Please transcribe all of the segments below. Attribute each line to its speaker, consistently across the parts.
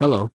Speaker 1: Hello.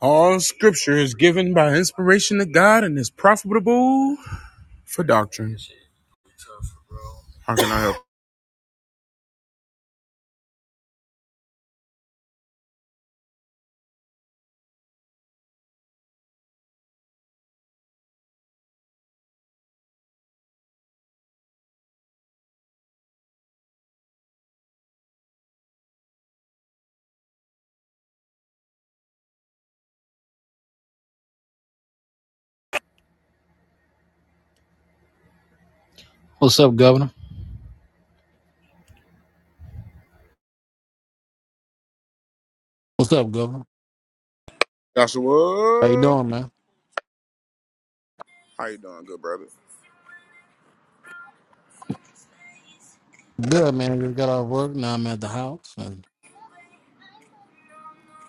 Speaker 2: All scripture is given by inspiration of God and is profitable for doctrine. How can I help?
Speaker 1: What's up, Governor? What's up, Governor?
Speaker 2: That's,
Speaker 1: How you doing, man? Good, man. Just got off work. Now I'm at the house and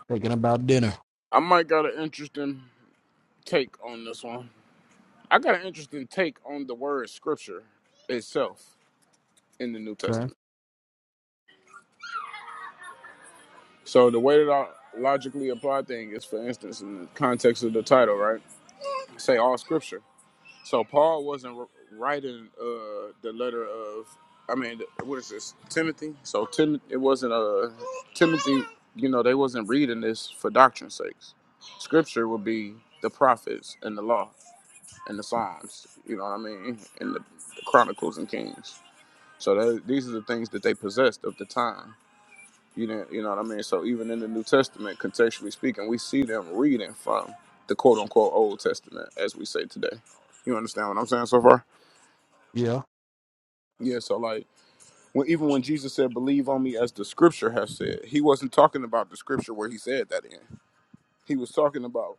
Speaker 1: thinking about dinner.
Speaker 2: I might got an interesting take on this one. I got an interesting take on the word scripture itself in the New
Speaker 1: Okay.
Speaker 2: Testament. So the way that I logically apply things is, for instance, in the context of the title, right? Say all scripture. So Paul wasn't r- writing uh, the letter of, I mean, what is this, Timothy? So Tim, it wasn't uh, Timothy. You know, they wasn't reading this for doctrine's sakes. Scripture would be the prophets and the law and the Psalms. You know what I mean? And the, the Chronicles and Kings. So that, these are the things that they possessed of the time. You know, you know what I mean. So even in the New Testament, contextually speaking, we see them reading from the quote unquote Old Testament, as we say today. You understand what I'm saying so far?
Speaker 1: Yeah.
Speaker 2: Yeah, so like when even when Jesus said, "Believe on me," as the Scripture has said, he wasn't talking about the Scripture where he said that in. He was talking about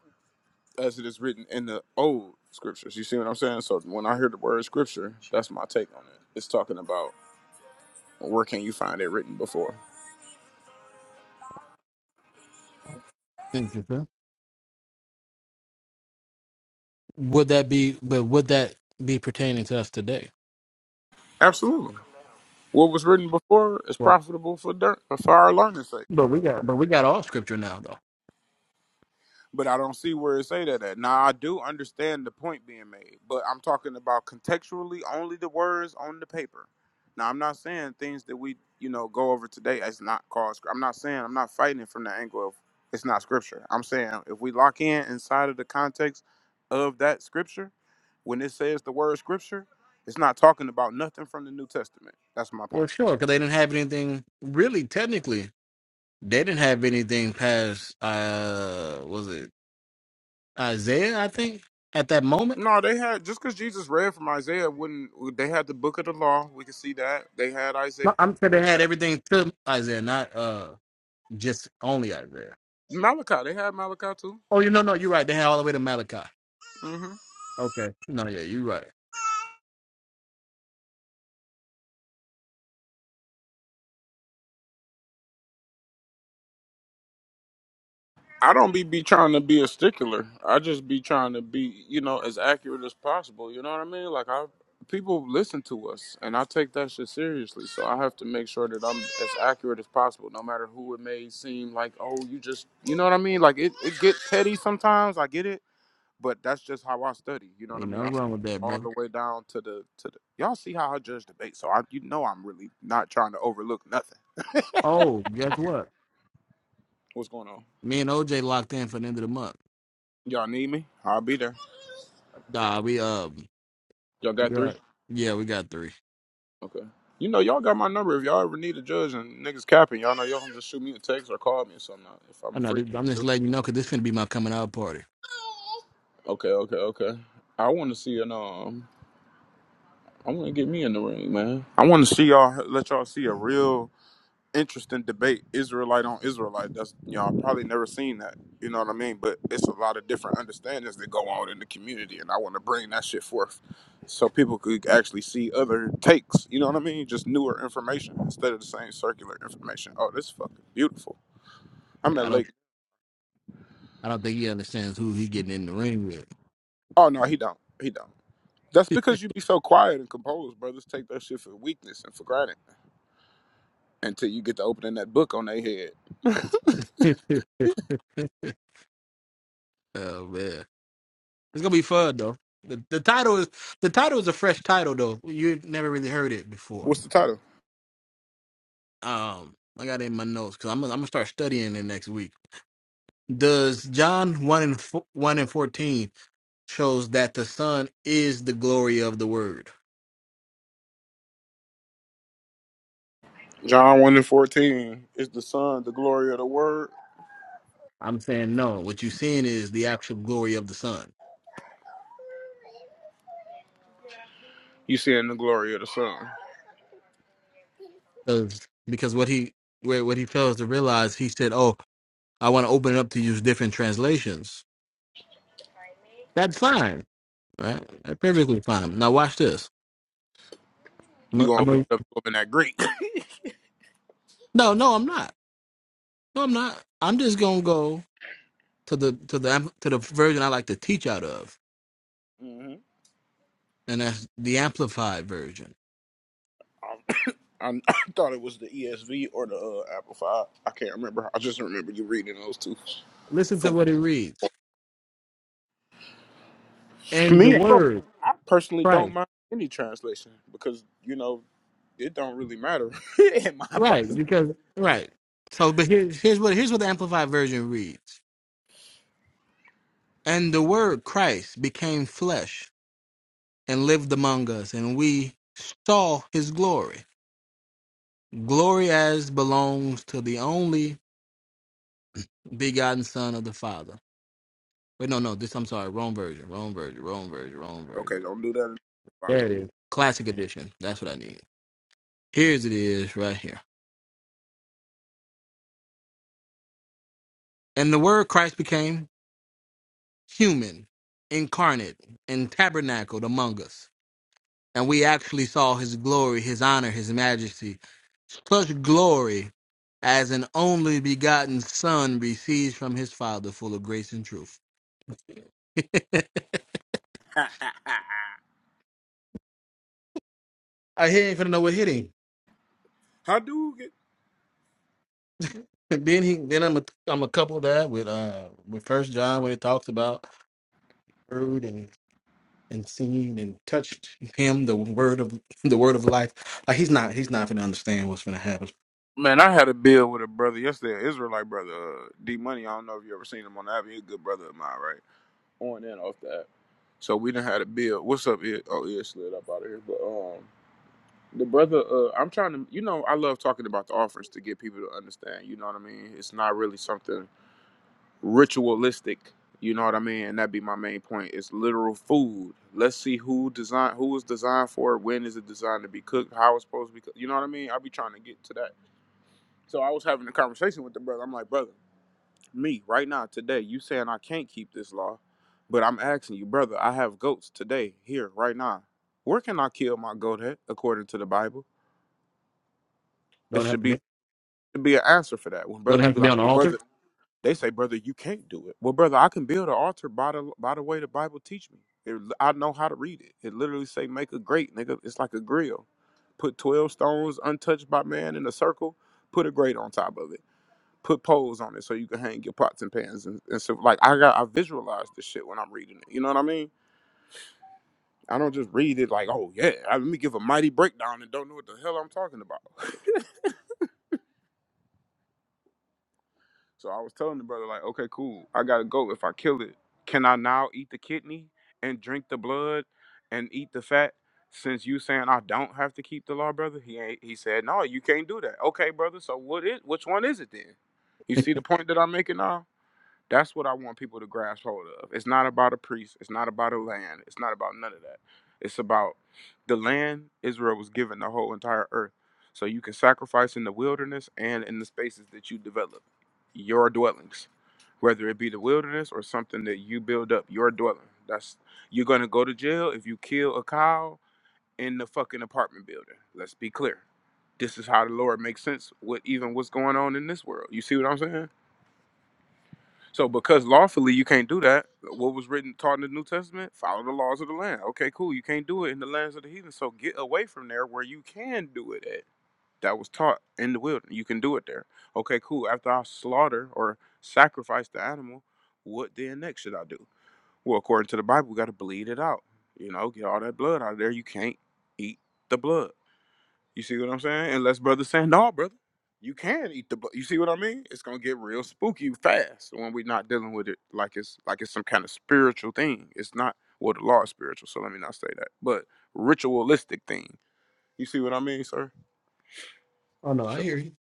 Speaker 2: as it is written in the old Scriptures. You see what I'm saying? So when I hear the word Scripture, that's my take on it. It's talking about where can you find it written before?
Speaker 1: Interesting. Would that be? But would that be pertaining to us today?
Speaker 2: Absolutely, what was written before is
Speaker 1: Well,
Speaker 2: profitable for dirt, for our learning sake.
Speaker 1: but we got, but we got all scripture now, though.
Speaker 2: But I don't see where it say that at. Now I do understand the point being made, but I'm talking about contextually only the words on the paper. Now I'm not saying things that we you know go over today as not called. scr- I'm not saying I'm not fighting it from the angle of it's not scripture. I'm saying if we lock in inside of the context of that scripture, when it says the word scripture, it's not talking about nothing from the New Testament. That's my point.
Speaker 1: Well, sure, because they didn't have anything really. Technically, they didn't have anything past. Uh, was it Isaiah? I think at that moment.
Speaker 2: No, they had just because Jesus read from Isaiah, wouldn't they had the book of the law? We can see that they had Isaiah.
Speaker 1: No, I'm saying they had everything to Isaiah, not uh just only Isaiah.
Speaker 2: Malachi, they had Malachi too.
Speaker 1: Oh, you know, no, you're right. They had all the way to Malachi.
Speaker 2: hmm
Speaker 1: Okay. No, yeah, you're right.
Speaker 2: I don't be be trying to be a stickler. I just be trying to be, you know, as accurate as possible. You know what I mean? Like I, people listen to us, and I take that shit seriously. So I have to make sure that I'm as accurate as possible, no matter who it may seem like. Oh, you just, you know what I mean? Like it, it gets petty sometimes. I get it, but that's just how I study. You know what I
Speaker 1: Ain't
Speaker 2: mean?
Speaker 1: nothing
Speaker 2: I
Speaker 1: wrong with that,
Speaker 2: all
Speaker 1: brother.
Speaker 2: the way down to the to the. Y'all see how I judge debate, so I, you know, I'm really not trying to overlook nothing.
Speaker 1: Oh, guess what?
Speaker 2: What's going on?
Speaker 1: Me and OJ locked in for the end of the month.
Speaker 2: Y'all need me? I'll be there.
Speaker 1: Nah, we um,
Speaker 2: Y'all got
Speaker 1: you're
Speaker 2: three?
Speaker 1: right. Yeah, we got three.
Speaker 2: Okay. You know, y'all got my number. If y'all ever need a judge and niggas capping, y'all know y'all can just shoot me a text or call me or something uh, if
Speaker 1: I
Speaker 2: I'm
Speaker 1: know.
Speaker 2: free.
Speaker 1: This, I'm just letting you know because this finna be my coming out party.
Speaker 2: Okay, okay, okay. I want to see an um. I want to get me in the ring, man. I want to see y'all. Let y'all see a real. interesting debate, Israelite on Israelite. That's y'all probably never seen that. You know what I mean? But it's a lot of different understandings that go on in the community, and I want to bring that shit forth so people could actually see other takes. You know what I mean? Just newer information instead of the same circular information. Oh, this fucking beautiful. I'm
Speaker 1: Yeah,
Speaker 2: at
Speaker 1: I don't,
Speaker 2: Lake.
Speaker 1: I don't think he understands who he getting in the ring
Speaker 2: Oh no, he don't. He don't. That's because you be so quiet and composed, brothers. Take that shit for weakness and for granted until you get to opening that book on their head.
Speaker 1: with. oh man, it's gonna be fun though. The, the title is the title is a fresh title though. You never really heard it before.
Speaker 2: What's the title?
Speaker 1: Um, I got it in my notes because I'm, I'm gonna start studying it next week. Does John one and fo- one and fourteen shows that the Son is the glory of the Word?
Speaker 2: John 1 and 14. Is the Son the glory of the Word?
Speaker 1: I'm saying no. What you're seeing is the actual glory of the Son,
Speaker 2: You seeing the glory of the sun.
Speaker 1: because because what he where what he fails to realize, he said, "Oh, I want to open it up to use different translations." That's fine, right? That's perfectly fine. Now watch this. I'm
Speaker 2: You
Speaker 1: a,
Speaker 2: gonna
Speaker 1: I'm
Speaker 2: open
Speaker 1: a,
Speaker 2: it up up in that Greek.
Speaker 1: no, no, I'm not. No, I'm not. I'm just gonna go to the to the am- to the version I like to teach out of,
Speaker 2: hmm
Speaker 1: and that's the Amplified version.
Speaker 2: I, I thought it was the ESV or the uh, Apple Five. I can't remember. I just remember you reading those two.
Speaker 1: Listen to
Speaker 2: For
Speaker 1: what it reads. and the
Speaker 2: me, I don't.
Speaker 1: word
Speaker 2: I personally don't
Speaker 1: Christ.
Speaker 2: mind any translation because you know it don't really matter in my
Speaker 1: Right,
Speaker 2: personal.
Speaker 1: because Right. So, but here, here's what here's what the Amplified Version reads: "And the Word Christ became flesh and lived among us, and we saw His glory, glory as belongs to the only begotten Son of the Father." Wait, no, no, this I'm sorry, wrong version, wrong version, wrong version, wrong version.
Speaker 2: Okay, don't do that.
Speaker 1: there it is. Classic edition. That's what I need. Here's it is right here. And the Word Christ became human, incarnate, and tabernacled among us. And we actually saw his glory, his honor, his majesty, such glory as an only begotten son receives from his father, full of grace and truth.
Speaker 2: i
Speaker 1: I he ain't finna know what hit him.
Speaker 2: do get.
Speaker 1: Then he then I'm a I'm a couple that with uh with First John when it talks about heard and and seen and touched him the word of the word of life. Like he's not he's not gonna understand what's gonna happen.
Speaker 2: Man, I had a bill with a brother yesterday, an Israelite brother, uh, D Money. I don't know if you ever seen him on the avenue. He's a good brother of mine, right? on and off the app. So we done had a bill. What's up? Ed? Oh, it slid up out of here. But um, the brother, uh, I'm trying to, you know, I love talking about the offerings to get people to understand. You know what I mean? It's not really something ritualistic. You know what I mean? And that'd be my main point. It's literal food. Let's see who design, who was designed for it, when is it designed to be cooked, how it's supposed to be cooked. You know what I mean? I'll be trying to get to that. So I was having a conversation with the brother. I'm like, brother me right now today you saying i can't keep this law but i'm asking you brother i have goats today here right now where can i kill my goat at according to the bible it
Speaker 1: Don't have
Speaker 2: should
Speaker 1: to
Speaker 2: be it
Speaker 1: be
Speaker 2: should be an answer for that when
Speaker 1: don't
Speaker 2: brothers
Speaker 1: have
Speaker 2: be
Speaker 1: to be
Speaker 2: like
Speaker 1: on the
Speaker 2: well,
Speaker 1: altar.
Speaker 2: brother they say brother you can't do it well brother i can build an altar by the by the way the bible teach me it, i know how to read it it literally say make a grate, nigga it's like a grill put 12 stones untouched by man in a circle put a grate on top of it put poles on it so you can hang your pots and pans and, and stuff. Like I got I visualize this shit when I'm reading it. You know what I mean? I don't just read it like, oh yeah, I- let me give a mighty breakdown and don't know what the hell I'm talking about. so I was telling the brother like, okay, cool, I gotta go. If I kill it, can I now eat the kidney and drink the blood and eat the fat? Since you saying I don't have to keep the law, brother, he ain't, he said no, you can't do that. Okay, brother, so what is which one is it then? You see the point that I'm making now? That's what I want people to grasp hold of. It's not about a priest. It's not about a land. It's not about none of that. It's about the land Israel was given, the whole entire earth. So you can sacrifice in the wilderness and in the spaces that you develop, your dwellings, whether it be the wilderness or something that you build up, your dwelling. That's you're gonna go to jail if you kill a cow in the fucking apartment building. Let's be clear. This is how the Lord makes sense with even what's going on in this world. You see what I'm saying? So because lawfully you can't do that, what was written taught in the New Testament? Follow the laws of the land. Okay, cool. You can't do it in the lands of the heathen. So get away from there where you can do it at. That was taught in the wilderness. You can do it there. Okay, cool. After I slaughter or sacrifice the animal, what then next should I do? Well, according to the Bible, we gotta bleed it out. You know, get all that blood out of there. You can't eat the blood. You see what I'm saying? Unless brother saying, no, brother, you can eat the. bu-" You see what I mean? It's gonna get real spooky fast when we're not dealing with it like it's like it's some kind of spiritual thing. It's not well, the law is spiritual, so let me not say that, but ritualistic thing. You see what I mean, sir?
Speaker 1: Oh no, I
Speaker 2: So,
Speaker 1: hear you.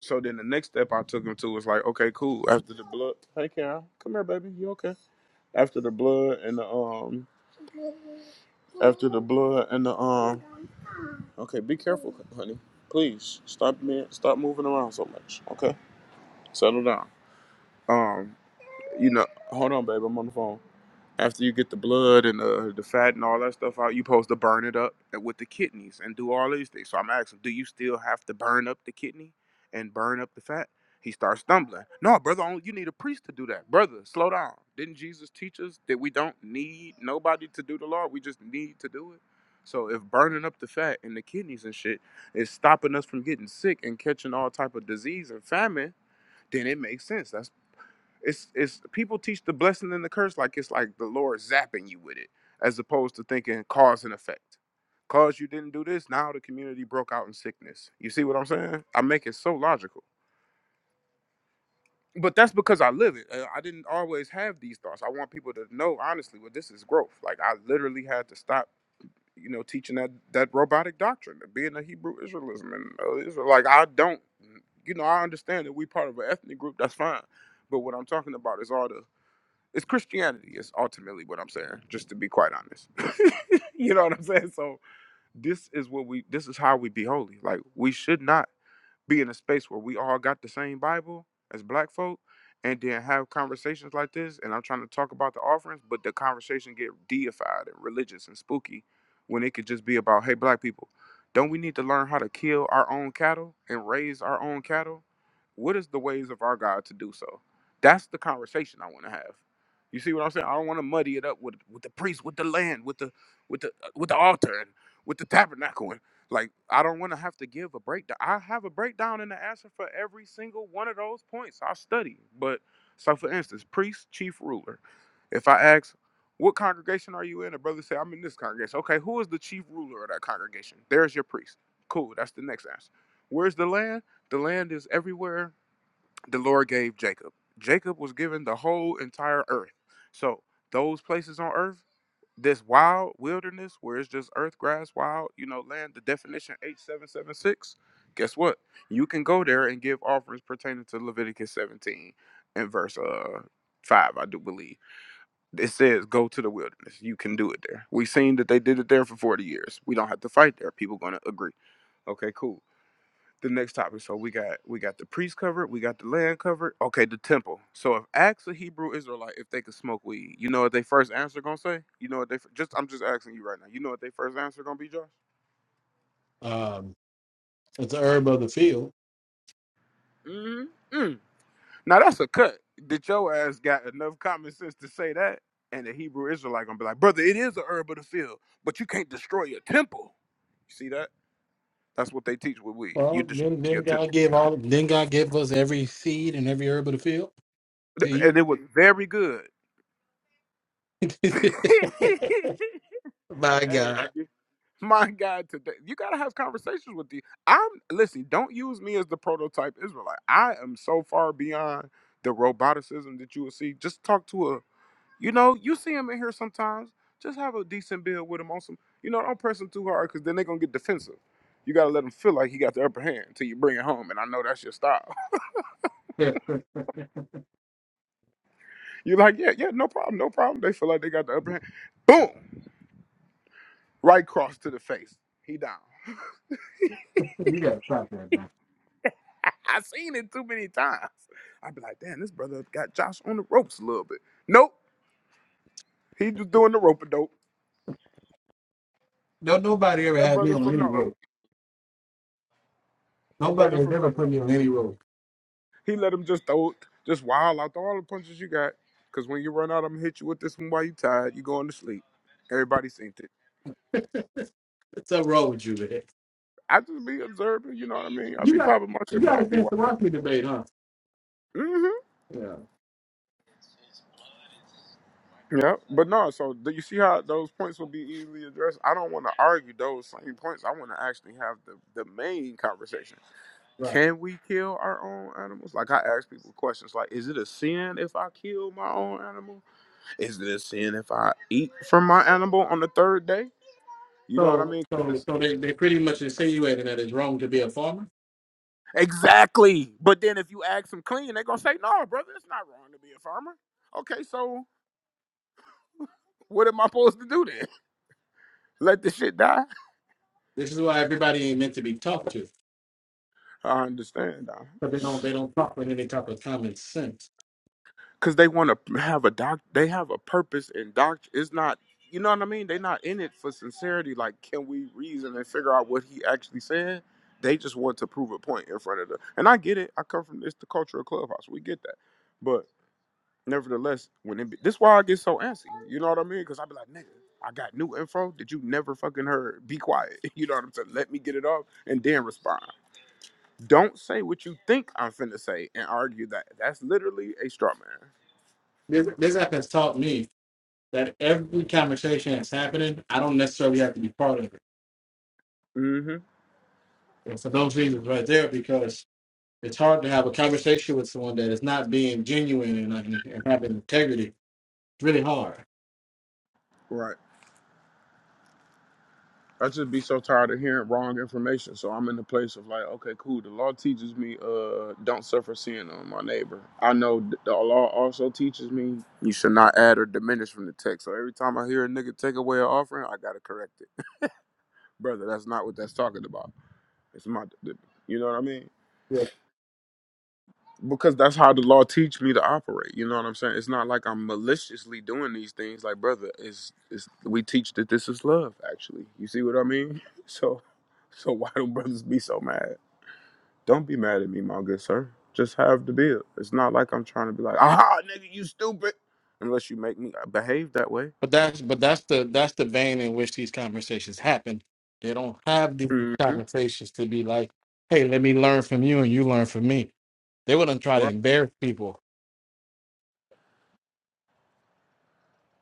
Speaker 2: so then the next step I took him to was like, okay, cool. After the blood, hey, Karen, come here, baby. You okay? after the blood and the um after the blood and the um okay be careful honey please stop me stop moving around so much okay settle down um you know hold on babe i'm on the phone after you get the blood and the, the fat and all that stuff out, you supposed to burn it up with the kidneys and do all these things. So I'm asking, do you still have to burn up the kidney and burn up the fat? He starts stumbling. No, brother, only you need a priest to do that. Brother, slow down. Didn't Jesus teach us that we don't need nobody to do the law? We just need to do it. So if burning up the fat and the kidneys and shit is stopping us from getting sick and catching all type of disease and famine, then it makes sense. That's it's it's people teach the blessing and the curse like it's like the Lord zapping you with it, as opposed to thinking cause and effect. Cause you didn't do this, now the community broke out in sickness. You see what I'm saying? I make it so logical. But that's because I live it. Uh, I didn't always have these thoughts. I want people to know honestly, well, this is growth. Like I literally had to stop, you know, teaching that that robotic doctrine, of being a Hebrew Israelism, and uh, Israel. Like I don't, you know, I understand that we part of an ethnic group. That's fine. But what I'm talking about is all the it's Christianity is ultimately what I'm saying, just to be quite honest. you know what I'm saying? So this is what we this is how we be holy. Like we should not be in a space where we all got the same Bible as black folk and then have conversations like this and I'm trying to talk about the offerings, but the conversation get deified and religious and spooky when it could just be about, hey black people, don't we need to learn how to kill our own cattle and raise our own cattle? What is the ways of our God to do so? That's the conversation I want to have. You see what I'm saying? I don't want to muddy it up with with the priest, with the land, with the with the uh, with the altar and with the tabernacle and like I don't want to have to give a breakdown. I have a breakdown and an answer for every single one of those points. I study. But so for instance, priest, chief ruler. If I ask, what congregation are you in? A brother say, I'm in this congregation. Okay, who is the chief ruler of that congregation? There's your priest. Cool, that's the next answer. Where's the land? The land is everywhere the Lord gave Jacob. Jacob was given the whole entire earth. So those places on earth, this wild wilderness where it's just earth, grass, wild, you know, land, the definition H776, guess what? You can go there and give offerings pertaining to Leviticus 17 and verse uh 5, I do believe. It says go to the wilderness. You can do it there. We've seen that they did it there for 40 years. We don't have to fight there. People gonna agree. Okay, cool the next topic. So we got we got the priest covered, we got the land covered. Okay, the temple. So if ask a Hebrew Israelite if they could smoke weed, you know what they first answer gonna say? You know what they fir- just? I'm just asking you right now. You know what they first answer gonna be, Josh?
Speaker 1: Um, it's the herb of the field.
Speaker 2: mm Mm. Now that's a cut. Did your ass got enough common sense to say that? And the Hebrew Israelite gonna be like, brother, it is a herb of the field, but you can't destroy your temple. You see that? That's what they teach with weed. You
Speaker 1: Well,
Speaker 2: destroy
Speaker 1: then,
Speaker 2: your
Speaker 1: then God
Speaker 2: temple,
Speaker 1: gave all. Then God gave us every seed and every herb of the field to eat.
Speaker 2: and it was very good.
Speaker 1: My
Speaker 2: hey,
Speaker 1: God,
Speaker 2: My God, today you gotta have conversations with the. I'm listen. Don't use me as the prototype Israelite. I am so far beyond the roboticism that you will see. Just talk to a. You know, you see him in here sometimes. Just have a decent bill with him on some. You know, don't press him too hard because then they're gonna get defensive. You gotta let them feel like he got the upper hand until you bring it home. And I know that's your style.
Speaker 1: you
Speaker 2: You're like, yeah, yeah, no problem, no problem. They feel like they got the upper hand. Boom, right cross to the face. He down.
Speaker 1: gotta stop that, man.
Speaker 2: I've seen it too many times. I'd be like, damn, this brother got Josh on the ropes a little bit. Nope, he just doing the rope a dope.
Speaker 1: No, nobody ever
Speaker 2: That
Speaker 1: had me
Speaker 2: brother
Speaker 1: on
Speaker 2: from
Speaker 1: any
Speaker 2: the old,
Speaker 1: road.
Speaker 2: that
Speaker 1: Nobody
Speaker 2: brother
Speaker 1: has
Speaker 2: from the
Speaker 1: ever
Speaker 2: old
Speaker 1: put me on any
Speaker 2: school.
Speaker 1: road.
Speaker 2: He let him just throw, just wild out all the punches you got. Cause when you run out, I'm gonna hit you with this one while you tired. You going to sleep. Everybody seen it.
Speaker 1: What's up wrong with you, man?
Speaker 2: I just be observing, you know what I mean. I
Speaker 1: You
Speaker 2: be
Speaker 1: got
Speaker 2: popping my
Speaker 1: you
Speaker 2: shit, but I
Speaker 1: got a
Speaker 2: be
Speaker 1: chance
Speaker 2: watching.
Speaker 1: to watch me debate, huh?
Speaker 2: hmm
Speaker 1: Yeah,
Speaker 2: Yeah, but no. So do you see how those points will be easily addressed? I don't want to argue those same points. I want to actually have the the main conversation.
Speaker 1: right.
Speaker 2: Can we kill our own animals? Like I ask people questions like, is it a sin if I kill my own animal? Is it a sin if I eat from my animal on the third day? You know what I
Speaker 1: So,
Speaker 2: mean? 'Cause
Speaker 1: so, so
Speaker 2: it's-
Speaker 1: they they pretty much insinuating that it's wrong to be a farmer.
Speaker 2: exactly. But then if you ask them clean, they're gonna say, no, brother, it's not wrong to be a farmer. Okay, so what am I supposed to do then? Let the shit die?
Speaker 1: This is why everybody ain't meant to be talked to.
Speaker 2: I understand.
Speaker 1: But they don't they don't talk with any type of common sense.
Speaker 2: because they want to have a doc they have a purpose and doc it's not you know what i mean they're not in it for sincerity like can we reason and figure out what he actually said they just want to prove a point in front of the and i get it i come from it's the culture of clubhouse we get that but nevertheless when it be, this why i get so antsy you know what i mean because i be like nigga i got new info that you never fucking heard be quiet you know what i'm saying let me get it off and then respond don't say what you think i'm finna say and argue that that's literally a straw
Speaker 1: This this app has taught me that every conversation that's happening, I don't necessarily have to be part of it.
Speaker 2: man mm-hmm
Speaker 1: And for those reasons right there, because it's hard to have a conversation with someone that is not being genuine and, and, and having integrity. It's really hard.
Speaker 2: Right. I just be so tired of hearing wrong information. So I'm in the place of like, okay, cool. The law teaches me, uh, don't suffer sin on my neighbor. I know th- the law also teaches me you should not add or diminish from the text. So every time I hear a nigga take away an offering, I gotta correct it, brother. That's not what that's talking about. It's my, you know what I mean?
Speaker 1: Yeah.
Speaker 2: because that's how the law teach me to operate. You know what I'm saying? It's not like I'm maliciously doing these things. Like, brother, it's, it's we teach that this is love. Actually, you see what I mean? So, so why do brothers be so mad? Don't be mad at me, my good sir. Just have the bill. It's not like I'm trying to be like, aha, nigga, you stupid. Unless you make me uh, behave that way.
Speaker 1: But that's but that's the that's the vein in which these conversations happen. They don't have these
Speaker 2: hmm
Speaker 1: conversations to be like, hey, let me learn from you and you learn from me. They wouldn't try to
Speaker 2: Right.
Speaker 1: embarrass people.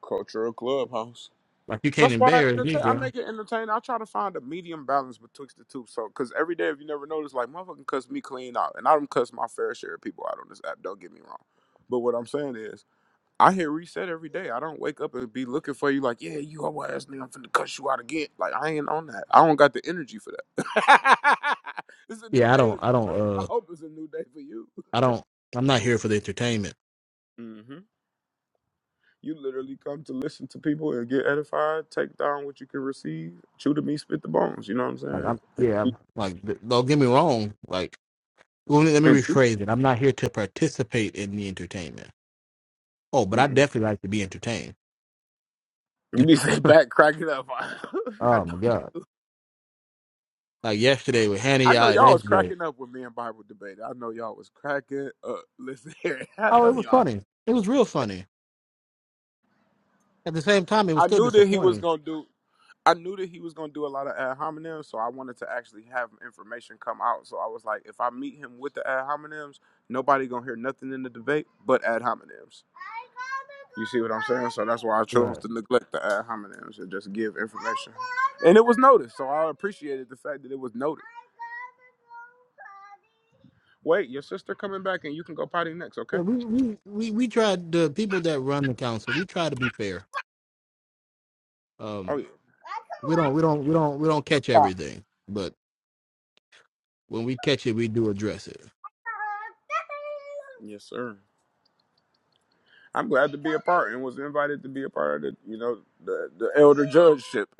Speaker 2: Cultural clubhouse.
Speaker 1: Like you can't
Speaker 2: That's why I,
Speaker 1: embarrass me,
Speaker 2: entertain, I
Speaker 1: bro.
Speaker 2: make it entertaining. I try to find a medium balance betwixt the two. So, because every day, if you never notice, like motherfucking cuss me clean out, and I don't cuss my fair share of people out on this app. Don't get me wrong, but what I'm saying is, I hit reset every day. I don't wake up and be looking for you like, yeah, you hoe ass nigga, I'm finna cuss you out again. Like I ain't on that. I don't got the energy for that. it's a new
Speaker 1: Yeah, I
Speaker 2: day to
Speaker 1: don't,
Speaker 2: me,
Speaker 1: I don't,
Speaker 2: brother. I
Speaker 1: uh,
Speaker 2: hope it's a new day for
Speaker 1: I don't, I'm not here for the entertainment.
Speaker 2: you. You literally come to listen to people and get edified, take down what you can receive, chew the meat, spit the bones. You know what I'm
Speaker 1: Like,
Speaker 2: saying?
Speaker 1: I'm, yeah, I'm, like, th- don't get me wrong. Like, well, let me, let me
Speaker 2: And you,
Speaker 1: rephrase it. I'm not here to participate in the entertainment. Oh, but I
Speaker 2: mm-mm.
Speaker 1: definitely like to be entertained.
Speaker 2: you be sitting back cracking up. I
Speaker 1: oh
Speaker 2: know,
Speaker 1: my
Speaker 2: y-
Speaker 1: god! Like yesterday with Hannah
Speaker 2: I know
Speaker 1: Yai and
Speaker 2: y'all was
Speaker 1: SJ.
Speaker 2: cracking up with me in Bible debate. I know y'all was cracking up. Listen here, I
Speaker 1: Oh,
Speaker 2: know
Speaker 1: it was
Speaker 2: y'all.
Speaker 1: funny. It was real funny. At the same time, it was
Speaker 2: I
Speaker 1: still
Speaker 2: knew that he was
Speaker 1: disappointing.
Speaker 2: gonna do. I knew that he was going to do a lot of ad hominems, so I wanted to actually have information come out. So I was like, if I meet him with the ad hominems, nobody going to hear nothing in the debate but ad hominems. You see what I'm saying? So that's why I chose
Speaker 1: Right.
Speaker 2: to neglect the ad hominems and just give information. And it was noticed, so I appreciated the fact that it was noted. Wait, your sister coming back, and you can go potty next, okay?
Speaker 1: Yeah, we we we we tried the people that run the council. We try to be fair.
Speaker 2: Oh
Speaker 1: Um,
Speaker 2: yeah.
Speaker 1: we don't we don't we don't we don't catch
Speaker 2: Bye.
Speaker 1: everything, but. When we catch it, we do address it.
Speaker 2: Yes, sir. I'm glad to be a part and was invited to be a part of the, you know, the the elder judgeship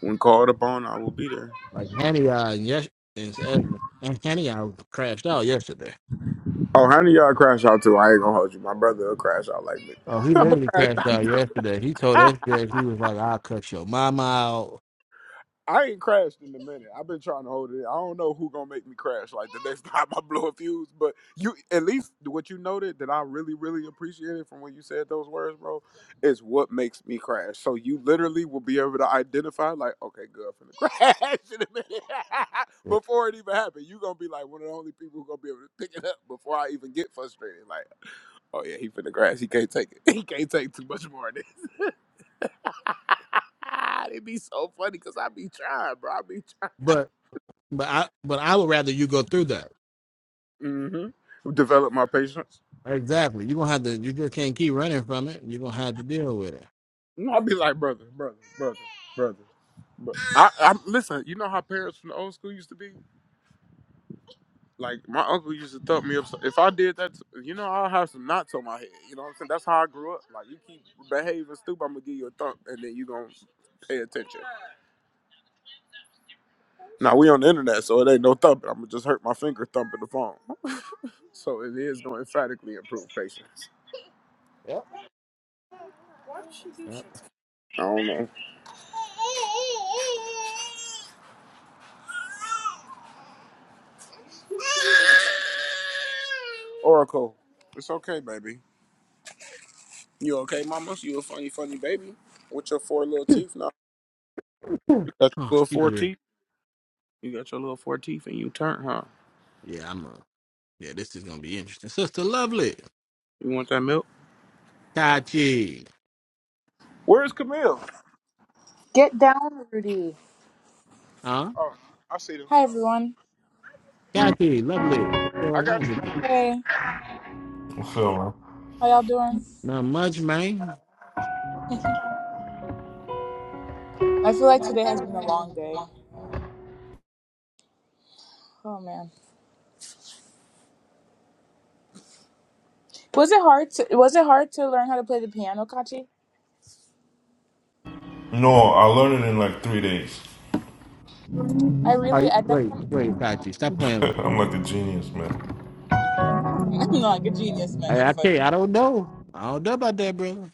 Speaker 2: when called upon. I will be there.
Speaker 1: Like Hanny uh, and yes and, and and Hanny uh, crashed out yesterday.
Speaker 2: Oh, honey, y'all crash out too. I ain't gonna hold you. My brother will crash out like me.
Speaker 1: Oh, he
Speaker 2: I'm gonna
Speaker 1: literally
Speaker 2: crash
Speaker 1: crashed out yesterday. He told
Speaker 2: out.
Speaker 1: us that he was like, "I'll cut your mama out."
Speaker 2: I ain't crashed in a minute. I've been trying to hold it. in. I don't know who gonna make me crash like the next time I blow a fuse. But you, at least what you noted that I really, really appreciated from when you said those words, bro, is what makes me crash. So you literally will be able to identify, like, okay, good, I'm finna crash in a minute
Speaker 1: Yeah.
Speaker 2: before it even happened. You gonna be like one of the only people who gonna be able to pick it up before I even get frustrated. Like, oh yeah, he finna crash. He can't take it. He can't take too much more of this. It'd be so funny because I be trying, bro. I be
Speaker 1: But but I but I would rather you go through that.
Speaker 2: Mm-hmm. Develop my patience.
Speaker 1: Exactly. You're gonna have to. You just can't keep running from it. You're gonna have to deal with it.
Speaker 2: No, I'll be like brother, brother, brother, brother. brother. I, I listen. You know how parents from the old school used to be. Like my uncle used to thump me up. so, If I did that, you know, I'll have some knots on my head. You know what I'm saying? That's how I grew up. Like you keep behaving stupid, I'm gonna give you a thump, and then you gonna pay attention. Now we on the internet, so it ain't no thumping. I'm gonna just hurt my finger thumping the phone. so it is gonna emphatically improve patience.
Speaker 1: Yep.
Speaker 2: I don't know. Oracle, it's okay, baby. You okay, mama? You a funny, funny baby with your four little teeth now.
Speaker 1: Yep.
Speaker 2: You got
Speaker 1: Oh,
Speaker 2: your little four
Speaker 1: excuse me.
Speaker 2: teeth. You got your little four teeth, and you turn, huh?
Speaker 1: Yeah, I'm. Uh, yeah, this is gonna be interesting. Sister Lovely,
Speaker 2: You want that milk?
Speaker 1: Kachi,
Speaker 2: Where's Camille?
Speaker 3: Get down, Rudy.
Speaker 1: huh?
Speaker 2: Oh, I see them.
Speaker 3: Hi, everyone.
Speaker 1: Kachi, Lovely. What's
Speaker 2: I
Speaker 1: going on
Speaker 2: got you.
Speaker 1: with you?
Speaker 3: Hey,
Speaker 4: So,
Speaker 3: how y'all doing?
Speaker 1: Not much, man.
Speaker 3: I feel like today has been a long day. Oh man, was it hard? To, was it hard to learn how to play the piano, Kachi?
Speaker 4: no, I learned it in like three days.
Speaker 3: I
Speaker 1: Are
Speaker 3: really,
Speaker 1: you,
Speaker 3: I that's
Speaker 1: wait, wait, Fauci, stop playing with.
Speaker 4: I'm like a genius, man.
Speaker 3: I'm not like a genius,
Speaker 1: me.
Speaker 3: man. You're
Speaker 1: I, I
Speaker 3: funny.
Speaker 1: tell you, I don't know. I don't know about that, brother.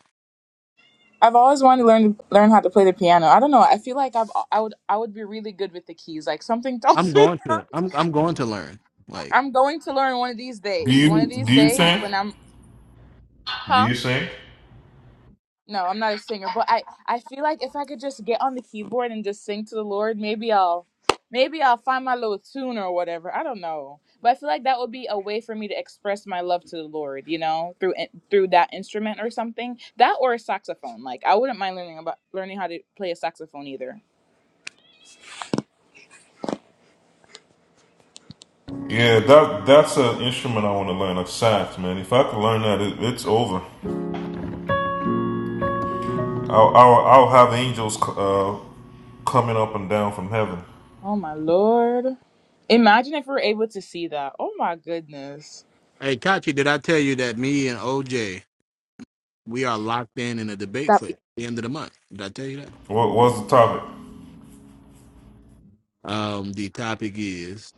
Speaker 3: I've always wanted to learn learn how to play the piano. I don't know. I feel like I've I would I would be really good with the keys. Like something tells
Speaker 1: I'm
Speaker 3: me
Speaker 1: going to. I'm I'm going to learn. Like,
Speaker 3: I'm going to learn one of these
Speaker 4: Do
Speaker 3: days. One
Speaker 4: you
Speaker 3: of these
Speaker 4: do you
Speaker 3: days
Speaker 4: sing?
Speaker 3: when I'm
Speaker 4: Do
Speaker 3: huh?
Speaker 4: you sing?
Speaker 3: No, I'm not a singer, but I I feel like if I could just get on the keyboard and just sing to the Lord, maybe I'll maybe I'll find my little tune or whatever. I don't know. But I feel like that would be a way for me to express my love to the Lord, you know, through in- through that instrument or something. That or a saxophone. Like I wouldn't mind learning about learning how to play a saxophone either.
Speaker 4: Yeah, that that's an instrument I want to learn, like sax, man. If I could learn that, it, it's over. I'll, I'll I'll have angels c- uh, coming up and down from heaven.
Speaker 3: Oh my Lord. Imagine if we were able to see that. Oh my goodness.
Speaker 1: hey, Kachi, did I tell you that me and OJ we are locked in in a debate
Speaker 3: Stop.
Speaker 1: for the end of the month? Did I tell you that?
Speaker 4: What was the topic?
Speaker 1: Um, the topic is: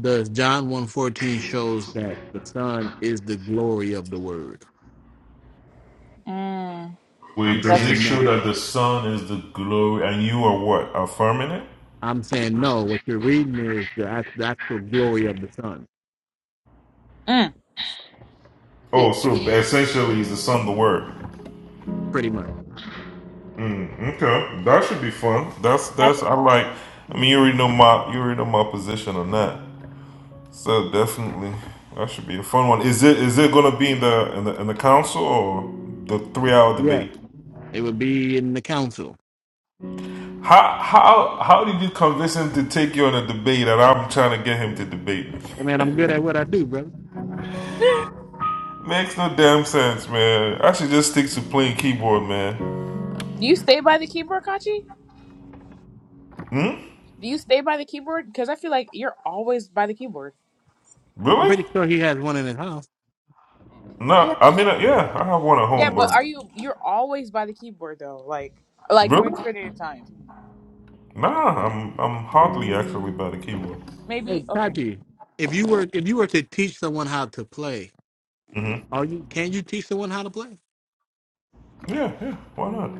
Speaker 1: Does John one fourteen shows that the Son is the glory of the Word?
Speaker 3: Mm,
Speaker 1: I'm
Speaker 4: Wait, does
Speaker 3: that's
Speaker 4: it
Speaker 1: saying no.
Speaker 4: show that the sun is the glory and you are what affirming it?
Speaker 1: I'm saying no. What you're reading is the act- the actual glory of the Son,
Speaker 3: mm. Okay.
Speaker 4: Oh, so essentially, is the sun the word?
Speaker 1: pretty much.
Speaker 4: Okay, that should be fun. That's that's I like. I mean, you already know my you already know my position on that. So definitely, that should be a fun one. Is it is it gonna be in the in the in the council or the three hour
Speaker 1: Yes,
Speaker 4: debate?
Speaker 1: it would be in the council.
Speaker 4: How how how did you convince him to take you on a debate and I'm trying to get him to debate me?
Speaker 1: Hey, man, I'm good at what I do, brother.
Speaker 4: Makes no damn sense, man. I should just stick to playing keyboard, man.
Speaker 3: Do you stay by the keyboard, Kachi? Do you stay by the keyboard? Because I feel like you're always by the keyboard.
Speaker 1: I'm
Speaker 4: Really?
Speaker 1: pretty sure he has one in his house.
Speaker 3: Yeah.
Speaker 4: No, I mean, uh, yeah, I have one at
Speaker 3: Yeah,
Speaker 4: home,
Speaker 3: but
Speaker 4: but
Speaker 3: are you? You're always by the keyboard though. Like, like
Speaker 4: really?
Speaker 3: majority of the time.
Speaker 4: Nah, I'm I'm hardly actually by the keyboard.
Speaker 1: Hey,
Speaker 3: Maybe okay.
Speaker 1: Tati, If you were if you were to teach someone how to play,
Speaker 4: Mm-hmm.
Speaker 1: are you can you teach someone how to play?
Speaker 4: Yeah, yeah, why not?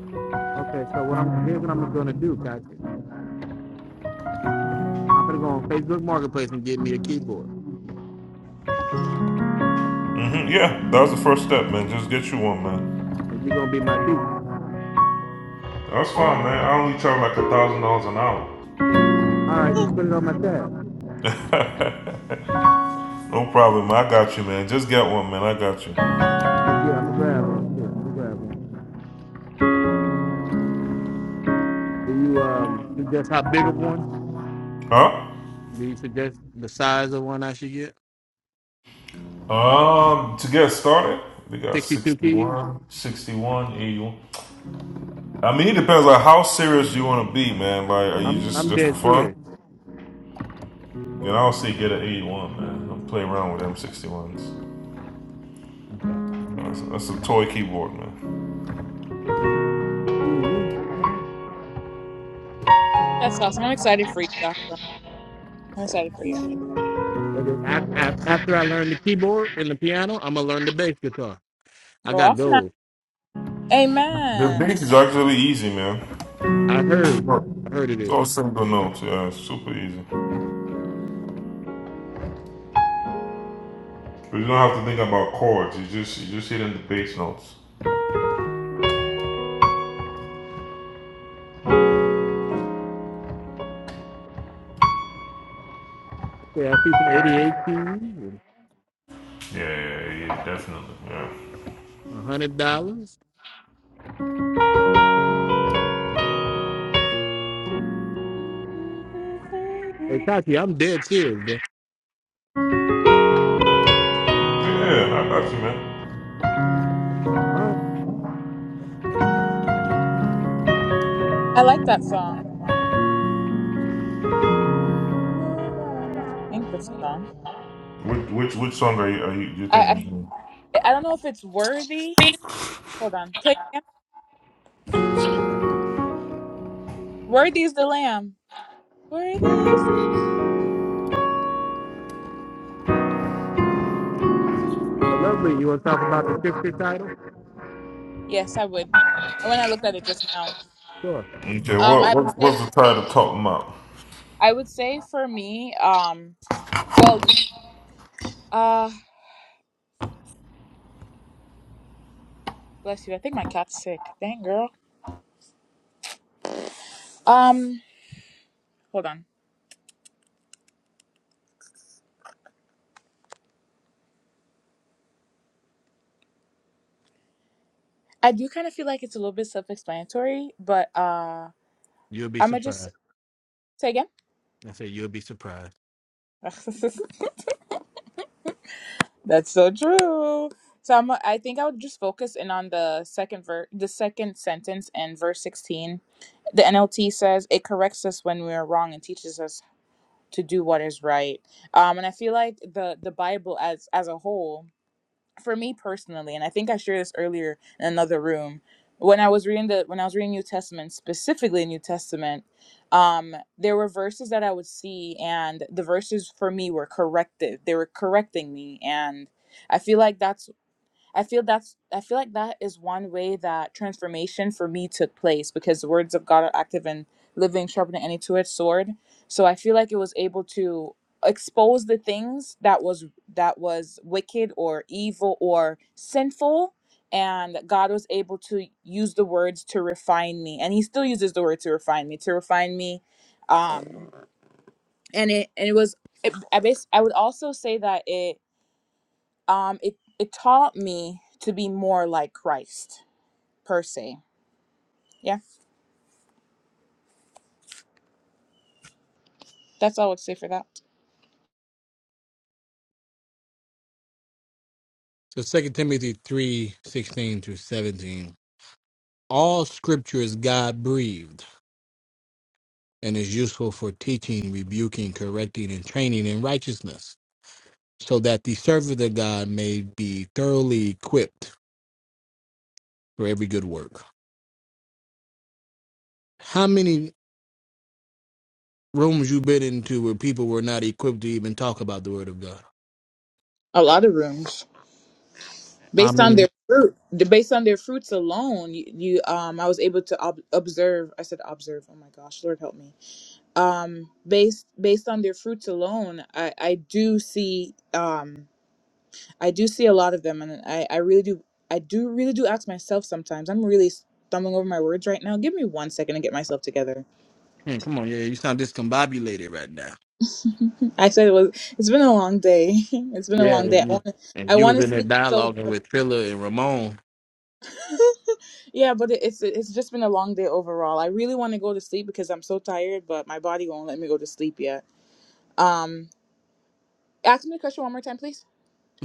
Speaker 1: okay? So what I'm here's what I'm gonna do, Tati. I'm gonna go on Facebook Marketplace and get me a keyboard,
Speaker 4: hmm yeah, that was the first step, man. Just get you one, man.
Speaker 1: and you're gonna be my teacher.
Speaker 4: That's fine, man. I only charge like a thousand dollars an hour.
Speaker 1: All right, just put it on my tab.
Speaker 4: No problem, man. I got you, man. Just get one, man. I got you.
Speaker 1: I'm gonna get. I'm gonna grab one too. I'm gonna grab one. Do you um suggest how big of one?
Speaker 4: Huh?
Speaker 1: Do you suggest the size of one I should get?
Speaker 4: Um, to get started, we got
Speaker 1: 62 keys?
Speaker 4: 61, 61, 81. I mean, it depends on how serious you want to be, man. Like, are you
Speaker 1: I'm
Speaker 4: just
Speaker 1: I'm
Speaker 4: just for
Speaker 1: dead serious.
Speaker 4: fun? Then I'll say get an 81, man. Don't play around with M61s.
Speaker 1: Okay.
Speaker 4: That's, that's a toy keyboard, man.
Speaker 1: Excuse me.
Speaker 3: That's awesome. I'm excited for you, Joshua. I'm excited for you.
Speaker 1: And then a- After I learn the keyboard and the piano, I'm gonna learn the bass guitar. I
Speaker 3: Go
Speaker 1: got
Speaker 3: off now.
Speaker 1: gold.
Speaker 4: The
Speaker 3: Amen.
Speaker 4: bass is actually easy, man.
Speaker 1: I heard, I heard it
Speaker 4: It's
Speaker 1: is.
Speaker 4: all single notes, yeah, it's super easy. But you don't have to think about chords. You just you just hitting the bass notes.
Speaker 1: Yeah, I see some 88 keys and
Speaker 4: Yeah, yeah, yeah, definitely. Yeah.
Speaker 1: a hundred dollars. Hey Tati, I'm dead serious, bro.
Speaker 4: Yeah, I got you, man.
Speaker 1: All right,
Speaker 3: I like that song. Lord, I don't know. I think that's the song.
Speaker 4: Which which which song are you are you, you
Speaker 3: I, I
Speaker 4: thinking?
Speaker 3: I don't know if it's worthy. Hold on. Play again. Worthy is the lamb. Worthy is.
Speaker 1: so lovely. You want to talk about the scripture title?
Speaker 3: Yes, I would. When I looked at it just now.
Speaker 1: Sure.
Speaker 4: Okay,
Speaker 3: Um,
Speaker 4: what
Speaker 3: I would
Speaker 4: what
Speaker 3: say
Speaker 4: what's the title talking about?
Speaker 3: I would say for me, um, well, uh, bless you. I think my cat's sick. Dang girl. Um, hold on. I do kind of feel like it's a little bit self-explanatory, but uh,
Speaker 1: You'll be
Speaker 3: I'm gonna just
Speaker 1: surprised.
Speaker 3: say again.
Speaker 1: I say you'll be surprised.
Speaker 3: That's so true. So I'm, I think I would just focus in on the second ver- the second sentence in verse 16. The NLT says it corrects us when we are wrong and teaches us to do what is right. Um, and I feel like the the Bible as as a whole for me personally, and I think I shared this earlier in another room, when I was reading the when I was reading New Testament, specifically New Testament, um, there were verses that I would see, and the verses for me were corrective. They were correcting me, and I feel like that's I feel that's I feel like that is one way that transformation for me took place because the words of God are active and living, sharper than any two-edged sword. So I feel like it was able to expose the things that was that was wicked or evil or sinful and God was able to use the words to refine me and he still uses the word to refine me to refine me um and it and it was it, I bas- I would also say that it um it it taught me to be more like christ per se yeah that's all i would say for that
Speaker 1: So Second Timothy three sixteen through seventeen. All scripture is God breathed and is useful for teaching, rebuking, correcting, and training in righteousness so that the servant of God may be thoroughly equipped for every good work. How many rooms you been into where people were not equipped to even talk about the word of God?
Speaker 3: a lot of rooms
Speaker 1: How
Speaker 3: based on
Speaker 1: many?
Speaker 3: their fruit the- based on their fruits alone you, you um i was able to ob- observe i said observe oh my gosh lord help me um based based on their fruits alone i i do see um I do see a lot of them, and I, I really do, I do really do ask myself sometimes. I'm really stumbling over my words right now. Give me one second to get myself together.
Speaker 1: Man, come on, yeah, you sound discombobulated right now.
Speaker 3: I said it was. It's been a long day. It's been a
Speaker 1: Yeah,
Speaker 3: long day.
Speaker 1: and
Speaker 3: I
Speaker 1: you,
Speaker 3: want, to I
Speaker 1: and you
Speaker 3: want
Speaker 1: was
Speaker 3: to
Speaker 1: in there
Speaker 3: sleep so
Speaker 1: dialoguing
Speaker 3: bad.
Speaker 1: with Trilla and Ramon.
Speaker 3: yeah, but it, it's it's just been a long day overall. I really want to go to sleep because I'm so tired, but my body won't let me go to sleep yet. Um, ask me the question one more time, please.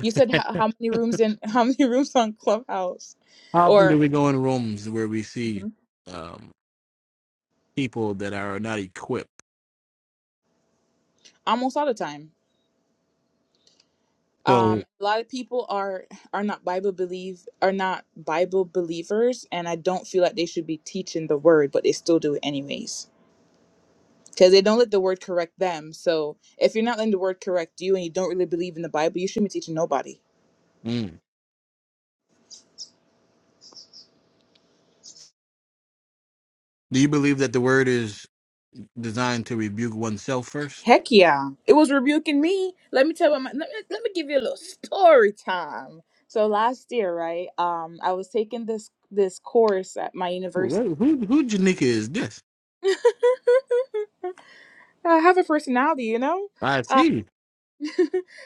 Speaker 3: You said
Speaker 1: How
Speaker 3: how, how many rooms in how many rooms on Clubhouse,
Speaker 1: often
Speaker 3: or
Speaker 1: do we go in rooms where we see
Speaker 3: Mhm.
Speaker 1: um, people that are not equipped?
Speaker 3: almost all the time.
Speaker 1: So,
Speaker 3: um a lot of people are are not bible believe are not bible believers and i don't feel like they should be teaching the word but they still do it anyways because they don't let the word correct them so if you're not letting the word correct you and you don't really believe in the bible you shouldn't be teaching nobody
Speaker 1: mm, do you believe that the word is designed to rebuke oneself first?
Speaker 3: heck yeah it was rebuking me let me tell you my, let, me, let me give you a little story time so last year right um i was taking this this course at my university
Speaker 1: Who who who Janika is this?
Speaker 3: i have a personality you know
Speaker 1: I
Speaker 3: Uh,
Speaker 1: see.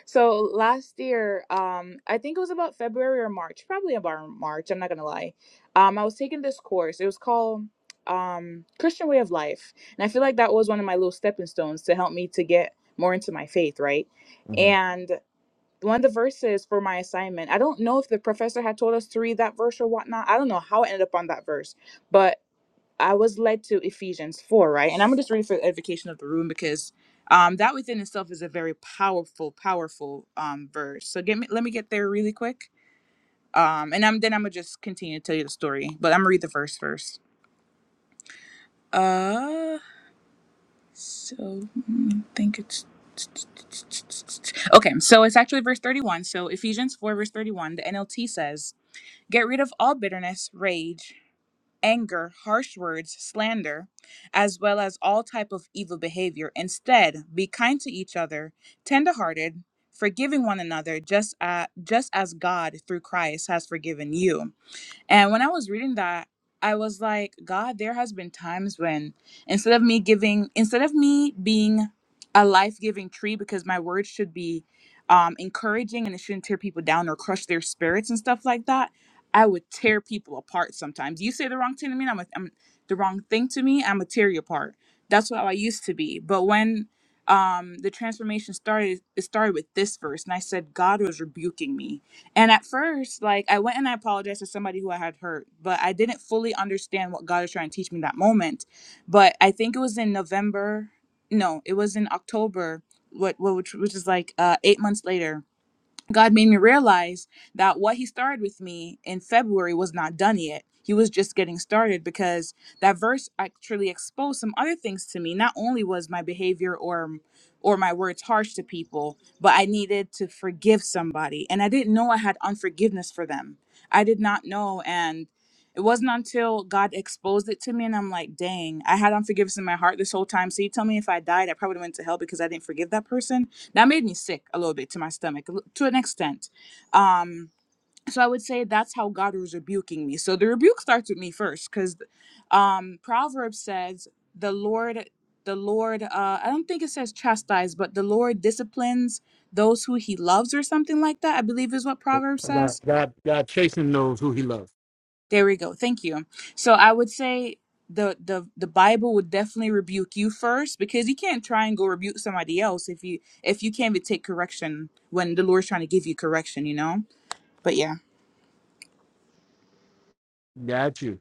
Speaker 3: So last year, um, I think it was about February or March, probably about March. I'm not gonna lie. Um, I was taking this course. It was called um, Christian Way of Life, and I feel like that was one of my little stepping stones to help me to get more into my faith, right?
Speaker 1: Mm-hmm.
Speaker 3: And one of the verses for my assignment, I don't know if the professor had told us to read that verse or whatnot. I don't know how I ended up on that verse, but I was led to Ephesians 4, right? And I'm going to just read for the edification of the room because um, that within itself is a very powerful, powerful um, verse. So get me, let me get there really quick. Um, and I'm, then I'm going to just continue to tell you the story, but I'm going to read the verse first. Uh, so mm, I think it's. Okay, so it's actually verse 31. So Ephesians 4, verse 31, the NLT says, Get rid of all bitterness, rage. anger, harsh words, slander, as well as all type of evil behavior. Instead, be kind to each other, tender-hearted, forgiving one another, just uh, just as God through Christ has forgiven you. And when I was reading that, I was like, God, there has been times when instead of me giving, instead of me being a life-giving tree, because my words should be um, encouraging and it shouldn't tear people down or crush their spirits and stuff like that, I would tear people apart sometimes. You say the wrong thing to me, and I'm, a, I'm the wrong thing to me, I'm a tear you apart. That's what I used to be. But when um, the transformation started, it started with this verse, and I said, God was rebuking me and at first, like I went and I apologized to somebody who I had hurt, but I didn't fully understand what God was trying to teach me that moment. But I think it was in November. No, it was in October. What, what which, which is like uh, eight months later God made me realize that what He started with me in February was not done yet. He was just getting started because that verse actually exposed some other things to me. Not only was my behavior or or my words harsh to people, but I needed to forgive somebody, and I didn't know I had unforgiveness for them. I did not know, and it wasn't until God exposed it to me, and I'm like, "Dang, I had unforgiveness in my heart this whole time." So you tell me, if I died, I probably went to hell because I didn't forgive that person that made me sick a little bit to my stomach a li- to an extent. Um, so I would say that's how God was rebuking me. So the rebuke starts with me first because um, Proverbs says the Lord, the Lord, uh, I don't think it says chastise, but the Lord disciplines those who he loves or something like that. I believe is what Proverbs says
Speaker 1: God, God, God, Chasing knows who he loves.
Speaker 3: there we go. Thank you. So I would say the the the Bible would definitely rebuke you first because you can't try and go rebuke somebody else if you if you can't even take correction when the Lord's trying to give you correction, you know. But yeah.
Speaker 1: Got you.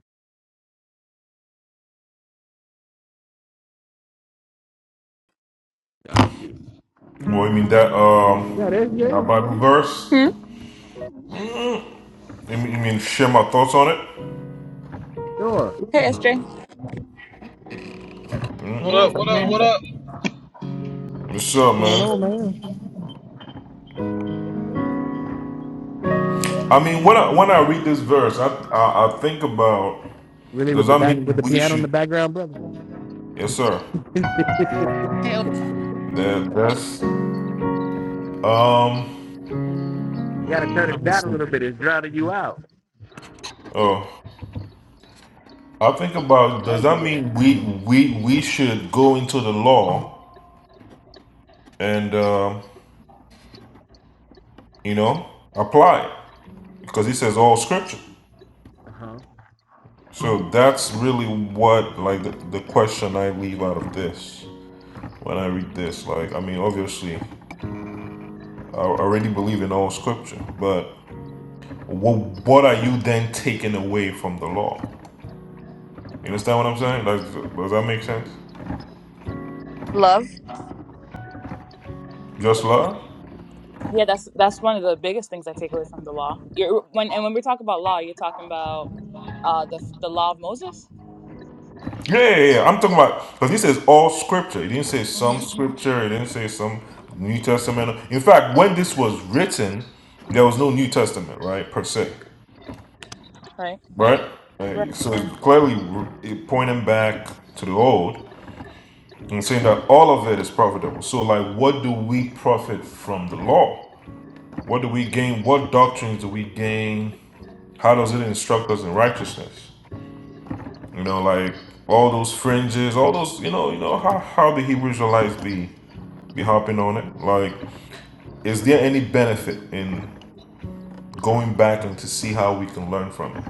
Speaker 1: Got you.
Speaker 4: Well, I mean that
Speaker 1: Yeah, there's
Speaker 4: um
Speaker 1: Jay.
Speaker 4: that Bible verse.
Speaker 3: Hmm.
Speaker 4: You mean, you mean share my thoughts on it?
Speaker 1: Sure.
Speaker 3: Hey SJ.
Speaker 5: What up? What up? What up?
Speaker 4: What's
Speaker 1: What's
Speaker 4: up,
Speaker 1: going
Speaker 4: man?
Speaker 1: on, man?
Speaker 4: I mean, when I when I read this verse, I I, I think about
Speaker 1: Really,
Speaker 4: does
Speaker 1: with the
Speaker 4: that
Speaker 1: back, with
Speaker 4: mean
Speaker 1: the
Speaker 4: we
Speaker 1: piano in the
Speaker 4: should?
Speaker 1: background, brother.
Speaker 4: Yes, sir.
Speaker 3: Hey. Ol-
Speaker 4: That that's Um.
Speaker 1: You gotta turn it
Speaker 4: Let me
Speaker 1: down a
Speaker 4: see.
Speaker 1: little bit. It's drowning you out.
Speaker 4: Oh, I think about.
Speaker 1: There
Speaker 4: Does
Speaker 1: you
Speaker 4: that
Speaker 1: go.
Speaker 4: mean we we we should go into the law and um, you know apply it because he says all scripture.
Speaker 1: Uh huh.
Speaker 4: So that's really what like the, the question I leave out of this when I read this. Like I mean, obviously, I already believe in all scripture, but what what are you then taking away from the law? You understand what I'm saying? Like, does that make sense?
Speaker 3: Love.
Speaker 4: Just love?
Speaker 3: Yeah, that's that's one of the biggest things I take away from the law. You're, when and when we talk about law, you're talking about uh the the law of Moses.
Speaker 4: Yeah, yeah, yeah. yeah. I'm talking about because he says all scripture. He didn't say some
Speaker 3: Mm-hmm.
Speaker 4: scripture. He didn't say some New Testament. In fact, when this was written, there was no New Testament, right, per se,
Speaker 3: Right.
Speaker 4: right? Right,
Speaker 3: Right.
Speaker 4: So it clearly it pointing back to the old and saying that all of it is profitable. So, like, what do we profit from the law? What do we gain? What doctrines do we gain? How does it instruct us in righteousness? You know, like all those fringes, all those, you know, you know, how how the Hebrew Israelites be be hopping on it. Like, is there any benefit in going back and to see how we can learn from it?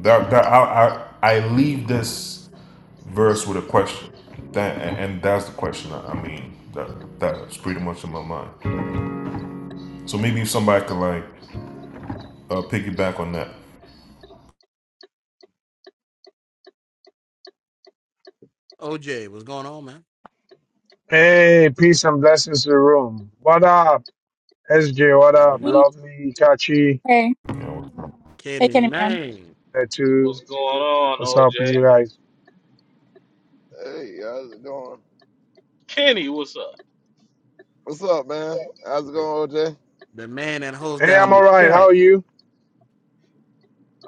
Speaker 4: That, that I, I I leave this verse with a question. That and, that's the question. I, mean, that that's pretty much in my mind. So maybe if somebody could like uh, piggyback on that.
Speaker 1: OJ, what's going on, man?
Speaker 6: Hey, peace and blessings to the room. What up, SJ? What up,
Speaker 1: Nothing much.
Speaker 6: lovely Kachi?
Speaker 3: Hey. Hey,
Speaker 1: Kenny
Speaker 3: Kenny man.
Speaker 1: Maine,
Speaker 5: What's
Speaker 6: Tattoo.
Speaker 5: going on,
Speaker 6: What's up with you
Speaker 5: OJ?
Speaker 6: guys?
Speaker 7: Hey, how's it going?
Speaker 5: Kenny, what's up?
Speaker 7: What's up, man? How's it
Speaker 1: the,
Speaker 7: going, OJ?
Speaker 1: the man that holds
Speaker 6: Hey, I'm
Speaker 1: down
Speaker 6: all
Speaker 1: the
Speaker 6: right. How
Speaker 1: chat.
Speaker 6: are you?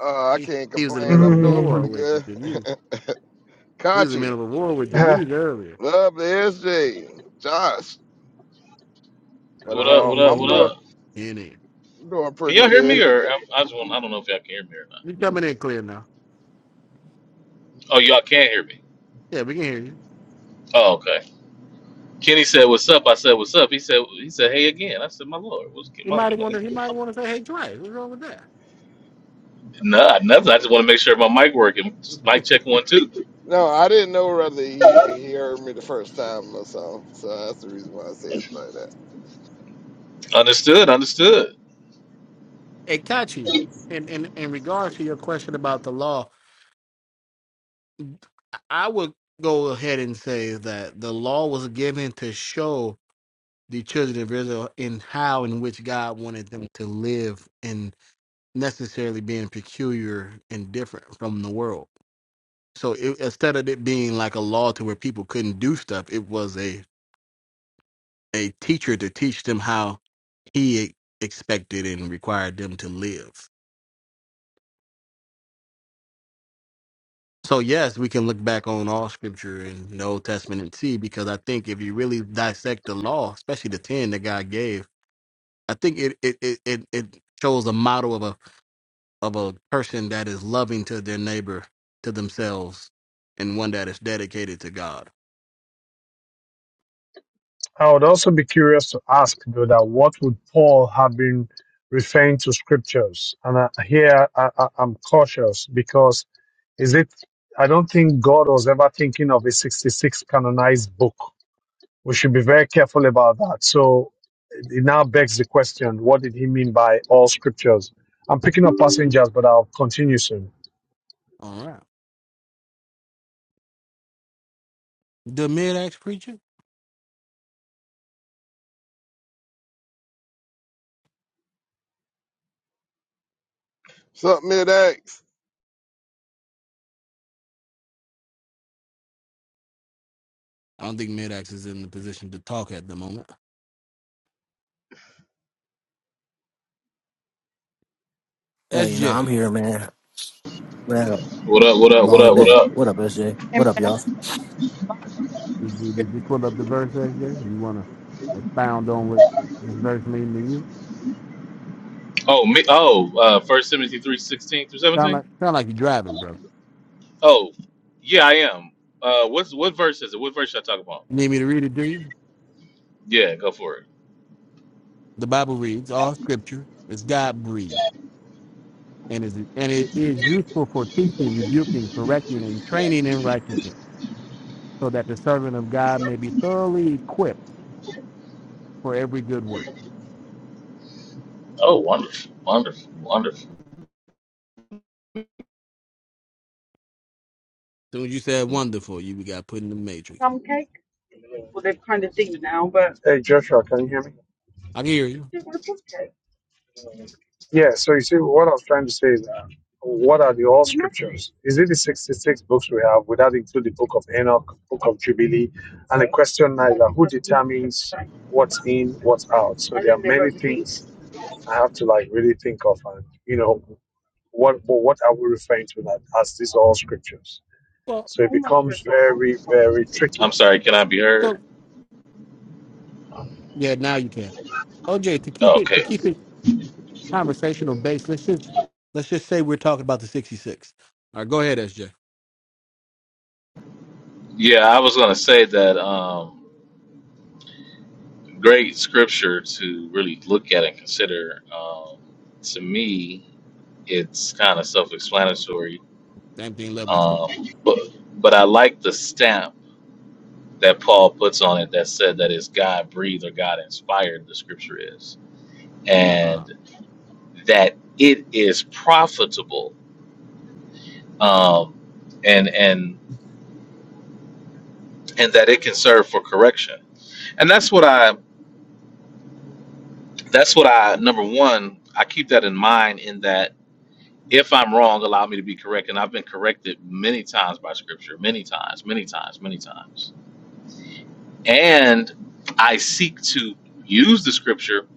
Speaker 7: Uh, I
Speaker 1: He
Speaker 7: can't
Speaker 1: he was in the
Speaker 7: complain.
Speaker 1: middle of
Speaker 7: I'm
Speaker 1: a
Speaker 7: doing
Speaker 1: war
Speaker 7: pretty
Speaker 6: Mm,
Speaker 1: with
Speaker 7: good.
Speaker 1: Denise. He was in the
Speaker 7: Kachi,
Speaker 1: middle of a war with
Speaker 6: eh,
Speaker 1: Denise earlier.
Speaker 7: love the SJ, Josh,
Speaker 1: The
Speaker 7: but
Speaker 5: What up? What
Speaker 7: um,
Speaker 5: up?
Speaker 7: I'm
Speaker 1: main
Speaker 5: What
Speaker 1: man.
Speaker 7: doing
Speaker 5: up?
Speaker 1: In it.
Speaker 7: doing
Speaker 5: Can
Speaker 7: pretty
Speaker 5: y'all hear me,
Speaker 7: good.
Speaker 5: or I'm, I just want, I don't know if y'all can hear me or not.
Speaker 1: You coming in clear now.
Speaker 5: Oh, y'all can hear me.
Speaker 1: Yeah, we can hear you.
Speaker 5: Oh, okay. Kenny said, "What's up?" I said, "What's up?" He said, "He said, hey again." I said, "My lord, what's
Speaker 1: He
Speaker 5: my,
Speaker 1: might
Speaker 5: my
Speaker 1: want to. He might want to say, "Hey, Dre, what's wrong with that?"
Speaker 5: nah, nothing. I just want to make sure my mic working. Mic check one two.
Speaker 7: No, I didn't know whether he, he heard me the first time or so, so that's the reason why I said it like that.
Speaker 5: Understood. Understood.
Speaker 1: It catch you. And in in in regards to your question about the law, I would go ahead and say that the law was given to show the children of Israel in how in which God wanted them to live and necessarily being peculiar and different from the world. So it, instead of it being like a law to where people couldn't do stuff, it was a a teacher to teach them how he e- expected and required them to live. So yes, we can look back on all scripture and the Old Testament and see because I think if you really dissect the law, especially the ten that God gave, I think it it it it, it shows a model of a of a person that is loving to their neighbor, to themselves, and one that is dedicated to God.
Speaker 6: I would also be curious to ask though that what would Paul have been referring to scriptures? And I, here I, I, I'm cautious because is it? I don't think God was ever thinking of a 66 canonized book. we should be very careful about that. So it now begs the question what did he mean by all scriptures? I'm picking up passengers, but I'll continue soon.
Speaker 1: All right. The mid axe preacher?
Speaker 7: What's up, Mid X?
Speaker 1: I don't think mid axe is in the position to talk at the moment.
Speaker 8: Hey, no, I'm
Speaker 1: SJ.
Speaker 8: here, man. Man,
Speaker 5: What up? What up? What
Speaker 8: long
Speaker 5: up? What
Speaker 8: day.
Speaker 5: up?
Speaker 8: What up, SJ?
Speaker 3: Hey,
Speaker 8: What up, y'all?
Speaker 3: Max.
Speaker 1: Did you
Speaker 3: You're
Speaker 1: did you pull up the verse, SJ? You wanna expound on what this verse means to you?
Speaker 5: Oh, me. Oh, uh, First Timothy three sixteen through
Speaker 1: Sound
Speaker 5: seventeen.
Speaker 1: like sound like you're driving, bro.
Speaker 5: Oh, yeah, I am. Uh, what's what verse is it? What verse should I talk about?
Speaker 1: You need me to read it, do you?
Speaker 5: Yeah, go for it.
Speaker 1: The Bible reads, all scripture is God breathed and is and it is useful for teaching, rebuking, correcting, and training in righteousness, so that the servant of God may be thoroughly equipped for every good work.
Speaker 5: Oh, wonderful, wonderful, wonderful.
Speaker 1: Soon as you said wonderful, you got put in the matrix.
Speaker 6: Hey, Joshua, can you hear me?
Speaker 1: I can hear you.
Speaker 6: Yeah, so you see, what I was trying to say is that what are the all scriptures? Is it the 66 books we have? Would that include the book of Enoch, book of Jubilee? And the question now is that who determines what's in, what's out? So there are many things I have to like really think of and, you know, what what are we referring to that as these all scriptures?
Speaker 1: Well
Speaker 6: So it becomes very, very tricky.
Speaker 5: I'm sorry, can I be
Speaker 1: so
Speaker 5: heard?
Speaker 1: yeah, now you can. OJ, to keep
Speaker 5: Oh,
Speaker 1: it to
Speaker 5: okay.
Speaker 1: keep it conversational base. Let's just let's just say we're talking about the '66. All right, go ahead, SJ.
Speaker 5: Yeah, I was going to say that um, great scripture to really look at and consider. Um, to me, it's kind of self-explanatory,
Speaker 1: Same thing, lovely.
Speaker 5: um, but but I like the stamp that Paul puts on it that said that it's God breathed or God inspired. The scripture is,
Speaker 1: Uh huh.
Speaker 5: and that it is profitable. Um, and and and that it can serve for correction. And that's what I that's what I number one, I keep that in mind in that if I'm wrong, allow me to be correct. And I've been corrected many times by scripture, many times, many times, many times. And I seek to use the scripture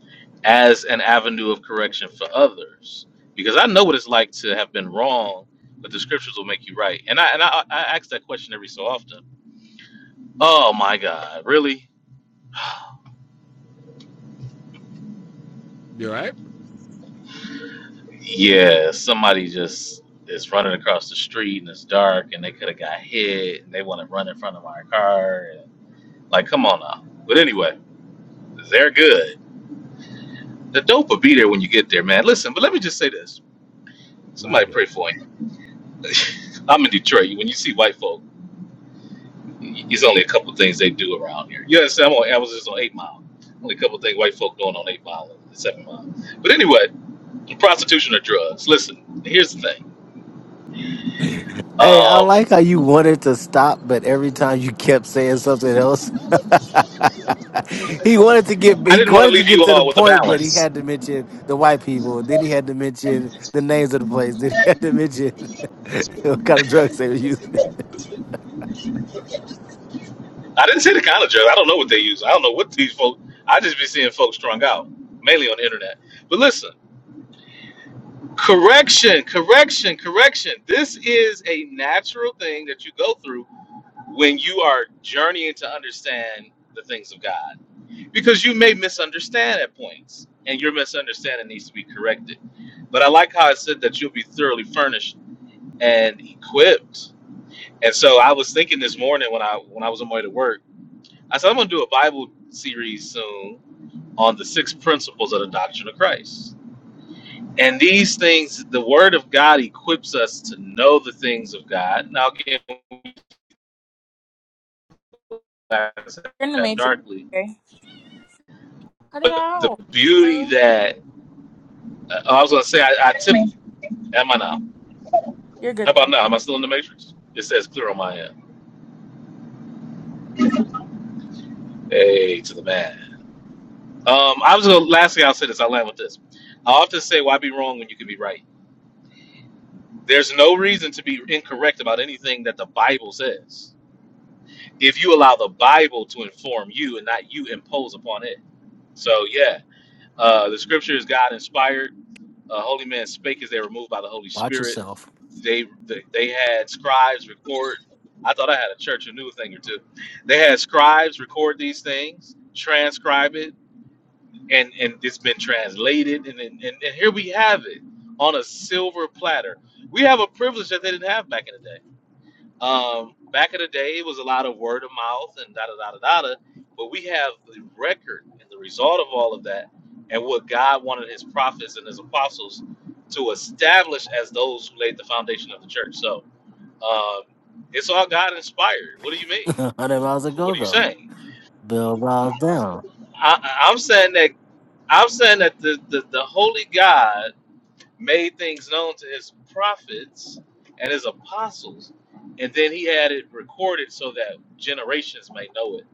Speaker 5: as an avenue of correction for others. Because I know what it's like to have been wrong, but the scriptures will make you right. And I and I, I ask that question every so often. Oh my God, really?
Speaker 1: You all right?
Speaker 5: Yeah, somebody just is running across the street and it's dark and they could have got hit and they want to run in front of my car. And, like, come on now. But anyway, they're good. The dope will be there when you get there, man. Listen, but let me just say this.
Speaker 1: My
Speaker 5: Somebody
Speaker 1: God.
Speaker 5: pray for him. I'm in Detroit. When you see white folk, it's only a couple things they do around here. You understand? I'm on, I was just on 8 Mile. Only a couple things white folk doing on 8 Mile and 7 Mile. But anyway, prostitution or drugs. Listen, here's the thing.
Speaker 8: Hey, I
Speaker 5: Um,
Speaker 8: like how you wanted to stop, but every time you kept saying something else. he wanted to get
Speaker 5: I
Speaker 8: he
Speaker 5: didn't want to
Speaker 8: wanted to
Speaker 5: leave
Speaker 8: get
Speaker 5: you
Speaker 8: to the
Speaker 5: all with a
Speaker 8: point, but he
Speaker 5: balance.
Speaker 8: had to mention the white people. Then he had to mention the names of the place. Then he had to mention what kind of drugs they were using.
Speaker 5: I didn't say the kind of drugs. I don't know what they use. I don't know what these folks. I just be seeing folks strung out, mainly on the internet. But listen, correction, correction, correction. This is a natural thing that you go through when you are journeying to understand the things of God, because you may misunderstand at points, and your misunderstanding needs to be corrected. But I like how I said that you'll be thoroughly furnished and equipped. And so I was thinking this morning when I when I was on my way to work. I said I'm gonna do a Bible series soon on the six principles of the doctrine of Christ. And these things, the Word of God equips us to know the things of God. Now, again, we class
Speaker 3: in the
Speaker 5: that
Speaker 3: major.
Speaker 5: darkly.
Speaker 3: Cut it
Speaker 5: The
Speaker 3: out.
Speaker 5: beauty
Speaker 3: girl.
Speaker 5: that uh, I was gonna say, I, I tip. Am I now?
Speaker 3: You're good
Speaker 5: How about
Speaker 3: now.
Speaker 5: now? Am I still in the matrix? It says clear on my end. Hey, to the man. Um, I was gonna. Last thing I'll say this. I'll land with this. I often say, "Why be wrong when you can be right?" There's no reason to be incorrect about anything that the Bible says if you allow the Bible to inform you and not you impose upon it. So yeah, uh, the Scripture is God inspired. Uh, holy men spake as they were moved by the Holy
Speaker 8: Watch
Speaker 5: Spirit.
Speaker 8: yourself.
Speaker 5: They they, they had scribes record. I thought I had a church who knew a thing or two. They had scribes record these things, transcribe it, and and it's been translated. And and, and and here we have it on a silver platter. We have a privilege that they didn't have back in the day um, back in the day, it was a lot of word of mouth and da da da da da. But we have the record and the result of all of that, and what God wanted His prophets and His apostles to establish as those who laid the foundation of the church. So um, it's all God inspired. What do you mean?
Speaker 8: Hundred miles a go
Speaker 5: What are you
Speaker 8: go.
Speaker 5: saying?
Speaker 8: Bill miles down.
Speaker 5: I, I- I'm saying that I'm saying that the, the, the Holy God made things known to his prophets and his apostles, and then he had it recorded so that generations may know it.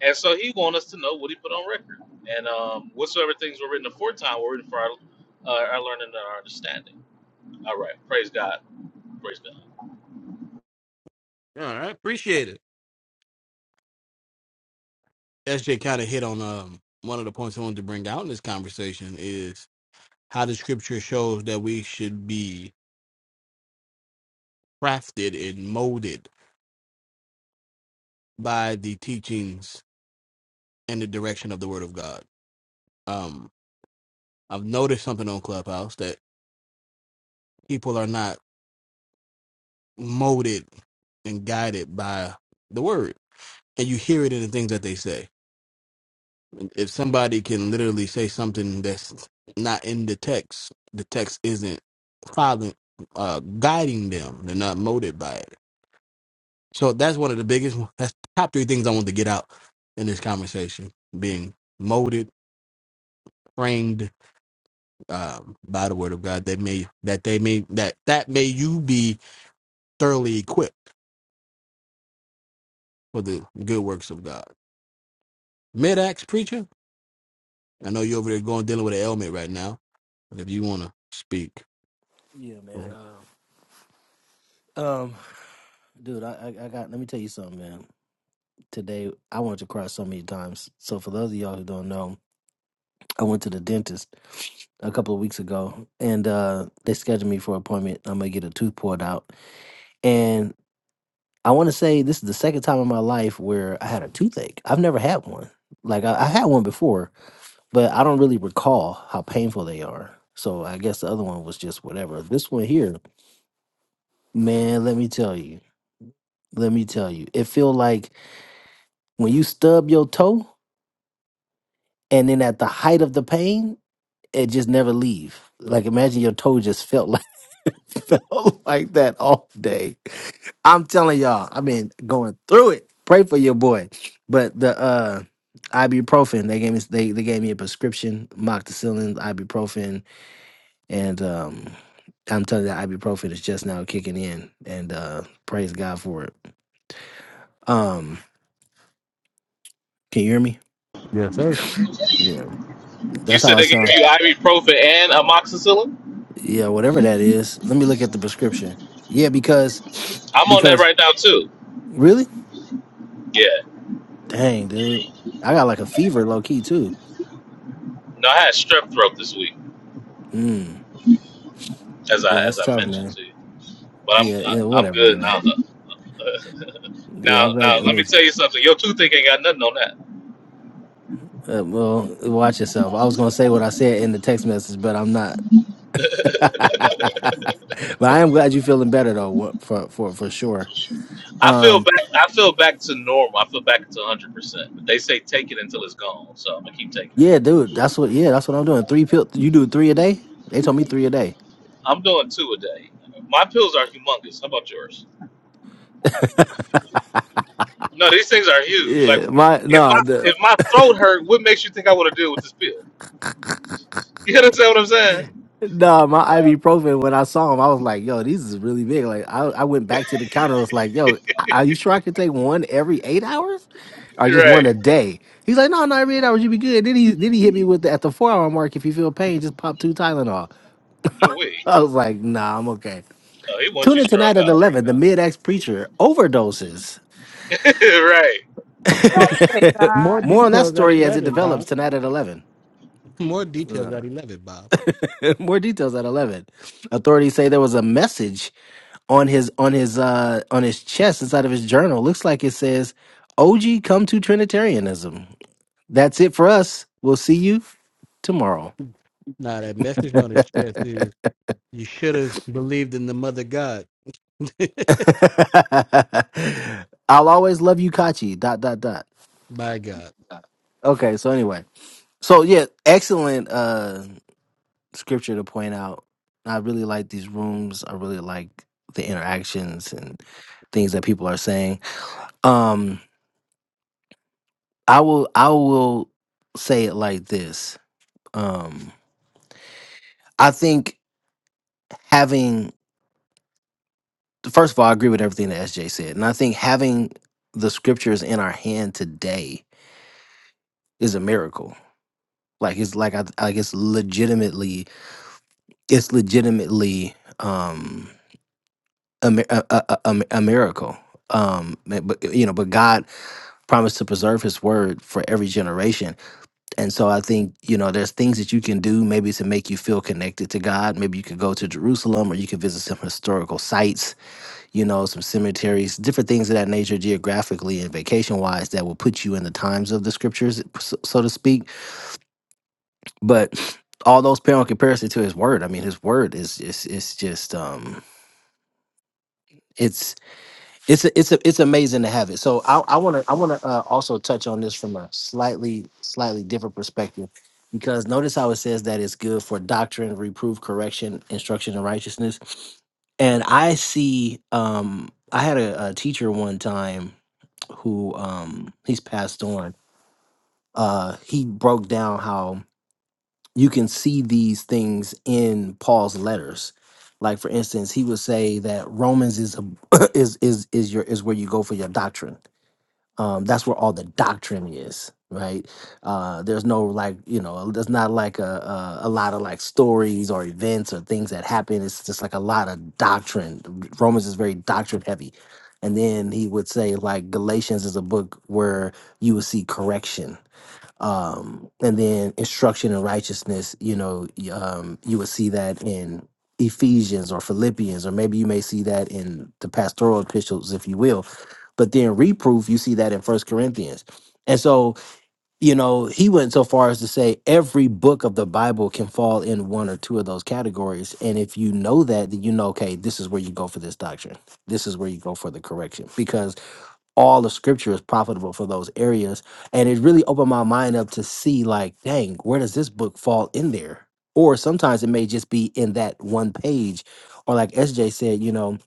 Speaker 5: And so he want us to know what he put on record, and um, whatsoever things were written aforetime were written for our, uh, our learning and our understanding. All right, praise God, praise God.
Speaker 1: All right, appreciate it. SJ kind of hit on um one of the points I wanted to bring out in this conversation is how the scripture shows that we should be crafted and molded by the teachings and the direction of the Word of God. Um, I've noticed something on Clubhouse that people are not molded and guided by the Word and you hear it in the things that they say. If somebody can literally say something that's not in the text, the text isn't following, uh, guiding them. They're not motivated by it. So that's one of the biggest. That's top three things I want to get out in this conversation: being molded, framed um, by the Word of God. That may that they may that that may you be thoroughly equipped for the good works of God. Mid-Acts preacher, I know you're over there going dealing with an ailment right now, but if you want to speak.
Speaker 8: Yeah, man. Uh, um, dude, I, I I got. Let me tell you something, man. today. I wanted to cry so many times. So for those of y'all who don't know, I went to the dentist a couple of weeks ago, and uh, they scheduled me for an appointment. I'm gonna get a tooth pulled out, and I want to say this is the second time in my life where I had a toothache. I've never had one. Like I, I had one before, but I don't really recall how painful they are. So I guess the other one was just whatever. This one here, man, let me tell you, let me tell you, it feel like when you stub your toe, and then at the height of the pain, and just never leave. Like imagine your toe just felt like felt like that all day. I'm telling y'all, I've been going through it. Pray for your boy. But the uh ibuprofen, they gave me they, they gave me a prescription, moxicillin, ibuprofen, and um I'm telling you, that ibuprofen is just now kicking in, and uh praise God for it. Um, can you hear me?
Speaker 1: Yes, sir.
Speaker 8: Yeah,
Speaker 5: You
Speaker 8: that's how
Speaker 5: said
Speaker 8: I
Speaker 5: they gave
Speaker 8: sound.
Speaker 5: you ibuprofen and amoxicillin.
Speaker 8: Yeah, whatever that is. Let me look at the prescription. Yeah, because
Speaker 5: I'm on that right now too.
Speaker 8: Really?
Speaker 5: Yeah,
Speaker 8: Dang, dude. I got like a fever low key too.
Speaker 5: no, I had strep throat this week,
Speaker 8: Mm.
Speaker 5: as I
Speaker 8: Yeah,
Speaker 5: as
Speaker 8: it's
Speaker 5: I
Speaker 8: tough,
Speaker 5: mentioned
Speaker 8: man.
Speaker 5: to you, but I'm
Speaker 8: Yeah, yeah,
Speaker 5: I, I'm
Speaker 8: whatever,
Speaker 5: good
Speaker 8: man.
Speaker 5: now. now,
Speaker 8: Yeah, I'm glad.
Speaker 5: now
Speaker 8: I'm
Speaker 5: let me
Speaker 8: glad
Speaker 5: tell you something. Your toothache ain't got nothing on
Speaker 8: you, uh, well, watch yourself. I was gonna say what I said in the text message, but I'm not. but
Speaker 5: that.
Speaker 8: I am glad you're feeling better though, wha- for for for sure.
Speaker 5: I feel
Speaker 8: Um,
Speaker 5: back. I feel back to normal. I feel back to 100. percent But they say take it until it's gone, so I'm gonna keep taking it.
Speaker 8: yeah, dude, that's what. Yeah, that's what I'm doing. Three pill. You do three a day. They told me three a day.
Speaker 5: I'm doing two a day. My pills are humongous. How about yours? No, these things are huge. Like
Speaker 8: Yeah, my
Speaker 5: if my
Speaker 8: no.
Speaker 5: if my throat hurt, what makes you think I want to deal with this pill? You understand what I'm saying?
Speaker 8: Nah, my ibuprofen. When I saw him, I was like, "Yo, these is really big." Like, I, I went back to the counter. I was like, "Yo, are you sure I could take one every eight hours, or just
Speaker 5: Right.
Speaker 8: one a day?" He's like, "No, not every eight hours. You be good." Then he then he hit me with the, at the four hour mark. If you feel pain, just pop two Tylenol.
Speaker 5: Do we?
Speaker 8: I was like, "Nah, I'm okay."
Speaker 5: Oh, he wants
Speaker 8: Tune
Speaker 5: you
Speaker 8: in
Speaker 5: strung
Speaker 8: tonight at
Speaker 5: up.
Speaker 8: eleven. The mid ex preacher overdoses.
Speaker 5: right.
Speaker 3: Don't
Speaker 5: Duh.
Speaker 3: say that.
Speaker 1: More
Speaker 8: More on that
Speaker 1: details at
Speaker 8: story as it
Speaker 1: 11,
Speaker 8: develops
Speaker 1: Bob.
Speaker 8: tonight at eleven.
Speaker 1: More details
Speaker 8: Uh,
Speaker 1: at 11, Bob.
Speaker 8: More details at eleven. Authorities say there was a message on his on his uh on his chest inside of his journal looks like it says og come to trinitarianism that's it for us we'll see you tomorrow
Speaker 1: Now, that message on his chest is you should have believed in the mother God.
Speaker 8: i'll always love you kachi dot dot dot
Speaker 1: By God.
Speaker 8: okay so anyway so yeah excellent uh scripture to point out i really like these rooms i really like the interactions and things that people are saying um i will i will say it like this Um I think having first of all, I agree with everything that SJ said, and I think having the scriptures in our hand today is a miracle. Like it's like I like it's legitimately it's legitimately um a mi- a, a, a, a miracle. Um, but but, you know, but God promised to preserve His word for every generation, and so I think you know there's things that you can do maybe to make you feel connected to God. Maybe you could go to Jerusalem, or you could visit some historical sites you know, some cemeteries, different things of that nature, geographically and vacation wise, that will put you in the times of the scriptures, so so to speak. But all those pale in comparison to His Word. I mean, His Word is is it's just um, it's it's a, it's a, it's amazing to have it. So I I want to I want to uh, also touch on this from a slightly slightly different perspective, because notice how it says that it's good for doctrine, reproof, correction, instruction, and righteousness. And I see um I had a, a teacher one time who um he's passed on. Uh, he broke down how you can see these things in Paul's letters. Like for instance, he would say that Romans is a, is is is your is where you go for your doctrine. Um, that's where all the doctrine is, right? Uh, there's no like you know, there's not like a, a a lot of like stories or events or things that happen. It's just like a lot of doctrine. Romans is very doctrine heavy, and then he would say like Galatians is a book where you will see correction um, and then instruction in righteousness you know y- um, you would see that in ephesians or philippians or maybe you may see that in the pastoral epistles if you will but then reproof you see that in first corinthians and so you know he went so far as to say every book of the bible can fall in one or two of those categories and if you know that then you know okay this is where you go for this doctrine this is where you go for the correction because all the scripture is profitable for those areas. And it really opened my mind up to see, like, dang, where does this book fall in there? Or sometimes it may just be in that one page. Or like SJ said, you know,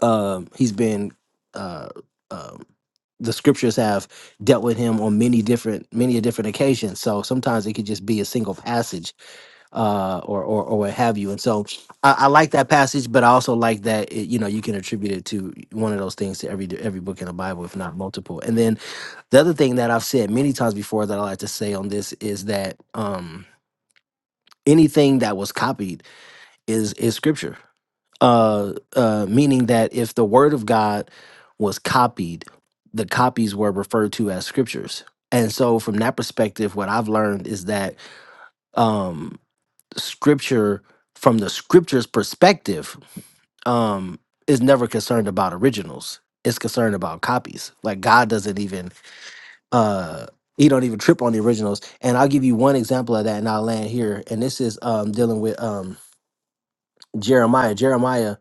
Speaker 8: um, he's been, uh, um, the scriptures have dealt with him on many different, many a different occasions. So sometimes it could just be a single passage uh, or, or or what have you. And so I, I like that passage, but I also like that it, you know you can attribute it to one of those things to every every book in the Bible, if not multiple. And then the other thing that I've said many times before that I like to say on this is that um, anything that was copied is is scripture, uh, uh, meaning that if the Word of God was copied, the copies were referred to as scriptures. And so, from that perspective, what I've learned is that um, scripture from the scripture's perspective um is never concerned about originals it's concerned about copies like god doesn't even uh he don't even trip on the originals and i'll give you one example of that and i'll land here and this is um dealing with um jeremiah jeremiah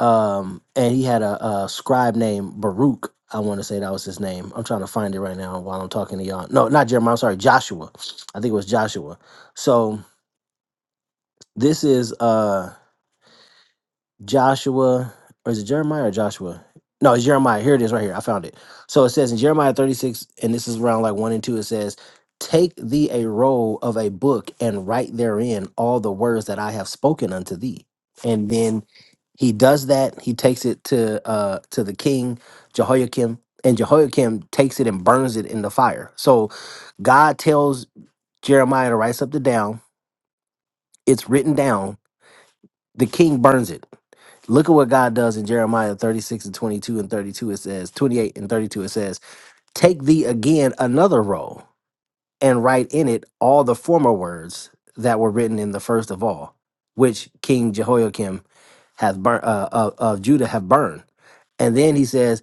Speaker 8: um and he had a, a scribe named baruch i want to say that was his name i'm trying to find it right now while i'm talking to y'all no not jeremiah i'm sorry joshua i think it was joshua so this is uh Joshua, or is it Jeremiah or Joshua? No, it's Jeremiah. Here it is right here. I found it. So it says in Jeremiah 36, and this is around like 1 and 2, it says, Take thee a roll of a book and write therein all the words that I have spoken unto thee. And then he does that. He takes it to uh to the king Jehoiakim, and Jehoiakim takes it and burns it in the fire. So God tells Jeremiah to write something down. It's written down. The king burns it. Look at what God does in Jeremiah 36 and 22 and 32. It says, 28 and 32, it says, Take thee again another roll and write in it all the former words that were written in the first of all, which King Jehoiakim hath burnt, uh, of, of Judah have burned. And then he says,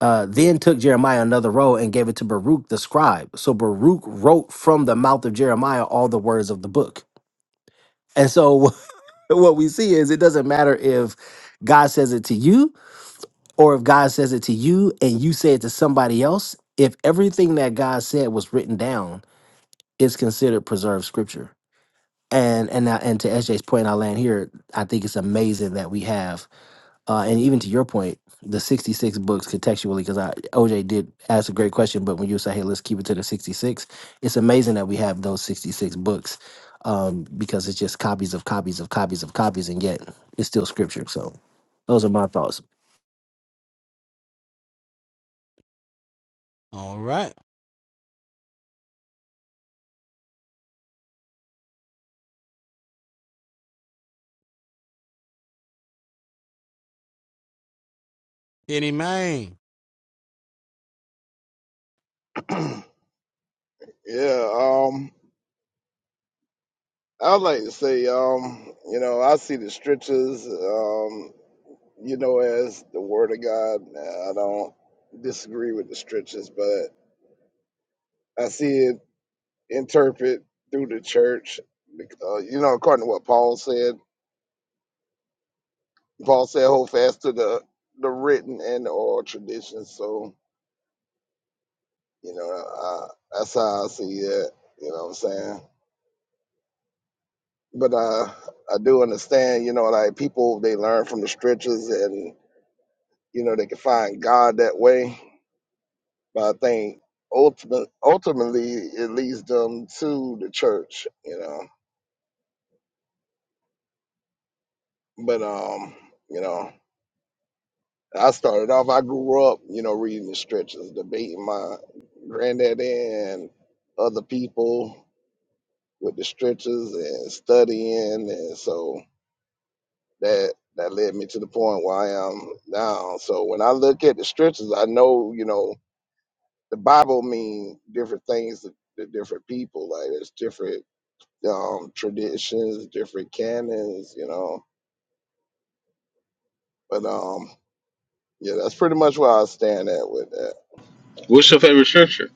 Speaker 8: uh, Then took Jeremiah another roll and gave it to Baruch the scribe. So Baruch wrote from the mouth of Jeremiah all the words of the book. And so what we see is it doesn't matter if God says it to you or if God says it to you and you say it to somebody else, if everything that God said was written down, it's considered preserved scripture. And and I- and to SJ's point, I land here. I think it's amazing that we have, uh, and even to your point, the sixty-six books contextually. Because I OJ did ask a great question, but when you say, "Hey, let's keep it to the 66," it's amazing that we have those sixty-six books, um, because it's just copies of copies of copies of copies, and yet it's still scripture. So, those are my thoughts.
Speaker 1: All right. Any man.
Speaker 7: yeah, um, I would like to say, um, you know, I see the scriptures, um, you know, as the word of God. I don't disagree with the scriptures, but I see it interpret through the church. Uh, you know, according to what Paul said, Paul said, "Hold fast to the the written and the oral traditions." So, you know, I, that's how I see it. You know what I'm saying? But I I do understand. You know, like people they learn from the scriptures, and you know they can find God that way. But I think ultimate, ultimately it leads them to the church, you know. But um, you know, I started off. I grew up, you know, reading the stretches, debating my granddaddy and other people with the stretches and studying, and so that that led me to the point where I am now. So when I look at the stretches, I know, you know. the Bible mean different things to, to different people. Like there's different um, traditions, different canons, you know. But um, yeah, that's pretty much where I stand at with that.
Speaker 5: What's your favorite scripture?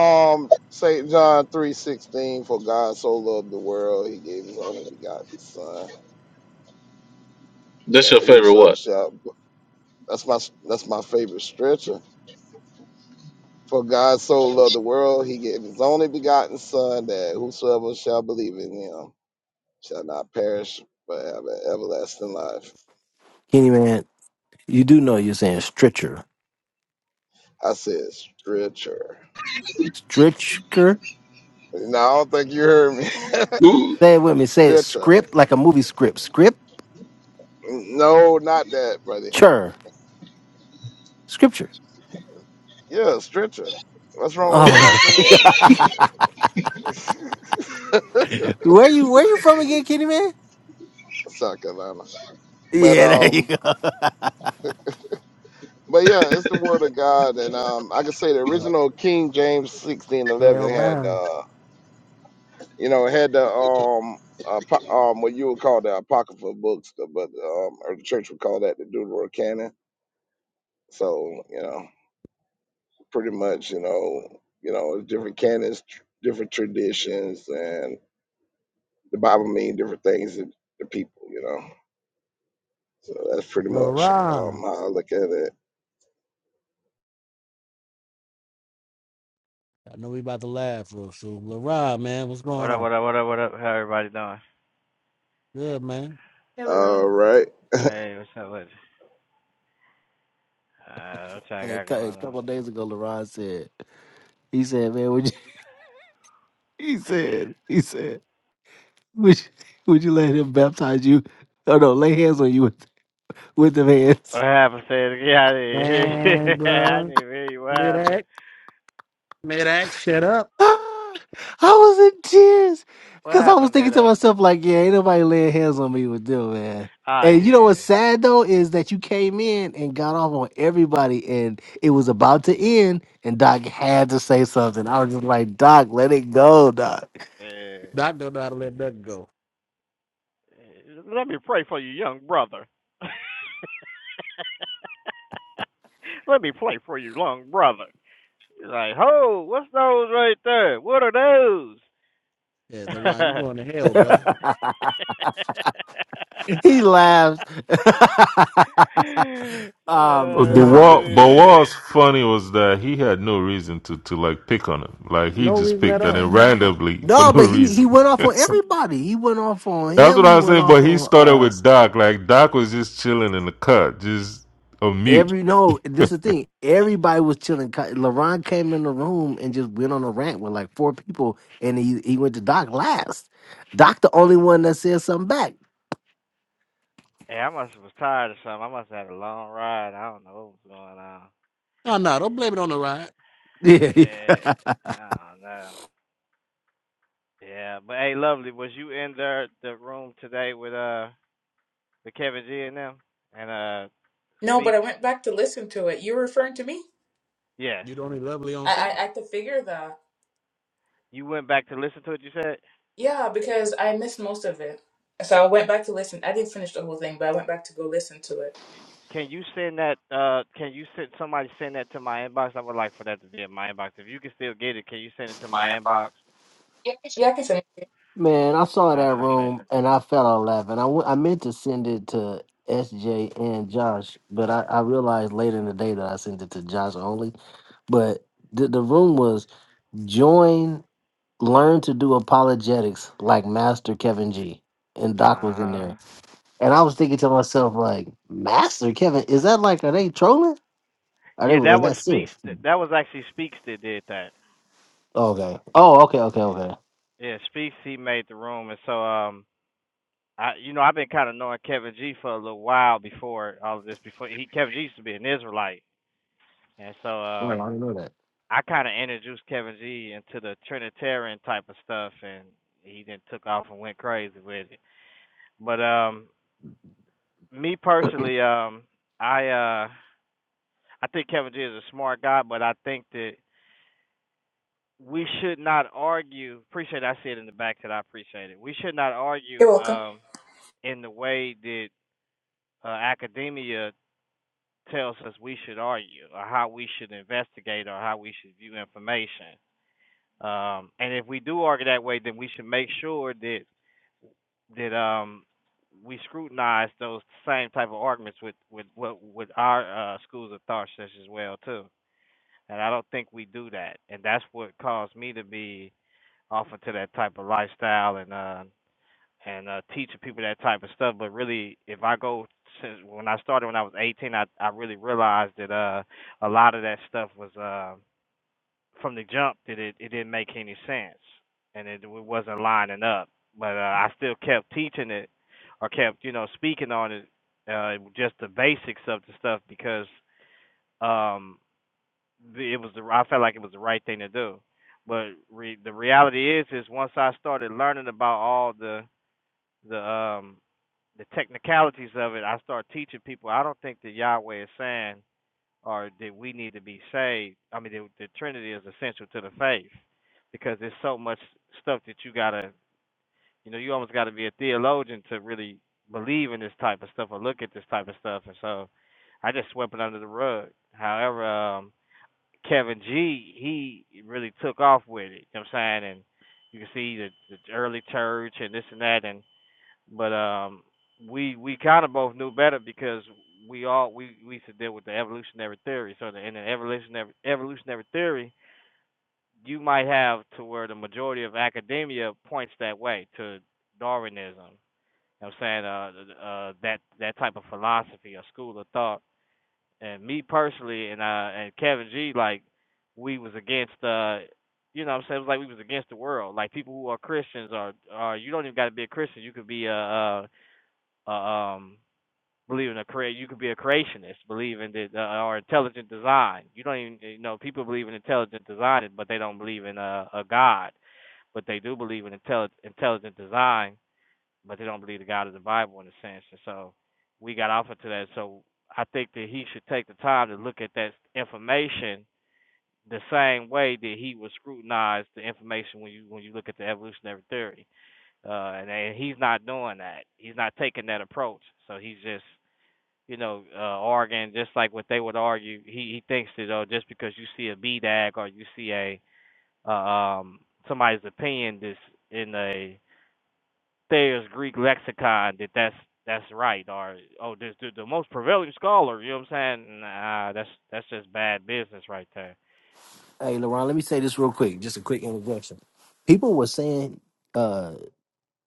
Speaker 7: Um, Saint John three sixteen, for God so loved the world, he gave his only begotten Son,
Speaker 5: That's
Speaker 7: that
Speaker 5: your favorite
Speaker 7: whosoever
Speaker 5: what?
Speaker 7: shall. That's my that's my favorite stretcher. For God so loved the world, he gave his only begotten Son, that whosoever shall believe in him shall not perish, but have an everlasting life.
Speaker 8: Kenny man, You do know you're saying stritcher.
Speaker 7: I said stretcher.
Speaker 8: Stritcher?
Speaker 7: No, I don't think you heard me.
Speaker 5: Ooh.
Speaker 8: Say it with me. Say it
Speaker 7: stretcher.
Speaker 8: script like a movie script.
Speaker 7: No, not that, buddy.
Speaker 8: Scripture. Scripture.
Speaker 7: Yeah, stretcher. What's wrong with what
Speaker 8: Oh
Speaker 7: I'm
Speaker 8: my
Speaker 7: saying?
Speaker 8: god. Where you where you from again, Kitty Man?
Speaker 7: South Carolina. But
Speaker 8: Yeah, there you
Speaker 7: um,
Speaker 8: go.
Speaker 7: but yeah, it's the word of God, and um, like I can say the
Speaker 1: Well,
Speaker 7: original King James sixteen eleven
Speaker 1: well,
Speaker 7: had
Speaker 1: bound.
Speaker 7: uh, you know, had the um. apo- Um, what you would call the apocryphal books, the- but um, or the church would call that the Deuterocanon. So you know, pretty much, you know, you know, different canons, tr- different traditions, and the Bible mean different things to the people, you know. So that's pretty much um,
Speaker 1: LaRon.
Speaker 7: how I look at it.
Speaker 1: I know we about to laugh real soon. LaRon, man, what's
Speaker 9: What
Speaker 1: going
Speaker 9: up,
Speaker 1: on?
Speaker 9: what up, what up, what up? How everybody doing?
Speaker 1: Good, man.
Speaker 3: Hey,
Speaker 7: All
Speaker 3: Leron.
Speaker 7: right,
Speaker 9: Hey, what's up, buddy? Uh, what y'all
Speaker 8: A
Speaker 9: got
Speaker 8: cou- a
Speaker 9: going on?
Speaker 8: couple of days ago, LaRon said, he said, man, would you he said, he said, would you, would you let him baptize you? Oh no, lay hands on you with with the hands.
Speaker 9: What happened, say it I didn't hear you.
Speaker 1: Man,
Speaker 9: I
Speaker 1: bro.
Speaker 9: didn't even hear you. What happened?
Speaker 1: Mid-act. Mid-act, shut up.
Speaker 8: I was in tears
Speaker 9: What
Speaker 8: because I was
Speaker 9: happened there?
Speaker 8: thinking to
Speaker 9: That?
Speaker 8: myself, like, yeah, ain't nobody laying hands on me with them, man.
Speaker 9: Oh,
Speaker 8: And you know
Speaker 9: yeah.
Speaker 8: what's sad though is that you came in and got off on everybody, and it was about to end, and Doc had to say something. I was just like, Doc, let it go, Doc.
Speaker 9: Yeah.
Speaker 1: Doc don't know how to let that go.
Speaker 9: Let me pray for you, young brother. Let me pray for you, young brother. He's like, ho, what's those right there? What are those?
Speaker 1: Yeah, LaRon, you going to hell, brother.
Speaker 8: he laughs.
Speaker 9: uh,
Speaker 8: I'm
Speaker 4: Uh, The
Speaker 8: done.
Speaker 4: wall,
Speaker 1: no
Speaker 4: but what was
Speaker 9: yeah.
Speaker 4: funny was that he had no reason to to like pick on him. Like he just
Speaker 1: reason at
Speaker 4: picked on
Speaker 1: all.
Speaker 4: him randomly for
Speaker 8: No,
Speaker 4: no
Speaker 8: but he,
Speaker 4: reason.
Speaker 8: he went off on everybody. He went off on
Speaker 4: That's
Speaker 8: him.
Speaker 4: what
Speaker 8: He
Speaker 4: I was
Speaker 8: went
Speaker 4: saying,
Speaker 8: off
Speaker 4: but he
Speaker 8: on.
Speaker 4: started
Speaker 8: uh,
Speaker 4: with Doc. Like Doc was just chilling in the cut, just a mute.
Speaker 8: Every no, this is the thing. Everybody was chilling. Ka- LeBron came in the room and just went on a rant with like four people, and he he went to Doc last. Doc, the only one that said something back.
Speaker 9: Hey, I must have was tired or something. I must have had a long ride. I don't know what was going on.
Speaker 1: No, no, don't blame it on the ride.
Speaker 8: Yeah,
Speaker 9: Eh, I don't know. Yeah, but hey, lovely, was you in the the room today with uh the Kevin G and them and uh
Speaker 3: No, but I
Speaker 9: speaks?
Speaker 3: went back to listen to it. You were referring to me?
Speaker 9: Yes.
Speaker 1: you don't only lovely on stage.
Speaker 3: I, I I could figure that.
Speaker 9: You went back to listen to it. You said,
Speaker 3: Yeah, because I missed most of it. So I went back to listen. I didn't finish the whole thing, but I went back to go listen to it.
Speaker 9: can you send that? Uh, can you send somebody send that to my inbox? I would like for that to be in my inbox. If you can still get it, can you send it to
Speaker 8: My
Speaker 9: my inbox?
Speaker 8: inbox.
Speaker 3: Yeah, I can finish.
Speaker 8: man, I saw
Speaker 9: I
Speaker 8: that
Speaker 9: appreciate it.
Speaker 8: room and I fell out laughing. I, w- I meant to send it to SJ and Josh, but I, I realized later in the day that I sent it to Josh only. But the, the room was join. learn to do apologetics like Master Kevin G. And
Speaker 9: Uh
Speaker 8: Doc was in
Speaker 9: huh.
Speaker 8: there. And I was thinking to myself, like, Master Kevin, is that like, are they trolling? Are they,
Speaker 9: Yeah, that
Speaker 8: was
Speaker 9: was
Speaker 8: that
Speaker 9: speaks.
Speaker 8: serious?
Speaker 9: That was actually speaks that did that.
Speaker 8: okay. Oh, okay, okay, okay.
Speaker 9: Yeah, Speaks he made the room, and so um, I you know I've been kind of knowing Kevin G for a little while before all of this. Before he Kevin G used to be an Israelite, and so
Speaker 8: Well,
Speaker 9: um,
Speaker 8: I didn't know that.
Speaker 9: I kind of introduced Kevin G into the Trinitarian type of stuff, and he then took off and went crazy with it. But um, me personally, um, I uh, I think Kevin G is a smart guy, but I think that we should not argue. Appreciate I see it in the back that I appreciate it. We should not
Speaker 3: You're
Speaker 9: argue
Speaker 3: welcome.
Speaker 9: um in the way that uh, academia tells us we should argue or how we should investigate or how we should view information. Um, and if we do argue that way, then we should make sure that that um, we scrutinize those same type of arguments with with with, our uh, schools of thought such as well too. And I don't think we do that, and that's what caused me to be off into that type of lifestyle and uh, and uh, teaching people that type of stuff. But really, if I go since when I started when I was 18, I I really realized that uh a lot of that stuff was uh from the jump that it it didn't make any sense and it, it wasn't lining up. But uh, I still kept teaching it or kept you know speaking on it, uh just the basics of the stuff because um the- it was the I felt like it was the right thing to do. But re, the reality is, is once I started learning about all the the um the technicalities of it, I start teaching people. I don't think that Yahweh is saying or that we need to be saved. I mean, the, the Trinity is essential to the faith because there's so much stuff that you gotta, you know, you almost gotta be a theologian to really believe in this type of stuff or look at this type of stuff. And so, I just swept it under the rug. However, um, Kevin G, he really took off with it. You know what I'm saying? And you can see the, the early church and this and that, and but um we we kind of both knew better because we all we we used to deal with the evolutionary theory so the, in the evolutionary evolutionary theory you might have to where the majority of academia points that way to darwinism you know what i'm saying uh uh that that type of philosophy or school of thought and me personally and uh and kevin g like we was against uh you know what i'm saying it was like we was against the world like people who are christians are are you don't even got to be a christian you could be a uh uh, um believe in a career you could be a creationist believe in the, uh, or intelligent design you don't even you know people believe in intelligent design but they don't believe in a, a god but they do believe in intelli- intelligent design but they don't believe the god of the bible in a sense and so we got off into that so i think that he should take the time to look at that information the same way that he would scrutinize the information when you when you look at the evolutionary theory uh, and, and he's not doing that. He's not taking that approach. So he's just you know, uh, arguing just like what they would argue. He he thinks that oh, just because you see a BDAG or you see a uh, um somebody's opinion that's in a Thayer's Greek lexicon that that's that's right or oh this the, the most prevailing scholar. You know what I'm saying? Nah, that's that's just bad business right there.
Speaker 8: Hey, LeRon, let me say this real quick, just a quick introduction. People were saying uh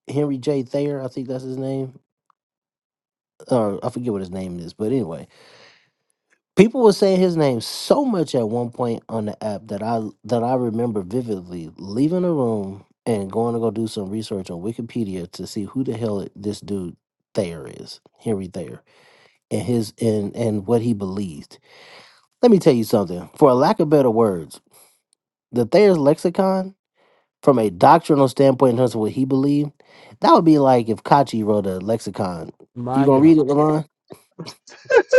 Speaker 8: Henry J. Thayer, I think that's his name. Uh, I forget what his name is, but anyway People were saying his name so much at one point on the app that I that I remember vividly leaving the room and going to go do some research on Wikipedia to see who the hell it- this dude Thayer is, Henry Thayer, and his and and what he believed. Let me tell you something. For a lack of better words, the Thayer's lexicon, from a doctrinal standpoint in terms of what he believed, that would be like if Kachi wrote a lexicon. You
Speaker 1: My
Speaker 8: gonna
Speaker 1: God.
Speaker 8: read it, Lamont?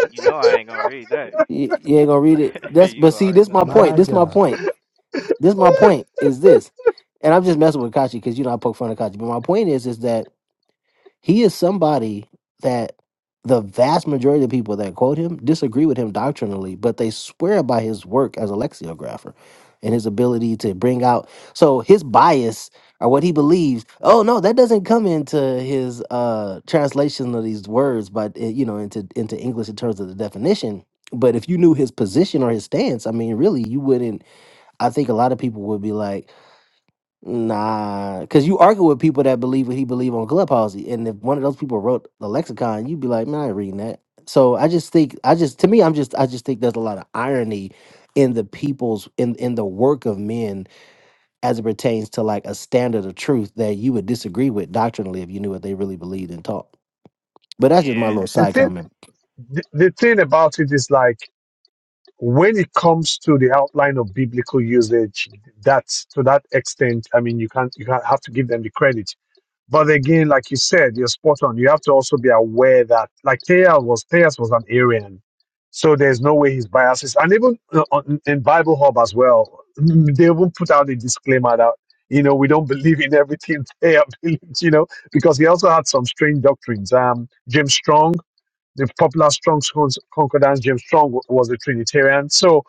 Speaker 9: You know I ain't gonna read that.
Speaker 8: You, you ain't gonna read it. That's but
Speaker 9: you
Speaker 8: see,
Speaker 9: already
Speaker 8: this
Speaker 9: know.
Speaker 8: my point.
Speaker 1: My
Speaker 8: This my
Speaker 1: God.
Speaker 8: point. This my point is this, and I'm just messing with Kachi because you know I poke fun at Kachi. But my point is is that he is somebody that the vast majority of people that quote him disagree with him doctrinally, but they swear by his work as a lexicographer and his ability to bring out so his bias or what he believes. Oh no, that doesn't come into his uh translation of these words, but uh, you know into into English in terms of the definition. But if you knew his position or his stance, I mean, really, you wouldn't. I think a lot of people would be like, nah, because you argue with people that believe what he believe on Clubhouse, and if one of those people wrote the lexicon, you'd be like, man, I ain't reading that. So I just think, I just to me, I'm just, I just think there's a lot of irony in the people's in in the work of men as it pertains to like a standard of truth that you would disagree with doctrinally if you knew what they really believed and taught. But that's just my
Speaker 9: Yeah,
Speaker 8: little
Speaker 6: The
Speaker 8: side
Speaker 6: thing,
Speaker 8: comment.
Speaker 6: the, the thing about it is like when it comes to the outline of biblical usage, that's to that extent. I mean, you can't, you can't have to give them the credit But again, like you said, you're spot on. You have to also be aware that, like Tejas was, Tejas was an Arian, so there's no way his biases. And even uh, on- in Bible Hub as well, mm, they will put out a disclaimer that you know we don't believe in everything Tejas believes. You know, because he also had some strange doctrines. Um, Jim Strong the popular Strong's concordance James Strong was a Trinitarian. So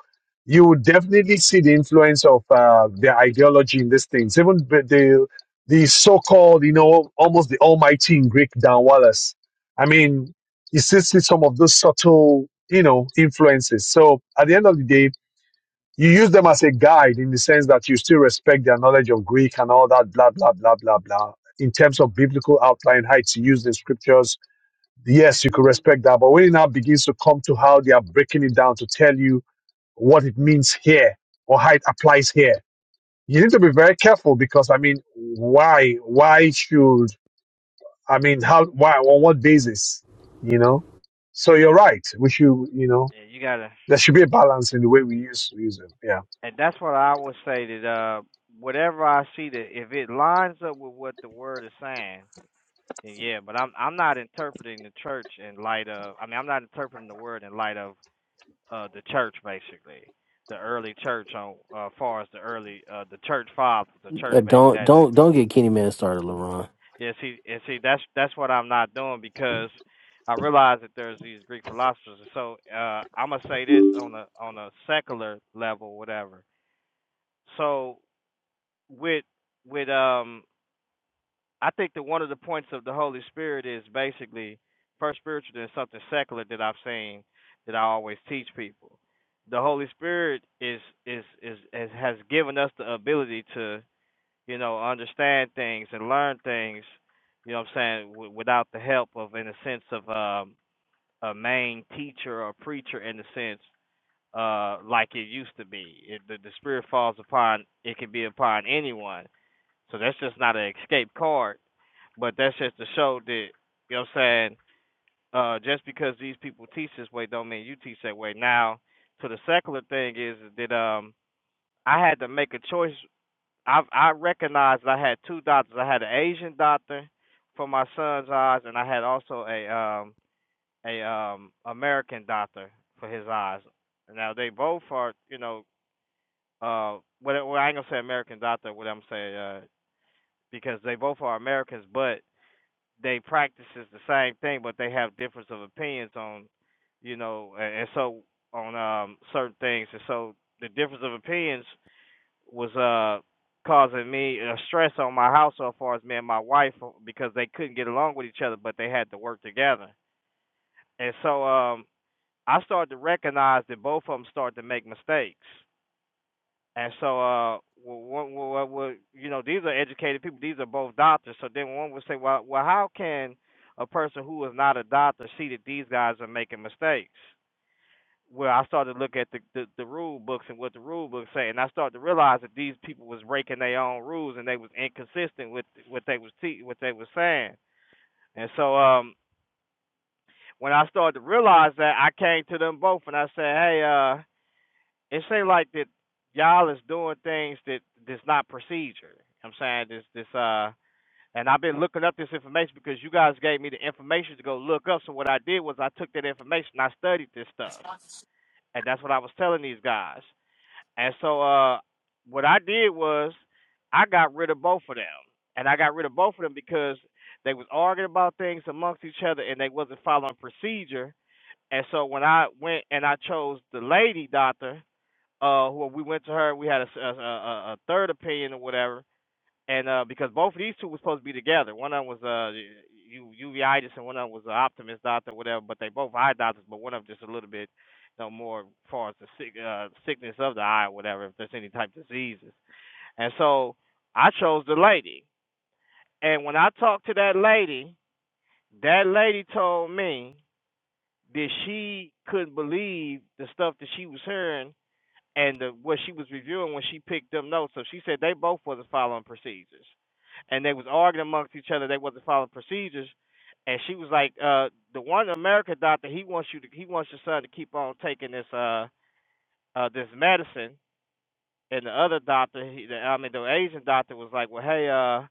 Speaker 6: you would definitely see the influence of uh, their ideology in these things. Even the the the so-called, you know, almost the almighty in Greek, Dan Wallace. I mean, you still see some of those subtle, you know, influences. So at the end of the day, you use them as a guide in the sense that you still respect their knowledge of Greek and all that, blah, blah, blah, blah, blah. In terms of biblical outline, how to use the scriptures, yes, you could respect that. But when it now begins to come to how they are breaking it down to tell you what it means here or how it applies here, you need to be very careful because I mean, why? Why should I mean how? Why on what basis? You know. So you're right. We should, you know,
Speaker 9: yeah, you gotta,
Speaker 6: there should be a balance in the way we use use it. Yeah.
Speaker 9: and that's what I would say that uh, whatever I see that if it lines up with what the word is saying, then yeah, but I'm I'm not interpreting the church in light of I mean I'm not interpreting the word in light of uh the church basically. The early church on uh far as the early uh the church fathers, the
Speaker 8: Uh,
Speaker 9: church baby
Speaker 8: don't
Speaker 9: that is
Speaker 8: don't don't get Kenny Man started, LaRon.
Speaker 9: yeah, see and see that's that's what I'm not doing because I realize that there's these Greek philosophers so uh I'm gonna say this on a on a secular level, whatever. So with with um I think that one of the points of the Holy Spirit is basically first spiritual than something secular that I've seen that I always teach people. The Holy Spirit is is is, is has given us the ability to you know understand things and learn things. You know what I'm saying w- without the help of in a sense of um, a main teacher or preacher in the sense uh like it used to be. If the, the Spirit falls upon, it can be upon anyone so that's just not an escape card, but that's just to show that you know what I'm saying. Uh, just because these people teach this way, don't mean you teach that way. Now, to the secular thing is that um, I had to make a choice. I I recognized I had two doctors. I had an Asian doctor for my son's eyes, and I had also a um a um American doctor for his eyes. Now they both are you know uh what well I ain't gonna say American doctor. What I'm saying uh because they both are Americans, but they practices the same thing, but they have difference of opinions on, you know, and, and so on um certain things, and so the difference of opinions was uh causing me a stress on my household, as far as me and my wife, uh, because they couldn't get along with each other, but they had to work together, and so um I started to recognize that both of them started to make mistakes and so, uh, what, what, what, you know, these are educated people. These are both doctors. So then one would say, well, well, how can a person who is not a doctor see that these guys are making mistakes? Well, I started to look at the, the the rule books and what the rule books say, and I started to realize that these people was breaking their own rules and they was inconsistent with what they was te- what they was saying. And so, um, when I started to realize that, I came to them both and I said, hey, uh, it seems like that y'all is doing things that that's not procedure. I'm saying this this uh and I've been looking up this information because you guys gave me the information to go look up. So what I did was I took that information, I studied this stuff. And that's what I was telling these guys. And so uh what I did was I got rid of both of them. And I got rid of both of them because they was arguing about things amongst each other and they wasn't following procedure. And so when I went and I chose the lady doctor, uh who we went to her we had a, a, a, third opinion or whatever and uh because both of these two was supposed to be together one of them was uh uveitis and one of them was an optimist doctor or whatever but they both eye doctors but one of them just a little bit you know more as far as the sick, uh, sickness of the eye or whatever if there's any type of diseases and so i chose the lady and when i talked to that lady that lady told me that she couldn't believe the stuff that she was hearing and the, what she was reviewing when she picked them notes. So she said they both wasn't following procedures, and they was arguing amongst each other. They wasn't following procedures, and she was like, uh, "The one America doctor, he wants you to, he wants your son to keep on taking this, uh, uh, this medicine." And the other doctor, he, the, I mean, the Asian doctor was like, "Well, hey, uh,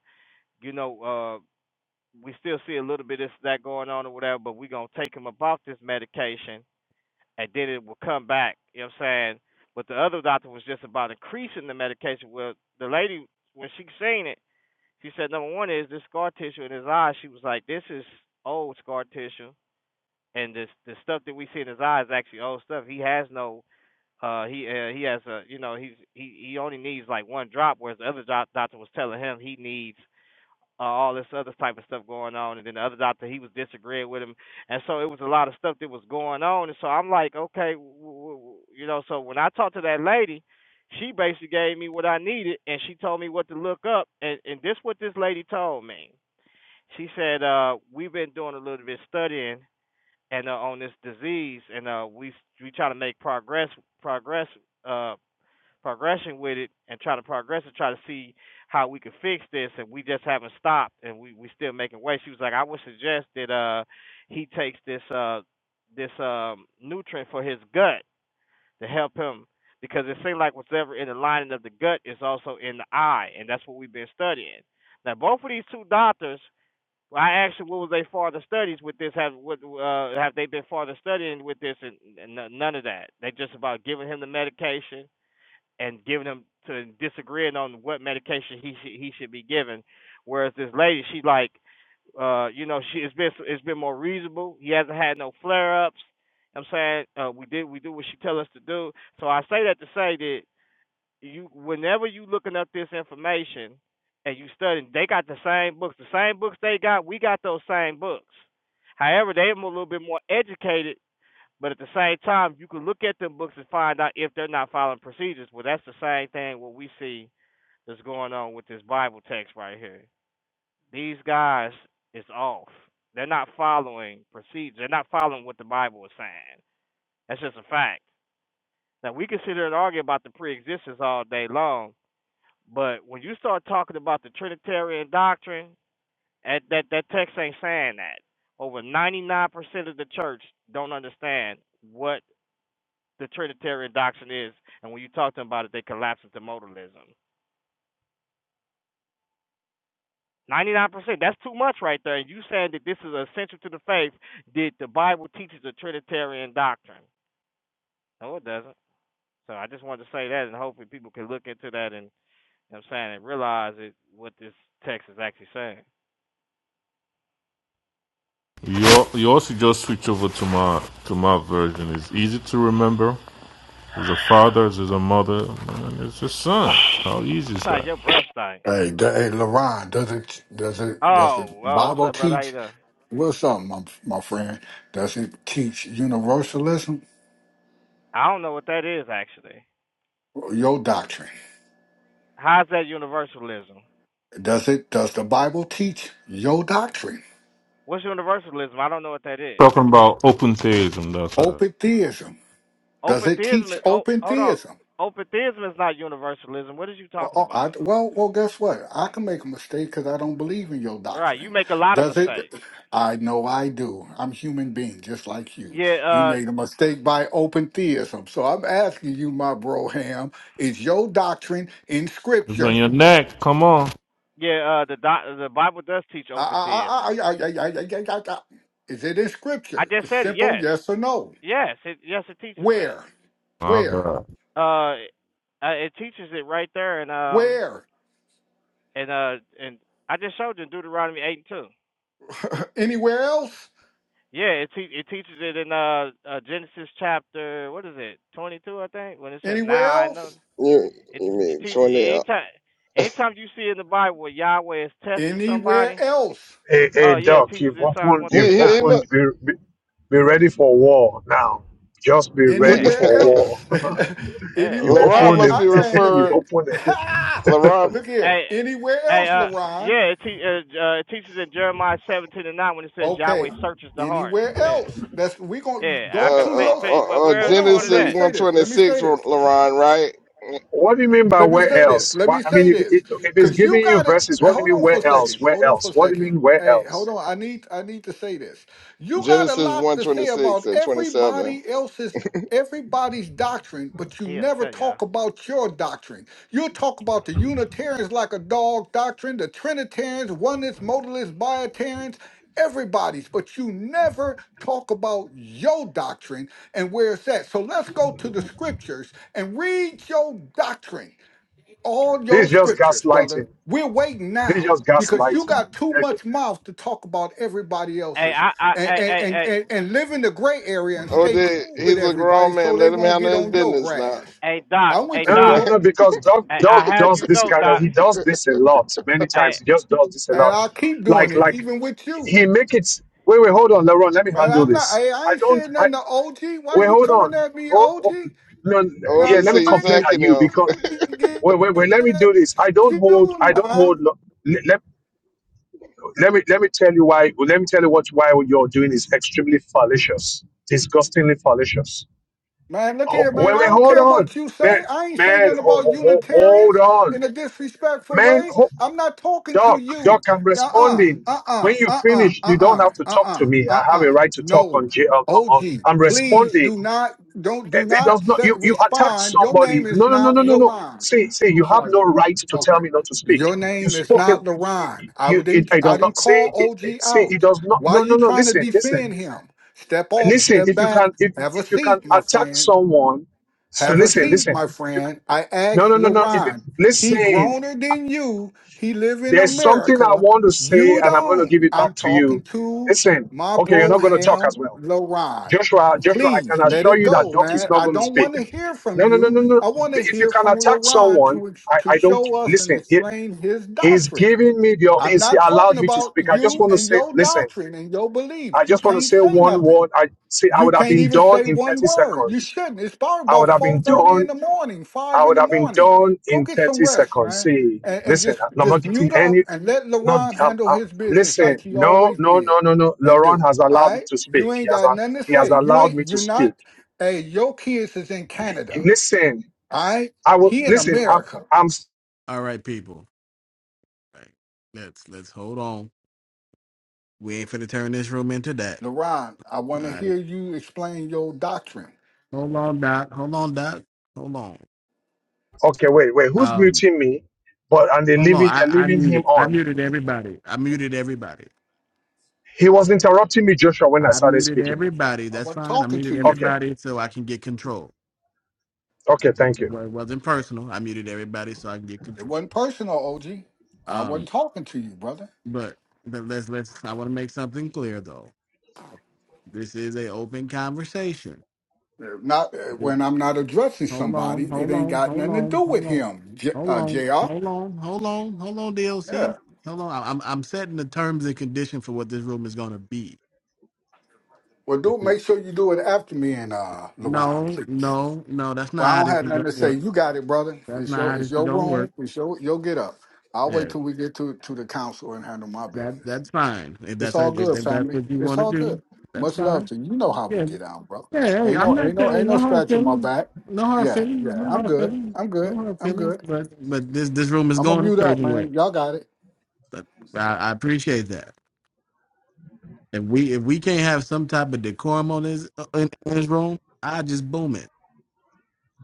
Speaker 9: you know, uh, we still see a little bit of this that going on or whatever, but we gonna take him about this medication." and then it will come back. You know what I'm saying? But the other doctor was just about increasing the medication. Well, the lady when she seen it, she said number one is this scar tissue in his eye. She was like, this is old scar tissue, and this the stuff that we see in his eye is actually old stuff. He has no. Uh, he uh, he has a you know he's he he only needs like one drop, whereas the other doc- doctor was telling him he needs uh, all this other type of stuff going on, and then the other doctor he was disagreeing with him, and so it was a lot of stuff that was going on, and so I'm like, okay, w- w- w- you know, so when I talked to that lady, she basically gave me what I needed, and she told me what to look up, and and this what this lady told me. She said, uh, we've been doing a little bit studying and uh, on this disease, and uh, we we try to make progress progress. uh, progression with it and try to progress and try to see how we could fix this and we just haven't stopped and we we still making way she was like i would suggest that uh he takes this uh this um nutrient for his gut to help him because it seemed like whatever in the lining of the gut is also in the eye and that's what we've been studying now both of these two doctors well, I asked her what was they farther studies with this have what uh have they been farther studying with this and, and none of that they just about giving him the medication and giving him to disagreeing on what medication he should he should be given. Whereas this lady, she like, uh, you know, she it's been it's been more reasonable. He hasn't had no flare ups. I'm saying uh, we did we do what she tell us to do. So I say that to say that you whenever you looking up this information and you studying, they got the same books. The same books they got, we got those same books. However, they're a little bit more educated but at the same time, you can look at them books and find out if they're not following procedures. Well, that's the same thing what we see that's going on with this Bible text right here. These guys is off. They're not following procedures. They're not following what the Bible is saying. That's just a fact. Now we can sit here and argue about the pre-existence all day long, but when you start talking about the Trinitarian doctrine, that that, that text ain't saying that. Over 99% of the church don't understand what the Trinitarian doctrine is, and when you talk to them about it, they collapse into modalism. 99%, that's too much right there. And you saying that this is essential to the faith, that the Bible teaches a Trinitarian doctrine. No, it doesn't. So I just wanted to say that, and hopefully people can look into that and, you know what I'm saying, and realize it, what this text is actually saying.
Speaker 4: You al- you also just switch over to my to my version. It's easy to remember. There's a father, there's a mother, and there's a son. How easy is
Speaker 9: It's like
Speaker 4: that?
Speaker 9: your breath stank.
Speaker 10: Hey, d- hey, LaRon, does it does it does the
Speaker 9: Oh, well, what's
Speaker 10: Bible
Speaker 9: up, brother? How you
Speaker 10: teach?
Speaker 9: doing?
Speaker 10: Well, something, my, my friend. Does it teach universalism?
Speaker 9: I don't know what that is, actually.
Speaker 10: Your doctrine.
Speaker 9: How's that universalism?
Speaker 10: Does it? Does the Bible teach your doctrine?
Speaker 9: What's universalism? I don't know what that is.
Speaker 4: Talking about open theism, that's right.
Speaker 10: Open theism. Does
Speaker 9: Open
Speaker 10: it
Speaker 9: theism is
Speaker 10: teach
Speaker 9: oh
Speaker 10: open
Speaker 9: hold on.
Speaker 10: theism?
Speaker 9: Open theism is not universalism. What is you
Speaker 10: Well,
Speaker 9: talking
Speaker 10: oh, I,
Speaker 9: about?
Speaker 10: well, well, guess what? I can make a mistake because I don't believe in your
Speaker 9: All right, you
Speaker 10: doctrine.
Speaker 9: make a lot of
Speaker 10: Does it?
Speaker 9: mistakes.
Speaker 10: I know I do. I'm a human being, just like you.
Speaker 9: Yeah,
Speaker 10: You
Speaker 9: uh,
Speaker 10: made a mistake by open theism. So I'm asking you, my bro Ham, is your doctrine in
Speaker 4: You bring
Speaker 10: Scripture?
Speaker 4: your neck, come on.
Speaker 9: yeah. Uh, the doc- the Bible does teach
Speaker 10: I,
Speaker 9: open theism.
Speaker 10: I, I, I, I, I, I, I, I, is it in
Speaker 9: I
Speaker 10: Scripture?
Speaker 9: just
Speaker 10: It's
Speaker 9: said it.
Speaker 10: simple,
Speaker 9: Yes,
Speaker 10: yes or no.
Speaker 9: yes, it, yes. It teaches that.
Speaker 10: Where?
Speaker 4: My
Speaker 10: Where?
Speaker 4: God.
Speaker 9: Uh, uh, it teaches it right there, and um,
Speaker 10: Where?
Speaker 9: and uh, and I just showed you in Deuteronomy eight and two.
Speaker 10: Anywhere else?
Speaker 9: Yeah, it te- it teaches it in uh, uh Genesis chapter what is it twenty two I think when it says
Speaker 10: Anywhere
Speaker 9: now I know
Speaker 10: else?
Speaker 7: you
Speaker 9: It
Speaker 7: you
Speaker 9: it
Speaker 7: mean
Speaker 9: teaches
Speaker 7: twenty? Uh,
Speaker 9: anytime anytime you see in the Bible where Yahweh is testing
Speaker 10: Anywhere
Speaker 9: somebody,
Speaker 10: else?
Speaker 6: Hey, hey,
Speaker 9: uh yeah, it
Speaker 6: Doc,
Speaker 9: teaches
Speaker 6: you've
Speaker 9: in Psalms one
Speaker 6: opened,
Speaker 7: he
Speaker 9: thirty
Speaker 6: you've
Speaker 7: he,
Speaker 9: nine.
Speaker 7: he
Speaker 6: opened.
Speaker 7: look.
Speaker 6: Be, be, be ready for war now. Just be ready
Speaker 9: Yeah,
Speaker 10: Anywhere
Speaker 6: for
Speaker 9: yeah,
Speaker 10: else?
Speaker 6: war.
Speaker 9: yeah,
Speaker 6: You've
Speaker 10: Anywhere?
Speaker 7: LaRon
Speaker 10: I'm
Speaker 9: yeah.
Speaker 6: opened
Speaker 7: must
Speaker 10: I,
Speaker 7: be
Speaker 10: man.
Speaker 6: the,
Speaker 10: Look
Speaker 6: you've
Speaker 7: referred.
Speaker 10: here.
Speaker 6: opened the,
Speaker 7: LaRon,
Speaker 10: look here.
Speaker 9: Hey
Speaker 10: Anywhere
Speaker 9: hey
Speaker 10: else,
Speaker 9: uh
Speaker 10: Laron?
Speaker 9: yeah, it, te- uh, uh, it teaches in Jeremiah seventeen and nine when it says Yahweh
Speaker 10: Okay.
Speaker 9: searches the heart.
Speaker 10: Anywhere
Speaker 9: Yeah,
Speaker 10: else? That's we gonna
Speaker 9: yeah. I
Speaker 10: go
Speaker 7: uh,
Speaker 9: can
Speaker 10: to
Speaker 9: play,
Speaker 7: uh,
Speaker 10: your.
Speaker 9: play.
Speaker 10: sc-
Speaker 9: Well,
Speaker 7: uh, uh,
Speaker 9: where else
Speaker 10: Hold
Speaker 9: you
Speaker 10: on.
Speaker 9: wanted
Speaker 10: Let
Speaker 7: Genesis
Speaker 10: me
Speaker 9: that?
Speaker 7: one
Speaker 10: say this.
Speaker 7: twenty
Speaker 10: Let me say
Speaker 7: six.
Speaker 10: this.
Speaker 7: LaRon, right?
Speaker 6: what do you mean by
Speaker 10: let me
Speaker 6: where
Speaker 10: say this.
Speaker 6: else?
Speaker 10: Let
Speaker 6: What,
Speaker 10: me
Speaker 6: I mean,
Speaker 10: say
Speaker 6: if, it,
Speaker 10: this.
Speaker 6: if it's
Speaker 10: Cause you
Speaker 6: giving you
Speaker 10: gotta
Speaker 6: verses, what do
Speaker 10: hold
Speaker 6: you mean
Speaker 10: on for a
Speaker 6: where else?
Speaker 10: second.
Speaker 6: Where
Speaker 10: Hold on
Speaker 6: else?
Speaker 10: for a
Speaker 6: What do you
Speaker 10: second.
Speaker 6: mean where
Speaker 10: Hey, hold
Speaker 6: else?
Speaker 10: on. I need I need to say this. You got a
Speaker 7: Genesis
Speaker 10: lot
Speaker 7: one
Speaker 10: to
Speaker 7: twenty
Speaker 10: say
Speaker 7: six
Speaker 10: about
Speaker 7: and twenty seven.
Speaker 10: everybody else's everybody's doctrine, but you
Speaker 9: He
Speaker 10: never
Speaker 9: upset y'all.
Speaker 10: talk about your doctrine. You talk about the Unitarians like a dog doctrine, the Trinitarians, oneness, modalists, biotarians, everybody's, but you never talk about your doctrine and where it's at. So let's go to the scriptures and read your doctrine all
Speaker 6: This
Speaker 10: your
Speaker 6: is just
Speaker 10: scriptures, brother.
Speaker 6: gaslighting.
Speaker 10: We're waiting
Speaker 6: This is
Speaker 10: now
Speaker 6: just
Speaker 10: because you
Speaker 6: gaslighting.
Speaker 10: got too
Speaker 6: No,
Speaker 10: much mouth to talk about everybody
Speaker 9: Hey,
Speaker 10: else's
Speaker 9: I, I,
Speaker 10: and,
Speaker 9: hey,
Speaker 10: and,
Speaker 9: hey,
Speaker 10: and,
Speaker 9: hey,
Speaker 10: and, and live in the gray area and
Speaker 7: Oh,
Speaker 10: stay
Speaker 7: dude,
Speaker 10: cool with
Speaker 7: he's a
Speaker 10: everybody
Speaker 7: grown
Speaker 10: so
Speaker 7: man.
Speaker 10: they
Speaker 7: Let him
Speaker 10: won't
Speaker 7: handle
Speaker 10: get
Speaker 7: his
Speaker 10: on your
Speaker 7: business now.
Speaker 10: grass.
Speaker 9: hey, Doc,
Speaker 10: I'm
Speaker 9: hey,
Speaker 10: with you,
Speaker 6: no,
Speaker 9: Doc.
Speaker 6: no,
Speaker 10: bro.
Speaker 6: no, because Doc,
Speaker 9: Hey, I
Speaker 6: Doc
Speaker 9: have
Speaker 6: does
Speaker 9: you
Speaker 6: this
Speaker 9: know,
Speaker 6: kind of,
Speaker 9: Doc.
Speaker 6: he does this a lot, many
Speaker 9: Hey,
Speaker 6: times. He just does this a
Speaker 10: And
Speaker 6: lot.
Speaker 10: I'll keep doing
Speaker 6: Like,
Speaker 10: it,
Speaker 6: like,
Speaker 10: even with you.
Speaker 6: he make it, wait, wait, hold on, Leron, let me
Speaker 10: Man,
Speaker 6: handle
Speaker 10: I'm not,
Speaker 6: this.
Speaker 10: I, I
Speaker 6: I
Speaker 10: ain't
Speaker 6: don't,
Speaker 10: saying
Speaker 6: I,
Speaker 10: nothing to OG. Why
Speaker 6: wait,
Speaker 10: you
Speaker 6: hold
Speaker 10: coming
Speaker 6: on.
Speaker 10: at me,
Speaker 6: Oh,
Speaker 10: OG?
Speaker 6: oh, no,
Speaker 7: Oh,
Speaker 10: Now,
Speaker 6: yeah,
Speaker 7: just
Speaker 6: let me
Speaker 10: don't
Speaker 7: see you
Speaker 6: complain at
Speaker 7: attacking
Speaker 6: you
Speaker 7: them.
Speaker 6: because
Speaker 10: make me get
Speaker 6: wait, wait, wait, let me
Speaker 10: at
Speaker 6: do this. I don't hold,
Speaker 10: you
Speaker 6: I don't
Speaker 10: now.
Speaker 6: hold. lo- Let, let, let me let me tell you why. Let me tell you what why what you're doing is extremely fallacious, disgustingly fallacious.
Speaker 10: Man, look
Speaker 6: Ho-
Speaker 10: here, man.
Speaker 6: Wait,
Speaker 10: I
Speaker 6: wait,
Speaker 10: don't
Speaker 6: hold
Speaker 10: care
Speaker 6: on,
Speaker 10: what you say.
Speaker 6: man,
Speaker 10: I ain't say
Speaker 6: man,
Speaker 10: nothing
Speaker 6: ho,
Speaker 10: about
Speaker 6: ho, ho- hold
Speaker 10: Unitarians
Speaker 6: on,
Speaker 10: in a disrespectful
Speaker 6: man,
Speaker 10: way.
Speaker 6: ho,
Speaker 10: I'm not talking to
Speaker 6: Doc, Doc,
Speaker 10: you.
Speaker 6: I'm
Speaker 10: Uh-uh.
Speaker 6: responding. When
Speaker 10: Uh-uh.
Speaker 6: you
Speaker 10: Uh-uh.
Speaker 6: finish, you don't
Speaker 10: Uh-uh.
Speaker 6: have to talk to
Speaker 10: Uh-uh.
Speaker 6: me. I have a
Speaker 10: Uh-uh.
Speaker 6: right to talk
Speaker 10: No.
Speaker 6: on. J- on, on,
Speaker 10: OG,
Speaker 6: on. I'm
Speaker 10: please
Speaker 6: responding.
Speaker 10: do not don't do
Speaker 6: It, it does
Speaker 10: not
Speaker 6: not.
Speaker 10: say,
Speaker 6: You you attack
Speaker 10: respond. Your
Speaker 6: somebody.
Speaker 10: name is
Speaker 6: No no no
Speaker 10: not
Speaker 6: no no no.
Speaker 10: LaRon.
Speaker 6: Say say you have no right to tell
Speaker 10: Okay.
Speaker 6: me not to speak.
Speaker 10: Your
Speaker 6: You
Speaker 10: name is
Speaker 6: spoke. ab-
Speaker 10: not LaRon. I
Speaker 6: You
Speaker 10: would-
Speaker 6: it,
Speaker 10: didn't
Speaker 6: it
Speaker 10: I
Speaker 6: does not
Speaker 10: didn't
Speaker 6: say
Speaker 10: call
Speaker 6: it, it.
Speaker 10: OG
Speaker 6: Say it
Speaker 10: out.
Speaker 6: does not.
Speaker 10: Why
Speaker 6: No no
Speaker 10: you
Speaker 6: no.
Speaker 10: trying to
Speaker 6: Listen
Speaker 10: defend
Speaker 6: listen
Speaker 10: him? Step off,
Speaker 6: listen.
Speaker 10: step
Speaker 6: If you
Speaker 10: back,
Speaker 6: can if
Speaker 10: have a
Speaker 6: if you can
Speaker 10: seat, my
Speaker 6: attack
Speaker 10: friend.
Speaker 6: someone, so
Speaker 10: Have a
Speaker 6: listen
Speaker 10: seat,
Speaker 6: listen.
Speaker 10: my
Speaker 6: If you,
Speaker 10: friend. I
Speaker 6: no
Speaker 10: asked
Speaker 6: no no no. If you
Speaker 10: LaRon. He
Speaker 6: listen,
Speaker 10: groaner than you. He live in
Speaker 6: there's something I
Speaker 10: America.
Speaker 6: want to say,
Speaker 10: You
Speaker 6: and I'm going to
Speaker 10: don't.
Speaker 6: give it
Speaker 10: I'm
Speaker 6: back to
Speaker 10: talking
Speaker 6: you.
Speaker 10: to
Speaker 6: Listen.
Speaker 10: my
Speaker 6: Okay, you're
Speaker 10: bro
Speaker 6: not going to talk as
Speaker 10: Ham
Speaker 6: well.
Speaker 10: LaRon.
Speaker 6: Joshua, Joshua, I
Speaker 10: Please
Speaker 6: can
Speaker 10: let
Speaker 6: assure
Speaker 10: it
Speaker 6: you that
Speaker 10: go,
Speaker 6: Doc is
Speaker 10: man.
Speaker 6: not
Speaker 10: I
Speaker 6: going to
Speaker 10: don't
Speaker 6: speak.
Speaker 10: want to hear from
Speaker 6: No, no, no,
Speaker 10: you.
Speaker 6: no, no.
Speaker 10: I want to
Speaker 6: If you
Speaker 10: hear
Speaker 6: can
Speaker 10: from
Speaker 6: attack
Speaker 10: LaRon
Speaker 6: someone,
Speaker 10: to ex-
Speaker 6: I,
Speaker 10: to
Speaker 6: I don't
Speaker 10: show us and
Speaker 6: listen. He,
Speaker 10: explain his
Speaker 6: he's
Speaker 10: doctrine.
Speaker 6: giving me the
Speaker 10: I'm
Speaker 6: he's
Speaker 10: not talking
Speaker 6: allowed me to
Speaker 10: about
Speaker 6: speak. I just
Speaker 10: you
Speaker 6: want to
Speaker 10: and
Speaker 6: say,
Speaker 10: your
Speaker 6: listen,
Speaker 10: doctrine and your beliefs.
Speaker 6: I
Speaker 10: You
Speaker 6: just want to
Speaker 10: can't
Speaker 6: say
Speaker 10: say
Speaker 6: one
Speaker 10: nothing.
Speaker 6: word. I see I
Speaker 10: You
Speaker 6: would have
Speaker 10: can't
Speaker 6: been
Speaker 10: even
Speaker 6: done
Speaker 10: say
Speaker 6: in
Speaker 10: one
Speaker 6: 30
Speaker 10: word. You
Speaker 6: seconds.
Speaker 10: shouldn't. It's probably
Speaker 6: I would
Speaker 10: about
Speaker 6: have been
Speaker 10: four thirty
Speaker 6: done.
Speaker 10: in the morning, five
Speaker 6: I
Speaker 10: in
Speaker 6: would
Speaker 10: the
Speaker 6: have been
Speaker 10: morning.
Speaker 6: done
Speaker 10: Go
Speaker 6: in
Speaker 10: get some
Speaker 6: 30
Speaker 10: rest,
Speaker 6: seconds.
Speaker 10: man,
Speaker 6: See,
Speaker 10: and, and
Speaker 6: listen,
Speaker 10: just
Speaker 6: I'm not
Speaker 10: just
Speaker 6: getting
Speaker 10: mute up
Speaker 6: any
Speaker 10: and let
Speaker 6: not
Speaker 10: LaRon
Speaker 6: um,
Speaker 10: handle
Speaker 6: uh,
Speaker 10: his business like
Speaker 6: listen,
Speaker 10: he
Speaker 6: no,
Speaker 10: always
Speaker 6: no,
Speaker 10: did,
Speaker 6: no, no, no.
Speaker 10: and
Speaker 6: Laurent
Speaker 10: do.
Speaker 6: has
Speaker 10: All
Speaker 6: allowed me
Speaker 10: right,
Speaker 6: to speak.
Speaker 10: you
Speaker 6: He
Speaker 10: ain't
Speaker 6: has
Speaker 10: got
Speaker 6: a-
Speaker 10: nothing to
Speaker 6: he has
Speaker 10: say. You
Speaker 6: allowed me
Speaker 10: ain't.
Speaker 6: to
Speaker 10: You're
Speaker 6: speak.
Speaker 10: not. Hey, your kids is in Canada.
Speaker 6: Listen,
Speaker 10: All right,
Speaker 6: I will
Speaker 10: he in
Speaker 6: listen. I'm,
Speaker 10: America.
Speaker 6: I'm
Speaker 1: All right, people. All right, let's let's hold on. We ain't finna turn this room into that.
Speaker 10: LaRon, I want to
Speaker 1: All right.
Speaker 10: hear you explain your doctrine.
Speaker 1: Hold on, Doc. Hold on, Doc. Hold on.
Speaker 6: okay. Wait, wait. Who's
Speaker 1: Um,
Speaker 6: muting me? But and they
Speaker 1: hold on.
Speaker 6: leaving.
Speaker 1: I,
Speaker 6: They're
Speaker 1: I
Speaker 6: leaving him
Speaker 1: muted. I
Speaker 6: on.
Speaker 1: muted everybody. I muted everybody.
Speaker 6: He was interrupting me, Joshua, when I
Speaker 1: I
Speaker 6: started
Speaker 1: muted
Speaker 6: speaking.
Speaker 1: everybody.
Speaker 10: I
Speaker 1: That's
Speaker 10: wasn't
Speaker 1: fine. I
Speaker 10: talking
Speaker 1: muted
Speaker 10: to you.
Speaker 6: Okay.
Speaker 1: everybody so I can get control.
Speaker 6: Okay. Thank
Speaker 1: It,
Speaker 6: you,
Speaker 1: wa- it wasn't personal. I muted everybody so I can get
Speaker 10: It
Speaker 1: control.
Speaker 10: wasn't personal, OG. I
Speaker 1: Um,
Speaker 10: wasn't talking to you, brother.
Speaker 1: but but let's let's. I want to make something clear though. This is an open conversation.
Speaker 10: If Not uh,
Speaker 1: Just
Speaker 10: when I'm not addressing
Speaker 1: Hold on,
Speaker 10: somebody, it
Speaker 1: hold
Speaker 10: ain't
Speaker 1: on,
Speaker 10: got
Speaker 1: hold
Speaker 10: nothing to
Speaker 1: on,
Speaker 10: do
Speaker 1: hold
Speaker 10: with
Speaker 1: on,
Speaker 10: him, J,
Speaker 1: hold
Speaker 10: uh,
Speaker 1: on,
Speaker 10: Jr.
Speaker 1: hold on, hold on, hold on,
Speaker 10: Yeah.
Speaker 1: DLC. Hold on. I- I'm I'm setting the terms and condition for what this room is gonna be.
Speaker 10: Well,
Speaker 1: This
Speaker 10: do
Speaker 1: is-
Speaker 10: make sure you do it after me and uh, LaRon,
Speaker 1: No,
Speaker 10: please.
Speaker 1: no, no. That's not
Speaker 10: Well, I
Speaker 1: how
Speaker 10: don't
Speaker 1: this
Speaker 10: have
Speaker 1: is
Speaker 10: nothing
Speaker 1: gonna
Speaker 10: to say.
Speaker 1: work.
Speaker 10: You got it, brother.
Speaker 1: That's
Speaker 10: It's
Speaker 1: not
Speaker 10: your
Speaker 1: how
Speaker 10: it's
Speaker 1: this is
Speaker 10: your
Speaker 1: gonna work.
Speaker 10: room. It's your your get up. I'll wait
Speaker 1: Yeah,
Speaker 10: till we get to to the council and handle my
Speaker 1: that
Speaker 10: business.
Speaker 1: that's fine. If
Speaker 10: It's
Speaker 1: that's how,
Speaker 10: all
Speaker 1: if,
Speaker 10: good,
Speaker 1: if that's
Speaker 10: family.
Speaker 1: what you
Speaker 10: It's
Speaker 1: want to
Speaker 10: all
Speaker 1: do,
Speaker 10: good.
Speaker 1: that's
Speaker 10: Much
Speaker 1: fine.
Speaker 10: love to you. You know how we
Speaker 1: Yeah,
Speaker 10: get out, bro.
Speaker 1: yeah. Hey,
Speaker 10: Ain't
Speaker 1: I'm
Speaker 10: no
Speaker 1: not
Speaker 10: ain't no
Speaker 1: saying
Speaker 10: ain't no
Speaker 1: no hard
Speaker 10: scratch on my
Speaker 1: feelings,
Speaker 10: back.
Speaker 1: no hard
Speaker 10: Yeah,
Speaker 1: feelings,
Speaker 10: yeah.
Speaker 1: no
Speaker 10: I'm
Speaker 1: hard
Speaker 10: good.
Speaker 1: feelings,
Speaker 10: I'm
Speaker 1: no
Speaker 10: good.
Speaker 1: hard
Speaker 10: I'm
Speaker 1: feelings.
Speaker 10: good.
Speaker 1: But but this this room is
Speaker 10: I'm gonna
Speaker 1: going a
Speaker 10: mute up,
Speaker 1: certain way.
Speaker 10: man. Y'all got it.
Speaker 1: But I, I appreciate that. If we if we can't have some type of decorum on this uh, in, in this room, I just boom it.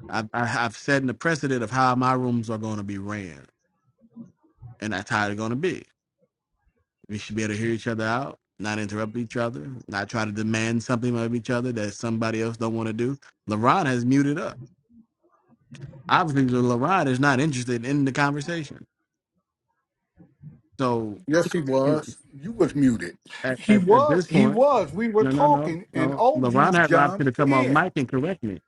Speaker 1: I, I have set the precedent of how my rooms are going to be ran, and that's how they're going to be. We should be able to hear each other out, not interrupt each other, not try to demand something of each other that somebody else don't want to do. LaRon has muted up. obviously LaRod is not interested in the conversation. So
Speaker 10: Yes, he was. You was muted.
Speaker 1: at,
Speaker 10: He
Speaker 1: at, at this
Speaker 10: was. He
Speaker 1: point,
Speaker 10: was. We were
Speaker 1: no, no, no,
Speaker 10: talking, and
Speaker 1: no. LaRon
Speaker 10: OG
Speaker 1: had the option to
Speaker 10: jumped
Speaker 1: come off mic
Speaker 10: in.
Speaker 1: and correct me.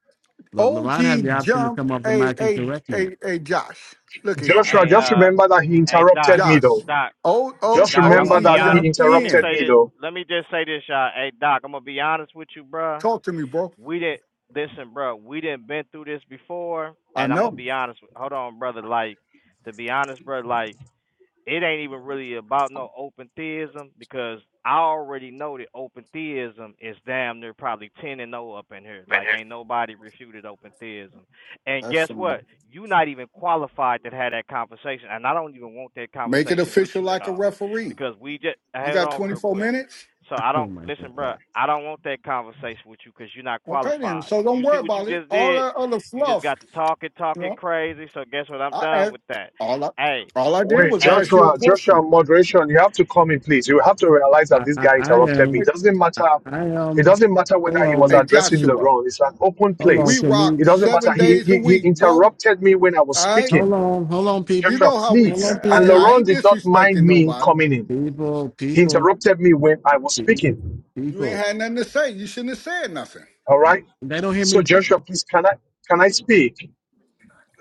Speaker 1: La- LaRon had the
Speaker 10: OG
Speaker 1: option to come
Speaker 10: jumped.
Speaker 1: off the
Speaker 10: Hey,
Speaker 1: mic and
Speaker 10: hey,
Speaker 1: correct me.
Speaker 10: hey, hey, Josh. Look here,
Speaker 6: Joshua.
Speaker 10: man.
Speaker 9: hey,
Speaker 6: Just
Speaker 9: uh,
Speaker 6: remember that he
Speaker 9: hey, Doc,
Speaker 6: interrupted me,
Speaker 10: Josh.
Speaker 6: though.
Speaker 9: Doc.
Speaker 10: O O
Speaker 6: Just
Speaker 9: Doc,
Speaker 10: O
Speaker 1: Hold
Speaker 9: I'm
Speaker 1: on,
Speaker 6: remember
Speaker 9: gonna
Speaker 10: G
Speaker 9: be
Speaker 1: hold
Speaker 6: that he
Speaker 9: honest.
Speaker 1: on.
Speaker 10: jumped
Speaker 9: Let me
Speaker 6: interrupted
Speaker 10: in.
Speaker 9: say
Speaker 6: me,
Speaker 9: this.
Speaker 6: though.
Speaker 9: Let me just say this, y'all. Hey, Doc, I'm gonna be honest with you, bruh.
Speaker 10: Talk to me, bro.
Speaker 9: We didn't listen, bruh. We didn't been through this before,
Speaker 10: I
Speaker 9: and I'm gonna
Speaker 10: know.
Speaker 9: be honest. With, hold on, brother. Like, to be honest, bruh, like it ain't even really about no open theism because I already know that open theism is damn near probably ten and no up in here. Like ain't nobody refuted open theism. And
Speaker 10: That's
Speaker 9: guess
Speaker 10: fine.
Speaker 9: what? you are not even qualified to have that conversation. And I don't even want that
Speaker 10: Make it
Speaker 9: conversation with
Speaker 10: official
Speaker 9: you at
Speaker 10: like a
Speaker 9: all.
Speaker 10: referee.
Speaker 9: Because we just
Speaker 10: You
Speaker 9: hold
Speaker 10: got
Speaker 9: on real
Speaker 10: 24
Speaker 9: quick.
Speaker 10: minutes?
Speaker 9: So I
Speaker 1: Oh
Speaker 9: don't
Speaker 1: my
Speaker 9: listen, bro.
Speaker 1: God.
Speaker 9: I don't want that conversation with you because you're not
Speaker 10: Okay, then.
Speaker 9: qualified.
Speaker 10: So don't
Speaker 9: You see
Speaker 10: worry
Speaker 9: what you
Speaker 10: about it.
Speaker 9: just
Speaker 10: All
Speaker 9: did?
Speaker 10: that other
Speaker 9: You just
Speaker 10: fluff,
Speaker 9: got to talking,
Speaker 10: you
Speaker 9: talking
Speaker 10: know,
Speaker 9: crazy. So guess what? I'm
Speaker 10: I
Speaker 9: done
Speaker 10: asked,
Speaker 9: with that.
Speaker 10: all I,
Speaker 9: Hey,
Speaker 10: all I did
Speaker 6: Wait,
Speaker 10: was
Speaker 9: Hey,
Speaker 10: ask you
Speaker 6: Joshua.
Speaker 10: a
Speaker 6: Joshua,
Speaker 10: question.
Speaker 6: moderation. You have to come in, please. You have to realize that
Speaker 1: I,
Speaker 6: this
Speaker 1: I,
Speaker 6: guy
Speaker 1: I
Speaker 6: interrupted me. It
Speaker 1: am,
Speaker 6: doesn't
Speaker 1: I,
Speaker 6: matter.
Speaker 1: I
Speaker 6: It
Speaker 1: am,
Speaker 6: doesn't matter
Speaker 1: hold
Speaker 6: whether he was
Speaker 10: Hey
Speaker 1: on,
Speaker 6: addressing
Speaker 10: Joshua,
Speaker 6: LeBron. It's an open
Speaker 1: hold on.
Speaker 10: we
Speaker 6: place.
Speaker 1: Can
Speaker 10: rock
Speaker 6: It
Speaker 1: we,
Speaker 6: doesn't matter.
Speaker 10: seven
Speaker 6: He,
Speaker 10: days a
Speaker 6: he, he
Speaker 10: week, bro. All
Speaker 6: interrupted me when I was
Speaker 10: right,
Speaker 1: hold
Speaker 6: speaking.
Speaker 1: on, hold on,
Speaker 10: you
Speaker 1: people.
Speaker 6: Joshua,
Speaker 10: know how
Speaker 1: Hold
Speaker 10: we.
Speaker 6: please.
Speaker 1: on,
Speaker 10: I,
Speaker 6: And
Speaker 10: I
Speaker 1: people.
Speaker 6: Laurent
Speaker 10: ain't
Speaker 6: did not mind
Speaker 10: disrespecting
Speaker 6: me
Speaker 10: nobody.
Speaker 6: coming in.
Speaker 1: People,
Speaker 6: He
Speaker 1: people,
Speaker 6: interrupted me when I was
Speaker 1: pe-
Speaker 6: speaking.
Speaker 10: You ain't
Speaker 1: people.
Speaker 10: had nothing to say. You shouldn't have said nothing.
Speaker 6: All right.
Speaker 1: They don't hear me
Speaker 6: So Joshua, please, can I can I speak?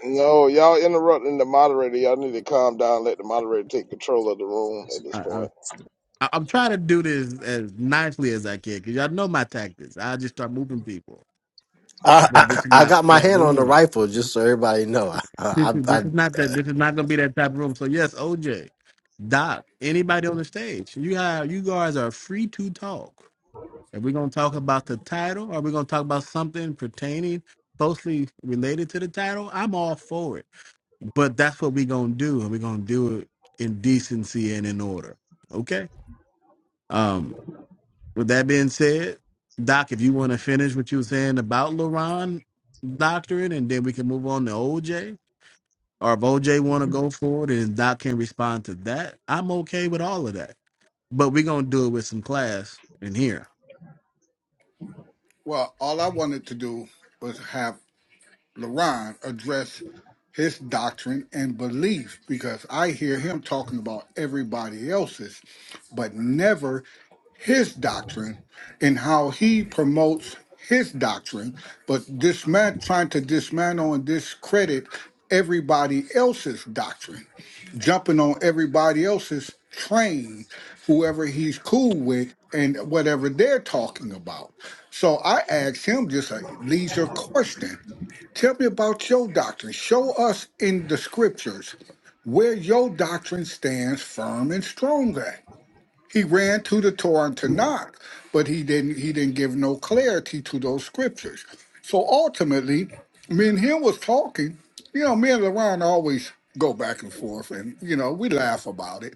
Speaker 7: No, y'all interrupting the moderator. Y'all need to calm down. Let the moderator take control of the room at this
Speaker 1: talk.
Speaker 7: point.
Speaker 1: I- I'm trying to do this as nicely as I can because y'all know my tactics. I just start moving people,
Speaker 8: I,
Speaker 1: but
Speaker 8: I,
Speaker 1: this is
Speaker 8: I
Speaker 1: not
Speaker 8: got my
Speaker 1: that
Speaker 8: hand on the
Speaker 1: room.
Speaker 8: rifle, just so everybody know.
Speaker 1: This
Speaker 8: I,
Speaker 1: is this
Speaker 8: I,
Speaker 1: is not
Speaker 8: I,
Speaker 1: that. This is not gonna be that type of room. So yes, OJ, Doc, anybody on the stage, you have you guys are free to talk. Are we gonna talk about the title? Are we gonna talk about something pertaining closely related to the title? I'm all for it, but that's what we gonna do, and we're gonna do it in decency and in order. Okay. Um, With that being said, Doc, if you want to finish what you were saying about LaRon doctrine, and then we can move on to OJ, or if OJ want to go forward and Doc can respond to that, I'm okay with all of that. But we're gonna do it with some class in here.
Speaker 10: Well, all I wanted to do was have Laron address his doctrine and belief because I hear him talking about everybody else's, but never his doctrine and how he promotes his doctrine, but this man trying to dismantle and discredit everybody else's doctrine, jumping on everybody else's train, whoever he's cool with and whatever they're talking about. So I asked him just a leisure question. Tell me about your doctrine. Show us in the scriptures where your doctrine stands firm and strong at. He ran to the Torah and Tanakh, but he didn't he didn't give no clarity to those scriptures. So ultimately, me and him was talking. You know, me and LaRon always go back and forth and you know, we laugh about it.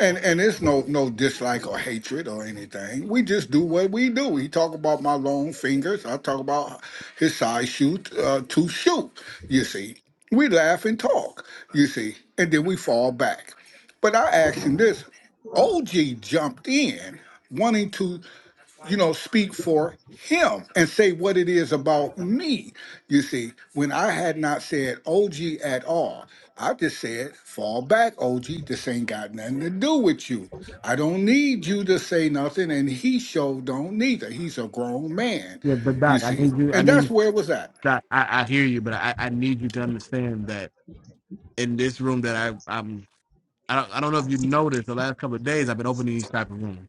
Speaker 10: And and it's no no dislike or hatred or anything. We just do what we do. He talk about my long fingers. I talk about his size shoot uh, to shoot. You see, we laugh and talk. You see, and then we fall back. But I asked him this. OG jumped in, wanting to, you know, speak for him and say what it is about me. You see, when I had not said OG at all, I just said, fall back, OG. This ain't got nothing to do with you. I don't need you to say nothing, and he sure don't neither. He's a grown man,
Speaker 1: Yeah, but
Speaker 10: you
Speaker 1: Doc, I
Speaker 10: see.
Speaker 1: need you. I
Speaker 10: And that's
Speaker 1: need
Speaker 10: where it was at.
Speaker 1: Doc. I, I hear you, but I, I need you to understand that in this room that I, I'm. I don't, I don't know if you noticed the last couple of days I've been opening these type of rooms,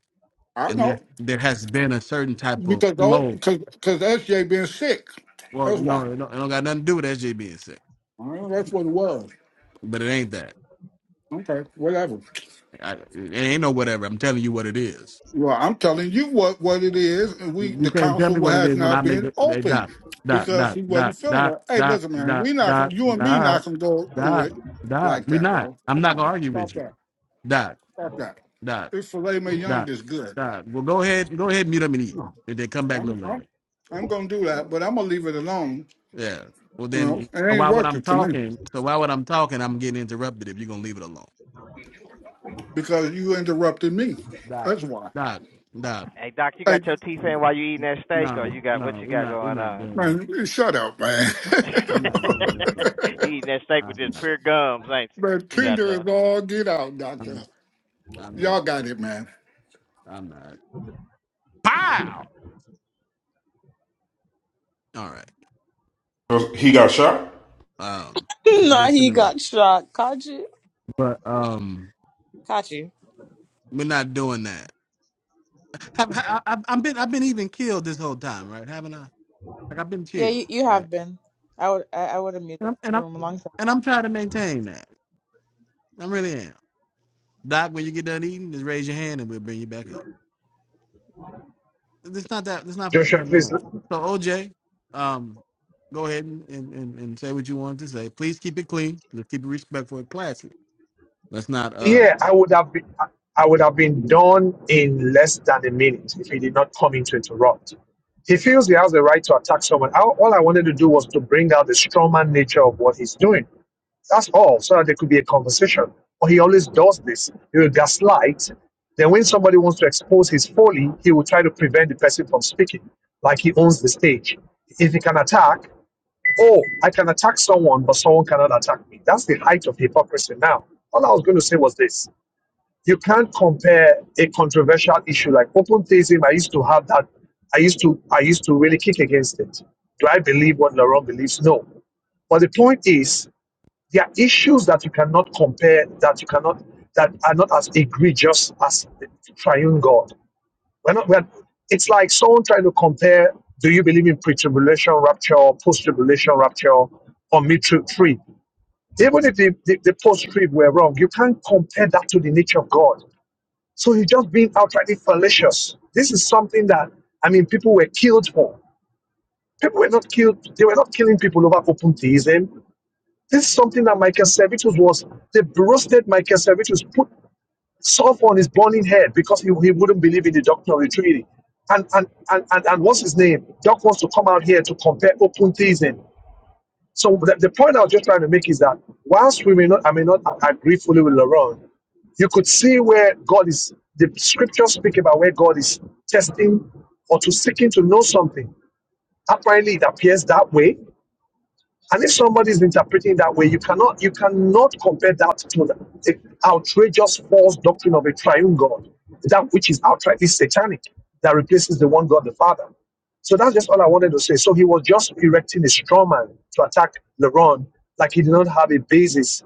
Speaker 10: I
Speaker 1: and there
Speaker 10: know.
Speaker 1: there has been a certain type of
Speaker 10: Because oh,
Speaker 1: flow
Speaker 10: because because SJ been sick.
Speaker 1: Well,
Speaker 10: That's why.
Speaker 1: no, it don't, it don't got nothing to do with SJ being sick.
Speaker 10: All right, that's what it was.
Speaker 1: But it ain't that.
Speaker 10: Okay, whatever.
Speaker 1: I, it ain't no whatever. I'm telling you what it is.
Speaker 10: Well, I'm telling you what, what it is, and we
Speaker 1: You
Speaker 10: the
Speaker 1: can't tell me
Speaker 10: council
Speaker 1: what it
Speaker 10: has
Speaker 1: is when I
Speaker 10: not
Speaker 1: make
Speaker 10: been
Speaker 1: it. Hey,
Speaker 10: open
Speaker 1: dot, dot,
Speaker 10: because
Speaker 1: dot,
Speaker 10: he wasn't
Speaker 1: dot,
Speaker 10: feeling
Speaker 1: dot,
Speaker 10: well. Hey,
Speaker 1: dot,
Speaker 10: listen, man,
Speaker 1: dot,
Speaker 10: we not
Speaker 1: dot,
Speaker 10: gonna, you and me
Speaker 1: dot,
Speaker 10: not gonna go through
Speaker 1: dot,
Speaker 10: it like
Speaker 1: dot. We're
Speaker 10: that,
Speaker 1: not.
Speaker 10: bro.
Speaker 1: I'm
Speaker 10: Come
Speaker 1: not
Speaker 10: on,
Speaker 1: gonna argue
Speaker 10: stop
Speaker 1: with you.
Speaker 10: that,
Speaker 1: Dot,
Speaker 10: stop that.
Speaker 1: dot,
Speaker 10: This filet mignon
Speaker 1: dot,
Speaker 10: is good.
Speaker 1: dot. Well, go ahead, go ahead, mute them and eat.
Speaker 10: No,
Speaker 1: And then come back a
Speaker 10: I'm,
Speaker 1: little
Speaker 10: I'm,
Speaker 1: later.
Speaker 10: I'm gonna do that, but I'm gonna leave it alone.
Speaker 1: Yeah. Well,
Speaker 10: You know,
Speaker 1: then
Speaker 10: it
Speaker 1: so
Speaker 10: ain't
Speaker 1: why would I'm
Speaker 10: working for me
Speaker 1: talking? So why would I'm talking? I'm getting interrupted if you're gonna leave it alone.
Speaker 10: because you interrupted me.
Speaker 1: Dot,
Speaker 10: That's why.
Speaker 1: dot, dot.
Speaker 9: Hey Doc, you
Speaker 10: Hey,
Speaker 9: got your teeth in while you eating that steak, or
Speaker 1: No,
Speaker 9: you got what
Speaker 1: no,
Speaker 9: you
Speaker 1: we're
Speaker 9: got
Speaker 1: not. We're
Speaker 9: going
Speaker 1: not
Speaker 9: on?
Speaker 1: doing this.
Speaker 10: man, shut up, man.
Speaker 1: I'm not doing this one. today.
Speaker 9: you eating that steak with
Speaker 1: I'm
Speaker 9: just
Speaker 1: not.
Speaker 9: pure gums, ain't you?
Speaker 10: man,
Speaker 9: You
Speaker 1: No,
Speaker 9: got
Speaker 10: Tinder
Speaker 9: uh.
Speaker 10: is all get out,
Speaker 1: I'm
Speaker 10: doctor.
Speaker 1: not. I'm not.
Speaker 10: Y'all got it, man.
Speaker 1: I'm not. Pow! All right.
Speaker 4: He got shot?
Speaker 1: Um,
Speaker 3: nah,
Speaker 1: just in
Speaker 3: he
Speaker 1: the list.
Speaker 3: got shot. Caught you.
Speaker 1: But um,
Speaker 3: Caught you.
Speaker 1: we're not doing that. Have, I, I, I've been. I've been even killed this whole time, right? Haven't I? Like I've been
Speaker 3: Yeah, you,
Speaker 1: killed,
Speaker 3: you
Speaker 1: right?
Speaker 3: have been. I would I, I would have muted
Speaker 1: And I'm and
Speaker 3: the
Speaker 1: I'm,
Speaker 3: room a long time.
Speaker 1: and I'm trying to maintain that. I really am. Doc, when you get done eating, just raise your hand and we'll bring you back up. It's not that. It's not for that
Speaker 6: Joshua,
Speaker 1: time.
Speaker 6: please.
Speaker 1: No. So OJ, um, go ahead and, and, and, and say what you wanted to say. Please keep it clean. Let's keep it respectful and classy. Let's not. Uh,
Speaker 6: Yeah, I would have been I would have been done in less than a minute if he did not come in to interrupt. He feels he has the right to attack someone. All all I wanted to do was to bring out the strawman nature of what he's doing. That's all, so that there could be a conversation. But he always does this. He will gaslight. Then, when somebody wants to expose his folly, he will try to prevent the person from speaking, like he owns the stage. If he can attack, oh, I can attack someone, but someone cannot attack me. That's the height of hypocrisy now. All I was going to say was this you can't compare a controversial issue like open theism. I used to have that. I used to I used to really kick against it. Do I believe what Laurent believes? No. But the point is, there are issues that you cannot compare, that you cannot, that are not as egregious as the triune God. We're not, we're, it's like someone trying to compare do you believe in pre tribulation rapture, post tribulation rapture, or mid trib? Even if the, the, the post trib were wrong, you can't compare that to the nature of God. So he's just being outrightly fallacious. This is something that, I mean, people were killed for. People were not killed, they were not killing people over open theism. This is something that Michael Servetus was, they roasted Michael Servetus, put sulfur on his burning head because he, he wouldn't believe in the doctrine of the Trinity. And, and, and, and, and what's his name? Doc wants to come out here to compare open theism. So the, the point I was just trying to make is that whilst we may not, I may not agree fully with Laurent, you could see where God is, the scriptures speak about where God is testing or to seeking to know something. Apparently, it appears that way. And if somebody is interpreting it that way, you cannot you cannot compare that to the, the outrageous false doctrine of a triune God, that which is outrightly satanic, that replaces the one God, the Father. So that's just all I wanted to say. So he was just erecting a straw man to attack Laron, like he did not have a basis,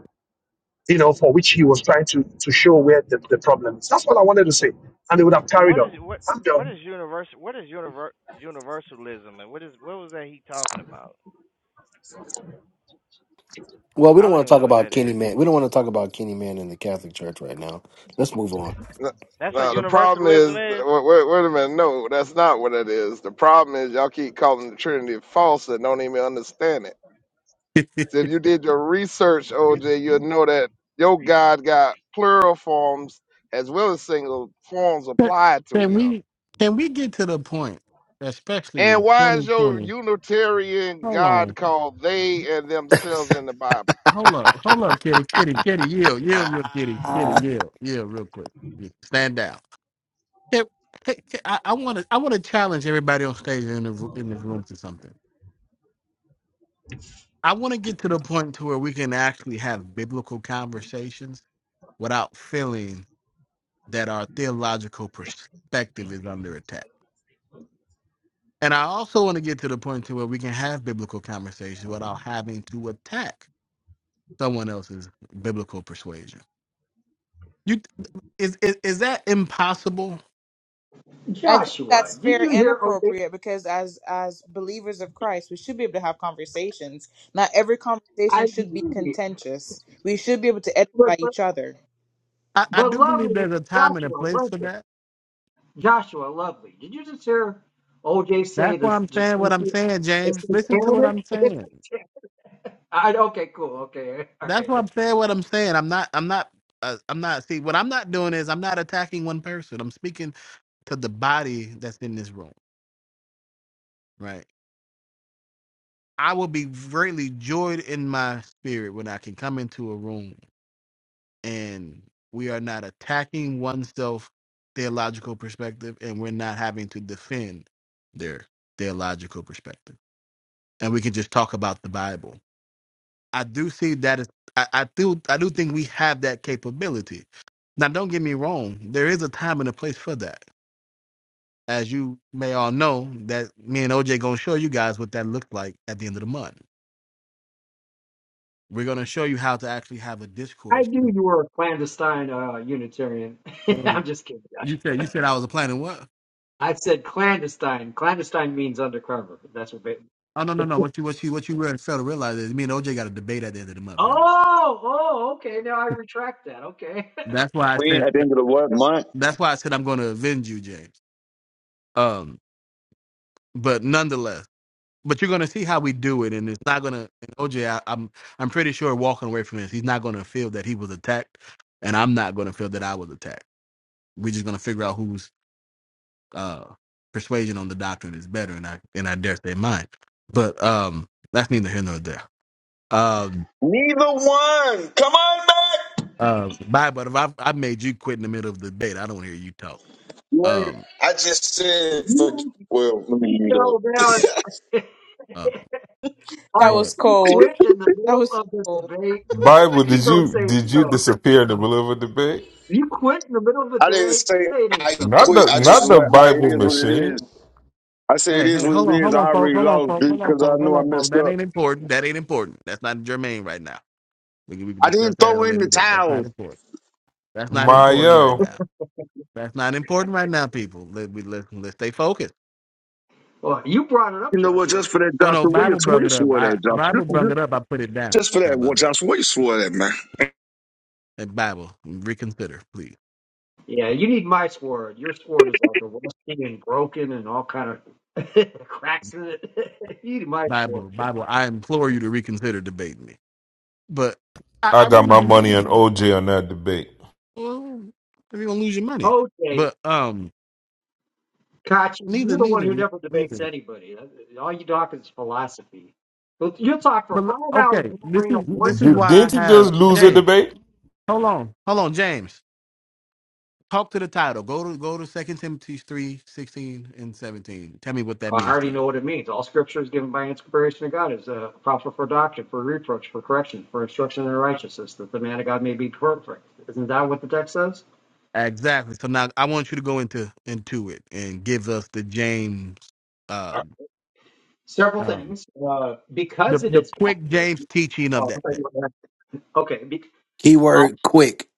Speaker 6: you know, for which he was trying to to show where the, the problem is. That's all I wanted to say. And they would have
Speaker 9: And
Speaker 6: carried
Speaker 9: what is
Speaker 6: on.
Speaker 9: what
Speaker 6: I'm
Speaker 9: what
Speaker 6: done.
Speaker 9: is universal? What is univer, universalism? And what is what was that he talking about?
Speaker 8: Well, we
Speaker 9: I
Speaker 8: don't
Speaker 9: don't
Speaker 8: want to
Speaker 9: even
Speaker 8: talk
Speaker 9: know what
Speaker 8: about
Speaker 9: that
Speaker 8: Kenny
Speaker 9: is.
Speaker 8: Man. We don't want to talk about Kenny Man in the Catholic Church right now. Let's move on.
Speaker 7: No,
Speaker 9: That's what
Speaker 7: no, the problem is.
Speaker 9: universalism is.
Speaker 7: Wait, wait, wait a minute. No, that's not what it is. The problem is y'all keep calling the Trinity false and don't even understand it. So if you did your research, OJ, you'll know that your God got plural forms as well as single forms
Speaker 1: can
Speaker 7: applied to
Speaker 1: can
Speaker 7: him.
Speaker 1: we can we get to the point, especially in
Speaker 7: And why is your
Speaker 1: 2020?
Speaker 7: Unitarian
Speaker 1: Hold on.
Speaker 7: God called they and themselves in the Bible?
Speaker 1: Hold up. Hold up, kitty. Kitty. Kitty. Yield. Yield. Real kitty. Kitty.
Speaker 8: Uh,
Speaker 1: Yield. Yield. Real quick. Yeah, Stand down. Can- can- I want to. I want to challenge everybody on stage in the in this room to something I want to get to the point to where we can actually have biblical conversations without feeling that our theological perspective is under attack. And I also want to get to the point to where we can have biblical conversations without having to attack someone else's biblical persuasion. You is is, is that impossible?
Speaker 3: I think
Speaker 11: Joshua,
Speaker 3: that's
Speaker 11: did
Speaker 3: fair
Speaker 11: you
Speaker 3: and
Speaker 11: hear? Okay,
Speaker 3: appropriate because as as believers of Christ, we should be able to have conversations. Not every
Speaker 11: I
Speaker 3: conversation should be
Speaker 11: agree.
Speaker 3: contentious. We should be able to
Speaker 11: But,
Speaker 3: edify
Speaker 11: but,
Speaker 3: each other.
Speaker 1: I, I
Speaker 11: but
Speaker 1: do believe
Speaker 11: lovely,
Speaker 1: there's a time and a
Speaker 11: Joshua,
Speaker 1: place for
Speaker 11: lovely.
Speaker 1: that.
Speaker 11: Joshua, lovely. Did you just hear OJ
Speaker 1: That's
Speaker 11: say
Speaker 1: why
Speaker 11: this?
Speaker 1: I'm
Speaker 11: just
Speaker 1: saying what
Speaker 11: thank
Speaker 1: I'm
Speaker 11: you?
Speaker 1: saying,
Speaker 11: It's
Speaker 1: James.
Speaker 11: satanic.
Speaker 1: Listen to what I'm
Speaker 11: It's
Speaker 1: saying.
Speaker 11: satanic. I, okay, cool. Okay, all
Speaker 1: That's
Speaker 11: right.
Speaker 1: what I'm saying. What I'm saying. I'm not. I'm not. Uh, I'm not. See, what I'm not doing is I'm not attacking one person. I'm speaking to the body that's in this room, right? I will be greatly joyed in my spirit when I can come into a room and we are not attacking oneself theological perspective and we're not having to defend their theological perspective. And we can just talk about the Bible I do see that. Is, I, I do. I do think we have that capability. Now, don't get me wrong. There is a time and a place for that, as you may all know. That me and OJ gonna show you guys what that looked like at the end of the month. We're gonna show you how to actually have a
Speaker 11: I
Speaker 1: discourse.
Speaker 11: knew you were a clandestine uh, Unitarian.
Speaker 1: And
Speaker 11: I'm just kidding, Josh.
Speaker 1: You said you said I was a planning what?
Speaker 11: I said clandestine. Clandestine means undercover. That's what. They,
Speaker 1: Oh no no no. What you what you what you really fail to realize is me and OJ got a debate at the end of the month, brother.
Speaker 11: oh, oh, okay. Now I retract that. Okay.
Speaker 1: That's why I
Speaker 12: Queen
Speaker 1: said.
Speaker 12: at the end of the what month?
Speaker 1: That's why I said I'm gonna avenge you, James. Um, but nonetheless. but you're gonna see how we do it, and it's not gonna. And OJ, I, am I'm pretty sure walking away from this, he's not gonna feel that he was attacked, and I'm not gonna feel that I was attacked. We're just gonna figure out whose uh, persuasion on the doctrine is better, and I and I dare say mine. But um, that's neither here nor there. Um,
Speaker 12: Neither one. Come on back.
Speaker 1: uh, bye. But if I I made you quit in the middle of the debate, I don't want to hear you talk.
Speaker 12: You ain't-
Speaker 1: Um,
Speaker 12: I just said for
Speaker 11: you
Speaker 12: well, Let me mute up.
Speaker 11: fell down.
Speaker 1: uh,
Speaker 11: I,
Speaker 3: That was
Speaker 1: but.
Speaker 11: you
Speaker 3: cold.
Speaker 11: quit in the
Speaker 3: That
Speaker 11: middle
Speaker 3: was
Speaker 11: of
Speaker 3: so
Speaker 11: the
Speaker 3: cold.
Speaker 11: debate.
Speaker 4: Bible, did
Speaker 11: You don't
Speaker 4: you
Speaker 11: say it's
Speaker 4: did you
Speaker 11: so.
Speaker 4: disappear in the middle of a debate?
Speaker 11: You quit in the middle of the
Speaker 12: I didn't
Speaker 11: debate.
Speaker 12: say
Speaker 11: Say it ain't
Speaker 12: I
Speaker 11: so.
Speaker 4: Not
Speaker 12: quit.
Speaker 4: the
Speaker 12: I just
Speaker 4: not
Speaker 12: was
Speaker 4: the
Speaker 12: like, like it
Speaker 4: Bible
Speaker 12: is what it
Speaker 4: machine.
Speaker 12: is. I say it
Speaker 1: Hey,
Speaker 12: is
Speaker 1: hey,
Speaker 12: what
Speaker 1: hold on,
Speaker 12: it is.
Speaker 1: hold
Speaker 12: I
Speaker 1: on, folks,
Speaker 12: already
Speaker 1: hold on,
Speaker 12: lost
Speaker 1: folks, hold on,
Speaker 12: because I
Speaker 1: folks, hold
Speaker 12: knew I
Speaker 1: on, folks.
Speaker 12: messed
Speaker 1: That
Speaker 12: up.
Speaker 1: ain't important. That ain't important. That's not germane right now. We can, we can
Speaker 12: I
Speaker 1: discuss
Speaker 12: didn't
Speaker 1: that at
Speaker 12: throw
Speaker 1: a
Speaker 12: in
Speaker 1: later
Speaker 12: the
Speaker 1: date. That's not
Speaker 12: towel.
Speaker 1: important. That's not important right
Speaker 4: Mayo.
Speaker 1: now. That's not important right now, people. Let we let let's stay focused.
Speaker 11: Well, you brought it up,
Speaker 12: You know what? Just
Speaker 11: Joshua.
Speaker 12: for that,
Speaker 1: Oh no,
Speaker 12: Joshua.
Speaker 11: To
Speaker 12: Where
Speaker 11: be
Speaker 12: you,
Speaker 1: Bible
Speaker 11: honest.
Speaker 12: where
Speaker 1: brought
Speaker 12: you
Speaker 1: it up.
Speaker 12: swore
Speaker 1: I
Speaker 12: that, Joshua?
Speaker 1: Bible
Speaker 12: Just,
Speaker 1: brought
Speaker 12: just,
Speaker 1: it up. I put it down.
Speaker 12: just for
Speaker 1: How
Speaker 12: that,
Speaker 1: about
Speaker 12: what,
Speaker 1: that?
Speaker 12: Joshua? Where you swore that, man?
Speaker 1: Hey, Bible, reconsider, please.
Speaker 11: Yeah, you need my sword. Your sword is like a rusty and broken and all kind of cracks in it. you need my sword.
Speaker 1: Bible, Bible. I implore you to reconsider debating me. But I,
Speaker 4: I
Speaker 1: I
Speaker 4: got
Speaker 1: really
Speaker 4: my
Speaker 1: do.
Speaker 4: money on OJ on that debate.
Speaker 1: Well, you're gonna lose your money.
Speaker 11: Okay,
Speaker 1: But um,
Speaker 11: Kachi,
Speaker 1: neither,
Speaker 11: you're the one
Speaker 1: neither,
Speaker 11: who never
Speaker 1: neither.
Speaker 11: debates anybody. All you talk is philosophy. But You'll talk for
Speaker 1: But
Speaker 11: five hours
Speaker 1: okay,
Speaker 11: and not
Speaker 1: this
Speaker 11: bring up
Speaker 1: is
Speaker 11: one.
Speaker 1: this is
Speaker 4: Did,
Speaker 1: why I
Speaker 4: didn't he
Speaker 1: have
Speaker 4: just lose a
Speaker 1: James.
Speaker 4: debate?
Speaker 1: Hold on, hold on, James. Talk to the title. Go to go to Second Timothy 3 16 and 17. Tell me what that
Speaker 11: I
Speaker 1: means to
Speaker 11: already
Speaker 1: you.
Speaker 11: know what it means. All scripture is given by inspiration of God, is uh, proper for doctrine, for reproach, for correction, for instruction in righteousness, that the man of God may be perfect. Isn't that what the text says?
Speaker 1: Exactly. So now I want you to go into into it and give us the James um
Speaker 11: Several
Speaker 1: um
Speaker 11: things. Uh,
Speaker 1: the
Speaker 11: because it
Speaker 1: the
Speaker 11: is God.
Speaker 1: quick James teaching of
Speaker 11: Oh, I
Speaker 1: that
Speaker 11: thought you
Speaker 1: text.
Speaker 11: were gonna- okay. Be, all
Speaker 8: Keyword quick.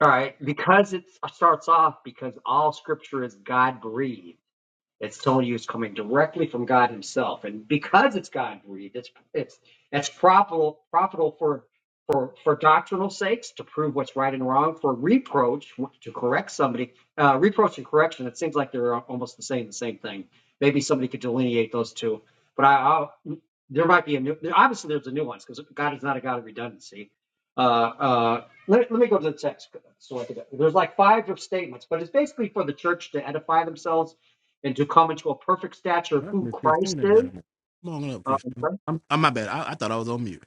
Speaker 11: all right. Because it starts off because all scripture is God breathed. It's telling you it's coming directly from God Himself, and because it's God breathed, it's it's it's profitable profitable for for for doctrinal sakes to prove what's right and wrong, for reproach to correct somebody. Uh, reproach and correction. It seems like they're almost the same the same thing. Maybe somebody could delineate those two, but I, I'll, there might be a new. Obviously, there's a nuance because God is not a God of redundancy. Uh, uh, let, let me go to the text so I could. There's like five statements, but it's basically for the church to edify themselves and to come into a perfect stature of
Speaker 1: That's
Speaker 11: who
Speaker 1: Miss
Speaker 11: Christ
Speaker 1: Christina
Speaker 11: is.
Speaker 1: down there. Come on up,
Speaker 11: Uh, I'm
Speaker 1: Christina. I'm, I'm my bad. I, I thought I was on mute.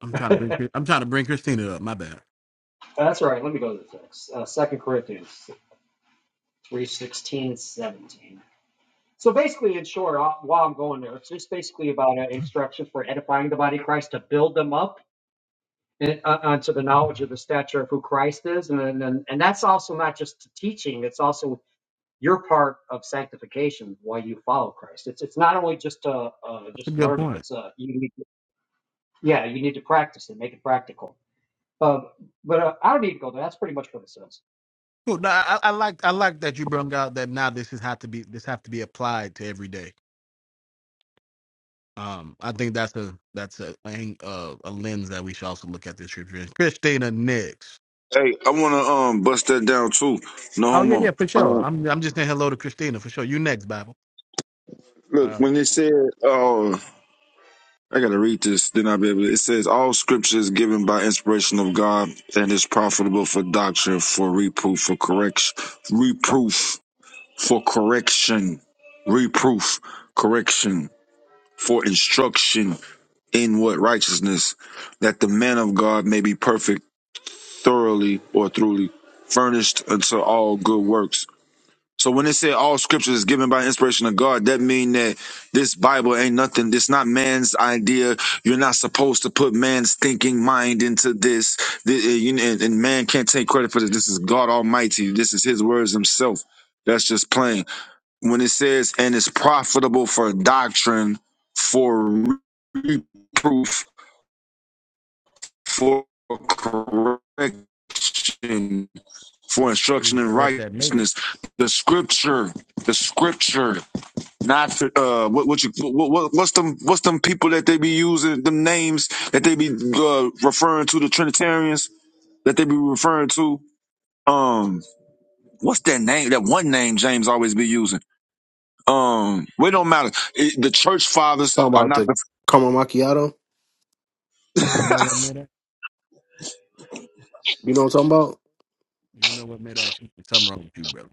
Speaker 1: I'm trying to
Speaker 11: sorry.
Speaker 1: bring Chris- I'm trying to bring Christina up. My bad. That's
Speaker 11: That's right. Let me go to the text. Uh, 2 Corinthians 3 16, 17. So basically, in short, uh, while I'm going there, it's just basically about uh, instruction for edifying the body of Christ to build them up and, uh, unto the knowledge of the stature of who Christ is. And, then- and, and that's also not just teaching, it's also your part of sanctification while you follow Christ. It's it's not only just uh, uh
Speaker 1: a
Speaker 11: just
Speaker 1: good
Speaker 11: learning.
Speaker 1: point.
Speaker 11: It's uh you need to, yeah you need to practice and make it practical. Um, but uh, I don't need to go there. That's pretty much what it says.
Speaker 1: Cool. No, I, I I like I like that you brought out that now this is have to be this have to be applied to every day. Um, I think that's a that's a ang- uh, a lens that we should also look at this trip. through. Christina next.
Speaker 12: Hey, I wanna um bust that down too. No
Speaker 1: Oh yeah,
Speaker 12: homo.
Speaker 1: yeah, for sure.
Speaker 12: Um,
Speaker 1: I'm I'm just saying hello to Christina for sure. You next, Bible.
Speaker 12: look,
Speaker 1: Uh,
Speaker 12: when it said, uh I gotta read this, then I'll be able to. It says, All scripture is given by inspiration of God and is profitable for doctrine, for reproof, for correction, reproof, for correction, reproof, correction, for instruction in what righteousness, that the man of God may be perfect, thoroughly or thoroughly furnished unto all good works. So when it said all scripture is given by inspiration of God, that mean that this Bible ain't nothing. This not man's idea. You're not supposed to put man's thinking mind into this. Th- uh, you- And and man can't take credit for this. This is God Almighty. This is His words Himself. That's just plain. When it says, and it's profitable for doctrine, for reproof, for correction, for
Speaker 1: need
Speaker 12: instruction
Speaker 1: to
Speaker 12: in
Speaker 1: correct that naked.
Speaker 12: righteousness, the scripture, the scripture Not for, uh, what what you what, what what's them what's them people that they be using them names that they be uh, referring to the Trinitarians that they be referring to. Um, what's that name? That one name James always be using. Um, well, it don't matter. It, the church fathers
Speaker 8: Talking
Speaker 12: are
Speaker 8: about
Speaker 12: not
Speaker 8: the
Speaker 12: the
Speaker 8: caramel macchiato.
Speaker 1: You know what mid
Speaker 8: You know what I'm talking about?
Speaker 1: You know what mid action? Something wrong with you, brother.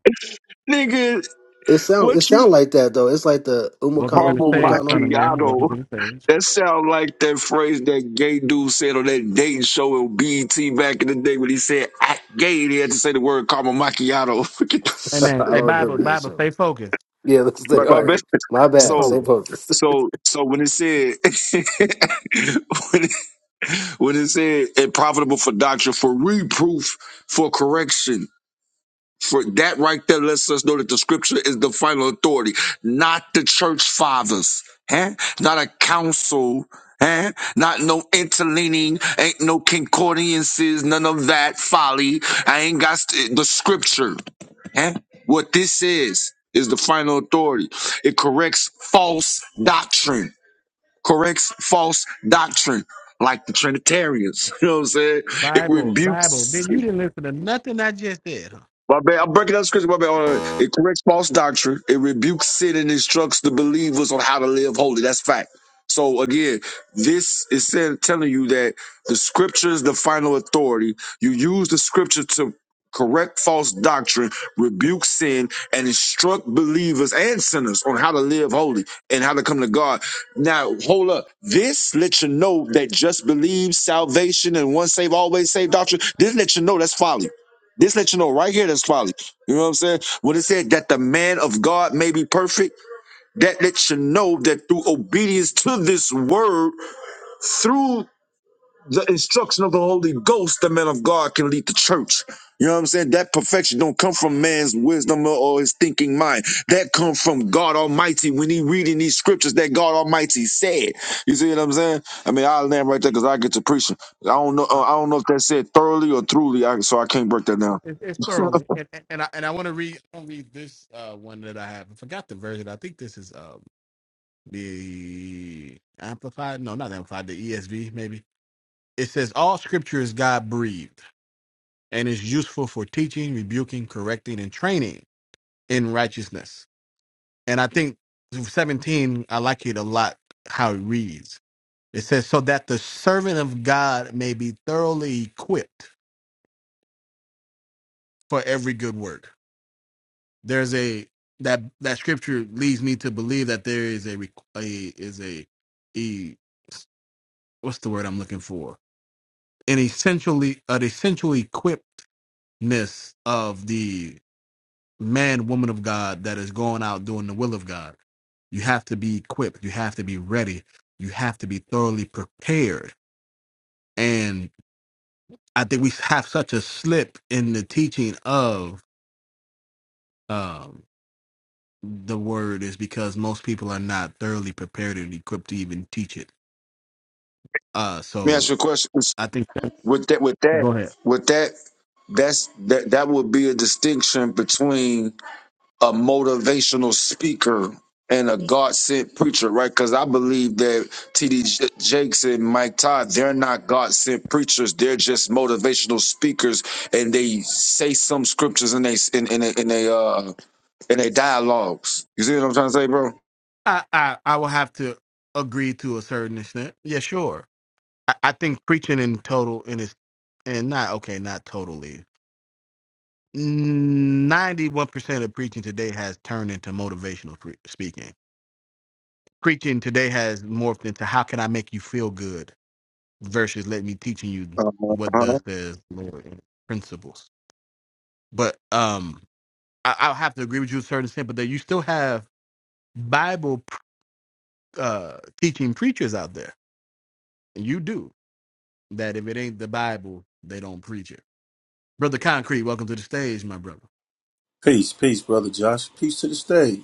Speaker 12: nigga.
Speaker 8: It sound
Speaker 12: What
Speaker 8: it
Speaker 12: you
Speaker 8: sound like that though. It's like the
Speaker 1: Welcome to
Speaker 8: umakano,
Speaker 1: the
Speaker 12: homo
Speaker 1: stage,
Speaker 8: Kumukano.
Speaker 1: son of Mary. Welcome
Speaker 12: macchiato?
Speaker 1: to the stage.
Speaker 12: That sound like that phrase that gay dude said on that dating show in BET back in the day when he said "I gay." He had to say the word caramel
Speaker 1: Hey
Speaker 12: macchiato.
Speaker 1: man,
Speaker 8: I don't
Speaker 1: hey Bible,
Speaker 8: remember that
Speaker 1: Bible, stay
Speaker 8: show.
Speaker 1: focused,
Speaker 8: Yeah, let's stay
Speaker 12: right, my
Speaker 8: all
Speaker 12: bad.
Speaker 8: right. My
Speaker 1: stay
Speaker 8: bad.
Speaker 12: So
Speaker 8: Same
Speaker 1: focused.
Speaker 8: focus.
Speaker 12: so so when it said when, it, when it said and profitable for doctrine, for reproof, for correction, for that right there lets us know that the scripture is the final authority, not the church fathers, huh? not a council. Huh? Not no interleaning, ain't no concordances, none of that folly. I ain't got st- the scripture. Huh? What this is is the final authority. It corrects false doctrine corrects false doctrine like the Trinitarians. You know what I'm saying? It
Speaker 1: Bible, Bible.
Speaker 12: rebukes
Speaker 1: Then you didn't listen to nothing I just said,
Speaker 12: my bad. I'm breaking down scripture. My bad. Hold on. It corrects false doctrine. It rebukes sin and instructs the believers on how to live holy. That's fact. So again, this is saying, telling you that the scripture is the final authority. You use the scripture to correct false doctrine, rebuke sin, and instruct believers and sinners on how to live holy and how to come to God. Now, hold up. This lets you know that just believe salvation and once saved, always saved doctrine. This lets you know that's folly. This let you know right here that's folly. You know what I'm saying? When it said that the man of God may be perfect, that lets you know that through obedience to this word, through the instruction of the Holy Ghost, the man of God can lead the church. You know what I'm saying? That perfection don't come from man's wisdom or or his thinking mind. That come from God Almighty when he reading these scriptures that God Almighty said. You see what I'm saying? I mean, I'll land right there because I get to preaching. I don't know.
Speaker 1: huh?
Speaker 12: uh, I don't know if that said thoroughly or truly, I, so I can't break that down.
Speaker 1: It, it's thoroughly. And, and, and I and I want to read I wanna read this uh, one that I have. I forgot the version. I think this is um, the amplified. No, not amplified. The ESV maybe. It says all scripture is God breathed and is useful for teaching, rebuking, correcting, and training in righteousness. And I think 17. I like it a lot how it reads. It says so that the servant of God may be thoroughly equipped for every good work. There's a that that scripture leads me to believe that there is a requ- a is a e what's the word I'm looking for? An essentially an essential equippedness of the man woman of God that is going out doing the will of God. You have to be equipped. You have to be ready. You have to be thoroughly prepared. And I think we have such a slip in the teaching of um, the word is because most people are not thoroughly prepared and equipped to even teach it. Uh,
Speaker 12: Let me ask
Speaker 1: so
Speaker 12: you a question.
Speaker 1: I think
Speaker 12: with that with that
Speaker 1: go ahead.
Speaker 12: with that that's that that would be a distinction between a motivational speaker and a God sent preacher, right? Because I believe that T.D. J- Jakes and Mike Todd, they're not God sent preachers. They're just motivational speakers, and they say some scriptures in they in in a, in a uh in a dialogues. You see what I'm trying to say, bro?
Speaker 1: I I, I will have to agree to a certain extent. Yeah, sure. I, I think preaching in total in its and not okay, not totally. Ninety-one percent of preaching today has turned into motivational pre- speaking. Preaching today has morphed into how can I make you feel good versus let me teaching you what
Speaker 12: Uh-huh.
Speaker 1: thus says Lord in principles. But um I, I'll have to agree with you to a certain extent, but that you still have Bible uh, teaching preachers out there, and you do that. If it ain't the Bible, they don't preach it. Brother Concrete, welcome to the stage, my brother.
Speaker 13: Peace, peace, brother Josh. Peace to the stage.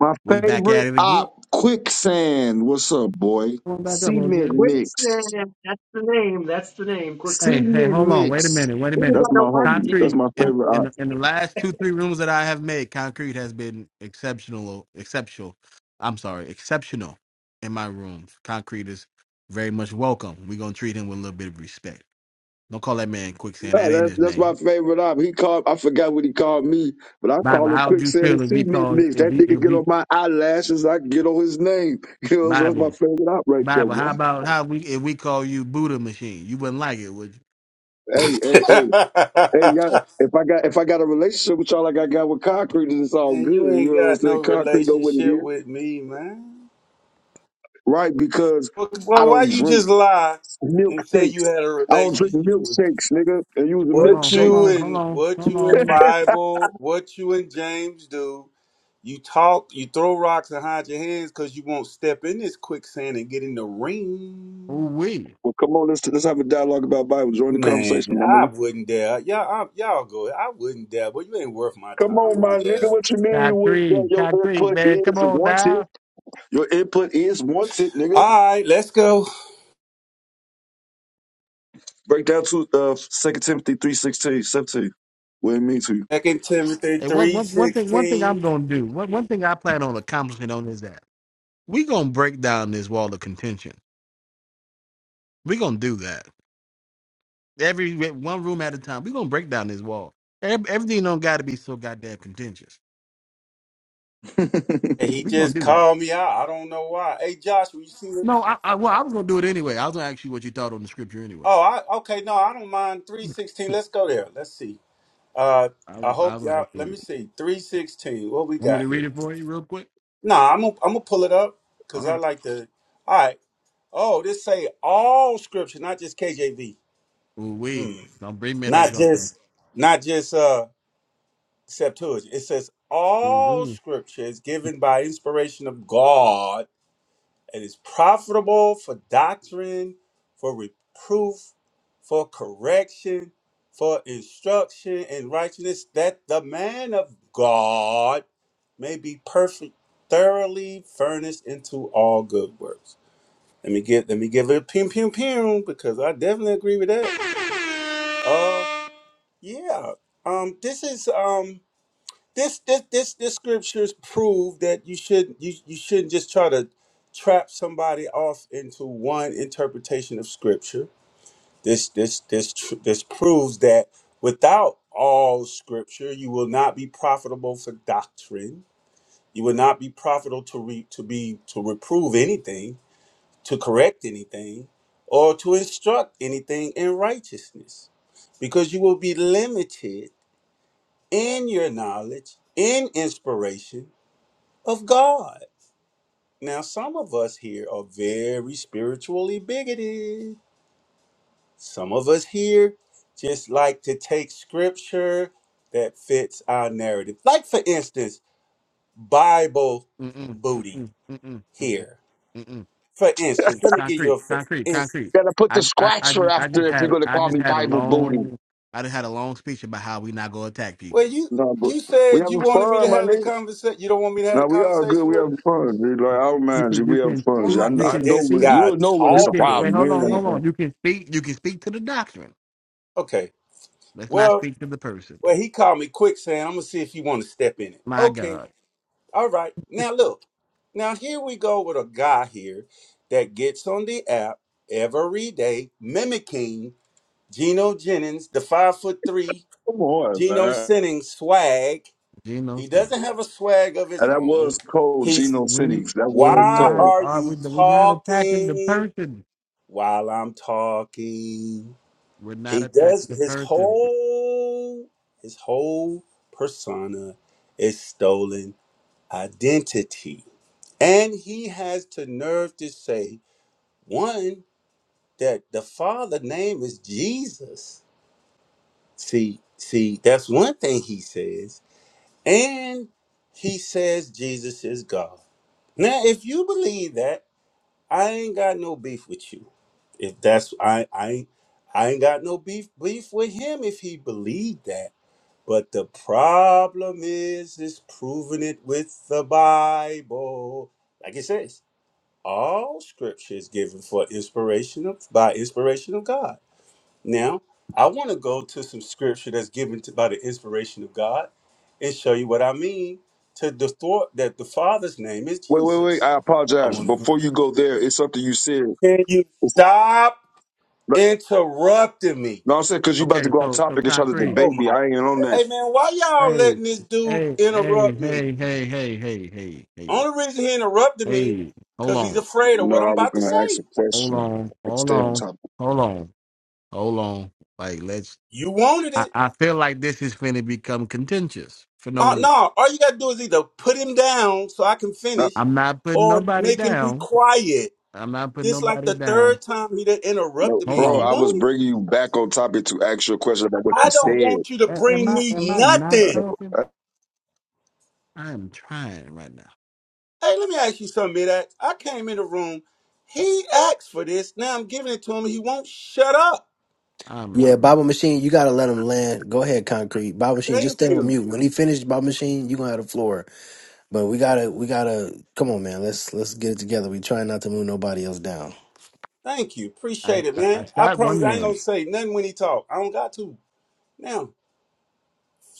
Speaker 12: My
Speaker 1: We back at
Speaker 12: favorite
Speaker 1: it again.
Speaker 12: op, quicksand. What's up, boy?
Speaker 1: Come on back up,
Speaker 12: Cement
Speaker 1: OJ.
Speaker 12: mix.
Speaker 11: Quicksand. That's the name. That's the name.
Speaker 1: Hey,
Speaker 11: Quicksand.
Speaker 1: hey,
Speaker 12: Cement
Speaker 1: hold on. Wait a
Speaker 12: mix.
Speaker 1: minute. Wait a
Speaker 11: Ooh,
Speaker 1: minute.
Speaker 11: I
Speaker 12: That's my
Speaker 11: don't ever
Speaker 12: homie.
Speaker 11: get it.
Speaker 12: That's
Speaker 1: Concrete
Speaker 12: my
Speaker 1: in
Speaker 12: favorite
Speaker 1: in
Speaker 12: op.
Speaker 1: the, in the last two three rooms that I have made, Concrete has been exceptional. Exceptional. I'm sorry, exceptional in my rooms. Concrete is very much welcome. We're gonna treat him with a little bit of respect. Don't call that man quicksand.
Speaker 12: No,
Speaker 1: That ain't
Speaker 12: that's
Speaker 1: his
Speaker 12: that's my
Speaker 1: name.
Speaker 12: favorite op. He called. I forgot what he called me, but I
Speaker 1: Bible,
Speaker 12: call him
Speaker 1: how would you
Speaker 12: quicksand and
Speaker 1: feel if we
Speaker 12: cement
Speaker 1: called
Speaker 12: mix.
Speaker 1: if
Speaker 12: That
Speaker 1: we
Speaker 12: nigga
Speaker 1: if
Speaker 12: get
Speaker 1: we
Speaker 12: on my eyelashes. I get on his name. You know, so that's my
Speaker 1: Bible
Speaker 12: favorite op right there,
Speaker 1: Bible? How
Speaker 12: boy.
Speaker 1: about How we if we call you Buddha machine, you wouldn't like it, would you?
Speaker 12: Hey, hey, hey, hey, y'all. If I got if I got a relationship with y'all like I got with concrete, then it's all good.
Speaker 13: Man, you
Speaker 12: You
Speaker 13: ain't
Speaker 12: know what I'm
Speaker 13: got
Speaker 12: saying?
Speaker 13: no
Speaker 12: Concrete know what it
Speaker 13: relationship
Speaker 12: is,
Speaker 13: with me, man.
Speaker 12: right? Because
Speaker 13: Well,
Speaker 12: I
Speaker 13: well, why
Speaker 12: don't
Speaker 13: you
Speaker 12: drink
Speaker 13: just lie and say you
Speaker 12: milkshakes.
Speaker 13: had a
Speaker 12: I don't drink
Speaker 13: relationship with me?
Speaker 12: milkshakes, nigga. And use a
Speaker 1: hold
Speaker 13: What
Speaker 1: on,
Speaker 12: milkshake.
Speaker 1: hold
Speaker 13: you
Speaker 1: on, hold
Speaker 13: and
Speaker 1: on,
Speaker 13: what
Speaker 1: hold
Speaker 13: you in
Speaker 1: on.
Speaker 13: Bible, what you and James do? You talk, you throw rocks and hide your hands because you won't step in this quicksand and get in the
Speaker 1: Ooh
Speaker 13: ring.
Speaker 1: wee,
Speaker 12: Well, come on, let's let's have a dialogue about Bible. Join the
Speaker 13: Man,
Speaker 12: conversation, my
Speaker 13: I
Speaker 12: nigga.
Speaker 13: wouldn't dare. Y'all, I, y'all go. I wouldn't dare, but you ain't worth my
Speaker 12: Come
Speaker 13: time. I
Speaker 12: on, my
Speaker 13: wouldn't
Speaker 12: nigga.
Speaker 13: dare.
Speaker 12: What you mean you would that
Speaker 1: concrete,
Speaker 12: your
Speaker 1: concrete,
Speaker 12: input
Speaker 1: man, come
Speaker 12: is
Speaker 1: on
Speaker 12: wanted?
Speaker 1: now.
Speaker 12: Your input is wanted, nigga.
Speaker 13: All right, let's go.
Speaker 12: Break down to uh Second Timothy three sixteen, seventeen. What it mean to you?
Speaker 13: Second Timothy
Speaker 1: Hey, one
Speaker 13: three
Speaker 1: one one thing one thing I'm
Speaker 13: sixteen.
Speaker 1: gonna do one one thing I plan on accomplishing on this app. We gonna break down this wall of contention. We gonna do that. Every one room at a time. We gonna break down this wall. Ev- Everything don't got to be so goddamn contentious.
Speaker 13: And he
Speaker 1: We gonna
Speaker 13: just
Speaker 1: do that.
Speaker 13: called me out. I don't know why. Hey Josh, when you see it.
Speaker 1: No, I, I well, I was gonna do it anyway. I was gonna ask you what you thought on the scripture anyway.
Speaker 13: Oh, I okay, no, I don't mind. Three sixteen. Let's go there. Let's see. Uh
Speaker 1: I was,
Speaker 13: I
Speaker 1: I
Speaker 13: hope
Speaker 1: was gonna
Speaker 13: y'all
Speaker 1: ask you
Speaker 13: let me
Speaker 1: anyway.
Speaker 13: see. Three sixteen. What we
Speaker 1: Want me
Speaker 13: got
Speaker 1: to read
Speaker 13: here?
Speaker 1: it for you real quick?
Speaker 13: Nah, I'm gonna I'm gonna pull it up
Speaker 1: All
Speaker 13: because I
Speaker 1: right.
Speaker 13: like to all right. Oh, this say all scripture, not just KJV.
Speaker 1: Ooh, we
Speaker 13: Mm.
Speaker 1: don't bring me that
Speaker 13: Not
Speaker 1: compliment.
Speaker 13: just not just uh Septuagint. It says all
Speaker 1: Ooh,
Speaker 13: scripture is given by inspiration of God It is profitable for doctrine, for reproof, for correction, for instruction in righteousness, that the man of God may be perfect, thoroughly furnished into all good works. Let me give let me give it a pum pum pum because I definitely agree with that. Uh yeah. Um this is um this this this this scriptures prove that you should you you shouldn't just try to trap somebody off into one interpretation of scripture. This this this tr- this proves that without all scripture, you will not be profitable for doctrine. You will not be profitable to re, to be to reprove anything, to correct anything, or to instruct anything in righteousness, because you will be limited in your knowledge, in inspiration of God. Now, some of us here are very spiritually bigoted. Some of us here just like to take scripture that fits our narrative. Like, for instance, Bible
Speaker 1: Mm-mm,
Speaker 13: booty
Speaker 1: mm-mm, mm-mm, mm-mm,
Speaker 13: here.
Speaker 1: mm-mm,
Speaker 13: For
Speaker 1: mm.
Speaker 13: instance, let me give you
Speaker 1: Concrete,
Speaker 13: a for
Speaker 1: concrete, concrete.
Speaker 13: instance.
Speaker 12: Gotta put the
Speaker 1: I, I, I
Speaker 12: scratcher
Speaker 1: just, I
Speaker 12: after
Speaker 1: just
Speaker 12: if you're
Speaker 1: had, a,
Speaker 12: gonna
Speaker 1: I
Speaker 12: call
Speaker 1: just
Speaker 12: me
Speaker 1: had a
Speaker 12: Bible booty.
Speaker 1: long, I just had a long speech about how we not gonna attack
Speaker 13: Well,
Speaker 1: people.
Speaker 13: you
Speaker 12: No, but
Speaker 13: you
Speaker 12: we
Speaker 13: said you
Speaker 12: having
Speaker 13: wanted me to
Speaker 12: fun, my
Speaker 13: have the
Speaker 12: nigga.
Speaker 13: conversation. You don't want me to have the
Speaker 12: No, we all good.
Speaker 13: conversation
Speaker 12: We
Speaker 13: with him.
Speaker 12: having fun. Dude. Like I don't
Speaker 1: You
Speaker 12: mind you.
Speaker 1: can, you
Speaker 12: We having
Speaker 1: can speak,
Speaker 13: What
Speaker 12: fun.
Speaker 1: you
Speaker 12: I, I
Speaker 13: is
Speaker 1: can
Speaker 12: know
Speaker 13: this
Speaker 12: when
Speaker 1: speak,
Speaker 13: guy
Speaker 12: you'll know when
Speaker 1: you
Speaker 12: it's a
Speaker 1: can. Wait,
Speaker 12: problem.
Speaker 13: talking,
Speaker 12: We
Speaker 1: hold
Speaker 12: ain't
Speaker 1: on,
Speaker 12: having
Speaker 1: hold
Speaker 13: man?
Speaker 12: fun.
Speaker 1: on. You can speak, you can speak to the doctrine.
Speaker 13: Okay.
Speaker 1: Let's not
Speaker 13: Well,
Speaker 1: speak to the person. though.
Speaker 13: Well, he called me quicksand. I'm gonna see if he want to step in it.
Speaker 1: My
Speaker 13: Okay,
Speaker 1: God.
Speaker 13: all right. Now look, now here we go with a guy here that gets on the app every day, mimicking Geno Jennings, the five foot three
Speaker 12: Come on,
Speaker 13: Geno
Speaker 12: man.
Speaker 13: Jennings swag.
Speaker 1: Geno
Speaker 13: He
Speaker 1: Smith.
Speaker 13: doesn't have a swag of his
Speaker 12: And that
Speaker 13: own.
Speaker 12: was cold,
Speaker 13: He's
Speaker 12: Geno
Speaker 1: We
Speaker 12: Cities. That
Speaker 1: we
Speaker 12: was
Speaker 13: why
Speaker 1: not
Speaker 12: cold.
Speaker 13: are
Speaker 1: uh,
Speaker 13: you
Speaker 1: we we not attacking the
Speaker 13: talking
Speaker 1: person.
Speaker 13: while I'm talking?
Speaker 1: We're not
Speaker 13: He
Speaker 1: attacking
Speaker 13: does
Speaker 1: the
Speaker 13: his
Speaker 1: person.
Speaker 13: whole his whole persona is stolen identity. And he has the nerve to say, one, that the father name is Jesus. See, see, that's one thing he says. And he says Jesus is God. Now, if you believe that, I ain't got no beef with you. If that's I I I ain't got no beef beef with him if he believed that. But the problem is, is proving it with the Bible. Like it says, all scripture is given for inspiration of, by inspiration of God. Now, I want to go to some scripture that's given to, by the inspiration of God and show you what I mean to the thought that the Father's name is
Speaker 12: Wait, wait, wait.
Speaker 13: Jesus.
Speaker 12: I
Speaker 13: I
Speaker 12: apologize.
Speaker 13: want to.
Speaker 12: Before you go there, it's something you said.
Speaker 13: Can you
Speaker 12: It's,
Speaker 13: stop interrupting me?
Speaker 12: no, I'm saying because you about to
Speaker 1: Okay,
Speaker 12: go off
Speaker 1: so so
Speaker 12: topic and try to
Speaker 1: concrete.
Speaker 13: Oh
Speaker 12: debate me.
Speaker 13: my!
Speaker 12: I ain't on that.
Speaker 13: Hey man, why y'all
Speaker 1: Hey,
Speaker 13: letting this dude
Speaker 1: hey, hey,
Speaker 13: interrupt me?
Speaker 1: hey, hey, hey, hey, hey, hey,
Speaker 13: Only reason he interrupted me,
Speaker 1: hey. Hold
Speaker 13: cause he's
Speaker 1: on,
Speaker 13: afraid of
Speaker 12: No,
Speaker 13: what I'm
Speaker 12: I was
Speaker 13: about to
Speaker 12: going to ask a
Speaker 13: say.
Speaker 1: hold
Speaker 12: question.
Speaker 1: on, hold
Speaker 12: Stay on
Speaker 1: on,
Speaker 12: topic.
Speaker 1: hold on, hold on. Like let's.
Speaker 13: You wanted
Speaker 1: I,
Speaker 13: it.
Speaker 1: I feel like this is finna become contentious for no
Speaker 13: Uh,
Speaker 1: reason.
Speaker 13: no, all you gotta do is either put him down so I can
Speaker 12: No,
Speaker 13: finish,
Speaker 1: I'm not putting
Speaker 13: or
Speaker 1: nobody
Speaker 13: make him be
Speaker 1: down.
Speaker 13: quiet.
Speaker 1: I'm not putting
Speaker 13: This like
Speaker 1: nobody
Speaker 13: the
Speaker 1: down.
Speaker 13: third time he done
Speaker 12: no,
Speaker 13: interrupted me,
Speaker 1: Hold
Speaker 13: and
Speaker 12: bro,
Speaker 13: he
Speaker 1: on.
Speaker 12: I was
Speaker 13: wanted. it.
Speaker 12: bringing you back on topic to ask you a question about what
Speaker 13: I
Speaker 12: you
Speaker 1: Oh,
Speaker 13: don't
Speaker 12: said.
Speaker 13: want you to
Speaker 1: a- am
Speaker 13: bring
Speaker 1: I am
Speaker 13: me
Speaker 1: I not
Speaker 13: nothing.
Speaker 1: talking? I'm trying right now.
Speaker 13: Hey, let me ask you something, Midax. I came in the room. He asked for this. Now I'm giving it to him. He won't shut up.
Speaker 1: Um,
Speaker 8: yeah, Bible Machine, you gotta let him land. Go ahead, Concrete. Bible Machine, just
Speaker 13: Thank
Speaker 8: stay on
Speaker 13: you.
Speaker 8: mute. When he finished Bible Machine, you gonna have the floor. But we gotta we gotta come on man, let's let's get it together. We trying not to move nobody else down.
Speaker 13: Thank you.
Speaker 1: I,
Speaker 13: Appreciate it,
Speaker 1: I,
Speaker 13: man.
Speaker 1: I
Speaker 13: I
Speaker 1: shot
Speaker 13: promise
Speaker 1: one
Speaker 13: I ain't gonna
Speaker 1: man.
Speaker 13: say nothing when he talk. I don't got to. Now.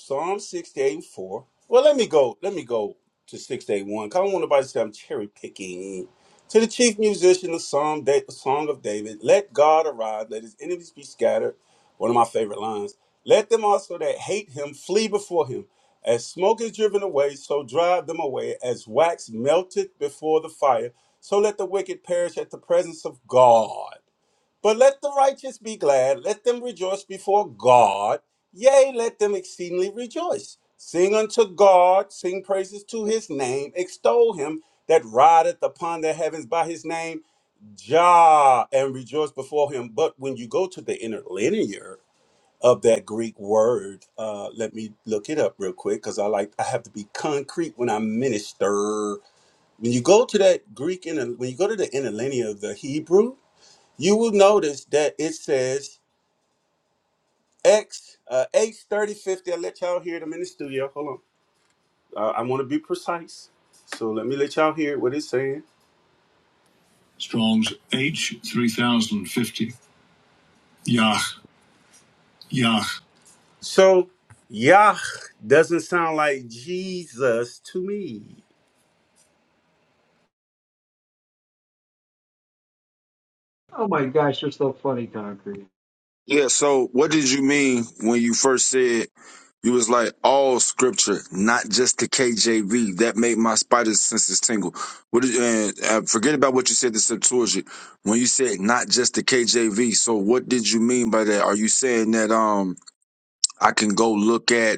Speaker 13: Psalm 68 4. Well, let me go. Let me go to 681. Cause I don't want nobody to say I'm cherry picking. To the chief musician, the Psalm da- Song of David, let God arise, let his enemies be scattered. One of my favorite lines. Let them also that hate him flee before him. As smoke is driven away, so drive them away. As wax melted before the fire, so let the wicked perish at the presence of God. But let the righteous be glad, let them rejoice before God. Yea, let them exceedingly rejoice. Sing unto God, sing praises to his name, extol him that rideth upon the heavens by his name, Jah, and rejoice before him. But when you go to the interlinear of that Greek word, uh, let me look it up real quick because I like I have to be concrete when I minister. When you go to that Greek inter, when you go to the interlinear of the Hebrew, you will notice that it says X uh, H thirty fifty. I let y'all hear them in the studio. Hold on, uh, I want to be precise, so let me let y'all hear what it's saying. Strong's H three thousand fifty. Yah Yah. So Yah doesn't sound like Jesus to me.
Speaker 11: Oh my gosh, you're so funny, Concrete.
Speaker 12: Yeah, so what did you mean when you first said you was like all scripture, not just the KJV? That made my spider senses tingle. What did and uh, forget about what you said the Septuagint when you said not just the KJV? So what did you mean by that? Are you saying that um I can go look at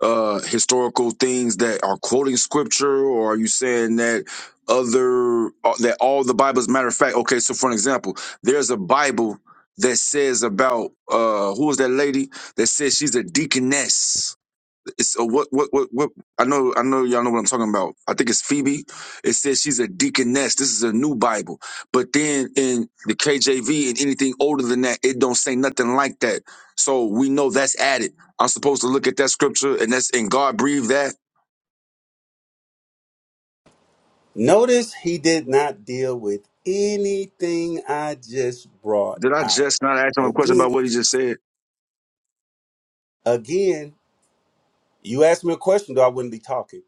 Speaker 12: uh historical things that are quoting scripture or are you saying that other uh, that all the bibles matter of fact okay so for an example there's a bible that says about uh who was that lady that says she's a deaconess so what, what, what, what? I know, I know, y'all know what I'm talking about. I think it's Phoebe. It says she's a deaconess. This is a new Bible, but then in the KJV and anything older than that, it don't say nothing like that. So we know that's added. I'm supposed to look at that scripture, and that's and God breathed that.
Speaker 13: Notice he did not deal with anything I just brought
Speaker 12: Did I
Speaker 13: out.
Speaker 12: just not ask him a question
Speaker 13: Again,
Speaker 12: about what he just said?
Speaker 13: again, you asked me a question, though I wouldn't be talking.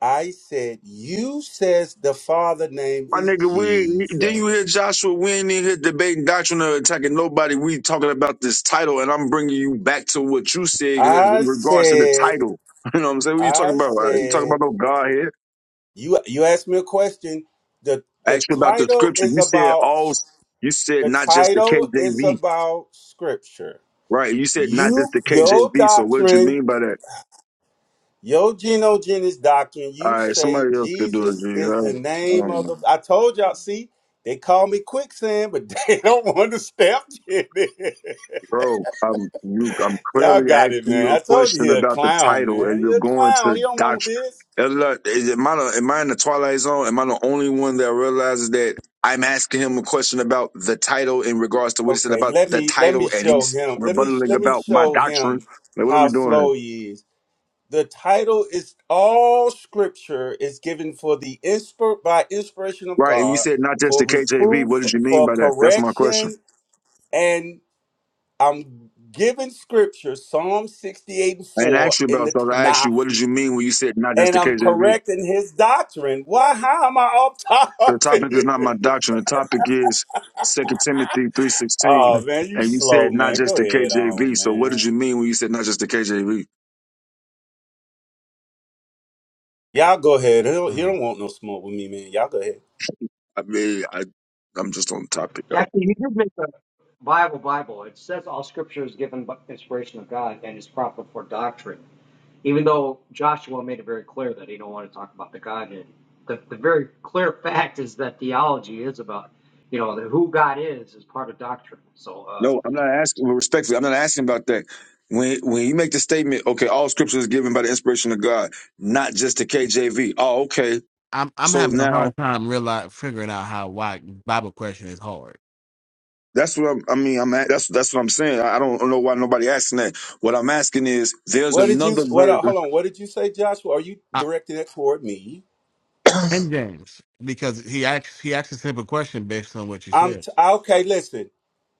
Speaker 13: I said, You says the father name
Speaker 12: My
Speaker 13: is
Speaker 12: nigga, we then
Speaker 13: Jesus.
Speaker 12: you hear Joshua? We ain't in here debating doctrine or attacking nobody. We talking about this title, and I'm bringing you back to what you said in
Speaker 13: I
Speaker 12: regards to the
Speaker 13: said,
Speaker 12: title. You know what I'm saying? What you talking
Speaker 13: I
Speaker 12: about? Right? You talking
Speaker 13: said,
Speaker 12: about no God here?
Speaker 13: you you asked me a question. The
Speaker 12: I
Speaker 13: the
Speaker 12: asked you about the
Speaker 13: title
Speaker 12: scripture.
Speaker 13: is
Speaker 12: You said
Speaker 13: about
Speaker 12: all. You said
Speaker 13: the
Speaker 12: not just the
Speaker 13: title is
Speaker 12: KJV,
Speaker 13: about scripture.
Speaker 12: right? You said not
Speaker 13: You
Speaker 12: just the
Speaker 13: your
Speaker 12: KJV. So what did you
Speaker 13: doctrine,
Speaker 12: mean by that?
Speaker 13: your genogenes doctrine,
Speaker 12: All
Speaker 13: you
Speaker 12: right,
Speaker 13: say
Speaker 12: somebody else could do it. G.
Speaker 13: Jesus is
Speaker 12: All
Speaker 13: the
Speaker 12: right. I
Speaker 13: name
Speaker 12: don't
Speaker 13: of
Speaker 12: know.
Speaker 13: the I told y'all, see, they call me quicksand, but they don't want to step in it.
Speaker 12: Bro, I'm you. I'm
Speaker 13: Y'all
Speaker 12: clearly
Speaker 13: got it,
Speaker 12: asking you
Speaker 13: man.
Speaker 12: a
Speaker 13: I told you
Speaker 12: question
Speaker 13: he a
Speaker 12: about the
Speaker 13: clown,
Speaker 12: title, and
Speaker 13: man. He
Speaker 12: you're
Speaker 13: a
Speaker 12: going to
Speaker 13: clown. He don't want
Speaker 12: doctrine.
Speaker 13: this.
Speaker 12: Uh, look, Is am I the- am I in the twilight zone? Am I the only one that realizes that I'm asking him a question about the title in regards to what he said
Speaker 13: Okay,
Speaker 12: about
Speaker 13: let
Speaker 12: the
Speaker 13: me let me
Speaker 12: title, and
Speaker 13: show
Speaker 12: he's
Speaker 13: him. Let me
Speaker 12: rebuttaling
Speaker 13: let me
Speaker 12: about my
Speaker 13: show
Speaker 12: doctrine?
Speaker 13: him
Speaker 12: Like, what are we
Speaker 13: how
Speaker 12: doing here?
Speaker 13: slow he is. The title is all scripture is given for the inspir by inspiration of
Speaker 12: Right, and you
Speaker 13: God
Speaker 12: said not just
Speaker 13: for
Speaker 12: the KJV.
Speaker 13: reproof,
Speaker 12: What did you mean
Speaker 13: for
Speaker 12: by that? That's my question.
Speaker 13: correction, and I'm giving scripture, Psalm 68 and
Speaker 12: I didn't
Speaker 13: 4
Speaker 12: ask you
Speaker 13: in
Speaker 12: about
Speaker 13: the
Speaker 12: that. I asked
Speaker 13: Tanakh,
Speaker 12: you, what did you mean when you said not just
Speaker 13: and
Speaker 12: the
Speaker 13: I'm
Speaker 12: KJV?
Speaker 13: correcting his doctrine. Why how am I off
Speaker 12: The
Speaker 13: topic?
Speaker 12: topic is not my doctrine. The topic is Second Timothy three sixteen,
Speaker 13: Oh man, you
Speaker 12: and you
Speaker 13: slow
Speaker 12: said not
Speaker 13: man.
Speaker 12: just
Speaker 13: Go
Speaker 12: the
Speaker 13: ahead on
Speaker 12: KJV. So what did
Speaker 13: man.
Speaker 12: you mean when you said not just the KJV?
Speaker 13: Y'all go ahead. He don't, he
Speaker 1: um,
Speaker 13: don't want no smoke with me, man. Y'all go ahead.
Speaker 12: I mean, I I'm just on the topic.
Speaker 11: Actually, you did make the Bible Bible. It says all scripture is given by inspiration of God and is proper for doctrine. Even though Joshua made it very clear that he don't want to talk about the Godhead. The, the very clear fact is that theology is about, you know, the, who God is is part of doctrine. So, uh,
Speaker 12: No, I'm not asking. well, Respectfully, I'm not asking about that. When when you make the statement, okay, all Scripture is given by the inspiration of God, not just the KJV. Oh, okay.
Speaker 1: I'm I'm
Speaker 12: So
Speaker 1: having a
Speaker 12: now
Speaker 1: hard time realize figuring out how why Bible question is hard.
Speaker 12: that's what I'm, I mean. I'm at, that's that's what I'm saying. I I don't know why nobody asking that. What I'm asking is, there's
Speaker 13: What did you?
Speaker 12: another
Speaker 13: What? uh,
Speaker 12: version.
Speaker 13: Hold on. What did you say, Joshua? Are you
Speaker 1: Uh,
Speaker 13: directing it toward me?
Speaker 1: and James because he asked he asked a simple question based on what you
Speaker 13: I'm
Speaker 1: said.
Speaker 13: t- okay. Listen.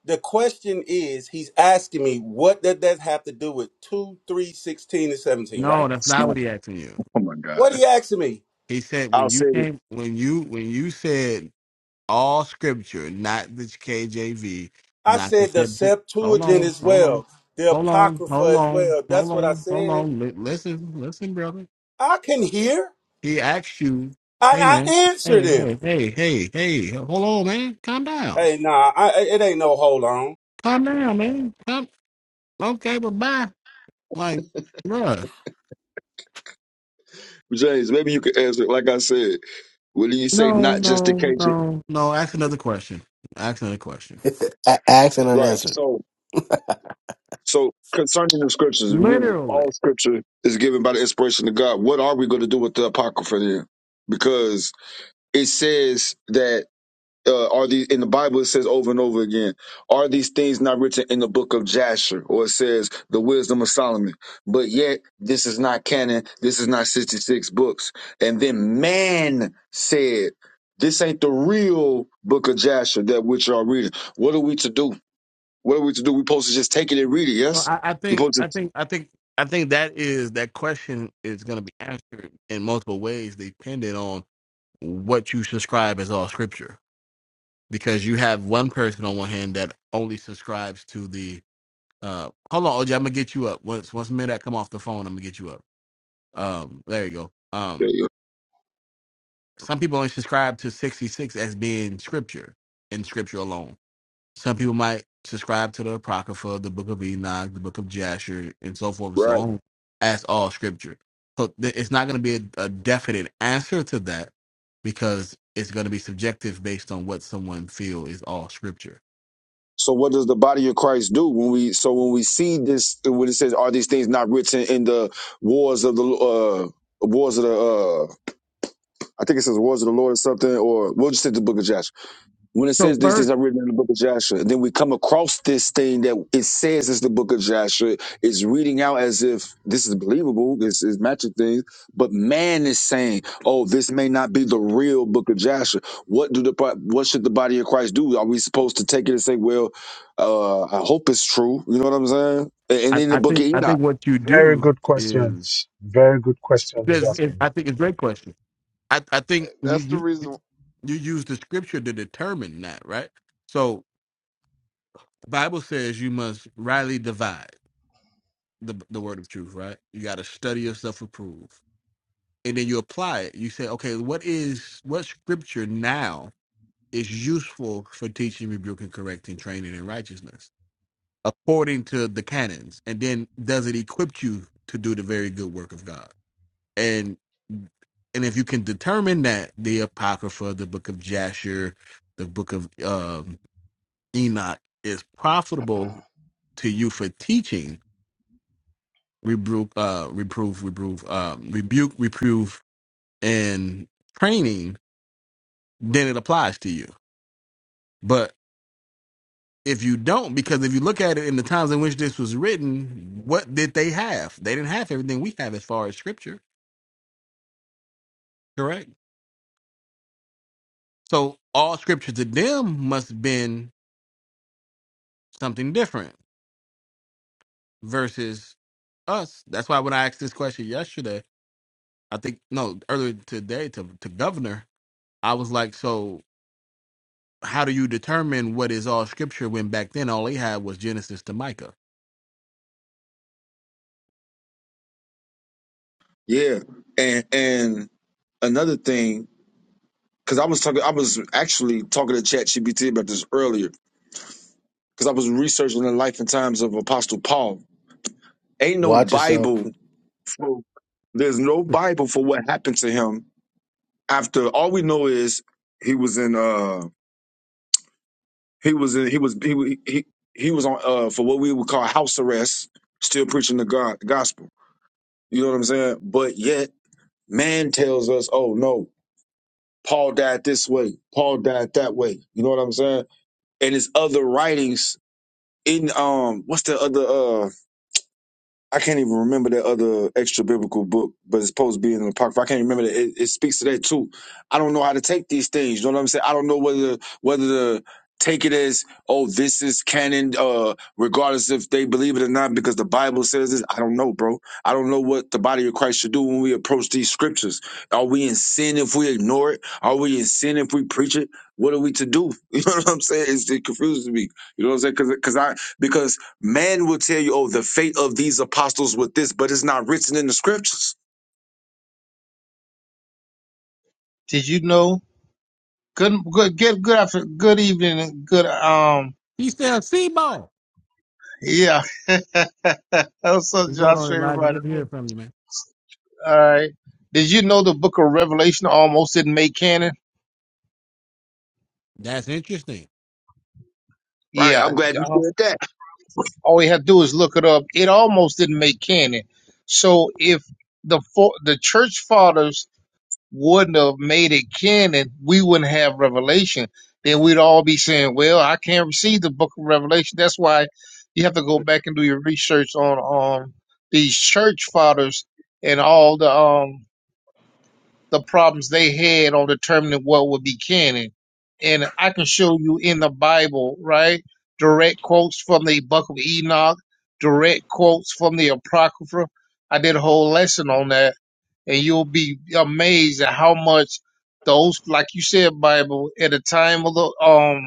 Speaker 13: The question is, he's asking me, what did that have to do with two, three, sixteen, and seventeen?
Speaker 1: No,
Speaker 13: Right?
Speaker 1: that's not
Speaker 12: No,
Speaker 1: what he asking you.
Speaker 12: Oh my
Speaker 13: What
Speaker 12: God.
Speaker 13: he asking me?
Speaker 1: He said when
Speaker 12: I'll
Speaker 1: you
Speaker 12: say it
Speaker 1: came when you when you said all scripture, not the KJV,
Speaker 13: I
Speaker 1: not the
Speaker 13: said the
Speaker 1: Septu- Hold
Speaker 13: Septuagint
Speaker 1: on,
Speaker 13: as
Speaker 1: hold on,
Speaker 13: well, the
Speaker 1: hold on,
Speaker 13: Apocrypha
Speaker 1: hold
Speaker 13: as
Speaker 1: on,
Speaker 13: well.
Speaker 1: hold
Speaker 13: That's what I
Speaker 1: on, hold
Speaker 13: said.
Speaker 1: on. Li- listen, listen, brother.
Speaker 13: I can hear,
Speaker 1: He asks you,
Speaker 13: and
Speaker 1: hey man,
Speaker 13: I answered
Speaker 1: hey,
Speaker 13: him.
Speaker 1: hey, hey, hey, hey, hold on, man. Calm down.
Speaker 13: Hey, nah, I, it ain't no hold on.
Speaker 1: Calm down, man. Calm okay, but bye. Like, bruh.
Speaker 12: James, maybe you could answer. Like I said, will you say
Speaker 1: No,
Speaker 12: not just the
Speaker 1: no,
Speaker 12: case?
Speaker 1: no. No, ask another question. Ask another question.
Speaker 8: A- Asked and
Speaker 12: Right.
Speaker 8: unanswered.
Speaker 12: So, so concerning the scriptures, we,
Speaker 1: Literally.
Speaker 12: all scripture is given by the inspiration of God. What are we going to do with the apocrypha then? Because it says that. uh, are these in the Bible? It says over and over again, are these things not written in the book of Jasher, or it says the wisdom of Solomon? But yet, this is not canon. This is not sixty-six books. And then man said, "This ain't the real book of Jasher that which y'all reading." What are we to do? What are we to do? We supposed to just take it and read it?
Speaker 1: So
Speaker 12: Yes,
Speaker 1: I, I
Speaker 12: we
Speaker 1: think
Speaker 12: supposed
Speaker 1: I
Speaker 12: to.
Speaker 1: think I think I think that is that question is gonna be answered in multiple ways depending on what you subscribe as all scripture. Because you have one person on one hand that only subscribes to the Uh, hold on, OJ. I'm gonna get you up once once minute come off the phone. I'm gonna get you up. Um, there you go.
Speaker 12: yeah,
Speaker 1: Um,
Speaker 12: yeah,
Speaker 1: some people only subscribe to 66 as being scripture and scripture alone. Some people might subscribe to the Apocrypha, the Book of Enoch, the Book of Jasher, and so forth and so
Speaker 12: Right.
Speaker 1: on as all scripture. So th- it's not gonna be a, a definite answer to that because it's gonna be subjective based on what someone feel is all scripture.
Speaker 12: So what does the body of Christ do when we? So when we see this, when it says, "Are these things not written in the wars of the uh, wars of the?" Uh, I think it says "wars of the Lord" or something, or we'll just say the Book of Joshua when it
Speaker 1: So
Speaker 12: says these
Speaker 1: first,
Speaker 12: things are written in the book of Joshua, then we come across this thing that it says is the book of Joshua. It's reading out as if this is believable, this is matching things, but man is saying, "Oh, this may not be the real book of Joshua." What do the bo- what should the body of Christ do? Are we supposed to take it and say, "Well, uh, I hope it's true"? You know what I'm saying? And, and
Speaker 1: I,
Speaker 12: in the
Speaker 1: I
Speaker 12: book of
Speaker 1: think I think
Speaker 12: Enoch,
Speaker 1: what you
Speaker 6: Very
Speaker 1: do
Speaker 6: good
Speaker 1: is
Speaker 6: questions. Very good question he's
Speaker 1: There's, it,
Speaker 6: asking.
Speaker 1: I think it's a great question. I, I think you,
Speaker 7: That's the
Speaker 1: you you
Speaker 7: reason,
Speaker 1: you use the scripture to determine that, right? So Bible says you must rightly divide the the word of truth, right? You got to study yourself approved, and then you apply it. You say, okay, what is what scripture now is useful for teaching, rebuking, correcting, training in righteousness according to the canons, and then does it equip you to do the very good work of God? and and if you can determine that the apocrypha the book of jasher the book of um, enoch is profitable to you for teaching rebuke uh reprove reprove um rebuke reprove and training then it applies to you but if you don't because if you look at it in the times in which this was written what did they have they didn't have everything we have as far as scripture correct so all scripture to them must have been something different versus us. That's why when I asked this question yesterday, I think no earlier today to to governor, I was like, so how do you determine what is all scripture when back then all he had was Genesis to Micah?
Speaker 12: yeah, and and another thing. Cause I was talking, I was actually talking to Chat GPT about this earlier because I was researching the life and times of Apostle Paul. Ain't no
Speaker 8: Watch yourself.
Speaker 12: Bible. For, there's no Bible for what happened to him after. All we know is he was in. uh He was in. He was. He wa- he, he was on uh for what we would call house arrest, still preaching the God the gospel. You know what I'm saying? But yet, man tells us, "Oh no, Paul died this way. Paul died that way." You know what I'm saying? And his other writings in um, what's the other? uh, I can't even remember that other extra biblical book, but it's supposed to be in the apocrypha. I can't remember that. It, it speaks to that too. I don't know how to take these things. You know what I'm saying? I don't know whether whether to take it as oh this is canon, uh, regardless if they believe it or not, because the Bible says this. I don't know, bro. I don't know what the body of Christ should do when we approach these scriptures. Are we in sin if we ignore it? Are we in sin if we preach it? What are we to do? You know what I'm saying? It's, it confuses me. You know what I'm saying? Because I because Man will tell you, oh, the fate of these apostles with this, but it's not written in the scriptures.
Speaker 14: Did you know? Good, good, good, good after, good evening, and good, um,
Speaker 1: He said, "Sebo,
Speaker 14: yeah. What's up,
Speaker 1: what's going on,
Speaker 14: Josh?
Speaker 1: Elijah?
Speaker 14: Everybody.
Speaker 1: Good to hear from you, man.
Speaker 14: All right. Did you know the book of Revelation almost didn't make canon?
Speaker 1: That's interesting."
Speaker 12: right? right,
Speaker 14: Yeah.
Speaker 12: I'm glad you
Speaker 14: um,
Speaker 12: said that.
Speaker 14: All we have to do is look it up. It almost didn't make canon. So if the, fo- the church fathers wouldn't have made it canon, we wouldn't have revelation. Then we'd all be saying, "Well, I can't receive the Book of Revelation." That's why you have to go back and do your research on um these church fathers and all the um the problems they had on determining what would be canon. And I can show you in the Bible, right? Direct quotes from the Book of Enoch, direct quotes from the Apocrypha. I did a whole lesson on that and you'll be amazed at how much those, like you said, Bible at the time of the um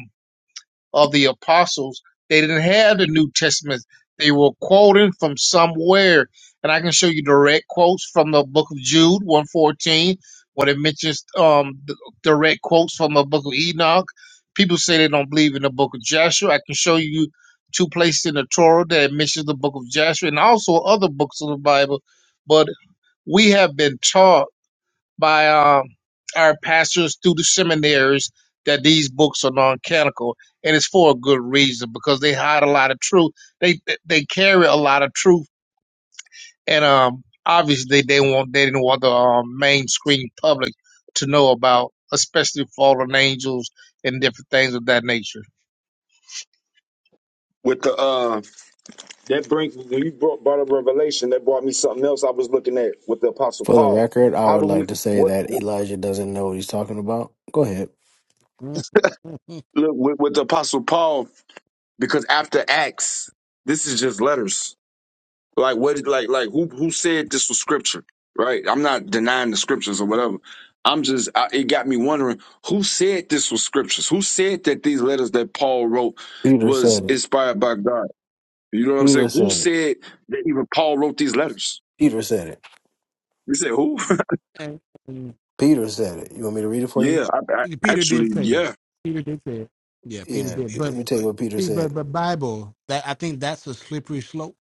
Speaker 14: of the apostles, they didn't have the New Testament. They were quoting from somewhere, and I can show you direct quotes from the Book of Jude one fourteen, when it mentions um the direct quotes from the Book of Enoch. People say they don't believe in the Book of Joshua. I can show you two places in the Torah that mentions the Book of Joshua and also other books of the Bible, but we have been taught by um, our pastors through the seminaries that these books are non-canonical, and it's for a good reason because they hide a lot of truth. They they carry a lot of truth, and um, obviously they want they didn't want the um, mainstream public to know about, especially fallen angels and different things of that nature.
Speaker 12: With the uh, that bring when you brought, brought up Revelation, that brought me something else. I was looking at with the Apostle
Speaker 8: For the
Speaker 12: Paul.
Speaker 8: record, I
Speaker 12: How
Speaker 8: would
Speaker 12: do we
Speaker 8: like to say
Speaker 12: what
Speaker 8: that Elijah doesn't know what he's talking about. Go ahead.
Speaker 12: Look, with, with the apostle Paul, because after Acts, this is just letters. Like what? Like like who who said this was scripture? Right? I'm not denying the scriptures or whatever. I'm just I, it got me wondering who said this was scriptures. Who said that these letters that Paul wrote
Speaker 8: Peter
Speaker 12: was
Speaker 8: said it.
Speaker 12: inspired by God? You know what I'm
Speaker 8: Peter
Speaker 12: saying? Who
Speaker 8: said it.
Speaker 12: said that even Paul wrote these letters?
Speaker 8: Peter said it.
Speaker 12: You said who?
Speaker 8: Peter said it. You want me to read it for you?
Speaker 12: yeah, I, I,
Speaker 1: Peter did
Speaker 12: actually,
Speaker 1: say
Speaker 12: yeah.
Speaker 1: that. Peter did say it. Yeah, Peter
Speaker 8: Yeah.
Speaker 1: did.
Speaker 8: Let
Speaker 1: But
Speaker 8: me tell you what Peter
Speaker 1: see,
Speaker 8: said.
Speaker 1: but but Bible that I think that's a slippery slope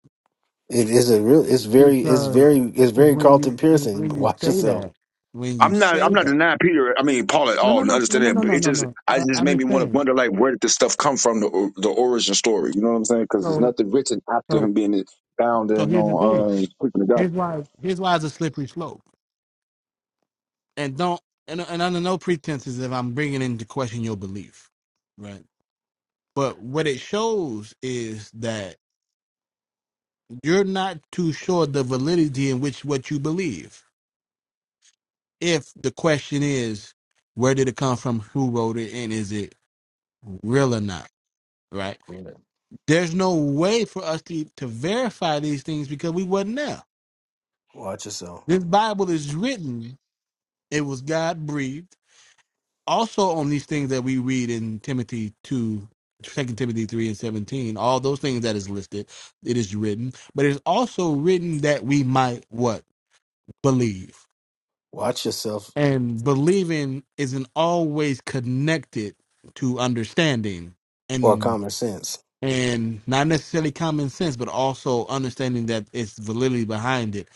Speaker 8: It is a real. It's very. It's
Speaker 1: because
Speaker 8: very. It's
Speaker 1: because
Speaker 8: very
Speaker 1: when you
Speaker 8: Carlton
Speaker 1: when,
Speaker 8: Pearson.
Speaker 1: when you
Speaker 8: Watch
Speaker 1: say
Speaker 8: yourself.
Speaker 1: that when you
Speaker 12: I'm not. I'm
Speaker 1: say
Speaker 12: not
Speaker 1: that
Speaker 12: denying Peter. I mean Paul at
Speaker 1: no
Speaker 12: all.
Speaker 1: no
Speaker 12: and
Speaker 1: no no
Speaker 12: Understand
Speaker 1: no
Speaker 12: that,
Speaker 1: no
Speaker 12: but
Speaker 1: no
Speaker 12: it
Speaker 1: no
Speaker 12: just.
Speaker 1: no
Speaker 12: I
Speaker 1: I,
Speaker 12: it just
Speaker 1: I'm
Speaker 12: made
Speaker 1: just
Speaker 12: me want to
Speaker 1: saying
Speaker 12: wonder, like, where did this stuff come from? The or- the origin story. You know what I'm saying? Because there's
Speaker 1: so
Speaker 12: nothing written after
Speaker 1: so
Speaker 12: him being bound
Speaker 1: so
Speaker 12: and
Speaker 1: here's the
Speaker 12: on
Speaker 1: thing
Speaker 12: uh, preaching the gospel.
Speaker 1: here's why here's why it's a slippery slope and don't and, and under no pretenses if I'm bringing into question your belief right but what it shows is that you're not too sure the validity in which what you believe if the question is where did it come from who wrote it and is it real or not right There's no way for us to, to verify these things because we wasn't there.
Speaker 8: Watch yourself.
Speaker 1: This Bible is written, it was God breathed. Also on these things that we read in Timothy 2, Second Timothy 3 and 17, all those things that is listed, it is written. But it's also written that we might what? Believe.
Speaker 8: Watch yourself.
Speaker 1: And believing isn't always connected to understanding
Speaker 8: Or
Speaker 1: and
Speaker 8: common sense.
Speaker 1: and not necessarily common sense, but also understanding that it's validity behind it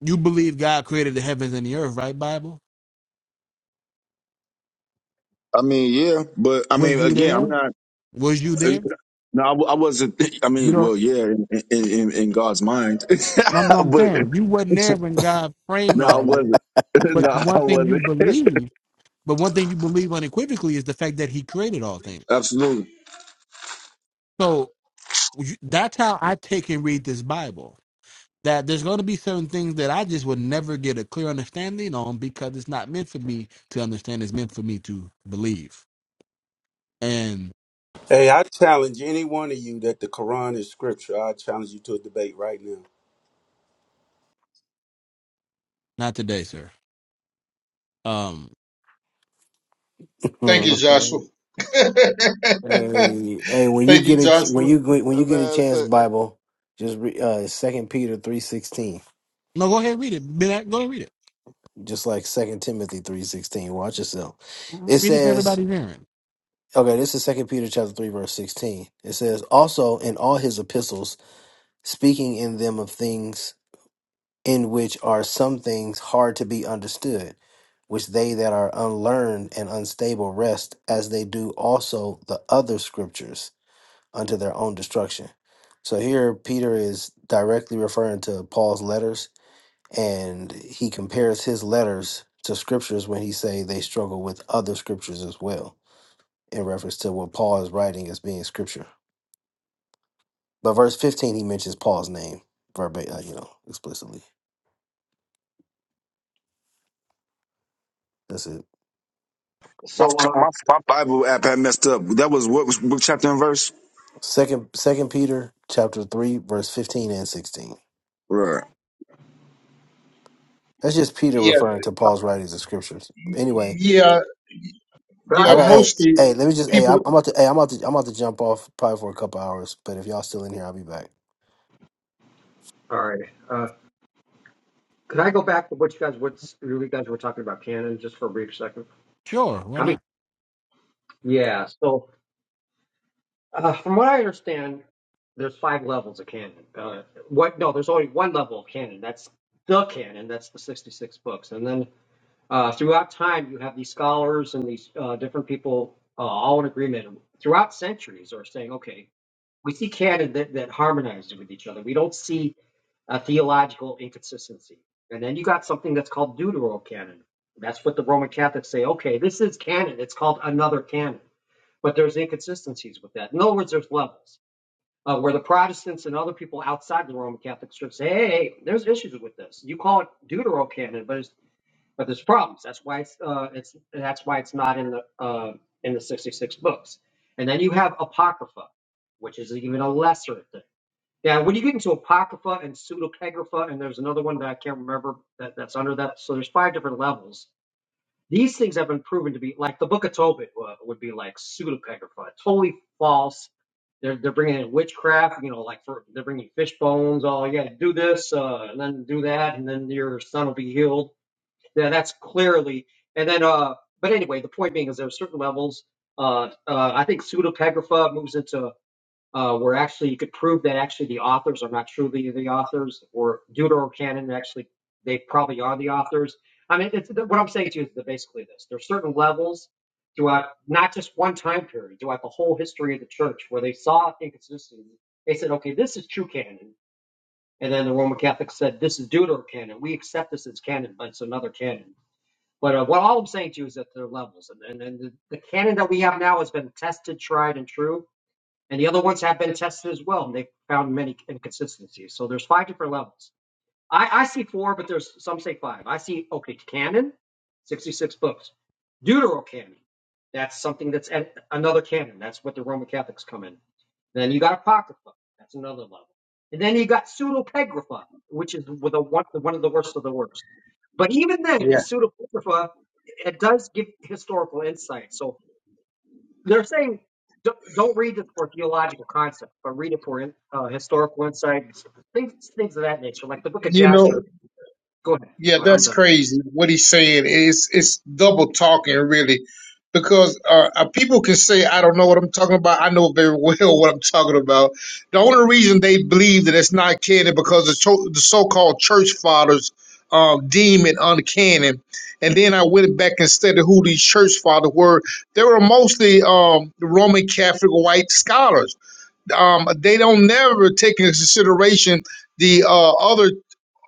Speaker 1: You believe God created the heavens and the earth, right, Bible?
Speaker 12: I mean, yeah, but I
Speaker 1: Was
Speaker 12: mean,
Speaker 1: you
Speaker 12: again, I'm
Speaker 1: there?
Speaker 12: not.
Speaker 1: Was you there?
Speaker 12: No, I, w- I wasn't. I
Speaker 1: You
Speaker 12: mean,
Speaker 1: don't.
Speaker 12: well, yeah, in in, in in God's mind,
Speaker 1: I'm no, I'm
Speaker 12: but
Speaker 1: saying you wasn't there when God framed
Speaker 12: no, I
Speaker 1: all this.
Speaker 12: wasn't. No,
Speaker 1: But
Speaker 12: I
Speaker 1: one thing you
Speaker 12: wasn't.
Speaker 1: believe, But one thing you believe unequivocally is the fact that he created all things.
Speaker 12: Absolutely.
Speaker 1: So you- that's how I take and read this Bible. That there's going to be certain things that I just would never get a clear understanding on because it's not meant for me to understand. It's meant for me to believe. And
Speaker 15: Hey, I challenge any one of you that the Quran is scripture. I challenge you to a debate right now.
Speaker 1: not today, sir. Um,
Speaker 14: Thank you,
Speaker 8: Mhm.
Speaker 14: Joshua.
Speaker 8: hey, hey. When you
Speaker 14: Thank you,
Speaker 8: get it. When
Speaker 14: Joshua.
Speaker 8: you when
Speaker 7: uh,
Speaker 8: you get a
Speaker 7: man.
Speaker 8: chance,
Speaker 7: Say,
Speaker 8: Bible. Just re, uh, Second Peter three sixteen.
Speaker 1: no, go ahead and read it. Ben, Go ahead and read it.
Speaker 8: just like Second Timothy three sixteen. Watch yourself. It
Speaker 1: Read it for
Speaker 8: says,
Speaker 1: everybody's hearing.
Speaker 8: okay, this is Second Peter chapter three verse sixteen. It says, also in all his epistles, speaking in them of things in which are some things hard to be understood, which they that are unlearned and unstable rest, as they do also the other scriptures unto their own destruction. So here Peter is directly referring to Paul's letters and he compares his letters to scriptures when he say they struggle with other scriptures as well in reference to what paul is writing as being scripture but verse 15 he mentions paul's name verbatim uh, you know explicitly that's it
Speaker 12: My,
Speaker 11: so uh,
Speaker 12: my, my Bible app had messed up. That was what was what chapter and verse.
Speaker 8: second second peter chapter 3 verse 15 and 16
Speaker 12: Right.
Speaker 8: that's just peter
Speaker 14: Yeah,
Speaker 8: referring to paul's writings as scriptures anyway
Speaker 14: yeah,
Speaker 11: could I
Speaker 8: i
Speaker 11: go
Speaker 14: yeah.
Speaker 8: got
Speaker 11: back?
Speaker 8: hey
Speaker 14: Mostly
Speaker 8: hey let me just hey
Speaker 14: people.
Speaker 8: i'm, I'm about to hey i'm about to i'm about to jump off probably for a couple hours but if y'all still in here i'll be back
Speaker 11: All right. Uh, could I go back to what you guys, what's you guys were talking about canon just for a brief second?
Speaker 1: Sure, why
Speaker 11: I mean,
Speaker 1: not?
Speaker 11: yeah. So uh, from what I understand, there's five levels of canon. Uh, what? No, there's only one level of canon. That's the canon. That's the 66 books. And then uh, throughout time, you have these scholars and these uh, different people uh, all in agreement throughout centuries are saying, okay, We see canon that, that harmonizes with each other. We don't see a theological inconsistency. And then you got something that's called deuterocanon. That's what the Roman Catholics say. Okay, this is canon. It's called another canon, but there's inconsistencies with that. In other words, there's levels uh, where the Protestants and other people outside the Roman Catholic Church say, hey, hey, hey, there's issues with this. You call it deuterocanon, but it's but there's problems. That's why it's uh, it's that's why it's not in the uh, in the 66 books. And then you have apocrypha, which is even a lesser thing. Yeah, when you get into apocrypha and pseudocagrapha, and there's another one that I can't remember that, that's under that. So there's five different levels. These things have been proven to be like the Book of Tobit uh, would be like pseudocagrapha, totally false. They're, they're bringing in witchcraft, you know, like for they're bringing fish bones. Oh, you got to do this, uh, and then do that, and then your son will be healed yeah, that's clearly. And then, uh, but anyway, the point being is there are certain levels. Uh, uh, I think pseudepigrapha moves into uh, where actually you could prove that actually the authors are not truly the authors, or deuterocanon actually they probably are the authors. I mean, it's, what I'm saying to you is that basically this: there are certain levels throughout not just one time period, throughout the whole history of the church, where they saw inconsistencies. They said, "Okay, this is true canon," and then the Roman Catholics said, "This is deuterocanon. We accept this as canon, but it's another canon." But uh, what all I'm saying to you is that there are levels, and and, and the, the canon that we have now has been tested, tried, and true, and the other ones have been tested as well, and they've found many inconsistencies. So there's five different levels. I, I see four, but there's some say five. I see okay, canon, sixty-six books. Deuterocanon, that's something that's at another canon. That's what the Roman Catholics come in. Then you got apocrypha, that's another level. And then you got pseudopegrapha, which is with a one, one of the worst of the worst. But even then, the
Speaker 14: Yeah,
Speaker 11: pseudopegrapha it does give historical insight. So they're saying don't, don't read it for theological concepts, but read it for in, uh, historical insights, things things of that nature, like the Book of
Speaker 14: you know.
Speaker 11: Jasher Go ahead.
Speaker 14: Yeah,
Speaker 11: Go ahead. I'm
Speaker 14: that's
Speaker 11: done.
Speaker 14: crazy. What he's saying is it's double talking, really, because uh, uh, people can say, "I don't know what I'm talking about." I know very well what I'm talking about. The only reason they believe that it's not canon because the, cho- the so-called church fathers um, deem it uncanon. And then I went back and studied who these church fathers were. They were mostly um, Roman Catholic white scholars. Um, they don't never take into consideration the uh, other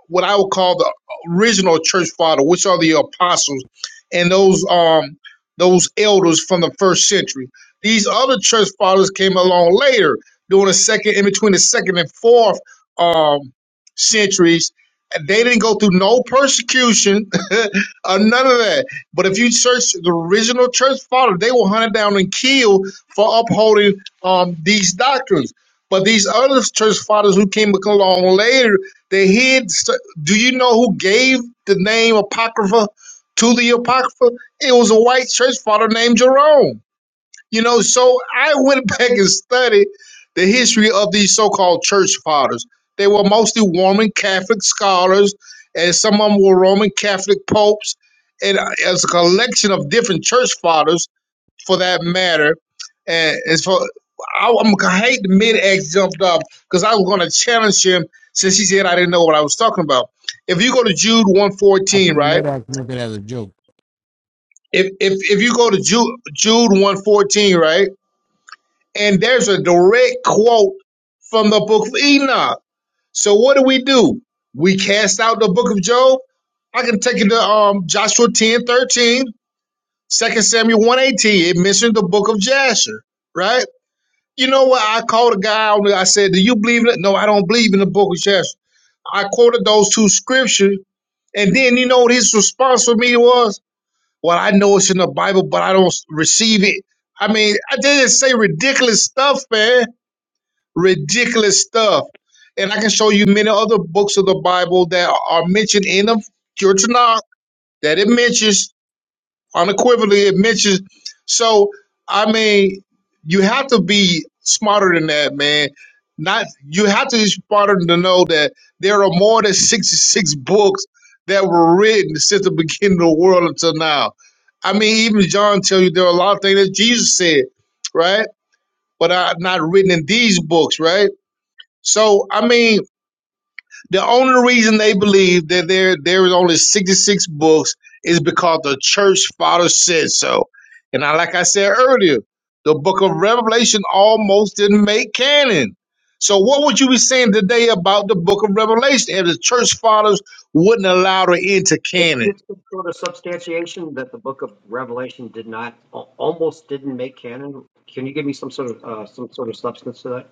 Speaker 14: what I would call the original church father, which are the apostles and those um those elders from the first century. These other church fathers came along later, during the second in between the second and fourth um centuries. and They didn't go through no persecution or none of that. But if you search the original church fathers, they were hunted down and killed for upholding um, these doctrines. But these other church fathers who came along later, they hid. Do you know who gave the name Apocrypha to the Apocrypha? It was a white church father named Jerome. You know, so I went back and studied the history of these so called church fathers. They were mostly Roman Catholic scholars, and some of them were Roman Catholic popes. And uh, as a collection of different church fathers, for that matter. And as for I, I'm, I hate the mid X jumped up because I was going to challenge him since he said I didn't know what I was talking about. If you go to Jude
Speaker 1: I
Speaker 14: 114,
Speaker 1: think
Speaker 14: right?
Speaker 1: Medak meant it as a joke.
Speaker 14: If if if you go to Jude Jude 114, right? And there's a direct quote from the book of Enoch. So what do we do? We cast out the book of Job. I can take it to um, Joshua 10 13, Second Samuel 118. It mentioned the book of Jasher, right? You know what? I called a guy on it. I said, Do you believe in it? No, I don't believe in the book of Jasher. I quoted those two scriptures. And then you know what his response for me was? Well, I know it's in the Bible, but I don't receive it. I mean, I didn't say ridiculous stuff, man. Ridiculous stuff. And I can show you many other books of the Bible that are mentioned in the Kirtanah that it mentions unequivocally it mentions. So I mean, you have to be smarter than that, man. Not you have to be smarter to know that there are more than sixty six books that were written since the beginning of the world until now. I mean, even John tell you there are a lot of things that Jesus said, right? But are not written in these books, right? So I mean, the only reason they believe that there there is only sixty six books is because the church father said so. And I, like I said earlier, the book of Revelation almost didn't make canon. So what would you be saying today about the book of Revelation if the church fathers wouldn't allow it into
Speaker 11: It
Speaker 14: canon?
Speaker 11: gives some sort of substantiation that the book of Revelation did not, al- almost didn't make canon. Can you give me some sort of uh, some sort of substance to that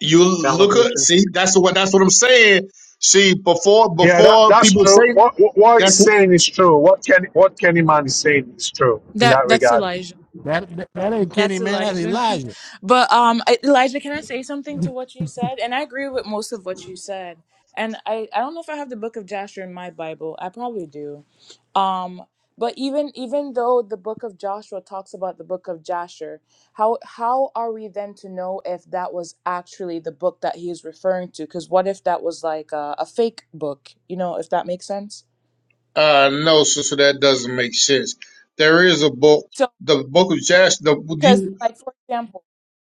Speaker 14: You look at
Speaker 11: validation?
Speaker 14: see that's what that's what I'm saying. See before
Speaker 6: Yeah, that,
Speaker 14: before
Speaker 6: that's
Speaker 14: people
Speaker 6: true.
Speaker 14: say
Speaker 6: What, what what he's
Speaker 14: that's
Speaker 6: saying is true. What Kenny what Kenny is saying is true in
Speaker 3: That
Speaker 6: that
Speaker 3: that's
Speaker 6: regard.
Speaker 3: Elijah.
Speaker 1: That, that that ain't Kenny,
Speaker 3: That's
Speaker 1: man. That's
Speaker 3: Elijah.
Speaker 1: Elijah.
Speaker 3: But um I- Elijah, can I say something to what you said? And I agree with most of what you said. And I I don't know if I have the book of Joshua in my Bible. I probably do. Um but even even though the book of Joshua talks about the book of Joshua, how how are we then to know if that was actually the book that he is referring to? Cuz what if that was like a, a fake book? You know, if that makes sense?
Speaker 14: Uh, no, sister, that doesn't make sense. There is a book,
Speaker 3: So
Speaker 14: the book of Jasher. The do
Speaker 3: because
Speaker 14: you,
Speaker 3: like for example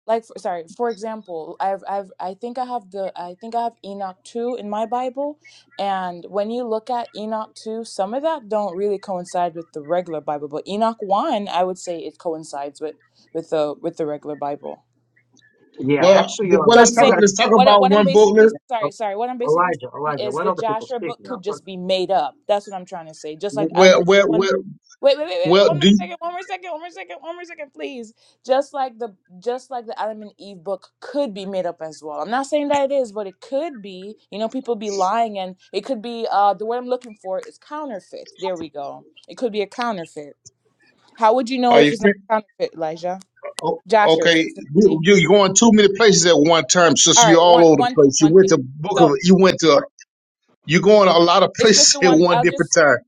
Speaker 3: like for, sorry for example i've i've i think i have the i think i have enoch 2 in my bible and when you look at enoch 2 some of that don't really coincide with the regular bible but enoch 1 i would say it coincides with with the with the regular bible
Speaker 11: Yeah,
Speaker 14: well,
Speaker 11: actually,
Speaker 14: well,
Speaker 3: so
Speaker 11: um,
Speaker 3: I'm
Speaker 14: let's
Speaker 11: you
Speaker 14: talk.
Speaker 3: saying
Speaker 11: got
Speaker 14: Let's talk
Speaker 3: what it-
Speaker 14: about
Speaker 3: what I'm
Speaker 14: one book.
Speaker 3: basically
Speaker 14: There,
Speaker 11: to
Speaker 3: sorry, sorry. What I'm basically
Speaker 11: Elijah.
Speaker 3: saying
Speaker 11: Elijah,
Speaker 3: is
Speaker 11: let
Speaker 3: the
Speaker 11: other people
Speaker 3: Joshua
Speaker 11: speak
Speaker 3: book
Speaker 11: now.
Speaker 3: could
Speaker 11: But
Speaker 3: just be made up. That's what I'm trying to say. Just like I'm
Speaker 14: well,
Speaker 3: an E
Speaker 14: well,
Speaker 3: one.
Speaker 14: well,
Speaker 3: Wait, wait, wait, wait, wait,
Speaker 14: well.
Speaker 3: one more
Speaker 14: Do you,
Speaker 3: second, one more second, one more second, one more second, please. Just like the just like the Adam and Eve book could be made up as well. I'm not saying that it is, but it could be. You know, people be lying and it could be uh the word I'm looking for is counterfeit. There we go. It could be a counterfeit. How would you know
Speaker 14: are
Speaker 3: if
Speaker 14: you
Speaker 3: it's not
Speaker 14: fin-
Speaker 3: counterfeit, Elijah?
Speaker 14: oh,
Speaker 3: Joshua
Speaker 14: okay? You,
Speaker 3: specifically.
Speaker 14: you're going too many places at one time,
Speaker 3: All
Speaker 14: sister. You're
Speaker 3: right,
Speaker 14: all
Speaker 3: one
Speaker 14: over the
Speaker 3: one thing,
Speaker 14: place. You
Speaker 3: one thing.
Speaker 14: went to book of.
Speaker 3: So
Speaker 14: You went to. You're going a lot of
Speaker 3: It's just
Speaker 14: places
Speaker 3: the
Speaker 14: at
Speaker 3: one.
Speaker 14: one
Speaker 3: I'll
Speaker 14: different
Speaker 3: just
Speaker 14: time.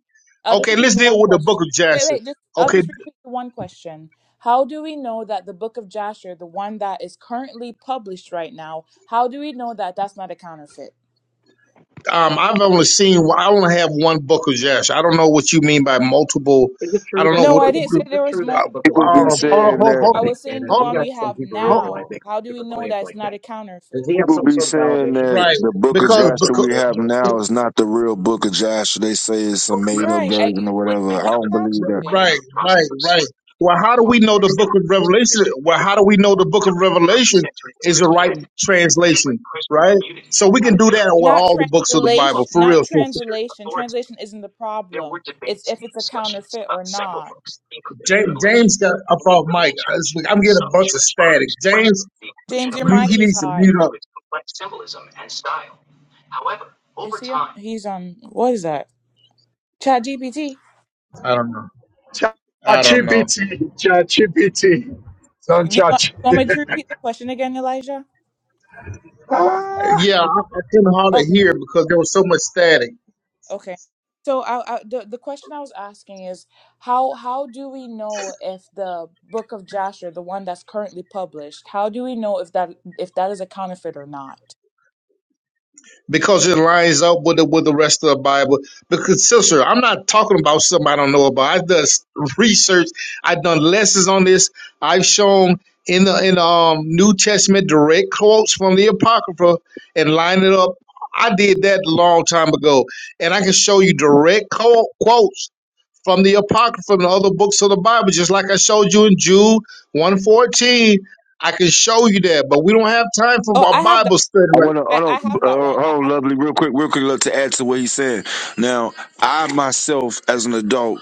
Speaker 3: I'll just
Speaker 14: Okay,
Speaker 3: repeat
Speaker 14: let's
Speaker 3: the
Speaker 14: deal
Speaker 3: one
Speaker 14: with the book
Speaker 3: question.
Speaker 14: of
Speaker 3: Wait,
Speaker 14: Jasher.
Speaker 3: wait. Just I'll
Speaker 14: Okay,
Speaker 3: just repeat the one question. How do we know that the book of Jasher, the one that is currently published right now, how do we know that that's not a counterfeit?
Speaker 14: um, I've only seen. I only have one book of Jasher. I don't know what you mean by multiple.
Speaker 11: Is it
Speaker 14: I
Speaker 11: true
Speaker 14: don't
Speaker 11: that
Speaker 14: know
Speaker 11: the
Speaker 3: No,
Speaker 14: what.
Speaker 3: I
Speaker 11: book of
Speaker 3: didn't say
Speaker 11: Is
Speaker 3: there
Speaker 11: it
Speaker 3: was
Speaker 11: true
Speaker 14: uh,
Speaker 11: that
Speaker 14: uh,
Speaker 11: the
Speaker 3: multiple.
Speaker 11: book
Speaker 3: I
Speaker 11: of
Speaker 3: was
Speaker 12: People be
Speaker 14: hold
Speaker 11: Revelation
Speaker 3: saying
Speaker 14: on,
Speaker 12: saying
Speaker 14: hold,
Speaker 11: almost
Speaker 12: that.
Speaker 14: hold,
Speaker 3: I
Speaker 11: didn't make
Speaker 3: was saying the
Speaker 11: canon?
Speaker 14: hold,
Speaker 11: We
Speaker 3: one we
Speaker 11: got some
Speaker 3: have
Speaker 11: Hebrew
Speaker 14: hold,
Speaker 11: Israelite
Speaker 3: now.
Speaker 11: making
Speaker 3: How do we
Speaker 11: different
Speaker 3: know
Speaker 11: claims
Speaker 3: that it's
Speaker 11: like
Speaker 3: not
Speaker 11: that.
Speaker 3: a counterfeit?
Speaker 11: Does he have
Speaker 12: People
Speaker 11: some
Speaker 12: be
Speaker 11: sort of
Speaker 12: saying
Speaker 11: validation for
Speaker 12: that
Speaker 14: right,
Speaker 11: this?
Speaker 12: the book of
Speaker 14: because
Speaker 11: Some
Speaker 12: Joshua
Speaker 11: sort of
Speaker 14: because
Speaker 12: we
Speaker 11: Eric
Speaker 12: have
Speaker 11: joke?
Speaker 12: now is not the real book of Joshua. They say it's a made up
Speaker 3: Right. I,
Speaker 12: version
Speaker 3: it,
Speaker 12: or
Speaker 3: it
Speaker 12: whatever.
Speaker 3: could be
Speaker 12: I don't believe that.
Speaker 3: counterfeit.
Speaker 14: right, right, right. Well, how do we know the Book of Revelation? Well, how do we know the Book of Revelation is the right translation? Right, so we can do that with
Speaker 3: Not
Speaker 14: all the books of the Bible
Speaker 3: translation.
Speaker 14: for
Speaker 3: Not
Speaker 14: real. So,
Speaker 3: translation. Translation isn't the problem. It's if it's a counterfeit or not.
Speaker 14: James, James got up off mic. I was like, I'm getting a bunch of static. James,
Speaker 3: James, your
Speaker 14: mu-
Speaker 3: mic
Speaker 14: he
Speaker 3: is
Speaker 14: needs to
Speaker 3: hot.
Speaker 14: mute up.
Speaker 3: Is he? On? He's on. What is that? Chat GPT.
Speaker 14: I don't know. I don't know.
Speaker 6: ChatGPT, ChatGPT, don't
Speaker 3: Do you, want,
Speaker 6: judge.
Speaker 3: you want me to repeat the question again, Elijah?
Speaker 6: ah,
Speaker 14: Yeah, I, I couldn't hardly
Speaker 3: Okay.
Speaker 14: hear because there was so much static.
Speaker 3: Okay. So I, I, the the question I was asking is how how do we know if the book of Jasher, the one that's currently published, how do we know if that if that is a counterfeit or not?
Speaker 14: because it lines up with the with the rest of the Bible. Because sister, I'm not talking about something I don't know about. I've done s- research. I've done lessons on this. I've shown in the in the um, New Testament direct quotes from the Apocrypha and line it up. I did that a long time ago, and I can show you direct co- quotes from the Apocrypha and other books of the Bible, just like I showed you in Jude one fourteen. I can show you that, but we don't have time for
Speaker 3: Oh,
Speaker 14: a
Speaker 3: I have that.
Speaker 14: Bible study
Speaker 12: I
Speaker 14: right.
Speaker 12: want to
Speaker 3: I, I
Speaker 12: hold on,
Speaker 3: have that one.
Speaker 12: uh,
Speaker 3: I
Speaker 12: hold on,
Speaker 3: have that.
Speaker 12: lovely, real quick, real quick, look, to add to what he's saying. Now, I myself, as an adult,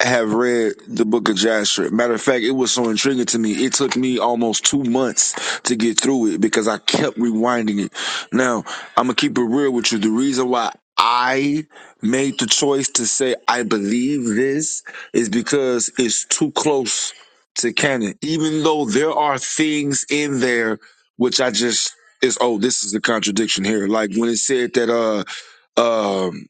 Speaker 12: have read the Book of Joshua. Matter of fact, it was so intriguing to me. It took me almost two months to get through it because I kept rewinding it. Now, I'm gonna keep it real with you. The reason why I made the choice to say I believe this is because it's too close to canon. Even though there are things in there which I just is oh this is the contradiction here like when it said that uh um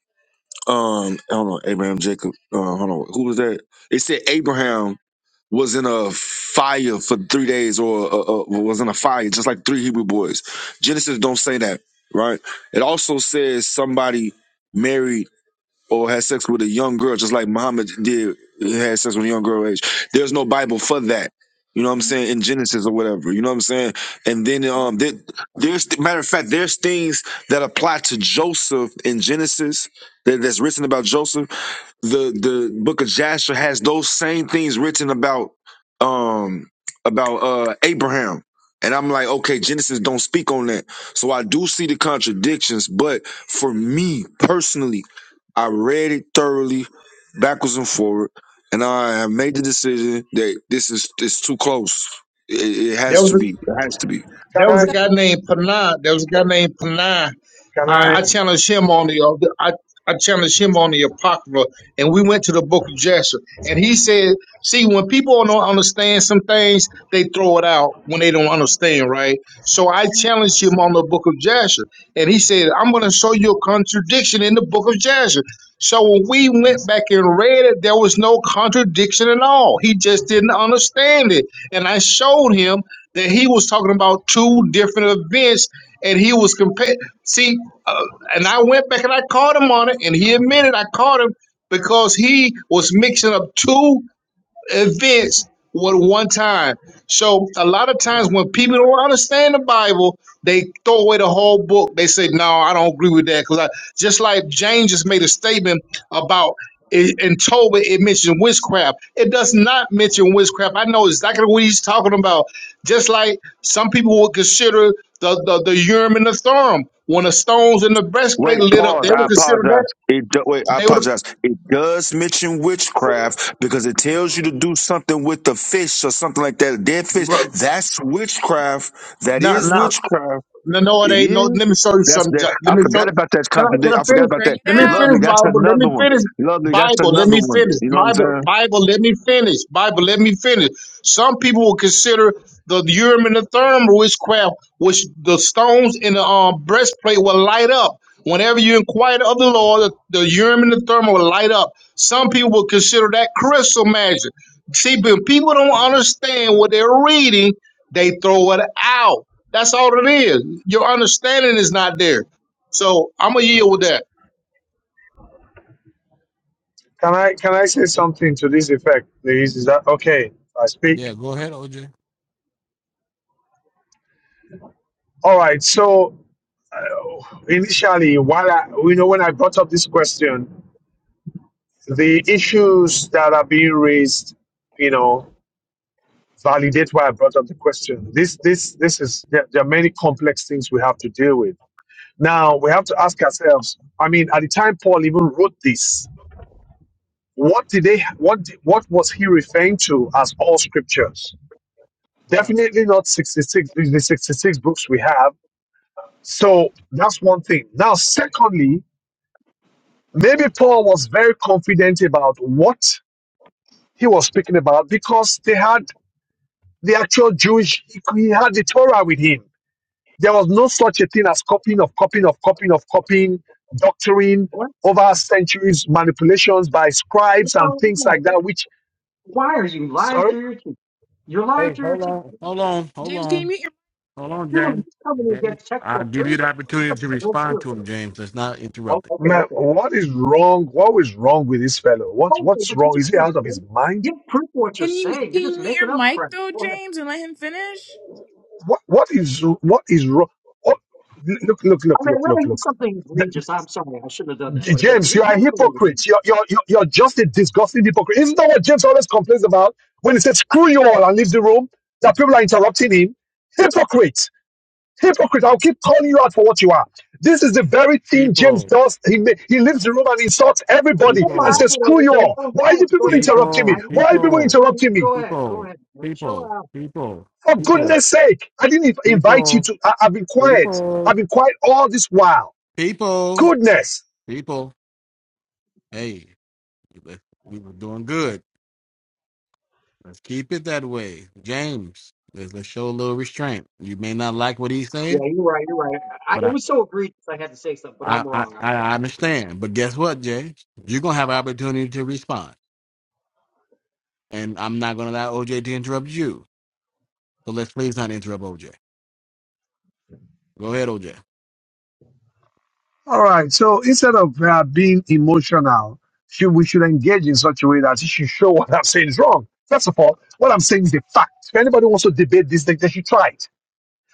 Speaker 12: um I do Abraham Jacob uh hold on who was that it said Abraham was in a fire for three days or uh, uh, was in a fire just like three Hebrew boys Genesis don't say that right it also says somebody married or had sex with a young girl, just like Muhammad did he had sex with a young girl age. There's no Bible for that. You know what I'm
Speaker 3: hmm
Speaker 12: saying in Genesis or whatever. You know what I'm saying, and then um, there, there's matter of fact, there's things that apply to Joseph in Genesis that, that's written about Joseph the the book of Jasher has those same things written about um about uh Abraham. And I'm like, okay, Genesis don't speak on that. So I do see the contradictions, but for me personally, I read it thoroughly, backwards and forward, and I have made the decision that this is it's too close. It, it
Speaker 14: There
Speaker 12: has to
Speaker 14: was a
Speaker 12: be. It has to be.
Speaker 6: can
Speaker 14: There
Speaker 6: I
Speaker 14: was a guy named Panay. There was a guy named Panay. Uh,
Speaker 6: can
Speaker 14: I
Speaker 6: I
Speaker 14: challenged him on the uh, I, I challenged him on the apocrypha, and we went to the Book of Jasher, and he said, "See, when people don't understand some things, they throw it out when they don't understand, right?" So I
Speaker 3: hmm
Speaker 14: challenged him on the book of Jasher. And he said, I'm going to show you a contradiction in the book of Jasher. So when we went back and read it, there was no contradiction at all. He just didn't understand it. And I showed him that he was talking about two different events and he was comparing. See, uh, and I went back and I caught him on it and he admitted I caught him because he was mixing up two events with one time. So a lot of times when people don't understand the Bible, they throw away the whole book. They say, "No, I don't agree with that." Because just like James just made a statement about it, in Tobit, it mentioned witchcraft. It does not mention witchcraft. I know exactly what he's talking about. Just like some people would consider the the, the urim and the thummim when the stones in the
Speaker 12: Wait,
Speaker 14: breastplate lit up,
Speaker 12: pause.
Speaker 14: they
Speaker 12: I
Speaker 14: would consider that
Speaker 12: apologize. It do, wait, I
Speaker 14: they would
Speaker 12: apologize. It does mention witchcraft because it tells you to do something with the fish or something like that, a dead fish. That's witchcraft. That
Speaker 14: not
Speaker 12: is
Speaker 14: not
Speaker 12: witchcraft.
Speaker 14: No, no, it
Speaker 12: It
Speaker 14: ain't.
Speaker 12: is.
Speaker 14: No, let me show you
Speaker 12: That's
Speaker 14: some.
Speaker 12: that.
Speaker 14: Let
Speaker 12: I
Speaker 14: me show.
Speaker 12: forgot about that
Speaker 14: Can I? Can
Speaker 12: contradict.
Speaker 14: I
Speaker 12: I forgot
Speaker 14: finish?
Speaker 12: about
Speaker 3: Bring
Speaker 12: that.
Speaker 3: it
Speaker 14: Let me
Speaker 12: Lovely.
Speaker 14: finish
Speaker 3: out,
Speaker 12: That's
Speaker 14: Bible. Let me
Speaker 12: another one.
Speaker 14: finish
Speaker 12: Lovely. That's
Speaker 14: Bible. Let
Speaker 12: another
Speaker 14: me
Speaker 12: one.
Speaker 14: finish
Speaker 12: You know what I'm
Speaker 14: Bible.
Speaker 12: saying?
Speaker 14: Bible. Let me finish Bible. Let me finish. Some people will consider the urim and the Thummim witchcraft, which the stones in the um, breastplate will light up. Whenever you inquire of the Lord, the, the urim and the Thummim will light up. Some people will consider that crystal magic. See, but people don't understand what they're reading. They throw it out. That's all it is. Your understanding is not there. So I'm gonna yield with that.
Speaker 6: can I can I say something to this effect, please? Is that okay? I speak.
Speaker 1: yeah, go ahead, OJ.
Speaker 6: All right. So uh, initially, while I, you know when I brought up this question, the issues that are being raised, you know. validate why I brought up the question. This, this, this is there, there are many complex things we have to deal with. Now we have to ask ourselves. I mean, at the time Paul even wrote this, what did they? What did- what was he referring to as all scriptures?
Speaker 1: Right.
Speaker 6: Definitely not sixty six. The sixty six books we have. So that's one thing. Now, secondly, maybe Paul was very confident about what he was speaking about because they had the actual Jewish. He he had the Torah with him There was no such a thing as copying of copying of copying of copying, doctoring
Speaker 11: What?
Speaker 6: over centuries, manipulations by scribes and things like that. Which,
Speaker 11: Why are you lying
Speaker 6: sorry,
Speaker 11: through your teeth? You're lying
Speaker 1: Hey,
Speaker 11: through your
Speaker 1: hold
Speaker 11: teeth.
Speaker 1: on, hold on, hold
Speaker 3: James. Can you
Speaker 1: on,
Speaker 3: mute your
Speaker 1: hold
Speaker 11: Dude,
Speaker 1: on,
Speaker 11: you're
Speaker 1: James.
Speaker 11: coming in
Speaker 1: James,
Speaker 11: against
Speaker 1: I'll
Speaker 11: sexual
Speaker 1: give you
Speaker 11: criticism.
Speaker 1: the
Speaker 11: You have
Speaker 1: opportunity to
Speaker 11: no
Speaker 1: respond
Speaker 11: proof.
Speaker 1: to him, James. Let's not
Speaker 11: Oh,
Speaker 1: interrupt it.
Speaker 11: okay,
Speaker 6: man,
Speaker 11: okay.
Speaker 6: what is wrong? What is wrong with this fellow? What
Speaker 11: Okay,
Speaker 6: what's
Speaker 11: but you
Speaker 6: wrong?
Speaker 11: just
Speaker 6: Is he
Speaker 11: can't
Speaker 6: out of
Speaker 11: believe.
Speaker 6: his mind?
Speaker 11: Give proof of what you're
Speaker 3: can you
Speaker 11: saying.
Speaker 3: can
Speaker 11: You're
Speaker 3: you
Speaker 11: just
Speaker 3: mute
Speaker 11: making
Speaker 3: your
Speaker 11: up
Speaker 3: mic
Speaker 11: crap.
Speaker 3: though,
Speaker 11: Go ahead.
Speaker 3: James, and let him finish?
Speaker 6: What what is what is wrong? What, look look
Speaker 11: I
Speaker 6: look
Speaker 11: mean,
Speaker 6: look look
Speaker 11: really,
Speaker 6: look.
Speaker 11: it's something
Speaker 6: The-
Speaker 11: egregious. I'm sorry. I shouldn't have done that.
Speaker 6: J-
Speaker 11: But, but
Speaker 6: James,
Speaker 11: he,
Speaker 6: you are
Speaker 11: he's
Speaker 6: a
Speaker 11: believing me.
Speaker 6: hypocrite. You're, you're, you're you're just a disgusting hypocrite. Isn't that what James always complains about when he says, screw you all and leave the room? That people are interrupting him. Hypocrite Hypocrite, I'll keep calling you out for what you are. This is the very thing James
Speaker 1: People,
Speaker 6: does. He, ma- he leaves the room and insults everybody
Speaker 11: Go
Speaker 6: and
Speaker 11: ahead,
Speaker 1: people,
Speaker 6: says, screw you
Speaker 11: OJ.
Speaker 6: all.
Speaker 11: Go
Speaker 6: Why are you
Speaker 11: ahead.
Speaker 6: people
Speaker 11: Go ahead.
Speaker 6: interrupting me?
Speaker 11: I,
Speaker 1: people,
Speaker 6: Why are you people
Speaker 1: people,
Speaker 11: go
Speaker 6: interrupting
Speaker 11: ahead.
Speaker 6: me?
Speaker 11: Go ahead. Go
Speaker 1: people,
Speaker 11: ahead. Man. Chill
Speaker 1: people,
Speaker 11: out.
Speaker 1: people,
Speaker 6: For
Speaker 1: people, people,
Speaker 6: goodness sake, I didn't inv- invite you
Speaker 1: people,
Speaker 6: to. I, I've been quiet. I've been quiet all this while.
Speaker 1: people,
Speaker 6: Goodness.
Speaker 1: people. Hey, we were doing good. Let's keep it that way. James, let's, let's show a little restraint. You may not like what he's
Speaker 11: Yeah,
Speaker 1: saying,
Speaker 11: you're right. You're right. I,
Speaker 1: but
Speaker 11: it
Speaker 1: I,
Speaker 11: was so egregious. I had to say something, but
Speaker 1: I,
Speaker 11: I'm
Speaker 1: I,
Speaker 11: wrong. I
Speaker 1: I
Speaker 11: apologize.
Speaker 1: understand. But guess what, James? You're going to have an opportunity to respond. And I'm not going to allow OJ to interrupt you. So let's please not interrupt OJ. Go ahead, OJ.
Speaker 6: All right. So instead of uh, being emotional, should, we should engage in such a way that You should show what I'm saying is wrong. First of all, what I'm saying is a fact. If anybody wants to debate this, they, they should try it.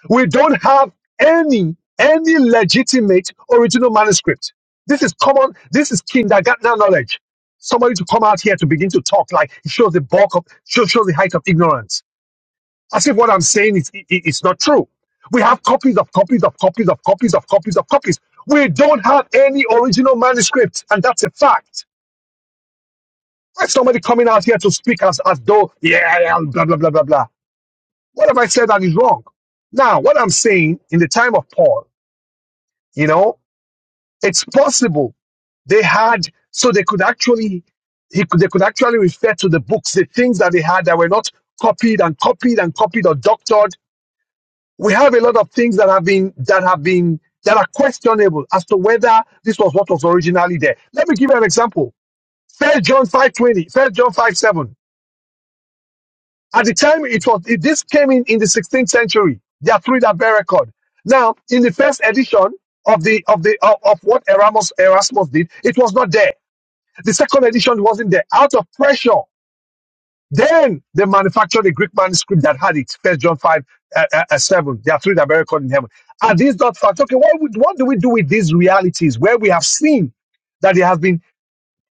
Speaker 6: We don't have any any legitimate original manuscript. This is common. This is kindergarten knowledge. Somebody to come out here to begin to talk like it shows the bulk of shows, shows the height of ignorance. As if what I'm saying is i- i- it's not true. We have copies of copies of copies of copies of copies of copies. We don't have any original manuscript, and that's a fact. Why is somebody coming out here to speak as as though yeah yeah, blah blah blah blah blah? What have I said that is wrong? Now, what I'm saying in the time of Paul, you know, It's possible they had, so they could actually, he could, they could actually refer to the books, the things that they had that were not copied and copied and copied or doctored. We have a lot of things that have been, that have been, that are questionable as to whether this was what was originally there. Let me give you an example. First John five twenty, First John five seven. At the time it was, it, this came in in the 16th century. There are three that bear record. Now, in the first edition of the, of the, of, of what Erasmus, Erasmus did, it was not there. The second edition wasn't there. Out of pressure, then they manufactured a Greek manuscript that had it. First John five uh, uh, uh, seven. There are three that are recorded in heaven. Are these not facts? Okay, what would, what do we do with these realities where we have seen that there has been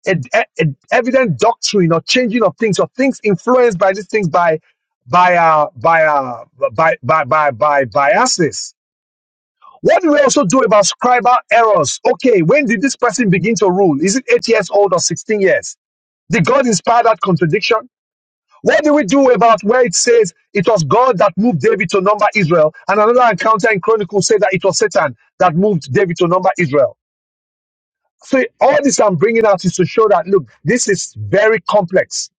Speaker 6: a, a- a evident doctrine or changing of things or things influenced by these things by by uh, by, uh, by by by by biases. What do we also do about scribal errors? Okay, when did this person begin to rule? Is it eight years old or sixteen years? Did God inspire that contradiction? What do we do about where it says it was God that moved David to number Israel, and another encounter in Chronicles say that it was Satan that moved David to number Israel? So all this I'm bringing out is to show that look, this is very complex.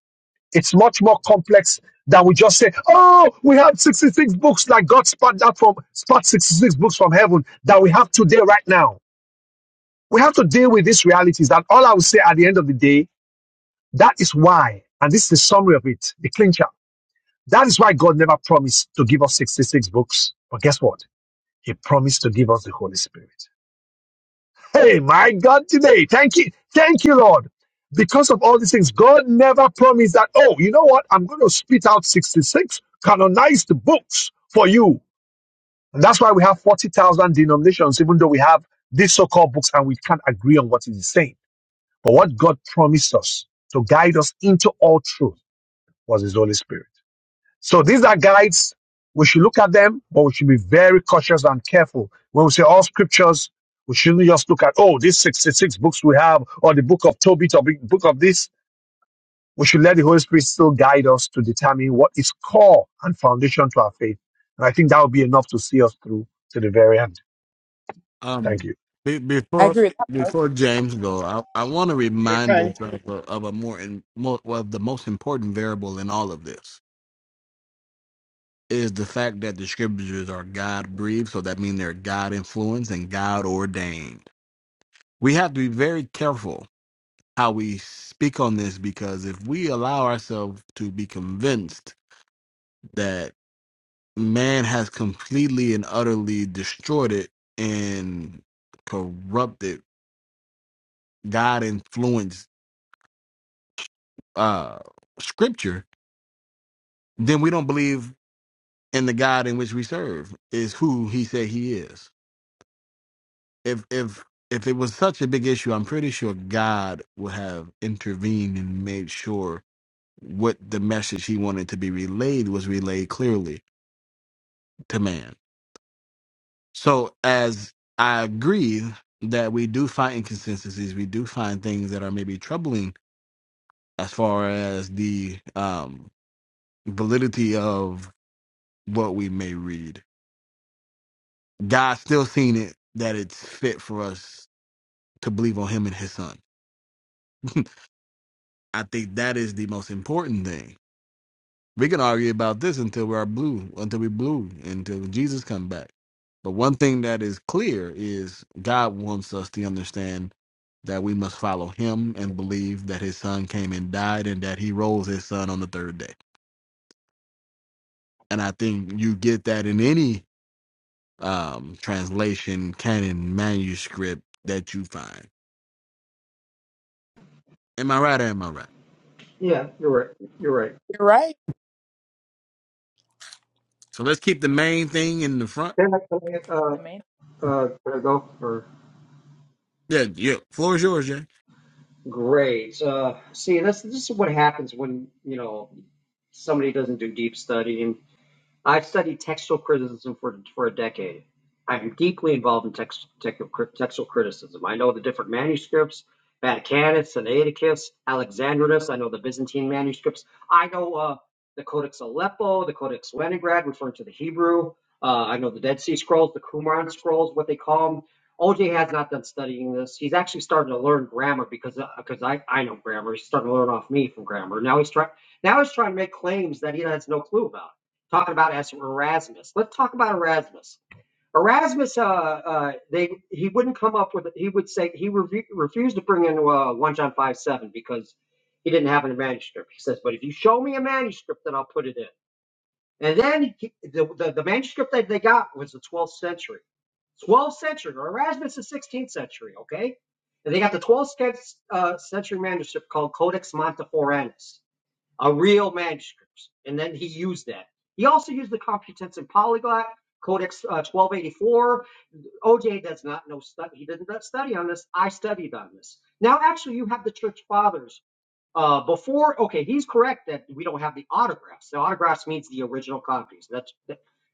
Speaker 6: It's much more complex than we just say, oh, we have 66 books like God spat that from spat 66 books from heaven that we have today right now. We have to deal with these realities. That all I will say at the end of the day, that is why, and this is the summary of it, the clincher. That is why God never promised to give us 66 books. But guess what? He promised to give us the Holy Spirit. Hey, my God, today. Thank you. Thank you, Lord. Because of all these things, God never promised that, oh, you know what? I'm going to spit out 66 canonized books for you. And that's why we have 40,000 denominations, even though we have these so called books and we can't agree on what it is saying. But what God promised us to guide us into all truth was His Holy Spirit. So these are guides. We should look at them, but we should be very cautious and careful. When we say all scriptures, we shouldn't just look at, oh, these 66 books we have, or the book of Tobit, or the book of this. We should let the Holy Spirit still guide us to determine what is core and foundation to our faith. And I think that will be enough to see us through to the very end.
Speaker 1: Um,
Speaker 6: Thank you.
Speaker 1: be,
Speaker 3: I
Speaker 1: before
Speaker 3: agree.
Speaker 1: before James go, I, I want to remind us of a, of a more, in, more of the most important variable in all of this. is the fact that the scriptures are God breathed, so that means they're God influenced and God ordained. We have to be very careful how we speak on this because if we allow ourselves to be convinced that man has completely and utterly destroyed it and corrupted God influenced uh, scripture, then we don't believe in the God in which we serve, is who he said he is. if if if it was such a big issue, I'm pretty sure God would have intervened and made sure what the message he wanted to be relayed was relayed clearly to man. So as I agree that we do find inconsistencies, we do find things that are maybe troubling as far as the um validity of what we may read. God still seen it that it's fit for us to believe on him and his son. I think that is the most important thing We can argue about this until we are blue, until we blue, until Jesus come back. But one thing that is clear is God wants us to understand that we must follow Him and believe that His Son came and died, and that He rose His Son on the third day. And I think you get that in any um, translation, canon, manuscript that you find. Am I right or am I right?
Speaker 11: Yeah, you're right. You're right.
Speaker 3: You're right.
Speaker 1: So let's keep the main thing in the front.
Speaker 11: Then I, uh.
Speaker 3: The main.
Speaker 11: Uh, go for
Speaker 1: Yeah, yeah. Floor is yours, Jay.
Speaker 11: grades. Uh, see, this this is what happens when you know somebody doesn't do deep studying. I've studied textual criticism for, for a decade. I'm deeply involved in text, textual criticism. I know the different manuscripts, Vaticanus, Sinaiticus, Alexandrinus. I know the Byzantine manuscripts. I know uh, the Codex Aleppo, the Codex Leningrad, referring to the Hebrew. Uh, I know the Dead Sea Scrolls, the Qumran Scrolls, what they call them. OJ has not done studying this. He's actually starting to learn grammar because because uh, I, I know grammar. He's starting to learn off me from grammar. Now he's trying now he's trying to make claims that he has no clue about talking about as Erasmus. Let's talk about Erasmus. Erasmus, uh, uh, they he wouldn't come up with. He would say he refu- refused to bring in uh, one John five seven because he didn't have a manuscript. He says, "But if you show me a manuscript, then I'll put it in." And then he, the, the the manuscript that they got was the twelfth century. 12th century, Erasmus is 16th century, okay? And they got the 12th cent- uh, century manuscript called Codex Monteforanus uh, real manuscripts. And then he used that. He also used the Complutense and Polyglot, Codex uh, 1284. OJ does not know study. He didn't study on this. I studied on this. Now, actually, you have the church fathers uh, before, okay, he's correct that we don't have the autographs. The autographs means the original copies. That's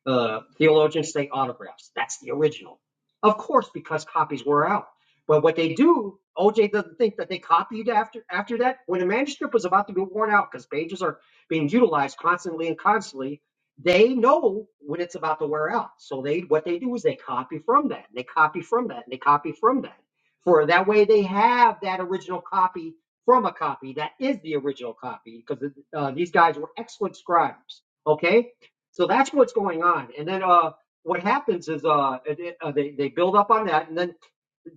Speaker 11: uh, theologians say autographs. That's the original, of course, because copies were out. But what they do, OJ doesn't think that they copied after after that. When a manuscript was about to be worn out, because pages are being utilized constantly and constantly, they know when it's about to wear out. So they what they do is they copy from that, and they copy from that, and they copy from that. For that way, they have that original copy from a copy that is the original copy because uh, these guys were excellent scribes. Okay, so that's what's going on. And then uh, what happens is uh, it- uh, they they build up on that, and then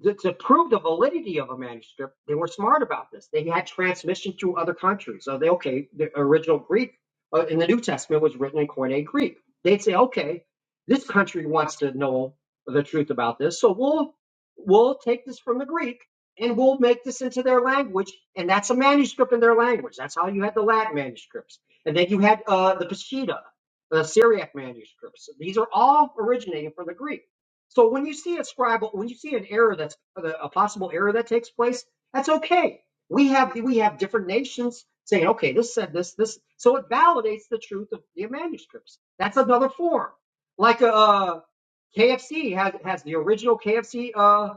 Speaker 11: to, to prove the validity of a manuscript, they were smart about this. They had transmission to other countries. So they okay, the original Greek uh, in the New Testament was written in Koine Greek. They'd say, okay, this country wants to know the truth about this, so we'll we'll take this from the Greek and we'll make this into their language. And that's a manuscript in their language. That's how you had the Latin manuscripts. And then you had uh, the Peshitta, the Syriac manuscripts. These are all originating from the Greek. So when you see a scribal, when you see an error that's uh, a possible error that takes place, that's okay. We have we have different nations saying, okay, this said this this, so it validates the truth of the manuscripts. That's another form, like a. Uh, KFC has has the original KFC uh,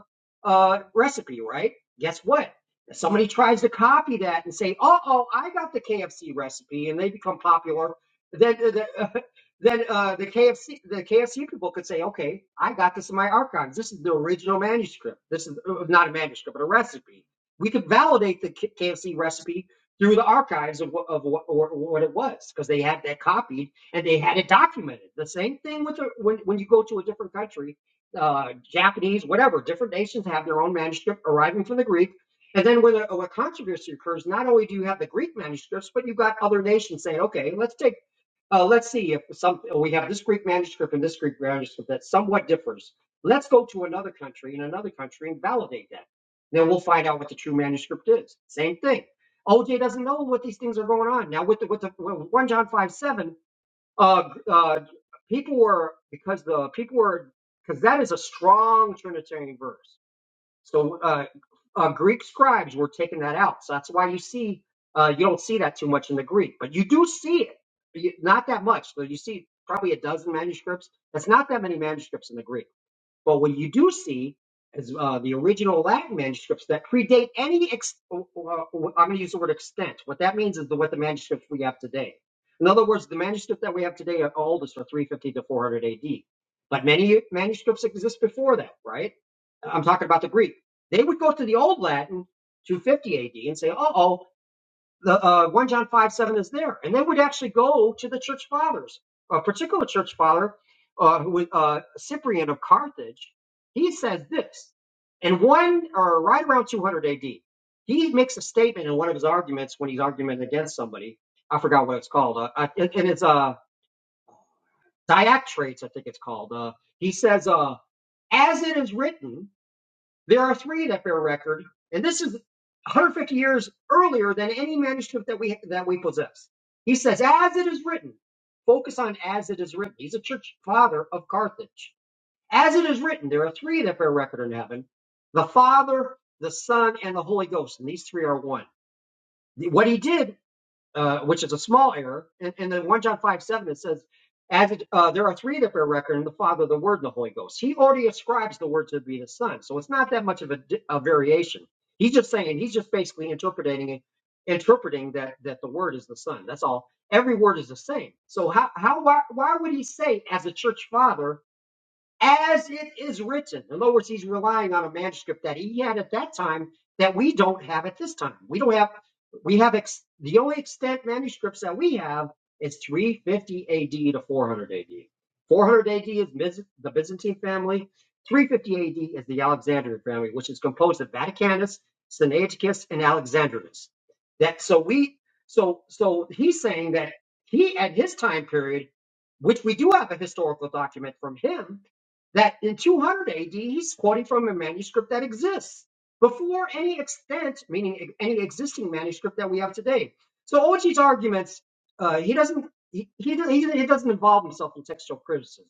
Speaker 11: uh, recipe, right? Guess what? If somebody tries to copy that and say, "Oh, oh, I got the KFC recipe," and they become popular, then the, uh, then uh, the KFC the KFC people could say, "Okay, I got this in my archives. This is the original manuscript. This is uh, not a manuscript, but a recipe. We could validate the K- KFC recipe." Through the archives of what, of what, or, what it was, because they had that copied and they had it documented. The same thing with the, when when you go to a different country uh, Japanese, whatever. Different nations have their own manuscript arriving from the Greek. And then when a, a controversy occurs, not only do you have the Greek manuscripts, but you've got other nations saying, okay, let's take, uh, let's see if some, we have this Greek manuscript and this Greek manuscript that somewhat differs. Let's go to another country and another country and validate that. Then we'll find out what the true manuscript is. Same thing. OJ doesn't know what these things are going on. Now with the, with the with 1 John 5, 7, uh, uh, people were because the people were because that is a strong Trinitarian verse. So uh, uh, Greek scribes were taking that out. So that's why you see uh, you don't see that too much in the Greek, but you do see it, but you, not that much. So you see probably a dozen manuscripts. That's not that many manuscripts in the Greek. But what you do see is uh, the original Latin manuscripts that predate any. Ex- uh, uh, I'm going to use the word extent. What that means is the, what the manuscripts we have today. In other words, the manuscripts that we have today are oldest are 350 to 400 AD. But many manuscripts exist before that, right? I'm talking about the Greek. They would go to the old Latin 250 AD and say, "Uh oh, the uh, 1 John 5 7 is there. And they would actually go to the church fathers. A particular church father, uh, who was uh, Cyprian of Carthage, he says this. And one, or right around 200 AD, he makes a statement in one of his arguments when he's arguing against somebody. I forgot what it's called. Uh, I- and it's uh, Diactrates, I think it's called. Uh, he says, uh, as it is written, there are three that bear record, and this is 150 years earlier than any manuscript that we that we possess. He says, "As it is written." Focus on "as it is written." He's a church father of Carthage. As it is written, there are three that bear record in heaven: the Father, the Son, and the Holy Ghost, and these three are one. What he did uh, which is a small error. And, and then 1 John 5 7, it says, as it, uh, there are three that bear record in the Father, the Word, and the Holy Ghost. He already ascribes the Word to be the Son. So it's not that much of a, a variation. He's just saying, he's just basically interpreting it, interpreting that, that the Word is the Son. That's all. Every word is the same. So how, how why, why would he say, as a church father, as it is written. In other words, he's relying on a manuscript that he had at that time that we don't have at this time. We don't have, we have ex, the only extant manuscripts that we have is 350 AD to 400 AD. 400 AD is the Byzantine family. 350 AD is the Alexandrian family, which is composed of Vaticanus, Sinaiticus, and Alexandrinus. That so we so so he's saying that he at his time period, which we do have a historical document from him, that in 200 AD, he's quoting from a manuscript that exists before any extent, meaning e, any existing manuscript that we have today. So Ochi's arguments, uh, he doesn't he, he, he, doesn't involve himself in textual criticism.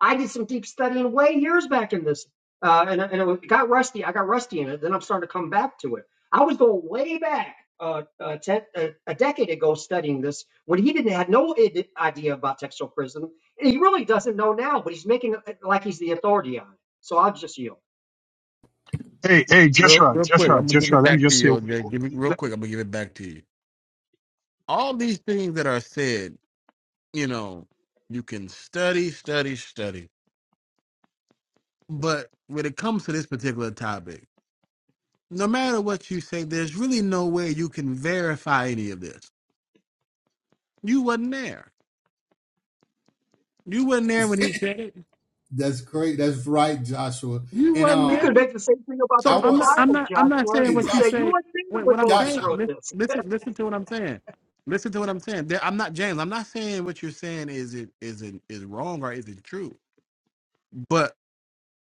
Speaker 11: I did some deep studying way years back in this, uh, and, and it got rusty. I got rusty in it. Then I'm starting to come back to it. I was going way back uh, uh, ten, uh, a decade ago studying this when he didn't had no idea about textual criticism he really doesn't know now, but he's making it like he's the authority on it. So I'll just yield.
Speaker 6: Hey, hey,
Speaker 1: Real,
Speaker 6: Joshua,
Speaker 1: real quick,
Speaker 6: Joshua,
Speaker 1: I'm gonna give
Speaker 6: Joshua,
Speaker 1: it
Speaker 6: let me
Speaker 1: back to
Speaker 6: just say,
Speaker 1: you, OJ. Give me real quick. I'm gonna give it back to you. All these things that are said, you know, you can study, study, study. But when it comes to this particular topic, no matter what you say, there's really no way you can verify any of this. You wasn't there. You wasn't there when he said it.
Speaker 14: That's great. That's right, Joshua.
Speaker 1: You
Speaker 14: And
Speaker 1: wasn't
Speaker 11: You
Speaker 14: um,
Speaker 11: could
Speaker 1: there.
Speaker 11: make the same thing about the
Speaker 1: So
Speaker 14: I
Speaker 11: whole
Speaker 1: I'm
Speaker 14: want
Speaker 1: not
Speaker 14: to
Speaker 1: I'm
Speaker 11: Bible,
Speaker 1: not I'm not
Speaker 11: Joshua.
Speaker 1: saying
Speaker 14: hey,
Speaker 11: You
Speaker 1: what
Speaker 11: could
Speaker 1: you
Speaker 11: say
Speaker 14: Joshua,
Speaker 11: you
Speaker 1: say.
Speaker 11: weren't there
Speaker 1: What
Speaker 11: when
Speaker 1: what I'm
Speaker 11: Moses
Speaker 1: saying?
Speaker 14: Joshua,
Speaker 11: wrote
Speaker 1: lis-
Speaker 11: this.
Speaker 1: Listen listen to what I'm saying. Listen to what I'm saying. There, I'm not James. I'm not saying what you're saying is it is it is wrong or is it true. But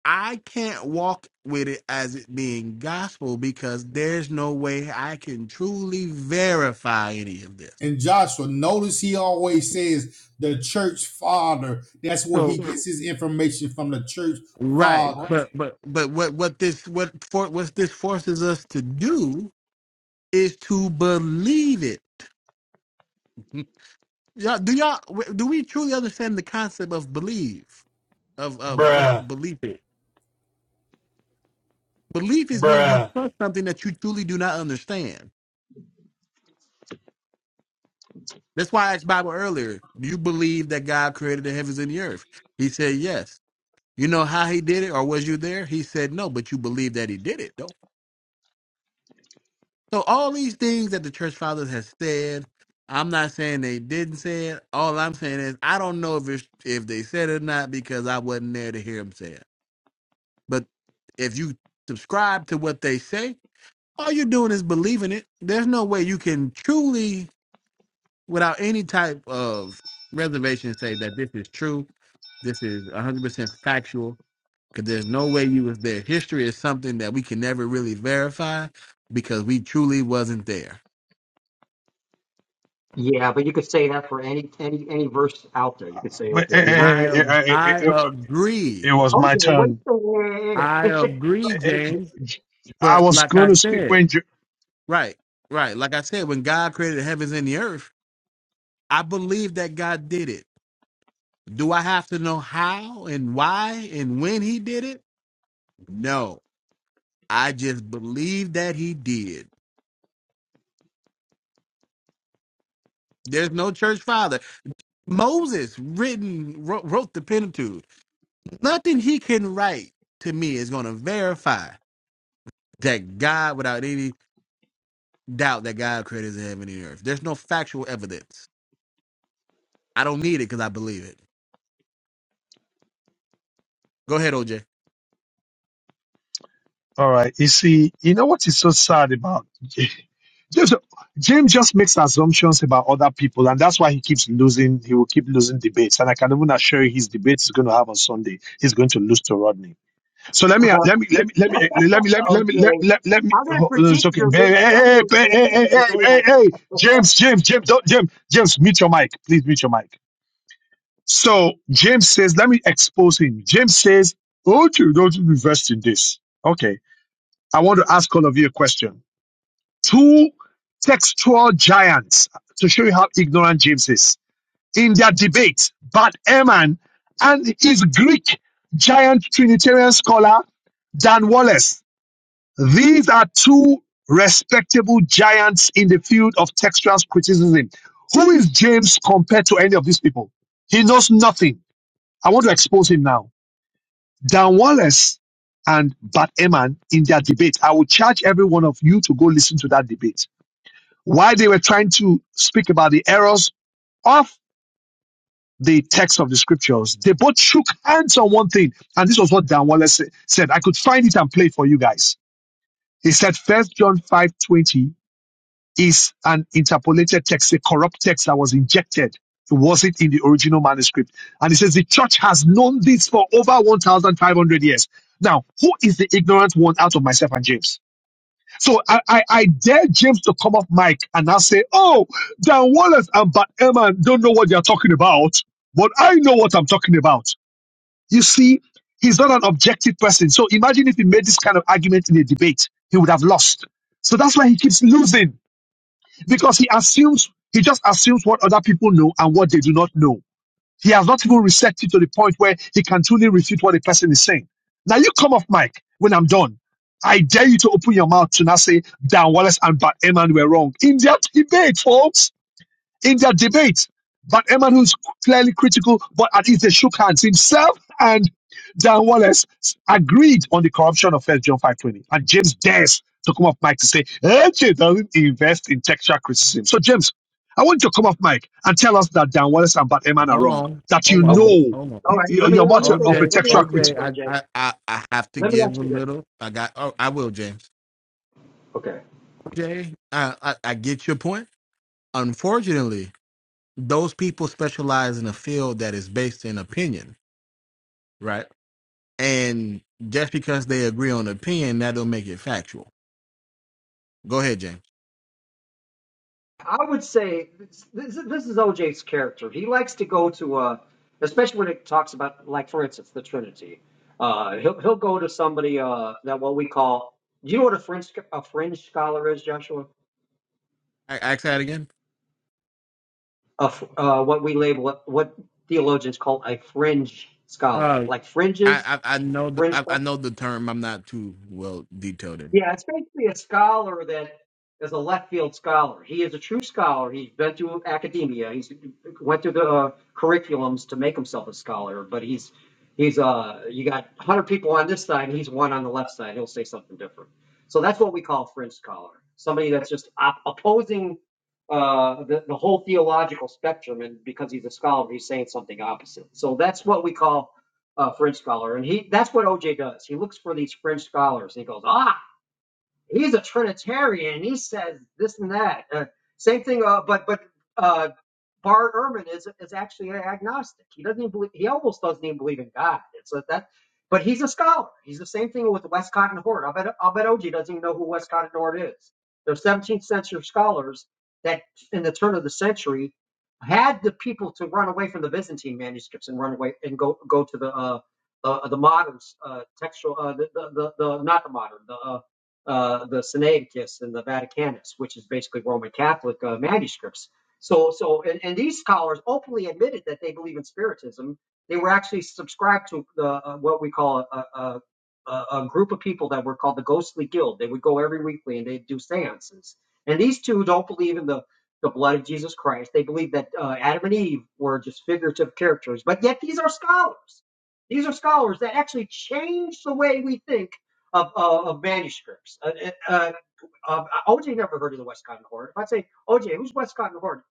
Speaker 1: I can't walk with it as it being gospel because there's no way I can truly verify any of this.
Speaker 14: and Joshua. Notice he always says the church father. That's where he
Speaker 1: So
Speaker 14: gets his information from. The church
Speaker 1: right,
Speaker 14: father.
Speaker 1: but but but what what this what for what this forces us to do is to believe it. Yeah, do y'all w- do we truly understand the concept of believe of of what
Speaker 14: Bruh,
Speaker 1: belief is? Belief is when you
Speaker 14: bruh.
Speaker 1: trust something that you truly do not understand. That's why I asked Bible earlier. Do you believe that God created the heavens and the earth? He said yes. You know how He did it, or was you there? He said no, but you believe that He did it though. So all these things that the church fathers has said, I'm not saying they didn't say it. All I'm saying is I don't know if it's, if they said it or not because I wasn't there to hear them say it. But if you subscribe to what they say, all you're doing is believing it. There's no way you can truly, without any type of reservation, say that this is true. This is 100% factual because there's no way you was there. History is something that we can never really verify because we truly wasn't there.
Speaker 11: Yeah, but you could say that for any any any verse out there. You could say, okay,
Speaker 6: eh,
Speaker 11: we
Speaker 1: I
Speaker 6: eh,
Speaker 1: ab-
Speaker 6: eh, eh,
Speaker 1: I
Speaker 6: eh, eh,
Speaker 1: agree.
Speaker 6: it was
Speaker 11: okay,
Speaker 6: my
Speaker 11: wait
Speaker 6: turn.
Speaker 11: a
Speaker 1: I
Speaker 11: minute.
Speaker 6: Eh,
Speaker 1: agree,
Speaker 6: eh,
Speaker 1: James.
Speaker 6: I
Speaker 1: But
Speaker 6: was
Speaker 1: like
Speaker 6: going
Speaker 1: I
Speaker 6: to speak
Speaker 1: said,
Speaker 6: when Jo-
Speaker 1: right, right. Like I said, when God created the heavens and the earth, I believe that God did it. Do I have to know how and why and when he did it? No. I just believe that he did. There's no church father. Moses written wrote, wrote the Pentateuch. Nothing he can write to me is going to verify that God without any doubt that God created the heaven and the earth. There's no factual evidence. I don't need it cuz I believe it. Go ahead, OJ.
Speaker 6: All right. You see, you know what is so sad about James? James just makes assumptions about other people, and that's why he keeps losing. He will keep losing debates, and I can even assure you, his debate is going to have on Sunday. He's going to lose to Rodney. So let
Speaker 11: Uh,
Speaker 6: me, let me, let me, let me, eh, let me, let me, let me, let,
Speaker 11: okay,
Speaker 6: let, let me.
Speaker 11: I'm going to
Speaker 6: oh, It's
Speaker 11: critique
Speaker 6: okay.
Speaker 11: your
Speaker 6: Hey, hey,
Speaker 11: video. I'm going to
Speaker 6: hey, hey, hey,
Speaker 11: critique
Speaker 6: hey, hey,
Speaker 11: the
Speaker 6: hey,
Speaker 11: debate
Speaker 6: hey,
Speaker 11: on.
Speaker 6: hey, James, James, James, don't, James, James, mute your mic, please, mute your mic. So James says, let me expose him. James says, "Oh, you don't invest in this." Okay. I want to ask all of you a question. Two textual giants to show you how ignorant James is. In their debate, Bart Ehrman and his Greek giant Trinitarian scholar, Dan Wallace. These are two respectable giants in the field of textual criticism. Who is James compared to any of these people? He knows nothing. I want to expose him now. Dan Wallace and Bart Ehrman in their debate. I would charge every one of you to go listen to that debate. While they were trying to speak about the errors of the text of the scriptures, they both shook hands on one thing. And this was what Dan Wallace said. I could find it and play it for you guys. He said, First John 5:20 is an interpolated text, a corrupt text that was injected. It wasn't in the original manuscript. And it says the church has known this for over 1,500 years. Now, who is the ignorant one out of myself and James? So I, I, I dare James to come off mic and now say, oh, Dan Wallace and Bat Ehrman don't know what they're talking about, but I know what I'm talking about. You see, he's not an objective person. So imagine if he made this kind of argument in a debate, he would have lost. So that's why he keeps losing because he assumes he just assumes what other people know and what they do not know. He has not even reset it to the point where he can truly refute what the person is saying. Now you come off mic when I'm done. I dare you to open your mouth to not say Dan Wallace and Bat Eman were wrong in their debate, folks in their debate. But Eman, who's clearly critical, but at least they shook hands. Himself and Dan Wallace agreed on the corruption of First John 5.20. And James dares to come off mic to say, AJ doesn't invest in textual criticism. So, James, I want you to come off mic and tell us that Dan Wallace and Bart Eman are
Speaker 1: Hold
Speaker 6: wrong,
Speaker 1: on.
Speaker 6: that you
Speaker 1: Hold
Speaker 11: Okay.
Speaker 1: on.
Speaker 6: know
Speaker 1: Hold on.
Speaker 11: All right.
Speaker 6: you're,
Speaker 11: Let me let
Speaker 6: much
Speaker 11: me say
Speaker 6: of
Speaker 11: this.
Speaker 6: a
Speaker 1: OJ,
Speaker 11: Let me
Speaker 6: textual
Speaker 11: ask you this,
Speaker 1: OJ,
Speaker 6: critic.
Speaker 1: I,
Speaker 11: OJ.
Speaker 1: I, I, I have to
Speaker 11: Let me
Speaker 1: give a
Speaker 11: ask you this.
Speaker 1: little. I got. Oh, I will, James.
Speaker 11: Okay.
Speaker 1: OJ, I, I, I get your point. Unfortunately, those people specialize in a field that is based in opinion, right? And just because they agree on opinion, that don't make it factual. Go ahead, James.
Speaker 11: I would say this, this this is OJ's character. He likes to go to a, especially when it talks about, like for instance, the Trinity. Uh, he'll he'll go to somebody uh, that what we call. You know what a fringe a fringe scholar is, Joshua?
Speaker 1: I, ask that again.
Speaker 11: A, f- uh, what we label what what theologians call a fringe scholar,
Speaker 1: Uh,
Speaker 11: like fringes,
Speaker 1: I, I, I know the,
Speaker 11: fringe.
Speaker 1: I, I know the term. I'm not too well detailed in.
Speaker 11: Yeah, it's basically a scholar that is a left field scholar. He is a true scholar. He's been to academia. He's went through the uh, curriculums to make himself a scholar. But he's he's uh you got a hundred people on this side, and he's one on the left side. He'll say something different. So that's what we call fringe scholar. Somebody that's just op- opposing uh the, the whole theological spectrum and because he's a scholar he's saying something opposite so that's what we call a fringe scholar and he that's what oj does he looks for these fringe scholars and he goes ah he's a Trinitarian. He says this and that. Uh, same thing, uh, but but uh, Bart Ehrman is is actually agnostic. He doesn't even believe, he almost doesn't even believe in God. It's like that, but he's a scholar. He's the same thing with Westcott and Hort. I bet I bet OG doesn't even know who Westcott and Hort is. They're 17th century scholars that, in the turn of the century, had the people to run away from the Byzantine manuscripts and run away and go go to the uh, uh, the modern uh, textual uh, the, the, the the not the modern the uh, uh, the Sinaiticus and the Vaticanus, which is basically Roman Catholic uh, manuscripts so, so, and, and these scholars openly admitted that they believe in spiritism. They were actually subscribed to the uh, what we call a, a, a, group of people that were called the Ghostly Guild. They would go every weekly and they'd do seances. And these two don't believe in the the blood of Jesus Christ. They believe that uh, Adam and Eve were just figurative characters. But yet, these are scholars. These are scholars that actually change the way we think of, of, of manuscripts. Uh, uh, um, OJ never heard of the West Cotton Horde. If I say, OJ, who's West Cotton Horde?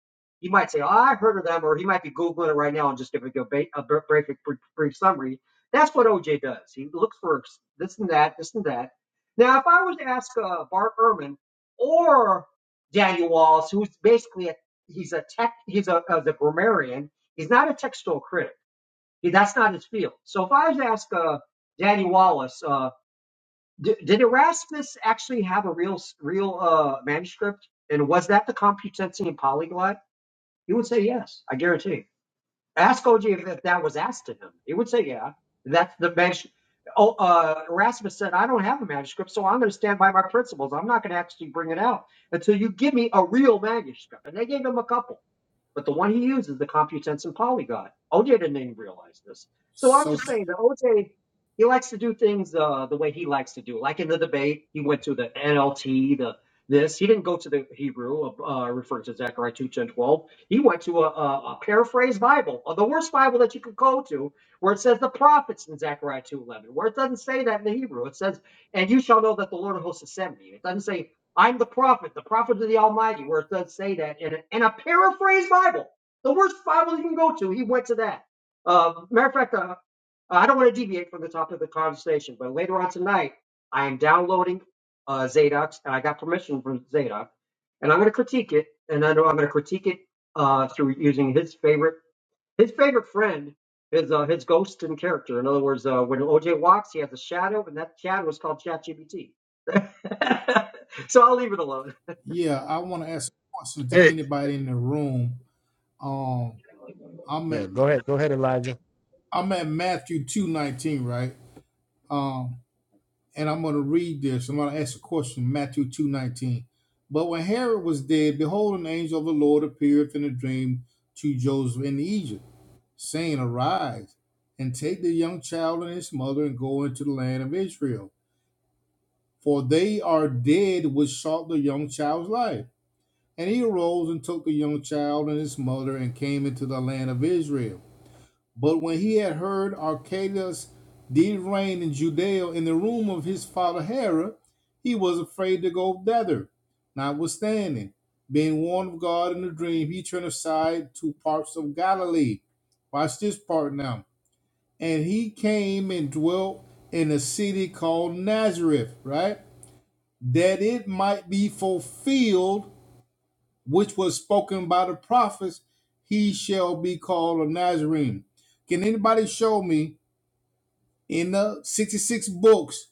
Speaker 11: He might say, oh, I heard of them, or he might be Googling it right now and just give you a, ba- a brief, brief, brief summary. That's what OJ does. He looks for this and that, this and that. Now, if I was to ask uh, Bart Ehrman or Daniel Wallace, who's basically a, he's a tech, he's a, a the grammarian. He's not a textual critic. He, that's not his field. So if I was to ask uh, Daniel Wallace, uh, did, did Erasmus actually have a real real uh, manuscript? And was that the Complutensian polyglot? He would say yes. I guarantee. Ask OG if, if that was asked to him. He would say yeah. That's the manuscript. Oh, uh, Erasmus said, "I don't have a manuscript, so I'm going to stand by my principles. I'm not going to actually bring it out until you give me a real manuscript." And they gave him a couple. But the one he used is the computensive polygon. OJ didn't even realize this. So I'm
Speaker 14: So
Speaker 11: just saying that OJ, he likes to do things uh, the way he likes to do. Like in the debate, he went to the NLT, the this. He didn't go to the Hebrew, uh, uh, referring to Zechariah 2 10 12, He went to a, a, a paraphrased Bible, or the worst Bible that you could go to, where it says the prophets in Zechariah 2 11, where it doesn't say that in the Hebrew. It says, and you shall know that the Lord of hosts has sent me. It doesn't say I'm the prophet, the prophet of the Almighty, where it does say that in a, in a paraphrased Bible, the worst Bible you can go to. He went to that. Uh, matter of fact, uh, uh, I don't want to deviate from the topic of the conversation, but later on tonight, I am downloading uh, Zadok's, and I got permission from Zadok, and I'm going to critique it, and I know I'm going to critique it uh, through using his favorite. His favorite friend is uh, his ghost in character. In other words, uh, when OJ walks, he has a shadow, and that shadow is called ChatGPT. so I'll leave it alone.
Speaker 14: yeah, I want to ask a question to
Speaker 6: Hey,
Speaker 14: anybody in the room. Um, I'm
Speaker 1: Yeah,
Speaker 14: at
Speaker 1: go ahead. Go ahead, Elijah.
Speaker 14: I'm at Matthew two nineteen, right? Um, and I'm going to read this. I'm going to ask a question. Matthew two nineteen. But when Herod was dead, behold, an angel of the Lord appeared in a dream to Joseph in Egypt, saying, Arise and take the young child and his mother and go into the land of Israel, for they are dead which sought the young child's life. And he arose and took the young child and his mother and came into the land of Israel. But when he had heard Archelaus did reign in Judea in the room of his father Herod, he was afraid to go thither. Notwithstanding, being warned of God in a dream, he turned aside to parts of Galilee. Watch this part now. And he came and dwelt in a city called Nazareth, right? That it might be fulfilled, which was spoken by the prophets, he shall be called a Nazarene. Can anybody show me? In the 66 books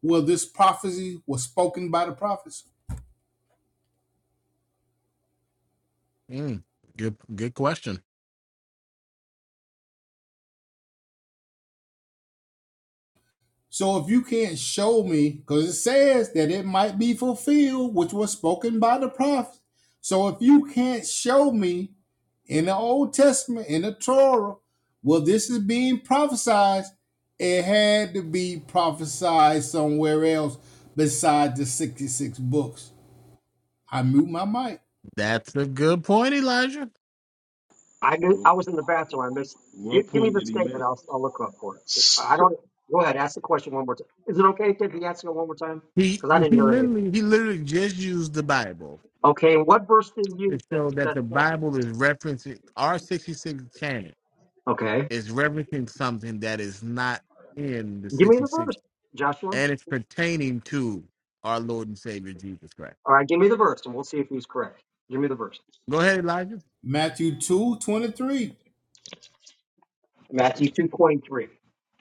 Speaker 14: where this prophecy was spoken by the prophets.
Speaker 1: Mm, good, good question.
Speaker 14: So if you can't show me, because it says that it might be fulfilled, which was spoken by the prophets. So if you can't show me in the Old Testament, in the Torah, well, this is being prophesied, it had to be prophesied somewhere else besides the 66 books. I mute my mic.
Speaker 1: That's a good point, Elijah.
Speaker 11: I mi-
Speaker 16: What,
Speaker 11: I was in the bathroom. I missed.
Speaker 16: what
Speaker 11: Give, give me
Speaker 16: point
Speaker 11: the
Speaker 16: did he
Speaker 11: statement.
Speaker 16: make?
Speaker 11: I'll I'll look up for it. I
Speaker 6: so,
Speaker 11: don't. Go ahead. Ask the question one more time. Is it okay if he asks it one more time?
Speaker 1: He
Speaker 11: Because I didn't
Speaker 1: he
Speaker 11: hear anything.
Speaker 1: literally he literally just used the Bible
Speaker 11: Okay. What verse did you
Speaker 1: to
Speaker 11: use?
Speaker 1: show that
Speaker 11: That,
Speaker 1: the
Speaker 11: that,
Speaker 1: Bible is referencing our sixty six canon
Speaker 11: okay.
Speaker 1: is referencing something that is not in the
Speaker 11: Give me
Speaker 1: sixty
Speaker 11: the verse,
Speaker 1: six
Speaker 11: Joshua.
Speaker 1: and it's pertaining to our Lord and Savior Jesus Christ.
Speaker 11: All right. Give me the verse, and we'll see if he's correct. Give me the verse.
Speaker 1: Go ahead, Elijah.
Speaker 14: Matthew 2 23.
Speaker 11: Matthew 2.23.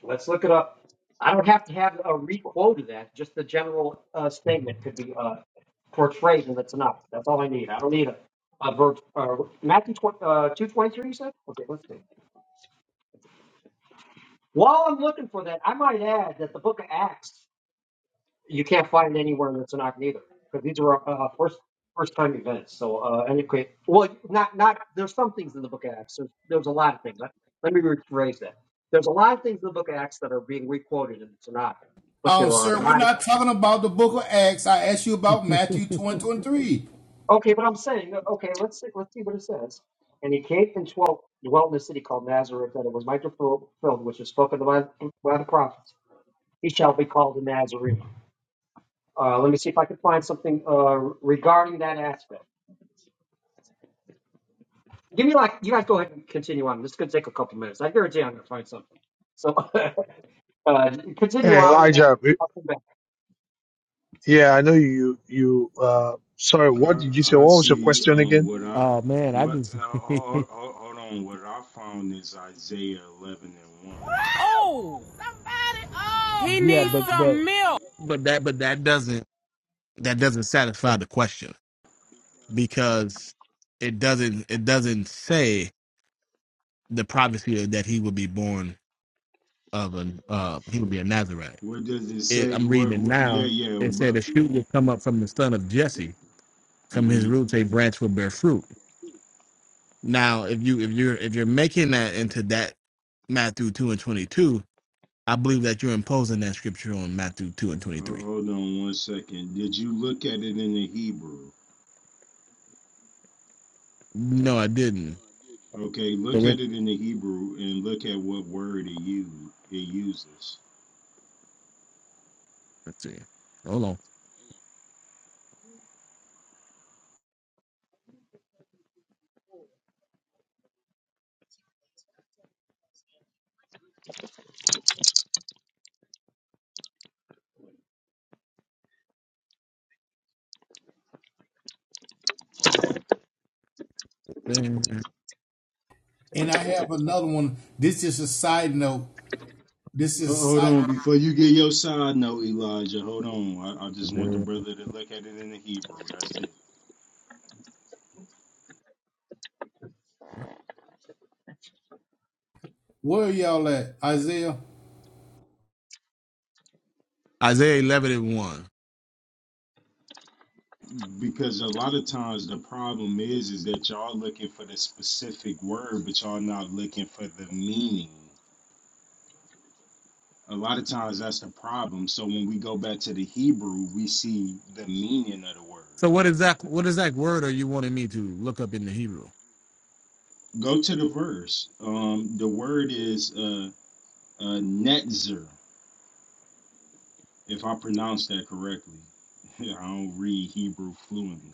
Speaker 11: Let's look it up. I don't have to have a requote of that. Just the general uh, statement could be uh, portrayed, and that's enough. That's all I need. I don't need a, a verse. Uh, Matthew 20, uh, 2.23, you said? Okay, let's see. While I'm looking for that, I might add that the book of Acts you can't find anywhere in the Tanakh neither, because these are uh, first first time events. So uh, anyway, well, not not there's some things in the Book of Acts. There's, there's a lot of things. Let, let me rephrase that. There's a lot of things in the Book of Acts that are being requoted in the Tanakh, but there
Speaker 14: Um,
Speaker 11: are a
Speaker 14: sir, we're
Speaker 11: lot.
Speaker 14: not talking about the book of Acts. I asked you about Matthew 20 and 3.
Speaker 11: Of, okay, but I'm saying okay. Let's see, let's see what it says. And he came and dwelt, dwelt in a city called Nazareth, and it was Micah fulfilled, which is spoken by, by the prophets. He shall be called a Nazarene. Uh, let me see if I can find something uh, regarding that aspect. Give me like you guys go ahead and continue on. This could take a couple minutes. I guarantee I'm gonna find something. So uh, continue
Speaker 6: hey,
Speaker 11: on and I'll,
Speaker 6: Elijah.
Speaker 11: I'll come back.
Speaker 6: Yeah, I know you. You. Uh, sorry. What
Speaker 16: I,
Speaker 6: did you say?
Speaker 16: I
Speaker 6: What was your
Speaker 16: see
Speaker 6: question
Speaker 16: um,
Speaker 6: again?
Speaker 16: what I
Speaker 1: Oh man, I
Speaker 16: what
Speaker 1: just
Speaker 16: uh, hold, hold hold on. What I found is Isaiah eleven and one.
Speaker 14: Oh, he
Speaker 1: yeah,
Speaker 14: needs
Speaker 1: but but
Speaker 14: some milk.
Speaker 1: but that but that doesn't that doesn't satisfy the question because it doesn't it doesn't say the prophecy that he would be born of an uh he would be a Nazarite.
Speaker 16: What does it
Speaker 1: It,
Speaker 16: say?
Speaker 1: I'm
Speaker 16: What,
Speaker 1: reading it
Speaker 16: what yeah
Speaker 1: now.
Speaker 16: yeah
Speaker 1: It said a
Speaker 16: but
Speaker 1: shoot will come up from the son of Jesse. From his
Speaker 16: hmm
Speaker 1: roots a branch will bear fruit. Now if you if you're if you're making that into that Matthew two and twenty two, I believe that you're imposing that scripture on Matthew two and twenty three.
Speaker 16: uh, hold on one second. Did you look at it in the Hebrew?
Speaker 1: No, I didn't.
Speaker 16: Okay,
Speaker 1: So
Speaker 16: look
Speaker 1: we're-
Speaker 16: at it in the Hebrew and look at what word it you it uses.
Speaker 1: Let's see. Hold on.
Speaker 14: And I have another one. This is a side note. This
Speaker 16: Uh,
Speaker 14: is
Speaker 16: Hold on, before you get your side note, Elijah. Hold on. I, I just want the brother to look at it in the Hebrew. That's it.
Speaker 14: where are y'all at, Isaiah?
Speaker 1: Isaiah eleven and one.
Speaker 16: Because a lot of times the problem is is that y'all looking for the specific word, but y'all not looking for the meaning. A lot of times that's the problem. So when we go back to the Hebrew, we see the meaning of the word.
Speaker 1: So what exact what exact word are you wanting me to look up in the Hebrew?
Speaker 16: Go to the verse. Um, the word is uh, uh, netzer, if I pronounce that correctly. I don't read Hebrew fluently,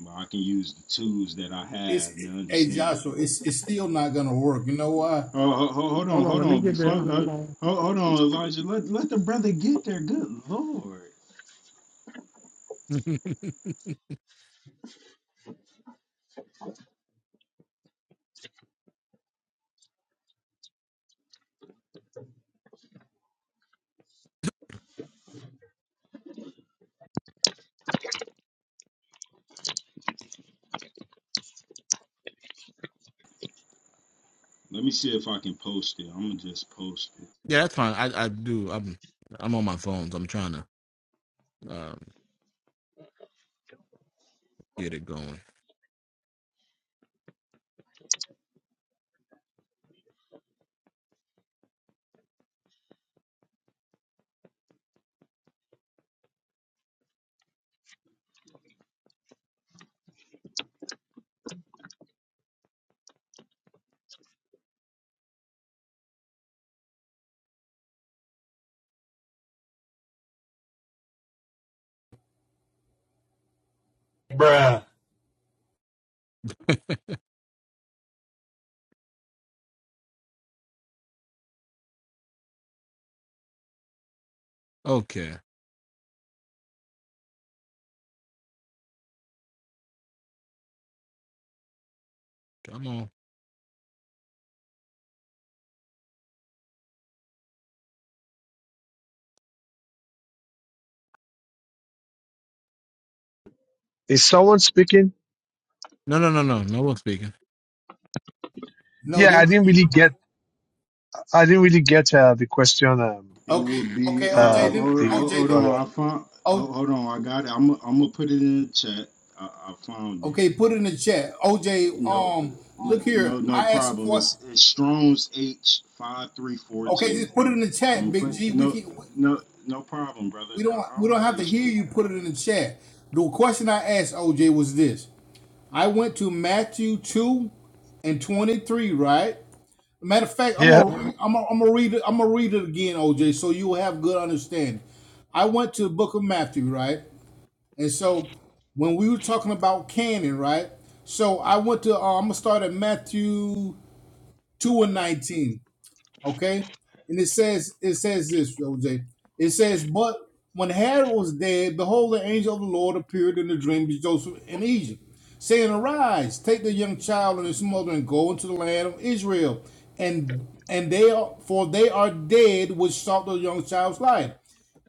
Speaker 16: but I can use the tools that I
Speaker 14: It's
Speaker 16: have
Speaker 14: it,
Speaker 16: to
Speaker 14: hey
Speaker 16: understand it.
Speaker 14: Joshua. It's it's still not gonna work. You know why?
Speaker 16: Oh, ho- ho- hold on,
Speaker 1: Hold on,
Speaker 16: hold
Speaker 1: let me
Speaker 16: on.
Speaker 1: get
Speaker 16: Before,
Speaker 1: there.
Speaker 16: uh,
Speaker 1: Hold on.
Speaker 16: ho- hold on, Elijah. Let let the brother get there. Good lord. Let me see if I can post it. I'm gonna just post it.
Speaker 1: Yeah, that's fine. I, I do. I'm I'm on my phones. I'm trying to um, get it going.
Speaker 14: Bruh.
Speaker 1: Okay. Come on.
Speaker 6: Is someone speaking?
Speaker 1: No, no, no, no. No one speaking.
Speaker 14: No,
Speaker 6: Yeah, I
Speaker 14: they're
Speaker 6: didn't really get. I didn't really get uh, the question. Um,
Speaker 16: It
Speaker 14: okay.
Speaker 16: will be.
Speaker 14: Okay,
Speaker 16: Uh,
Speaker 14: OJ.
Speaker 16: hold,
Speaker 6: uh,
Speaker 14: Then
Speaker 6: the
Speaker 16: hold,
Speaker 6: the
Speaker 14: OJ.
Speaker 16: hold on.
Speaker 14: Then
Speaker 6: brother.
Speaker 16: I found.
Speaker 14: oh,
Speaker 16: ho- Hold on. I got it. I'm. I'm gonna put it in the chat. I, I found it.
Speaker 14: okay. Put it in the chat. OJ.
Speaker 16: No,
Speaker 14: Um, look
Speaker 16: no,
Speaker 14: here.
Speaker 16: no no
Speaker 14: I asked a
Speaker 16: problem.
Speaker 14: question.
Speaker 16: It's, it's Strong's H five three four
Speaker 14: Okay,
Speaker 16: two.
Speaker 14: just put it in the chat,
Speaker 16: I'm gonna
Speaker 14: Big
Speaker 16: put
Speaker 14: G. We
Speaker 16: no,
Speaker 14: can.
Speaker 16: no, no problem, brother.
Speaker 14: We don't
Speaker 16: I I
Speaker 14: we
Speaker 16: don't
Speaker 14: don't
Speaker 16: have
Speaker 14: have
Speaker 16: an
Speaker 14: to
Speaker 16: issue
Speaker 14: hear
Speaker 16: with
Speaker 14: you
Speaker 16: that.
Speaker 14: put it in the chat. The question I asked OJ was this. I went to Matthew 2 and 23, right? Matter of fact, I'm
Speaker 6: Yeah,
Speaker 14: gonna I'm gonna, I'm gonna read it I'm gonna read it again, OJ, so you will have good understanding. I went to the book of Matthew, right? And so when we were talking about canon, right? So I went to uh, I'm gonna start at Matthew 2 and 19. Okay? And it says, it says this, OJ. It says, But when Herod was dead, behold, the angel of the Lord appeared in a dream to Joseph in Egypt, saying, Arise, take the young child and his mother and go into the land of Israel. And and they are for they are dead which sought the young child's life.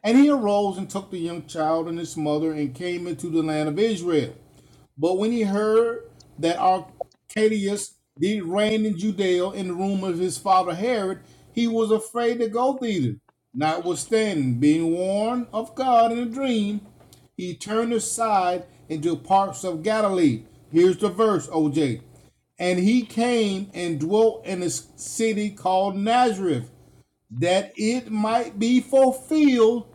Speaker 14: And he arose and took the young child and his mother and came into the land of Israel. But when he heard that Arcadius did reign in Judea in the room of his father Herod, he was afraid to go thither. Notwithstanding, being warned of God in a dream, he turned aside into parts of Galilee. Here's the verse, OJ. And he came and dwelt in a city called Nazareth, that it might be fulfilled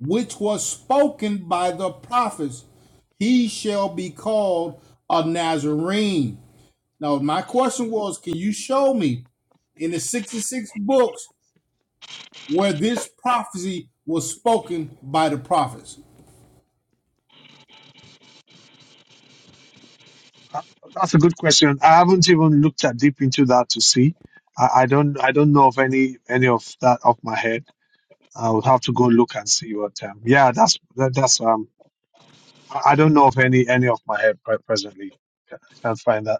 Speaker 14: which was spoken by the prophets. He shall be called a Nazarene. Now, my question was, can you show me in the 66 books where this prophecy was spoken by the prophets?
Speaker 6: uh, that's a good question. I haven't even looked at deep into that to see. I, I don't. I don't know of any any of that off my head. I would have to go look and see what. Um, yeah, that's that, that's. Um, I I don't know of any any off my head pre- presently. I can't find that.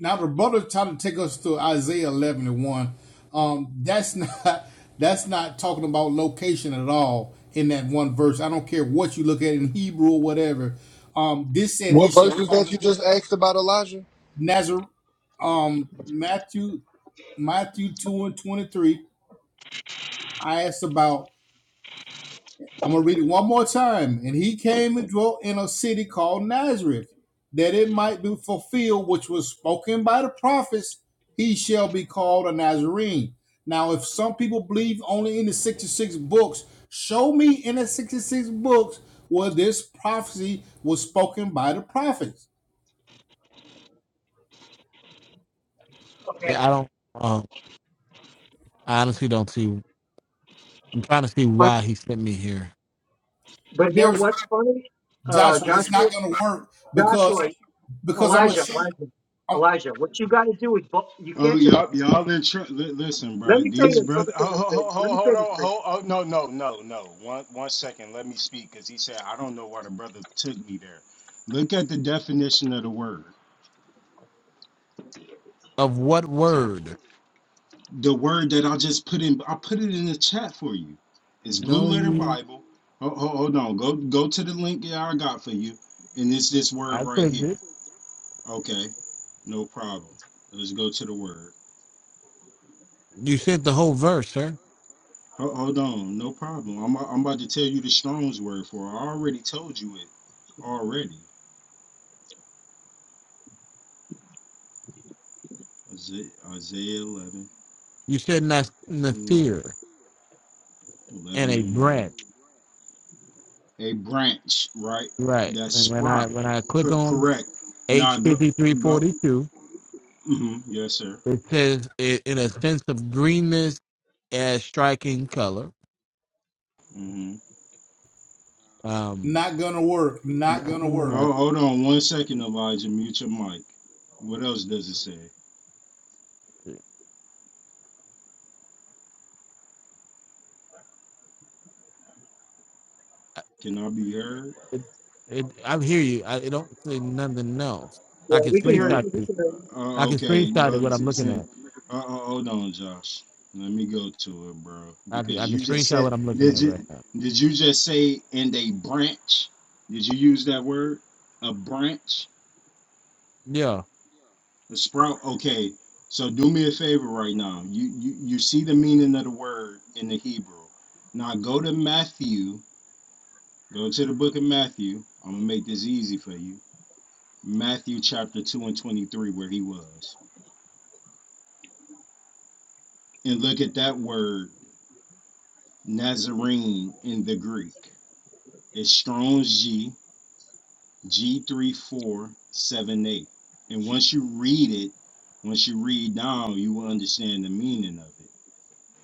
Speaker 14: Now, the brother tried to take us to Isaiah 11 and 1. Um, that's not that's not talking about location at all in that one verse. I don't care what you look at in Hebrew or whatever. Um, this said he
Speaker 17: What
Speaker 14: should
Speaker 17: verses that you just asked about Elijah?
Speaker 14: Nazareth. Um, Matthew Matthew 2 and 23. I asked about. I'm gonna read it one more time. And he came and dwelt in a city called Nazareth it might be fulfilled, which was spoken by the prophets, he shall be called a Nazarene. Now, if some people believe only in the 66 books, show me in the 66 books where this prophecy was spoken by the prophets.
Speaker 1: Yeah,
Speaker 11: Okay.
Speaker 1: I don't. Uh, I honestly don't see. I'm trying to see
Speaker 11: But
Speaker 1: why he sent me here.
Speaker 11: but you know
Speaker 14: There's
Speaker 11: what's funny, uh,
Speaker 14: Joshua, it's
Speaker 11: Joshua,
Speaker 14: not gonna work because
Speaker 11: Joshua,
Speaker 14: because I'm gonna
Speaker 11: Elijah, Elijah, Elijah. What you got to do is bu- you
Speaker 16: Oh,
Speaker 11: can't just
Speaker 16: y'all, y'all in tr- li- listen,
Speaker 11: let
Speaker 16: bro.
Speaker 11: me say
Speaker 16: These
Speaker 11: this. Let me
Speaker 16: brothers.
Speaker 11: say
Speaker 16: Oh,
Speaker 11: this,
Speaker 16: ho,
Speaker 11: babe.
Speaker 16: ho,
Speaker 11: Let
Speaker 16: ho,
Speaker 11: me
Speaker 16: hold
Speaker 11: say this,
Speaker 16: on.
Speaker 11: babe.
Speaker 16: Hold, oh, no, no, no, no. One, one second. Let me speak because he said I don't know why the brother took me there. Look at the definition of the word.
Speaker 1: Of what word?
Speaker 16: The word that I just put in. I put it in the chat for you. It's Blue
Speaker 1: No,
Speaker 16: Letter
Speaker 1: you.
Speaker 16: Bible. Oh, ho, ho- hold on. Go, go to the link that I got for you, and it's this word
Speaker 1: I
Speaker 16: right
Speaker 1: clicked
Speaker 16: here.
Speaker 1: it.
Speaker 16: Okay, no problem. Let's go to the word.
Speaker 1: You said the whole verse, sir.
Speaker 16: Ho- Hold on, no problem. I'm I'm about to tell you the Strong's word for it. I already told you it already. Isa- Isaiah 11,
Speaker 1: You said nas-
Speaker 16: and
Speaker 1: nasir and
Speaker 16: 11
Speaker 1: a
Speaker 16: and 1.
Speaker 1: branch,
Speaker 16: A branch, right?
Speaker 1: right?
Speaker 16: That
Speaker 1: And when I
Speaker 16: sprout.
Speaker 1: when I click
Speaker 16: Co-
Speaker 1: on
Speaker 16: correct.
Speaker 1: H
Speaker 16: Now go
Speaker 1: fifty three
Speaker 16: go.
Speaker 1: forty two,
Speaker 16: hmm Yes, sir.
Speaker 1: it says it, in a sense of greenness as striking color.
Speaker 16: hmm
Speaker 1: Um,
Speaker 14: not gonna work,
Speaker 1: and
Speaker 14: not
Speaker 1: I
Speaker 14: gonna
Speaker 1: think when
Speaker 14: work.
Speaker 1: I,
Speaker 16: Hold, hold on one second, Elijah. Mute your mic. What else does it say?
Speaker 1: I-
Speaker 16: Can I be heard?
Speaker 1: it, it, I hear you. I it don't say nothing else. I
Speaker 11: Yeah,
Speaker 1: can
Speaker 11: we can
Speaker 16: It
Speaker 11: hear
Speaker 1: screenshot
Speaker 16: don't.
Speaker 11: you. We
Speaker 1: you.
Speaker 11: can hear you.
Speaker 16: Uh,
Speaker 1: I
Speaker 16: uh,
Speaker 1: can
Speaker 16: okay,
Speaker 1: screenshot it
Speaker 16: well,
Speaker 1: what
Speaker 16: it's,
Speaker 1: I'm
Speaker 16: it's
Speaker 1: looking
Speaker 16: in,
Speaker 1: at.
Speaker 16: uh, uh, hold on, Josh. Let me go to it, bro.
Speaker 1: I can,
Speaker 16: Because
Speaker 1: I can
Speaker 16: you just
Speaker 1: screenshot
Speaker 16: said,
Speaker 1: what I'm looking
Speaker 16: did
Speaker 1: at right
Speaker 16: you
Speaker 1: now.
Speaker 16: did you just say and a branch? Did you use that word? A branch,
Speaker 1: Yeah,
Speaker 16: a sprout. Okay, so do me a favor right now. You you you see the meaning of the word in the Hebrew. Now go to Matthew. Go to the book of Matthew. I'm gonna make this easy for you. Matthew chapter two and twenty three, where he was, and look at that word Nazarene in the Greek. It's Strong's G, G3478. And once you read it, once you read down, you will understand the meaning of it.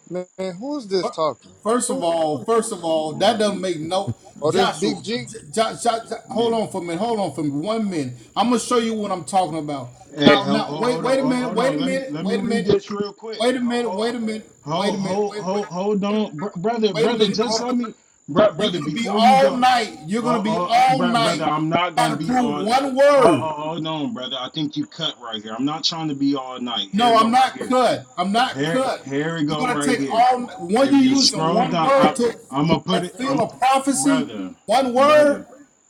Speaker 17: Man, who is this talking?
Speaker 14: First of
Speaker 17: Who, who
Speaker 14: all,
Speaker 17: is
Speaker 14: first of
Speaker 17: this?
Speaker 14: all,
Speaker 16: You
Speaker 14: that
Speaker 16: know,
Speaker 14: doesn't make no.
Speaker 17: Oh, this
Speaker 14: Joshua,
Speaker 17: Big G?
Speaker 14: J- J- J- hold
Speaker 16: yeah.
Speaker 14: on for a minute. Hold on for me. One minute. I'm gonna show you what I'm talking about.
Speaker 16: Hey,
Speaker 14: Now,
Speaker 16: hold,
Speaker 14: now,
Speaker 16: hold,
Speaker 14: wait,
Speaker 16: hold on,
Speaker 14: wait a
Speaker 16: hold,
Speaker 14: minute.
Speaker 16: hold on.
Speaker 14: Wait a
Speaker 16: Let me
Speaker 14: minute.
Speaker 16: let me
Speaker 14: Wait a
Speaker 16: read
Speaker 14: minute.
Speaker 16: this real quick.
Speaker 14: Wait a minute. Wait
Speaker 16: Hold,
Speaker 14: a minute. Wait a
Speaker 16: hold,
Speaker 14: minute.
Speaker 16: hold,
Speaker 14: Wait, wait,
Speaker 16: hold, hold on, Br- brother,
Speaker 14: wait a
Speaker 16: brother.
Speaker 14: minute,
Speaker 16: Just
Speaker 14: bro.
Speaker 16: let me, br-
Speaker 14: You're
Speaker 16: brother.
Speaker 14: gonna be
Speaker 16: Before you
Speaker 14: all
Speaker 16: go,
Speaker 14: night. You're gonna
Speaker 16: oh,
Speaker 14: be
Speaker 16: oh, uh,
Speaker 14: all
Speaker 16: br- brother,
Speaker 14: night
Speaker 16: I'm not
Speaker 14: trying to
Speaker 16: gonna be
Speaker 14: prove
Speaker 16: on.
Speaker 14: one
Speaker 16: Oh, oh,
Speaker 14: word.
Speaker 16: hold on, brother. I think you cut right here. I'm not trying to be all night. Here,
Speaker 14: No, I'm
Speaker 16: go right
Speaker 14: not
Speaker 16: here.
Speaker 14: cut. I'm not
Speaker 16: Here,
Speaker 14: cut.
Speaker 16: here we
Speaker 14: You're
Speaker 16: go
Speaker 14: gonna
Speaker 16: right
Speaker 14: take
Speaker 16: here.
Speaker 14: all when you
Speaker 16: If you
Speaker 14: using
Speaker 16: scroll
Speaker 14: one
Speaker 16: down,
Speaker 14: word
Speaker 16: I'm,
Speaker 14: to
Speaker 16: I'm gonna put it.
Speaker 14: fulfill
Speaker 16: I'm,
Speaker 14: a prophecy.
Speaker 16: brother,
Speaker 14: One word.
Speaker 16: brother,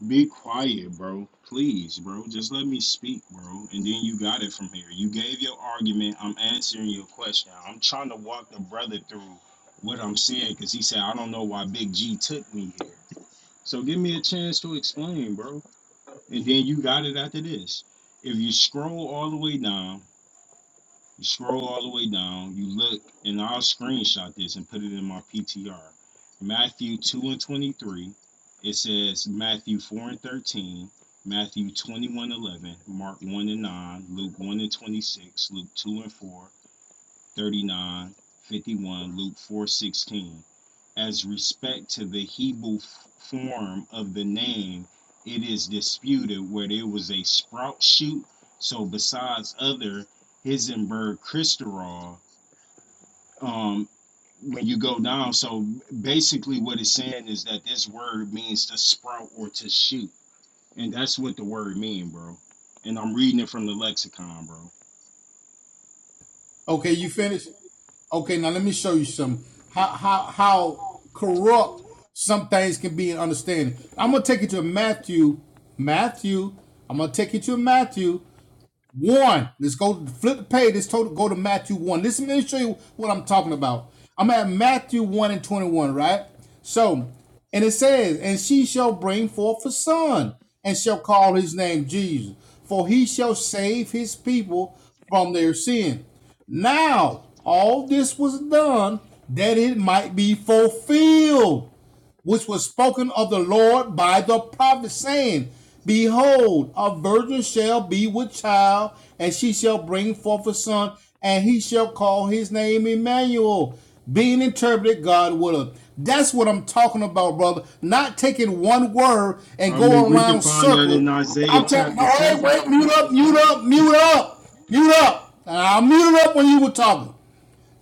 Speaker 16: be quiet, bro. Please, bro. Just let me speak, bro. And then you got it from here. You gave your argument. I'm answering your question. I'm trying to walk the brother through what I'm saying because he said I don't know why Big G took me here. So give me a chance to explain, bro. And then you got it after this. If you scroll all the way down. You scroll all the way down, you look, and I'll screenshot this and put it in my PTR. Matthew 2 and 23, it says Matthew 4 and 13, Matthew 21 11. Mark 1 and 9, Luke 1 and 26, Luke 2 and 4, 39, 51, Luke 4:16. As respect to the Hebrew f- form of the name, it is disputed where there was a sprout shoot. So besides other Hisenberg Christorol, um, when you go down, so basically what it's saying is that this word means to sprout or to shoot, and that's what the word mean, bro. And I'm reading it from the lexicon, bro.
Speaker 14: Okay, you finished? Okay, now let me show you some how how how corrupt some things can be in understanding. I'm gonna take you to Matthew, Matthew. I'm gonna take you to Matthew one. Let's go flip the page. Let's go to Matthew one. Listen, let me show you what I'm talking about. I'm at Matthew one and twenty one, right? So, and it says, "And she shall bring forth a son, and shall call his name Jesus, for he shall save his people from their sin." Now, all this was done that it might be fulfilled which was spoken of the Lord by the prophet, saying, Behold, a virgin shall be with child, and she shall bring forth a son, and he shall call his name Emmanuel, being interpreted God will. That's what I'm talking about, brother. Not taking one word and
Speaker 16: I mean,
Speaker 14: go
Speaker 16: we can
Speaker 14: around
Speaker 16: find that in
Speaker 14: circle.
Speaker 16: Isaiah
Speaker 14: I'm talking,
Speaker 16: chapter
Speaker 14: all right,
Speaker 16: seven.
Speaker 14: wait, mute up, mute up, mute up, mute up. And I muted up when you were talking.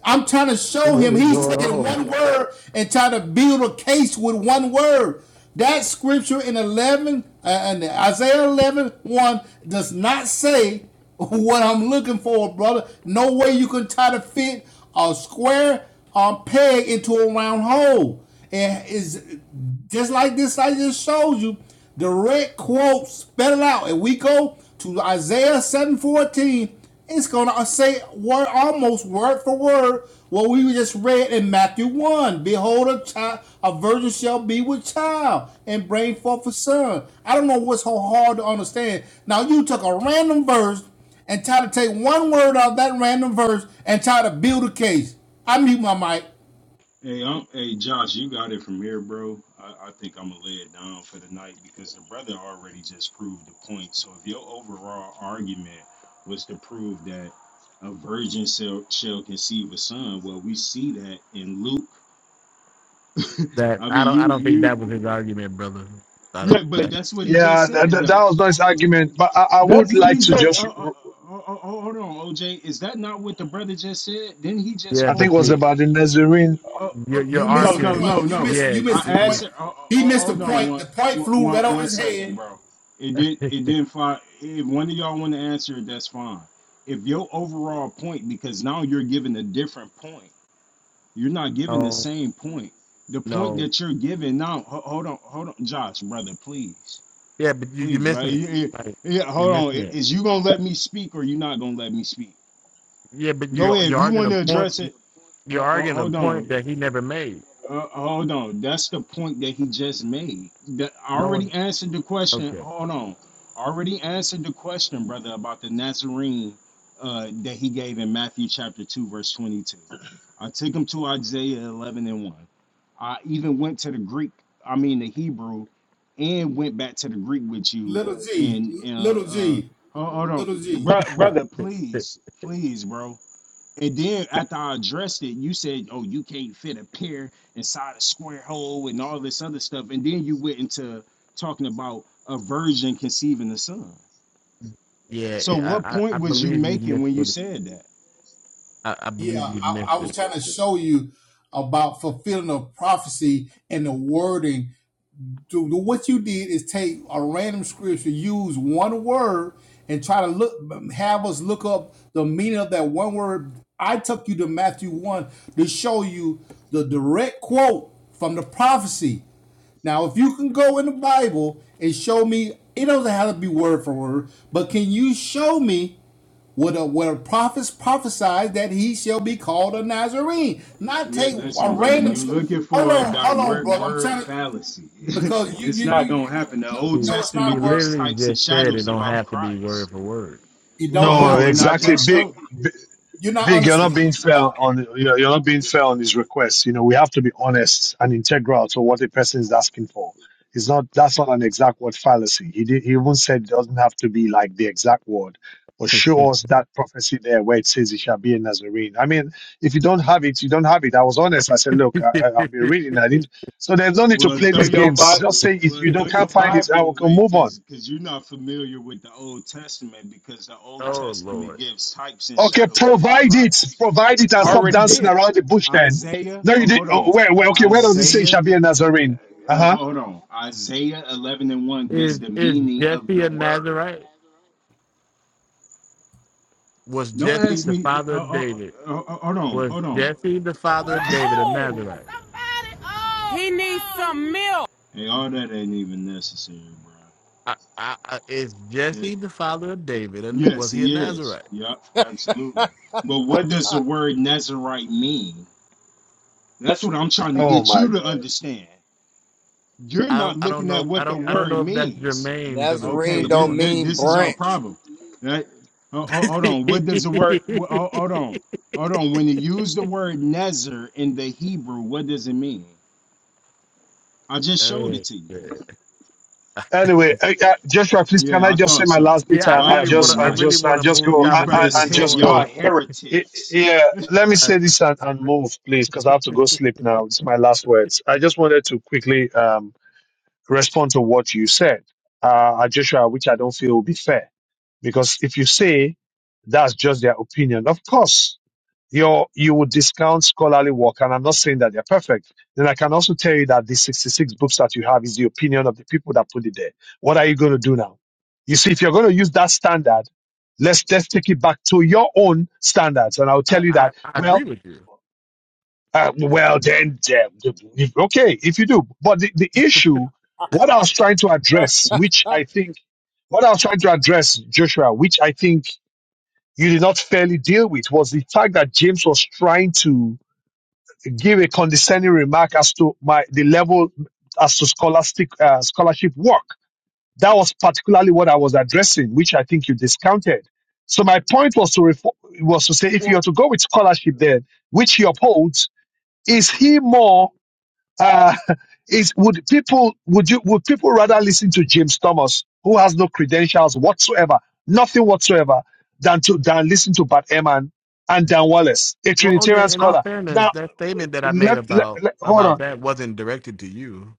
Speaker 14: I'm trying to show
Speaker 1: what
Speaker 14: him
Speaker 1: is
Speaker 14: he's
Speaker 1: going
Speaker 14: taking
Speaker 1: on?
Speaker 14: one word and trying to build a case with one word. That scripture in 11, uh, in Isaiah eleven one does not say what I'm looking for, brother. No way you can try to fit a square um, peg into a round hole. And is just like this I just showed you, direct quote, spell it out. And we go to Isaiah 7:14, it's gonna say word almost word for word what we just read in Matthew 1. Behold, a child, a virgin shall be with child and bring forth a son. I don't know what's so hard to understand. Now you took a random verse and try to take one word out of that random verse and try to build a case. I mute my mic.
Speaker 16: Hey, I'm, hey, Josh, you got it from here, bro. I, I think I'm gonna lay it down for the night because the brother already just proved the point. So if your overall argument was to prove that a virgin shall, shall conceive a son, well, we see that in Luke.
Speaker 1: That
Speaker 16: I
Speaker 1: I
Speaker 16: mean,
Speaker 1: don't I
Speaker 16: you
Speaker 1: don't think that was
Speaker 16: you
Speaker 1: his argument, brother. I don't.
Speaker 16: yeah, but
Speaker 1: I-
Speaker 16: that's what he just
Speaker 6: Yeah, that,
Speaker 16: said,
Speaker 6: that that
Speaker 16: though.
Speaker 6: was nice argument, but I, I
Speaker 16: That's
Speaker 6: would
Speaker 16: what
Speaker 6: like
Speaker 16: he
Speaker 6: to
Speaker 16: just. Uh,
Speaker 6: just.
Speaker 16: uh, uh, uh, uh, hold on, OJ. Is that not what the brother just said? Didn't he just
Speaker 1: yeah,
Speaker 6: I think it
Speaker 1: but
Speaker 16: quote?
Speaker 6: was
Speaker 1: you
Speaker 6: about the Nazarene.
Speaker 16: Uh,
Speaker 1: you're,
Speaker 16: uh,
Speaker 1: you're
Speaker 14: You
Speaker 16: no,
Speaker 14: missed the
Speaker 16: no,
Speaker 1: arguing.
Speaker 16: no,
Speaker 14: point. You
Speaker 16: no.
Speaker 14: missed.
Speaker 1: Yeah,
Speaker 14: You missed
Speaker 16: I
Speaker 14: the
Speaker 1: you,
Speaker 14: point.
Speaker 16: asked.
Speaker 1: you,
Speaker 16: Uh, uh, uh,
Speaker 14: He missed the
Speaker 16: hold on,
Speaker 14: point.
Speaker 16: one,
Speaker 14: The point
Speaker 16: one,
Speaker 14: flew
Speaker 16: one
Speaker 14: right over
Speaker 16: one
Speaker 14: his head.
Speaker 16: second, bro. It did. It didn't find. If one of y'all want to answer it, that's fine. If your overall point, because now you're giving a different point. You're not giving the
Speaker 1: no,
Speaker 16: same point. The point
Speaker 1: no.
Speaker 16: that you're giving now, ho- hold on, hold on, Josh, brother, please,
Speaker 1: Yeah, but you, you're
Speaker 16: please, bro.
Speaker 1: missing it.
Speaker 16: Yeah, yeah,
Speaker 1: Like
Speaker 16: yeah,
Speaker 1: you're
Speaker 16: hold on.
Speaker 1: missing
Speaker 16: I-
Speaker 1: it.
Speaker 16: Is you gonna let me speak or you not gonna let me speak?
Speaker 1: Yeah, but
Speaker 16: Go
Speaker 1: you
Speaker 16: ahead. If
Speaker 1: you're
Speaker 16: you
Speaker 1: arguing
Speaker 16: want to
Speaker 1: a point.
Speaker 16: address it,
Speaker 1: You're
Speaker 16: ho- ho-
Speaker 1: arguing a
Speaker 16: hold
Speaker 1: point
Speaker 16: on.
Speaker 1: that he never made.
Speaker 16: Uh, hold on. That's the point that he just made. That I
Speaker 1: No,
Speaker 16: already answered the question.
Speaker 1: okay.
Speaker 16: Hold on. I already answered the question, brother, about the Nazarene uh, that he gave in Matthew chapter 2, verse 22. I took him to Isaiah 11 and 1. I even went to the Greek, I mean, the Hebrew, and went back to the Greek with you.
Speaker 14: Little G.
Speaker 16: And, and uh,
Speaker 14: Little
Speaker 16: uh,
Speaker 14: G.
Speaker 16: hold, hold on.
Speaker 14: Little G.
Speaker 16: Bro, brother, please, please, bro. And then after I addressed it, you said, "Oh, you can't fit a pear inside a square hole and all this other stuff." And then you went into talking about a virgin conceiving the son. So,
Speaker 1: yeah,
Speaker 16: what
Speaker 1: I, I,
Speaker 16: point
Speaker 1: I
Speaker 16: was you
Speaker 1: believe you
Speaker 16: making
Speaker 1: missed
Speaker 16: when you
Speaker 1: it.
Speaker 16: said that?
Speaker 1: I, I believe
Speaker 14: Yeah,
Speaker 1: you
Speaker 14: I,
Speaker 1: missed
Speaker 14: I was
Speaker 1: it.
Speaker 14: trying to show you about fulfilling a prophecy and the wording. To, what you did is take a random scripture, use one word, and try to look, have us look up the meaning of that one word. I took you to Matthew one to show you the direct quote from the prophecy Now, if you can go in the Bible and show me, it doesn't have to be word for word, but can you show me what a what a prophet prophesied that he shall be called a Nazarene? Not
Speaker 16: Li-
Speaker 14: take a
Speaker 16: Listen, brother,
Speaker 14: random.
Speaker 16: you looking
Speaker 14: Hold
Speaker 16: for a
Speaker 14: on, hold on,
Speaker 16: direct
Speaker 14: brother. I'm
Speaker 16: word
Speaker 14: trying to
Speaker 16: fallacy.
Speaker 14: because you
Speaker 16: it's
Speaker 14: you
Speaker 16: not
Speaker 14: you
Speaker 16: gonna happen. The
Speaker 14: no,
Speaker 16: Old
Speaker 1: He,
Speaker 14: no, it's not
Speaker 1: he
Speaker 16: Testament
Speaker 14: a word.
Speaker 16: gives
Speaker 1: literally
Speaker 16: types and
Speaker 1: just said it
Speaker 16: shadows
Speaker 1: don't
Speaker 16: about
Speaker 1: have to be word
Speaker 16: Christ.
Speaker 1: for word.
Speaker 14: You
Speaker 16: Oh,
Speaker 14: don't
Speaker 16: hold
Speaker 6: No,
Speaker 14: have
Speaker 16: on,
Speaker 14: to.
Speaker 16: and I
Speaker 6: exactly.
Speaker 14: word
Speaker 16: just
Speaker 14: for
Speaker 16: showed.
Speaker 14: it.
Speaker 6: Big.
Speaker 14: You're not
Speaker 6: Big, you're not
Speaker 14: understanding.
Speaker 6: being fair on you're you're not being fair on his requests. You know, we have to be honest and integral to what a person is asking for. It's not that's not an exact word fallacy. He did, he even said it doesn't have to be like the exact word, but show us that prophecy there where it says he shall be a Nazarene. I mean, if you don't have it, you don't have it. I was honest. I said, look, I, I, I've been reading. I didn't. So there's no need to
Speaker 16: Well,
Speaker 6: play
Speaker 16: throw
Speaker 6: these
Speaker 16: your
Speaker 6: games. Just
Speaker 16: Bible.
Speaker 6: say if
Speaker 16: Well,
Speaker 6: you don't
Speaker 16: throw your
Speaker 6: can't find it, I
Speaker 16: Bible
Speaker 6: will
Speaker 16: away
Speaker 6: move on.
Speaker 16: because because you're not familiar with the Old Testament because the Old
Speaker 1: oh
Speaker 16: Testament
Speaker 1: Lord,
Speaker 16: gives types and
Speaker 6: Okay,
Speaker 16: shadows about
Speaker 6: provide it,
Speaker 16: Christ.
Speaker 6: provide it, and
Speaker 16: I
Speaker 6: stop
Speaker 16: already
Speaker 6: dancing
Speaker 16: did.
Speaker 6: around the bush. Then,
Speaker 16: Isaiah.
Speaker 6: no,
Speaker 16: ho-
Speaker 6: you did.
Speaker 16: hold
Speaker 6: Oh,
Speaker 16: on.
Speaker 6: where, where? Okay, where does it say it
Speaker 16: Isaiah.
Speaker 6: shall be a Nazarene? Uh
Speaker 16: uh,
Speaker 6: huh.
Speaker 16: hold on. Isaiah 11 and 1 gives
Speaker 1: is
Speaker 16: the
Speaker 1: is
Speaker 16: meaning of
Speaker 1: Jesse
Speaker 16: the
Speaker 1: a
Speaker 16: word.
Speaker 1: Nazarite? Was
Speaker 16: Don't
Speaker 1: Jesse
Speaker 16: ask
Speaker 1: the
Speaker 16: me.
Speaker 1: father
Speaker 16: Uh,
Speaker 1: of
Speaker 16: uh,
Speaker 1: David?
Speaker 16: uh, uh, hold on.
Speaker 1: Was
Speaker 16: Hold on.
Speaker 1: Jesse the father of
Speaker 16: Uh,
Speaker 1: David a
Speaker 14: Oh,
Speaker 1: Nazarite?
Speaker 14: he needs some milk.
Speaker 16: hey, all that ain't even necessary, bro.
Speaker 1: I, I, I, is Jesse the father of David, and
Speaker 16: Yes,
Speaker 1: was he a
Speaker 16: he is.
Speaker 1: Nazarite?
Speaker 16: Yep, absolutely. But what does the word Nazarite mean? That's what I'm trying to
Speaker 6: Oh
Speaker 16: get
Speaker 6: my
Speaker 16: you to
Speaker 6: God.
Speaker 16: understand. You're
Speaker 1: I don't,
Speaker 16: not
Speaker 1: I don't
Speaker 16: looking
Speaker 1: know.
Speaker 16: at
Speaker 1: If, I
Speaker 16: what the
Speaker 1: don't, I
Speaker 6: Yeah.
Speaker 1: don't
Speaker 16: word
Speaker 1: know if that's
Speaker 16: means.
Speaker 1: germane to the to
Speaker 17: Nazarene
Speaker 16: Okay,
Speaker 1: the
Speaker 16: this,
Speaker 17: don't
Speaker 1: point.
Speaker 16: this
Speaker 17: mean
Speaker 16: this is your
Speaker 17: branch.
Speaker 16: problem. That ho- ho- hold on. What does the word? wh- ho- Hold on, hold on. When you use the word Nazar in the Hebrew, what does it mean? I just showed
Speaker 1: Oh,
Speaker 16: it to you.
Speaker 1: shit.
Speaker 6: Anyway, uh, uh, Joshua, please, can
Speaker 16: Yeah,
Speaker 6: I
Speaker 16: I
Speaker 6: just say
Speaker 16: thought
Speaker 6: my
Speaker 16: so.
Speaker 6: last bit
Speaker 1: yeah, I
Speaker 6: and,
Speaker 16: Y'all
Speaker 6: and
Speaker 1: really
Speaker 16: have a
Speaker 1: want
Speaker 16: good
Speaker 6: just
Speaker 1: to. I
Speaker 6: and
Speaker 16: night.
Speaker 1: really
Speaker 6: just
Speaker 1: want
Speaker 6: and
Speaker 1: to
Speaker 6: just
Speaker 1: move the
Speaker 6: go
Speaker 16: These
Speaker 6: and, and,
Speaker 1: conversation
Speaker 16: brothers,
Speaker 6: and
Speaker 16: he-
Speaker 6: just
Speaker 1: forward.
Speaker 6: go?
Speaker 16: y'all
Speaker 6: I-
Speaker 16: heretics.
Speaker 6: yeah. Let me
Speaker 1: I,
Speaker 6: say this and, and move, please, because I have to
Speaker 1: I,
Speaker 6: go sleep now. It's my last words. I just wanted to quickly um, respond to what you said, uh, Joshua, which I don't feel will be fair. Because if you say that's just their opinion, of course, you're, you would discount scholarly work. And I'm not saying that they're perfect. Then I can also tell you that the 66 books that you have is the opinion of the people that put it there. What are you going to do now? You see, if you're going to use that standard, let's let's take it back to your own standards and i'll tell you
Speaker 1: I,
Speaker 6: that
Speaker 1: I
Speaker 6: well
Speaker 1: agree with you.
Speaker 6: uh, well then, then if- okay if you do but the, the issue what i was trying to address which i think what i was trying to address joshua which i think you did not fairly deal with was the fact that James was trying to give a condescending remark as to my the level as to scholastic uh, scholarship work. That was particularly what I was addressing, which I think you discounted. So my point was to refor- was to say if you
Speaker 1: Well,
Speaker 6: are to go with scholarship, then which he upholds, is he more? uh, is would people would you would people rather listen to James Thomas, who has no credentials whatsoever, nothing whatsoever, than to than listen to Bart Ehrman and Dan Wallace, a
Speaker 1: well,
Speaker 6: Trinitarian
Speaker 1: OJ. In all
Speaker 6: scholar.
Speaker 1: fairness,
Speaker 6: Now,
Speaker 1: that statement that I made
Speaker 6: let, let,
Speaker 1: about
Speaker 6: let- hold
Speaker 1: about
Speaker 6: on.
Speaker 1: that wasn't directed to you.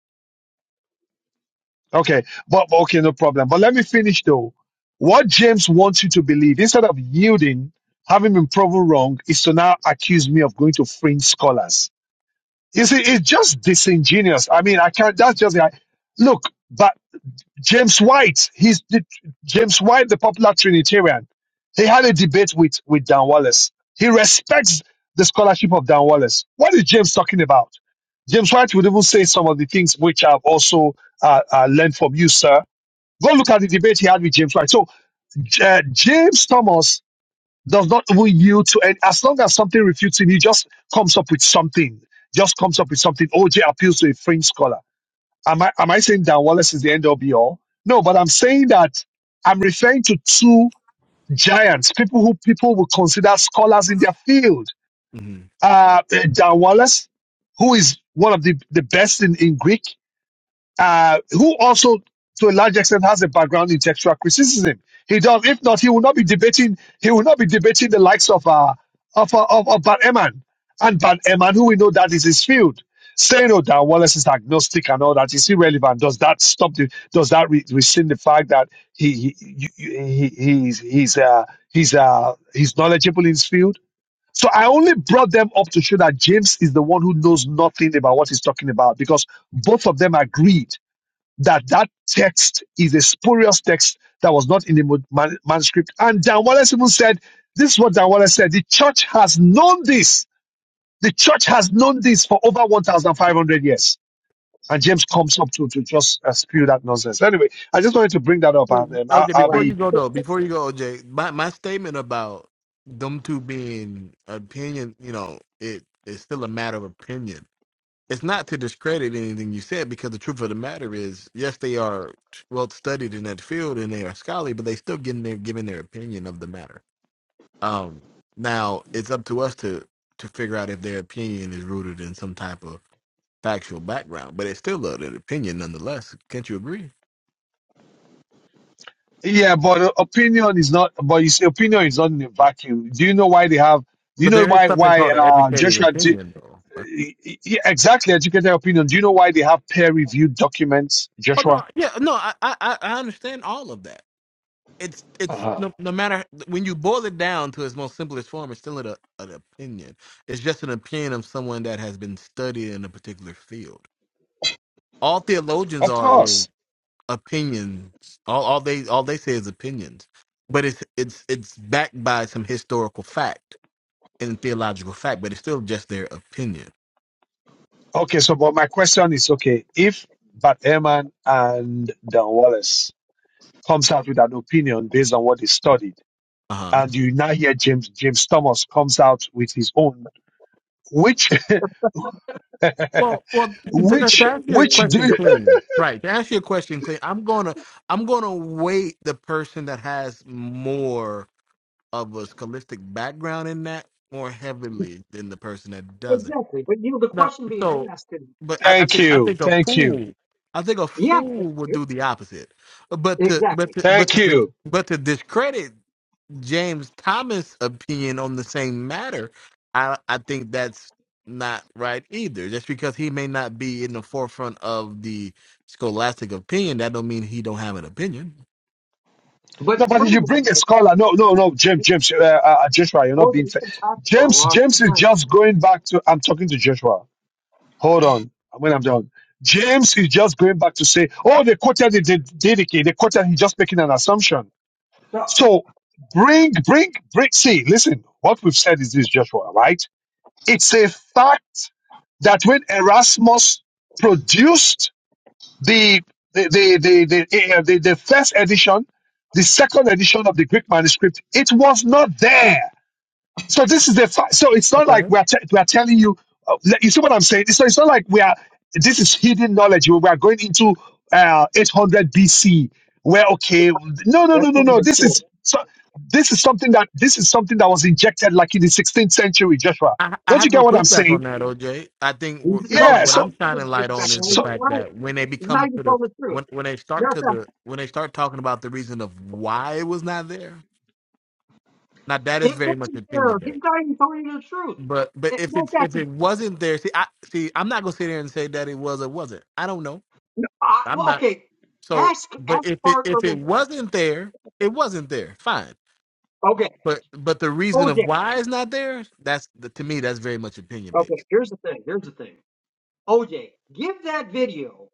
Speaker 6: Okay, but but okay, no problem. But let me finish though. What James wants you to believe, instead of yielding, having been proven wrong, is to now accuse me of going to fringe scholars. You see, it's just disingenuous. I mean, I can't. That's just the- look. James White, he's the, James White, the popular Trinitarian. He had a debate with, with Dan Wallace. He respects the scholarship of Dan Wallace. What is James talking about? James White would even say some of the things which I've also uh, uh, learned from you, sir. Go look at the debate he had with James White. So uh, James Thomas does not even yield to, and as long as something refutes him, he just comes up with something. Just comes up with something. OJ appeals to a fringe scholar. Am I am I saying Dan Wallace is the end all be all? No, but I'm saying that I'm referring to two giants, people who people would consider scholars in their field.
Speaker 1: hmm
Speaker 6: Uh, Dan Wallace, who is one of the, the best in, in Greek, uh, who also, to a large extent, has a background in textual criticism. He does. If not, he will not be debating. He will not be debating the likes of uh, of uh, of, of Bad Eman and Bad Eman, who we know that is his field. Saying oh, that Wallace is agnostic and all that is irrelevant. Does that stop the? Does that re- rescind the fact that he he you- you- he he's he's uh he's uh he's knowledgeable in his field? So I only brought them up to show that James is the one who knows nothing about what he's talking about because both of them agreed that that text is a spurious text that was not in the mu- man- manuscript. And Dan Wallace even said, this is what Dan Wallace said, the church has known this. The church has known this for over 1,500 years. And James comes up to, to just uh, spew that nonsense. Anyway, I just wanted to bring that up
Speaker 1: Wait,
Speaker 6: and um, I'll,
Speaker 1: OJ.
Speaker 6: I'll
Speaker 11: All right.
Speaker 1: Before you
Speaker 6: be,
Speaker 1: go though, before you go, OJ, my my statement about them two being opinion, you know, it it's still a matter of opinion. it's not to discredit anything you said because the truth of the matter is, yes, they are well studied in that field and they are scholarly, but they still getting their giving their opinion of the matter. Um, now it's up to us to to figure out if their opinion is rooted in some type of factual background, but it's still a- an opinion nonetheless. Can't you agree?
Speaker 6: yeah, but opinion is not, but you see, opinion is not in a vacuum. Do you know why they have, do you
Speaker 1: But
Speaker 6: know
Speaker 1: there is
Speaker 6: why,
Speaker 1: something
Speaker 6: why,
Speaker 1: called an
Speaker 6: uh,
Speaker 1: educated
Speaker 6: Joshua, do,
Speaker 1: opinion, though. right?
Speaker 6: yeah, exactly, educated opinion. Do you know why they have peer reviewed documents,
Speaker 1: Oh
Speaker 6: Joshua?
Speaker 1: no, yeah, no, I I I I understand all of that. it's it's
Speaker 6: Uh-huh.
Speaker 1: no, no matter when you boil it down to its most simplest form, it's still an, an opinion. It's just an opinion of someone that has been studied in a particular field. All theologians
Speaker 6: Of
Speaker 1: are is
Speaker 6: course.
Speaker 1: opinions. All all they all they say is opinions, but it's it's it's backed by some historical fact and theological fact, but it's still just their opinion.
Speaker 6: Okay, so but my question is okay, if Bart Ehrman and Don Wallace comes out with an opinion based on what they studied,
Speaker 1: Uh huh.
Speaker 6: and you now hear James James Thomas comes out with his own, which
Speaker 1: Well, well, to,
Speaker 11: We can
Speaker 1: to to
Speaker 6: which
Speaker 11: hear
Speaker 1: answer your
Speaker 6: which
Speaker 11: you, man.
Speaker 6: do
Speaker 1: question
Speaker 6: you-
Speaker 1: clean, right? To answer your question clean, I'm gonna I'm gonna weight the person that has more of a scholastic background in that more heavily than the person that doesn't.
Speaker 11: Exactly. But you know the
Speaker 1: Now,
Speaker 11: question being
Speaker 1: so,
Speaker 11: asked is
Speaker 1: but I, I
Speaker 6: thank
Speaker 1: think I
Speaker 6: you,
Speaker 1: think a
Speaker 6: thank you,
Speaker 1: fool, I think a
Speaker 11: yeah,
Speaker 1: fool would do the opposite. But to but
Speaker 11: exactly.
Speaker 1: to, but
Speaker 6: thank
Speaker 1: to
Speaker 6: you.
Speaker 1: but to discredit James Thomas' opinion on the same matter, I I think that's not right either. Just because he may not be in the forefront of the scholastic opinion, that don't mean he don't have an opinion.
Speaker 11: But
Speaker 6: No, but if you
Speaker 11: furthermore,
Speaker 6: bring a
Speaker 11: though,
Speaker 6: scholar, no, no, no, James, James, uh, uh, Joshua, you're not
Speaker 11: oh,
Speaker 6: being
Speaker 11: they've
Speaker 6: fair.
Speaker 11: been talking for a
Speaker 6: James,
Speaker 11: long
Speaker 6: James is just going back to. I'm talking to Joshua. hold on when I'm done. James is just going back to say, oh, they quoted the the- dedicate, they quoted he's just making an assumption.
Speaker 11: time.
Speaker 6: So bring, bring, bring see, listen, what we've said is this, Joshua, right? It's a fact that when Erasmus produced the the the the, the, eh, the, the first edition, the second edition of the Greek manuscript, it was not there so this is the fi- so it's not
Speaker 1: Okay.
Speaker 6: like we're te- we're telling you. Uh, le- you see what I'm saying? So it's not like we are. This is hidden knowledge. We are going into uh, 800 BC. Where okay? No, no, no,
Speaker 11: That's
Speaker 6: no,
Speaker 11: one of
Speaker 6: no.
Speaker 11: the
Speaker 6: This
Speaker 11: four.
Speaker 6: is so. This is something that this is something that was injected like in the 16th century, Joshua.
Speaker 1: I, I
Speaker 6: Don't
Speaker 1: have
Speaker 6: you
Speaker 1: no
Speaker 6: get what I'm
Speaker 1: pushback on
Speaker 6: saying?
Speaker 1: that, OJ. I think
Speaker 11: He
Speaker 1: wh-
Speaker 11: said,
Speaker 1: I
Speaker 11: no,
Speaker 1: think
Speaker 6: Yeah.
Speaker 11: I,
Speaker 1: what
Speaker 11: I
Speaker 6: So
Speaker 1: I'm shining
Speaker 11: didn't
Speaker 1: light on
Speaker 11: disrespect him.
Speaker 1: is the
Speaker 6: so
Speaker 11: He's
Speaker 1: fact
Speaker 11: lying.
Speaker 1: that when they
Speaker 11: He's not
Speaker 1: become
Speaker 11: even
Speaker 1: to the
Speaker 11: telling the truth.
Speaker 1: when when they start
Speaker 11: Yes,
Speaker 1: to
Speaker 11: sir.
Speaker 1: the when they start talking about the reason of why it was not there. Now that is
Speaker 11: It
Speaker 1: very
Speaker 11: was
Speaker 1: much opinion
Speaker 11: there. He's
Speaker 1: based.
Speaker 11: not even telling you the truth.
Speaker 1: But but
Speaker 11: It
Speaker 1: if
Speaker 11: goes
Speaker 1: it's
Speaker 11: back
Speaker 1: if
Speaker 11: to,
Speaker 1: it wasn't there, see I see I'm not gonna sit here and say that it was or wasn't. I don't know.
Speaker 11: no, I,
Speaker 1: I'm
Speaker 11: well,
Speaker 1: not
Speaker 11: okay.
Speaker 1: so.
Speaker 11: Ask, ask
Speaker 1: But if it
Speaker 11: Parker.
Speaker 1: if it wasn't there, it wasn't there. Fine.
Speaker 11: Okay.
Speaker 1: But but the reason
Speaker 11: OJ.
Speaker 1: of why it's not there, that's the, to me that's very much opinion
Speaker 11: Okay. Here's the thing. Here's the thing. OJ, give that video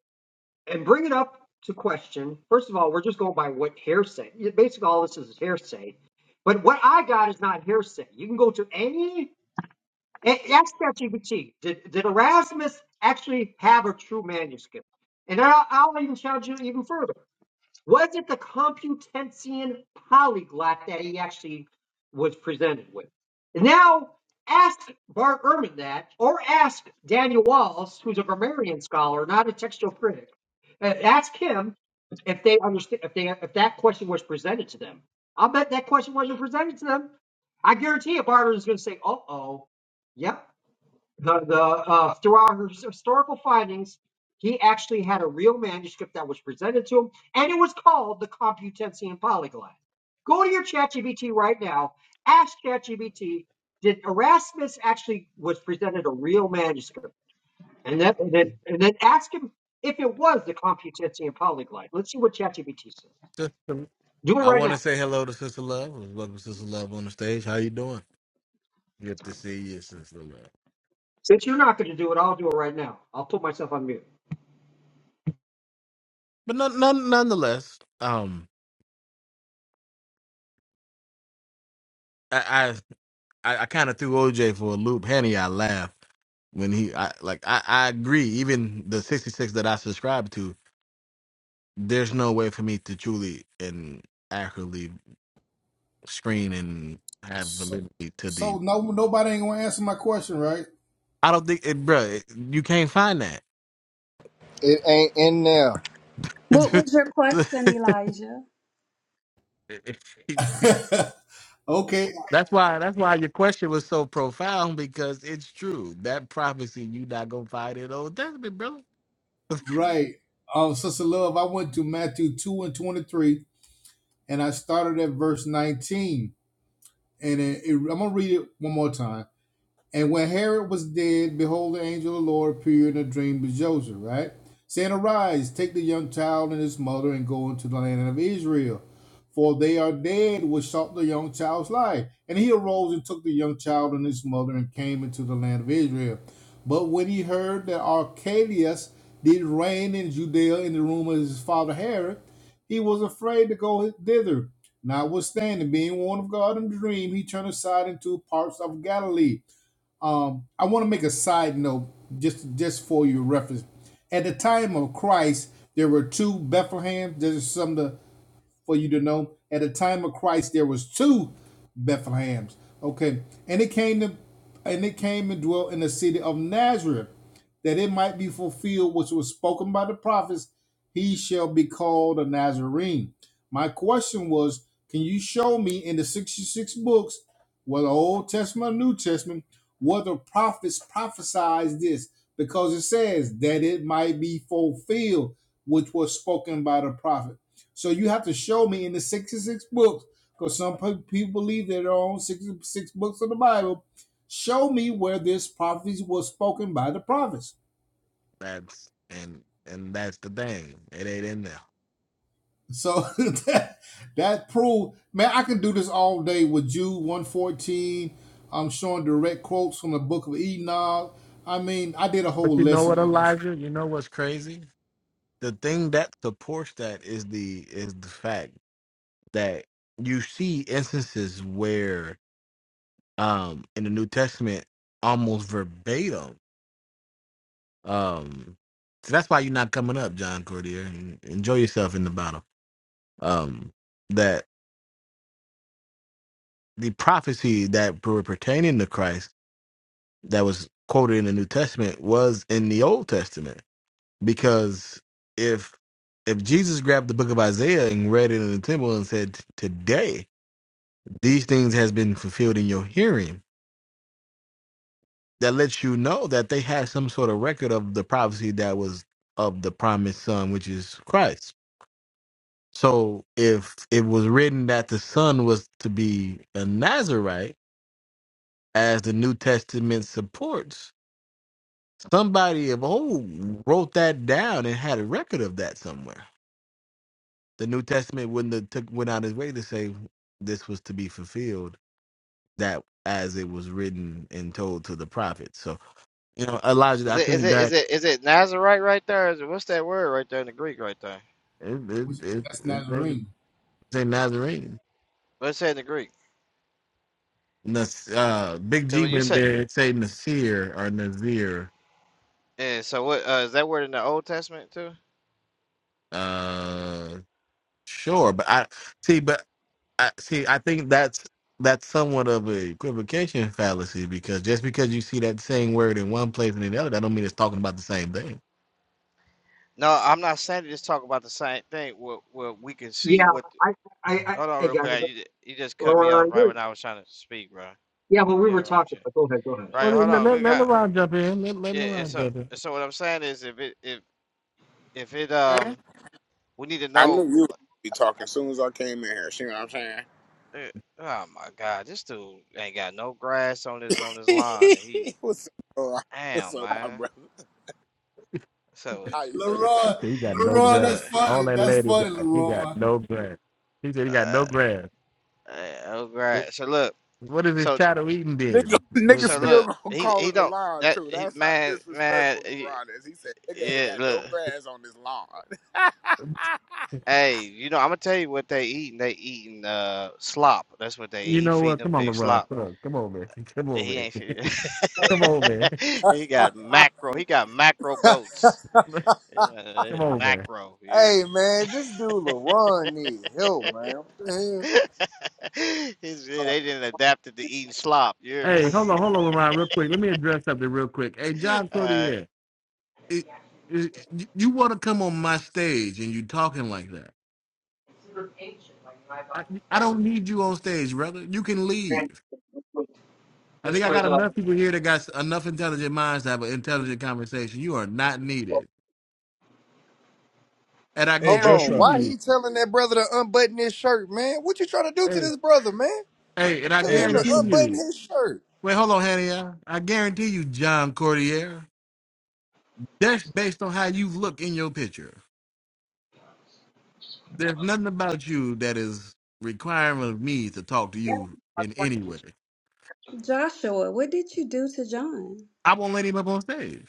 Speaker 11: and bring it up to question. First of all, we're just going by what hearsay. Yeah, Basically, all this is hearsay. But what I got is not hearsay. You can go to any And that's ChatGPT. Did, did Erasmus actually have a true manuscript? And I'll, I'll even challenge you even further. Was it the Computensian polyglot that he actually was presented with? And now ask Bart Ehrman that, or ask Daniel Walls, who's a grammarian scholar, not a textual critic. Uh, Ask him if they understand if they if that question was presented to them. I'll bet that question wasn't presented to them. I guarantee you, Bart is going to say, "Uh oh." Yep the the uh, through our his- historical findings, he actually had a real manuscript that was presented to him, and it was called the Computensian Polyglot. Go to your ChatGPT right now. Ask ChatGPT, did Erasmus actually was presented a real manuscript? And then and then and then ask him if it was the Computensian Polyglot. Let's see what ChatGPT says.
Speaker 1: based.
Speaker 11: Do it
Speaker 1: I
Speaker 11: right
Speaker 1: want to
Speaker 11: now.
Speaker 1: say hello to Sister Love. Welcome, Sister Love, on the stage. How you doing? Good to see you, Sister Love.
Speaker 11: Since you're not going to do it, I'll do it right now. I'll put myself on mute.
Speaker 1: But none, none, nonetheless, um, I I, I kind of threw OJ for a loop. Henny, I laugh when he, I like, I, I agree. Even the sixty six that I subscribe to, there's no way for me to truly and accurately screen and have
Speaker 14: So,
Speaker 1: validity to the.
Speaker 14: so no nobody ain't gonna answer my question, right?
Speaker 1: I don't think, it, bro, you can't find
Speaker 17: It ain't in there.
Speaker 18: What
Speaker 1: that.
Speaker 18: was your question, Elijah?
Speaker 14: okay,
Speaker 1: That's why that's why your question was so profound because it's true. That prophecy you not gonna find in Old Testament, brother.
Speaker 14: Right. Um, Sister Love, I went to Matthew 2 and 23, and I started at verse 19. And it, it- I'm going to read it one more time. And when Herod was dead, behold, the angel of the Lord appeared in a dream to Joseph, right? Saying, Arise, take the young child and his mother and go into the land of Israel, for they are dead which sought the young child's life. And he arose and took the young child and his mother and came into the land of Israel. But when he heard that Archelaus did reign in Judea in the room of his father Herod, he was afraid to go thither. Notwithstanding, being warned of God in the dream, he turned aside into parts of Galilee um, I want to make a side note just just for your reference. At the time of Christ, there were two Bethlehem. There's some of the for you to know. At the time of Christ, there was two Bethlehems. Okay, and it came to, and it came and dwelt in the city of Nazareth, that it might be fulfilled which was spoken by the prophets. He shall be called a Nazarene. My question was, can you show me in the sixty-six books, whether Old Testament or New Testament, whether prophets prophesied this? Because it says that it might be fulfilled, which was spoken by the prophets. So you have to show me in the 66 books, because some pe- people believe that there are only 66 books of the Bible. Show me where this prophecy was spoken by the prophets.
Speaker 1: That's and and that's the thing. It ain't in there.
Speaker 14: So that, that proved, man, I can do this all day with Jude 114. I'm showing direct quotes from the book of Enoch. I mean, I did a
Speaker 1: But
Speaker 14: whole
Speaker 1: you know
Speaker 14: lesson
Speaker 1: what,
Speaker 14: on this.
Speaker 1: Elijah? You know what's crazy? The thing that supports that is the is the fact that you see instances where um in the New Testament almost verbatim. Um so that's why you're not coming up, John Cordier. Enjoy yourself in the battle. Um that the prophecy that were pertaining to Christ that was quoted in the New Testament was in the Old Testament. Because if if Jesus grabbed the book of Isaiah and read it in the temple and said, Today these things has been fulfilled in your hearing, that lets you know that they had some sort of record of the prophecy that was of the promised son, which is Christ. So if it was written that the son was to be a Nazarite, as the New Testament supports, Somebody of old wrote that down and had a record of that somewhere. The New Testament wouldn't have took went out his way to say this was to be fulfilled that as it was written and told to the prophets. So you know, Elijah,
Speaker 9: Is
Speaker 1: I
Speaker 9: it is
Speaker 1: think
Speaker 9: it is
Speaker 1: that
Speaker 9: it is it Nazarite right there? Is it what's that word right there in the Greek right there?
Speaker 1: it, it,
Speaker 14: which-
Speaker 1: it,
Speaker 14: That's
Speaker 1: it, it
Speaker 14: Nazarene.
Speaker 1: say Nazarene.
Speaker 9: What's that in the Greek?
Speaker 1: Nas, uh, Big
Speaker 9: Because
Speaker 1: G
Speaker 9: when you
Speaker 1: went
Speaker 9: say,
Speaker 1: there. It say Nasir or Nazir.
Speaker 9: yeah, so what uh, is that word in the Old Testament too?
Speaker 1: Uh, Sure, but I see, but I see. I think that's that's somewhat of a equivocation fallacy because just because you see that same word in one place and in the other, that don't mean it's talking about the same thing.
Speaker 9: No, I'm not saying to just talk about the same thing. What what we can see
Speaker 11: Yeah,
Speaker 9: what
Speaker 11: I, I, I,
Speaker 9: hold on
Speaker 11: hey
Speaker 9: real
Speaker 11: guys,
Speaker 9: quick. You, ju- you just cut me off
Speaker 11: Laura,
Speaker 9: right when I was trying to speak, bro.
Speaker 11: Yeah, but we
Speaker 9: Yeah,
Speaker 11: were
Speaker 9: wrong
Speaker 11: talking.
Speaker 9: shit.
Speaker 11: But go ahead, go ahead.
Speaker 1: Well,
Speaker 9: Right, hold
Speaker 1: then let
Speaker 9: on.
Speaker 1: let,
Speaker 9: Good
Speaker 1: let
Speaker 9: God.
Speaker 1: LeBron jump in. Let let
Speaker 9: Yeah, and
Speaker 1: LeBron
Speaker 9: so
Speaker 1: jump in.
Speaker 9: and so what I'm saying is if it if if it
Speaker 2: Huh?
Speaker 9: um we need to
Speaker 2: I knew
Speaker 9: know
Speaker 2: you would
Speaker 9: like,
Speaker 2: be talking as soon as I came in here. See what I'm saying?
Speaker 9: eh, oh my God, this dude ain't got no grass on this on this lawn and he
Speaker 2: What's up? Laura? What's
Speaker 9: damn
Speaker 2: up, my
Speaker 9: man.
Speaker 2: brother?
Speaker 9: So
Speaker 2: How
Speaker 9: it's
Speaker 2: you feeling?
Speaker 14: Leroy,
Speaker 1: He said he got no
Speaker 14: Leroy,
Speaker 9: so
Speaker 1: grass.
Speaker 14: that's
Speaker 9: look
Speaker 1: All
Speaker 14: funny.
Speaker 1: that
Speaker 14: That's
Speaker 1: lady got,
Speaker 14: funny,
Speaker 1: he got
Speaker 14: Leroy.
Speaker 1: no grass. He said he got
Speaker 9: uh,
Speaker 1: no grass.
Speaker 9: uh oh
Speaker 1: So
Speaker 9: grass. So look
Speaker 1: What is his
Speaker 9: so
Speaker 1: shadow eating
Speaker 2: Nigga,
Speaker 1: then?
Speaker 2: nigga
Speaker 9: so
Speaker 1: What, the,
Speaker 2: still
Speaker 9: look
Speaker 2: gonna
Speaker 9: he
Speaker 2: call
Speaker 9: he
Speaker 2: it a
Speaker 9: don't
Speaker 2: lawn
Speaker 9: that
Speaker 2: too.
Speaker 9: he,
Speaker 2: That's how
Speaker 9: man man
Speaker 2: disrespectful
Speaker 9: eh,
Speaker 2: LeBron is. He said, "Nigga ain't
Speaker 9: Yeah,
Speaker 2: got no
Speaker 9: look.
Speaker 2: grass on this lawn."
Speaker 9: Hey, you know, I'm gonna tell you what they eating. They eating uh slop. That's what they eat.
Speaker 1: you
Speaker 9: He
Speaker 1: know what?
Speaker 9: feeding the
Speaker 1: Come on,
Speaker 9: pig
Speaker 1: LeBron.
Speaker 9: slop.
Speaker 1: Come on, come on, man.
Speaker 9: He ain't feed-
Speaker 1: Come on, man. come on, man.
Speaker 9: He got macro. He got macro goats. Yeah,
Speaker 1: Come on, man.
Speaker 9: Macro, you hear
Speaker 17: Hey,
Speaker 9: me?
Speaker 17: man, this dude LaRon need help, man. What the hell?
Speaker 9: It's- they didn't adapt it to eating slop, you hear me?
Speaker 1: Hey, hold on, hold on, Lamar, real quick. Let me address something real quick. Hey, John
Speaker 9: Uh,
Speaker 1: Cordier, It, it, you you want to come on my stage and you talking like that? I, I don't need you on stage, brother. You can leave. I
Speaker 11: This
Speaker 1: think I got
Speaker 11: was uh,
Speaker 1: enough people here that got s- enough intelligent minds to have an intelligent conversation. You are not needed. And I
Speaker 6: Hey
Speaker 17: Hold on.
Speaker 1: guarantee
Speaker 6: Joshua.
Speaker 17: Why
Speaker 1: you,
Speaker 17: he telling that brother to unbutton his shirt, man? What you trying to do to
Speaker 1: hey,
Speaker 17: this brother, man?
Speaker 1: hey, and I
Speaker 17: Telling
Speaker 6: Hey
Speaker 17: him to
Speaker 1: guarantee
Speaker 6: Joshua.
Speaker 17: unbutton
Speaker 1: you.
Speaker 17: his shirt.
Speaker 1: Wait, hold on, Hania. I guarantee you, John Cordier. That's based on how you look in your picture. there's nothing about you that is requiring of me to talk to you in any way.
Speaker 18: Joshua, what did you do to John?
Speaker 1: I won't let him up on stage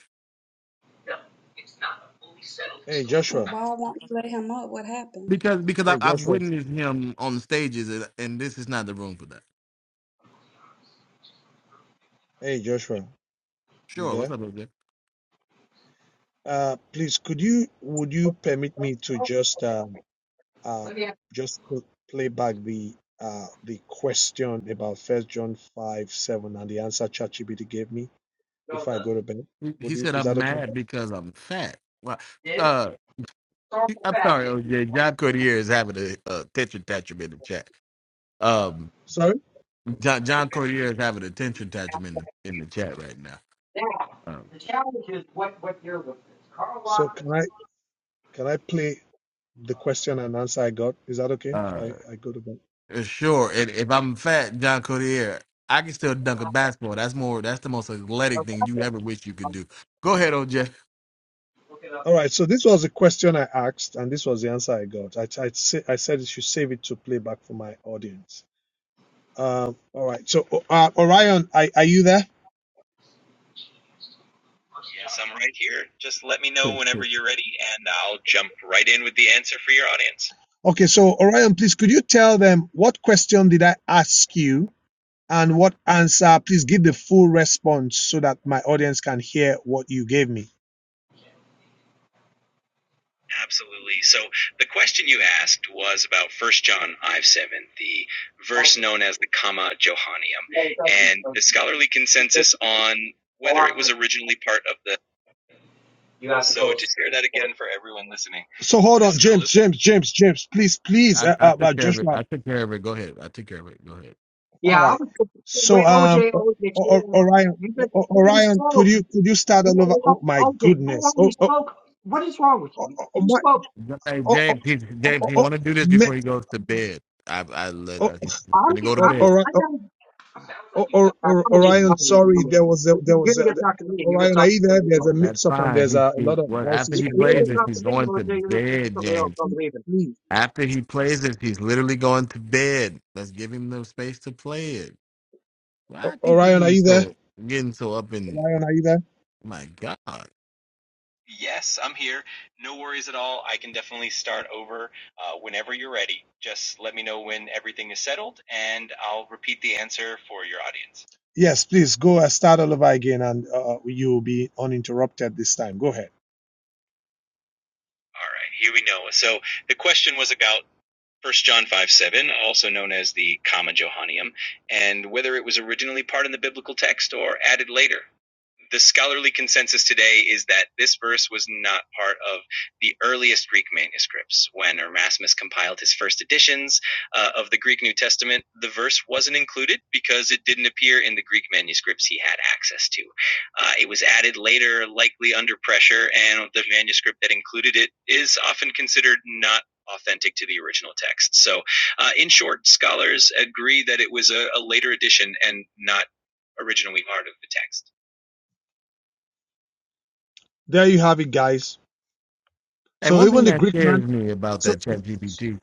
Speaker 6: Hey Joshua.
Speaker 18: Why won't you let him up? What happened?
Speaker 1: because because I,
Speaker 6: Hey
Speaker 1: I've
Speaker 6: Joshua.
Speaker 1: witnessed him on stages, and, and this is not the room for that.
Speaker 6: Hey Joshua. You
Speaker 1: Sure, what's
Speaker 6: there?
Speaker 1: up, OJ?
Speaker 6: Uh please could you would you permit me to just um uh,
Speaker 11: let me ask
Speaker 6: just pl- play back the uh, the question about First John five seven and the answer ChatGPT gave me
Speaker 11: you about
Speaker 6: before I
Speaker 11: this.
Speaker 6: go to bed.
Speaker 1: He, he
Speaker 6: Would you?
Speaker 1: said
Speaker 6: Is
Speaker 1: I'm
Speaker 6: that okay?
Speaker 1: mad because I'm fat. Well,
Speaker 11: Did it
Speaker 1: uh, he-
Speaker 11: historical
Speaker 1: I'm
Speaker 11: fact
Speaker 1: sorry,
Speaker 11: that
Speaker 1: OJ. John Cordier is having a, a tension tantrum in the chat. Um,
Speaker 6: Sorry.
Speaker 1: John
Speaker 11: I should
Speaker 1: John
Speaker 11: have
Speaker 1: Cordier is having a tension tantrum in the in the chat right now.
Speaker 11: now
Speaker 1: Um,
Speaker 11: the challenge is what what year was this? Carl
Speaker 6: So
Speaker 11: Lockman
Speaker 6: can I
Speaker 11: said,
Speaker 6: can I play the question and answer I got? Is that okay? If
Speaker 1: uh,
Speaker 6: I, I go to bed.
Speaker 1: Uh, Sure. And if I'm fat, John Codier, I can still dunk a basketball. That's more. That's the most athletic
Speaker 11: okay,
Speaker 1: thing you ever wish you could do. Go ahead, OJ.
Speaker 11: look it
Speaker 6: All
Speaker 11: up.
Speaker 6: right. So this was the question I asked, and this was the answer I got. I I, sa- I said you should save it to playback for my audience. Um, all right. So uh, Orion, are, are you there? Yes, I'm right here. Just let me know whenever you're ready, and I'll jump right in with the answer for your audience. Okay, so Orion, please could you tell them what question did I ask you and what answer? Please give the full response so that my audience can hear what you gave me. Absolutely. So the question you asked was about First John 5 7, the verse
Speaker 11: Okay,
Speaker 6: known as the Comma Johannium,
Speaker 11: well, it doesn't
Speaker 6: and
Speaker 11: replace
Speaker 6: the
Speaker 11: him.
Speaker 6: scholarly
Speaker 11: He said,
Speaker 6: consensus on
Speaker 11: Carl
Speaker 6: whether it was
Speaker 11: Lockman,
Speaker 6: originally part of the
Speaker 11: you have to
Speaker 6: So
Speaker 11: go
Speaker 6: just hear that again for everyone listening. So hold on, Just to James, listen. James, James, James, please, please,
Speaker 1: I,
Speaker 6: uh,
Speaker 1: I
Speaker 6: uh, uh,
Speaker 1: took care of it.
Speaker 6: Joshua.
Speaker 1: I took care of it. Go ahead. I took care of it. Go ahead.
Speaker 6: All
Speaker 11: Yeah, I
Speaker 6: right.
Speaker 11: was.
Speaker 6: So,
Speaker 11: Wait,
Speaker 6: um,
Speaker 11: OJ,
Speaker 6: O-
Speaker 11: OJ,
Speaker 6: O- O-
Speaker 11: chill.
Speaker 6: Orion,
Speaker 11: you
Speaker 6: O-
Speaker 11: just
Speaker 6: O-
Speaker 11: you already
Speaker 6: Orion, could
Speaker 11: spoke.
Speaker 6: you could you start
Speaker 11: You
Speaker 6: all over? Oh my
Speaker 11: OJ, you
Speaker 6: goodness!
Speaker 11: already
Speaker 6: Oh, oh,
Speaker 11: spoke. What is wrong with
Speaker 6: oh,
Speaker 11: you?
Speaker 6: oh oh,
Speaker 11: You
Speaker 6: my!
Speaker 11: spoke.
Speaker 1: Hey,
Speaker 6: Oh, oh, oh,
Speaker 1: James. He, James,
Speaker 6: oh,
Speaker 1: he
Speaker 6: oh,
Speaker 1: want to do this
Speaker 6: me-
Speaker 1: before he goes to bed. I I let. I,
Speaker 6: oh,
Speaker 1: he's
Speaker 11: I'm.
Speaker 1: gonna
Speaker 11: get-
Speaker 1: go to
Speaker 6: oh, oh,
Speaker 11: I'm. Get,
Speaker 1: bed.
Speaker 6: Ori-
Speaker 11: I
Speaker 6: oh,
Speaker 11: got.
Speaker 6: oh, oh,
Speaker 11: I
Speaker 6: oh,
Speaker 11: dominate
Speaker 6: Orion,
Speaker 11: talking to
Speaker 6: sorry, there
Speaker 11: dominating.
Speaker 6: was a,
Speaker 11: But
Speaker 6: there
Speaker 11: you- You're
Speaker 6: was a,
Speaker 11: gonna 'cause you're going to get talk to me and you're gonna
Speaker 6: Orion. Are
Speaker 11: talk
Speaker 6: you
Speaker 11: to
Speaker 6: there?
Speaker 11: somebody
Speaker 6: There's a
Speaker 11: else.
Speaker 1: That's
Speaker 6: mix up and
Speaker 1: fine.
Speaker 6: there's
Speaker 1: He's
Speaker 6: a, a
Speaker 1: he,
Speaker 6: lot of
Speaker 1: what after
Speaker 6: voices
Speaker 11: You
Speaker 1: he
Speaker 6: from
Speaker 11: can
Speaker 6: the
Speaker 11: are
Speaker 1: plays
Speaker 11: get
Speaker 1: this,
Speaker 11: talk to
Speaker 1: he's
Speaker 6: audience.
Speaker 11: me,
Speaker 1: going
Speaker 11: or
Speaker 1: to
Speaker 11: you're gonna talk to
Speaker 1: bed,
Speaker 11: somebody else.
Speaker 1: James.
Speaker 11: I'm leaving.
Speaker 6: Please,
Speaker 1: After he plays this, he's literally going to bed. Let's give him the space to play it. Why
Speaker 6: O-
Speaker 1: are people
Speaker 6: Orion, are
Speaker 1: getting
Speaker 6: you there?
Speaker 1: so getting so up in
Speaker 6: Orion, are you there?
Speaker 1: my God?
Speaker 6: Yes, I'm here. No worries at all. I can definitely start over uh, whenever you're ready. Just let me know when everything is settled, and I'll repeat the answer for your audience. Yes, please go uh, start all over again and uh, you will be uninterrupted this time. Go ahead. All right, here we go. So the question was about First John 5 7, also known as the Comma Johannium, and whether it was originally part in the biblical text or added later. The scholarly consensus today is that this verse was not part of the earliest Greek manuscripts. When Erasmus compiled his first editions uh, of the Greek New Testament, the verse wasn't included because it didn't appear in the Greek manuscripts he had access to. Uh, it was added later, likely under pressure, and the manuscript that included it is often considered not authentic to the original text. So, uh, in short, scholars agree that it was a, a later addition and not originally part of the text. There you have it, guys.
Speaker 1: And
Speaker 6: So
Speaker 1: one thing
Speaker 6: even the
Speaker 1: that
Speaker 6: Greek
Speaker 1: scares
Speaker 6: man,
Speaker 1: me about
Speaker 6: so
Speaker 1: that chat GPT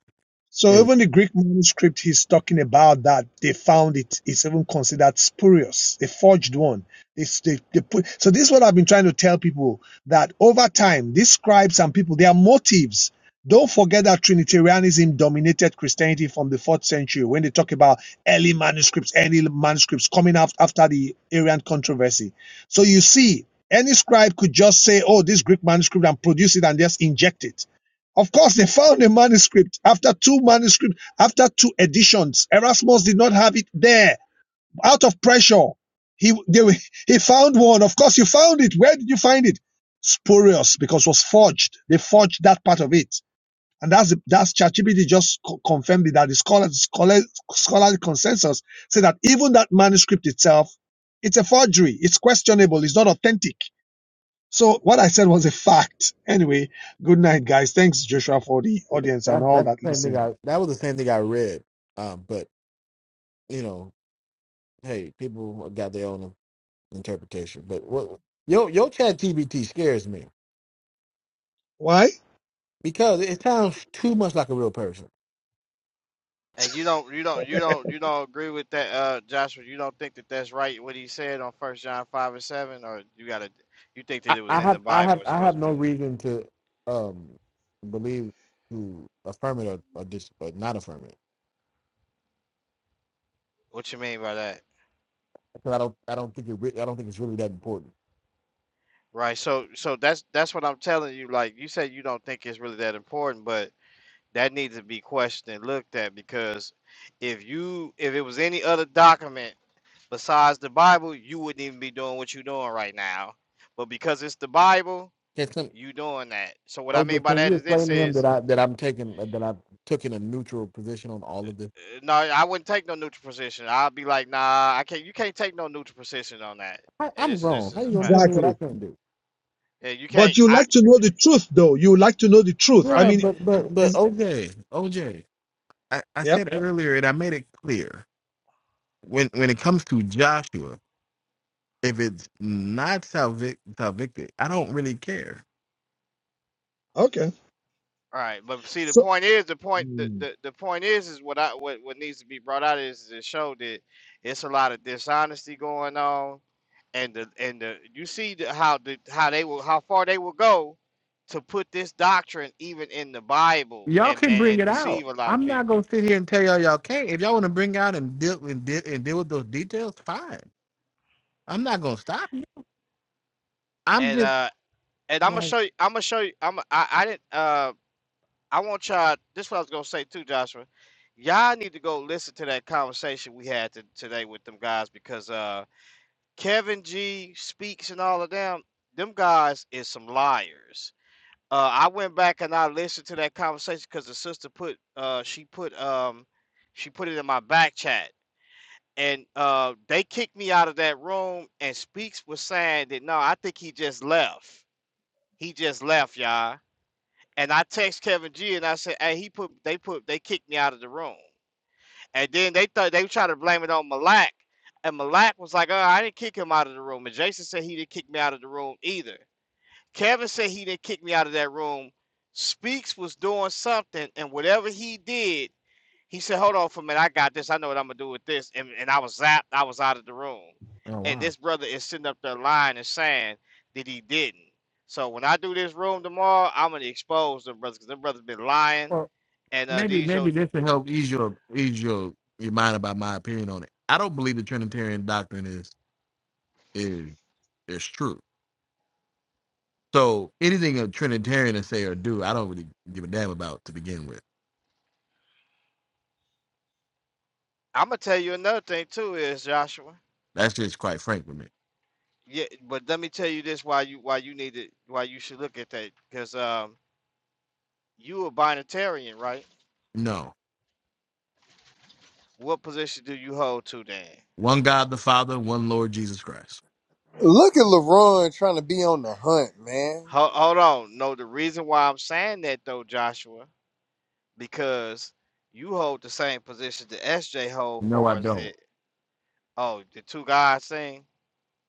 Speaker 6: So
Speaker 1: is
Speaker 6: even the Greek manuscript he's talking about that they found it is even considered spurious, a forged one. It's they, they put, so this is what I've been trying to tell people that over time, these scribes and people, their motives. Don't forget that Trinitarianism dominated Christianity from the fourth century when they talk about early manuscripts, early manuscripts coming out after the Arian controversy. So you see, any scribe could just say, oh, this Greek manuscript and produce it and just inject it of course, they found a manuscript after two manuscripts, after two editions. Erasmus did not have it there. Out of pressure, he they, he found one. Of course, you found it. Where did you find it? Spurious, because it was forged. They forged that part of it, and that's the- that's ChatGPT just co- confirmed it, that the scholar, scholar, scholarly consensus say that even that manuscript itself, it's a forgery. It's questionable. It's not authentic so what I said was a fact. Anyway, good night, guys. Thanks, Joshua, for the audience and
Speaker 1: that
Speaker 6: all
Speaker 1: that's
Speaker 6: that
Speaker 1: the same thing
Speaker 6: listen.
Speaker 1: I that was the same thing I read. Um, but you know, hey, people got their own interpretation. But what your your chat GPT scares me
Speaker 6: Why?
Speaker 1: because it sounds too much like a real person.
Speaker 9: and you don't you don't you don't you don't agree with that uh Joshua, you don't think that that's right what he said on first John 5 and 7 or you got to you think that
Speaker 1: I,
Speaker 9: it was
Speaker 1: I
Speaker 9: in the
Speaker 1: have I
Speaker 9: Bible,
Speaker 1: have
Speaker 9: it's
Speaker 1: I
Speaker 9: supposed
Speaker 1: have
Speaker 9: to
Speaker 1: no
Speaker 9: be there?
Speaker 1: reason to um believe to affirm it or, or, dis, or not affirm it
Speaker 9: What you mean by that?
Speaker 1: because I don't I don't think it re- I don't think it's really that important.
Speaker 9: Right. So so that's that's what I'm telling you. Like you said, you don't think it's really that important, but that needs to be questioned and looked at because if you if it was any other document besides the Bible, you wouldn't even be doing what you're doing right now. But because it's the Bible, you doing that. So what I mean
Speaker 1: OJ,
Speaker 9: by
Speaker 1: can
Speaker 9: that
Speaker 1: you
Speaker 9: is this
Speaker 1: explain to him
Speaker 9: is
Speaker 1: that I that I'm taking that I took in a neutral position on all of this?
Speaker 9: uh, no, I wouldn't take no neutral position. I'll be like, nah, I can't. You can't take no neutral position on that.
Speaker 1: I,
Speaker 9: And
Speaker 1: I'm
Speaker 9: it's this
Speaker 1: grown. How
Speaker 9: is a
Speaker 1: you gonna tell
Speaker 9: fact.
Speaker 1: me what I
Speaker 6: Exactly.
Speaker 1: can do?
Speaker 9: Yeah, you
Speaker 6: But
Speaker 9: can't.
Speaker 6: you
Speaker 9: I
Speaker 6: like to know the truth, though. You like to know the truth. I
Speaker 9: right.
Speaker 1: Yeah,
Speaker 6: mean,
Speaker 1: but but but
Speaker 6: is,
Speaker 1: OJ, OJ, I, I
Speaker 6: yep.
Speaker 1: said earlier and I made it clear when when it comes to Joshua, if it's not salvic salvicted, I don't really care.
Speaker 6: Okay.
Speaker 9: All right, but see, the
Speaker 6: So,
Speaker 9: point is, the point, the,
Speaker 6: mm.
Speaker 9: the, the point is, is what I what, what needs to be brought out is to show that it's a lot of dishonesty going on, and the and the you see the, how the how they will how far they will go to put this doctrine even in the Bible
Speaker 1: Y'all
Speaker 9: and
Speaker 1: can
Speaker 9: and,
Speaker 1: bring
Speaker 9: and
Speaker 1: it out.
Speaker 9: deceive a lot of
Speaker 1: I'm not
Speaker 9: people.
Speaker 1: gonna sit here and tell y'all y'all can't. If y'all want to bring out and deal and deal and deal with those details, fine. I'm not gonna stop you. I'm
Speaker 9: And
Speaker 1: just
Speaker 9: uh and I'm gonna
Speaker 1: like,
Speaker 9: show you, I'm gonna show you, I'm I I didn't uh I want y'all. This is what I was gonna say too, Joshua. Y'all need to go listen to that conversation we had to, today with them guys because uh. Kevin G speaks and all of them, them guys is some liars. Uh, I went back and I listened to that conversation because the sister put uh, she put um, she put it in my back chat, and uh, they kicked me out of that room. And Speaks was saying that no, I think he just left. He just left, y'all. And I text Kevin G and I said, hey, he put they put they kicked me out of the room. And then they thought they tried to blame it on Malak. And Malak was like, oh, I didn't kick him out of the room. And Jason said he didn't kick me out of the room either. Kevin said he didn't kick me out of that room. Speaks was doing something, and whatever he did, he said, Hold on for a minute, I got this. I know what I'm gonna do with this. And, and I was zapped, I was out of the room.
Speaker 1: oh
Speaker 9: And
Speaker 1: wow.
Speaker 9: this brother is sitting up there lying and saying that he didn't. So when I do this room tomorrow, I'm gonna expose them brothers because them brothers been lying. And uh
Speaker 1: maybe
Speaker 9: these your
Speaker 1: maybe this will help ease your ease your your mind about my opinion on it. I don't believe the Trinitarian doctrine is is is true. So anything a Trinitarian to say or do, I don't really give a damn about to begin with.
Speaker 9: I'm gonna tell you another thing too is Joshua.
Speaker 1: That's just quite frank with me.
Speaker 9: Yeah, but let me tell you this: why you why you need it, why you should look at that, because um, you a binatarian, right?
Speaker 1: No,
Speaker 9: What position do you hold to then?
Speaker 1: one God the Father, one Lord Jesus Christ.
Speaker 17: Look at LaRon trying to be on the hunt, man.
Speaker 9: Hold, hold on. No, the reason why I'm saying that though, Joshua, because you hold the same position the SJ hold,
Speaker 1: No, I
Speaker 9: far as
Speaker 1: don't.
Speaker 9: the oh the two guys thing.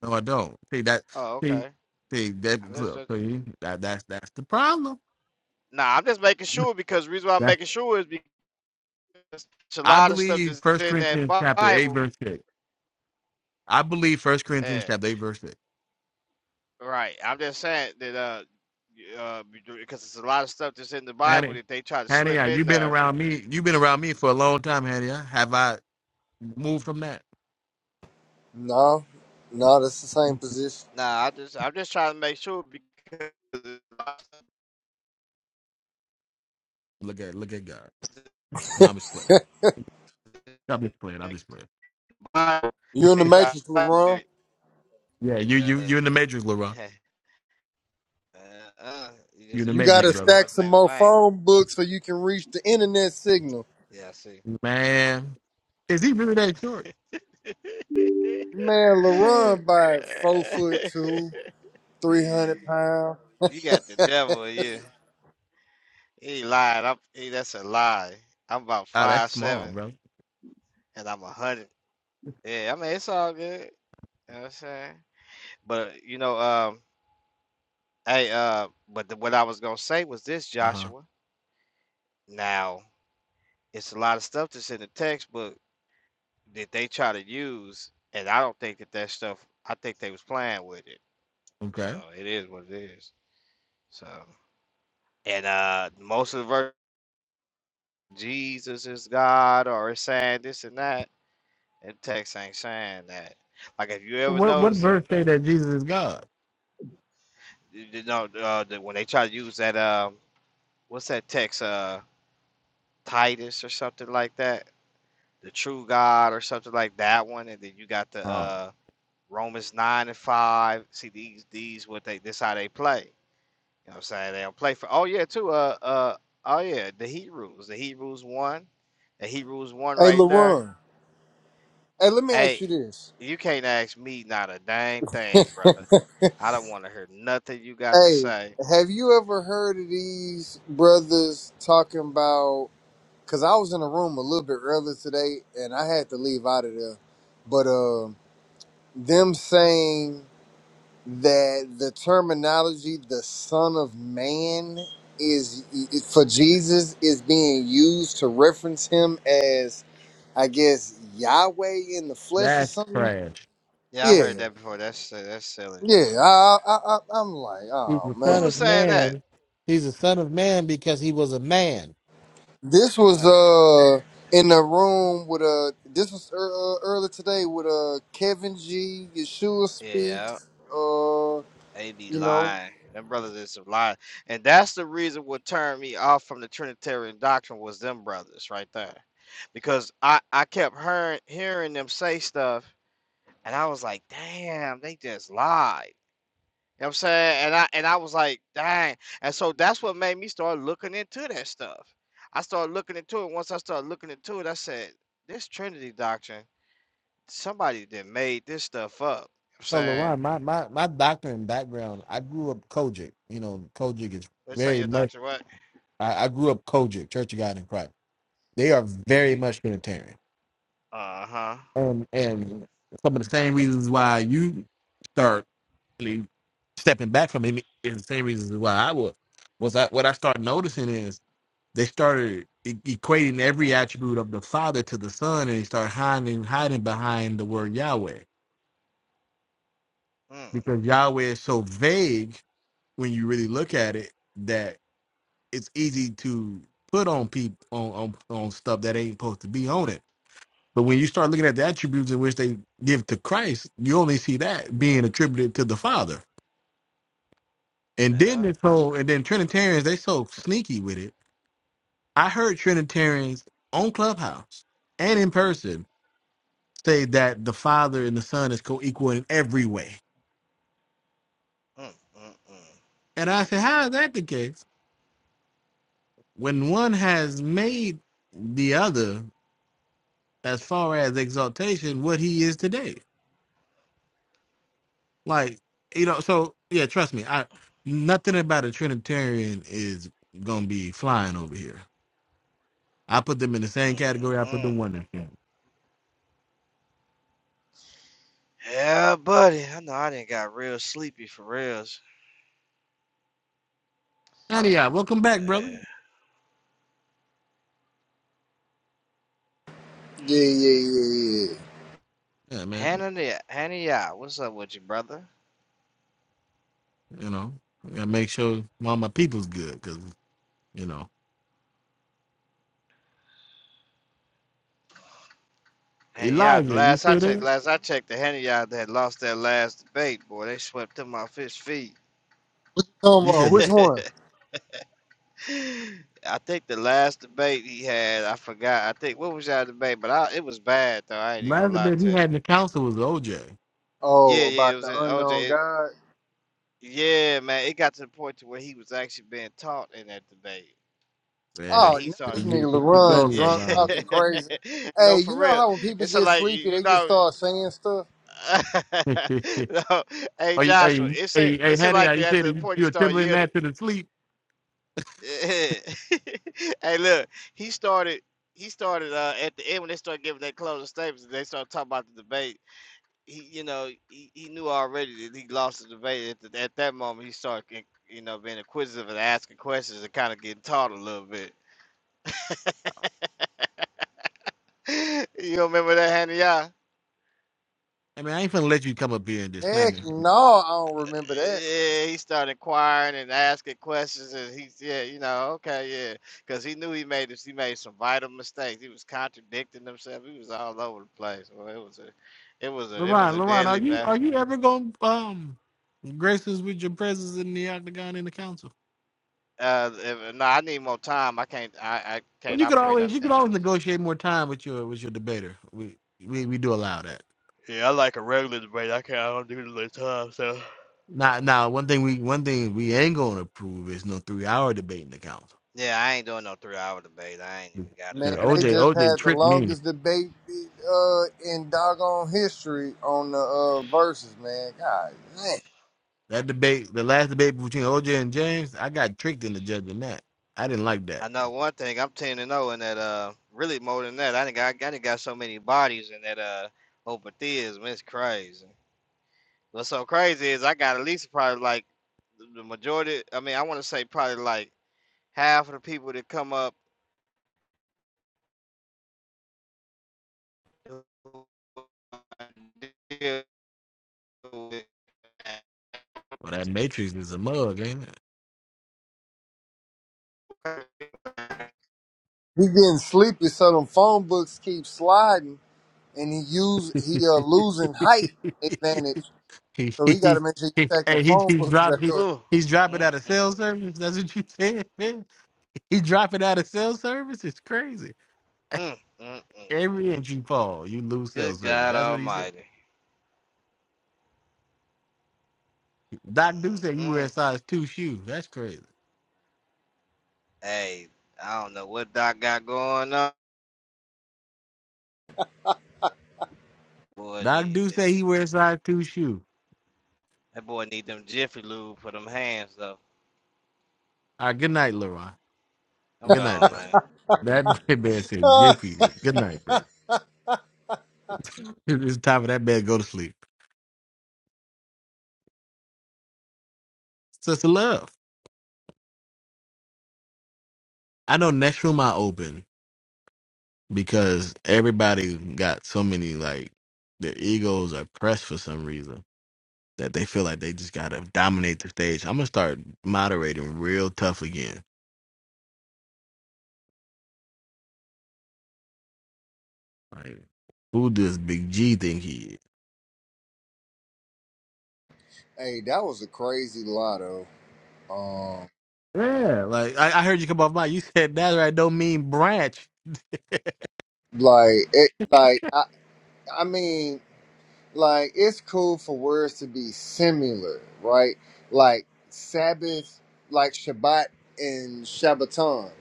Speaker 1: No, I don't. See that.
Speaker 9: Oh,
Speaker 1: See,
Speaker 9: okay.
Speaker 1: see
Speaker 9: I
Speaker 1: that.
Speaker 9: just-
Speaker 1: Look,
Speaker 9: just- just-
Speaker 1: see that. That's that's the problem.
Speaker 9: Nah, I'm just making sure because the reason why I'm
Speaker 1: That's
Speaker 9: making sure is because it's a
Speaker 1: I
Speaker 9: lot of stuff
Speaker 1: believe
Speaker 9: that's
Speaker 1: First
Speaker 9: in that
Speaker 1: Corinthians chapter eight
Speaker 9: Bible.
Speaker 1: verse six. I believe First Corinthians chapter eight verse six.
Speaker 9: Right. I'm just saying that uh, y- uh, because it's a lot of stuff that's in the Bible
Speaker 1: Hanny,
Speaker 9: that they try to
Speaker 1: Hanny,
Speaker 9: slip
Speaker 1: I- you
Speaker 9: in
Speaker 1: been
Speaker 9: there.
Speaker 1: around me. You've been around me for a long time, Hanny. I- Have I moved from that?
Speaker 17: No, no, that's the same position.
Speaker 9: Nah, I just I'm just trying to make sure because there's a lot of stuff
Speaker 1: Look at, look at God.
Speaker 9: that's
Speaker 1: No, I'm just playing.
Speaker 9: in
Speaker 1: I'm just playing.
Speaker 9: the
Speaker 1: I'm just playing.
Speaker 9: Bible
Speaker 17: You
Speaker 9: that
Speaker 17: in the
Speaker 9: they try
Speaker 17: matrix,
Speaker 9: to play
Speaker 17: LaRon?
Speaker 9: with.
Speaker 1: Yeah, you,
Speaker 9: Uh,
Speaker 1: you, you in the matrix, LaRon.
Speaker 9: uh, uh, you
Speaker 1: You
Speaker 9: just
Speaker 1: in
Speaker 9: uh,
Speaker 1: the
Speaker 17: You
Speaker 9: you're
Speaker 1: matrix,
Speaker 17: gotta
Speaker 9: taking the
Speaker 1: brother.
Speaker 17: stack
Speaker 9: Lord's
Speaker 17: some
Speaker 9: name in
Speaker 17: more
Speaker 9: vain.
Speaker 17: phone books so you can reach the internet signal.
Speaker 9: Yeah, I see.
Speaker 1: Man, is he really that short?
Speaker 17: Man, LaRon by four foot two, three hundred pounds.
Speaker 9: you got the devil in you. He lied. I'm, he, that's a lie. I'm about
Speaker 1: Ah, that's
Speaker 9: five
Speaker 1: small,
Speaker 9: seven
Speaker 1: brother.
Speaker 9: and I'm a hundred. Yeah, I mean it's all good. You know what I'm saying? But you know, um, hey, uh, but the, what I was gonna say was this,
Speaker 1: Uh huh.
Speaker 9: Joshua. Now it's a lot of stuff that's in the textbook that they try to use, and I don't think that that stuff. I think they was playing with it. So
Speaker 1: Okay.
Speaker 9: it is what it is. So and uh, most of the verse Jesus is God or it's saying this and that That text ain't saying that. Like if you ever
Speaker 1: What, what
Speaker 9: notice,
Speaker 1: verse say that Jesus is God?
Speaker 9: you know, uh, that when they try to use that, um, what's that text, uh, Titus or something like that, the true God or something like that one, and then you got the
Speaker 1: Oh,
Speaker 9: uh, Romans nine and five. See these these what they this how they play. You know what I'm saying? They don't play for. Oh yeah, too. Uh, uh, oh yeah, the Hebrews, the Hebrews one, the Hebrews one
Speaker 17: Hey
Speaker 9: right there.
Speaker 17: LaRon. Hey, let me
Speaker 9: Hey.
Speaker 17: ask you this.
Speaker 9: You can't ask me not a dang thing, brother. I don't want to hear nothing you got to
Speaker 17: Hey,
Speaker 9: say.
Speaker 17: have you ever heard of these brothers talking about? Because I was in a room a little bit earlier today, and I had to leave out of there. But um, them saying that the terminology the son of man is for jesus is being used to reference him as i guess yahweh in the flesh or
Speaker 1: that's
Speaker 17: something
Speaker 1: trash.
Speaker 9: Yeah, I
Speaker 17: yeah
Speaker 9: heard that before. That's si- that's
Speaker 17: yeah
Speaker 9: silliness, y'all.
Speaker 17: i i, I i'm like
Speaker 1: He's
Speaker 17: oh
Speaker 1: the
Speaker 9: Who
Speaker 1: son
Speaker 17: man
Speaker 9: was
Speaker 1: of
Speaker 9: saying that?
Speaker 1: man. He's the son of man because he was a man.
Speaker 17: this
Speaker 9: All
Speaker 17: was
Speaker 9: right.
Speaker 17: uh in the room with uh this was ear- uh, earlier today with uh kevin g yeshua
Speaker 9: Yeah,
Speaker 17: speaks uh
Speaker 9: they be
Speaker 17: you know
Speaker 9: lying. Them brothers is lying, and that's the reason what turned me off from the Trinitarian doctrine was them brothers right there, because I I kept hearing hearing them say stuff, and I was like, damn, they just lied. You know what I'm saying? And I and I was like, dang. And so that's what made me start looking into that stuff. I started looking into it. Once I started looking into it, I said, this Trinity doctrine, somebody that made this stuff up. You know what I'm
Speaker 1: So
Speaker 9: saying?
Speaker 1: Lauren, my, my my doctoring background, I grew up Kojic. You know, Kojic is
Speaker 9: Let's say
Speaker 1: very
Speaker 9: your
Speaker 1: much.
Speaker 9: doctor what?
Speaker 1: I, I grew up Kojic, Church of God in Christ. They are very
Speaker 9: You
Speaker 1: much Unitarian,
Speaker 9: uh-huh.
Speaker 1: um, and some of the same reasons why you start really stepping back from it is the same reasons why I was. Was I what I started noticing is they started e- equating every attribute of the Father to the Son, and they start hiding hiding behind the word Yahweh
Speaker 9: Mm,
Speaker 1: because Yahweh is so vague when you really look at it that it's easy to put on people on, on on stuff that ain't supposed to be on it. But when you start looking at the attributes in which they give to Christ, you only see that being attributed to the Father. And then
Speaker 9: yeah.
Speaker 1: this whole and then Trinitarians they so sneaky with it. I heard Trinitarians on Clubhouse and in person say that the Father and the Son is co-equal in every way.
Speaker 9: Mm, mm,
Speaker 1: And I said, how is that the case? When one has made the other as far as exaltation what he is today. Like, you know, so yeah, trust me, I nothing about a Trinitarian is gonna be flying over here. I put them in the
Speaker 9: mm,
Speaker 1: same category I
Speaker 9: mm,
Speaker 1: put the
Speaker 9: mm.
Speaker 1: one in. Yeah.
Speaker 9: Yeah, buddy. I know I didn't got real sleepy for reals.
Speaker 1: Howdy, y'all. welcome back, brother.
Speaker 9: Yeah.
Speaker 17: yeah yeah yeah yeah yeah.
Speaker 1: Yeah, man.
Speaker 9: Hannah, Hannah, yeah, what's up with you, brother?
Speaker 1: You know, I gotta make sure all my people's good, cause you know
Speaker 9: And yeah, the
Speaker 1: Elijah. You
Speaker 9: last I
Speaker 1: feel
Speaker 9: checked,
Speaker 1: that?
Speaker 9: last I checked, the Henny Yard had lost their last debate. Boy, they swept him off his feet.
Speaker 17: Come
Speaker 1: You
Speaker 17: on,
Speaker 1: said
Speaker 17: which
Speaker 1: the
Speaker 17: one?
Speaker 9: I think the last debate he had, I forgot. I think what was y'all debate, but I, it was bad though. I ain't even gonna
Speaker 1: last
Speaker 9: lie
Speaker 1: bit he
Speaker 9: to you.
Speaker 1: had in the council was OJ.
Speaker 9: Yeah,
Speaker 17: Oh,
Speaker 9: yeah, it
Speaker 17: about
Speaker 9: was
Speaker 17: the
Speaker 9: in OJ.
Speaker 17: unknown
Speaker 9: It,
Speaker 17: God.
Speaker 9: yeah, man, it got to the point to where he was actually being taught in that debate. Like
Speaker 1: Man,
Speaker 17: Oh,
Speaker 9: he
Speaker 17: now this
Speaker 9: started.
Speaker 1: you,
Speaker 17: nigga
Speaker 1: you go,
Speaker 17: LaRon
Speaker 9: Yeah,
Speaker 17: drunk, talking crazy.
Speaker 9: no,
Speaker 17: Hey,
Speaker 9: for
Speaker 17: you know
Speaker 9: real.
Speaker 17: how when people
Speaker 9: It's so
Speaker 17: get
Speaker 9: like
Speaker 17: sleepy,
Speaker 9: you
Speaker 17: they just
Speaker 9: know.
Speaker 17: start saying stuff?
Speaker 1: LeBron.
Speaker 9: no, hey
Speaker 1: Are you,
Speaker 9: Joshua,
Speaker 1: hey,
Speaker 9: it's a
Speaker 1: hey, hey,
Speaker 9: it's a
Speaker 1: Hattie, how
Speaker 9: like
Speaker 1: you
Speaker 9: at
Speaker 1: said
Speaker 9: the
Speaker 1: it, you,
Speaker 9: point he
Speaker 1: you're
Speaker 9: started
Speaker 1: trembling
Speaker 9: yielding.
Speaker 1: that to the sleep.
Speaker 9: hey, look, he started he started uh, at the end when they started giving their closing statements. and They started talking about the debate. He, you know, he, he knew already that he lost the debate. At, the, at that moment, he started, you know, being inquisitive and asking questions and kind of getting taught a little bit. you remember that, Hannah?
Speaker 1: I mean, I ain't finna let you come up here and just
Speaker 17: Heck
Speaker 1: slander.
Speaker 17: no, I don't remember that.
Speaker 9: yeah, he started inquiring and asking questions, and he yeah, you know, okay, yeah, because he knew he made this, he made some vital mistakes. He was contradicting himself. He was all over the place. Well, it was a, it was a, it was
Speaker 1: Lauren,
Speaker 9: a
Speaker 1: Lauren, are
Speaker 9: deadly
Speaker 1: you
Speaker 9: man.
Speaker 1: are you ever gonna um grace us with your presence in the octagon in the council?
Speaker 9: Uh, if- no, I need more time. I can't, I, I
Speaker 1: Well,
Speaker 9: can't
Speaker 1: you could
Speaker 9: operate
Speaker 1: always
Speaker 9: under
Speaker 1: you could
Speaker 9: that.
Speaker 1: always
Speaker 9: time.
Speaker 1: negotiate more time with your with your debater. We we, we do allow that.
Speaker 9: Yeah, I like a regular debate. I can't. I don't do the little time. So
Speaker 1: Now now one thing we one thing we ain't gonna approve is no three hour debate in the council.
Speaker 9: Yeah, I ain't doing no three hour debate. I ain't even got it
Speaker 1: 'Cause
Speaker 17: Man,
Speaker 9: like
Speaker 17: they
Speaker 1: OJ
Speaker 9: that.
Speaker 17: just
Speaker 1: OJ
Speaker 17: had the
Speaker 1: tricked me.
Speaker 17: longest debate uh, in doggone history on the uh, verses, man. God, man.
Speaker 1: That debate, the last debate between OJ and James, I got tricked into judging that. I didn't like that.
Speaker 9: I know one thing. I'm ten and zero in that. Uh, really more than that. I think I, I got so many bodies in that. Uh, open theism. It's crazy. What's so crazy is I got at least probably like the the majority. I mean, I want to say probably like half of the people that come up who I deal with.
Speaker 1: Well, that Matrix is a mug, ain't
Speaker 17: He getting sleepy, so them phone books keep sliding, and he use he uh, losing height
Speaker 1: it?
Speaker 17: advantage.
Speaker 1: he,
Speaker 17: So he
Speaker 1: he,
Speaker 17: got
Speaker 1: he,
Speaker 17: to make sure you
Speaker 1: he,
Speaker 17: stack the
Speaker 1: hey, he,
Speaker 17: phone
Speaker 1: he
Speaker 17: books
Speaker 1: dropped,
Speaker 17: back
Speaker 1: he,
Speaker 17: up.
Speaker 9: Ooh.
Speaker 1: he's dropping out of
Speaker 9: Mm-mm.
Speaker 1: cell service. That's what you said, man. He dropping out of cell service. It's crazy.
Speaker 9: Mm, mm-mm.
Speaker 1: Every inch you fall, you lose cell
Speaker 9: Good
Speaker 1: service.
Speaker 9: God
Speaker 1: That's what he said.
Speaker 9: Almighty.
Speaker 1: Doc do say you wear a
Speaker 9: Mm-mm.
Speaker 1: size two shoe. That's crazy.
Speaker 9: Hey, I don't know what Doc got going on. Boy,
Speaker 1: Doc do
Speaker 9: need
Speaker 1: say he wears a size two shoe.
Speaker 9: That boy need them Jiffy Lube for them hands though.
Speaker 1: All right, good night, Leroy.
Speaker 9: I'm
Speaker 1: Good night,
Speaker 9: gone,
Speaker 1: bro.
Speaker 9: man.
Speaker 1: That man said Jiffy. Lube. Good night, brother. it's time for that man to go to sleep. Sister Love. I know next room I open. because everybody got so many like their egos are pressed for some reason that they feel like they just gotta dominate the stage. I'm gonna start moderating real tough again. Like, who does Big G think he is?
Speaker 17: Hey, that was a crazy lotto. Um,
Speaker 1: Yeah, like I, I heard you come off mic. You said that right. Don't mean branch.
Speaker 17: like it, like I, I mean, like it's cool for words to be similar, right? Like Sabbath, like Shabbat and Shabbaton.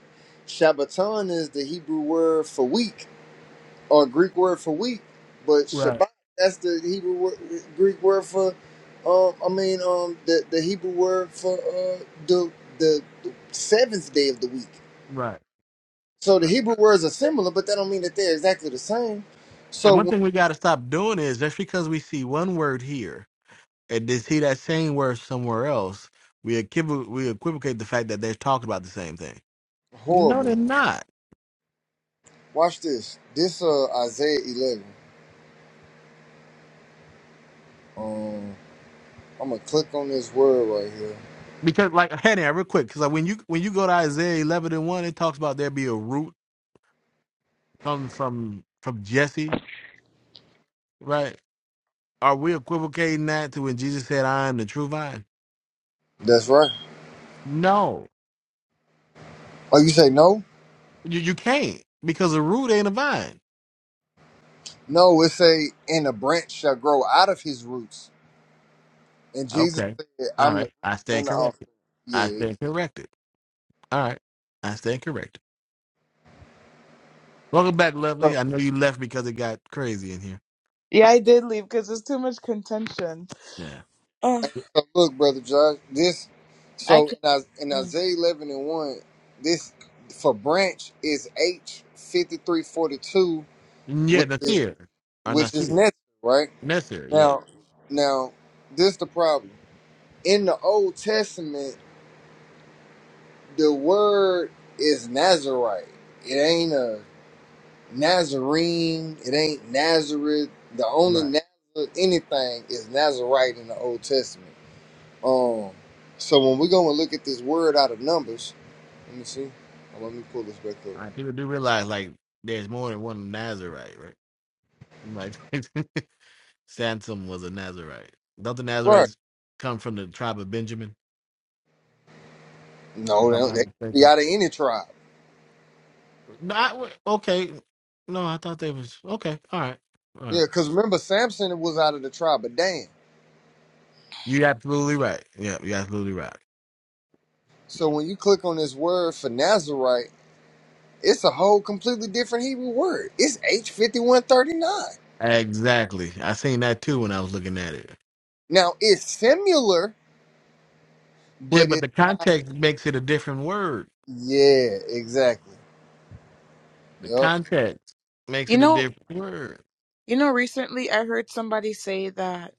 Speaker 17: Shabbaton is the Hebrew word for week or Greek word for week, but
Speaker 1: Right,
Speaker 17: Shabbat that's the Hebrew word, Greek word for. Um, I mean, um, the the Hebrew word for uh the the, the seventh day of the week
Speaker 1: right,
Speaker 17: So the
Speaker 1: right.
Speaker 17: Hebrew words are similar, but that don't mean that they're exactly the same.
Speaker 1: And
Speaker 17: So
Speaker 1: one
Speaker 17: when,
Speaker 1: thing we gotta stop doing is just because we see one word here and then see that same word somewhere else, we equiv- we equivocate the fact that they're talking about the same thing. No,
Speaker 17: horrible.
Speaker 1: they're not.
Speaker 17: Watch this. This uh Isaiah eleven. Um, I'm gonna click on this word right here.
Speaker 1: Because like Hannah, real quick, because like when you when you go to Isaiah eleven and one, it talks about there be a root comes from from Jesse, right? Are we equivocating that to when Jesus said, "I am the true vine"?
Speaker 17: That's right.
Speaker 1: No,
Speaker 17: Oh, you say no?
Speaker 1: you you can't because a root ain't a vine.
Speaker 17: No, it say, and a branch shall grow out of his roots. And Jesus
Speaker 1: Okay,
Speaker 17: said,
Speaker 1: all
Speaker 17: I'm the
Speaker 1: right, I
Speaker 17: root
Speaker 1: stand
Speaker 17: and the
Speaker 1: corrected.
Speaker 17: offspring.
Speaker 1: I
Speaker 17: Yeah.
Speaker 1: stand corrected. All right, I stand corrected. Welcome back, lovely.
Speaker 17: So,
Speaker 1: I know you left because it got crazy in here.
Speaker 3: Yeah, I did leave because there's too much contention.
Speaker 1: Yeah,
Speaker 3: Oh,
Speaker 17: and so look, brother Josh, this.
Speaker 3: I
Speaker 17: So
Speaker 3: can't.
Speaker 17: in, Is- in
Speaker 3: Mm.
Speaker 17: Isaiah eleven and one, this for branch is H fifty three forty two,
Speaker 1: yeah,
Speaker 17: which is
Speaker 1: Nasir or
Speaker 17: which is
Speaker 1: Nasir,
Speaker 17: necessary, right?
Speaker 1: Nasir, yeah,
Speaker 17: Now, now, this is the problem. In the Old Testament, the word is Nazarite. It ain't a Nazarene. It ain't Nazareth. The
Speaker 1: right.
Speaker 17: only Nazareth anything is Nazarite in the Old Testament. Um, so when we're gonna look at this word out of Numbers, let me see. Oh, Let me pull this back up.
Speaker 1: Like, people do realize like there's more than one Nazarite, right? Like Sansom was a Nazarite. Don't the
Speaker 17: Right?
Speaker 1: Nazarites come from the tribe of Benjamin,
Speaker 17: No,
Speaker 1: if I'm
Speaker 17: they,
Speaker 1: not
Speaker 17: they can be
Speaker 1: mistaken?
Speaker 17: out of any tribe.
Speaker 1: Not okay. No, I thought they was okay. All right, all right.
Speaker 17: Yeah, because remember Samson was out of the tribe of Dan.
Speaker 1: You're absolutely right. Yeah, you're absolutely right.
Speaker 17: So when you click on this word for Nazarite, it's a whole completely different Hebrew word. It's H5139.
Speaker 1: Exactly. I seen that too when I was looking at it.
Speaker 17: Now it's similar,
Speaker 1: Yeah,
Speaker 17: but
Speaker 1: but
Speaker 17: it's
Speaker 1: the
Speaker 17: not.
Speaker 1: context makes it a different word.
Speaker 17: Yeah, exactly.
Speaker 1: The
Speaker 17: Yep.
Speaker 1: context makes
Speaker 3: You
Speaker 1: it a
Speaker 3: know,
Speaker 1: different word.
Speaker 3: You know, recently I heard somebody say that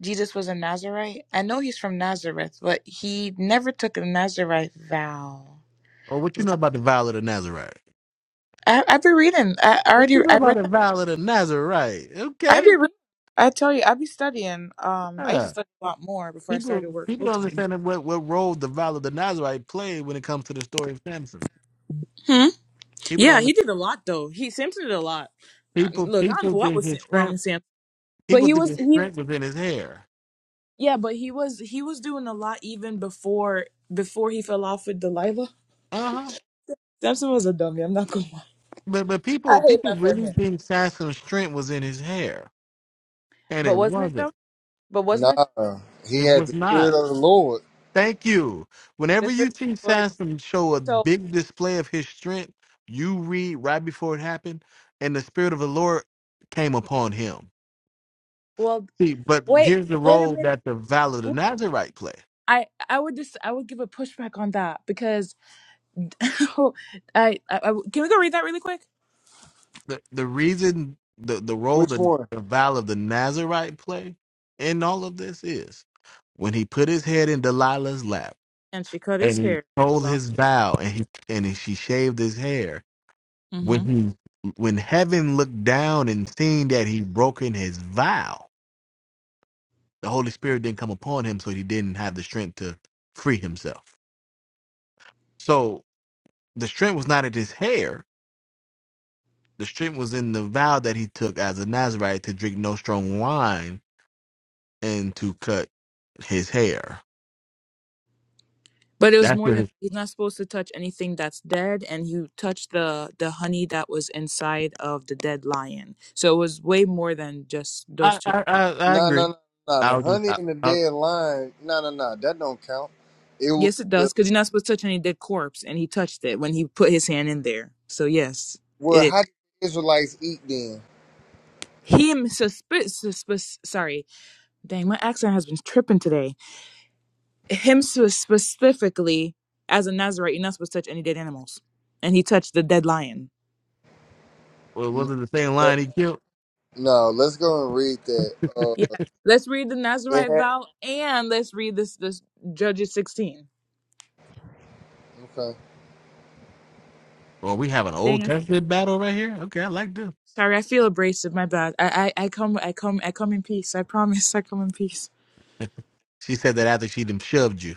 Speaker 3: Jesus was a Nazarite. I know he's from Nazareth, but he never took a Nazarite vow.
Speaker 1: Or what you know about the vow of the Nazarite?
Speaker 3: I, i be reading. I, I
Speaker 1: What
Speaker 3: already
Speaker 1: you know
Speaker 3: I
Speaker 1: about
Speaker 3: read
Speaker 1: the
Speaker 3: that.
Speaker 1: vow of Nazarite?
Speaker 3: I've
Speaker 1: Okay.
Speaker 3: reading. I tell you, I've been studying. Um, I used to
Speaker 1: Yeah.
Speaker 3: study a lot more before I
Speaker 1: People
Speaker 3: started work
Speaker 1: people
Speaker 3: full
Speaker 1: don't
Speaker 3: time.
Speaker 1: understand what, what role the vow of the Nazarite played when it comes to the story of Samson.
Speaker 3: Hmm.
Speaker 1: People
Speaker 3: Yeah, he
Speaker 1: don't
Speaker 3: did a lot though. He Samson did a lot. Uh,
Speaker 1: people
Speaker 3: look, I don't
Speaker 1: people
Speaker 3: know what
Speaker 1: think
Speaker 3: was Sam-
Speaker 1: his
Speaker 3: wrong
Speaker 1: strength
Speaker 3: with Samson, but
Speaker 1: people
Speaker 3: he
Speaker 1: think
Speaker 3: was
Speaker 1: his
Speaker 3: he.
Speaker 1: strength was in his hair.
Speaker 3: Yeah, but he was he was doing a lot even before before he fell off with Delilah.
Speaker 1: Uh-huh.
Speaker 3: Samson was a dummy. I'm not gonna lie.
Speaker 1: But but
Speaker 3: I
Speaker 1: people
Speaker 3: hate
Speaker 1: people
Speaker 3: that for
Speaker 1: really
Speaker 3: him.
Speaker 1: think Samson's strength was in his hair. And
Speaker 3: But
Speaker 1: it
Speaker 3: wasn't it
Speaker 1: wasn't.
Speaker 3: though? But wasn't it
Speaker 17: Nah, he
Speaker 1: It
Speaker 17: had
Speaker 1: was
Speaker 17: the
Speaker 1: not.
Speaker 17: spirit of the Lord.
Speaker 1: Thank you.
Speaker 3: the
Speaker 1: Whenever
Speaker 3: fear of
Speaker 1: you see
Speaker 3: the Lord?
Speaker 1: Sansom show a
Speaker 3: So
Speaker 1: big display of his strength, you read right before it happened, and the spirit of the Lord came upon him.
Speaker 3: well,
Speaker 1: See, but
Speaker 3: wait,
Speaker 1: here's the
Speaker 3: wait a
Speaker 1: role
Speaker 3: minute.
Speaker 1: that the vow of the
Speaker 3: Wait,
Speaker 1: Nazarite play.
Speaker 3: I I would just I would give a pushback on that because I, I, I can we go read that really quick?
Speaker 1: The the reason the, the role
Speaker 17: Which
Speaker 1: the,
Speaker 17: one?
Speaker 1: the vow of the Nazarite play in all of this is when he put his head in Delilah's lap
Speaker 3: And she cut
Speaker 1: and
Speaker 3: his
Speaker 1: he
Speaker 3: hair
Speaker 1: told
Speaker 3: off.
Speaker 1: his vow and he and she shaved his hair
Speaker 3: hmm
Speaker 1: When he, when heaven looked down and seen that he broken his vow, the Holy Spirit didn't come upon him, so he didn't have the strength to free himself. So the strength was not in his hair. The strength was in the vow that he took as a Nazarite to drink no strong wine and to cut his hair.
Speaker 3: But it was
Speaker 1: That's
Speaker 3: more
Speaker 1: where
Speaker 3: than
Speaker 1: his.
Speaker 3: he's not supposed to touch anything that's dead, and he touched the the honey that was inside of the dead lion. So it was way more than just those
Speaker 1: I
Speaker 3: two.
Speaker 1: I I, I
Speaker 17: Nah, nah,
Speaker 1: agree.
Speaker 17: nah, nah.
Speaker 1: I
Speaker 17: The
Speaker 1: was just.
Speaker 17: honey
Speaker 1: I,
Speaker 17: and the
Speaker 1: I,
Speaker 17: dead lion. Nah, nah, nah. That don't count. It was
Speaker 3: Yes, it
Speaker 17: the
Speaker 3: does, because you're not supposed to touch any dead corpse, and he touched it when he put his hand in there. So yes, it
Speaker 17: well.
Speaker 3: is.
Speaker 17: How did the Israelites eat then?
Speaker 3: Him susp susp sorry, dang, my accent has been tripping today. Him sus- specifically, as a Nazarite, you're not supposed to touch any dead animals, and he touched the dead lion.
Speaker 1: well,
Speaker 17: No,
Speaker 1: was it the same
Speaker 17: that,
Speaker 1: line he killed?
Speaker 17: no. Let's go and read that. Uh,
Speaker 3: Yeah, let's read the
Speaker 17: it
Speaker 3: Nazarite
Speaker 17: had.
Speaker 3: vow, and let's read this this Judges 16.
Speaker 17: Okay.
Speaker 1: Well, we have an
Speaker 3: Dang
Speaker 1: Old
Speaker 3: it.
Speaker 1: Testament battle right here. Okay, I like this.
Speaker 3: Sorry, I feel abrasive. My bad. I, I I come I come I come in peace. I promise. I come in peace.
Speaker 1: She said that after she'd him shoved you.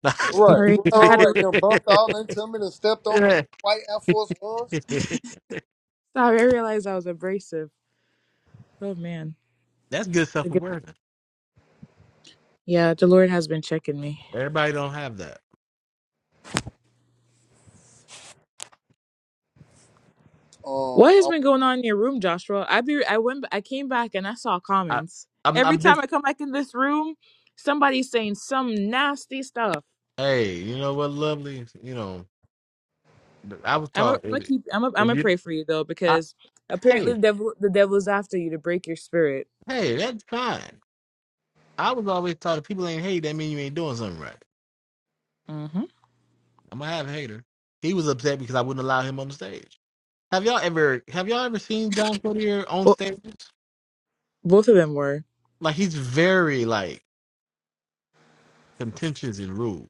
Speaker 1: That's
Speaker 17: Right,
Speaker 3: Sorry,
Speaker 17: right,
Speaker 3: I
Speaker 17: right.
Speaker 3: had to.
Speaker 17: right.
Speaker 3: read.
Speaker 17: Then bumped all into me and stepped on my new white Air Force Ones.
Speaker 3: Sorry, I realized I was abrasive. Oh man.
Speaker 1: good self
Speaker 3: Forgive-
Speaker 1: awareness.
Speaker 3: Yeah, the Lord has been checking me.
Speaker 1: Everybody don't have that.
Speaker 3: What has
Speaker 17: Um,
Speaker 3: been going on in your room, Joshua? I be I went I came back and I saw
Speaker 1: I,
Speaker 3: comments.
Speaker 1: I'm
Speaker 3: Every
Speaker 1: I'm
Speaker 3: time
Speaker 1: just
Speaker 3: I come back in this room, somebody's saying some nasty stuff.
Speaker 1: hey, you know what, lovely. You know, I was
Speaker 3: I'm gonna
Speaker 1: taught
Speaker 3: I'm
Speaker 1: if,
Speaker 3: keep I'm gonna I'm
Speaker 1: if
Speaker 3: gonna
Speaker 1: you,
Speaker 3: pray for you though
Speaker 1: I,
Speaker 3: because apparently
Speaker 1: hey,
Speaker 3: the devil the devil is after you to break your spirit.
Speaker 1: hey, that's fine. I was always taught if people ain't hate, that mean you ain't doing something right.
Speaker 3: Mm-hmm.
Speaker 1: I'm gonna have a hater. He was upset because I wouldn't allow him on the stage. Have y'all ever have y'all ever seen John Cotier on
Speaker 3: Well,
Speaker 1: stage?
Speaker 3: both of them were.
Speaker 1: Like he's very like contentious and rude.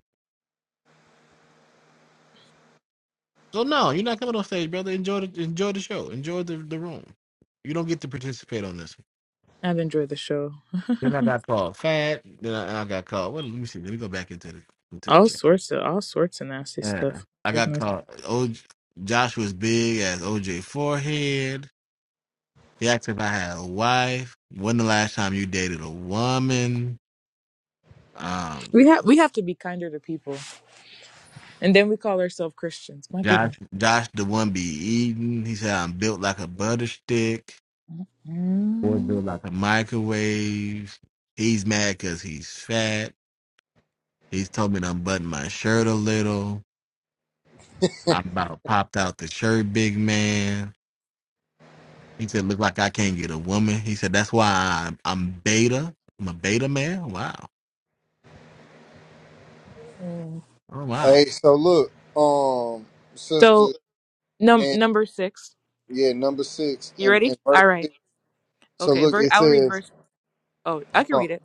Speaker 1: So no, you're not coming on stage, brother. Enjoy the enjoy the show. Enjoy the, the room. You don't get to participate on this one.
Speaker 3: I've enjoyed the show.
Speaker 1: Then I got called fat. Then I, I got called. Well, let me see. Let me go back into the into the
Speaker 3: all
Speaker 1: chat.
Speaker 3: sorts of all sorts of nasty
Speaker 1: Yeah.
Speaker 3: stuff.
Speaker 1: I got
Speaker 3: Goodness,
Speaker 1: called. O, Joshua's big as OJ forehead. He asked if I had a wife. When the last time you dated a woman? Um,
Speaker 3: we have we have to be kinder to people. And then we call ourselves Christians. My
Speaker 1: Josh,
Speaker 3: goodness.
Speaker 1: Josh, the one be eating. He said I'm built like a butter stick. Or
Speaker 3: Mm.
Speaker 1: built like a microwave. He's mad because he's fat. He's told me to unbutton my shirt a little. I about popped out the shirt, big man. He said, look like I can't get a woman. He said, that's why I'm, I'm beta. I'm a beta man. Wow. Oh,
Speaker 17: I-
Speaker 1: wow.
Speaker 17: hey, so look, um,
Speaker 3: So
Speaker 17: sister,
Speaker 3: num
Speaker 17: and
Speaker 3: number six.
Speaker 17: yeah, number six
Speaker 3: You
Speaker 17: and, and
Speaker 3: ready?
Speaker 17: verse
Speaker 3: All right.
Speaker 17: six. So
Speaker 3: Okay.
Speaker 17: look,
Speaker 3: Ver-
Speaker 17: it
Speaker 3: I'll read
Speaker 17: says,
Speaker 3: verse. Oh, I
Speaker 17: hold
Speaker 3: can
Speaker 17: on.
Speaker 3: read it.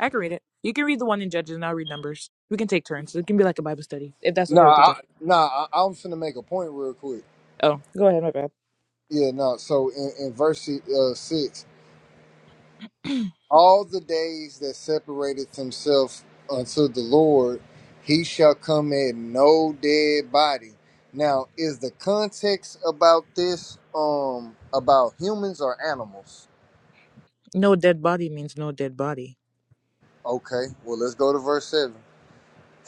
Speaker 3: I can read it. You can read the one in Judges, and I'll read Numbers. We can take turns. It can be like a Bible study, if that's
Speaker 17: Nah,
Speaker 3: okay with you, John.
Speaker 17: I, nah, I, I'm finna make a point real quick.
Speaker 3: Oh, go ahead. My bad.
Speaker 17: Yeah, no. So in, in verse uh, six, all the days that separateth himself unto the Lord, he shall come in no dead body. Now, is the context about this um about humans or animals?
Speaker 3: No dead body means no dead body.
Speaker 17: Okay, well let's go to verse seven.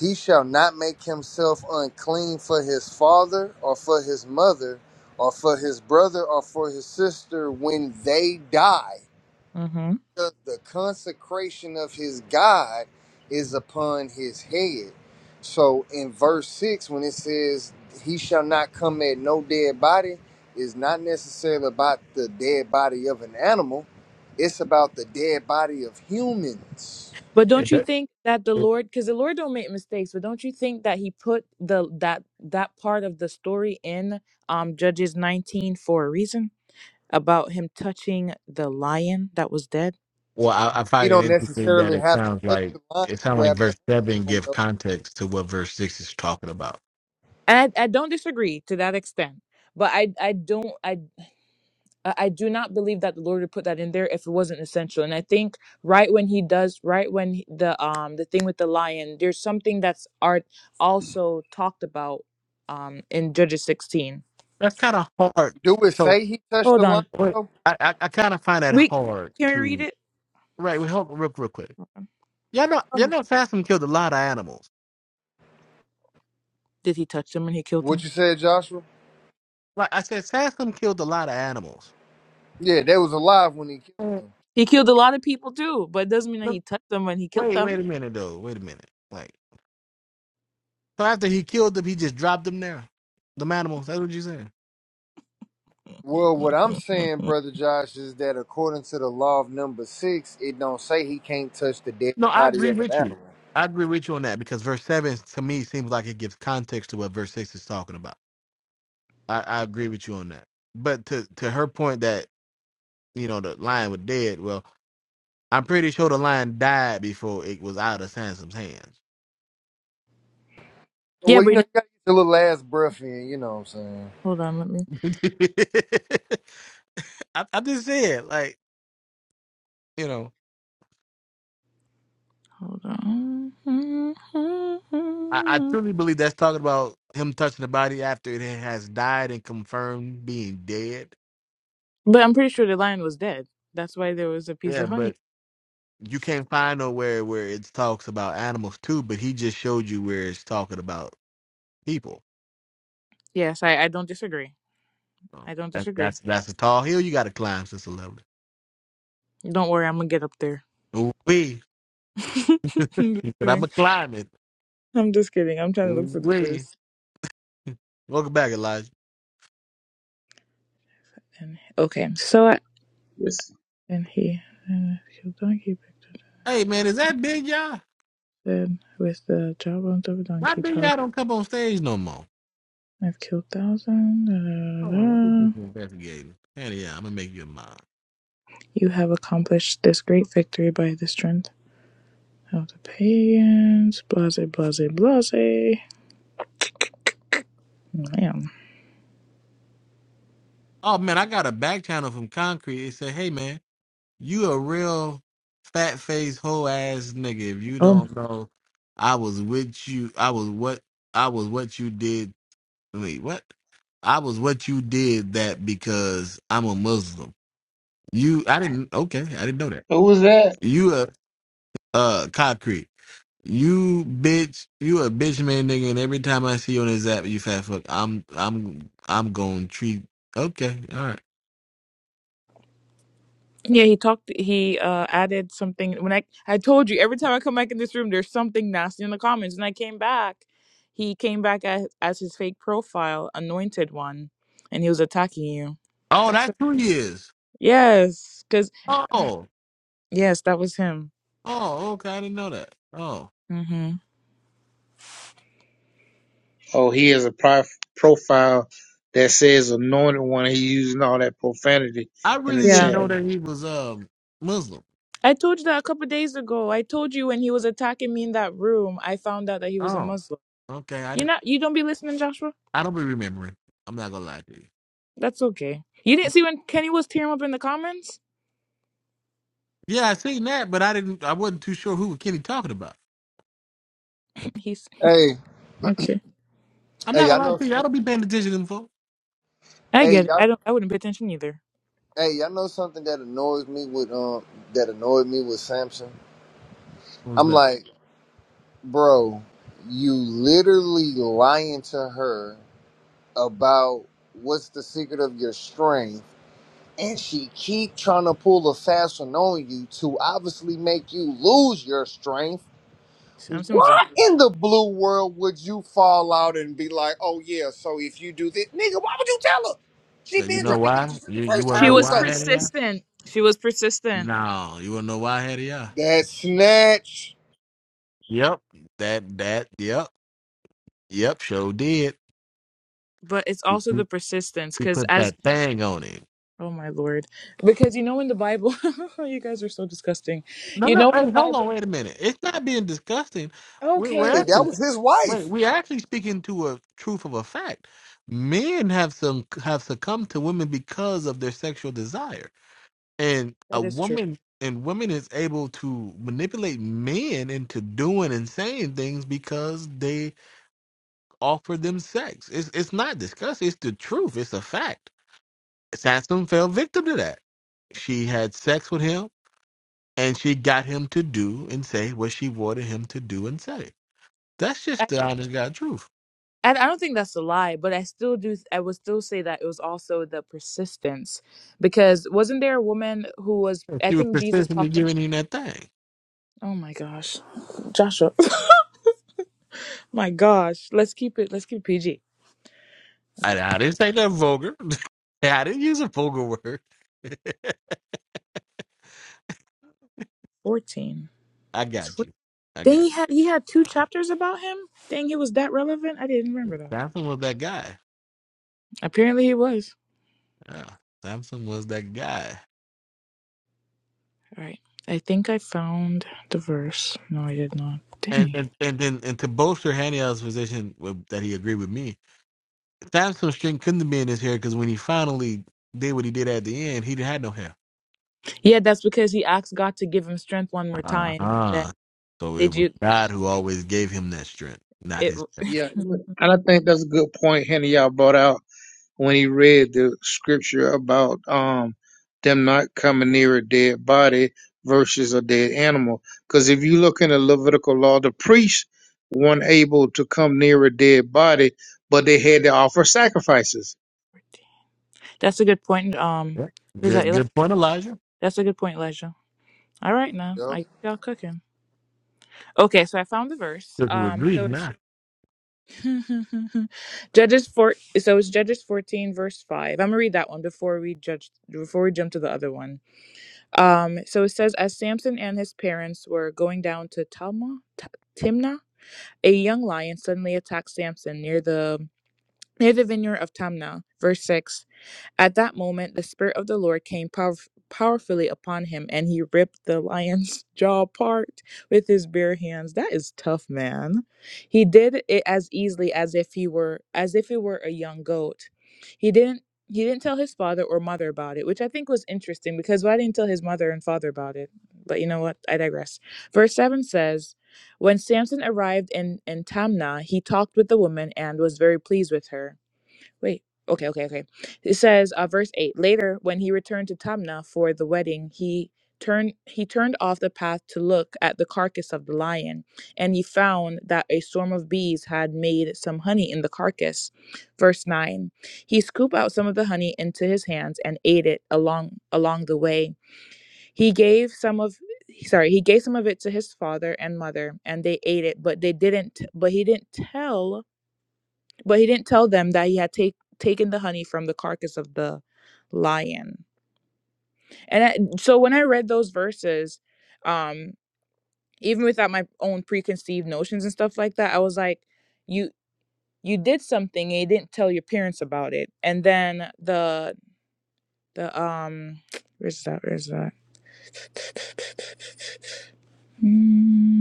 Speaker 17: He shall not make himself unclean for his father or for his mother or for his brother or for his sister when they die.
Speaker 3: Mm-hmm.
Speaker 17: because the consecration of his God is upon his head. So in verse 6, when it says, He shall not come at no dead body, is not necessarily about the dead body of an animal, it's about the dead body of humans.
Speaker 3: But don't
Speaker 1: It,
Speaker 3: you think that the
Speaker 1: it,
Speaker 3: Lord, because the Lord don't make mistakes, but don't you think that He put the that that part of the story in um Judges 19 for a reason about Him touching the lion that was dead?
Speaker 1: well, I, I
Speaker 17: He
Speaker 1: find it
Speaker 17: don't
Speaker 1: interesting that
Speaker 17: necessarily
Speaker 1: it
Speaker 17: have to
Speaker 1: sounds
Speaker 17: touch
Speaker 1: like
Speaker 17: the line to
Speaker 1: it sounds like
Speaker 17: grab the
Speaker 1: verse seven
Speaker 17: hand,
Speaker 1: give
Speaker 17: though.
Speaker 1: context to what verse six is talking about.
Speaker 3: And I, I don't disagree to that extent, but I I don't I I I do not believe that the Lord would put that in there if it wasn't essential. And I think right when He does, right when he- the um the thing with the lion, there's something that's art also talked about um in Judges 16.
Speaker 1: That's kind of hard.
Speaker 17: Do it
Speaker 1: So
Speaker 17: say he touched the
Speaker 3: Hold on.
Speaker 17: line,
Speaker 1: what
Speaker 17: though?
Speaker 1: I, I, I kind of find that
Speaker 3: We
Speaker 1: hard
Speaker 3: can we read
Speaker 1: to
Speaker 3: it?
Speaker 1: right. We hold real, real quick. Y'all know, y'all
Speaker 3: Um,
Speaker 1: know, Fasm killed a lot of animals.
Speaker 3: Did he touch them and he killed
Speaker 17: What
Speaker 3: them?
Speaker 17: you said, Joshua?
Speaker 1: Like I said, Sassum killed a lot of animals.
Speaker 17: Yeah, they was alive when he killed
Speaker 1: Mm.
Speaker 17: them.
Speaker 3: He killed a lot of people too, but it doesn't mean that
Speaker 1: No,
Speaker 3: he touched them and he killed
Speaker 1: Wait,
Speaker 3: them.
Speaker 1: wait a minute though. Wait a minute. Like so after he killed them, he just dropped them there. Them animals. That's what you're saying.
Speaker 17: Well, what I'm saying, brother Josh, is that according to the law of number six, it don't say he can't touch the dead
Speaker 1: No, I
Speaker 17: body
Speaker 1: agree
Speaker 17: of an
Speaker 1: with you.
Speaker 17: animal.
Speaker 1: I agree with you on that because verse seven to me seems like it gives context to what verse six is talking about. I, I agree with you on that. But to to her point that you know the lion was dead. Well, I'm pretty sure the lion died before it was out of Sansom's hands.
Speaker 3: Yeah,
Speaker 17: Well, you know,
Speaker 3: Brina.
Speaker 17: you gotta get your little ass breath in. You know what I'm saying?
Speaker 3: Hold on, let me
Speaker 1: I, I'm just saying, like you know.
Speaker 3: hold on.
Speaker 1: I, I truly believe that's talking about him touching the body after it has died and confirmed being dead.
Speaker 3: But I'm pretty sure the lion was dead. That's why there was a piece
Speaker 1: Yeah,
Speaker 3: of
Speaker 1: but
Speaker 3: honey.
Speaker 1: you can't find nowhere where it talks about animals too. But he just showed you where it's talking about people.
Speaker 3: Yes, I, I don't disagree.
Speaker 1: So
Speaker 3: I don't
Speaker 1: that's
Speaker 3: disagree.
Speaker 1: that's that's a tall hill you got to climb, sister lovely.
Speaker 3: Don't worry, I'm gonna get up there.
Speaker 1: We,
Speaker 3: I'm just
Speaker 1: he said, I'm
Speaker 3: kidding.
Speaker 1: a climb it.
Speaker 3: I'm just kidding. I'm trying to look for the
Speaker 1: We,
Speaker 3: verse.
Speaker 1: welcome back, Elijah.
Speaker 3: And, okay, so I,
Speaker 14: Yes.
Speaker 3: and he and killed donkey picked up
Speaker 1: Hey man, is that Big Y'all?
Speaker 3: dead with the jawbones of a
Speaker 1: Why
Speaker 3: donkey
Speaker 1: Big Y'all don't come on stage no more?
Speaker 3: I've killed thousands. da,
Speaker 1: Hold
Speaker 3: da,
Speaker 1: on, what is this
Speaker 3: da,
Speaker 1: investigating? And yeah, I'm gonna make you a mod.
Speaker 3: You have accomplished this great victory by the strength of the pagans. Blase, blase, blase. Man.
Speaker 1: Oh man, I got a back channel from Concrete. It said, "Hey man, you a real fat face hoe ass nigga. If you
Speaker 3: Um.
Speaker 1: don't know, I was with you. I was what I was what you did. Wait, what? I was what you did that because I'm a Muslim. You, I didn't. Okay, I didn't know that.
Speaker 14: Who was that?
Speaker 1: You a uh Concrete. You bitch. You a bitch man nigga. And every time I see you on this app, you fat fuck. I'm I'm I'm gonna treat. Okay, all right.
Speaker 3: Yeah, he talked. He uh added something. When I I told you every time I come back in this room, there's something nasty in the comments. And I came back. He came back as, as his fake profile, anointed one, and he was attacking you.
Speaker 1: Oh,
Speaker 3: That's a,
Speaker 1: that's who he is.
Speaker 3: yes, because
Speaker 1: Oh,
Speaker 3: yes, that was him.
Speaker 1: oh, okay. I didn't know that. Oh,
Speaker 3: Mm-hmm.
Speaker 14: Oh, he has a prof- profile that says anointed one. He's using all that profanity
Speaker 1: I
Speaker 14: in the
Speaker 1: really didn't
Speaker 3: Yeah.
Speaker 14: chat.
Speaker 1: know that he was um Muslim.
Speaker 3: I told you that a couple days ago. I told you when he was attacking me in that room, I found out that he was a
Speaker 1: Oh,
Speaker 3: Muslim.
Speaker 1: okay. I
Speaker 3: You're
Speaker 1: didn't.
Speaker 3: not. You don't be listening, Joshua.
Speaker 1: I don't be remembering. I'm not gonna lie to you.
Speaker 3: That's okay. You didn't see when Kenny was tearing up in the comments.
Speaker 1: Yeah, I seen that, but I didn't. I wasn't too sure who Kenny talking about.
Speaker 3: He's, he's
Speaker 17: Hey,
Speaker 3: okay.
Speaker 1: I'm not
Speaker 17: hey, I
Speaker 1: gonna lie
Speaker 17: know
Speaker 1: to you. I
Speaker 17: some.
Speaker 1: don't be paying attention to them folks.
Speaker 3: I
Speaker 17: Hey,
Speaker 3: get it. I
Speaker 17: y'all,
Speaker 3: don't. I wouldn't pay attention either.
Speaker 17: hey, y'all know something that annoys me with um that annoyed me with Samson.
Speaker 1: What was
Speaker 17: I'm
Speaker 1: that?
Speaker 17: like, bro, you literally lying to her about what's the secret of your strength and she keep trying to pull a fast one on you to obviously make you lose your strength.
Speaker 3: Samson was
Speaker 17: Why in the blue world would you fall out and be like, oh yeah, so if you do this, nigga, why would you tell her? She
Speaker 1: Yeah, You
Speaker 17: been
Speaker 3: a.
Speaker 1: know
Speaker 17: trying to get you
Speaker 1: why?
Speaker 17: since
Speaker 1: You
Speaker 17: the
Speaker 1: you
Speaker 17: first
Speaker 1: wanna
Speaker 3: She
Speaker 1: know
Speaker 17: time you
Speaker 3: was
Speaker 1: why I
Speaker 17: told
Speaker 1: had it?
Speaker 17: her.
Speaker 1: Yeah.
Speaker 3: persistent. She was persistent,
Speaker 1: No, you wanna know why I had it? Yeah.
Speaker 17: That snatch.
Speaker 1: Yep. That that yep yep. Sure did.
Speaker 3: but it's
Speaker 1: He
Speaker 3: also
Speaker 1: he
Speaker 3: the persistence
Speaker 1: he
Speaker 3: because
Speaker 1: put
Speaker 3: as
Speaker 1: that thing on it.
Speaker 3: Oh my lord. Because you know in the Bible, you guys are so disgusting.
Speaker 1: No,
Speaker 3: You
Speaker 1: no.
Speaker 3: know in the
Speaker 1: Hey, hold on.
Speaker 3: Bible.
Speaker 1: Wait a minute. It's not being disgusting. We're, we're
Speaker 3: Okay,
Speaker 17: Hey,
Speaker 3: okay.
Speaker 17: that
Speaker 1: actually
Speaker 17: was his
Speaker 1: wait.
Speaker 17: wife.
Speaker 1: We're actually speaking to a truth of a fact. Men have some have succumbed to women because of their sexual desire, and a
Speaker 3: That is true.
Speaker 1: woman and women is able to manipulate men into doing and saying things because they offer them sex. It's it's not disgusting. It's the truth. It's a fact. Sansom fell victim to that. She had sex with him And she got him to do and say what she wanted him to do and say. That's
Speaker 3: I,
Speaker 1: just the honest God truth.
Speaker 3: I I don't think that's a lie, but I still do I would still say that it was also the persistence because wasn't there a woman who was
Speaker 1: If
Speaker 3: I
Speaker 1: She was
Speaker 3: think Jesus
Speaker 1: persistently
Speaker 3: talked ab-
Speaker 1: giving him that thing.
Speaker 3: Oh my gosh. Joshua. my gosh. Let's keep it let's keep it PG.
Speaker 1: I,
Speaker 3: Okay.
Speaker 1: I didn't say that vulgar. I didn't use a vulgar word.
Speaker 3: 14.
Speaker 1: I
Speaker 3: It's
Speaker 1: got
Speaker 3: 14.
Speaker 1: you. I
Speaker 3: Dang,
Speaker 1: got
Speaker 3: he had he had two chapters about him. Dang, he was that relevant. I didn't remember
Speaker 1: you.
Speaker 3: that.
Speaker 1: Samson was that guy.
Speaker 3: Apparently he was.
Speaker 1: Yeah. Samson was that guy.
Speaker 3: All right. I think I found the verse. No, I did not.
Speaker 1: And
Speaker 3: Dang.
Speaker 1: and and then and to bolster Haniel's position with, that he agreed with me, Samson's string couldn't have been in his hair because when he finally did what he did at the end, he had no hair.
Speaker 3: Yeah, that's because he asked God to give him strength one more
Speaker 1: Uh
Speaker 3: time. Then
Speaker 1: huh. So it
Speaker 3: did
Speaker 1: was
Speaker 3: you?
Speaker 1: God who always gave him that strength, not
Speaker 3: It.
Speaker 1: his.
Speaker 14: Yeah, and I think that's a good point Henry y'all brought out when he read the scripture about um them not coming near a dead body versus a dead animal. Because if you look in the Levitical law, the priests weren't able to come near a dead body, but they had to offer sacrifices.
Speaker 3: That's a good point. Um,
Speaker 1: Yep.
Speaker 3: was that
Speaker 1: Good,
Speaker 3: Eli?
Speaker 1: good point, Elijah.
Speaker 3: That's a good point, Elijah. All right, now
Speaker 17: Yep.
Speaker 3: I guess y'all cooking. Okay, so I found the verse.
Speaker 1: Because it was
Speaker 3: Um,
Speaker 1: reach
Speaker 3: so it's
Speaker 1: now.
Speaker 3: Judges four. So it's Judges fourteen, verse five. I'm gonna read that one before we judge. Before we jump to the other one. Um, so it says, as Samson and his parents were going down to Talma, Ta- Timnah, a young lion suddenly attacked Samson near the near the vineyard of Tamna. Verse six. At that moment, the Spirit of the Lord came power- powerfully upon him, and he ripped the lion's jaw apart with his bare hands. That is tough, man. He did it as easily as if he were as if it were a young goat. He didn't he didn't tell his father or mother about it, which I think was interesting because why didn't he tell his mother and father about it? But you know what? I digress. Verse 7 says, When Samson arrived in, in Tamnah, he talked with the woman and was very pleased with her. Wait. Okay, okay, okay. It says, uh, verse eight. Later, when he returned to Tamna for the wedding, he turned he turned off the path to look at the carcass of the lion, and he found that a swarm of bees had made some honey in the carcass. Verse nine. He scooped out some of the honey into his hands and ate it along along the way. He gave some of sorry he gave some of it to his father and mother and they ate it but they didn't but he didn't tell but he didn't tell them that he had take, taken the honey from the carcass of the lion. And I, so when I read those verses, um, even without my own preconceived notions and stuff like that, I was like, you you did something and you didn't tell your parents about it. And then the the um where's that? Where's that? mm.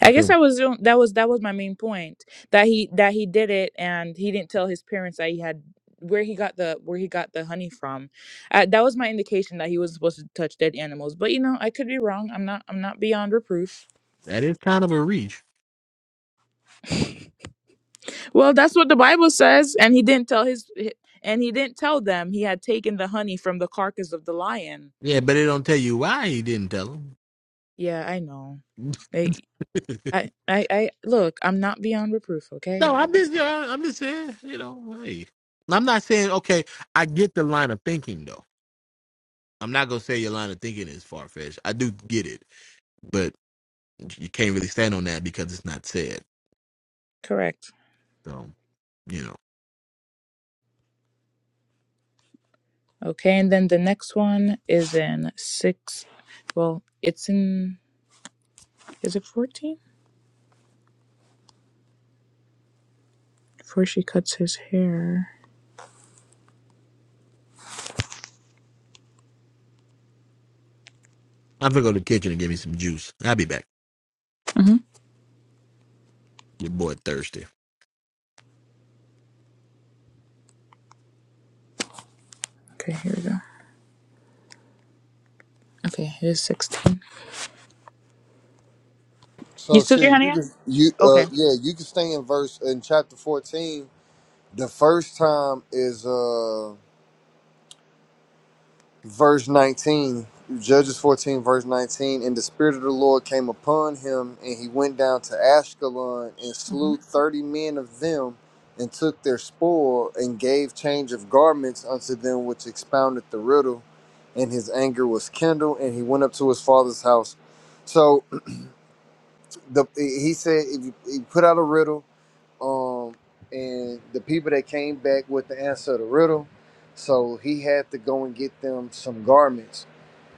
Speaker 1: I
Speaker 3: I guess
Speaker 1: mean,
Speaker 3: I was doing that was that was my main point that he that he did it and he didn't tell his parents that he had where he got the where he got the honey from. Uh, that was my indication that he was supposed to touch dead animals. But you know, I could be wrong. I'm not I'm not beyond reproof.
Speaker 1: that is kind of a reach.
Speaker 3: Well, that's what the Bible says and he didn't tell his hi- and he didn't tell them he had taken the honey from the carcass of the lion.
Speaker 1: Yeah, but it don't tell you why he didn't tell him.
Speaker 3: Yeah, I know. They I I I look, I'm not beyond reproof,
Speaker 1: no,
Speaker 3: okay?
Speaker 1: I'm just, yeah, I'm just saying, you know, hey, I'm not saying okay. I get the line of thinking though. I'm not gonna say your line of thinking is far fetched. I do get it, but you can't really stand on that because it's not said.
Speaker 3: Correct.
Speaker 1: So you know,
Speaker 3: Okay, and then the next one is in six. Well, it's in. Is it 14? Before she cuts his hair.
Speaker 1: I'm gonna go to the kitchen and get me some juice. I'll be back.
Speaker 3: hmm
Speaker 1: Your boy thirsty.
Speaker 3: Okay, here we go. Okay, here's 16. You
Speaker 17: So
Speaker 3: still there,
Speaker 17: sis, you
Speaker 3: honey?
Speaker 17: can you uh
Speaker 3: Okay.
Speaker 17: yeah, you can stay in verse in chapter 14. The first time is uh verse 19 judges 14 verse 19 and the spirit of the lord came upon him and he went down to ashkelon and
Speaker 3: hmm
Speaker 17: slew 30 men of them and took their spoil and gave change of garments unto them which expounded the riddle and his anger was kindled and he went up to his father's house so the he said if you, he put out a riddle um and the people that came back with the answer to the riddle so he had to go and get them some garments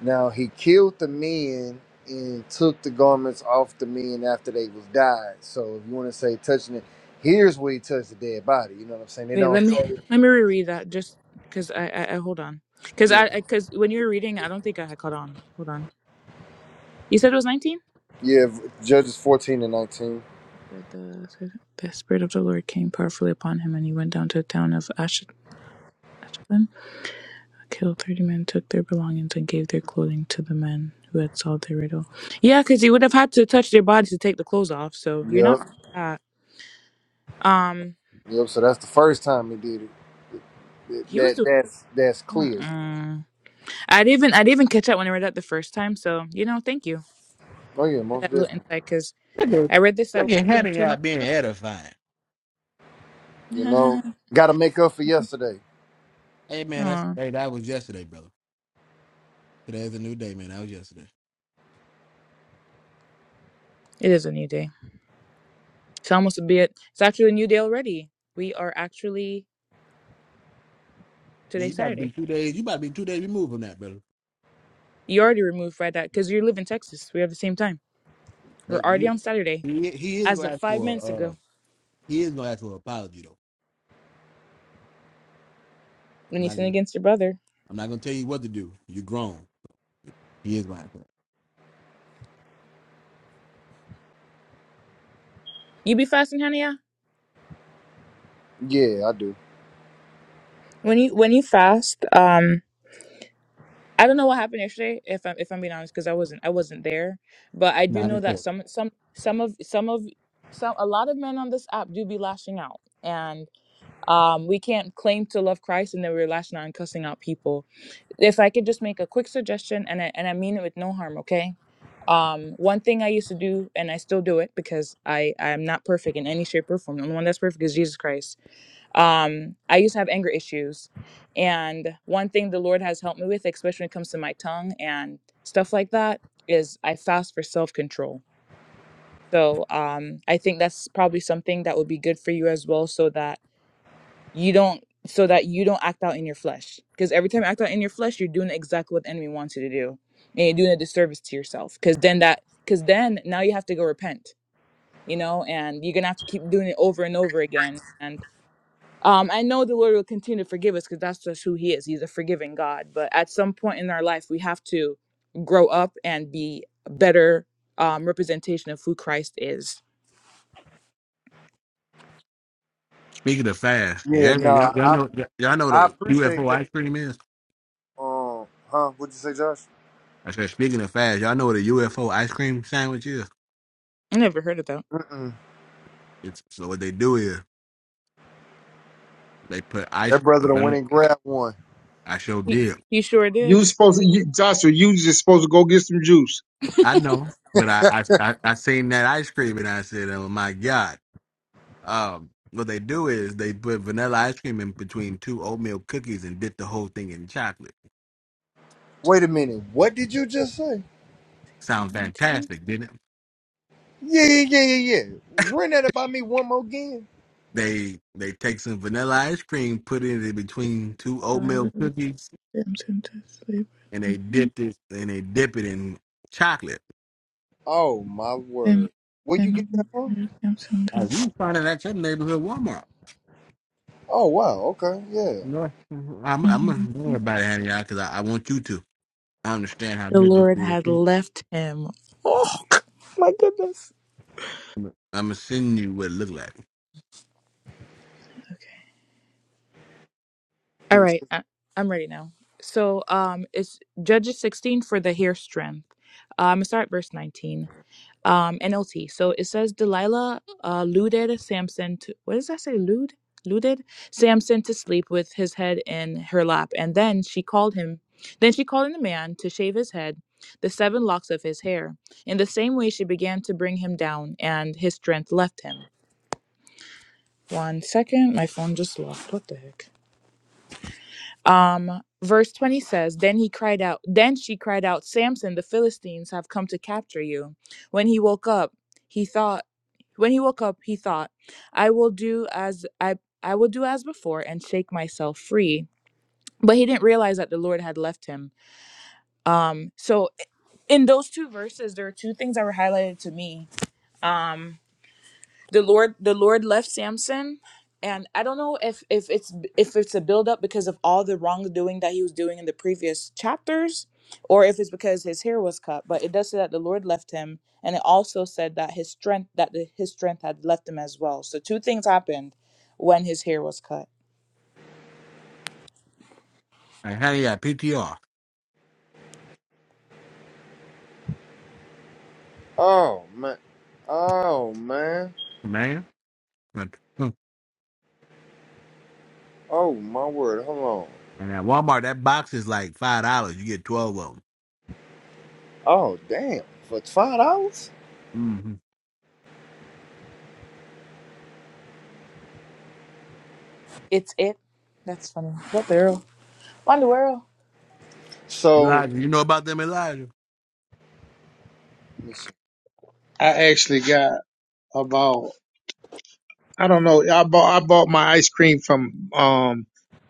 Speaker 17: now he killed the men and took the garments off the men after they was died. So if you want to say touching it, here's where he touched the dead body. You know what I'm saying? They
Speaker 3: Wait,
Speaker 17: don't
Speaker 3: let me
Speaker 17: say.
Speaker 3: let me reread that just because I, I I hold on because
Speaker 17: Yeah.
Speaker 3: I because when you were reading, I don't think I had caught on. Hold on. You said it was 19.
Speaker 17: Yeah. Judges 14 and 19.
Speaker 3: It said the the spirit of the Lord came powerfully upon him, and he went down to the town of Ash. killed 30 men, took their belongings, and gave their clothing to the men who had solved their riddle. Yeah, because he would have had to touch their bodies to take the clothes off. So you're not
Speaker 17: Yep.
Speaker 3: wrong with that. Um,
Speaker 17: Yep. So that's the first time he did it. Th-
Speaker 3: he was
Speaker 17: That
Speaker 3: doing.
Speaker 17: that's that's clear.
Speaker 3: Mm-mm. I would even I would even catch up when I read that the first time. So you know, thank you
Speaker 17: Oh yeah,
Speaker 3: for
Speaker 17: most
Speaker 3: that little
Speaker 17: definitely.
Speaker 3: insight because
Speaker 1: Look at,
Speaker 3: I read this I,
Speaker 1: look
Speaker 3: I
Speaker 1: at
Speaker 3: think
Speaker 1: Hannah
Speaker 3: two
Speaker 1: out
Speaker 3: months
Speaker 1: being
Speaker 3: ago.
Speaker 1: edifying.
Speaker 17: You know, got to make up for yesterday.
Speaker 1: Hey man, that's
Speaker 3: Oh,
Speaker 1: hey, that was yesterday, brother. Today's a new day, man. That was yesterday.
Speaker 3: it is a new day. It's almost a bit. It's actually a new day already. We are actually
Speaker 1: Yeah,
Speaker 3: today
Speaker 1: you about to be
Speaker 3: Saturday.
Speaker 1: two days. You about to be two days removed from that, brother.
Speaker 3: You already removed by that because you live in Texas. We have the same time. We're
Speaker 1: But
Speaker 3: already
Speaker 1: you,
Speaker 3: on Saturday
Speaker 1: he, he is
Speaker 3: as
Speaker 1: gonna
Speaker 3: of
Speaker 1: ask
Speaker 3: five
Speaker 1: for a,
Speaker 3: minutes
Speaker 1: uh,
Speaker 3: ago
Speaker 1: he is gonna ask for an apology though.
Speaker 3: when
Speaker 1: I'm
Speaker 3: you
Speaker 1: not
Speaker 3: sin
Speaker 1: gonna,
Speaker 3: against your brother.
Speaker 1: I'm not gonna tell you what to do. You're grown. He is gonna ask for it.
Speaker 3: You be fasting, honey? Yeah.
Speaker 17: Yeah, I do.
Speaker 3: When you when you fast, um, I don't know what happened yesterday. If I'm if I'm being honest, because I wasn't I wasn't there, but I do
Speaker 1: Not
Speaker 3: know that
Speaker 1: important.
Speaker 3: some some some of some of some a lot of men on this app do be lashing out, and um, we can't claim to love Christ and then we're lashing out and cussing out people. If I could just make a quick suggestion, and I and I mean it with no harm, okay? um one thing i used to do and i still do it because i i am not perfect in any shape or form the only one that's perfect is jesus christ Um, I used to have anger issues. And one thing the Lord has helped me with, especially when it comes to my tongue and stuff like that, is I fast for self control. So um, I think that's probably something that would be good for you as well, so that you don't so that you don't act out in your flesh. Because every time you act out in your flesh, you're doing exactly what the enemy wants you to do, and you're doing a disservice to yourself. Because then that because then now you have to go repent, you know, and you're gonna have to keep doing it over and over again. and. Um, I know the Lord will continue to forgive us because that's just who He is. He's a forgiving God. But at some point in our life, we have to grow up and be a better um, representation of who Christ is.
Speaker 1: Speaking of fast,
Speaker 17: Yeah.
Speaker 1: yeah,
Speaker 17: No,
Speaker 1: man, y'all, y'all
Speaker 17: I
Speaker 1: know y'all know what
Speaker 17: I
Speaker 1: a
Speaker 17: appreciate
Speaker 1: UFO
Speaker 17: that.
Speaker 1: ice cream is.
Speaker 17: Um, huh? What'd you say, Josh?
Speaker 1: I said, speaking of fast, y'all know what a UFO ice cream sandwich is.
Speaker 3: I never heard of that.
Speaker 17: Mm-mm.
Speaker 1: It's so what they do is they put ice.
Speaker 17: That brother done went and grabbed one.
Speaker 1: I sure
Speaker 3: He,
Speaker 1: did
Speaker 3: he sure
Speaker 14: You
Speaker 3: did.
Speaker 14: supposed to, you, Joshua, you just supposed to go get some juice.
Speaker 1: I know, but I, I I I seen that ice cream and I said, "Oh my god!" Um, what they do is they put vanilla ice cream in between two oatmeal cookies and dip the whole thing in chocolate.
Speaker 17: Wait a minute. What did you just say?
Speaker 1: Sounds
Speaker 3: 1619.
Speaker 1: fantastic, didn't it?
Speaker 17: Yeah, yeah, yeah, yeah, yeah. Run that about me one more game.
Speaker 1: They they take some vanilla ice cream, put it in between two
Speaker 3: So I would
Speaker 1: oatmeal
Speaker 3: with
Speaker 1: cookies,
Speaker 3: them soon to sleep.
Speaker 1: and they
Speaker 3: Mhm.
Speaker 1: dipped it and they dip it in chocolate.
Speaker 17: Oh my
Speaker 3: Them-
Speaker 17: word. Where you get
Speaker 3: them-
Speaker 17: that from?
Speaker 3: mm-hmm. them soon
Speaker 1: Oh,
Speaker 3: to-
Speaker 1: we find it at your neighborhood Walmart.
Speaker 17: Oh wow. Okay. Yeah.
Speaker 1: You know, I'm I'm gonna worry about it, honey, because I, I want you to. I understand how
Speaker 3: The
Speaker 1: good this
Speaker 3: Lord had
Speaker 1: is.
Speaker 3: left him. Oh, my goodness.
Speaker 1: I'ma send you what it look like.
Speaker 3: All
Speaker 17: Hmm.
Speaker 3: right, I- I'm ready now. So, um, it's Judges 16 for the hair strength. Um, I'm gonna start at verse 19. Um, NLT. So it says Delilah uh, luded Samson. To, what does that say? Lude, luded Samson to sleep with his head in her lap, and then she called him. Then she called in a man to shave his head, the seven locks of his hair. In the same way, she began to bring him down, and his strength left him. One second, my phone just locked. What the heck? Um, verse 20 says, Then he cried out, then she cried out, Samson, the Philistines have come to capture you. When he woke up, he thought, when he woke up, he thought, I will do as I I will do as before and shake myself free. But he didn't realize that the Lord had left him. Um, so in those two verses, there are two things that were highlighted to me. Um, the Lord the Lord left Samson and I don't know if if it's if it's a buildup because of all the wrongdoing that he was doing in the previous chapters or if it's because his hair was cut but it does say that the Lord left him and it also said that his strength that the, his strength had left him as well so two things happened when his hair was cut
Speaker 1: Like, honey, I PTR,
Speaker 17: Oh man. Oh man.
Speaker 1: man. But, hmm.
Speaker 17: Oh my word. Hold on.
Speaker 1: And at Walmart, that box is like five dollars. You get twelve of them.
Speaker 17: Oh damn. For five dollars?
Speaker 1: Mm-hmm.
Speaker 3: it's it that's funny what the world what in the world
Speaker 17: So
Speaker 1: Elijah, you know about them, Elijah?
Speaker 17: let me see.
Speaker 14: I actually got about, I don't know, I bought, I bought my ice cream from, um,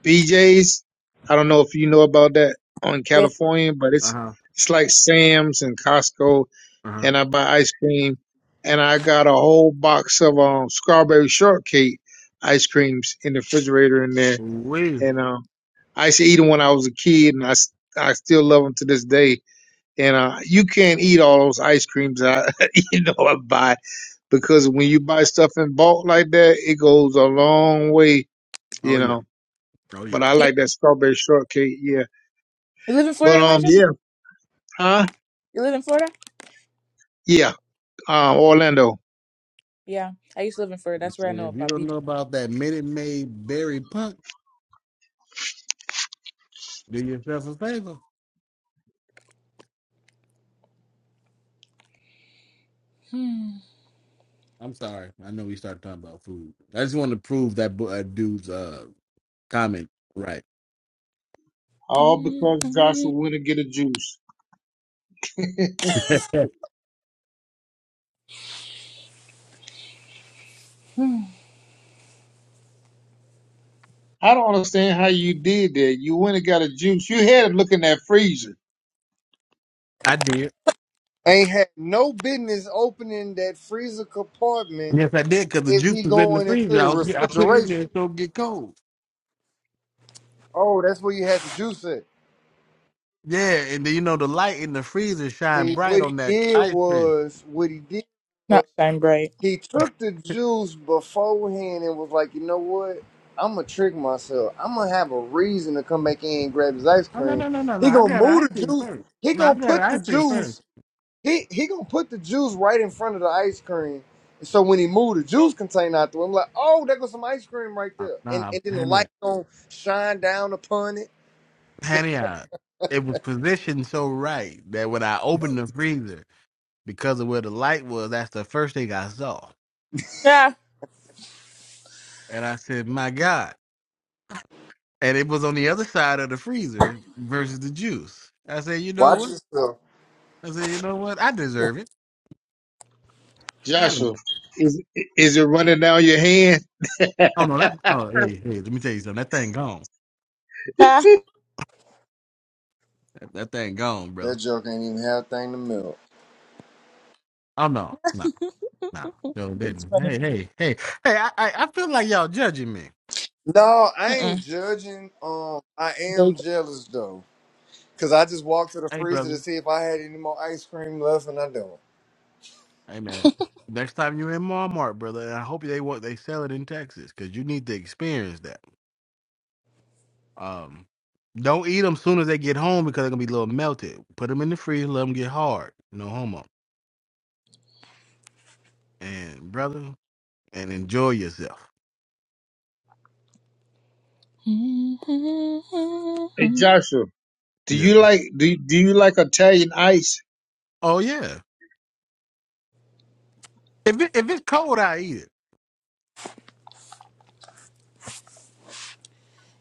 Speaker 14: BJ's. I don't know if you know about that on
Speaker 3: yes
Speaker 14: California, but
Speaker 1: Uh
Speaker 14: it's,
Speaker 1: huh.
Speaker 14: it's like Sam's and Costco
Speaker 1: Uh huh.
Speaker 14: and I buy ice cream and I got a whole box of, um, strawberry shortcake ice creams in the refrigerator in there.
Speaker 1: We.
Speaker 14: And, um, I used to eat them when I was a kid and I, s- I still love them to this day and uh, you can't eat all those ice creams I, you know, I buy because when you buy stuff in bulk like that, it goes a long way,
Speaker 1: Oh
Speaker 14: you
Speaker 1: yeah.
Speaker 14: know.
Speaker 1: Oh yeah.
Speaker 14: But I
Speaker 3: you,
Speaker 14: like that strawberry shortcake, yeah.
Speaker 3: you live in
Speaker 14: But
Speaker 3: Florida
Speaker 14: um,
Speaker 3: Elijah
Speaker 14: yeah, huh?
Speaker 3: you live in Florida
Speaker 14: Yeah, um, Orlando.
Speaker 3: yeah I used to live in Florida that's where I know
Speaker 1: And if you
Speaker 3: about
Speaker 1: don't
Speaker 3: BJ
Speaker 1: know about that Minute Maid Berry Punk, do yourself a favor. I'm sorry. I know we started talking about food. I just want to prove that bu- uh, dude's uh, comment right.
Speaker 14: All because Joshua went and get a juice. I don't understand how you did that. You went and got a juice. You had it looking at freezer.
Speaker 1: I did.
Speaker 17: ain't had no business opening that freezer compartment
Speaker 1: Yes, I did because the
Speaker 17: if
Speaker 1: juice
Speaker 17: he
Speaker 1: was in the
Speaker 17: going
Speaker 1: freezer.
Speaker 17: into the
Speaker 1: I, was, I put it in
Speaker 17: refrigeration.
Speaker 1: there so it get cold.
Speaker 17: Oh, that's where you had the juice at.
Speaker 1: Yeah, and then you know the light in the freezer shine
Speaker 17: See
Speaker 1: bright
Speaker 17: what he
Speaker 1: on that
Speaker 17: did
Speaker 1: ice cream.
Speaker 17: was what he did.
Speaker 3: Not shine bright.
Speaker 17: he took the juice beforehand and was like, you know what? I'm gonna trick myself. I'm gonna have a reason to come back in and grab his ice
Speaker 1: No, no,
Speaker 17: cream.
Speaker 1: no, no, no, no.
Speaker 17: He
Speaker 1: I
Speaker 17: gonna
Speaker 1: got ice
Speaker 17: move the
Speaker 1: cream
Speaker 17: juice.
Speaker 1: first.
Speaker 17: He
Speaker 1: No, I
Speaker 17: gonna
Speaker 1: got
Speaker 17: put
Speaker 1: ice
Speaker 17: the
Speaker 1: cream first.
Speaker 17: juice. He he gonna put the juice right in front of the ice cream. And so when he moved the juice container out there, I'm like, oh, there goes some ice cream right
Speaker 1: Uh,
Speaker 17: there. And
Speaker 1: Nah,
Speaker 17: and then the
Speaker 1: honey,
Speaker 17: light gonna shine down upon it.
Speaker 1: honey, uh, it was positioned so right that when I opened the freezer, because of where the light was, that's the first thing I saw.
Speaker 3: Yeah.
Speaker 1: And I said, "My God!" And it was on the other side of the freezer versus the juice. I said, "You know
Speaker 17: Watch
Speaker 1: what?"
Speaker 17: yourself.
Speaker 1: I said, "You know what? I deserve it." I do
Speaker 14: Joshua, is it running down your hand?
Speaker 1: oh no, that. Oh, hey, hey, let me tell you something. That thing gone.
Speaker 3: Ah,
Speaker 1: That, that thing gone, brother.
Speaker 17: That joke ain't even have a thing to melt.
Speaker 1: Oh no, no, no. No, it
Speaker 3: that's
Speaker 1: didn't.
Speaker 3: funny.
Speaker 1: Hey, hey, hey, hey! I, I, I feel like y'all judging me.
Speaker 17: No, I ain't
Speaker 3: Mm-mm.
Speaker 17: judging. Um, I
Speaker 3: There you
Speaker 17: am
Speaker 3: go.
Speaker 17: jealous though. Cause I just walked to the
Speaker 1: Hey,
Speaker 17: freezer to
Speaker 1: brother.
Speaker 17: see if I had any more ice cream left, and I don't.
Speaker 1: Hey, man. Next time you in Walmart, brother, and I hope they want they sell it in Texas because you need to experience that. Um, don't eat them soon as they get home because they're gonna be a little melted. Put them in the freezer, let them get hard. No homo. And brother, and enjoy yourself.
Speaker 14: Hey, Joshua, do
Speaker 1: Yes.
Speaker 14: you
Speaker 1: sir.
Speaker 14: like do do you like Italian ice?
Speaker 1: Oh yeah. If it, if it's cold, I eat it.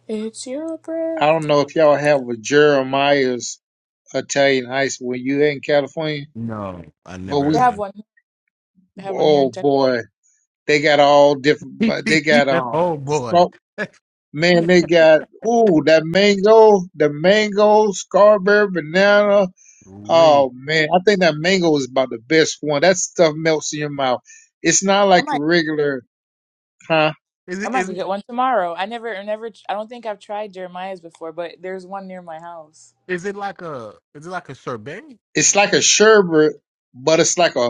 Speaker 3: It's your
Speaker 14: I
Speaker 3: breath.
Speaker 14: don't know if y'all have a Jeremiah's Italian ice when you in California,
Speaker 1: No, I
Speaker 14: but
Speaker 1: never
Speaker 3: They
Speaker 14: we,
Speaker 3: have
Speaker 1: heard
Speaker 3: one. They have one here in
Speaker 14: oh
Speaker 3: Texas.
Speaker 14: boy, they got all different,
Speaker 1: of
Speaker 14: but they got,
Speaker 1: that.
Speaker 14: um,
Speaker 1: oh boy.
Speaker 14: scar- man, they got, ooh, that mango, the mango, strawberry, banana.
Speaker 1: Wait.
Speaker 14: Oh man, I think that mango is about the best one. That stuff melts in your mouth. It's not
Speaker 3: I
Speaker 14: like a
Speaker 3: might.
Speaker 14: regular, huh?
Speaker 1: Is
Speaker 3: I
Speaker 1: it?
Speaker 3: might
Speaker 1: Is
Speaker 3: go
Speaker 1: it?
Speaker 3: get one tomorrow. I never, I never. I don't think I've tried Jeremiah's before, but there's one near my house.
Speaker 1: Is it like a is it like a sorbet?
Speaker 14: It's like a sherbet, but it's like a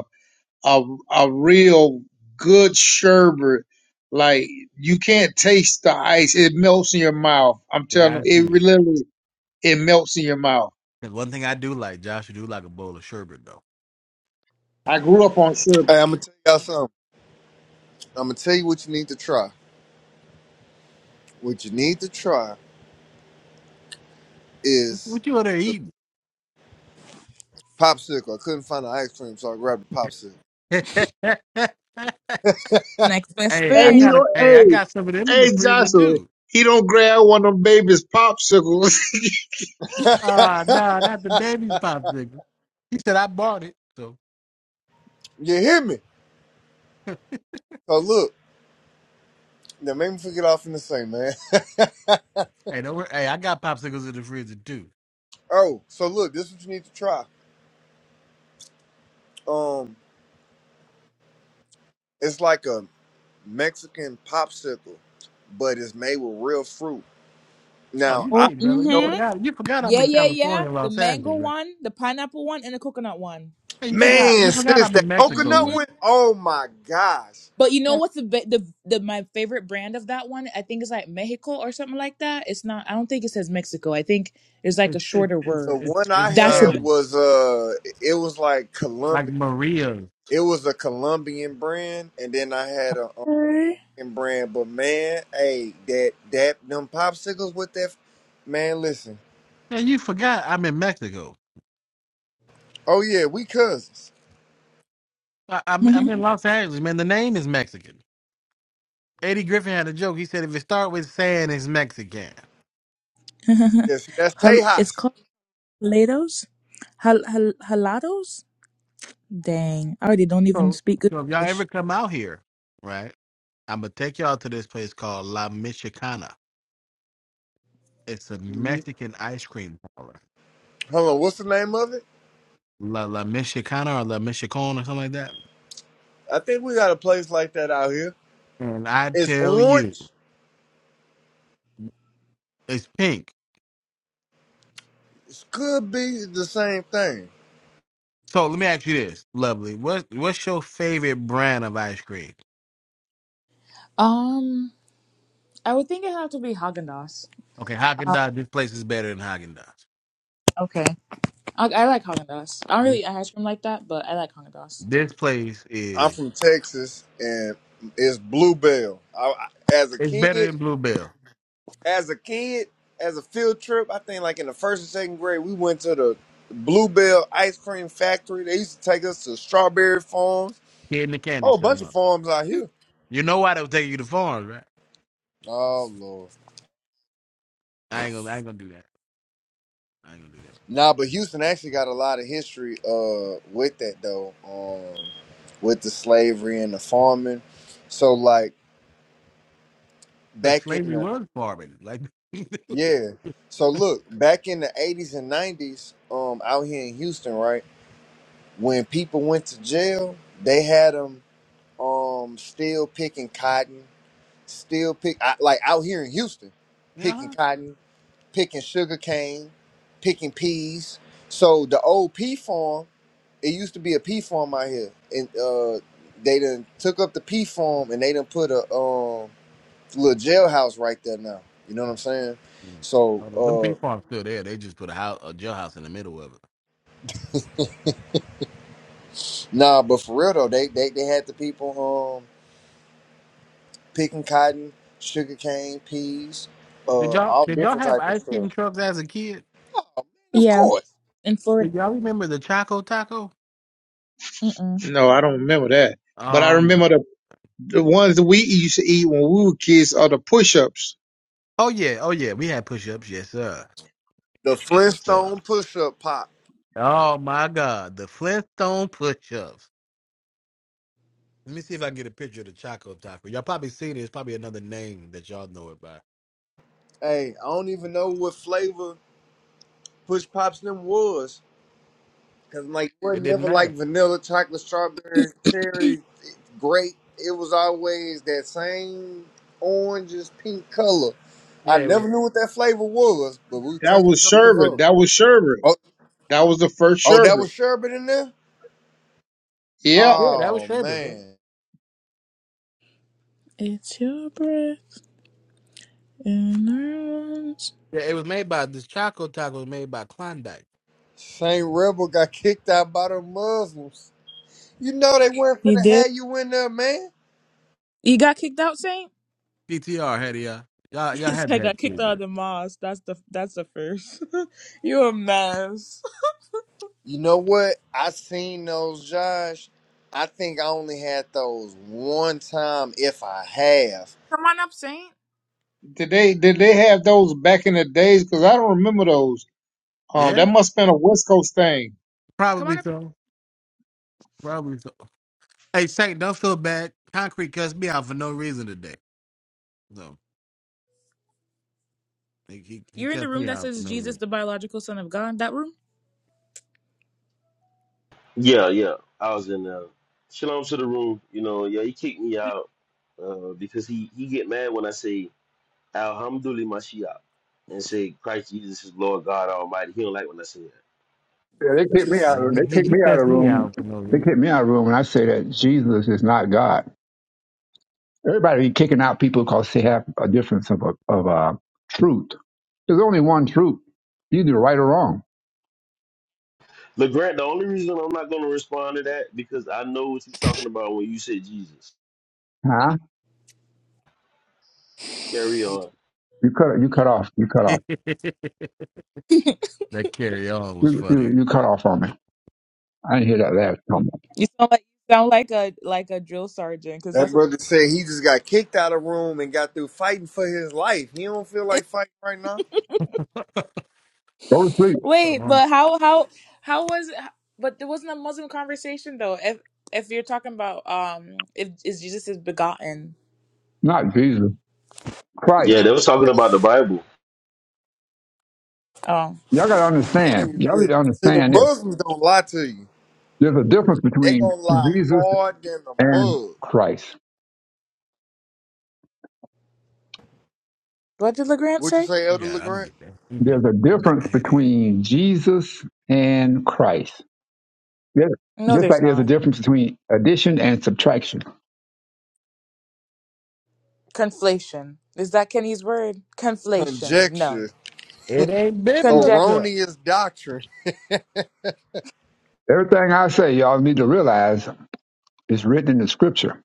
Speaker 14: a a real good sherbet. Like you can't taste the ice; it melts in your mouth. I'm telling you,
Speaker 1: Got
Speaker 14: it
Speaker 1: you.
Speaker 14: really- literally it melts in your mouth.
Speaker 1: 'Cause one thing I do like, Josh, you do like a bowl of sherbet though.
Speaker 14: I grew up on sherbet.
Speaker 17: Hey, I'm gonna tell y'all something. I'm gonna tell you what you need to try. What you need to try is
Speaker 1: What you over there
Speaker 17: the
Speaker 1: eating?
Speaker 17: popsicle. I couldn't find the ice cream, so I grabbed the popsicle.
Speaker 1: hey,
Speaker 3: Next best
Speaker 14: Hey,
Speaker 1: I
Speaker 3: thing.
Speaker 14: he
Speaker 1: got a
Speaker 14: don't.
Speaker 1: hey, I
Speaker 14: Hey,
Speaker 1: got some of them in the
Speaker 14: hey,
Speaker 1: freezer
Speaker 14: Joshua,
Speaker 1: too.
Speaker 14: he don't grab one of them babies' popsicles.
Speaker 1: Ah, no, nah, not the baby's popsicles. He said I bought it. So
Speaker 17: you hear me? So look, now make me forget off in the same man.
Speaker 1: hey, don't worry. Hey, I got popsicles in the freezer too.
Speaker 17: oh, so look, this is what you need to try. Um, it's like a Mexican popsicle, but it's made with real fruit.
Speaker 1: Oh,
Speaker 17: Now
Speaker 1: you
Speaker 17: I
Speaker 3: Oh,
Speaker 1: late, brother. You
Speaker 17: know.
Speaker 3: mm-hmm.
Speaker 1: forgot you forgot I'm
Speaker 3: Yeah,
Speaker 1: in
Speaker 3: yeah, yeah.
Speaker 1: California,
Speaker 3: The
Speaker 1: Los
Speaker 3: mango
Speaker 1: Angeles, right?
Speaker 3: one, the pineapple one, and the coconut one.
Speaker 1: Hey, you forgot
Speaker 17: Man,
Speaker 1: you forgot
Speaker 17: sis,
Speaker 1: I'm
Speaker 17: that
Speaker 1: in Mexico,
Speaker 17: coconut
Speaker 3: hmm
Speaker 1: right?
Speaker 17: one, oh my gosh.
Speaker 3: But you know
Speaker 1: Yeah,
Speaker 3: what's the, ba- the the my favorite brand of that one? I think it's like Mexico or something like that. It's not. I don't think it says Mexico. I think it's like a
Speaker 1: It's it's
Speaker 3: shorter
Speaker 1: it's
Speaker 17: The
Speaker 3: word.
Speaker 1: it's
Speaker 17: one I
Speaker 1: it's
Speaker 3: That's the
Speaker 17: had
Speaker 3: best.
Speaker 1: um
Speaker 17: was uh it was like
Speaker 1: like
Speaker 17: Colombian.
Speaker 1: Maria's
Speaker 17: It was a Colombian brand, and then I had a American brand. But man, hey, that that them popsicles with that man, listen.
Speaker 1: And you forgot I'm in Mexico.
Speaker 17: Oh yeah, we cousins.
Speaker 1: I, I'm, I'm in Los Angeles, man. The name is Mexican. Eddie Griffin had a joke. He said if it start with saying it's Mexican.
Speaker 17: Yes, that's
Speaker 3: Jal- it's
Speaker 17: Tejas.
Speaker 3: called jalados. Hal- hal- jalados. Dang, I already don't even
Speaker 1: So,
Speaker 3: speak good
Speaker 1: so if y'all
Speaker 3: English.
Speaker 1: ever come out here, right, I'm going to take y'all to this place called La Michicana. It's a
Speaker 17: Mhm.
Speaker 1: Mexican ice cream parlor.
Speaker 17: Hold on, what's the name of it?
Speaker 1: La La Michicana or La Michicon or something like that.
Speaker 17: I think we got a place like that out here.
Speaker 1: And I
Speaker 17: It's
Speaker 1: tell you,
Speaker 17: orange.
Speaker 1: it's pink.
Speaker 17: It could be the same thing.
Speaker 1: So let me ask you this, lovely. What, what's your favorite brand of ice cream?
Speaker 3: Um, I would think it have to be Haagen Dazs.
Speaker 1: Okay,
Speaker 3: Uh,
Speaker 1: Haagen-Dazs, this place is better than Haagen-Dazs.
Speaker 3: okay, I, I like Haagen Dazs. I don't really eat ice cream like that, but I like Haagen Dazs.
Speaker 1: This place
Speaker 17: I'm
Speaker 1: is
Speaker 17: from Texas, and it's Bluebell. I, I, as a
Speaker 1: it's better
Speaker 17: kid,
Speaker 1: than Bluebell.
Speaker 17: as a kid, as a field trip, I think like in the first and second grade, we went to the Bluebell ice cream factory. They used to take us to strawberry farms,
Speaker 1: Kid in the candy
Speaker 17: whole
Speaker 1: store.
Speaker 17: bunch of
Speaker 1: Huh?
Speaker 17: farms out here.
Speaker 1: You know why they was taking you to farms, right?
Speaker 17: Oh lord,
Speaker 1: I ain't gonna I ain't gonna do that. I ain't gonna do that.
Speaker 17: nah, but Houston actually got a lot of history uh with that though, um, with the slavery and the farming. So like
Speaker 1: Look,
Speaker 17: back in
Speaker 1: slavery
Speaker 17: the
Speaker 1: was farming. Like
Speaker 17: Yeah. So look, back in the eighties and nineties, um, out here in Houston, right, when people went to jail, they had them um still picking cotton, still pick I, like out here in Houston, picking
Speaker 1: yeah.
Speaker 17: cotton, picking sugar cane, picking peas. So the old pea farm, it used to be a pea farm out here, and uh, they done took up the pea farm and they done put a um little jailhouse right there now. You know what I'm saying?
Speaker 1: Mm.
Speaker 17: So
Speaker 1: Oh, the- them
Speaker 17: uh,
Speaker 1: pink farms still there. They just put a house a jailhouse in the middle of it.
Speaker 17: Nah, but for real though, they they, they had the people um picking cotton, sugar cane, peas,
Speaker 1: Did
Speaker 17: uh,
Speaker 1: y'all
Speaker 17: all
Speaker 1: did y'all
Speaker 17: different
Speaker 1: have
Speaker 17: type of
Speaker 1: ice cream
Speaker 17: stuff.
Speaker 1: trucks as a kid?
Speaker 17: Of
Speaker 3: Yeah,
Speaker 17: course,
Speaker 3: in Florida.
Speaker 1: Did y'all remember the Choco Taco?
Speaker 14: no, I don't remember that. But I
Speaker 1: Oh my
Speaker 14: remember the the ones that we used to eat when we were kids are the push-ups.
Speaker 1: Oh yeah, oh yeah. We had push ups, yes sir.
Speaker 17: the
Speaker 1: Yes sir.
Speaker 17: Flintstone push up pop.
Speaker 1: Oh my god, the Flintstone push ups. Let me see if I can get a picture of the Choco Taco. Y'all probably seen it. It's probably another name that y'all know it by.
Speaker 17: Hey, I don't even know what flavor push pops them was, cause like it was
Speaker 1: It didn't
Speaker 17: never like
Speaker 1: matter.
Speaker 17: vanilla, chocolate, strawberry, cherry, grape. It was always that same oranges, pink color. I
Speaker 1: Yeah, it was.
Speaker 17: never knew what that flavor was, but we
Speaker 14: That
Speaker 17: teamed
Speaker 14: was
Speaker 17: Joseph
Speaker 14: sherbet.
Speaker 17: up.
Speaker 14: That was sherbet.
Speaker 17: Oh,
Speaker 14: That was the first
Speaker 17: oh, that was
Speaker 14: sherbet.
Speaker 17: sherbet in there.
Speaker 14: Yeah.
Speaker 1: Yeah, that was
Speaker 17: Oh
Speaker 1: Sherbert, man.
Speaker 17: man,
Speaker 3: It's your breath in our lungs.
Speaker 1: Yeah, it was made by this Choco Taco was made by Klondike.
Speaker 17: Saint Rebel got kicked out by the Muslims. You know they weren't
Speaker 3: You
Speaker 17: finna
Speaker 3: did?
Speaker 17: have you in there, man.
Speaker 3: You got kicked out, Saint?
Speaker 1: PTR had it, y'all. Y'all, y'all
Speaker 3: It's
Speaker 1: had to
Speaker 3: like I
Speaker 1: have
Speaker 3: got kicked
Speaker 1: seen
Speaker 3: out of
Speaker 1: this.
Speaker 3: the mosque. That's the that's the first. you a mess.
Speaker 17: You know what? I seen those, Josh. I think I only had those one time, if I have.
Speaker 3: Come on up, Saint.
Speaker 14: Did they did they have those back in the days? Because I don't remember those. Um, that
Speaker 1: Yeah,
Speaker 14: must have been a West Coast thing.
Speaker 3: Come on
Speaker 1: probably
Speaker 3: up.
Speaker 1: so. Probably so. Hey, Saint, don't feel bad. Concrete cussed me out for no reason today. So he he, he
Speaker 3: You're in the
Speaker 1: cussed
Speaker 3: room
Speaker 1: me
Speaker 3: that
Speaker 1: out for
Speaker 3: says
Speaker 1: no
Speaker 3: Jesus,
Speaker 1: reason.
Speaker 3: the biological son of God. That room.
Speaker 19: Yeah, yeah. I was in uh Shalom to the room, you know, yeah, he kicked me out uh because he he get mad when I say Alhamdulillah Mashiach and say Christ Jesus is Lord God Almighty. He don't like when I say that.
Speaker 20: Yeah, they kicked me
Speaker 1: Well,
Speaker 20: out. Of, they
Speaker 1: He, he
Speaker 20: kicked
Speaker 1: he
Speaker 20: me out of the
Speaker 1: cussed me
Speaker 20: room.
Speaker 1: out for no
Speaker 20: They
Speaker 1: reason.
Speaker 20: kicked me out of the room when I say that Jesus is not God. Everybody be kicking out people because they have a difference of of uh, truth. There's only one truth, either right or wrong.
Speaker 19: LeGrant, the only reason I'm not gonna respond to that because I know what you're talking about when you say Jesus.
Speaker 20: Huh?
Speaker 19: Carry on.
Speaker 20: You cut you cut off. You cut off.
Speaker 1: that carry on was
Speaker 20: You you,
Speaker 1: funny.
Speaker 20: you cut off on me. I didn't hear that last comment.
Speaker 3: You sound like you sound like a like a drill sergeant, because that's
Speaker 17: That
Speaker 3: a.
Speaker 17: brother said he just got kicked out of room and got through fighting for his life. He don't feel like fighting right now.
Speaker 20: Go to sleep.
Speaker 3: Wait, but how how how was? But there wasn't a Muslim conversation though. If if you're talking about um, if is Jesus is begotten?
Speaker 20: Not Jesus.
Speaker 19: Yeah,
Speaker 20: Christ.
Speaker 19: they was talking about the Bible.
Speaker 3: Oh,
Speaker 20: Y'all gotta
Speaker 17: See, the
Speaker 20: understand.
Speaker 17: thing is
Speaker 20: Y'all need
Speaker 17: this.
Speaker 20: to
Speaker 17: See, the
Speaker 20: understand this.
Speaker 17: Muslims don't lie to you.
Speaker 20: There's a difference
Speaker 17: They
Speaker 20: between
Speaker 17: gonna lie
Speaker 20: Jesus
Speaker 17: hard than the
Speaker 20: and
Speaker 17: mud.
Speaker 20: Christ.
Speaker 3: what did Legrand
Speaker 17: What you
Speaker 3: say?
Speaker 17: say,
Speaker 1: I
Speaker 17: Elder
Speaker 1: got. I'm
Speaker 17: LeGrand?
Speaker 1: getting. I'm
Speaker 20: There's
Speaker 1: getting.
Speaker 20: a
Speaker 1: I'm getting a
Speaker 20: difference
Speaker 1: headache.
Speaker 20: between Jesus and Christ. There-
Speaker 3: No,
Speaker 20: Just
Speaker 3: there's
Speaker 20: like there's a
Speaker 3: not.
Speaker 20: difference between addition and subtraction.
Speaker 3: Conflation. Is that Kenny's word? Conflation.
Speaker 17: Conjecture.
Speaker 3: No.
Speaker 1: It ain't
Speaker 3: Conjecture.
Speaker 1: biblical.
Speaker 17: erroneous doctrine.
Speaker 20: Everything I say, y'all need to realize is written in the scripture.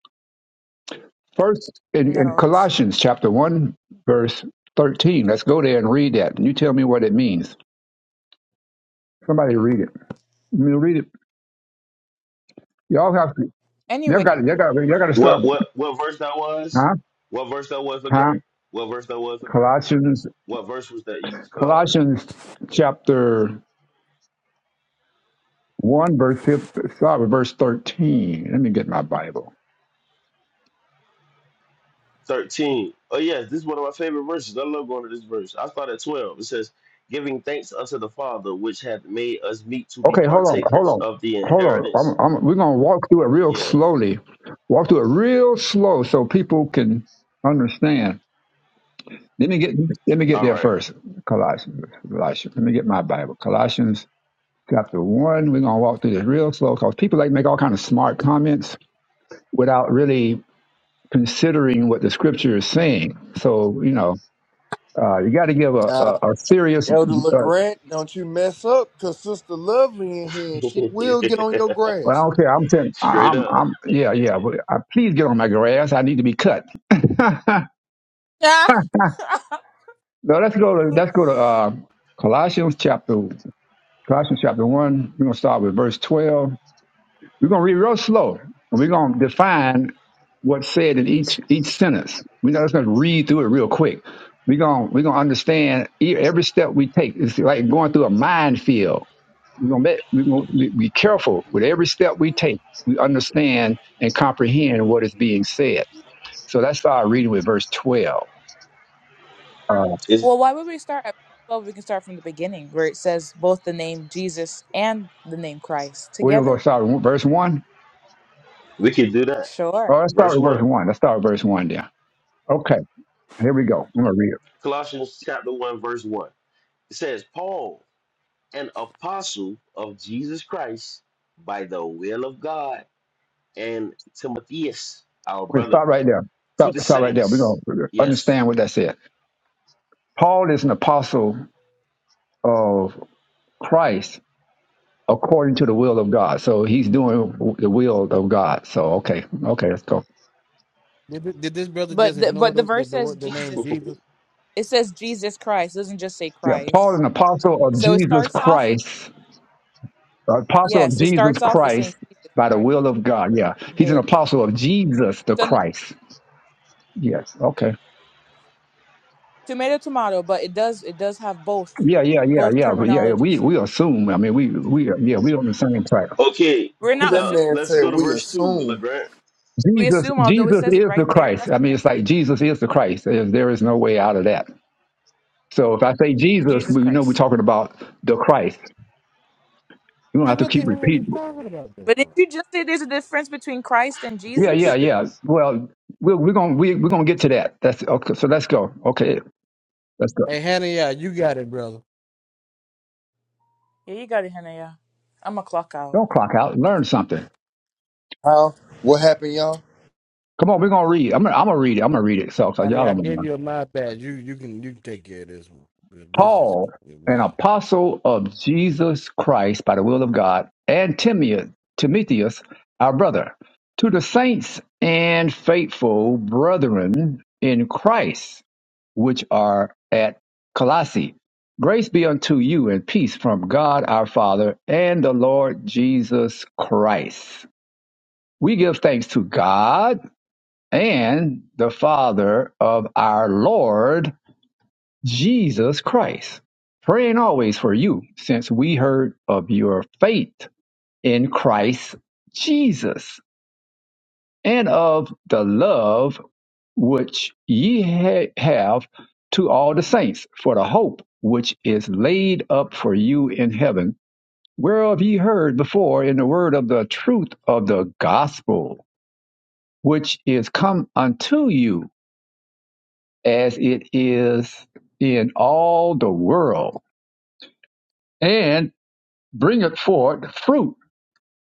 Speaker 20: First, in, in
Speaker 3: No, it's.
Speaker 20: Colossians chapter 1, verse 13, let's go there and read that. And you tell me what it means. Somebody read it. You mean, read it. Y'all have to, y'all
Speaker 3: Anyway.
Speaker 20: got to, y'all got to, y'all got to stop.
Speaker 19: What what what verse that was?
Speaker 20: Huh?
Speaker 19: What verse that was
Speaker 20: Huh?
Speaker 19: LeGrant? What verse that was LeGrant?
Speaker 20: Colossians,
Speaker 19: What verse was that you just called?
Speaker 20: Colossians chapter 1 verse 15, start with verse 13. Let me get my Bible.
Speaker 19: 13. Oh, yes, this is one of my favorite verses. I love going to this verse. I start at 12. It says, Giving thanks unto the Father, which hath made us meet to be
Speaker 20: Okay, hold on, hold
Speaker 19: partakers
Speaker 20: on,
Speaker 19: of the
Speaker 20: hold
Speaker 19: inheritance.
Speaker 20: on. I'm, I'm, we're going to walk through it real
Speaker 19: Yeah,
Speaker 20: slowly. Walk through it real slow so people can understand. Let me get let me get
Speaker 19: all
Speaker 20: there
Speaker 19: right.
Speaker 20: first. Colossians, Colossians. Let me get my Bible. Colossians chapter one. We're gonna walk through this real slow because people like make all kind of smart comments without really considering what the scripture is saying. So you know, uh, you got to give a, a,
Speaker 17: Nah,
Speaker 20: a serious
Speaker 17: Elder
Speaker 20: uh,
Speaker 17: LeGrant, don't you mess up, cause Sister Lovely in here, and she will get on your
Speaker 20: Well, I
Speaker 17: grass.
Speaker 20: don't care. I'm saying I-
Speaker 19: Straight
Speaker 20: I'm
Speaker 19: up.
Speaker 20: I'm yeah yeah. But I, please get on my grass. I need to be cut. no, let's go to
Speaker 3: well,
Speaker 20: let's go to uh, Colossians chapter Colossians chapter one. We're gonna start with verse twelve. We're gonna read real slow, and we're gonna define what's said in each each sentence. We're not just gonna read through it real quick. We're gonna we're gonna understand e- every step we take. It's like going through a minefield. We're gonna be, we're gonna be careful with every step we take. We understand and comprehend what is being said. So let's start reading with verse twelve. Uh,
Speaker 19: It's,
Speaker 3: why would we start at. twelve? we can start from the beginning where it says both the name Jesus and the name Christ
Speaker 20: we're
Speaker 3: together.
Speaker 20: gonna start with verse one.
Speaker 19: we can do that.
Speaker 3: Sure.
Speaker 20: Oh, let's start
Speaker 19: Verse
Speaker 20: with verse
Speaker 19: 1.
Speaker 20: one. Let's start with verse one then. Okay, here we go. I'm gonna read.
Speaker 19: Colossians chapter 1, verse 1. It says, Paul, an apostle of Jesus Christ, by the will of God, and Timotheus, our
Speaker 20: Okay,
Speaker 19: brother,
Speaker 20: stop right there.
Speaker 19: to
Speaker 20: Stop,
Speaker 19: the
Speaker 20: stop right there. We're going
Speaker 19: saints.
Speaker 20: to
Speaker 19: Yes.
Speaker 20: understand what that said. Paul is an apostle of Christ according to the will of God. So he's doing the will of God. So, okay. Okay, let's go.
Speaker 1: Did, thi- did this brother just
Speaker 3: But the,
Speaker 1: ignore
Speaker 3: but the
Speaker 1: the the,
Speaker 3: verse
Speaker 1: the,
Speaker 3: says
Speaker 1: word- the name
Speaker 3: Jesus.
Speaker 1: Jesus?
Speaker 3: It says Jesus Christ. It doesn't just say
Speaker 20: Yeah, Paul,
Speaker 3: Christ.
Speaker 20: an apostle of
Speaker 3: So it
Speaker 20: Jesus
Speaker 3: starts off with.
Speaker 20: Christ, apostle of
Speaker 3: Yes, it
Speaker 20: Jesus
Speaker 3: starts off with saying
Speaker 20: Christ
Speaker 3: Jesus
Speaker 20: by the
Speaker 3: Christ.
Speaker 20: will of God. Yeah, he's an
Speaker 3: There we go.
Speaker 20: apostle of Jesus the
Speaker 3: So
Speaker 20: Christ. Yes. Okay.
Speaker 3: tomato tomato but it does it does have both
Speaker 20: Yeah. Yeah. Yeah.
Speaker 3: both
Speaker 20: Yeah. Yeah. yeah. We
Speaker 3: terminologies
Speaker 20: we
Speaker 3: there
Speaker 20: assume. I mean, we we yeah. We on the same track.
Speaker 19: Okay,
Speaker 3: we're not
Speaker 17: that
Speaker 19: now
Speaker 3: assuming
Speaker 17: man
Speaker 19: let's
Speaker 17: said
Speaker 19: go to
Speaker 17: we
Speaker 3: here.
Speaker 19: verse 2,
Speaker 17: assume.
Speaker 19: LeGrant.
Speaker 3: we
Speaker 20: Jesus,
Speaker 3: assume although it
Speaker 20: Jesus
Speaker 3: says it
Speaker 20: is the
Speaker 3: right there
Speaker 20: Christ.
Speaker 3: that's
Speaker 20: I
Speaker 3: kind
Speaker 20: mean,
Speaker 3: of
Speaker 20: it's
Speaker 3: crazy
Speaker 20: like Jesus is the Christ. There there is no way out of that. So if I say Jesus,
Speaker 3: jesus
Speaker 20: we know we're
Speaker 3: christ
Speaker 20: talking about the Christ. You don't
Speaker 1: Then
Speaker 20: have to
Speaker 1: what the
Speaker 20: keep
Speaker 1: hell are we
Speaker 20: repeating.
Speaker 1: talking about this
Speaker 3: but did
Speaker 1: for?
Speaker 3: you just say there's a difference between christ and
Speaker 20: Yeah, yeah,
Speaker 3: jesus
Speaker 20: yeah. Well, we're, we're gonna we, we're gonna get to that. That's okay. So let's go. Okay, let's go.
Speaker 1: Hey, Hannah, yeah, you got it, brother.
Speaker 3: yeah you got it hannah yeah i'm a clock out
Speaker 20: Don't clock out. Learn something.
Speaker 17: How? What happened, y'all?
Speaker 20: Come on, we're gonna read. I'm gonna, I'm gonna read it. I'm gonna read it. So, so
Speaker 1: Honey,
Speaker 20: y'all
Speaker 1: I
Speaker 20: don't mind.
Speaker 1: gave you a mouth pass. You you can you can take care of this one. 'Cause This is
Speaker 20: Paul, an
Speaker 1: wow.
Speaker 20: apostle of Jesus Christ by the will of God, and Timothy, Timotheus, our brother, to the saints and faithful brethren in Christ, which are at Colossae. Grace be unto you and peace from God our Father and the Lord Jesus Christ. We give thanks to God and the Father of our Lord Jesus Christ, praying always for you, since we heard of your faith in Christ Jesus and of the love which ye ha- have to all the saints for the hope which is laid up for you in heaven, whereof ye heard before in the word of the truth of the gospel, which is come unto you as it is in all the world and bringeth forth fruit,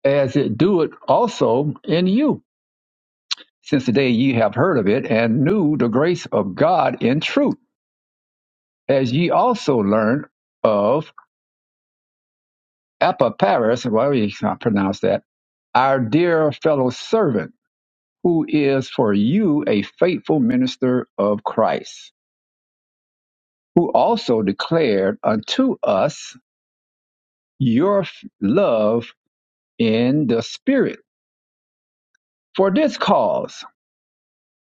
Speaker 20: as it doeth also in you, since the day ye have heard of it, and knew the grace of God in truth, as ye also learned of Epaphras, well, you can't pronounce that, our dear fellow servant, who is for you a faithful minister of Christ, who also declared unto us your f- love in the Spirit. For this cause,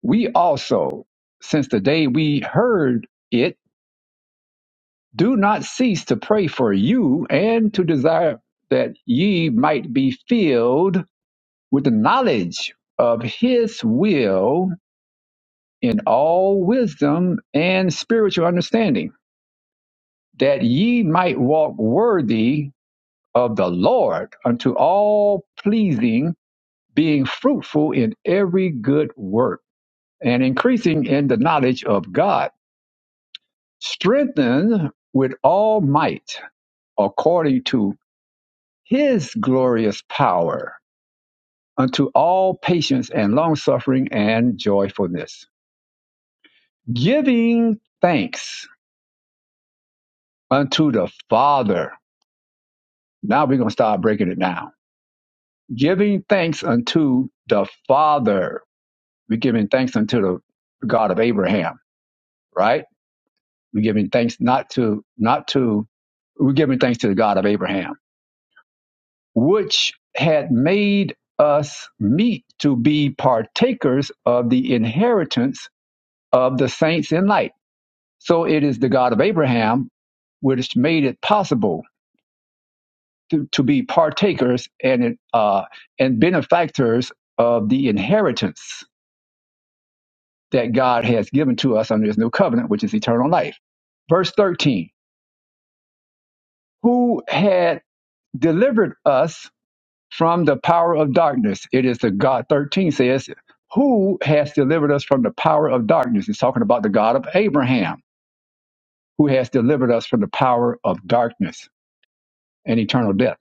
Speaker 20: We also, since the day we heard it, do not cease to pray for you and to desire that ye might be filled with the knowledge of his will in all wisdom and spiritual understanding, that ye might walk worthy of the Lord unto all pleasing, being fruitful in every good work and increasing in the knowledge of God strengthened with all might according to his glorious power unto all patience and longsuffering and joyfulness giving thanks unto the father now we're going to start breaking it down giving thanks unto the father we're giving thanks unto the god of abraham right we're giving thanks not to not to we're giving thanks to the god of abraham which had made us meet to be partakers of the inheritance of the saints in light. So it is the God of Abraham which made it possible to, to be partakers and uh, and benefactors of the inheritance that God has given to us under His new covenant, which is eternal life. Verse thirteen: Who had delivered us from the power of darkness. It is the God, 13 says, who has delivered us from the power of darkness? It's talking about the God of Abraham, who has delivered us from the power of darkness and eternal death,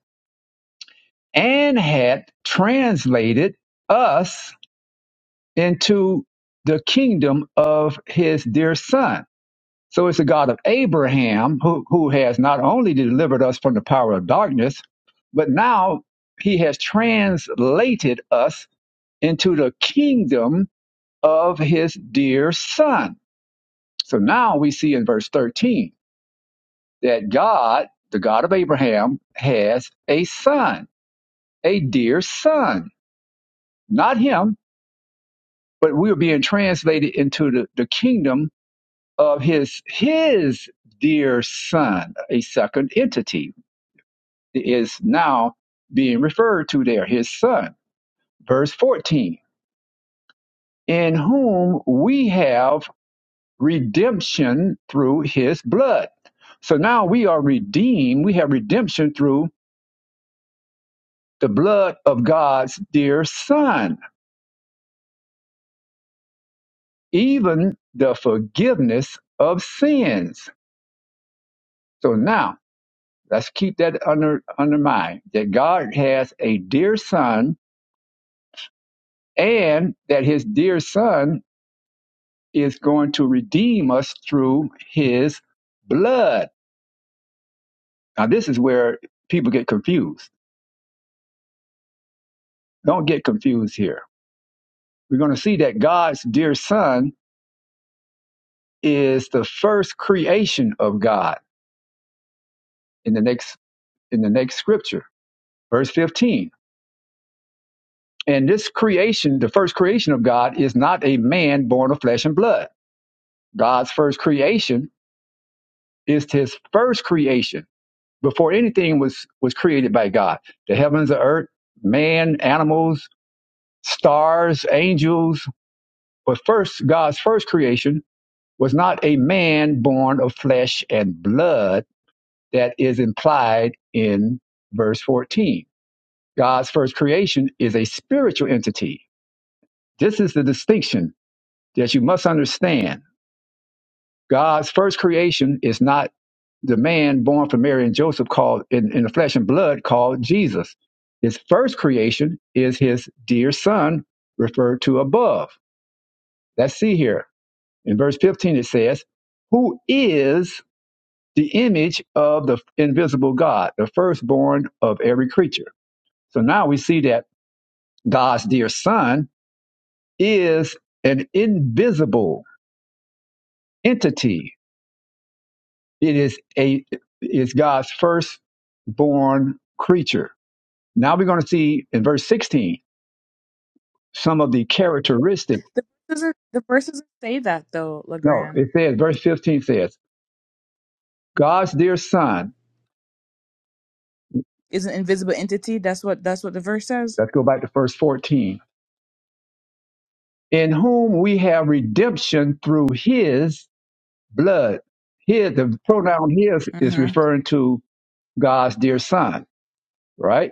Speaker 20: and had translated us into the kingdom of his dear son. So it's the God of Abraham who, who has not only delivered us from the power of darkness, but now he has translated us into the kingdom of his dear son. So now we see in verse 13 that God, the God of Abraham, has a son, a dear son. Not him, but we are being translated into the, the kingdom of his his dear son, a second entity is now being referred to there, his son. Verse 14, in whom we have redemption through his blood. So now we are redeemed. We have redemption through the blood of God's dear son, even the forgiveness of sins. So now let's keep that under, under mind that God has a dear son and that his dear son is going to redeem us through his blood. Now, this is where people get confused. Don't get confused here we're going to see that God's dear son is the first creation of God in the next in the next scripture, verse 15. And this creation, the first creation of God is not a man born of flesh and blood. God's first creation is his first creation before anything was was created by God. The heavens, the earth, man, animals, stars, angels, but first God's first creation was not a man born of flesh and blood that is implied in verse 14. God's first creation is a spiritual entity. This is the distinction that you must understand. God's first creation is not the man born from Mary and Joseph called in, in the flesh and blood called Jesus. His first creation is his dear son referred to above. Let's see here. In verse 15 it says, Who is the image of the invisible God, the firstborn of every creature? So now we see that God's dear son is an invisible entity. It is a is God's firstborn creature. Now we're going to see in verse 16 some of the characteristic.
Speaker 3: the verses are, the verses say that though
Speaker 20: No,
Speaker 3: legrand
Speaker 20: it says verse 15 says, God's dear son,
Speaker 3: is an invisible entity that's what that's what the verse says
Speaker 20: let's go back to verse 14, in whom we have redemption through his blood. Here the pronoun his is
Speaker 3: mm-hmm.
Speaker 20: referring to God's dear son, right?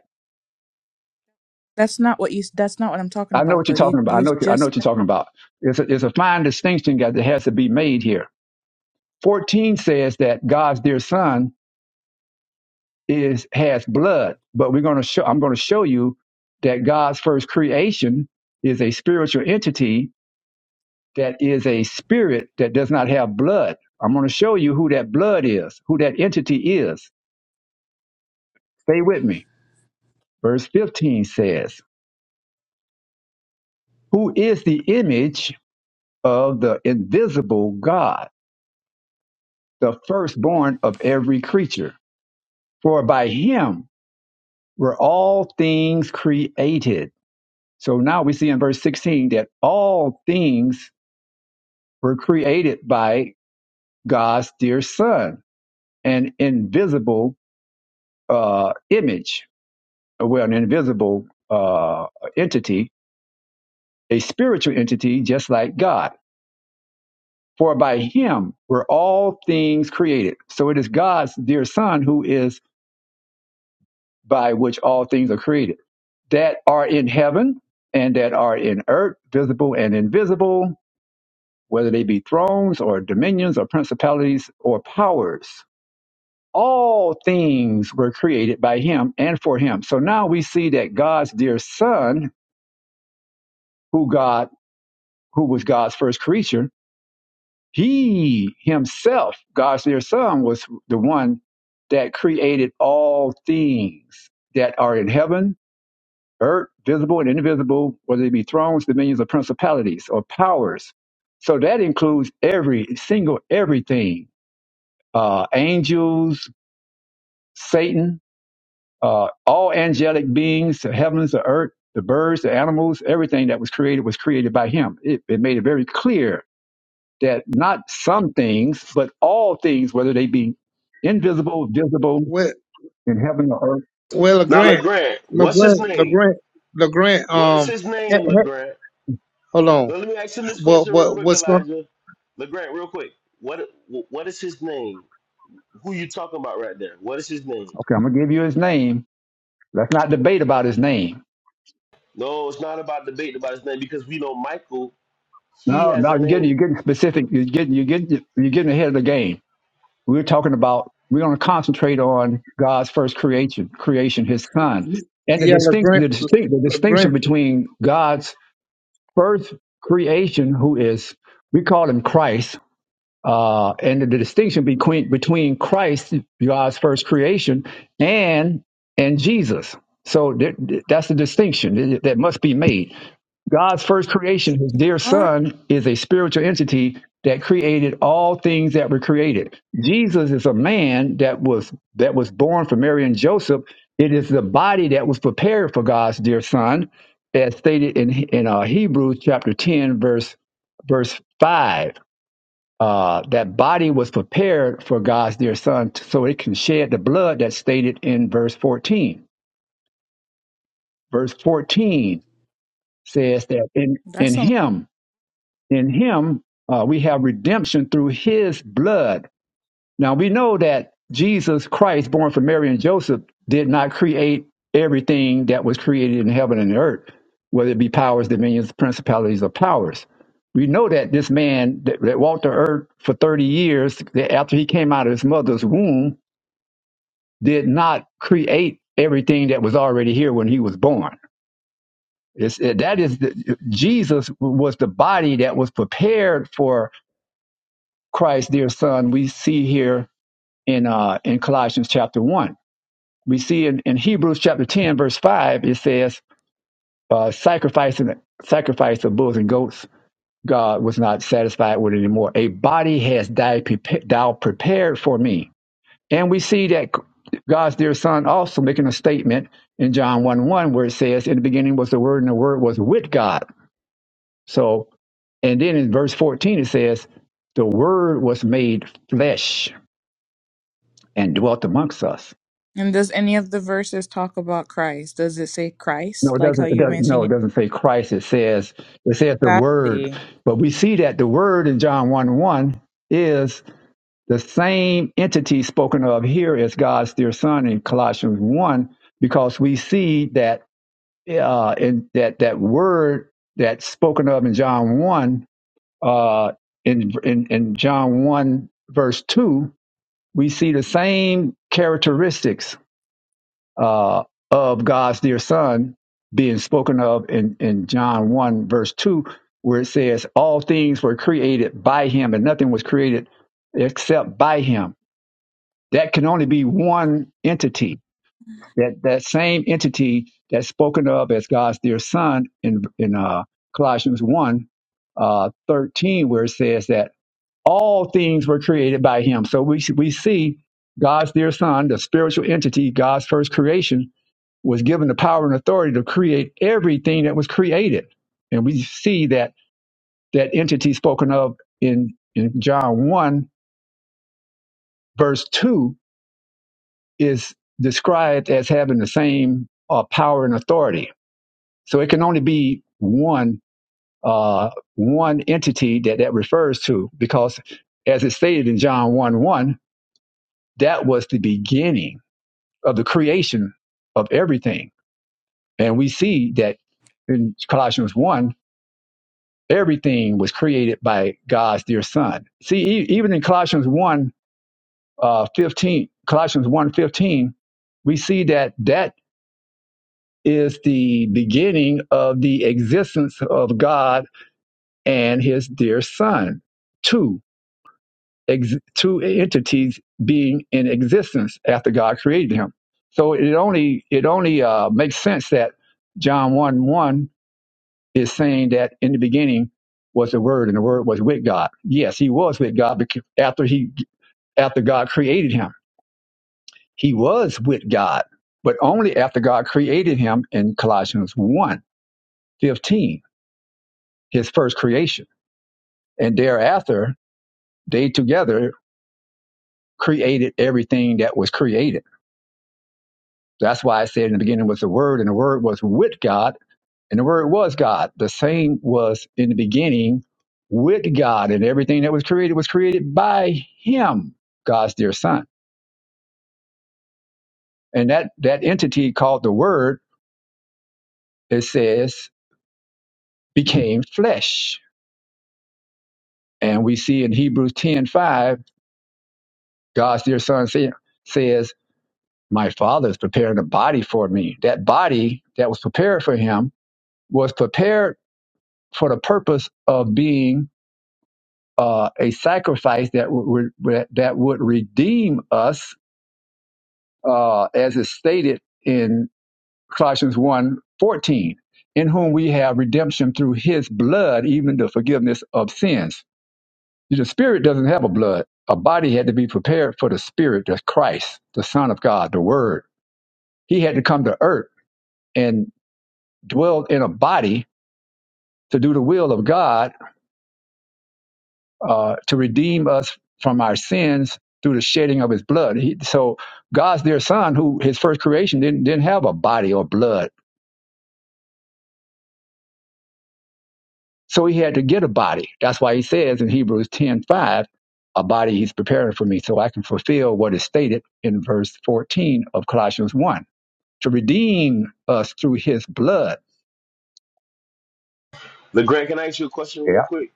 Speaker 3: that's not what you that's not what i'm talking
Speaker 20: I know
Speaker 3: about
Speaker 20: what
Speaker 3: though
Speaker 20: you're
Speaker 3: you
Speaker 20: talking about. I
Speaker 3: you
Speaker 20: know I know
Speaker 3: just
Speaker 20: what you're
Speaker 3: said,
Speaker 20: talking about. It's a, it's a fine distinction that has to be made here. 14 says that God's dear son is has blood, but we're going to show I'm going to show you that God's first creation is a spiritual entity that is a spirit that does not have blood. I'm going to show you who that blood is, who that entity is. Stay with me. Verse 15 says, "Who is the image of the invisible God?" the firstborn of every creature. For by him were all things created. So now we see in verse 16 that all things were created by God's dear Son, an invisible uh, image, well, an invisible uh, entity, a spiritual entity just like God. For by him were all things created. So it is God's dear Son who is by which all things are created that are in heaven and that are in earth, visible and invisible, whether they be thrones or dominions or principalities or powers. All things were created by him and for him. So now we see that God's dear son, who God, who was God's first creature, he himself, God's dear son, was the one that created all things that are in heaven earth, visible and invisible, whether it be thrones, dominions, or principalities or powers. So that includes every single everything uh, angels, Satan, uh, all angelic beings, the heavens, the earth, the birds, the animals, everything that was created was created by him. It, it made it very clear that not some things, but all things, whether they be invisible, visible,
Speaker 14: Well,
Speaker 20: in heaven or earth.
Speaker 14: well,
Speaker 19: now,
Speaker 14: Legrand,
Speaker 19: LeGrant, what's his
Speaker 14: Legrand,
Speaker 19: name?
Speaker 14: Legrand, Legrand.
Speaker 19: What is
Speaker 14: Um,
Speaker 19: his
Speaker 14: eh,
Speaker 19: name,
Speaker 14: eh,
Speaker 19: LeGrant?
Speaker 14: hold on.
Speaker 19: Now, let me ask him this
Speaker 14: What
Speaker 19: question real
Speaker 14: what
Speaker 19: quick,
Speaker 14: what's going?
Speaker 19: Elijah. LeGrant, real quick. What What is his name? Who you talking about right there? What is his name?
Speaker 20: Okay, I'm going to give you his name. Let's not debate about his name
Speaker 19: No, it's not about debate about his name because we know Michael, he
Speaker 20: No,
Speaker 19: has
Speaker 20: no,
Speaker 19: a
Speaker 20: you're getting
Speaker 19: name.
Speaker 20: you're getting specific. You're getting you're getting you're getting ahead of the game. We're talking about we're going to concentrate on God's first creation, creation, His Son, and the
Speaker 14: Yeah,
Speaker 20: distinction
Speaker 14: Legrand,
Speaker 20: the distinct the distinction
Speaker 14: Legrand.
Speaker 20: between God's first creation, who is we call him Christ, uh, and the, distinction between between Christ, God's first creation, and and Jesus. So th- th- that's the distinction that that must be made. God's first creation, his dear
Speaker 3: "Huh?
Speaker 20: son, is a spiritual entity that created all things that were created. Jesus is a man that was that was born from Mary and Joseph. It is the body that was prepared for God's dear son, as stated in in uh, Hebrews chapter 10, verse verse 5. Uh, that body was prepared for God's dear son t- so it can shed the blood that's stated in verse 14. Verse 14 says that in, in
Speaker 3: that's
Speaker 20: him in him uh, we have redemption through his blood now we know that jesus christ born from mary and joseph did not create everything that was created in heaven and earth whether it be powers dominions principalities or powers we know that this man that, that walked the earth for 30 years that after he came out of his mother's womb did not create everything that was already here when he was born it's, it, that is the, jesus was the body that was prepared for Christ, their son, we see here in uh, in Colossians chapter one. We see in, in Hebrews chapter ten, verse five, it says, uh, sacrifice, and sacrifice of bulls and goats, God was not satisfied with it anymore. A body has died prepa- thou prepared for me. And we see that God's dear son also making a statement in John 1 1 where it says, In the beginning was the word, and the word was with God. So and then in verse 14 it says, The word was made flesh and dwelt amongst us.
Speaker 3: And does any of the verses talk about Christ? Does it say
Speaker 20: No,
Speaker 3: Christ,
Speaker 20: it
Speaker 3: like how
Speaker 20: doesn't. It
Speaker 3: you're
Speaker 20: doesn't
Speaker 3: mentioning
Speaker 20: no, it
Speaker 3: it?
Speaker 20: doesn't say Christ. It says it says the Word.
Speaker 3: Exactly.
Speaker 20: But we see that the Word in John one one is the same entity spoken of here as God's dear Son in Colossians one, because we see that uh, in that that Word that's spoken of in John one uh, in, in in John one verse two, we see the same characteristics uh, of God's dear Son being spoken of in, in John 1, verse 2, where it says, All things were created by him, and nothing was created except by him. That can only be one entity. That, that same entity that's spoken of as God's dear Son in, in uh, Colossians 1, uh, 13, where it says that all things were created by him. So we, we see God's dear Son, the spiritual entity, God's first creation, was given the power and authority to create everything that was created. And we see that that entity spoken of in, in John 1, verse 2, is described as having the same uh, power and authority. So it can only be one uh, one entity that that refers to, because as it stated in John 1 1, that was the beginning of the creation of everything. And we see that in Colossians 1 everything was created by God's dear son. See, e- even in Colossians 1, uh, 15, Colossians one 15, we see that that is the beginning of the existence of God and his dear son. Two, ex- two entities being in existence after God created him. So it only, it only uh, makes sense that John 1, 1 is saying that in the beginning was the Word, and the Word was with God. Yes, he was with God because after he after God created him, he was with God, but only after God created him in Colossians one 15, his first creation. And thereafter, they together created everything that was created. That's why I said in the beginning was the Word, and the Word was with God And the word was God. The same was in the beginning with God, and everything that was created was created by Him, God's dear Son. And that, that entity called the Word, it says, became flesh. And we see in Hebrews ten five, God's dear Son say, says, My Father is preparing a body for me. That body that was prepared for Him was prepared for the purpose of being uh, a sacrifice that would, that would redeem us uh, as is stated in Colossians one fourteen, in whom we have redemption through his blood, even the forgiveness of sins. The spirit doesn't have a blood. A body had to be prepared for the spirit, that's Christ, the Son of God, the Word. He had to come to earth and dwell in a body to do the will of God, uh, to redeem us from our sins through the shedding of his blood. He, so God's dear son, who his first creation didn't, didn't have a body or blood So he had to get a body. That's why he says in Hebrews ten five, a body he's preparing for me so I can fulfill what is stated in verse 14 of Colossians 1 to redeem us through his blood.
Speaker 19: LeGrant, can I ask you a question real
Speaker 20: Yeah.
Speaker 19: quick?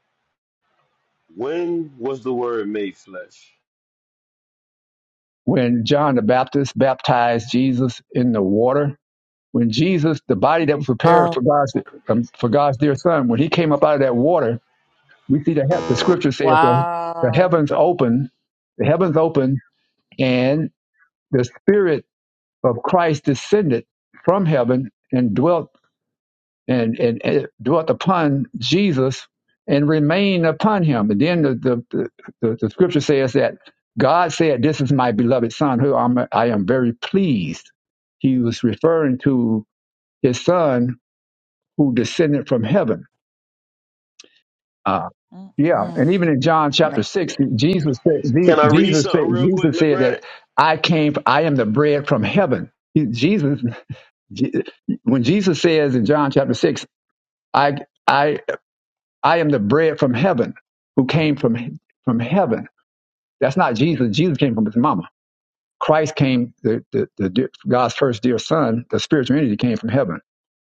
Speaker 19: When was the word made flesh?
Speaker 20: When John the Baptist baptized Jesus in the water, when Jesus, the body that was prepared
Speaker 3: Oh
Speaker 20: for God's, um, for God's dear son, when he came up out of that water, we see the, hea- the scripture says that the
Speaker 3: wow.
Speaker 20: heavens open, the heavens open, and the spirit of Christ descended from heaven and dwelt and, and, and dwelt upon Jesus and remained upon him. And then the, the, the, the scripture says that God said, This is my beloved son who I'm, I am very pleased. He was referring to his son who descended from heaven. Uh, yeah,
Speaker 3: Mm-mm.
Speaker 20: and even in John
Speaker 3: Man.
Speaker 20: chapter six, Jesus said,
Speaker 19: Can I read
Speaker 20: Jesus said,
Speaker 19: something real quick,
Speaker 20: Jesus said that
Speaker 19: LeGrant?
Speaker 20: I came, I am the bread from heaven. He- Jesus Je- When Jesus says in John chapter 6, I, I, I am the bread from heaven who came from, from heaven. That's not Jesus. Jesus came from his mama. Christ came, the, the, the, dear- God's first dear son, the spiritual entity came from heaven.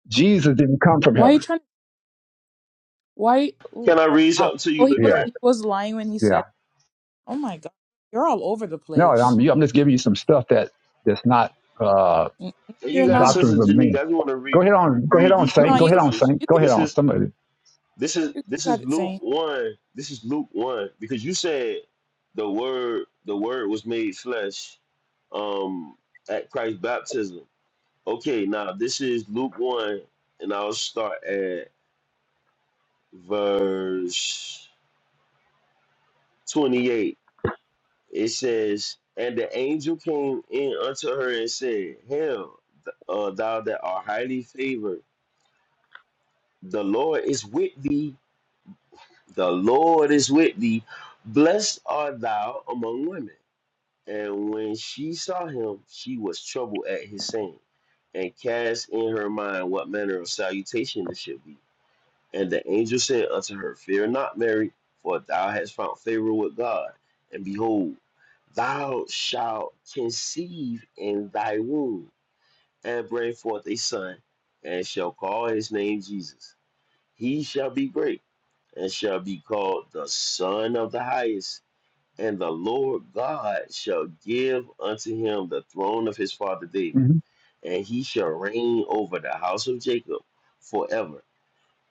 Speaker 20: Jesus didn't come from
Speaker 3: Why are you
Speaker 20: heaven.
Speaker 3: trying? Why? Oh,
Speaker 19: Can I read
Speaker 3: wow.
Speaker 19: something to
Speaker 3: Oh,
Speaker 19: you,
Speaker 3: he
Speaker 20: Yeah,
Speaker 3: was
Speaker 19: LeGrant?
Speaker 3: he was lying when he said,
Speaker 20: yeah.
Speaker 3: it? "Oh my God, you're all over the
Speaker 20: No, I'm,
Speaker 3: place."
Speaker 20: I'm just giving you some stuff that that's not uh,
Speaker 3: N- No,
Speaker 19: And
Speaker 3: you're
Speaker 19: you got a
Speaker 3: not.
Speaker 19: sister,
Speaker 20: doctrines of
Speaker 19: Janique.
Speaker 20: men.
Speaker 19: I just want to re-
Speaker 20: Go ahead
Speaker 19: re-
Speaker 20: on. Go ahead
Speaker 19: read
Speaker 20: on,
Speaker 19: these
Speaker 3: No,
Speaker 20: Saint.
Speaker 19: couple
Speaker 20: Go
Speaker 3: you
Speaker 20: ahead on,
Speaker 19: scriptures.
Speaker 20: Saint.
Speaker 3: you
Speaker 20: Go
Speaker 3: can
Speaker 20: ahead
Speaker 19: This
Speaker 20: on.
Speaker 19: is
Speaker 20: Somebody.
Speaker 19: this is
Speaker 3: you
Speaker 19: this
Speaker 3: got
Speaker 19: is
Speaker 3: it,
Speaker 19: Luke
Speaker 3: saying.
Speaker 19: one. This is Luke one because you said the word the word was made flesh um, at Christ's baptism. Okay, now this is Luke one, and I'll start at verse twenty eight. It says, "And the angel came in unto her and said, Hail, th- uh, thou that art highly favored." the Lord is with thee. The Lord is with thee. Blessed art thou among women. And when she saw him, she was troubled at his saying, and cast in her mind what manner of salutation this should be. And the angel said unto her, Fear not, Mary, for thou hast found favor with God. And behold, thou shalt conceive in thy womb, and bring forth a son, and shall call his name Jesus. He shall be great and shall be called the Son of the Highest. And the Lord God shall give unto him the throne of his father David,
Speaker 20: hmm
Speaker 19: and he shall reign over the house of Jacob forever,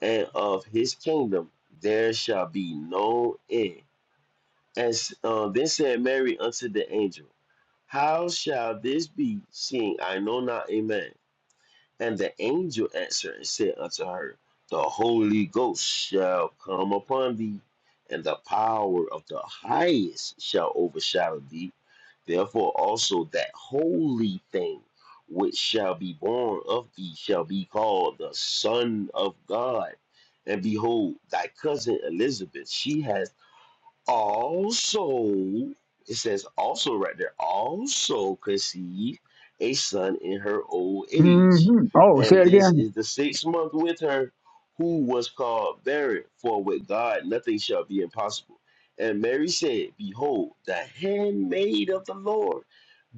Speaker 19: and of his kingdom there shall be no end. And uh, then said Mary unto the angel, How shall this be, seeing I know not a man? And the angel answered and said unto her, The Holy Ghost shall come upon thee, and the power of the highest shall overshadow thee. Therefore also that holy thing which shall be born of thee shall be called the Son of God. And behold, thy cousin Elizabeth, she has also, it says also right there, also conceived a son in her old
Speaker 20: hmm
Speaker 19: age.
Speaker 20: Oh, say
Speaker 19: And
Speaker 20: it
Speaker 19: this
Speaker 20: again.
Speaker 19: is the sixth month with her, who was called barren, for with God nothing shall be impossible. And Mary said, Behold, the handmaid of the Lord,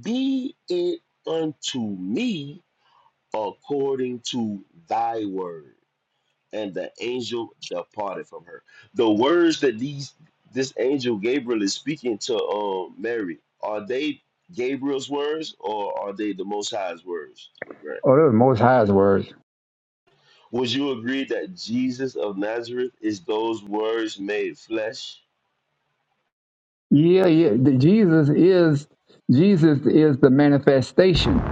Speaker 19: be it unto me according to thy word and the angel departed from her. The words that these this angel Gabriel is speaking to um, Mary are they Gabriel's words or are they the Most High's words? LeGrand?
Speaker 20: Oh, those are Most High's words.
Speaker 19: Would you agree that Jesus of Nazareth is those words made flesh?
Speaker 20: Yeah, yeah. The- Jesus is Jesus is the manifestation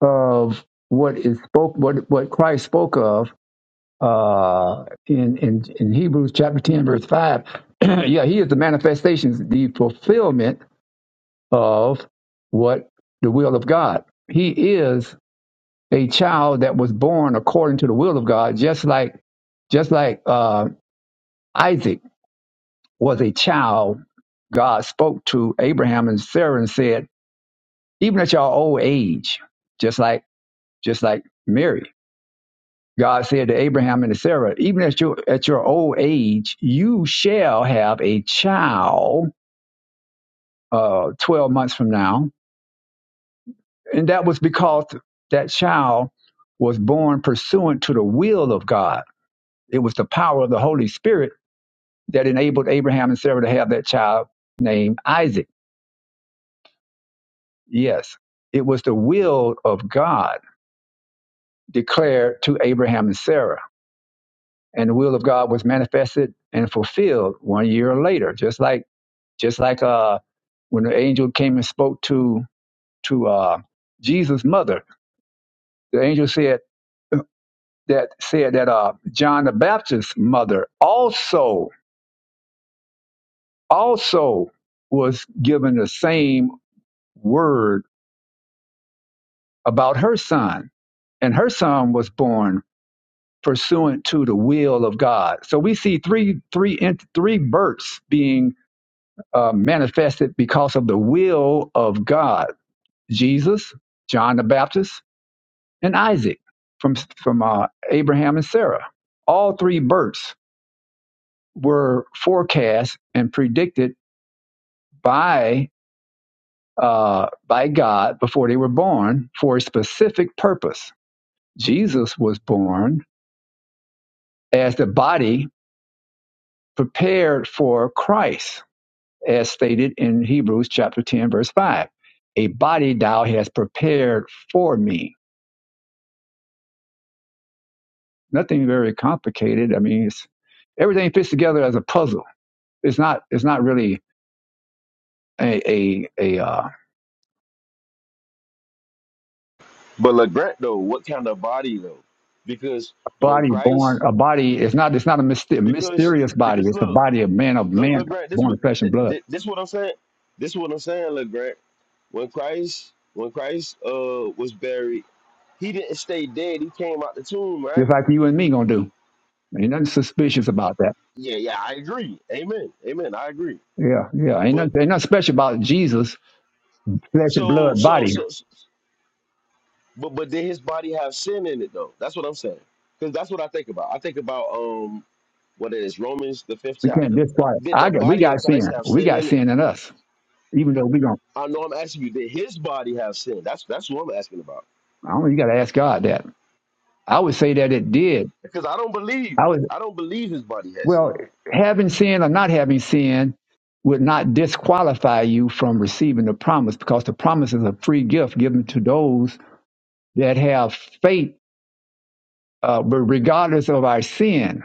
Speaker 20: of what is spoke what what Christ spoke of uh in in, in Hebrews chapter 10 verse 5. yeah, he is the manifestation, the fulfillment of what the will of God. He is a child that was born according to the will of God, just like just like uh, Isaac was a child God spoke to Abraham and Sarah and said even at your old age, just like just like Mary. God said to Abraham and to Sarah, even at your at your old age, you shall have a child uh, twelve months from now. And that was because that child was born pursuant to the will of God. It was the power of the Holy Spirit that enabled Abraham and Sarah to have that child named Isaac. Yes. It was the will of God declared to Abraham and Sarah and the will of God was manifested and fulfilled one year later. Just like just like uh, when the angel came and spoke to to uh, Jesus' mother, the angel said that said that uh, John the Baptist's mother also also was given the same word about her son, and her son was born pursuant to the will of God. So we see three three three births being uh, manifested because of the will of God. Jesus, John the Baptist, and Isaac from from uh, Abraham and Sarah. All three births were forecast and predicted by uh, by God before they were born for a specific purpose. Jesus was born as the body prepared for Christ, as stated in Hebrews chapter ten, verse five. A body thou hast prepared for me nothing very complicated. I mean, it's, everything fits together as a puzzle. It's not it's not really a a, a uh,
Speaker 19: But LeGrant though, what kind of body though? Because when
Speaker 20: body born
Speaker 19: Christ,
Speaker 20: a body. It's not it's not a myster-
Speaker 19: because
Speaker 20: mysterious body.
Speaker 19: because
Speaker 20: It's a
Speaker 19: look,
Speaker 20: body of man of
Speaker 19: Look,
Speaker 20: man
Speaker 19: look, Grant. This
Speaker 20: born
Speaker 19: what
Speaker 20: of flesh
Speaker 19: thi-
Speaker 20: and blood.
Speaker 19: this what I'm saying. This what I'm saying, look, Grant. When Christ, when Christ, uh, was buried, he didn't stay dead. He came out the tomb, right?
Speaker 20: Just like you and me gonna do. Ain't nothing suspicious about that.
Speaker 19: Yeah, yeah. I agree. Amen. Amen. I agree.
Speaker 20: Yeah, yeah. Ain't
Speaker 19: But
Speaker 20: nothing, ain't nothing special about Jesus flesh and
Speaker 19: so,
Speaker 20: blood
Speaker 19: so,
Speaker 20: body.
Speaker 19: so, s- but but did his body have sin in it though? That's what I'm saying. Because that's what I think about. I think about um, what it is Romans the fifth
Speaker 20: We can't
Speaker 19: chapter.
Speaker 20: discard it.
Speaker 19: Did
Speaker 20: I
Speaker 19: the
Speaker 20: got we
Speaker 19: body
Speaker 20: got
Speaker 19: of
Speaker 20: sin.
Speaker 19: Christ have
Speaker 20: We
Speaker 19: sin
Speaker 20: got
Speaker 19: in it?
Speaker 20: sin in us. Even though we don't.
Speaker 19: I know I'm asking you. Did his body have sin? That's that's what I'm asking about.
Speaker 20: I don't. You got to ask God that. I would say that it did.
Speaker 19: Because I don't believe,
Speaker 20: I would.
Speaker 19: I don't believe his body had sin.
Speaker 20: Well,
Speaker 19: in it.
Speaker 20: having sin or not having sin would not disqualify you from receiving the promise because the promise is a free gift given to those that have faith, uh, but regardless of our sin.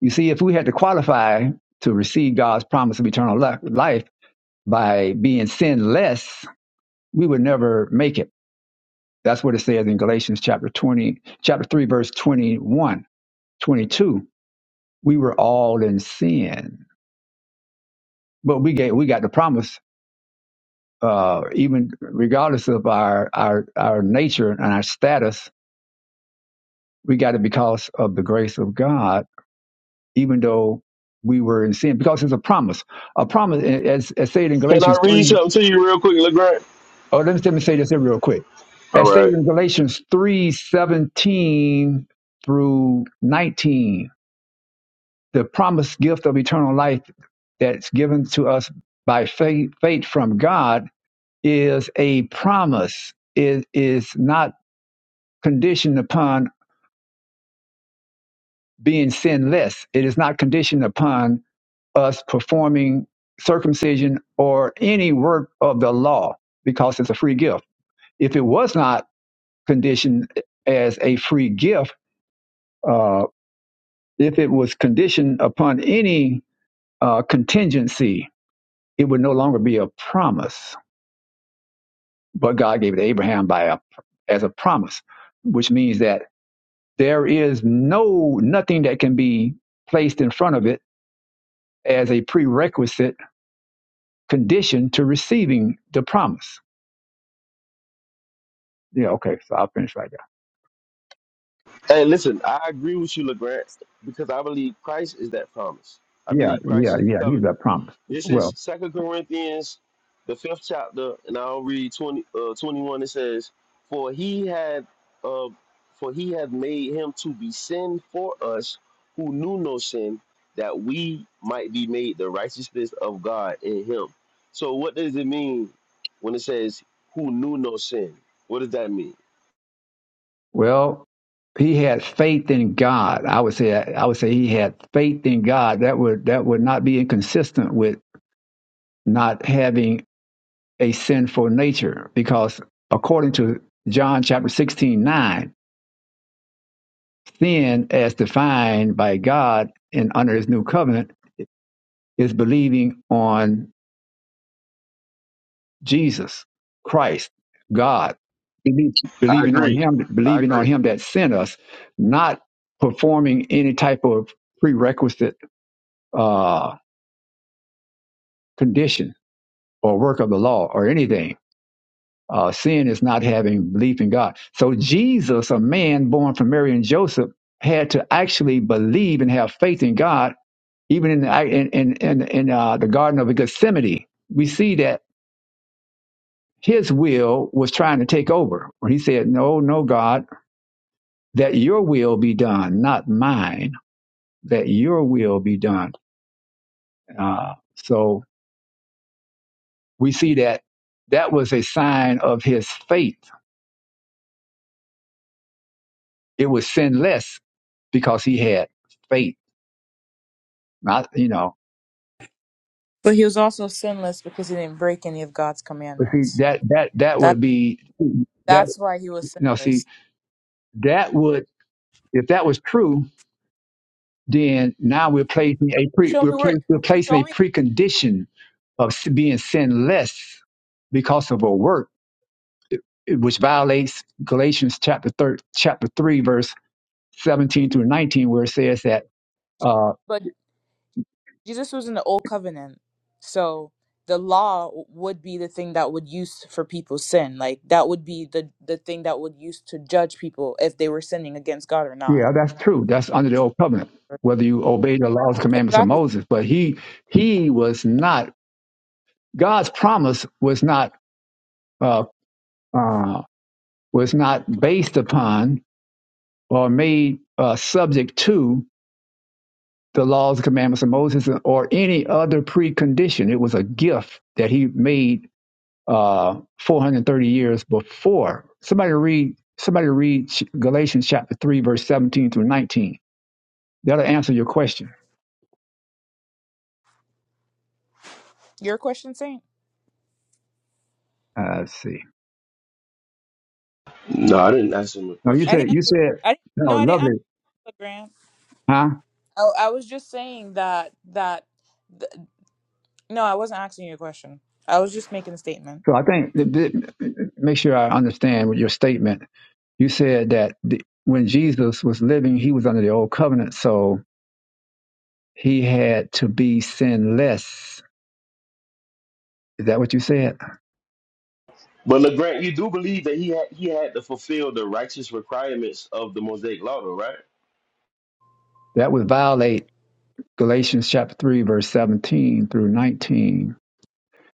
Speaker 20: You see, if we had to qualify to receive God's promise of eternal li- life by being sinless, we would never make it. That's what it says in Galatians chapter 20, chapter 3, verse 21, 22. We were all in sin, but we, gave, we got the promise uh, even regardless of our, our, our nature and our status, we got it because of the grace of God, even though we were in sin, because it's a promise. A promise, as, as said in
Speaker 19: Can I
Speaker 20: Galatians
Speaker 19: read
Speaker 20: 3,
Speaker 19: something to you real quick, LeGrant?
Speaker 20: oh let me, let me say this here real quick. As
Speaker 19: All
Speaker 20: stated
Speaker 19: right.
Speaker 20: in Galatians three seventeen through 19, the promised gift of eternal life that's given to us by faith, faith from God is a promise. It is not conditioned upon being sinless. It is not conditioned upon us performing circumcision or any work of the law because it's a free gift. If it was not conditioned as a free gift, uh, if it was conditioned upon any uh, contingency, it would no longer be a promise. But God gave it to Abraham by a, as a promise, which means that there is no nothing that can be placed in front of it as a prerequisite condition to receiving the promise. Yeah, okay, so I'll finish right there.
Speaker 19: Hey, listen, I agree with you, LeGrant, because I believe Christ is that promise. I
Speaker 20: Yeah,
Speaker 19: believe
Speaker 20: yeah,
Speaker 19: Christ is the
Speaker 20: yeah, he
Speaker 19: covenant.
Speaker 20: got promise.
Speaker 19: This is
Speaker 20: Well,
Speaker 19: Second Corinthians, the fifth chapter, and I'll read 20, uh, 21. It says, "For he had, uh, for he had made him to be sin for us, who knew no sin, that we might be made the righteousness of God in him." So, what does it mean when it says, "Who knew no sin"? What does that mean?
Speaker 20: well, he had faith in God. I would say I would say he had faith in God. That would that would not be inconsistent with not having a sinful nature because according to John chapter 16 9, sin as defined by God and under his new covenant is believing on Jesus Christ, God,
Speaker 19: I
Speaker 20: believing on
Speaker 19: agree.
Speaker 20: Him,
Speaker 19: I
Speaker 20: believing on
Speaker 19: agree.
Speaker 20: Him that sent us, not performing any type of prerequisite uh, condition or work of the law or anything. Uh, sin is not having belief in God. So Jesus, a man born from Mary and Joseph, had to actually believe and have faith in God, even in the, in in, in, in uh, the Garden of Gethsemane. We see that his will was trying to take over when he said, "No, no, God." that your will be done, not mine, that your will be done. Uh, so we see that that was a sign of his faith. It was sinless because he had faith, not, you know,
Speaker 3: But he was also sinless because he didn't break any of God's
Speaker 20: but see,
Speaker 3: commandments.
Speaker 20: that, that, that
Speaker 3: That
Speaker 20: would be, that,
Speaker 3: that's
Speaker 20: you
Speaker 3: why he was
Speaker 20: know, see,
Speaker 3: sinless.
Speaker 20: that would, if that was true, then now we're placing a pre,
Speaker 3: Show
Speaker 20: we're,
Speaker 3: me
Speaker 20: pre,
Speaker 3: where.
Speaker 20: we're placing
Speaker 3: Show
Speaker 20: a
Speaker 3: me.
Speaker 20: precondition of s- being sinless because of a work which violates Galatians chapter thir chapter three, verse seventeen through nineteen, where it says that, uh,
Speaker 3: But. Jesus was in the old covenant. So the law would be the thing that would use for people's sin. Like that would be the the thing that would use to judge people if they were sinning against God or not.
Speaker 20: yeah, that's true. That's under the old covenant. Whether you obey the laws, commandments of
Speaker 3: Exactly.
Speaker 20: Moses, but he he was not God's promise was not uh, uh, was not based upon or made uh, subject to the laws, commandments of Moses, or any other precondition. It was a gift that he made uh, 430 years before. Somebody read somebody read Galatians chapter 3 verse 17 through 19. That'll answer your question.
Speaker 3: Your question, Saint.
Speaker 20: Uh, let's see.
Speaker 19: No, I didn't ask him a
Speaker 20: No, you
Speaker 19: question.
Speaker 3: I didn't.
Speaker 20: said
Speaker 3: ask
Speaker 20: you
Speaker 3: you-
Speaker 20: said
Speaker 3: I didn't.
Speaker 20: no,
Speaker 3: No, I didn't ask
Speaker 20: lovely,
Speaker 3: you, Grant.
Speaker 20: huh?
Speaker 3: I, I was just saying that that. th no, I wasn't asking you a question. I was just making a statement.
Speaker 20: So I think th- th- make sure I understand what your statement. You said that the, when Jesus was living, he was under the old covenant, so he had to be sinless. Is that what you said?
Speaker 19: But LeGrant, you do believe that he had he had to fulfill the righteous requirements of the Mosaic Law, though, right?
Speaker 20: That would violate Galatians chapter 3 verse 17 through 19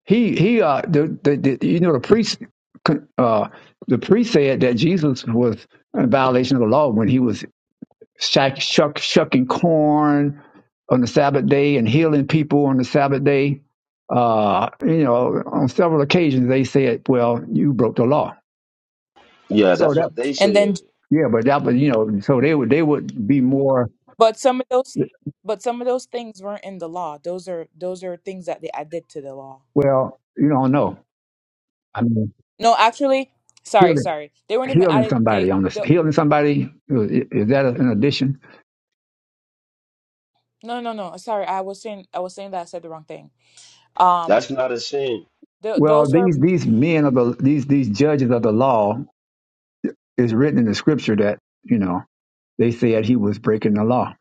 Speaker 20: He he uh the, the, the you know the priest uh the priest said that Jesus was in violation of the law when he was shuck, shuck, shucking corn on the Sabbath day and healing people on the Sabbath day. Uh, you know, on several occasions they said, "Well, you broke the law."
Speaker 19: Yeah,
Speaker 20: So
Speaker 19: that's
Speaker 20: that
Speaker 19: what they
Speaker 3: And then,
Speaker 19: said.
Speaker 20: yeah, but that was you know, so they would they would be more
Speaker 3: but some of those, but some of those things weren't in the law. Those are those are things that they added to the law.
Speaker 20: well, you don't know. I mean,
Speaker 3: No, actually, sorry,
Speaker 20: healing
Speaker 3: sorry. They weren't even
Speaker 20: healing
Speaker 3: added. They,
Speaker 20: somebody on this
Speaker 3: the
Speaker 20: healing somebody is is that an addition?
Speaker 3: no, no, no. Sorry, I was saying, I was saying that I said the wrong thing. Um,
Speaker 19: That's not a sin.
Speaker 3: th
Speaker 20: Well,
Speaker 3: those were
Speaker 20: these these men of the these these judges of the law is written in the scripture that you know they said he was breaking the law,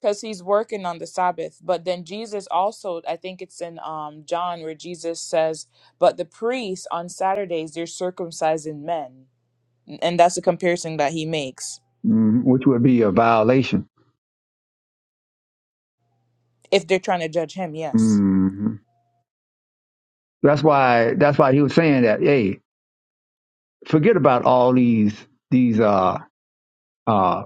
Speaker 3: because he's working on the Sabbath. But then Jesus also, I think it's in um John where Jesus says, "But the priests on Saturdays they're circumcising men," and that's a comparison that he makes.
Speaker 20: mm, which would be a violation.
Speaker 3: If they're trying to judge him, yes,
Speaker 20: hmm That's why that's why he was saying that. Hey, forget about all these these uh uh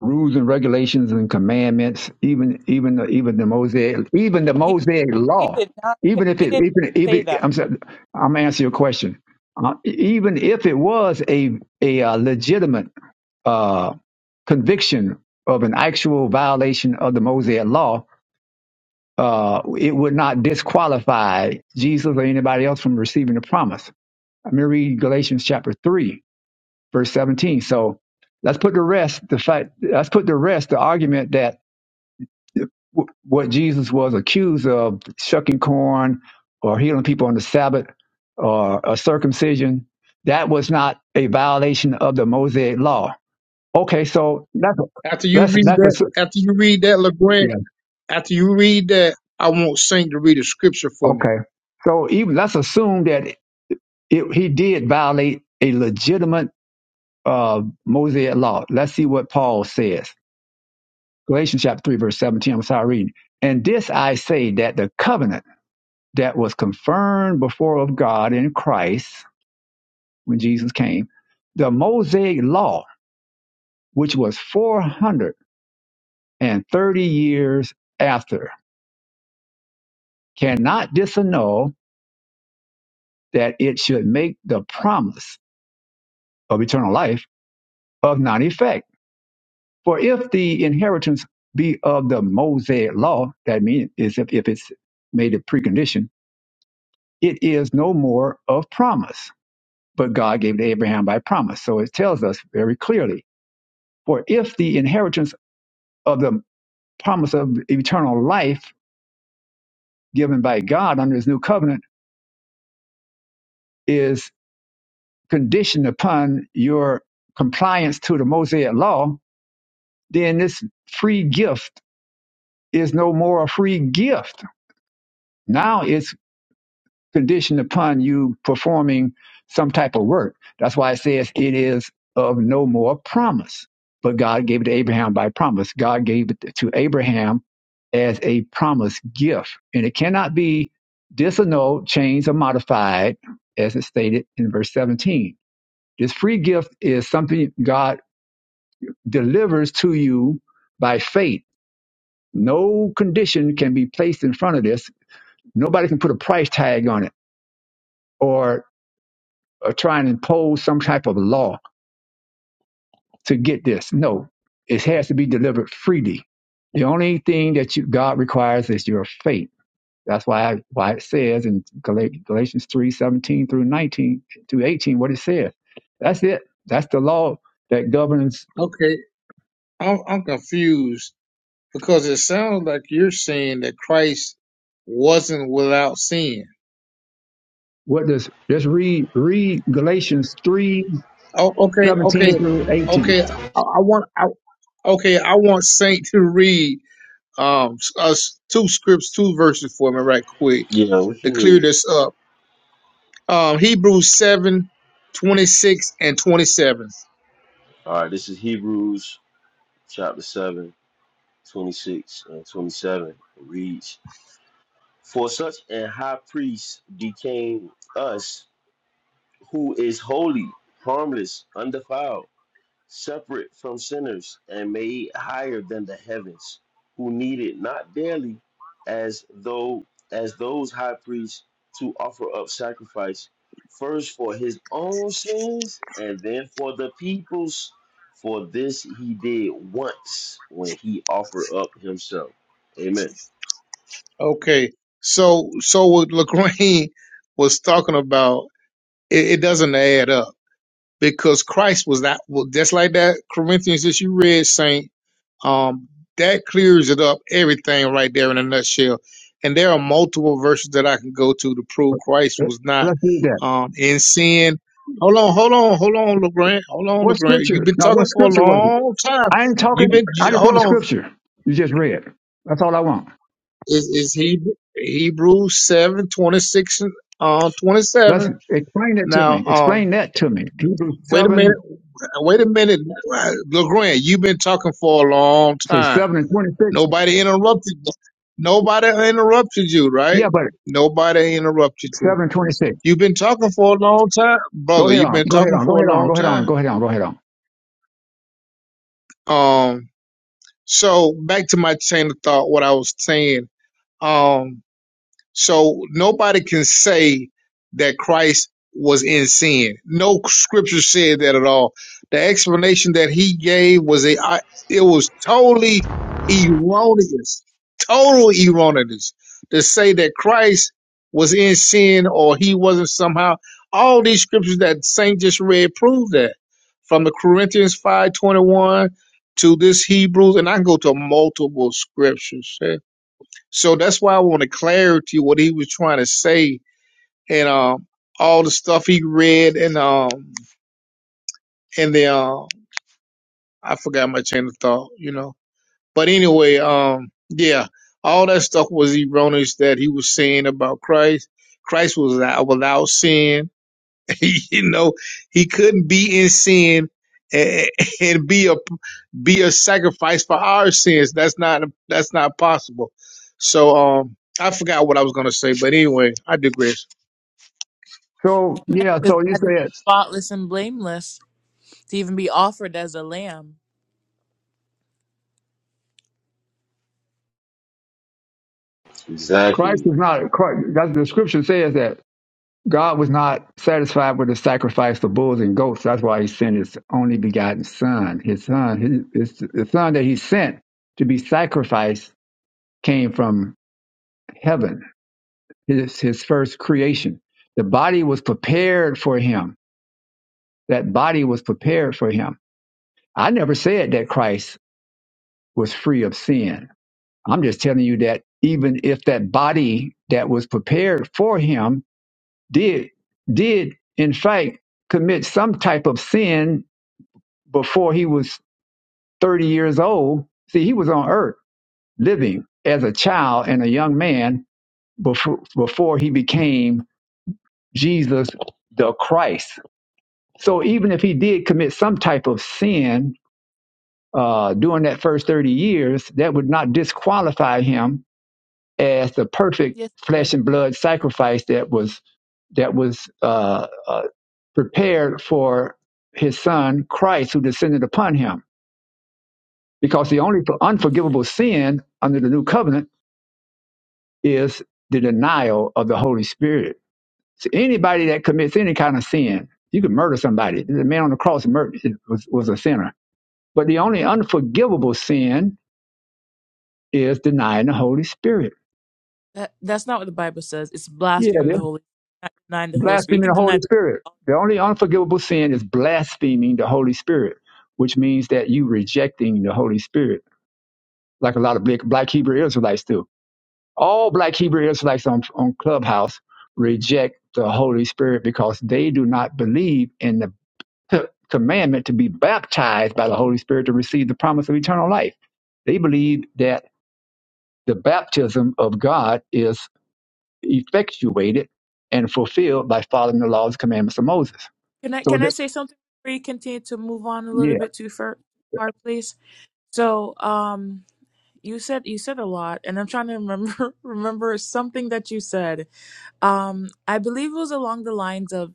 Speaker 20: rules and regulations and commandments, even even the, even the Mosaic even the
Speaker 3: he
Speaker 20: Mosaic
Speaker 3: he
Speaker 20: law.
Speaker 3: did not say,
Speaker 20: Even if
Speaker 3: he
Speaker 20: it
Speaker 3: did
Speaker 20: even
Speaker 3: not say
Speaker 20: even
Speaker 3: that.
Speaker 20: I'm sorry, I'm answering your question. Uh, even if it was a a uh, legitimate uh, conviction of an actual violation of the Mosaic law, uh, it would not disqualify Jesus or anybody else from receiving the promise. I'm going to read Galatians chapter 3, verse 17. So let's put to rest the fact, let's put to rest the argument that w- what Jesus was accused of, shucking corn or healing people on the Sabbath or a circumcision, that was not a violation of the Mosaic law. Okay, so that's,
Speaker 14: After you
Speaker 20: that's,
Speaker 14: read that,
Speaker 20: that's
Speaker 14: after you read that,
Speaker 20: a,
Speaker 14: Legrand. After you read that, I want Saint to read a scripture for me.
Speaker 20: Okay. So even let's assume that it, he did violate a legitimate uh, Mosaic law. Let's see what Paul says. Galatians chapter 3, verse 17. I'm sorry reading. And this I say that the covenant that was confirmed before of God in Christ when Jesus came, the Mosaic law, which was 430 years after, cannot disannul that it should make the promise of eternal life of non effect For if the inheritance be of the Mosaic law, that means is if, if it's made a precondition, it is no more of promise. But God gave it to Abraham by promise. So it tells us very clearly. For if the inheritance of the promise of eternal life given by God under his new covenant is conditioned upon your compliance to the Mosaic law, then this free gift is no more a free gift. Now it's conditioned upon you performing some type of work. That's why it says it is of no more promise. But God gave it to Abraham by promise. God gave it to Abraham as a promise gift. And it cannot be disannulled, changed, or modified, as it stated in verse 17. This free gift is something God delivers to you by faith. No condition can be placed in front of this. Nobody can put a price tag on it or or try and impose some type of law to get this. No, it has to be delivered freely. The only thing that you, God requires is your faith. That's why I, why it says in Galatians three seventeen through 19 through 18 what it says. That's it. That's the law that governs
Speaker 14: Okay, I'm, I'm confused because it sounds like you're saying that Christ wasn't without sin.
Speaker 20: what does just read read Galatians three
Speaker 14: Oh, okay, okay,
Speaker 20: seventeen through 18.
Speaker 14: okay. I, I want, I, okay, I want Saint to read um us two scripts, two verses for me, right quick,
Speaker 19: Yeah, what you
Speaker 14: to clear
Speaker 19: need?
Speaker 14: this up. Um, Hebrews seven twenty six and twenty seven.
Speaker 19: All right, this is Hebrews chapter 7, 26 and 27. It reads, For such an high priest became us who is holy, harmless, undefiled. separate from sinners and made higher than the heavens, who needed not daily as though as those high priests to offer up sacrifice first for his own sins and then for the people's for this he did once when he offered up himself. Amen.
Speaker 14: Okay, so so what Lagrange was talking about It, it doesn't add up because Christ was not well, just like that Corinthians that you read, Saint. Um, that clears it up everything right there in a nutshell. And there are multiple verses that I can go to to prove Christ was not
Speaker 20: Let's read that.
Speaker 14: um in sin. Hold on, hold on, hold on, LeGrand. Hold on,
Speaker 20: What
Speaker 14: LeGrand. You've
Speaker 20: scripture?
Speaker 14: been
Speaker 20: Now what
Speaker 14: talking for a
Speaker 20: scripture was it?
Speaker 14: long time.
Speaker 20: I ain't
Speaker 14: You've
Speaker 20: talking
Speaker 14: been
Speaker 20: I just want
Speaker 14: hold
Speaker 20: the
Speaker 14: on.
Speaker 20: scripture you just read. That's all I want.
Speaker 14: Is is he Hebrews seven twenty six and uh, twenty
Speaker 20: Let's
Speaker 14: seven?
Speaker 20: explain that to
Speaker 14: Now
Speaker 20: me.
Speaker 14: um
Speaker 20: Explain that to me. Hebrews
Speaker 14: wait a minute.
Speaker 20: seven,
Speaker 14: Now, wait a minute, Legrand. You've been talking for a long
Speaker 20: say
Speaker 14: time.
Speaker 20: seven and twenty six.
Speaker 14: Nobody interrupted. Nobody interrupted you, right?
Speaker 20: Yeah, but
Speaker 14: Nobody interrupted you.
Speaker 20: seven and twenty six.
Speaker 14: You've been talking for a long time,
Speaker 20: Go
Speaker 14: brother.
Speaker 20: ahead
Speaker 14: You've
Speaker 20: on.
Speaker 14: been
Speaker 20: Go ahead
Speaker 14: talking
Speaker 20: on. Go
Speaker 14: for
Speaker 20: ahead
Speaker 14: a
Speaker 20: on. Go
Speaker 14: long
Speaker 20: ahead on.
Speaker 14: time.
Speaker 20: Go ahead on. Go ahead on.
Speaker 14: Um. So back to my chain of thought. What I was saying. Um. So nobody can say that Christ was in sin. No scripture said that at all. The explanation that he gave was a I, it was totally erroneous, total erroneous to say that Christ was in sin or he wasn't somehow. All these scriptures that Saint just read prove that. From the Corinthians five twenty one to this Hebrews, and I can go to multiple scriptures. So that's why I wanted clarity what he was trying to say and um all the stuff he read and um and the um I forgot my chain of thought, you know. But anyway, um yeah, all that stuff was erroneous that he was saying about Christ. Christ was out- without sin you know, he couldn't be in sin and, and be a be a sacrifice for our sins. That's not that's not possible. So um, I forgot what I was gonna say, but anyway, I digress.
Speaker 20: So
Speaker 3: Amen.
Speaker 20: yeah,
Speaker 3: Because he
Speaker 20: so you
Speaker 3: had to be
Speaker 20: said
Speaker 3: spotless and blameless to even be offered as a lamb.
Speaker 20: Christ
Speaker 19: Exactly.
Speaker 20: is not. Christ, that's the scripture says that God was not satisfied with the sacrifice of bulls and goats. That's why He sent His only begotten Son. His Son, his, his the Son that He sent to be sacrificed, came from heaven. His His first creation. The body was prepared for Him That body was prepared for him. I never said that Christ was free of sin. I'm just telling you that even if that body that was prepared for him did did in fact commit some type of sin before he was 30 years old, see he was on earth living as a child and a young man before before he became Jesus the Christ. So even if he did commit some type of sin uh, during that first 30 years, that would not disqualify him as the perfect
Speaker 3: Yes, it would.
Speaker 20: flesh and blood sacrifice that was that was uh, uh, prepared for his son Christ, who descended upon him. Because the only unforgivable sin under the new covenant is the denial of the Holy Spirit. So anybody that commits any kind of sin, you could murder somebody. The man on the cross murdered, was, was a sinner. But the only unforgivable sin is denying the Holy Spirit
Speaker 3: That that's not what the Bible says. It's
Speaker 20: Yeah,
Speaker 3: blaspheming
Speaker 20: they're
Speaker 3: the Holy, not denying the Holy Spirit. You
Speaker 20: blaspheming
Speaker 3: can
Speaker 20: the
Speaker 3: deny.
Speaker 20: Holy Spirit. The only unforgivable sin is blaspheming the Holy Spirit, which means that you rejecting the Holy Spirit, like a lot of black, black Hebrew Israelites do. All black Hebrew Israelites on, on Clubhouse reject the Holy Spirit because they do not believe in the c- commandment to be baptized by the Holy Spirit to receive the promise of eternal life. They believe that the baptism of God is effectuated and fulfilled by following the laws and commandments of Moses
Speaker 3: Can I
Speaker 20: So
Speaker 3: can I
Speaker 20: that,
Speaker 3: say something before you continue to move on a little
Speaker 20: yeah,
Speaker 3: bit too far, far please? So, um, you said you said a lot, and I'm trying to remember remember something that you said. Um, I believe it was along the lines of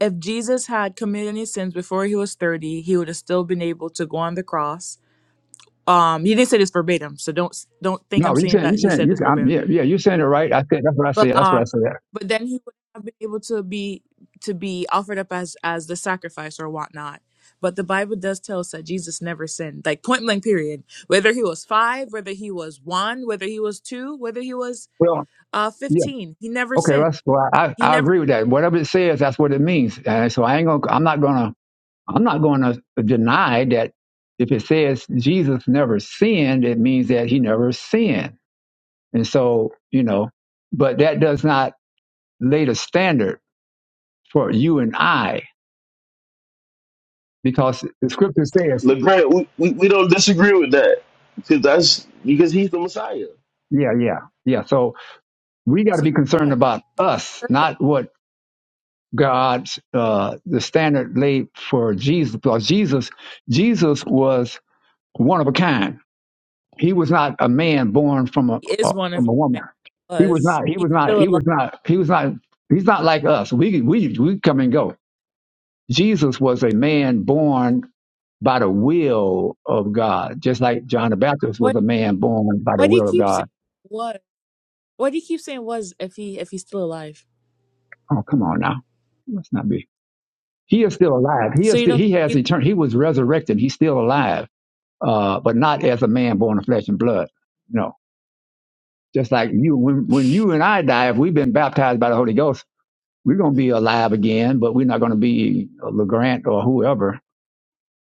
Speaker 3: if Jesus had committed any sins before he was 30, he would have still been able to go on the cross. Um, you didn't say this verbatim, so don't don't think I'm
Speaker 20: no, you
Speaker 3: saying
Speaker 20: saying you
Speaker 3: that you
Speaker 20: saying
Speaker 3: said
Speaker 20: you
Speaker 3: this verbatim
Speaker 20: I'm, yeah yeah you saying it right. I said that's what I
Speaker 3: but
Speaker 20: said. That's what I
Speaker 3: um
Speaker 20: said.
Speaker 3: but then he would have been able to be to be offered up as as the sacrifice or whatnot but the bible does tell us that jesus never sinned like point blank period whether he was five whether he was one whether he was two whether he was
Speaker 20: Well,
Speaker 3: uh
Speaker 20: yeah,
Speaker 3: 15 he never
Speaker 20: okay, well,
Speaker 3: sinned
Speaker 20: that's well, I
Speaker 3: he
Speaker 20: I
Speaker 3: never
Speaker 20: agree with that. Whatever it says, that's what it means. And so I ain't gonna I'm not gonna I'm not gonna deny that if it says Jesus never sinned, it means that he never sinned. And so you know, but that does not lay the standard for you and I because the scripture says
Speaker 19: LeGrand, we, we, we don't disagree with that. Because that's because he's the Messiah.
Speaker 20: yeah yeah yeah. So we got
Speaker 3: was
Speaker 20: to
Speaker 3: He's
Speaker 20: be concerned
Speaker 3: god
Speaker 20: about us,
Speaker 3: perfect
Speaker 20: not what God's uh, the standard laid for Jesus because Jesus Jesus was one of a kind. He was not a man born from a,
Speaker 3: he is
Speaker 20: a
Speaker 3: one of
Speaker 20: from
Speaker 3: us
Speaker 20: a woman.
Speaker 3: Right?
Speaker 20: He was
Speaker 3: was
Speaker 20: not. He
Speaker 3: he's
Speaker 20: was not.
Speaker 3: still
Speaker 20: He
Speaker 3: alive
Speaker 20: was not. He was not. He's not like us. We we we come and go. Jesus was a man born by the will of God, just like John the Baptist
Speaker 3: what
Speaker 20: was a man born by the
Speaker 3: why do you
Speaker 20: will of
Speaker 3: keep
Speaker 20: God.
Speaker 3: saying was why do you keep saying was if he if he's still alive
Speaker 20: Oh, come on now, let's not be. He is still alive. He
Speaker 3: so
Speaker 20: is.
Speaker 3: you
Speaker 20: Still,
Speaker 3: don't
Speaker 20: he
Speaker 3: think
Speaker 20: has
Speaker 3: he's
Speaker 20: eternity. He was resurrected. He's still alive uh, but not as a man born of flesh and blood. No, just like you, when, when you and I die, if we've been baptized by the Holy Ghost, we're going to be alive again, but we're not going to be a LeGrant or whoever.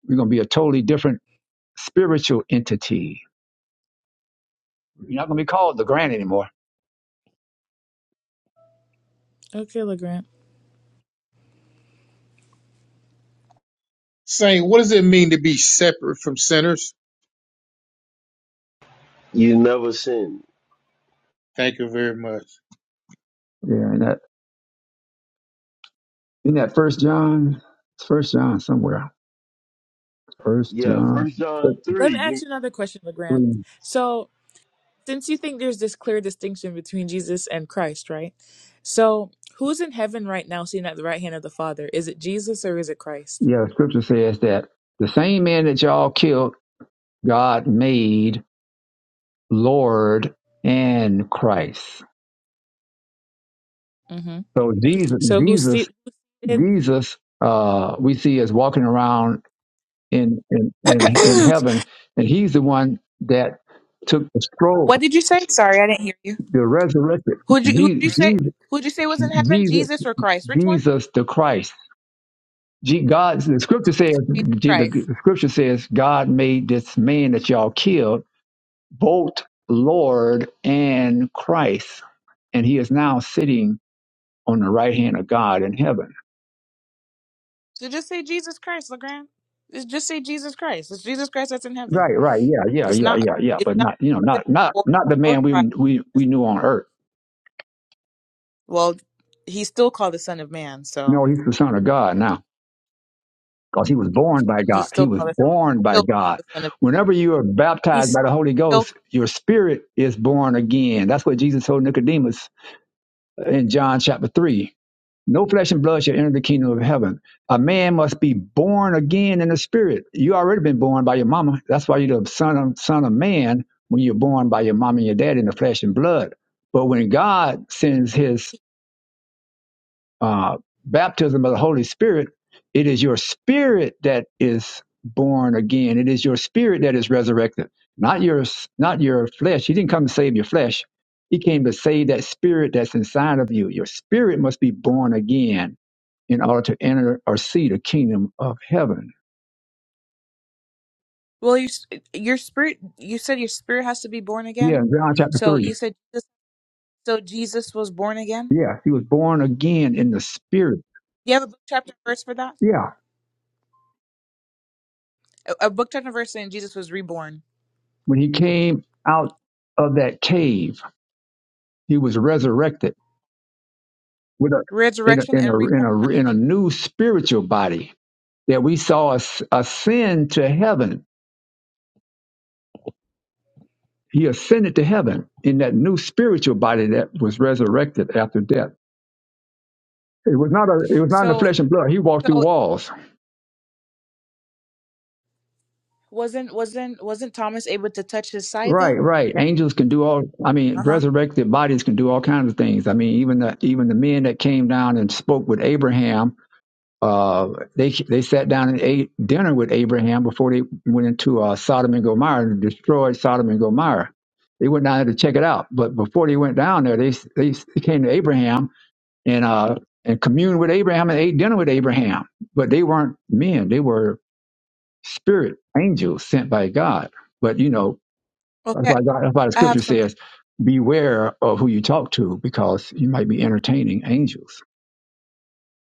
Speaker 20: We're going to be a totally different spiritual entity. You're not going to be called LeGrant anymore.
Speaker 3: okay legrand
Speaker 14: Saying, what does it mean to be separate from sinners?
Speaker 19: You never sin.
Speaker 14: Thank you very much.
Speaker 20: Yeah, in that, in that First John, it's First John somewhere. First
Speaker 19: Yeah,
Speaker 20: John,
Speaker 19: first John
Speaker 3: Let me
Speaker 19: three.
Speaker 3: ask you another question, LeGrand.
Speaker 20: three.
Speaker 3: So, since you think there's this clear distinction between Jesus and Christ, right? So, who's in heaven right now sitting at the right hand of the Father? Is it Jesus or is it Christ?
Speaker 20: yeah, the Scripture says that the same man that y'all killed, God made Lord and Christ.
Speaker 3: hmm
Speaker 20: So Jesus,
Speaker 3: So, who's
Speaker 20: Jesus,
Speaker 3: seated?
Speaker 20: Jesus, uh, we see as walking around in, in in in heaven, and he's the one that took the scroll,
Speaker 3: what did you say? Sorry, I didn't hear you.
Speaker 20: the resurrected
Speaker 3: Who'd you, who'd
Speaker 20: Je-
Speaker 3: you say?
Speaker 20: Jesus,
Speaker 3: Who'd you say was in heaven?
Speaker 20: Jesus,
Speaker 3: Jesus or Christ? Which one?
Speaker 20: Jesus the Christ. Je- God, the scripture says,
Speaker 3: Jesus
Speaker 20: Je-
Speaker 3: Christ.
Speaker 20: the scripture says, God made this man that y'all killed both Lord and Christ, and he is now sitting on the right hand of God in heaven.
Speaker 3: So just say Jesus Christ, LeGrand. Just just say Jesus Christ. It's Jesus Christ that's in heaven.
Speaker 20: Right, right, yeah, yeah,
Speaker 3: It's
Speaker 20: yeah,
Speaker 3: not.
Speaker 20: yeah, yeah.
Speaker 3: It's
Speaker 20: But
Speaker 3: not
Speaker 20: not, you know,
Speaker 3: Jesus
Speaker 20: not, not,
Speaker 3: or
Speaker 20: not the
Speaker 3: or
Speaker 20: man we
Speaker 3: Christ.
Speaker 20: we
Speaker 3: It's-
Speaker 20: we knew on earth.
Speaker 3: Well, he's still called the Son of Man, so
Speaker 20: No, he's the son of God now, because he was born by
Speaker 3: he's
Speaker 20: God. He
Speaker 3: still
Speaker 20: was
Speaker 3: called
Speaker 20: born by
Speaker 3: still
Speaker 20: God.
Speaker 3: the Son of.
Speaker 20: Whenever you are baptized
Speaker 3: He's
Speaker 20: by the Holy
Speaker 3: still
Speaker 20: Ghost, your spirit is born again. That's what Jesus told Nicodemus in John chapter three. No flesh and blood shall enter the kingdom of heaven. A man must be born again in the spirit. You already been born by your mama. That's why you're the son of, son of man when you're born by your mom and your dad in the flesh and blood. But when God sends his uh, baptism of the Holy Spirit, it is your spirit that is born again. It is your spirit that is resurrected, not your not your flesh. He didn't come to save your flesh. He came to save that spirit that's inside of you. Your spirit must be born again in order to enter or see the kingdom of heaven.
Speaker 3: well. You, s- your spirit. You said your spirit has to be born
Speaker 20: Yeah,
Speaker 3: again.
Speaker 20: in John chapter
Speaker 3: So you
Speaker 20: 3.
Speaker 3: said Jesus, so. Jesus was born again.
Speaker 20: Yeah, he was born again in the spirit.
Speaker 3: Do you have a book chapter and verse for that?
Speaker 20: Yeah,
Speaker 3: A, a book chapter and verse saying Jesus was reborn.
Speaker 20: when he came out of that cave, he was resurrected with a, in, a,
Speaker 3: Resurrection
Speaker 20: in,
Speaker 3: and
Speaker 20: a, in,
Speaker 3: reborn
Speaker 20: a,
Speaker 3: are not the
Speaker 20: in a
Speaker 3: same.
Speaker 20: new spiritual body that we saw as- ascend to heaven. He ascended to heaven in that new spiritual body that was resurrected after death. It was not a, it was not in the
Speaker 3: So
Speaker 20: flesh and blood. He walked through
Speaker 3: so
Speaker 20: walls.
Speaker 3: wasn't wasn't wasn't Thomas able to touch his side
Speaker 20: Right,
Speaker 3: though?
Speaker 20: right. Angels can do all. I mean,
Speaker 3: Uh huh.
Speaker 20: resurrected bodies can do all kinds of things. I mean, even the even the men that came down and spoke with Abraham, uh, they they sat down and ate dinner with Abraham before they went into uh, Sodom and Gomorrah and destroyed Sodom and Gomorrah. They went down there to check it out, but before they went down there, they they came to Abraham and uh and communed with Abraham and ate dinner with Abraham. But they weren't men; they were spirit angels sent by God. But you know, that's
Speaker 3: Okay,
Speaker 20: why, God, that's why the
Speaker 3: I have
Speaker 20: scripture
Speaker 3: something.
Speaker 20: says, beware of who you talk to because you might be entertaining angels.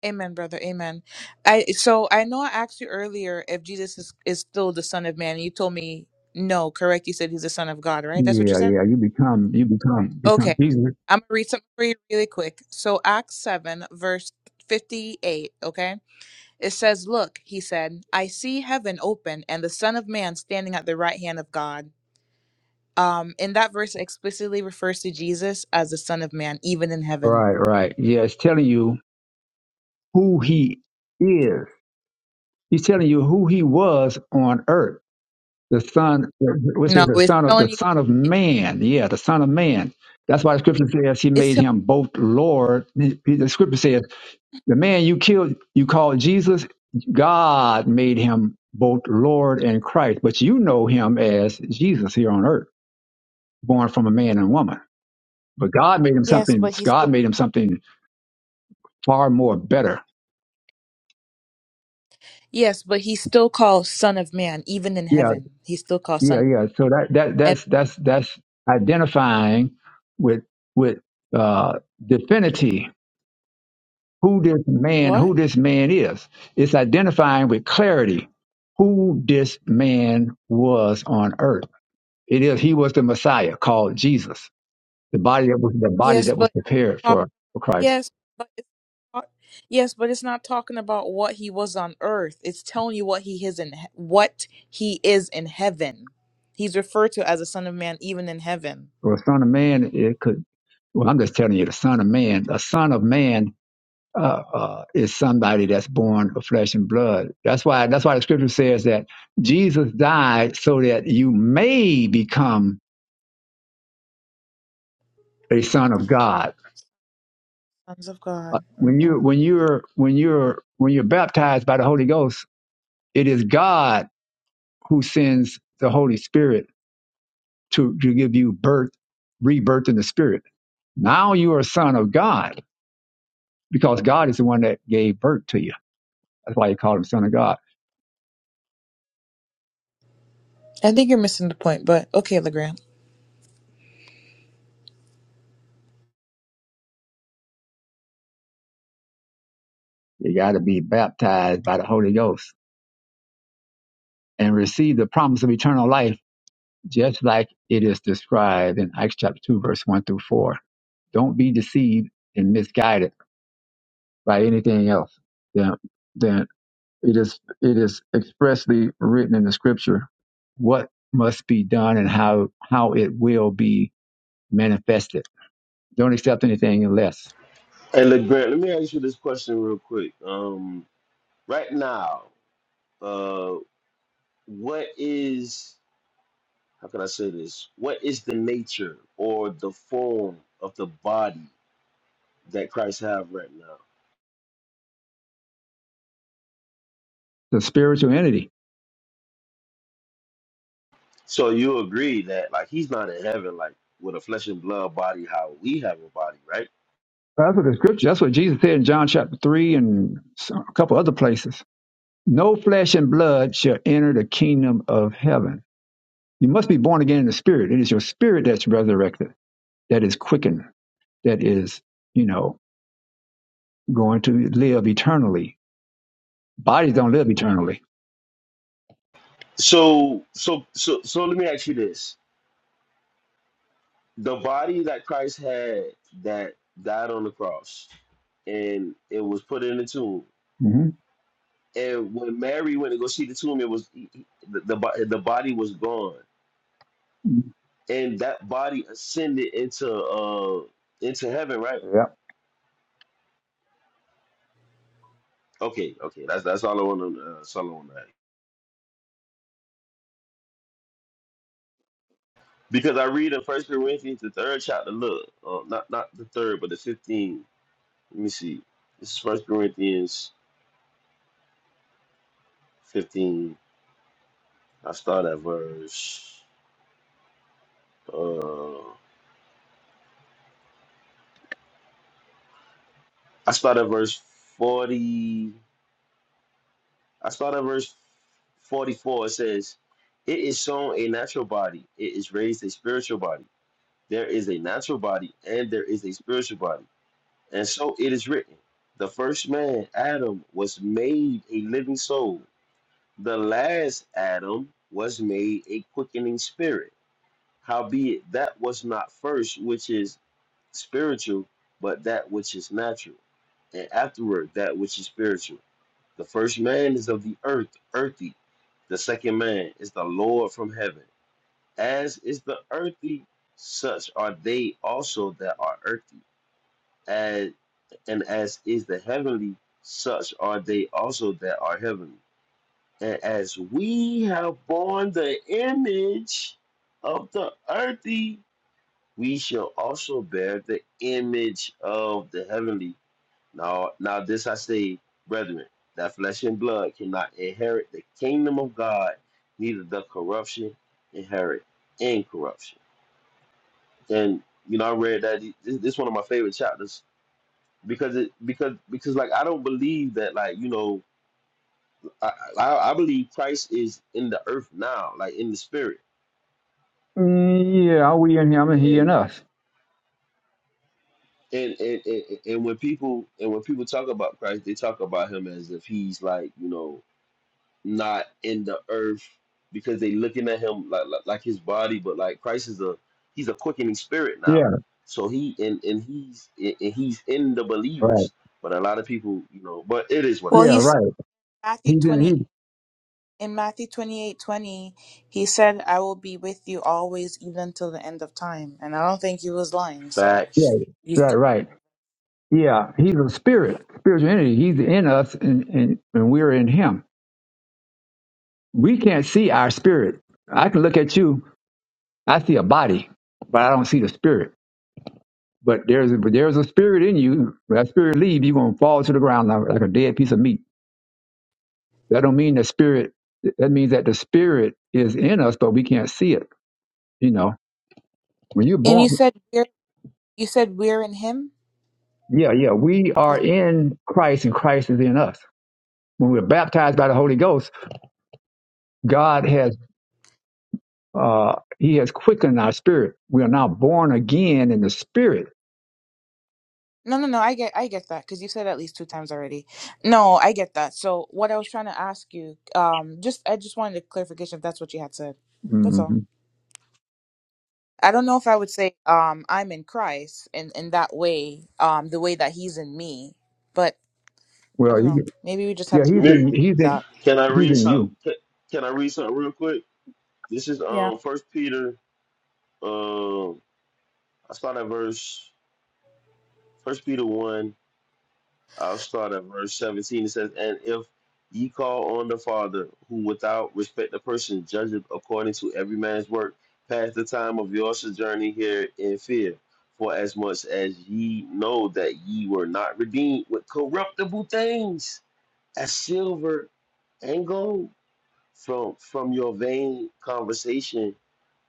Speaker 3: Amen, brother. Amen. I so I know I asked you earlier if Jesus is, is still the Son of Man. You told me no, correct? You said he's the Son of God, right? That's what you
Speaker 20: Yeah,
Speaker 3: said?
Speaker 20: yeah. You become, you become, become
Speaker 3: Okay.
Speaker 20: Jesus.
Speaker 3: I'm gonna read something for you really quick. So Acts seven, verse fifty-eight, okay? It says, Look, he said, I see heaven open and the Son of Man standing at the right hand of God. Um, in that verse it explicitly refers to Jesus as the Son of Man, even in heaven.
Speaker 20: Right, right. Yeah, it's telling you who he is. He's telling you who he was on earth. The son, which
Speaker 3: No,
Speaker 20: is the
Speaker 3: it's
Speaker 20: son of
Speaker 3: telling
Speaker 20: the
Speaker 3: you
Speaker 20: son of
Speaker 3: it-
Speaker 20: man. Yeah, the son of man. That's why the scripture says he
Speaker 3: it's
Speaker 20: made
Speaker 3: telling
Speaker 20: him both Lord. The the scripture says The man you killed, you called Jesus, God made him both Lord and Christ, but you know him as Jesus here on earth, born from a man and woman. But God made him
Speaker 3: Yes,
Speaker 20: something.
Speaker 3: but he's still
Speaker 20: God made him something far more better.
Speaker 3: Yes, but he's still called Son of Man, even in
Speaker 20: Yeah,
Speaker 3: heaven. He's still called
Speaker 20: yeah,
Speaker 3: Son.
Speaker 20: yeah. So that that
Speaker 3: And
Speaker 20: that's that's that's identifying with with uh, divinity who this man who
Speaker 3: what?
Speaker 20: this man is. It's identifying with clarity who this man was on earth It is he was the Messiah called Jesus, the body that was the body
Speaker 3: Yes,
Speaker 20: that was
Speaker 3: but
Speaker 20: prepared
Speaker 3: uh,
Speaker 20: for, for Christ.
Speaker 3: yes, but it's, uh, yes, but it's not talking about what he was on earth. It's telling you what he is in he- what he is in heaven. He's referred to as a Son of Man, even in heaven.
Speaker 20: For a son of man, it could. Well, I'm just telling you, the son of man, a son of man uh, uh, is somebody that's born of flesh and blood. That's why. That's why the scripture says that Jesus died so that you may become a son of God.
Speaker 3: Sons of
Speaker 20: Uh,
Speaker 3: God.
Speaker 20: When
Speaker 3: hmm
Speaker 20: you when you're when you're when you're baptized by the Holy Ghost, it is God who sends the Holy Spirit to, to give you birth, rebirth in the spirit. Now you are a son of God because God is the one that gave birth to you. That's why you call him son of God.
Speaker 3: I think you're missing the point, but okay, Legrand.
Speaker 20: You got to be baptized by the Holy Ghost and receive the promise of eternal life, just like it is described in Acts chapter 2, verse 1 through 4. Don't be deceived and misguided by anything else than, than it is it is expressly written in the scripture what must be done and how how it will be manifest it. Don't accept anything unless
Speaker 19: Hey, look, Grant, let me ask you this question real quick. Um, right now, uh, what is, how can I say this? What is the nature or the form of the body that Christ have right now?
Speaker 20: the spiritual entity.
Speaker 19: So you agree that like he's not in heaven, like with a flesh and blood body, how we have a body, right?
Speaker 20: That's what the scripture. That's what Jesus said in John chapter three and a couple other places. No flesh and blood shall enter the kingdom of heaven. You must be born again in the spirit. It is your spirit that's resurrected, that is quickened, that is, you know, going to live eternally. Bodies don't live eternally.
Speaker 19: So, so, so, so let me ask you this: the body that Christ had that died on the cross and it was put in the tomb
Speaker 20: hmm
Speaker 19: And when Mary went to go see the tomb, it was the the, bo- the body was gone, and that body ascended into uh into heaven, right?
Speaker 20: Yeah.
Speaker 19: Okay, okay, that's that's all I want to uh, that's all I want to ask. Because I read in First Corinthians the third chapter, look, uh, not not the third, but the fifteen. Let me see. This is First Corinthians fifteen. I start at verse. Uh, I start at verse forty. I start at verse 44. It says, It is sown a natural body, it is raised a spiritual body. There is a natural body, and there is a spiritual body. And so it is written The first man, Adam, was made a living soul, the last Adam was made a quickening spirit. Howbeit, that was not first which is spiritual, but that which is natural, and afterward that which is spiritual. The first man is of the earth, earthy. The second man is the Lord from heaven. As is the earthy, such are they also that are earthy. As, and as is the heavenly, such are they also that are heavenly. And as we have borne the image of the earthy, we shall also bear the image of the heavenly. Now, now this I say, brethren, that flesh and blood cannot inherit the kingdom of God, neither the corruption inherit incorruption. And you know, I read that this, this is one of my favorite chapters because it because because like I don't believe that like you know I, I I believe Christ is in the earth now, like in the spirit,
Speaker 20: Mm, Yeah. Are we in him and he in
Speaker 19: and
Speaker 20: us?
Speaker 19: and and and, and when people and when people talk about Christ, they talk about him as if he's like you know not in the earth because they looking at him like, like like his body, but like Christ is a he's a quickening spirit now.
Speaker 20: Yeah.
Speaker 19: So he and and he's and he's in the
Speaker 20: Right.
Speaker 19: believers, but a lot of people, you know, but it is what
Speaker 3: Well,
Speaker 19: it
Speaker 20: Yeah.
Speaker 3: he
Speaker 19: is.
Speaker 3: said
Speaker 20: Right.
Speaker 3: Matthew
Speaker 20: He's in. He.
Speaker 3: twenty In Matthew twenty-eight twenty, he said, I will be with you always, even till the end of time. And I don't think he was lying, so.
Speaker 20: Yeah.
Speaker 19: Facts.
Speaker 3: He's
Speaker 20: Right.
Speaker 3: de-
Speaker 20: Right. Yeah, he's a spirit, spiritual entity. He's in us and, and, and we're in him. We can't see our spirit. I can look at you, I see a body, but I don't see the spirit. But there's but there's a spirit in you. When that spirit leaves, you're gonna fall to the ground like, like a dead piece of meat. That don't mean the spirit that means that the spirit is in us, but we can't see it. You know. When you're
Speaker 3: And you
Speaker 20: born
Speaker 3: said we're you said we're in him?
Speaker 20: Yeah, yeah. We are
Speaker 3: That's,
Speaker 20: in Christ and Christ is in us. When we're baptized by the Holy Ghost, God has Uh, he has quickened our spirit. We are now born again in the spirit.
Speaker 3: no, no, no, I get I get that cuz you said at least two times already. No, I get that. So, what I was trying to ask you um just I just wanted a clarification if that's what you had said. That's
Speaker 20: hmm
Speaker 3: all. I don't know if I would say um I'm in Christ in in that way, um the way that he's in me, but I
Speaker 20: Well,
Speaker 3: don't
Speaker 20: he,
Speaker 3: know. Maybe we just
Speaker 20: yeah,
Speaker 3: have to
Speaker 20: he's
Speaker 19: Nick,
Speaker 20: in, he's in,
Speaker 3: that.
Speaker 19: can I
Speaker 20: he's
Speaker 19: read
Speaker 20: in
Speaker 19: some?
Speaker 20: you.
Speaker 19: Can, can I read something real quick? This is
Speaker 3: Yeah.
Speaker 19: um First Peter. Um, I start at verse First Peter one. I'll start at verse 17. It says, And if ye call on the Father, who without respect of person judgeth according to every man's work, pass the time of your sojourning here in fear. For as much as ye know that ye were not redeemed with corruptible things, as silver and gold, from, from your vain conversation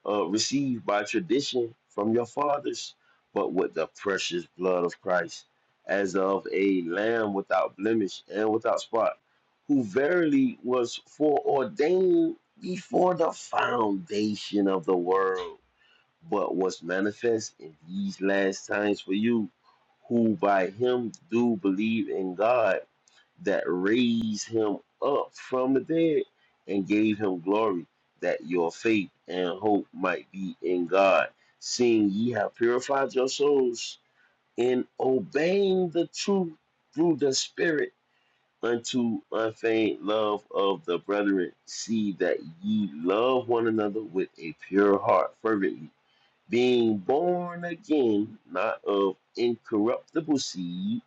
Speaker 19: uh, received by tradition from your fathers, but with the precious blood of Christ, as of a lamb without blemish and without spot, who verily was foreordained before the foundation of the world, but was manifest in these last times for you, who by him do believe in God that raised him up from the dead and gave him glory, that your faith and hope might be in God, seeing ye have purified your souls in obeying the truth through the Spirit unto unfeigned love of the brethren. See that ye love one another with a pure heart fervently, being born again, not of incorruptible seed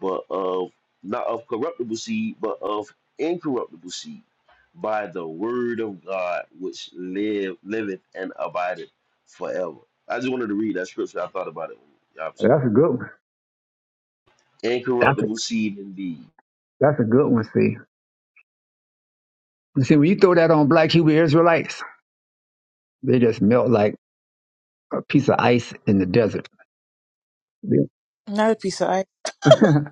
Speaker 19: but of not of corruptible seed, but of incorruptible seed, by the word of God which live liveth and abideth forever. I just wanted to read that scripture. I thought about it when y'all was speaking.
Speaker 20: That's a good one. That's a,
Speaker 19: Incorruptible seed indeed.
Speaker 20: that's a good one. See, you see, when you throw that on black Hebrew Israelites, they just melt like a piece of ice in the desert. They,
Speaker 3: Another piece.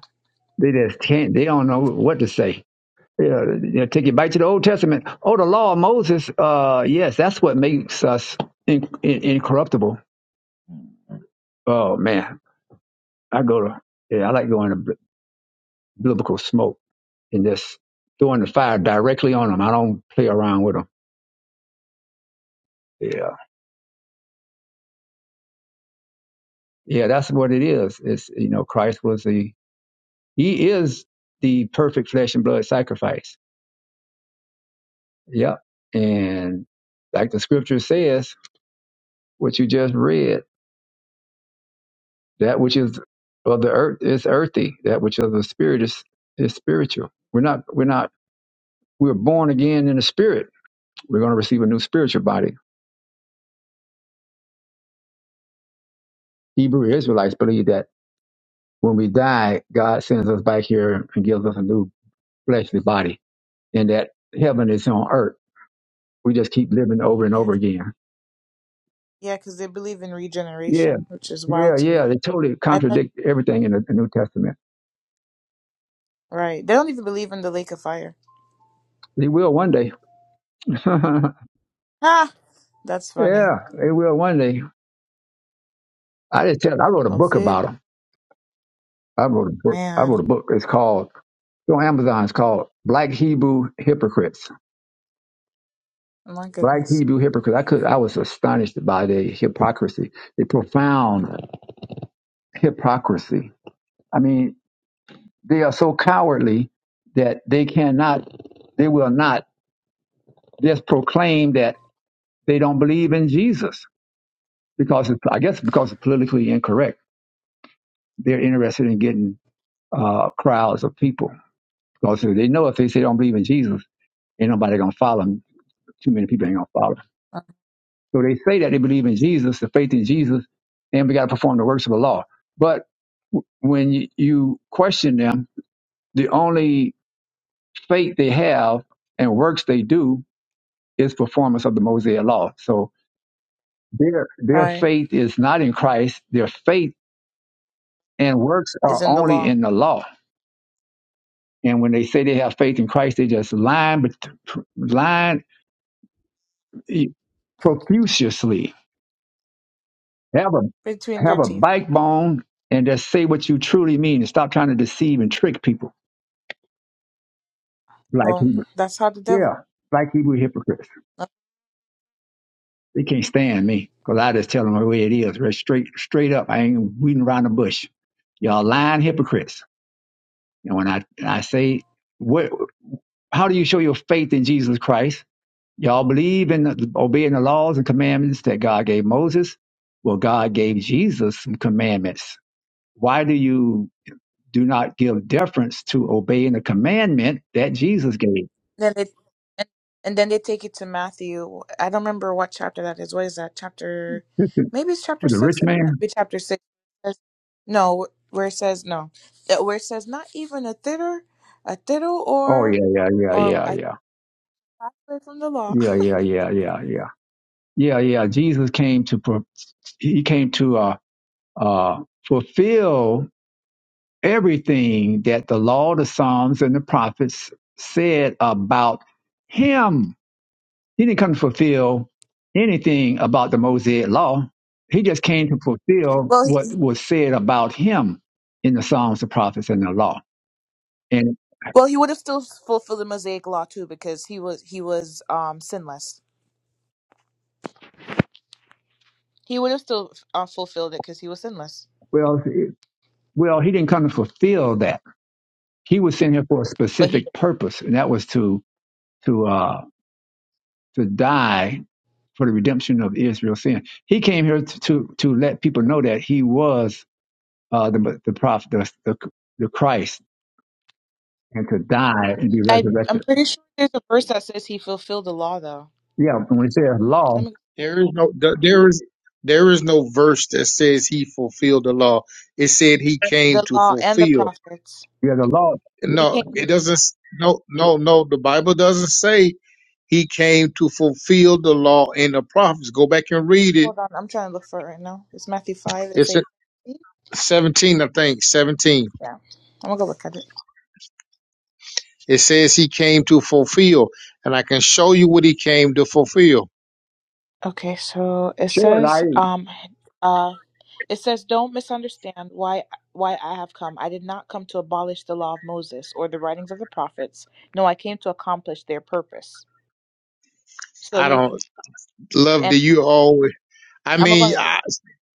Speaker 20: they just can't. They don't know what to say. Yeah, you know, take it back to the Old Testament. Oh, the law of Moses. Uh, yes, that's what makes us in, in, incorruptible. Oh man, I go to yeah, I like going to. biblical smoke and just throwing the fire directly on them. I don't play around with them. Yeah. Yeah, that's what it is. It's, you know, Christ was the, he is the perfect flesh and blood sacrifice. Yeah. And like the scripture says, what you just read, that which is of the earth is earthy. That which of the spirit is, is spiritual. We're not, we're not, we're born again in the spirit. We're going to receive a new spiritual body. Hebrew Israelites believe that When we die, God sends us back here and gives us a new fleshly body. And that heaven is on earth. We just keep living over and
Speaker 3: Yeah,
Speaker 20: over
Speaker 3: 'cause-
Speaker 20: again.
Speaker 3: yeah, because they believe in
Speaker 20: Yeah.
Speaker 3: regeneration, which is wild
Speaker 20: Yeah,
Speaker 3: to me.
Speaker 20: yeah. They totally
Speaker 3: I thought,
Speaker 20: contradict everything in the, the New Testament.
Speaker 3: right? They don't even believe in the lake of fire.
Speaker 20: They will one day. yeah,
Speaker 3: Ha! That's funny.
Speaker 20: they will one day. I just tell. I wrote a book
Speaker 3: Hopefully,
Speaker 20: about
Speaker 3: it-
Speaker 20: them. I wrote a book. I wrote
Speaker 3: man,
Speaker 20: a book. It's called it's on Amazon. It's called Black Hebrew Hypocrites.
Speaker 3: oh my
Speaker 20: Black
Speaker 3: goodness,
Speaker 20: Hebrew Hypocrites. I could. I was astonished by the hypocrisy, the profound hypocrisy. I mean, they are so cowardly that they cannot, they will not just proclaim that they don't believe in Jesus because it's, I guess because it's politically incorrect. They're interested in getting uh, crowds of people because they know if they say they don't believe in Jesus, ain't nobody gonna follow them. Too many people ain't gonna follow. them. So they say that they believe in Jesus, the faith in Jesus, and we gotta perform the works of the law. But when you you question them, the only faith they have and works they do is performance of the Mosaic law. So their their
Speaker 3: right?
Speaker 20: faith is not in Christ. Their faith and works
Speaker 3: Is
Speaker 20: are
Speaker 3: in the
Speaker 20: only
Speaker 3: law
Speaker 20: in the law. And when they say they have faith in Christ, they just lying, but lying profusely. Have a
Speaker 3: between their
Speaker 20: have a
Speaker 3: teeth.
Speaker 20: backbone and just say what you truly mean, and stop trying to deceive and trick people like
Speaker 3: Well,
Speaker 20: Hebrew.
Speaker 3: that's how the
Speaker 20: Yeah,
Speaker 3: devil.
Speaker 20: like Hebrew hypocrites. They can't stand me because I just tell them the way it is, right straight straight up. I ain't beating around the bush. Y'all lying hypocrites. And when I, I say, what, how do you show your faith in Jesus Christ? Y'all believe in the, obeying the laws and commandments that God gave Moses? Well, God gave Jesus some commandments. Why do you do not give deference to obeying the commandment that Jesus gave?
Speaker 3: then they and, and then they take it to Matthew. I don't remember what chapter that is. What is that chapter? Maybe it's chapter
Speaker 20: With the rich
Speaker 3: six. It may
Speaker 20: man?
Speaker 3: not be chapter six. It says- No, where it says no, that- where it says not even a thither, a tittle
Speaker 20: Oh,
Speaker 3: or,
Speaker 20: yeah, yeah, yeah,
Speaker 3: or
Speaker 20: yeah,
Speaker 3: I
Speaker 20: yeah.
Speaker 3: passed away from the law.
Speaker 20: Yeah, yeah, yeah, yeah, yeah. Yeah, yeah. Jesus came to, pro- he came to, uh, uh, fulfill everything that the law, the Psalms, and the prophets said about him. He didn't come to fulfill anything about the Mosaic law. He just came to fulfill
Speaker 3: well, he,
Speaker 20: what was said about him in the Psalms, the prophets, and the law. And
Speaker 3: well, he would have still fulfilled the Mosaic law too because he was he was um sinless. He would have still uh, fulfilled it because he was sinless.
Speaker 20: well, it- well, he didn't come to fulfill that. He was sent here for a
Speaker 3: But he,
Speaker 20: specific purpose, and that was to to uh, to die for the redemption of Israel's sin. He came here to to, to let people know that he was uh, the the prophet, the, the the Christ, and to die and be
Speaker 3: I, I'm
Speaker 20: resurrected.
Speaker 3: pretty sure there's a verse that says he fulfilled the law though.
Speaker 20: Yeah, when it says law,
Speaker 3: Let me. go
Speaker 14: There is no th- there is there is no verse that says he fulfilled the law. It said he came
Speaker 3: the
Speaker 14: to
Speaker 3: law and the
Speaker 14: fulfill.
Speaker 3: prophets.
Speaker 20: yeah, the law.
Speaker 3: He
Speaker 14: No,
Speaker 3: came.
Speaker 14: it doesn't. No, no, no. The Bible doesn't say He came to fulfill the law and the prophets. Go back and read it.
Speaker 3: Hold on, I'm trying to look for it right now. It's Matthew five. It
Speaker 14: It's
Speaker 3: says,
Speaker 14: at 17, I think, 17.
Speaker 3: yeah, I'm gonna go look at it.
Speaker 14: It says he came to fulfill, and I can show you what he came to fulfill.
Speaker 3: Okay, so it
Speaker 20: Sure,
Speaker 3: says,
Speaker 20: light
Speaker 3: um, uh, it says, don't misunderstand why why I have come. I did not come to abolish the law of Moses or the writings of the prophets. No, I came to accomplish their purpose. So
Speaker 14: I
Speaker 3: he
Speaker 14: don't love
Speaker 3: and
Speaker 14: that you always. I
Speaker 3: I'm gonna
Speaker 14: mean,
Speaker 3: go
Speaker 14: I,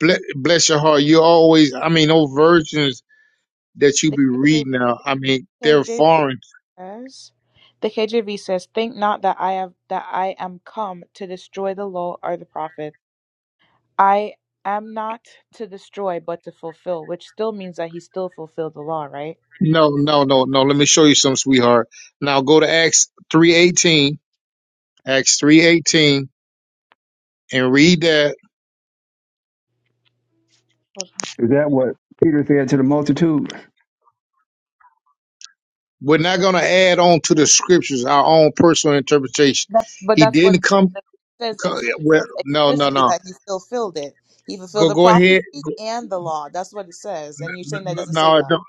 Speaker 14: ble- bless your heart. You always. I mean, those versions that you
Speaker 3: the
Speaker 14: be
Speaker 3: KJ,
Speaker 14: reading now. I mean, they're
Speaker 3: KJ
Speaker 14: foreign.
Speaker 3: says. The KJV says, "Think not that I have that I am come to destroy the law or the prophets." I am not to destroy, but to fulfill, which still means that he still fulfilled the law, right?
Speaker 14: No, no, no, no. Let me show you some, sweetheart. Now go to Acts three eighteen, Acts three eighteen, and read that.
Speaker 20: is that what Peter said to the multitude?
Speaker 14: We're not going to add on to the scriptures our own personal interpretation.
Speaker 3: That's, but
Speaker 14: He
Speaker 3: that's what
Speaker 14: didn't
Speaker 3: it says.
Speaker 14: come.
Speaker 3: It says,
Speaker 14: co-
Speaker 3: ex- it
Speaker 14: Well,
Speaker 3: says
Speaker 14: no, no,
Speaker 3: explicitly
Speaker 14: no.
Speaker 3: that he fulfilled it. He
Speaker 14: Go,
Speaker 3: fulfilled the
Speaker 14: go
Speaker 3: prophecy
Speaker 14: ahead. Go,
Speaker 3: and the law. That's what it says. And you're saying that doesn't say
Speaker 14: no, it
Speaker 3: that.
Speaker 14: don't.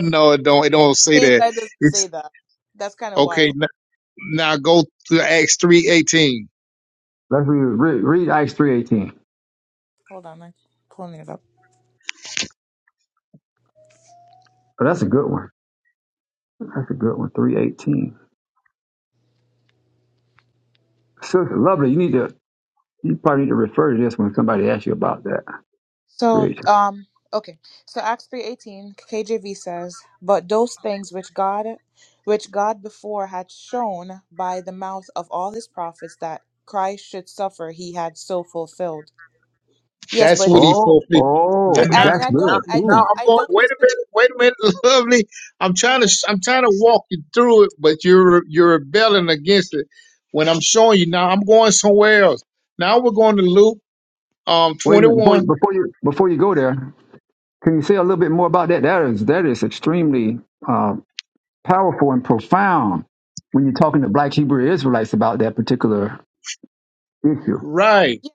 Speaker 14: No, it don't. It
Speaker 3: And
Speaker 14: don't say
Speaker 3: you're saying
Speaker 14: that.
Speaker 3: that doesn't say
Speaker 14: It's
Speaker 3: that. That's kind of
Speaker 14: okay.
Speaker 3: wild.
Speaker 14: n- Now go to Acts three eighteen.
Speaker 20: Let's read, read, read Acts three eighteen.
Speaker 3: Hold on, I'm pulling it up.
Speaker 20: Oh, that's a good one. That's a good one. Three eighteen. So lovely. You need to. You probably need to refer to this when somebody asks you about that.
Speaker 3: So,
Speaker 20: Three eighteen.
Speaker 3: um, okay. So Acts three eighteen, KJV says, "But those things which God, which God before had shown by the mouth of all his prophets that Christ should suffer, he had so fulfilled." Yes,
Speaker 14: That's
Speaker 3: but
Speaker 14: what he
Speaker 20: Oh,
Speaker 14: fulfilled. Now,
Speaker 20: oh,
Speaker 3: I,
Speaker 14: now,
Speaker 3: and
Speaker 20: that's
Speaker 3: I
Speaker 14: now,
Speaker 3: don't,
Speaker 20: good.
Speaker 3: I
Speaker 14: now
Speaker 20: Ooh.
Speaker 3: don't,
Speaker 14: I'm
Speaker 3: I
Speaker 14: going.
Speaker 3: don't
Speaker 14: Wait a
Speaker 3: disagree.
Speaker 14: minute. Wait a minute, lovely. I'm
Speaker 3: Go
Speaker 14: trying
Speaker 3: ahead.
Speaker 14: to. I'm trying to walk you through it, but you're you're rebelling against it. When I'm showing you now, I'm going somewhere else. Now we're going to Luke um
Speaker 20: Wait a minute. Before you,
Speaker 14: 21,
Speaker 20: before you before you go there, can you say a little bit more about that? That is that is extremely uh, powerful and profound when you're talking to black Hebrew Israelites about that particular issue.
Speaker 14: right?
Speaker 3: Yeah.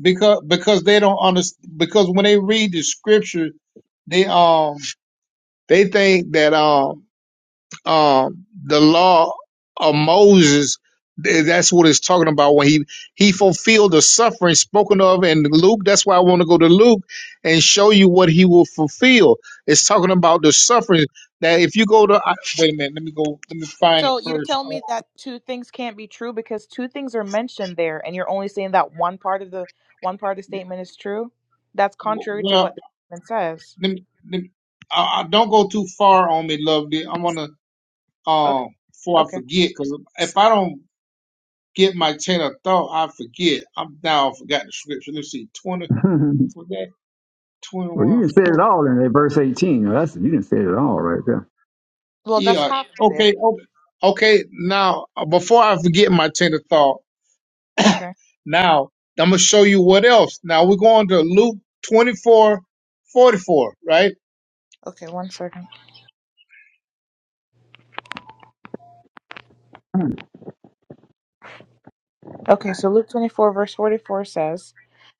Speaker 14: Because because they don't understand. Because when they read the scripture, they um they think that um um, the law of Moses. th- That's what it's talking about when he he fulfilled the suffering spoken of in Luke. That's why I want to go to Luke and show you what he will fulfill. It's talking about the suffering that if you go to I, wait a minute, let me go, let me find it
Speaker 3: So you're
Speaker 14: first.
Speaker 3: telling
Speaker 14: Uh,
Speaker 3: me that two things can't be true because two things are mentioned there, and you're only saying that one part of the one part of the statement is true. That's
Speaker 14: w-
Speaker 3: contrary to what
Speaker 14: well,
Speaker 3: the statement says.
Speaker 14: let me, let me, I, I don't go too far on me, lovely. I want to
Speaker 3: Okay.
Speaker 14: um before I
Speaker 3: Okay.
Speaker 14: forget because if I don't get my chain of thought, I forget. I'm now I forgot the scripture. Let's see, twenty.
Speaker 20: well, you
Speaker 14: 21
Speaker 20: didn't say it
Speaker 14: 40.
Speaker 20: all in that verse 18. Now, That's, you didn't say it all right there.
Speaker 3: Well, that's
Speaker 14: Yeah.
Speaker 3: half of it.
Speaker 14: Okay. o- Okay. Now, uh, before I forget my train of thought,
Speaker 3: Okay.
Speaker 14: now I'm going to show you what else. Now we're going to Luke 24 44. right?
Speaker 3: Okay, one second. Okay, so Luke 24, verse 44 says,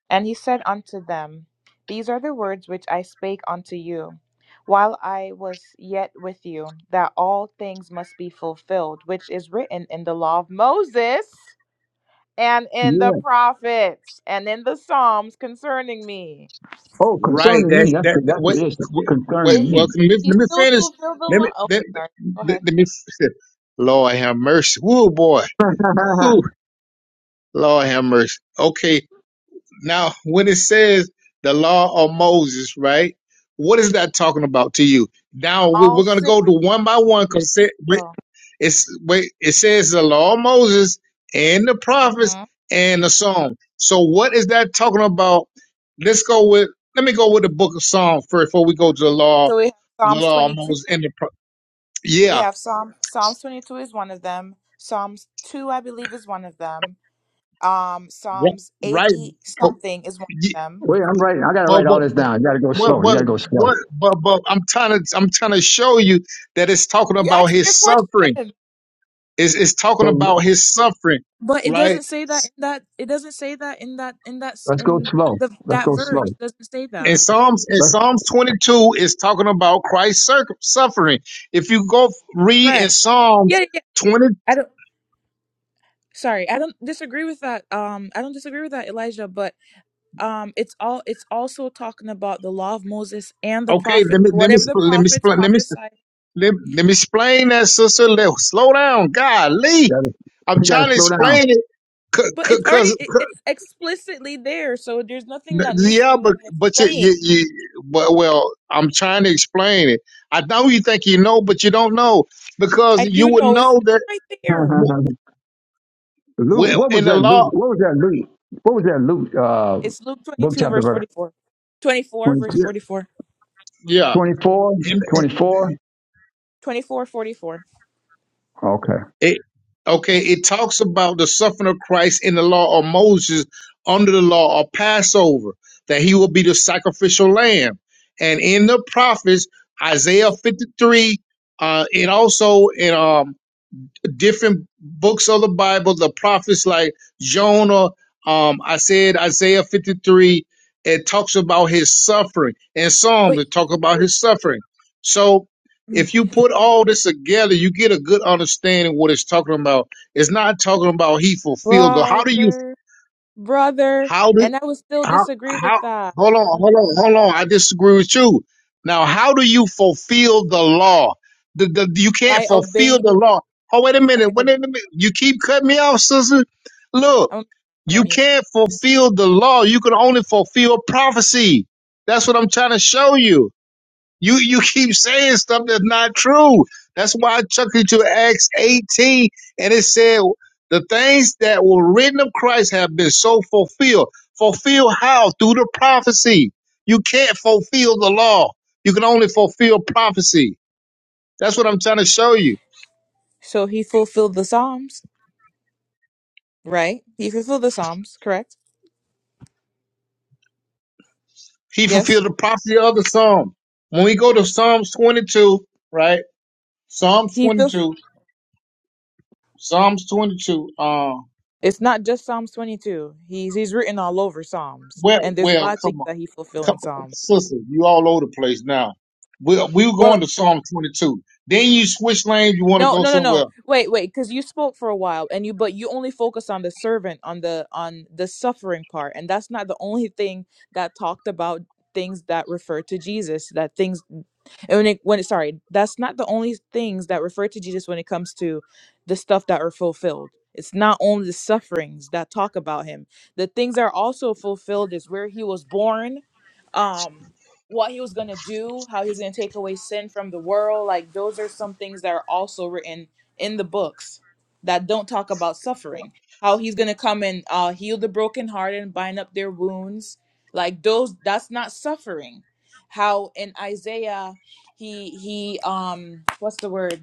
Speaker 3: And he said unto them, These are the words which I spake unto you, while I was yet with you, that all things must be fulfilled, which is written in the law of Moses and in the
Speaker 20: Yeah.
Speaker 3: prophets and in the Psalms concerning me.
Speaker 20: Oh,
Speaker 14: Right.
Speaker 20: concerning me.
Speaker 14: That,
Speaker 20: That's
Speaker 14: that,
Speaker 20: the,
Speaker 14: that
Speaker 20: that's
Speaker 14: what,
Speaker 20: the issue.
Speaker 14: what, what,
Speaker 20: Concerning
Speaker 3: Is
Speaker 20: me.
Speaker 14: well, let me,
Speaker 3: he
Speaker 14: let me
Speaker 3: still
Speaker 14: finish.
Speaker 3: fulfilled the
Speaker 14: Let me,
Speaker 3: law? Oh,
Speaker 14: let,
Speaker 3: sorry. Go
Speaker 14: let,
Speaker 3: ahead.
Speaker 14: let
Speaker 3: Go
Speaker 14: me,
Speaker 3: ahead.
Speaker 14: Lord have mercy. Woo, boy. Woo. Lord have mercy. Okay. Now, when it says the law of Moses, right? What is that talking about to you? Now we,
Speaker 3: All
Speaker 14: we're going to
Speaker 3: six.
Speaker 14: go to one by one because
Speaker 3: Oh,
Speaker 14: it's wait, it says the law of Moses and the prophets
Speaker 3: mhm.
Speaker 14: and the Psalm. So what is that talking about? Let's go with let me go with the book of Psalm first before we go to the law,
Speaker 3: So we have
Speaker 14: the
Speaker 3: Psalms
Speaker 14: law of
Speaker 3: 22.
Speaker 14: Moses and the pro-
Speaker 3: We
Speaker 14: yeah,
Speaker 3: have Psalm Psalms 22 is one of them. Psalms 2 I believe is one of them. Um Psalms
Speaker 14: right, right.
Speaker 3: 80 something is one of them.
Speaker 20: Wait, I'm writing. I got to
Speaker 14: But
Speaker 20: write all
Speaker 14: what
Speaker 20: this down. You got to go
Speaker 14: what
Speaker 20: slow. You
Speaker 14: what
Speaker 20: got to go slow.
Speaker 14: what but but I'm trying to I'm trying to show you that it's talking
Speaker 3: You
Speaker 14: about
Speaker 3: asked me a
Speaker 14: his suffering.
Speaker 3: question.
Speaker 14: It's it's talking
Speaker 20: So
Speaker 14: about his suffering,
Speaker 3: But it
Speaker 14: right?
Speaker 3: doesn't say that in that it doesn't say that in that in that s-
Speaker 20: let's go
Speaker 3: in
Speaker 20: slow.
Speaker 3: the
Speaker 20: Let's
Speaker 3: that
Speaker 20: go
Speaker 3: verse It
Speaker 20: slow.
Speaker 3: doesn't say
Speaker 14: And
Speaker 3: that.
Speaker 14: Psalms and
Speaker 20: Let's,
Speaker 14: Psalms 22 is talking about Christ's cir- suffering. If you go f- read in
Speaker 3: Correct. Yeah,
Speaker 14: Psalms
Speaker 3: yeah. yeah.
Speaker 14: 20,
Speaker 3: I don't sorry. I don't disagree with that. Um I don't disagree with that Elijah, but um it's all it's also talking about the law of Moses and the
Speaker 14: okay,
Speaker 3: prophets.
Speaker 14: let me let me
Speaker 3: Whatever the
Speaker 14: sp- let me
Speaker 3: prophets
Speaker 14: spl- let me s-
Speaker 3: prophesy
Speaker 14: let, let me explain that, sister. Let, slow down, golly.
Speaker 20: gotta,
Speaker 14: I'm
Speaker 20: you got
Speaker 14: trying
Speaker 20: to
Speaker 14: to
Speaker 20: slow down.
Speaker 14: explain it
Speaker 3: But it's already
Speaker 14: because.
Speaker 3: it, it's explicitly there, so there's nothing
Speaker 14: N-
Speaker 3: that needs to
Speaker 14: Yeah,
Speaker 3: really
Speaker 14: but
Speaker 3: be
Speaker 14: but you,
Speaker 3: explained.
Speaker 14: you, you but, well, I'm trying to explain it. I know you think you know, but you don't know
Speaker 3: I
Speaker 14: because you
Speaker 3: do
Speaker 14: would
Speaker 3: know it's
Speaker 14: know that.
Speaker 3: right there.
Speaker 14: w-
Speaker 20: Luke,
Speaker 14: Well,
Speaker 20: what
Speaker 14: in
Speaker 20: was
Speaker 14: the
Speaker 20: that
Speaker 14: law,
Speaker 20: Luke? What was that Luke? What was that Luke uh,
Speaker 3: It's Luke
Speaker 20: book
Speaker 3: 22
Speaker 20: chapter
Speaker 3: verse
Speaker 20: verse?
Speaker 3: 44. 24
Speaker 20: twenty
Speaker 3: verse
Speaker 14: yeah,
Speaker 3: 44.
Speaker 14: yeah.
Speaker 20: 24,
Speaker 14: in,
Speaker 20: 24.
Speaker 3: 24 forty-four.
Speaker 20: Okay.
Speaker 14: it, okay, it talks about the suffering of Christ in the law of Moses under the law of Passover that he will be the sacrificial lamb, and in the prophets Isaiah 53, uh, and also in um different books of the Bible, the prophets like Jonah, um, I said Isaiah 53, it talks about his suffering, and
Speaker 3: But
Speaker 14: Psalms it talk about his suffering. So if you put all this together, you get a good understanding what it's talking about. It's not talking about he fulfilled. the- How do you
Speaker 3: brother, brother,
Speaker 14: how do
Speaker 3: and I would still
Speaker 14: how
Speaker 3: disagree with
Speaker 14: how
Speaker 3: that
Speaker 14: hold on, hold on, hold on. I disagree with you. Now, how do you fulfill the law? The, the, you can't
Speaker 3: by
Speaker 14: fulfill the
Speaker 3: obeying
Speaker 14: law. Oh, wait a
Speaker 3: by
Speaker 14: minute, wait
Speaker 3: ob-
Speaker 14: a minute. You keep cutting me off, sister. Look,
Speaker 3: I'm I'm a
Speaker 14: you
Speaker 3: mute.
Speaker 14: can't fulfill the law. You can only fulfill prophecy. That's what I'm trying to show you. You you keep saying stuff that's not true. That's why I took you to Acts 18 and it said the things that were written of Christ have been so fulfilled. Fulfilled how? Through the prophecy. You can't fulfill the law. You can only fulfill prophecy. That's what I'm trying to show you.
Speaker 3: So he fulfilled the Psalms, right? He fulfilled the Psalms, correct?
Speaker 14: He
Speaker 3: Yes.
Speaker 14: fulfilled the prophecy of the Psalm. When we go to Psalms 22, right? Psalms
Speaker 3: He fulfilled.
Speaker 14: 22, Psalms 22. um,
Speaker 3: It's not just Psalms 22. He's he's written all over Psalms,
Speaker 14: Well,
Speaker 3: and there's a
Speaker 14: well,
Speaker 3: lot of things
Speaker 14: come on,
Speaker 3: that he fulfills
Speaker 14: come,
Speaker 3: in Psalms.
Speaker 14: sister, you all over the place now. We we were
Speaker 3: Well.
Speaker 14: going to Psalm twenty two. Then you switch lanes. You want to
Speaker 3: No,
Speaker 14: go
Speaker 3: no, no,
Speaker 14: somewhere.
Speaker 3: no.
Speaker 14: else.
Speaker 3: Wait, wait, because you spoke for a while and you but you only focus on the servant, on the on the suffering part, and that's not the only thing that talked about things that refer to Jesus, that things and when it when it, sorry, that's not the only things that refer to Jesus when it comes to the stuff that are fulfilled. It's not only the sufferings that talk about him. The things that are also fulfilled is where he was born, um what he was going to do, how he's going to take away sin from the world. Like, those are some things that are also written in the books that don't talk about suffering. How he's going to come and uh, heal the broken heart and bind up their wounds. Like, those, that's not suffering. How in Isaiah, he, he, um, what's the word?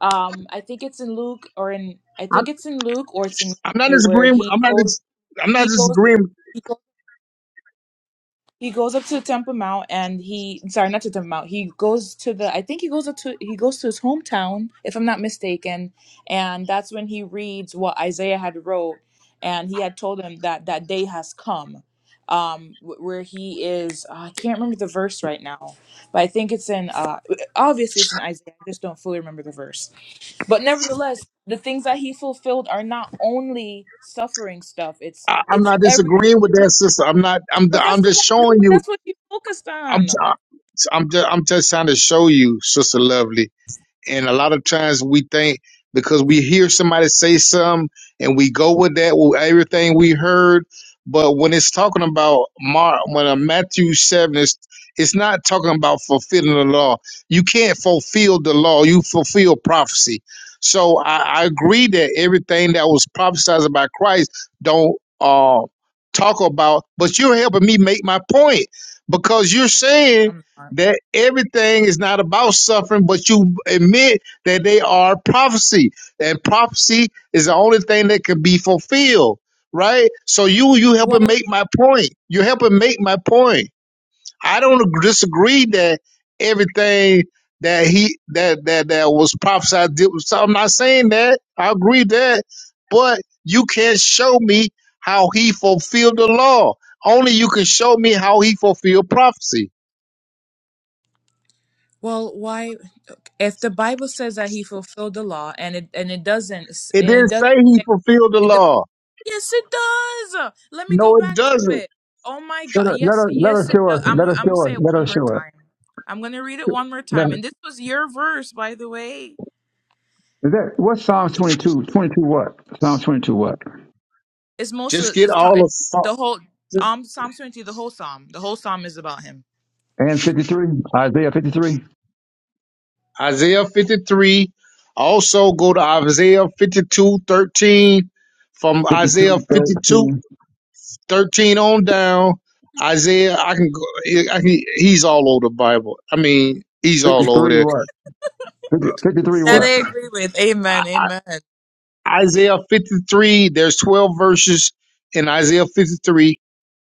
Speaker 3: Um, I think it's in Luke or in, I
Speaker 14: I,
Speaker 3: think it's in Luke or it's in
Speaker 14: I'm not
Speaker 3: Matthew where
Speaker 14: disagreeing. with-
Speaker 3: he
Speaker 14: I'm not.
Speaker 3: goes,
Speaker 14: dis- I'm not
Speaker 3: he goes
Speaker 14: disagreeing.
Speaker 3: he goes up to Temple Mount and he sorry, not to Temple Mount. He goes to the I think he goes up to he goes to his hometown, if I'm not mistaken, and that's when he reads what Isaiah had wrote and he had told him that that day has come. Um, wh- where he is, uh, I can't remember the verse right now, but I think it's in. Uh, obviously, it's in Isaiah. I just don't fully remember the verse. But nevertheless, the things that he fulfilled are not only suffering stuff. It's
Speaker 14: I, I'm
Speaker 3: it's
Speaker 14: not
Speaker 3: every.
Speaker 14: disagreeing with that, sister. I'm not. I'm.
Speaker 3: But that's
Speaker 14: I'm
Speaker 3: the
Speaker 14: just
Speaker 3: one.
Speaker 14: showing
Speaker 3: But
Speaker 14: you.
Speaker 3: that's what you focused
Speaker 14: I'm.
Speaker 3: on.
Speaker 14: I'm just. I'm just trying to show you, sister, lovely. And a lot of times we think because we hear somebody say something and we go with that, with everything we heard. But when it's talking about Mar, when uh, Matthew 7 is, it's not talking about fulfilling the law. You can't fulfill the law, you fulfill prophecy. So I, I agree that everything that was prophesied about Christ don't uh, talk about, but you're helping me make my point because you're saying
Speaker 3: I'm not.
Speaker 14: that everything is not about suffering, but you admit that they are prophecy, and prophecy is the only thing that can be fulfilled, right? So you you helping
Speaker 3: Well,
Speaker 14: make my point. You helping make my point. I don't ag- disagree that everything that he that that that was prophesied. did So I'm not saying that. I agree that, but you can't show me how he fulfilled the law. Only you can show me how he fulfilled prophecy.
Speaker 3: well, why? If the Bible says that he fulfilled the law, and it and it doesn't, s-
Speaker 14: It
Speaker 3: and it
Speaker 14: didn't
Speaker 3: doesn't.
Speaker 14: say he
Speaker 3: say-
Speaker 14: fulfilled the
Speaker 3: It, do-
Speaker 14: law.
Speaker 3: yes, it does. Let me go
Speaker 14: No, it
Speaker 3: back to
Speaker 14: doesn't.
Speaker 3: it. Oh my
Speaker 20: Let
Speaker 3: God!
Speaker 20: her, let
Speaker 3: Yes,
Speaker 20: her, let
Speaker 3: yes,
Speaker 20: her
Speaker 3: it
Speaker 20: show
Speaker 3: does.
Speaker 20: us.
Speaker 3: I'm
Speaker 20: Let
Speaker 3: gonna-
Speaker 20: her
Speaker 3: I'm gonna
Speaker 20: show
Speaker 3: say
Speaker 20: us.
Speaker 3: it
Speaker 20: Let
Speaker 3: one
Speaker 20: her
Speaker 3: more
Speaker 20: show us.
Speaker 3: time. I'm gonna read it one more
Speaker 20: Let
Speaker 3: time.
Speaker 20: her,
Speaker 3: And this was your verse, by the way.
Speaker 20: is that, what's Psalms 22? 22 what? Psalms 22 what?
Speaker 3: It's most
Speaker 14: Just
Speaker 3: of
Speaker 14: get
Speaker 3: it's not-
Speaker 14: all
Speaker 3: it,
Speaker 14: of
Speaker 3: the whole um Psalm 20. The whole psalm. The whole psalm is about him.
Speaker 20: And 53? Isaiah 53?
Speaker 14: Isaiah 53. Also go to Isaiah 52 13, From
Speaker 20: 52,
Speaker 14: Isaiah 52
Speaker 20: thirteen,
Speaker 14: 13 on down. Isaiah, I can go, I can, he's all over the Bible. I mean, he's all over
Speaker 20: 53
Speaker 14: there.
Speaker 20: what? 50, 53
Speaker 3: That
Speaker 14: Fif-
Speaker 20: what?
Speaker 3: I agree with.
Speaker 14: I-
Speaker 3: Amen. Amen.
Speaker 14: Isaiah 53, there's 12 verses in Isaiah 53.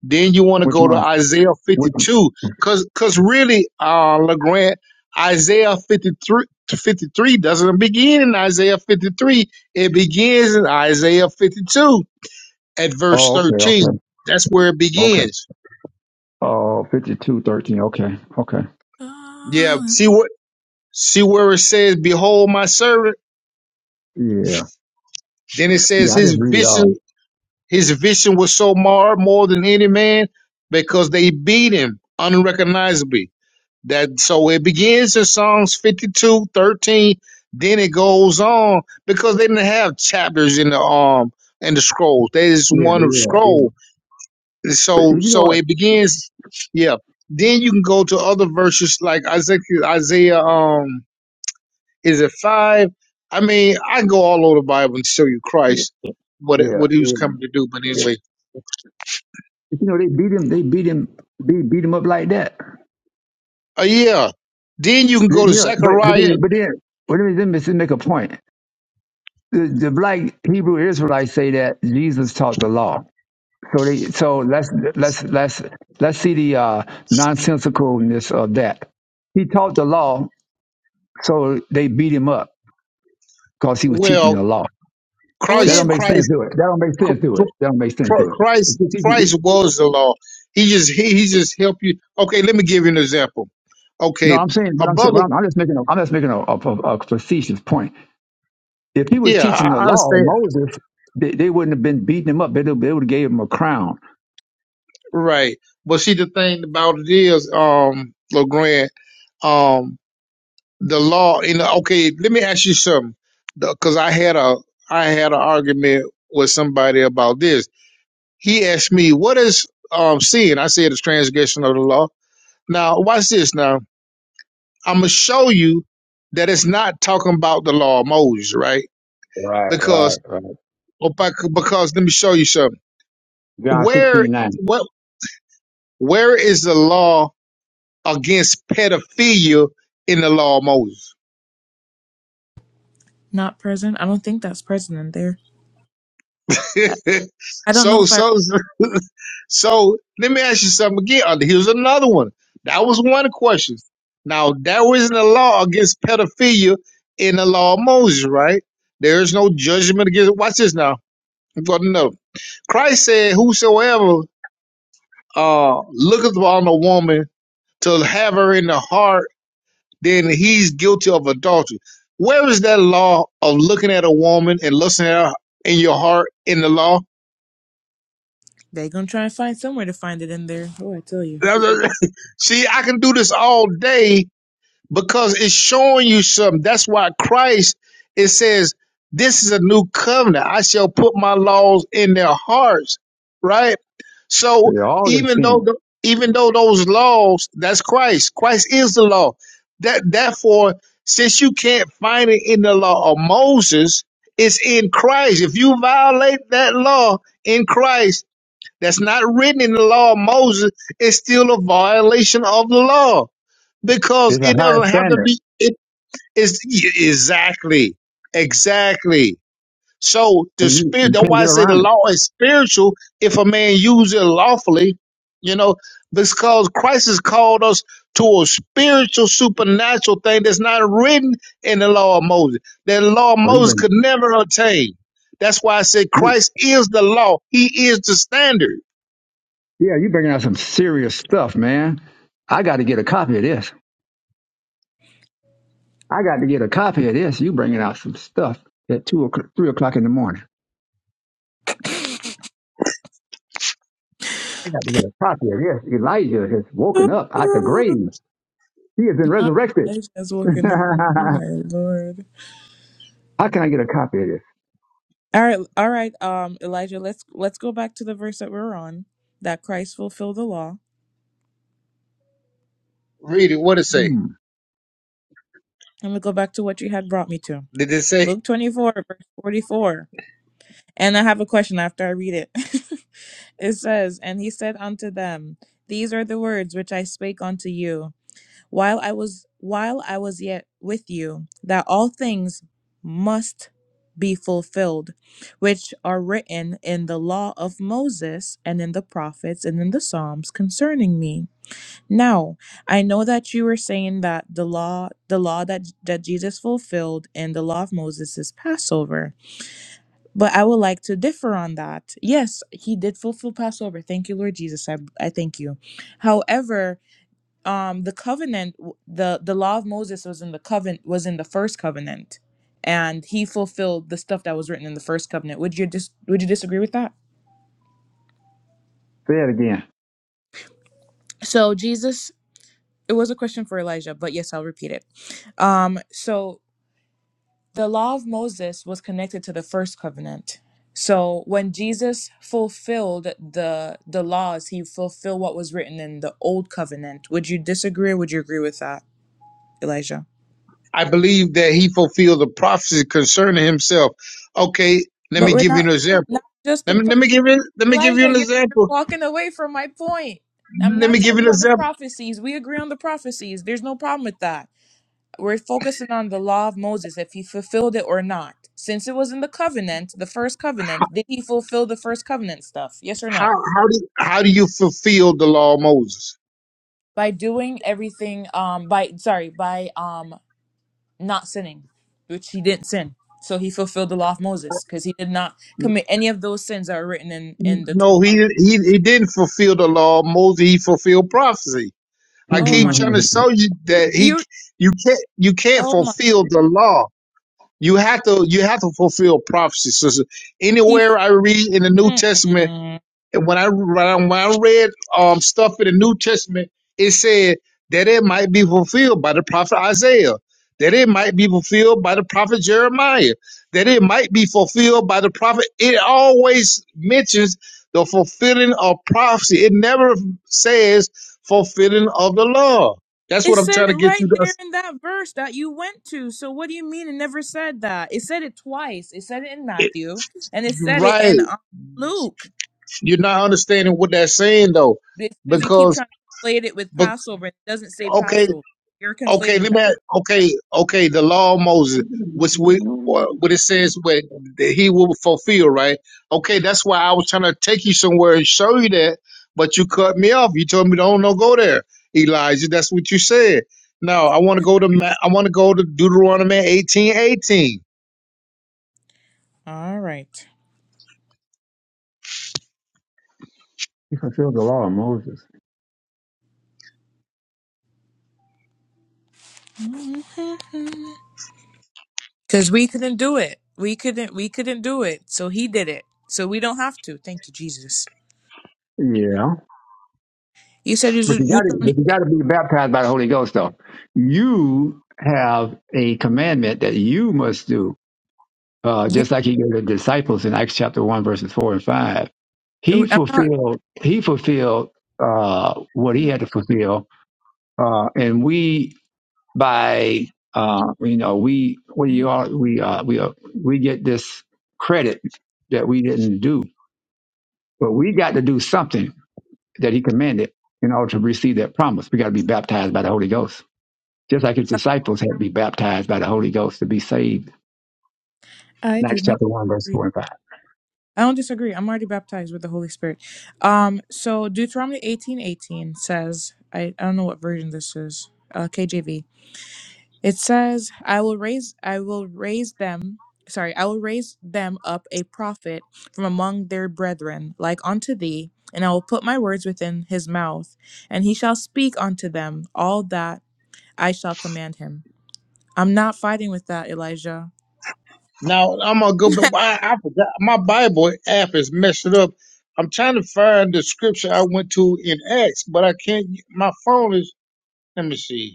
Speaker 14: Then you want to
Speaker 20: Which
Speaker 14: go to
Speaker 20: one?
Speaker 14: Isaiah
Speaker 20: Which,
Speaker 14: 52, cause, cause really, uh, LeGrand, Isaiah 53, to 53 doesn't begin in Isaiah 53. It begins in Isaiah 52 at verse
Speaker 20: oh, okay, okay,
Speaker 14: 13. That's where it
Speaker 20: okay.
Speaker 14: begins.
Speaker 20: Oh, 52 13. Okay, okay.
Speaker 14: Yeah.
Speaker 3: Uh,
Speaker 14: See what, see where it says, behold my servant.
Speaker 20: Yeah.
Speaker 14: Then it
Speaker 20: Yeah,
Speaker 14: says
Speaker 20: I
Speaker 14: his
Speaker 20: just read y'all.
Speaker 14: vision, his vision was so marred more than any man because they beat him unrecognizably That so it begins in Psalms 52 13. then it goes on because they didn't have chapters in the um in the scrolls. They just
Speaker 20: Yeah,
Speaker 14: one
Speaker 20: yeah, yeah.
Speaker 14: scroll.
Speaker 20: But
Speaker 14: So
Speaker 20: you know
Speaker 14: so
Speaker 20: what?
Speaker 14: it begins yeah. Then you can go to other verses like Isaiah Isaiah um is it five? I mean, I can go all over the Bible and show you Christ what it-
Speaker 20: Yeah,
Speaker 14: what he was
Speaker 20: yeah.
Speaker 14: coming to do, but
Speaker 20: yeah.
Speaker 14: anyway.
Speaker 20: You know, they beat him, they beat him, they beat him up like that.
Speaker 14: Oh yeah. Then you can
Speaker 20: You
Speaker 14: go to
Speaker 20: know, but but then
Speaker 14: Zechariah.
Speaker 20: but then wait a minute, let me just make a point. The, the black Hebrew Israelites say that Jesus taught the law. So they so let's let's let's let's see the uh, nonsensicalness of that. He taught the law, so they beat him up because he was teaching
Speaker 14: Well,
Speaker 20: the law.
Speaker 3: oh,
Speaker 20: That
Speaker 3: they
Speaker 14: Christ
Speaker 20: don't make sense
Speaker 14: Christ
Speaker 20: to it. That don't make sense to it. That don't make sense
Speaker 14: Chr-
Speaker 20: to it. If
Speaker 14: Christ
Speaker 20: you're teaching-
Speaker 14: Christ was the law. He just he, he just helped you. Okay, let me give you an example.
Speaker 20: no,
Speaker 14: Okay,
Speaker 20: I'm saying, but
Speaker 14: a
Speaker 20: I'm saying,
Speaker 14: brother.
Speaker 20: well, I'm, I'm just making, a, I'm just making a, a, a facetious point If he was
Speaker 14: Yeah, I
Speaker 20: teaching the
Speaker 14: I
Speaker 20: law,
Speaker 14: understand.
Speaker 20: Moses, they, they wouldn't have been beating him up. They, they would have gave him a crown.
Speaker 14: Right, but see the thing about it is, um, Legrand, um, the law. You know, okay, let me ask you something, because I had a I had an argument with somebody about this. He asked me, "What is um sin?" I said, "It's transgression of the law." Now, watch this. Now, I'm gonna show you that it's not talking about the law of Moses, right?
Speaker 20: Right, right,
Speaker 14: Because
Speaker 20: right.
Speaker 14: well, bec- because let me show you something.
Speaker 20: John
Speaker 14: Where
Speaker 20: sixteen nine.
Speaker 14: what where is the law against pedophilia in the law of Moses?
Speaker 3: not present. I don't think that's present in there. I, I don't know
Speaker 14: so
Speaker 3: if I.
Speaker 14: so so so let me ask you something again. Uh, Here's another one. That was one question. Now there isn't a law against pedophilia in the law of Moses, right? There is no judgment against. Watch this now. I'm going to know. Christ said, Whosoever uh, looketh on a woman to have her in the heart, then he's guilty of adultery. Where is that law of looking at a woman and lusting at her in your heart in the law?
Speaker 3: They gonna try and find somewhere to find it in there. Oh, I tell you.
Speaker 14: See, I can do this all day because it's showing you something. That's why Christ, it says, this is a new covenant. I shall put my laws in their hearts, right?
Speaker 20: 9.
Speaker 14: So
Speaker 20: They're all in
Speaker 14: even
Speaker 20: sin.
Speaker 14: though, the, even though those laws, that's Christ. Christ is the law. That, therefore, since you can't find it in the law of Moses, it's in Christ. If you violate that law in Christ, that's not written in the law of Moses, it's still a violation of the law because
Speaker 20: It's a
Speaker 14: it
Speaker 20: higher
Speaker 14: doesn't have to
Speaker 20: standard,
Speaker 14: be it is exactly exactly so
Speaker 20: and
Speaker 14: the
Speaker 20: you,
Speaker 14: spirit
Speaker 20: you
Speaker 14: that's
Speaker 20: can't
Speaker 14: why
Speaker 20: get
Speaker 14: i say the
Speaker 20: around it.
Speaker 14: law is spiritual if a man uses it lawfully you know because christ has called us to a spiritual supernatural thing that's not written in the law of moses that the law of
Speaker 20: Oh, you
Speaker 14: moses
Speaker 20: bring,
Speaker 14: could never attain that's why i say
Speaker 20: you,
Speaker 14: christ is the law he is the standard
Speaker 20: yeah, you bringing out some serious stuff, man. I got to get a copy of this. I got to get a copy of this. You bringing out some stuff at two o'clock, three o'clock in the morning. I got to get a copy of this. Elijah has woken up out the grave. He has been
Speaker 3: Not
Speaker 20: resurrected.
Speaker 3: Elijah's woken up. Oh my lord.
Speaker 20: How can I get a copy of this?
Speaker 3: All right, all right. Um, Elijah, let's let's go back to the verse that we're on. That Christ fulfilled the law.
Speaker 14: read it what it say
Speaker 20: Hmm.
Speaker 3: I'm gonna go back to what you had brought me to.
Speaker 14: did it say
Speaker 3: Luke 24, verse 44. And I have a question after I read it. it says, And he said unto them, These are the words which I spake unto you. while I was while I was yet with you, that all things must be fulfilled, which are written in the law of Moses and in the prophets and in the Psalms concerning me. Now, I know that you were saying that the law the law that, that Jesus fulfilled in the law of Moses is Passover. But I would like to differ on that. Yes, he did fulfill Passover. Thank you, Lord Jesus. I, I thank you. However, um the covenant the the law of moses was in the covenant was in the first covenant and he fulfilled the stuff that was written in the first covenant would you dis- would you disagree with that
Speaker 20: Say it again.
Speaker 3: so jesus it was a question for elijah but yes i'll repeat it um so the law of moses was connected to the first covenant so when jesus fulfilled the the laws he fulfilled what was written in the old covenant would you disagree or would you agree with that elijah
Speaker 14: I believe that he fulfilled the prophecy concerning himself. Okay, let
Speaker 3: but
Speaker 14: me
Speaker 3: we're
Speaker 14: give you
Speaker 3: not
Speaker 14: an example.
Speaker 3: not just
Speaker 14: Let
Speaker 3: the
Speaker 14: me let me give you let me give you
Speaker 3: Elijah,
Speaker 14: an
Speaker 3: you're, you're
Speaker 14: example.
Speaker 3: walking away from my point. I'm
Speaker 14: Let
Speaker 3: not
Speaker 14: me give you
Speaker 3: talking
Speaker 14: an
Speaker 3: about the
Speaker 14: example.
Speaker 3: prophecies. We agree on the prophecies. There's no problem with that. We're focusing on the law of Moses, if he fulfilled it or not. Since it was in the covenant, the first covenant, did he fulfill the first covenant stuff? Yes or
Speaker 14: How
Speaker 3: no?
Speaker 14: how do how do you fulfill the law of Moses?
Speaker 3: By doing everything, um, by sorry, by um, not sinning, which he didn't sin, so he fulfilled the law of Moses because he did not commit any of those sins that are written in in the
Speaker 14: No, he
Speaker 3: Torah.
Speaker 14: he he didn't fulfill the law of Moses. He fulfilled prophecy. I
Speaker 3: Oh
Speaker 14: keep
Speaker 3: my,
Speaker 14: trying to show you that he
Speaker 3: you,
Speaker 14: you can't you can't
Speaker 3: oh my,
Speaker 14: fulfill the law. You have to you have to fulfill prophecy. So so
Speaker 3: he,
Speaker 14: anywhere I read in the New Testament
Speaker 3: mm-mm.
Speaker 14: And when I when I read um stuff in the New Testament, it said that it might be fulfilled by the prophet Isaiah, that it might be fulfilled by the prophet Jeremiah, that it might be fulfilled by the prophet. It always mentions the fulfilling of prophecy. It never says fulfilling of the law. That's
Speaker 3: It
Speaker 14: what I'm
Speaker 3: said
Speaker 14: trying
Speaker 3: it
Speaker 14: to get
Speaker 3: right
Speaker 14: you to.
Speaker 3: there in that verse that you went to. So what do you mean it never said that? It said it twice. It said it in
Speaker 14: It,
Speaker 3: Matthew and it said it
Speaker 14: right.
Speaker 3: in uh, Luke.
Speaker 14: You're not understanding what that's saying though,
Speaker 3: It's because you keep
Speaker 14: because
Speaker 3: trying to conflate it with
Speaker 14: but
Speaker 3: Passover. It doesn't say
Speaker 14: okay
Speaker 3: Passover. You're
Speaker 14: Okay,
Speaker 3: conflating
Speaker 14: let
Speaker 3: that.
Speaker 14: me. Okay, okay. The law of Moses, which we uh, what it says, what that he will fulfill, right? Okay, that's why I was trying to take you somewhere and show you that, but you cut me off. You told me don't no go there, Elijah. That's what you said. Now I want to go to Ma- I want to go to Deuteronomy eighteen eighteen.
Speaker 3: All right.
Speaker 20: he fulfilled the law of Moses.
Speaker 3: Because we couldn't do it. We couldn't. We couldn't do it. So he did it. So we don't have to. Thank you, Jesus.
Speaker 20: Yeah.
Speaker 3: You said it
Speaker 20: But
Speaker 3: was
Speaker 20: you gotta
Speaker 3: Deuteronomy.
Speaker 20: but you gotta be baptized by the Holy Ghost though. You have a commandment that you must do. Uh,
Speaker 3: Yeah,
Speaker 20: just like he gave the disciples in Acts chapter one, verses four and five. He
Speaker 3: I'm
Speaker 20: fulfilled he fulfilled uh, what he had to fulfill. Uh, and we by uh, you know, we we
Speaker 3: not.
Speaker 20: are we uh, we uh, we get this credit that we didn't do But we got to do something that he commanded in order to receive that promise. We got to be baptized by the Holy Ghost. Just like his disciples had to be baptized by the Holy Ghost to be saved.
Speaker 3: I
Speaker 20: In
Speaker 3: do
Speaker 20: Acts
Speaker 3: not.
Speaker 20: chapter 1, verse 4 and 5.
Speaker 3: I don't disagree. I'm already baptized with the Holy Spirit. Um, so Deuteronomy eighteen eighteen says, I, I don't know what version this is, uh, KJV. It says, I will raise, I will raise them, sorry, I will raise them up a prophet from among their brethren, like unto thee, and I will put my words within his mouth, and he shall speak unto them all that I shall command him. I'm not fighting with that, Elijah.
Speaker 14: Now I'm gonna go, but why I forgot my Bible app is messed up. I'm trying to find the scripture I went to in Acts, but I can't. My phone is. Let me see.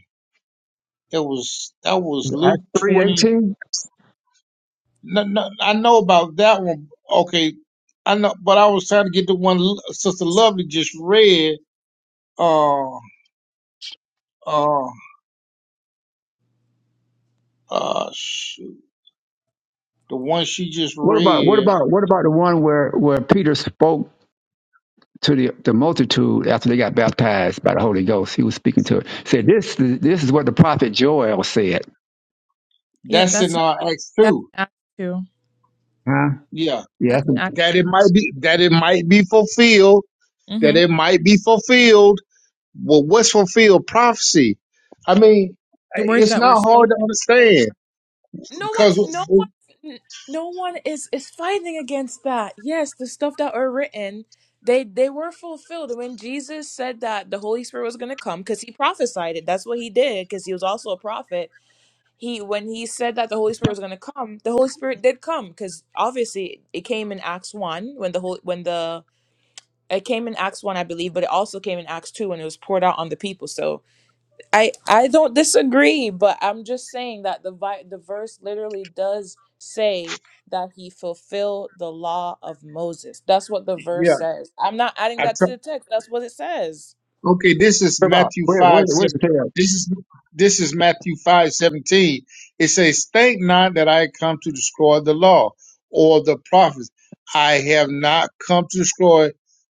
Speaker 14: It was that was
Speaker 20: Acts
Speaker 14: Luke twenty.
Speaker 20: 3.18?
Speaker 14: No, no, I know about that one. Okay, I know, but I was trying to get the one L- Sister Lovely just read. Uh, uh, uh, shoot, the one she just
Speaker 20: What about what
Speaker 14: read.
Speaker 20: about what about the one where, where Peter spoke to the, the multitude after they got baptized by the Holy Ghost? He was speaking to it. Said this this is what the prophet Joel said.
Speaker 3: Yep,
Speaker 14: That's in
Speaker 3: that's
Speaker 14: uh, Acts
Speaker 3: that's
Speaker 14: two.
Speaker 3: an act two.
Speaker 20: Huh?
Speaker 14: Yeah,
Speaker 20: Yeah,
Speaker 3: That's
Speaker 20: that's
Speaker 3: an
Speaker 20: what
Speaker 3: act
Speaker 14: that
Speaker 3: two.
Speaker 14: it might be that it might be fulfilled. That
Speaker 3: Mm-hmm
Speaker 14: it might be fulfilled. Well, what's fulfilled prophecy? I mean,
Speaker 3: the
Speaker 14: I-
Speaker 3: words
Speaker 14: it's
Speaker 3: that were
Speaker 14: not hard
Speaker 3: spoken.
Speaker 14: to
Speaker 3: for.
Speaker 14: understand
Speaker 3: No
Speaker 14: because
Speaker 3: one's no one no one is is fighting against that. Yes, the stuff that were written, they they were fulfilled. And When Jesus said that the Holy Spirit was going to come cuz he prophesied it. That's what he did cuz he was also a prophet. He when he said that the Holy Spirit was going to come, the Holy Spirit did come cuz obviously it came in Acts 1 when the whole when the it came in Acts 1 I believe, but it also came in Acts 2 when it was poured out on the people. So I I don't disagree, but I'm just saying that the vi- the verse literally does say that he fulfilled the law of Moses. That's what the verse
Speaker 14: yeah,
Speaker 3: says. I'm not adding
Speaker 14: I
Speaker 3: that to
Speaker 14: try.
Speaker 3: the text. That's what it says.
Speaker 14: Okay, this is
Speaker 20: about
Speaker 14: Matthew
Speaker 20: where
Speaker 14: five
Speaker 20: where where's
Speaker 14: seven.
Speaker 20: the tail?
Speaker 14: This is this is Matthew five seventeen. It says, "Think not that I come to destroy the law or the prophets. I have not come to destroy,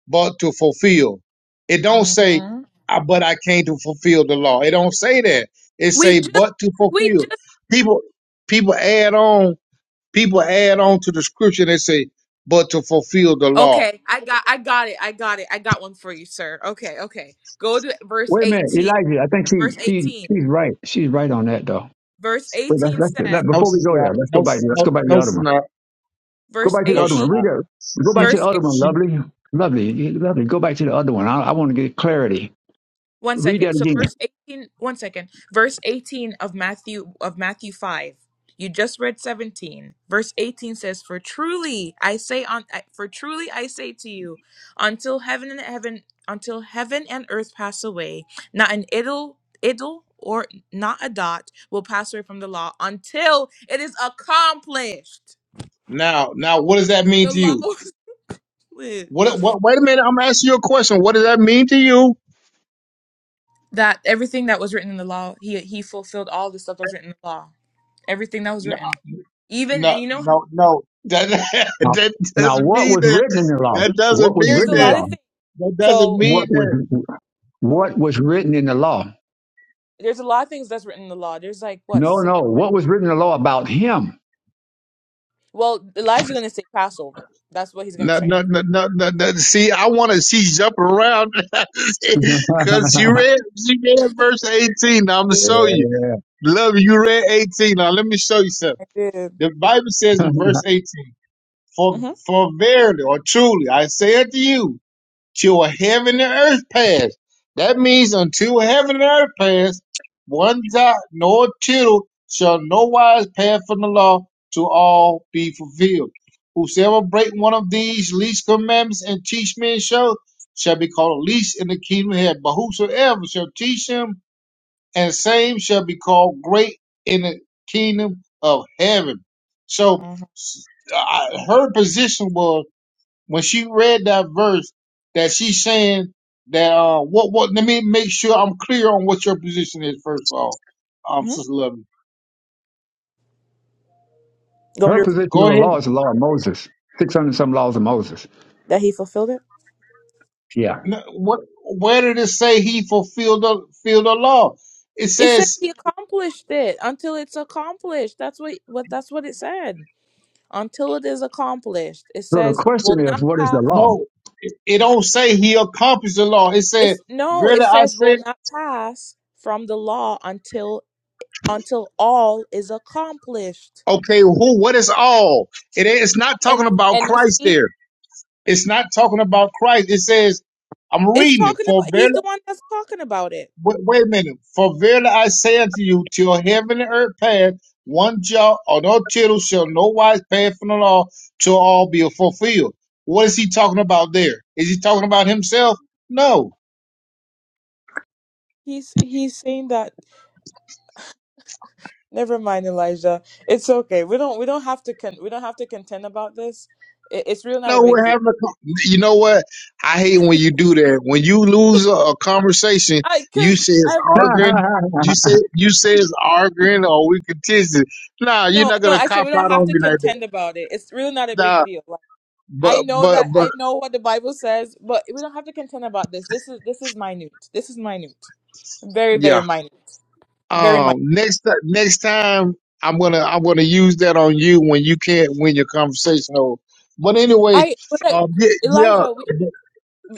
Speaker 14: but to fulfill." It don't say,
Speaker 3: hmm
Speaker 14: "Ah, "But I came to fulfill the law." It don't say that. It
Speaker 3: We
Speaker 14: say,
Speaker 3: just,
Speaker 14: "But to
Speaker 3: we
Speaker 14: fulfill."
Speaker 3: just.
Speaker 14: People people add on people add on to the scripture. They say, "But to fulfill the law."
Speaker 3: Okay, I got, I got it, I got it, I got one for you, sir. Okay, okay. Go to verse
Speaker 20: Wait a minute,
Speaker 3: eighteen.
Speaker 20: Elijah. I think she
Speaker 3: Verse
Speaker 20: she
Speaker 3: eighteen.
Speaker 20: she's right. She's right on that though.
Speaker 3: Verse
Speaker 20: Wait, that's
Speaker 3: eighteen
Speaker 20: that's
Speaker 3: says.
Speaker 20: that,
Speaker 14: No,
Speaker 20: before we
Speaker 14: it's
Speaker 20: go
Speaker 14: not.
Speaker 20: there, let's
Speaker 14: No,
Speaker 20: go back.
Speaker 14: it's-
Speaker 20: Let's
Speaker 14: no,
Speaker 20: go back to
Speaker 14: no,
Speaker 20: the other
Speaker 14: it's
Speaker 20: one.
Speaker 14: not.
Speaker 20: Go
Speaker 3: Verse
Speaker 20: back to the
Speaker 14: No,
Speaker 20: other
Speaker 14: she's
Speaker 3: eighteen.
Speaker 20: one. We
Speaker 14: not.
Speaker 20: go
Speaker 14: She,
Speaker 20: go back
Speaker 14: she,
Speaker 20: to the other one.
Speaker 14: she.
Speaker 20: Lovely, lovely, lovely. Go back to the other one. I, I want to get clarity.
Speaker 3: One
Speaker 20: Read
Speaker 3: second.
Speaker 20: that
Speaker 3: So
Speaker 20: again.
Speaker 3: verse 18, one second. Verse 18 of Matthew of Matthew 5. You just read 17. Verse 18 says, "For truly I say on for truly I say to you, until heaven and heaven until heaven and earth pass away, not an idle idle or not a dot will pass away from the law until it is accomplished."
Speaker 14: Now, now, what does that mean
Speaker 3: The
Speaker 14: to
Speaker 3: law
Speaker 14: you?
Speaker 3: was
Speaker 14: What, what? Wait a minute. I'm asking you a question. What does that mean to you?
Speaker 3: that everything that was written in the law, he he fulfilled all the stuff that was written in the law. everything that was
Speaker 14: No,
Speaker 3: written. Even
Speaker 14: no,
Speaker 3: and you know
Speaker 14: no, no. That
Speaker 20: Now,
Speaker 14: that
Speaker 20: now,
Speaker 14: doesn't
Speaker 20: what
Speaker 14: mean
Speaker 20: was
Speaker 14: that.
Speaker 20: written in the law?
Speaker 14: That
Speaker 20: What
Speaker 14: doesn't
Speaker 20: was
Speaker 14: mean
Speaker 3: there's
Speaker 20: written
Speaker 3: a
Speaker 20: in the
Speaker 3: lot
Speaker 14: that.
Speaker 20: law?
Speaker 3: of things.
Speaker 14: That doesn't
Speaker 3: So
Speaker 14: mean
Speaker 20: What was
Speaker 14: that.
Speaker 3: um,
Speaker 20: what was written in the law?
Speaker 3: there's a lot of things that's written in the law. There's like what?
Speaker 20: No,
Speaker 3: Six,
Speaker 20: no. What was written in the law about him?
Speaker 3: well, Elijah's gonna say Passover. That's what he's gonna
Speaker 14: No,
Speaker 3: say.
Speaker 14: no, no, no, no. no. See, I want to see you jump around because she read, she read verse 18. Now, I'm gonna show you.
Speaker 20: yeah.
Speaker 14: Love you. You read 18. Now, let me show you something.
Speaker 3: I did.
Speaker 14: The Bible says in verse 18. For,
Speaker 3: Mm-hmm.
Speaker 14: for verily or truly, I say unto you, till heaven and earth pass. That means until heaven and earth pass, one jot nor tittle shall no wise pass from the law to all be fulfilled. Whosoever break one of these least commandments and teach men so shall be called least in the kingdom of heaven. But whosoever shall teach them and same shall be called great in the kingdom of heaven. So
Speaker 3: Mm-hmm.
Speaker 14: s- I- her position was when she read that verse that she's saying that uh what what let me make sure I'm clear on what your position is first of all, um
Speaker 3: hmm
Speaker 14: sister loving.
Speaker 3: Go
Speaker 20: Her
Speaker 3: to repeat it?
Speaker 20: position
Speaker 14: Go
Speaker 20: on the
Speaker 14: ahead.
Speaker 20: law is the law of Moses, 600 some laws of Moses.
Speaker 3: that he fulfilled it.
Speaker 20: Yeah.
Speaker 14: N- What where did it say he fulfilled the fulfilled the law? It
Speaker 3: It said
Speaker 14: says
Speaker 3: he accomplished it until it's accomplished. That's what what that's what it said. Until it is accomplished, it
Speaker 20: So the
Speaker 3: says will
Speaker 20: question
Speaker 3: not
Speaker 20: is, what is
Speaker 3: pass.
Speaker 20: the law?
Speaker 14: no. It it don't say he accomplished the law. It said,
Speaker 3: It's no. It
Speaker 14: "Verily I
Speaker 3: says
Speaker 14: say
Speaker 3: will not pass from the law until until all is accomplished.
Speaker 14: Okay, who? What is all? It ain't, it's not talking
Speaker 3: And
Speaker 14: about
Speaker 3: and you
Speaker 14: Christ
Speaker 3: see,
Speaker 14: there. It's not talking about Christ. It says, I'm
Speaker 3: it's
Speaker 14: reading it.
Speaker 3: talking
Speaker 14: For
Speaker 3: about he's
Speaker 14: verily,
Speaker 3: the one that's talking about it.
Speaker 14: wait, wait a minute. For verily I say unto you, till heaven and earth pass, one jot or no tittle shall no wise pass from the law till all be fulfilled. What is he talking about there? Is he talking about himself? No.
Speaker 3: He's he's saying that never mind Elijah. It's okay. We don't we don't have to con- we don't have to contend about this. It, it's really not a
Speaker 14: No,
Speaker 3: big
Speaker 14: we're
Speaker 3: deal.
Speaker 14: having a. con- You know what? I hate when you do that. When you lose a, a conversation,
Speaker 3: I
Speaker 14: you say it's
Speaker 3: cuz
Speaker 14: arguing. You say you say it's arguing, or we contested. Nah, you're
Speaker 3: No,
Speaker 14: not
Speaker 3: no,
Speaker 14: gonna
Speaker 3: I said
Speaker 14: cop
Speaker 3: we don't
Speaker 14: out
Speaker 3: have
Speaker 14: on
Speaker 3: to
Speaker 14: me like that.
Speaker 3: contend about it. It's really not a big
Speaker 14: Nah,
Speaker 3: deal. Like, I
Speaker 14: but
Speaker 3: know
Speaker 14: but
Speaker 3: that I
Speaker 14: but
Speaker 3: know what the Bible says, but we don't have to contend about this. This is this is minute. This is minute. Very, very
Speaker 14: yeah.
Speaker 3: minute. Very
Speaker 14: Um,
Speaker 3: minute.
Speaker 14: next ti- next time I'm gonna I'm gonna use that on you when you can't win your conversation. over. But anyway,
Speaker 3: I but I,
Speaker 14: um, yeah, yeah,
Speaker 3: Elijah, we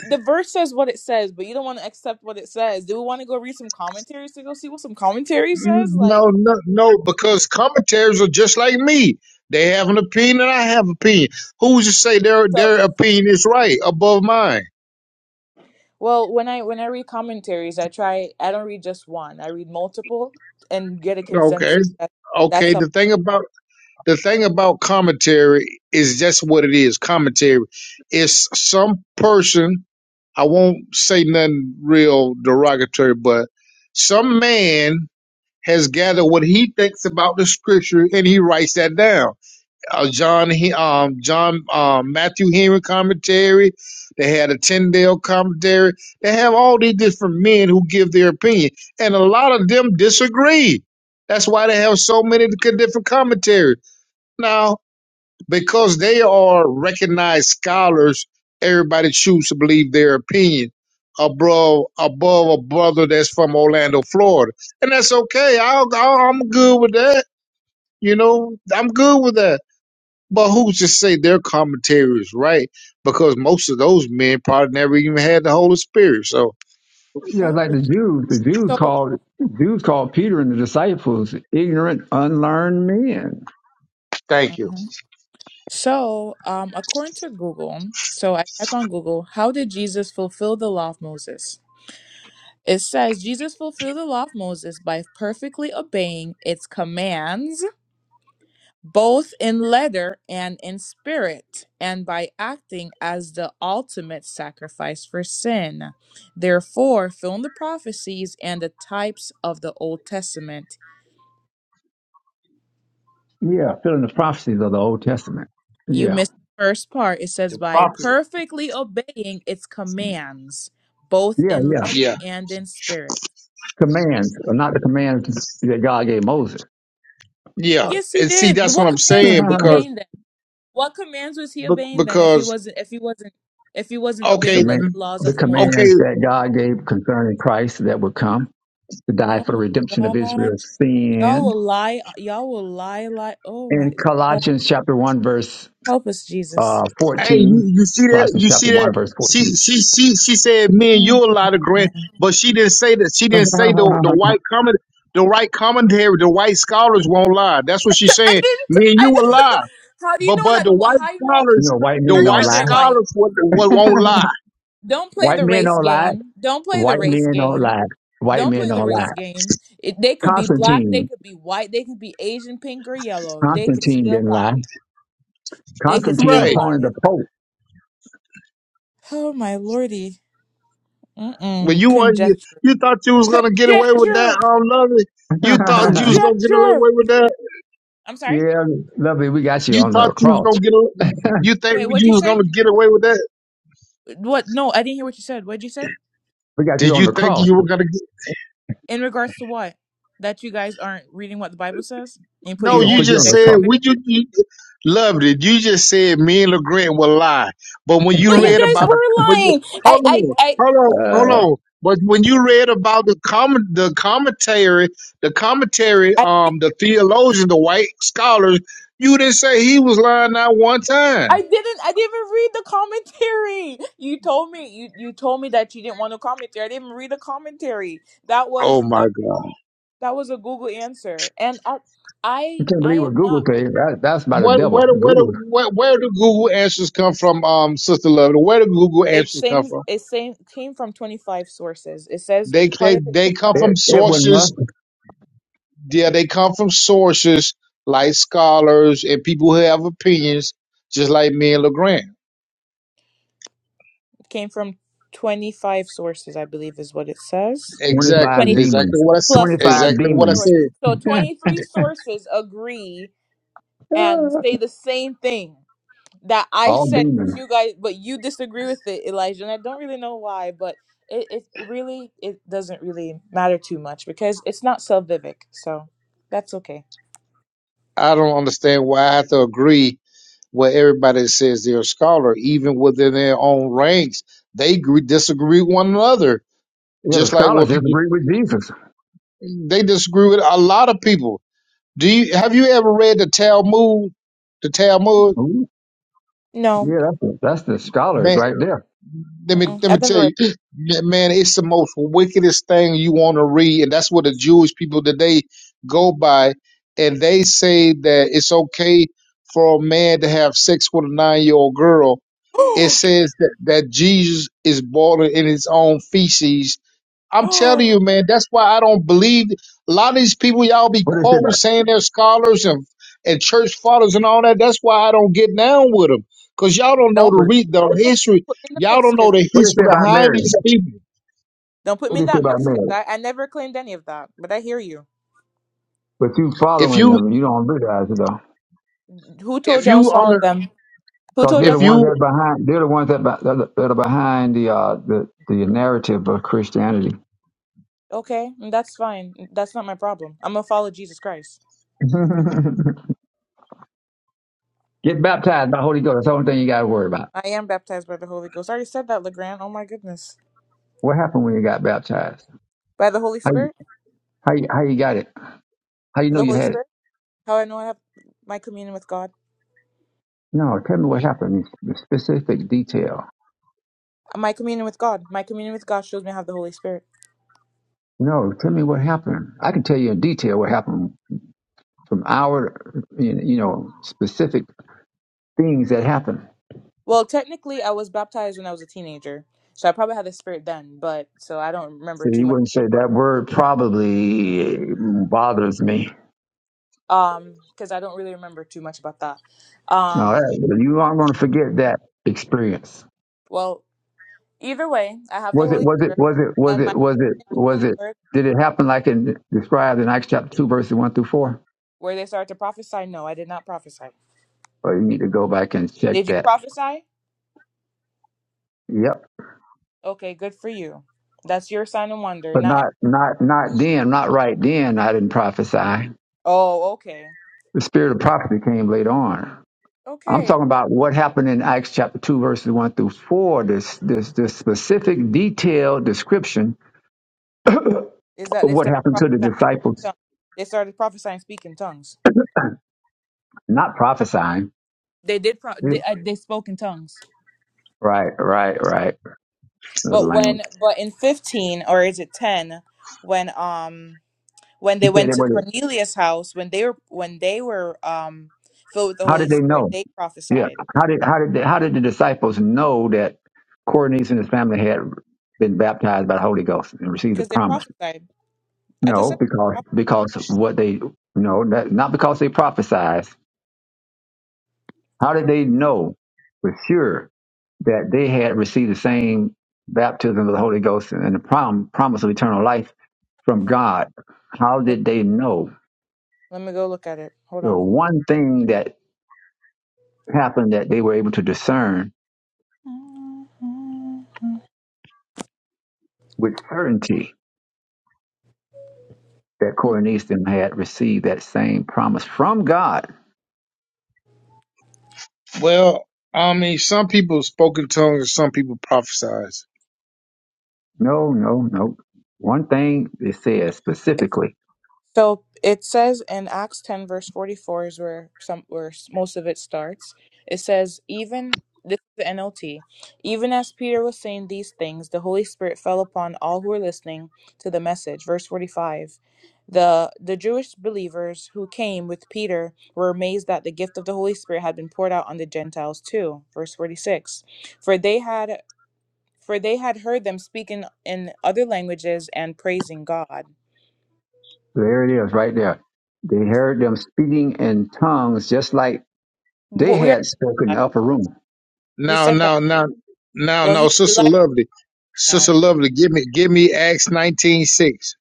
Speaker 3: the verse says what it says, but you don't want to accept what it says. Do we want to go read some commentaries to go see what some commentary says?
Speaker 14: No,
Speaker 3: Like
Speaker 14: no, no, because commentators are just like me. They have an opinion and I have opinion. Who's to say their
Speaker 3: so
Speaker 14: their opinion is right above mine?
Speaker 3: well, when I when I read commentaries, I try I don't read just one. I read multiple and get a
Speaker 14: Okay.
Speaker 3: consensus. That, that's
Speaker 14: Okay.
Speaker 3: how
Speaker 14: The thing about the thing about commentary is that's what it is. Commentary. It's some person I won't say nothing real derogatory, but some man has gathered what he thinks about the scripture and he writes that down. uh, John He- um, John um, Matthew Henry commentary. They had a Tyndale commentary. They have all these different men who give their opinion, and a lot of them disagree. That's why they have so many c- different commentaries now because they are recognized scholars. Everybody chooses to believe their opinion above above a brother that's from Orlando, Florida, and that's okay. I'll, I'll, I'm good with that. You know, I'm good with that but who's to say their commentary is right? Because most of those men probably never even had the Holy Spirit. So
Speaker 20: yeah,
Speaker 3: Oh,
Speaker 20: like the Jews, the Jews
Speaker 3: So
Speaker 20: called Jews called Peter and the disciples ignorant, unlearned men.
Speaker 14: thank you.
Speaker 3: Mhm. So, um, according to Google, so I typed on Google, how did Jesus fulfill the law of Moses? It says Jesus fulfilled the law of Moses by perfectly obeying its commands, both in letter and in spirit, and by acting as the ultimate sacrifice for sin. Therefore, filling the prophecies and the types of the Old Testament,
Speaker 20: Yeah, filling the prophecies of the Old Testament.
Speaker 3: You
Speaker 20: Yeah,
Speaker 3: missed the first part. It says, by perfectly obeying its commands, both
Speaker 20: yeah,
Speaker 3: in
Speaker 20: yeah.
Speaker 3: letter
Speaker 14: Yeah,
Speaker 3: and in spirit.
Speaker 20: Commands, are not the commands that God gave Moses.
Speaker 14: yeah.
Speaker 3: Yes, he
Speaker 14: And see,
Speaker 3: did.
Speaker 14: that's what
Speaker 3: What
Speaker 14: I'm
Speaker 3: commands was
Speaker 14: saying
Speaker 3: he
Speaker 14: because
Speaker 20: Command-
Speaker 3: obeying then? What commands was he
Speaker 14: be-
Speaker 3: obeying then if he
Speaker 14: because
Speaker 3: wasn't if he wasn't if he wasn't obeying
Speaker 14: okay,
Speaker 3: the, the laws
Speaker 20: the
Speaker 3: of Moses?
Speaker 14: okay.
Speaker 20: commands that God gave concerning Christ that would come to die for the
Speaker 3: Oh my
Speaker 20: redemption of
Speaker 3: gosh.
Speaker 20: Israel's
Speaker 3: Y'all
Speaker 20: sin
Speaker 3: will lie y'all will lie lie oh my
Speaker 20: in
Speaker 3: Lord.
Speaker 20: Colossians chapter 1 verse
Speaker 3: Help us, Jesus.
Speaker 20: uh
Speaker 14: Hey, you
Speaker 20: 14.
Speaker 14: you see that?
Speaker 20: Colossians
Speaker 14: You
Speaker 20: chapter
Speaker 14: see
Speaker 20: 1
Speaker 14: that?
Speaker 20: verse
Speaker 14: She
Speaker 20: 14.
Speaker 14: she she she said me and
Speaker 3: Mm.
Speaker 14: you a lot of
Speaker 3: I
Speaker 14: grand, but she didn't say that. She
Speaker 20: you
Speaker 14: didn't say the the white comment. The right commentary, the white scholars won't lie. That's what she's saying.
Speaker 3: didn't
Speaker 14: Me and you
Speaker 3: I
Speaker 14: will
Speaker 3: didn't-
Speaker 14: lie.
Speaker 3: how do you
Speaker 14: But
Speaker 3: know
Speaker 14: but
Speaker 3: that
Speaker 14: the white
Speaker 3: how do you know that,
Speaker 14: scholars,
Speaker 20: know, white
Speaker 14: the
Speaker 3: how
Speaker 20: men
Speaker 3: do you
Speaker 20: don't
Speaker 14: white
Speaker 3: know
Speaker 20: lie.
Speaker 3: they're white?
Speaker 14: scholars would, would won't lie.
Speaker 3: Don't play
Speaker 20: White
Speaker 3: the
Speaker 20: men
Speaker 3: race
Speaker 20: don't lie.
Speaker 3: game. Don't play the
Speaker 20: White
Speaker 3: race
Speaker 20: men don't
Speaker 3: game.
Speaker 20: lie. White
Speaker 3: Don't
Speaker 20: men
Speaker 3: play the
Speaker 20: don't
Speaker 3: race
Speaker 20: lie.
Speaker 3: game. It, they could be black, they
Speaker 20: Constantine.
Speaker 3: could be white, they could be Asian, pink, or yellow. They could
Speaker 20: Constantine
Speaker 3: still
Speaker 20: didn't lie.
Speaker 3: lie. They could
Speaker 20: Constantine,
Speaker 3: still
Speaker 14: Right.
Speaker 20: opponent
Speaker 3: lie.
Speaker 20: of the Pope.
Speaker 3: Oh my lordy. Mm-mm.
Speaker 14: When you were you,
Speaker 3: Conjecture.
Speaker 14: you thought you was gonna get away with that
Speaker 3: Conjecture.
Speaker 14: um loving. You thought you was gonna get
Speaker 3: Conjecture.
Speaker 14: away with that.
Speaker 3: I'm sorry?
Speaker 20: yeah, lovely. We got you
Speaker 14: You
Speaker 20: on
Speaker 14: thought
Speaker 20: the
Speaker 14: you was
Speaker 20: cross.
Speaker 14: gonna get a- you think
Speaker 3: Wait, what'd
Speaker 14: you
Speaker 3: you
Speaker 14: was
Speaker 3: say?
Speaker 14: gonna get away with that.
Speaker 3: What? No, I didn't hear what you said. What'd you say?
Speaker 20: We got you
Speaker 14: Did
Speaker 20: on
Speaker 14: you
Speaker 20: the
Speaker 14: think
Speaker 20: cross.
Speaker 14: you were gonna
Speaker 3: In regards to what? That you guys aren't reading what the Bible says and putting
Speaker 20: We're
Speaker 14: No,
Speaker 3: your
Speaker 20: going to
Speaker 14: you
Speaker 3: own
Speaker 20: put you on
Speaker 14: just
Speaker 20: the
Speaker 3: conjecture
Speaker 14: said
Speaker 3: in
Speaker 20: cross.
Speaker 14: we
Speaker 3: there?
Speaker 14: you, you loved it. You just said me and LeGrand will lie. But when
Speaker 3: But
Speaker 14: you
Speaker 3: you
Speaker 14: read
Speaker 3: guys were
Speaker 14: about the but you-
Speaker 3: lying. I,
Speaker 14: hold
Speaker 3: I,
Speaker 14: on,
Speaker 3: I,
Speaker 14: hold on,
Speaker 20: Uh,
Speaker 14: hold on. But when you read about the comment the commentary, the commentary,
Speaker 3: I
Speaker 14: um, the theologians, the white scholars, you didn't say he was lying not one
Speaker 3: I
Speaker 14: time.
Speaker 3: didn't. I didn't even read the commentary. You told me. You you told me that you didn't want to commentary. I didn't read the commentary. That
Speaker 14: Oh
Speaker 3: was
Speaker 14: my
Speaker 3: that.
Speaker 14: God.
Speaker 3: That was a Google answer, and I,
Speaker 20: you
Speaker 3: I,
Speaker 20: can't
Speaker 3: I
Speaker 20: believe what
Speaker 3: am
Speaker 20: Google
Speaker 3: not.
Speaker 20: says. That, that's by the
Speaker 14: What
Speaker 20: devil.
Speaker 14: where do where do
Speaker 20: Google.
Speaker 14: where, where do Google answers come from, um, Sister Love? Where do Google
Speaker 3: It
Speaker 14: answers come
Speaker 3: seems
Speaker 14: from?
Speaker 3: it same came from twenty five sources. It says
Speaker 14: They
Speaker 3: part
Speaker 14: they
Speaker 3: of it came
Speaker 14: they come
Speaker 3: from
Speaker 20: Ed,
Speaker 14: from
Speaker 20: Edwin
Speaker 14: sources
Speaker 20: Musk,
Speaker 14: yeah, they come from sources like scholars and people who have opinions, just like me and Legrand.
Speaker 3: came from twenty five sources. I believe is what it says.
Speaker 14: Exactly,
Speaker 20: 25
Speaker 3: Twenty
Speaker 14: exactly
Speaker 20: demons.
Speaker 14: what I, s-
Speaker 3: plus twenty
Speaker 20: 25
Speaker 14: exactly
Speaker 3: three
Speaker 14: what I
Speaker 20: demons
Speaker 3: sources.
Speaker 14: said.
Speaker 3: So twenty three sources agree and say the same thing. that I
Speaker 20: All
Speaker 3: said, but
Speaker 20: demons.
Speaker 3: you guys, but you disagree with it, Elijah, and I don't really know why, but it, it, it really it doesn't really matter too much because it's not salvific, so that's okay.
Speaker 14: I don't understand why I have to agree with everybody that says they're a scholar, even within their own ranks. They agree, disagree with one another,
Speaker 20: Yeah, the
Speaker 14: just like when
Speaker 20: scholars
Speaker 14: people
Speaker 20: disagree with Jesus.
Speaker 14: they disagree with a lot of people. Do you have you ever read the Talmud? The Talmud,
Speaker 20: Ooh,
Speaker 3: No,
Speaker 20: yeah, that's the, that's the scholars
Speaker 14: man.
Speaker 20: right there.
Speaker 14: let me
Speaker 3: mm-mm,
Speaker 14: let me
Speaker 3: I've never
Speaker 14: tell
Speaker 3: read.
Speaker 14: you, m- man, it's the most wickedest thing you want to read, and that's what the Jewish people today go by, and they say that it's okay for a man to have sex with a nine year old girl. It says that, that Jesus is born in his own feces, I'm telling
Speaker 3: don't
Speaker 14: you, man, that's why I don't believe a lot of these people y'all be
Speaker 20: What do they say
Speaker 14: quoting
Speaker 20: about
Speaker 14: saying they're scholars and and church fathers and all that. That's why I don't get down with them because y'all don't know
Speaker 3: don't
Speaker 14: the
Speaker 3: put
Speaker 20: what,
Speaker 14: read the
Speaker 3: the mix
Speaker 14: history.
Speaker 3: put me in the
Speaker 14: Y'all
Speaker 3: mix
Speaker 14: don't know
Speaker 3: because
Speaker 14: the
Speaker 20: what do they
Speaker 14: history
Speaker 20: say about
Speaker 14: behind
Speaker 20: Mary?
Speaker 14: these people.
Speaker 3: don't put
Speaker 20: What
Speaker 3: me in
Speaker 20: do they say
Speaker 3: that
Speaker 20: about
Speaker 3: mix because
Speaker 20: Mary?
Speaker 3: I, I never claimed any of that, but I hear you.
Speaker 20: But you
Speaker 3: It,
Speaker 14: If
Speaker 20: following
Speaker 14: you
Speaker 20: them, you don't realize it though,
Speaker 3: who
Speaker 14: if
Speaker 3: told you I was
Speaker 14: you
Speaker 3: following
Speaker 14: under
Speaker 3: them? Who
Speaker 20: because
Speaker 3: told you
Speaker 20: they're
Speaker 3: I
Speaker 20: the
Speaker 14: if
Speaker 3: was
Speaker 20: ones
Speaker 14: you
Speaker 20: that behind. They're the ones that be- that are that are behind the uh the, the narrative of Christianity.
Speaker 3: following? Okay, mm, that's fine. mm, That's not my problem. I'm gonna follow Jesus Christ.
Speaker 20: Get baptized by Holy Ghost. That's the only thing you got to worry about.
Speaker 3: I am baptized by the Holy Ghost. I already said that, Legrand. Oh my goodness.
Speaker 20: What happened when you got baptized?
Speaker 3: By the Holy
Speaker 20: How you,
Speaker 3: Spirit?
Speaker 20: how you, how you got it? How you know
Speaker 3: The
Speaker 20: you
Speaker 3: Holy
Speaker 20: had it?
Speaker 3: Spirit? How I know I have my communion with God?
Speaker 20: No, tell me what happened. in Specific detail.
Speaker 3: My communion with God. My communion with God shows me I have the Holy Spirit.
Speaker 20: No, tell me what happened. I can tell you in detail what happened from our, you know, specific things that happened.
Speaker 3: Well, technically, I was baptized when I was a teenager, so I probably had the Spirit then, but so I don't remember
Speaker 20: So
Speaker 3: too
Speaker 20: you
Speaker 3: much.
Speaker 20: wouldn't say that word probably bothers me.
Speaker 3: Um, because I don't really remember too much about that.
Speaker 20: No,
Speaker 3: Um,
Speaker 20: that- you aren't going to forget that experience.
Speaker 3: well, either way, I have the
Speaker 20: Was it?
Speaker 3: Holy
Speaker 20: Was it?
Speaker 3: Spirit
Speaker 20: Was it? Was
Speaker 3: and my
Speaker 20: it? Was it?
Speaker 3: communion with
Speaker 20: Was
Speaker 3: the
Speaker 20: it?
Speaker 3: Lord.
Speaker 20: Did it happen like in described in Acts chapter two, verses one through four?
Speaker 3: Where they started to prophesy? No, I did not prophesy.
Speaker 20: Or you need to go back and check
Speaker 3: Did you
Speaker 20: that.
Speaker 3: prophesy?
Speaker 20: Yep,
Speaker 3: Okay, good for you. That's your sign and wonder.
Speaker 20: but
Speaker 3: Not. e-,
Speaker 20: not not not then, not right then. I didn't prophesy.
Speaker 3: Oh, okay.
Speaker 20: The spirit of prophecy came later on. I'm
Speaker 3: Okay.
Speaker 20: talking about what happened in Acts chapter 2, verses 1 through 4, this, this, this specific detailed description of
Speaker 3: is that they
Speaker 20: what
Speaker 3: started
Speaker 20: happened
Speaker 3: prophesying
Speaker 20: to the
Speaker 3: in
Speaker 20: disciples,
Speaker 3: tongues. They started prophesying speaking tongues.
Speaker 20: not prophesying.
Speaker 3: They did. Pro- they, uh, they spoke in tongues.
Speaker 20: Right, right, right. Another
Speaker 3: But
Speaker 20: Language.
Speaker 3: when, but in fifteen or is it ten? When um when
Speaker 20: He
Speaker 3: they
Speaker 20: said,
Speaker 3: went
Speaker 20: they
Speaker 3: to
Speaker 20: were-
Speaker 3: Cornelius' house, when they were when they were um filled with the
Speaker 20: how did
Speaker 3: Holy
Speaker 20: they
Speaker 3: Spirit,
Speaker 20: know?
Speaker 3: they
Speaker 20: Yeah.
Speaker 3: prophesied
Speaker 20: How did, how did, they, how did the disciples know that Cornelius and his family had been baptized by the Holy Ghost and received the
Speaker 3: because they
Speaker 20: promise?
Speaker 3: prophesied. I just
Speaker 20: No,
Speaker 3: said.
Speaker 20: because, because what they, no, that, not because they prophesied. How did they know for sure that they had received the same baptism of the Holy Ghost and the prom- promise of eternal life from God? How did they know?
Speaker 3: Let me go look at it. Hold
Speaker 20: The
Speaker 3: on.
Speaker 20: one thing that happened that they were able to discern with certainty that Corinthians had received that same promise from God.
Speaker 14: well, I mean, some people spoke in tongues and some people prophesize.
Speaker 20: No, no, no. One thing it says specifically.
Speaker 3: So it says in Acts 10 verse 44 is where some where s- most of it starts. It says even this is the NLT. Even as Peter was saying these things, the Holy Spirit fell upon all who were listening to the message. Verse 45. The the Jewish believers who came with Peter were amazed that the gift of the Holy Spirit had been poured out on the Gentiles too. Verse 46. For they had for they had heard them speaking in other languages and praising God.
Speaker 20: There it is, right there. They heard them speaking in tongues just like
Speaker 3: What
Speaker 20: they
Speaker 3: we are.
Speaker 20: had spoken in the upper room.
Speaker 3: We
Speaker 14: Now,
Speaker 3: said that.
Speaker 14: now, now, now,
Speaker 3: Well,
Speaker 14: now,
Speaker 3: he
Speaker 14: sister
Speaker 3: Elijah
Speaker 14: lovely, sister
Speaker 3: now.
Speaker 14: lovely, give me give me Acts nineteen six.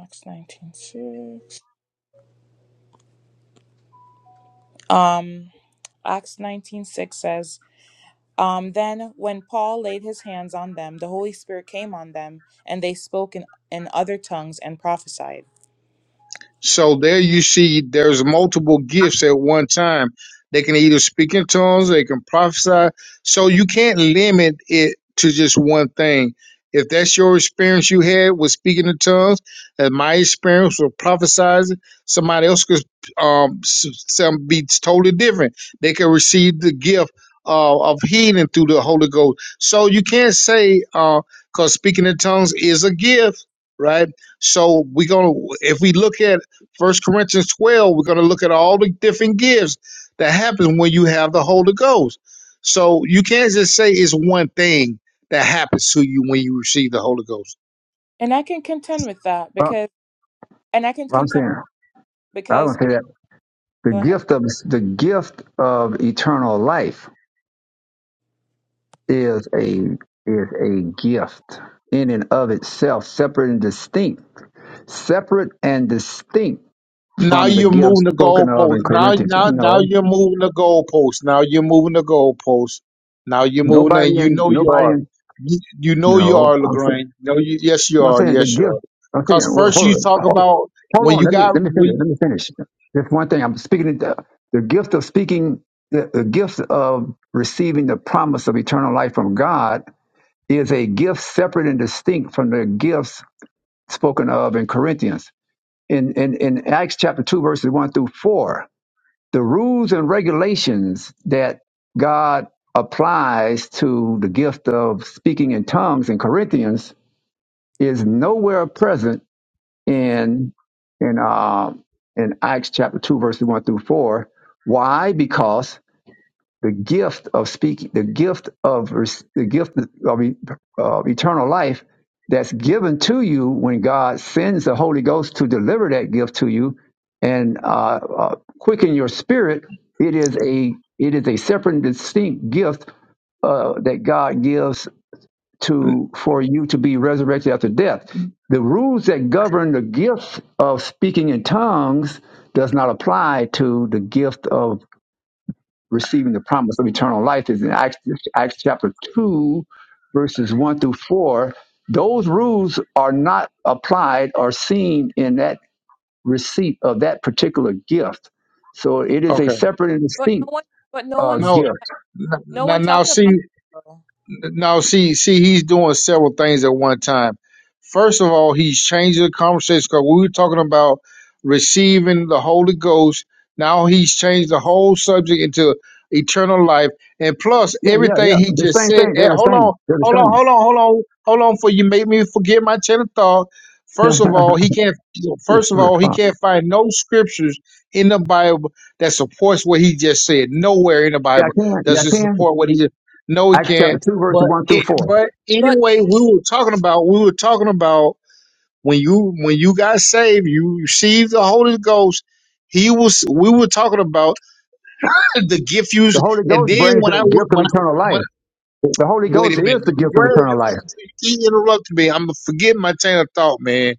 Speaker 3: Acts nineteen six. Um, Acts nineteen six says, um, then when Paul laid his hands on them, the Holy Spirit came on them, and they spoke in in other tongues and prophesied.
Speaker 14: So there you see there's multiple gifts at one time. They can either speak in tongues, they can prophesy. So you can't limit it to just one thing. If that's your experience you had with speaking in tongues, and my experience with prophesizing, somebody else could um s- some be totally different. They could receive the gift uh, of healing through the Holy Ghost. So you can't say uh because speaking in tongues is a gift, right? So we gonna if we look at First Corinthians 12, we're going to look at all the different gifts that happen when you have the Holy Ghost. So you can't just say it's one thing that happens to you when you receive the Holy Ghost.
Speaker 3: And I can contend with that because, and I can
Speaker 20: I'm
Speaker 3: contend
Speaker 20: saying, I
Speaker 3: because
Speaker 20: was gonna say that the
Speaker 3: go ahead.
Speaker 20: gift of the gift of eternal life is a is a gift in and of itself, separate and distinct, separate and distinct
Speaker 14: Now
Speaker 20: from the
Speaker 14: you're
Speaker 20: gifts
Speaker 14: moving the
Speaker 20: spoken of
Speaker 14: goalpost.
Speaker 20: in
Speaker 14: Now,
Speaker 20: Corinthians.
Speaker 14: now, now
Speaker 20: No,
Speaker 14: you're moving the goalpost. Now you're moving the goalpost. Now you're moving, the-
Speaker 20: nobody
Speaker 14: and you
Speaker 20: in
Speaker 14: know you
Speaker 20: nobody
Speaker 14: are.
Speaker 20: in
Speaker 14: You, you know you
Speaker 20: no.
Speaker 14: are, Lagrange. No, you, yes, you
Speaker 20: Now I'm
Speaker 14: are.
Speaker 20: saying the
Speaker 14: Yes, you
Speaker 20: gift.
Speaker 14: are.
Speaker 20: I'm saying,
Speaker 14: Because
Speaker 20: well,
Speaker 14: first
Speaker 20: hold
Speaker 14: you
Speaker 20: on,
Speaker 14: talk
Speaker 20: hold,
Speaker 14: about
Speaker 20: hold
Speaker 14: when
Speaker 20: on.
Speaker 14: you
Speaker 20: Let me
Speaker 14: got.
Speaker 20: let me finish.
Speaker 14: Re-
Speaker 20: Let me finish. That's one thing. I'm speaking of the the gift of speaking. The, the gift of receiving the promise of eternal life from God is a gift separate and distinct from the gifts spoken of in Corinthians. In in, in Acts chapter two, verses one through four, the rules and regulations that God applies to the gift of speaking in tongues in Corinthians is nowhere present in in um in Acts chapter two, verses one through four. Why? Because the gift of speaking, the gift of rec- the gift of e- of eternal life that's given to you when God sends the Holy Ghost to deliver that gift to you and uh, uh, quicken your spirit. It is a it is a separate and distinct gift uh, that God gives to for you to be resurrected after death. The rules that govern the gift of speaking in tongues does not apply to the gift of receiving the promise of eternal life. Is in Acts, Acts chapter two, verses one through four. Those rules are not applied or seen in that receipt of that particular gift. So it is a
Speaker 14: okay.
Speaker 20: separate and
Speaker 3: But no
Speaker 20: distinct
Speaker 3: one, but no
Speaker 20: uh,
Speaker 3: one, s-
Speaker 14: No,
Speaker 20: gift.
Speaker 3: no
Speaker 14: n-
Speaker 3: one
Speaker 14: n- now
Speaker 3: talked about
Speaker 14: see,
Speaker 3: it. though.
Speaker 14: no, see, see, he's doing several things at one time. First of all, he's changing the conversation because we were talking about receiving the Holy Ghost. Now he's changed the whole subject into eternal life, and plus
Speaker 20: Yeah, yeah, yeah.
Speaker 14: everything he
Speaker 20: The
Speaker 14: just
Speaker 20: same
Speaker 14: said.
Speaker 20: thing.
Speaker 14: eh,
Speaker 20: They're the
Speaker 14: Hold
Speaker 20: same.
Speaker 14: on,
Speaker 20: They're
Speaker 14: hold on, hold on, hold on, hold on, for you make me forget my chain of thought. First of all,
Speaker 20: the
Speaker 14: he can't. First of
Speaker 20: same.
Speaker 14: all, he can't find no scriptures in the Bible that supports what he just said. Nowhere in the
Speaker 20: Yeah, I
Speaker 14: Bible
Speaker 20: can. Yeah,
Speaker 14: does it
Speaker 20: I can.
Speaker 14: support what he just. No, he
Speaker 20: Acts
Speaker 14: can't.
Speaker 20: chapter 2, verses
Speaker 14: But
Speaker 20: 1 through
Speaker 14: it,
Speaker 20: 4.
Speaker 14: but
Speaker 3: But
Speaker 14: anyway, we were talking about we were talking about when you when you got saved, you received the Holy Ghost. He was we were talking about the gift you
Speaker 20: The Holy
Speaker 14: and
Speaker 20: Ghost
Speaker 14: then
Speaker 20: brings
Speaker 14: when I
Speaker 20: the
Speaker 14: wa-
Speaker 20: gift of
Speaker 14: when I,
Speaker 20: eternal
Speaker 14: when
Speaker 20: life. The Holy
Speaker 14: wait
Speaker 20: Ghost
Speaker 14: a minute,
Speaker 20: is the gift of
Speaker 14: Graham,
Speaker 20: eternal
Speaker 14: you
Speaker 20: life.
Speaker 14: keep, you keep interrupting me. I'm gonna forget my train of thought, man.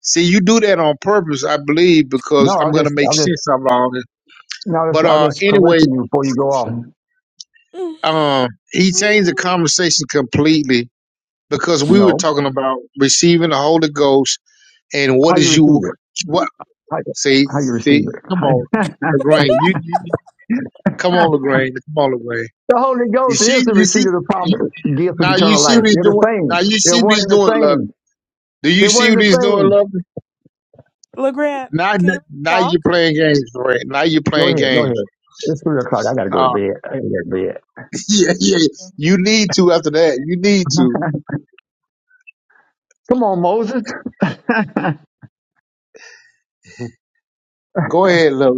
Speaker 14: See, you do that on purpose, I believe,
Speaker 20: No,
Speaker 14: because I'm
Speaker 20: I'll
Speaker 14: gonna
Speaker 20: just,
Speaker 14: make
Speaker 20: I'll just,
Speaker 14: sense out of all this.
Speaker 20: no, I'll just,
Speaker 14: But
Speaker 20: I'll
Speaker 14: uh,
Speaker 20: just
Speaker 14: anyway,
Speaker 20: correcting you before you go off.
Speaker 14: um, he changed the conversation completely because we were
Speaker 20: No,
Speaker 14: talking about receiving the Holy Ghost and
Speaker 20: how
Speaker 14: what
Speaker 20: you
Speaker 14: is
Speaker 20: receive
Speaker 14: you
Speaker 20: it?
Speaker 14: what
Speaker 20: How,
Speaker 14: see
Speaker 20: how you receive
Speaker 14: see come
Speaker 20: it?
Speaker 14: on
Speaker 20: the
Speaker 14: Lagrange you, you come on Lagrange come on Lagrange
Speaker 20: Holy
Speaker 14: you
Speaker 20: Ghost
Speaker 14: see
Speaker 20: is the
Speaker 14: you see
Speaker 20: receiver of the
Speaker 14: you,
Speaker 20: promise, gift of
Speaker 14: now you
Speaker 20: eternal
Speaker 14: see
Speaker 20: life.
Speaker 14: what he's
Speaker 20: They're the
Speaker 14: doing now
Speaker 20: same.
Speaker 14: you
Speaker 20: They're
Speaker 14: see what
Speaker 20: one
Speaker 14: he's
Speaker 20: and the
Speaker 14: doing love
Speaker 20: same.
Speaker 14: do you
Speaker 20: They're one
Speaker 14: see
Speaker 20: and
Speaker 14: what
Speaker 20: the
Speaker 14: he's doing
Speaker 20: same.
Speaker 14: love
Speaker 3: LeGrand,
Speaker 14: now
Speaker 3: can you
Speaker 14: now
Speaker 3: talk?
Speaker 14: you're playing games right now you're
Speaker 20: Go
Speaker 14: playing
Speaker 20: ahead, go
Speaker 14: games
Speaker 20: ahead. It's three o'clock. I gotta go to
Speaker 14: uh
Speaker 20: bed. I gotta get to bed.
Speaker 14: yeah
Speaker 3: Me
Speaker 14: yeah
Speaker 3: too.
Speaker 14: you need to after that you need to
Speaker 20: Come on, Moses.
Speaker 14: go ahead love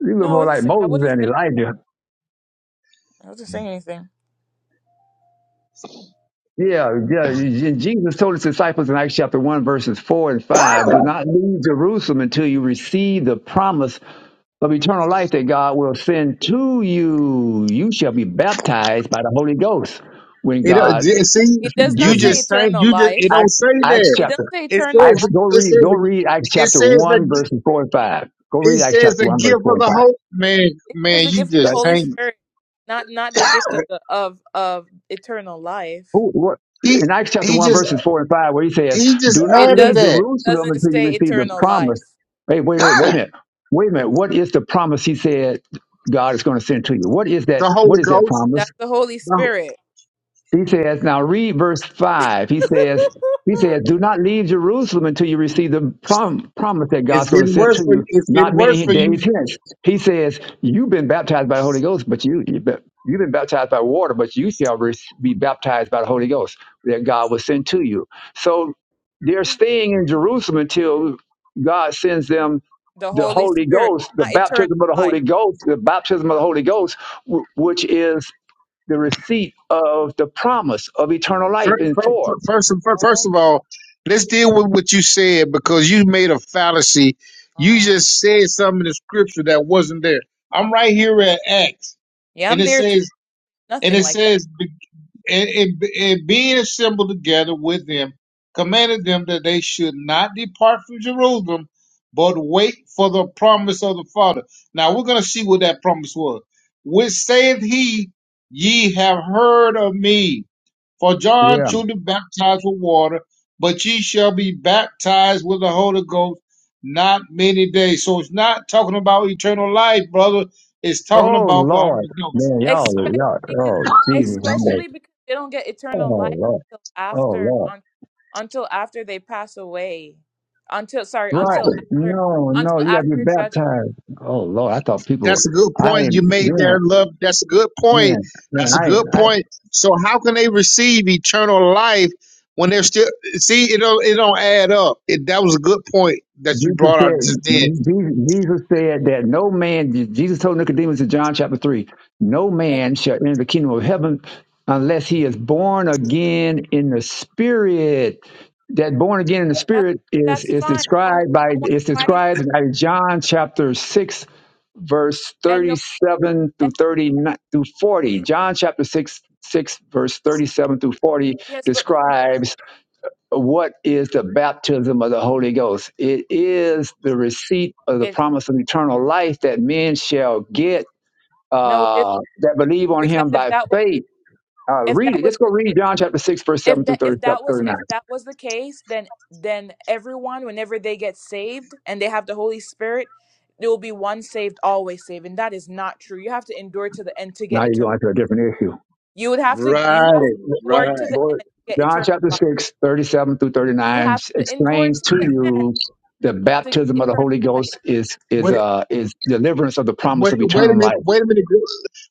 Speaker 20: you look
Speaker 3: No, I
Speaker 20: more
Speaker 3: would not
Speaker 20: like
Speaker 3: Say, I
Speaker 20: Moses
Speaker 3: would not say.
Speaker 20: than Elijah.
Speaker 3: I wasn't saying anything.
Speaker 20: Yeah, yeah. And Jesus told his disciples in Acts chapter 1, verses 4 and 5 do not leave Jerusalem until you receive the promise of eternal life that God will send to you. You shall be baptized by the Holy Ghost when
Speaker 14: it don't-
Speaker 20: God
Speaker 14: j- see
Speaker 3: It
Speaker 20: gives
Speaker 3: does
Speaker 14: you
Speaker 3: not say
Speaker 20: you.
Speaker 14: just saying
Speaker 3: eternal
Speaker 14: you just
Speaker 3: life.
Speaker 14: it don't
Speaker 20: Acts,
Speaker 14: say
Speaker 20: Acts
Speaker 14: that
Speaker 3: It doesn't
Speaker 20: chapter.
Speaker 3: say
Speaker 14: it
Speaker 3: eternal
Speaker 20: Acts,
Speaker 3: life.
Speaker 14: says
Speaker 20: go
Speaker 14: it
Speaker 20: read,
Speaker 14: says
Speaker 20: go read Acts
Speaker 14: it
Speaker 20: chapter
Speaker 14: says
Speaker 20: 1,
Speaker 14: that
Speaker 20: verses 4 and 5. Go
Speaker 14: It
Speaker 20: read Acts
Speaker 14: says
Speaker 20: chapter
Speaker 14: the
Speaker 20: 1, verse
Speaker 14: gift
Speaker 20: 4
Speaker 14: of
Speaker 20: and
Speaker 14: the
Speaker 20: 5.
Speaker 14: Holy man.
Speaker 3: It says
Speaker 14: Man,
Speaker 3: the
Speaker 14: you
Speaker 3: gift of the
Speaker 20: Right?
Speaker 14: just
Speaker 3: Holy
Speaker 14: can't.
Speaker 3: Spirit, not not the gift of the of of eternal life.
Speaker 20: Who, what,
Speaker 14: He
Speaker 20: in Acts chapter
Speaker 14: he
Speaker 20: 1,
Speaker 14: just
Speaker 20: verses 4 and 5, where he says,
Speaker 14: he just
Speaker 20: Do not
Speaker 3: It
Speaker 14: added
Speaker 20: leave
Speaker 3: doesn't
Speaker 14: that
Speaker 3: it
Speaker 20: Jerusalem
Speaker 3: doesn't
Speaker 20: until you
Speaker 3: say
Speaker 20: receive the
Speaker 3: eternal
Speaker 20: promise.
Speaker 3: life.
Speaker 20: Hey, wait, wait, wait a
Speaker 14: the
Speaker 20: minute. Wait a minute. What is the promise he said God is going to send to you? What is that? What
Speaker 14: Holy
Speaker 20: is that
Speaker 14: Ghost.
Speaker 20: promise?
Speaker 3: That's the Holy
Speaker 14: No,
Speaker 3: Spirit.
Speaker 20: He says, now read verse 5. He says, he says, do not leave Jerusalem until you receive the prom- promise that
Speaker 14: it's
Speaker 20: God's going to
Speaker 14: getting
Speaker 20: send
Speaker 14: worse
Speaker 20: to
Speaker 14: for you.
Speaker 20: you
Speaker 14: It's
Speaker 20: not
Speaker 14: getting worse
Speaker 20: many
Speaker 14: for you.
Speaker 20: days hence. He says, you've been baptized by the Holy Ghost, but you, you've been you've been baptized by water, but you shall re- be baptized by the Holy Ghost that God will send to you. So they're staying in Jerusalem until God sends them
Speaker 3: the
Speaker 20: the
Speaker 3: Holy
Speaker 20: Holy
Speaker 3: Spirit,
Speaker 20: Ghost, the
Speaker 3: not eternal
Speaker 20: baptism of the
Speaker 3: life.
Speaker 20: Holy Ghost, the baptism of the Holy Ghost, wh- which is the receipt of the promise of eternal life
Speaker 14: Fir-
Speaker 20: in
Speaker 14: fir-
Speaker 20: four.
Speaker 14: fir- First of- fir- first
Speaker 3: Oh,
Speaker 14: of all, let's deal with what you said because you made a fallacy. You
Speaker 3: my.
Speaker 14: just said something in the scripture that wasn't there. I'm right here at Acts,
Speaker 3: yeah,
Speaker 14: and
Speaker 3: I'm
Speaker 14: it
Speaker 3: there too.
Speaker 14: says And
Speaker 3: Nothing
Speaker 14: it
Speaker 3: like that.
Speaker 14: says, "Be- and, and, and being assembled together with them, commanded them that they should not depart from Jerusalem, but wait for the promise of the Father. Now we're going to see what that promise was. Which saith he, ye have heard of me. For John
Speaker 20: Yeah.
Speaker 14: truly baptized with water, but ye shall be baptized with the Holy Ghost not many days. So it's not talking about eternal life, brother. It's talking
Speaker 20: Oh
Speaker 14: about the Holy
Speaker 20: Lord.
Speaker 14: Ghost.
Speaker 20: Man, y'all
Speaker 3: especially
Speaker 20: y'all
Speaker 3: because
Speaker 20: oh Jesus. I'm like,
Speaker 3: especially because they don't get eternal
Speaker 20: oh
Speaker 3: life
Speaker 20: Lord.
Speaker 3: until
Speaker 20: Oh
Speaker 3: after
Speaker 20: Lord.
Speaker 3: un, until after they pass away until sorry
Speaker 20: Right.
Speaker 3: until after
Speaker 20: No, no,
Speaker 3: until
Speaker 20: you gotta be
Speaker 3: after judgment
Speaker 20: baptized. Oh Lord. I thought people
Speaker 14: That's a good
Speaker 20: I
Speaker 14: point
Speaker 20: ain't
Speaker 14: you made
Speaker 20: man,
Speaker 14: there, love. That's a good point.
Speaker 20: man, man,
Speaker 14: That's a
Speaker 20: I ain't.
Speaker 14: good point. So how can they receive eternal life when they're still see it don't it don't add up. It, that was a good point that you
Speaker 20: Jesus
Speaker 14: brought
Speaker 20: said,
Speaker 14: out just then.
Speaker 20: Jesus Jesus said that no man, Jesus told Nicodemus in John chapter 3, no
Speaker 3: and
Speaker 20: man shall enter the kingdom of heaven unless he is born again in the spirit. That born again in the
Speaker 3: that
Speaker 20: spirit is,
Speaker 3: that's
Speaker 20: is
Speaker 3: fine no
Speaker 20: described by,
Speaker 3: no one's
Speaker 20: is
Speaker 3: fighting
Speaker 20: described
Speaker 3: against
Speaker 20: by John chapter 6, verse
Speaker 3: and no
Speaker 20: 37 through
Speaker 3: and
Speaker 20: 39 through 40. John chapter 6, 6, verse 37 through 40
Speaker 3: yes but
Speaker 20: describes what is the baptism of the Holy Ghost? It is the receipt of the
Speaker 3: it
Speaker 20: promise of eternal life that men shall get
Speaker 3: no it is
Speaker 20: uh, that believe on
Speaker 3: because
Speaker 20: him
Speaker 3: if
Speaker 20: by
Speaker 3: that was
Speaker 20: faith. Uh,
Speaker 3: if
Speaker 20: read
Speaker 3: that
Speaker 20: it.
Speaker 3: was the
Speaker 20: Just go read John chapter 6, verse
Speaker 3: if
Speaker 20: 7 through
Speaker 3: that if
Speaker 20: 30, chapter
Speaker 3: that was
Speaker 20: 39.
Speaker 3: if that was the case then then everyone whenever they get saved and they have the holy spirit there will be one saved always saved and that is not true you have to endure to the end to get
Speaker 20: Now you're
Speaker 3: eternal
Speaker 20: going to a different issue.
Speaker 3: you would have to you
Speaker 14: Right,
Speaker 3: have
Speaker 20: Go,
Speaker 3: to endure
Speaker 14: right.
Speaker 3: to the
Speaker 20: go
Speaker 3: end to get
Speaker 20: John
Speaker 3: eternal
Speaker 20: chapter
Speaker 3: life
Speaker 20: 6, 37 through
Speaker 3: you
Speaker 20: 39
Speaker 3: have to endure
Speaker 20: explains
Speaker 3: to
Speaker 20: to
Speaker 3: the end
Speaker 20: you the
Speaker 3: to get
Speaker 20: baptism of the
Speaker 3: eternal
Speaker 20: Holy Ghost
Speaker 3: life
Speaker 20: is is
Speaker 14: Wait,
Speaker 20: uh is deliverance of the promise
Speaker 14: wait,
Speaker 20: of
Speaker 14: wait a
Speaker 20: eternal
Speaker 14: minute.
Speaker 20: life.
Speaker 14: Wait a minute.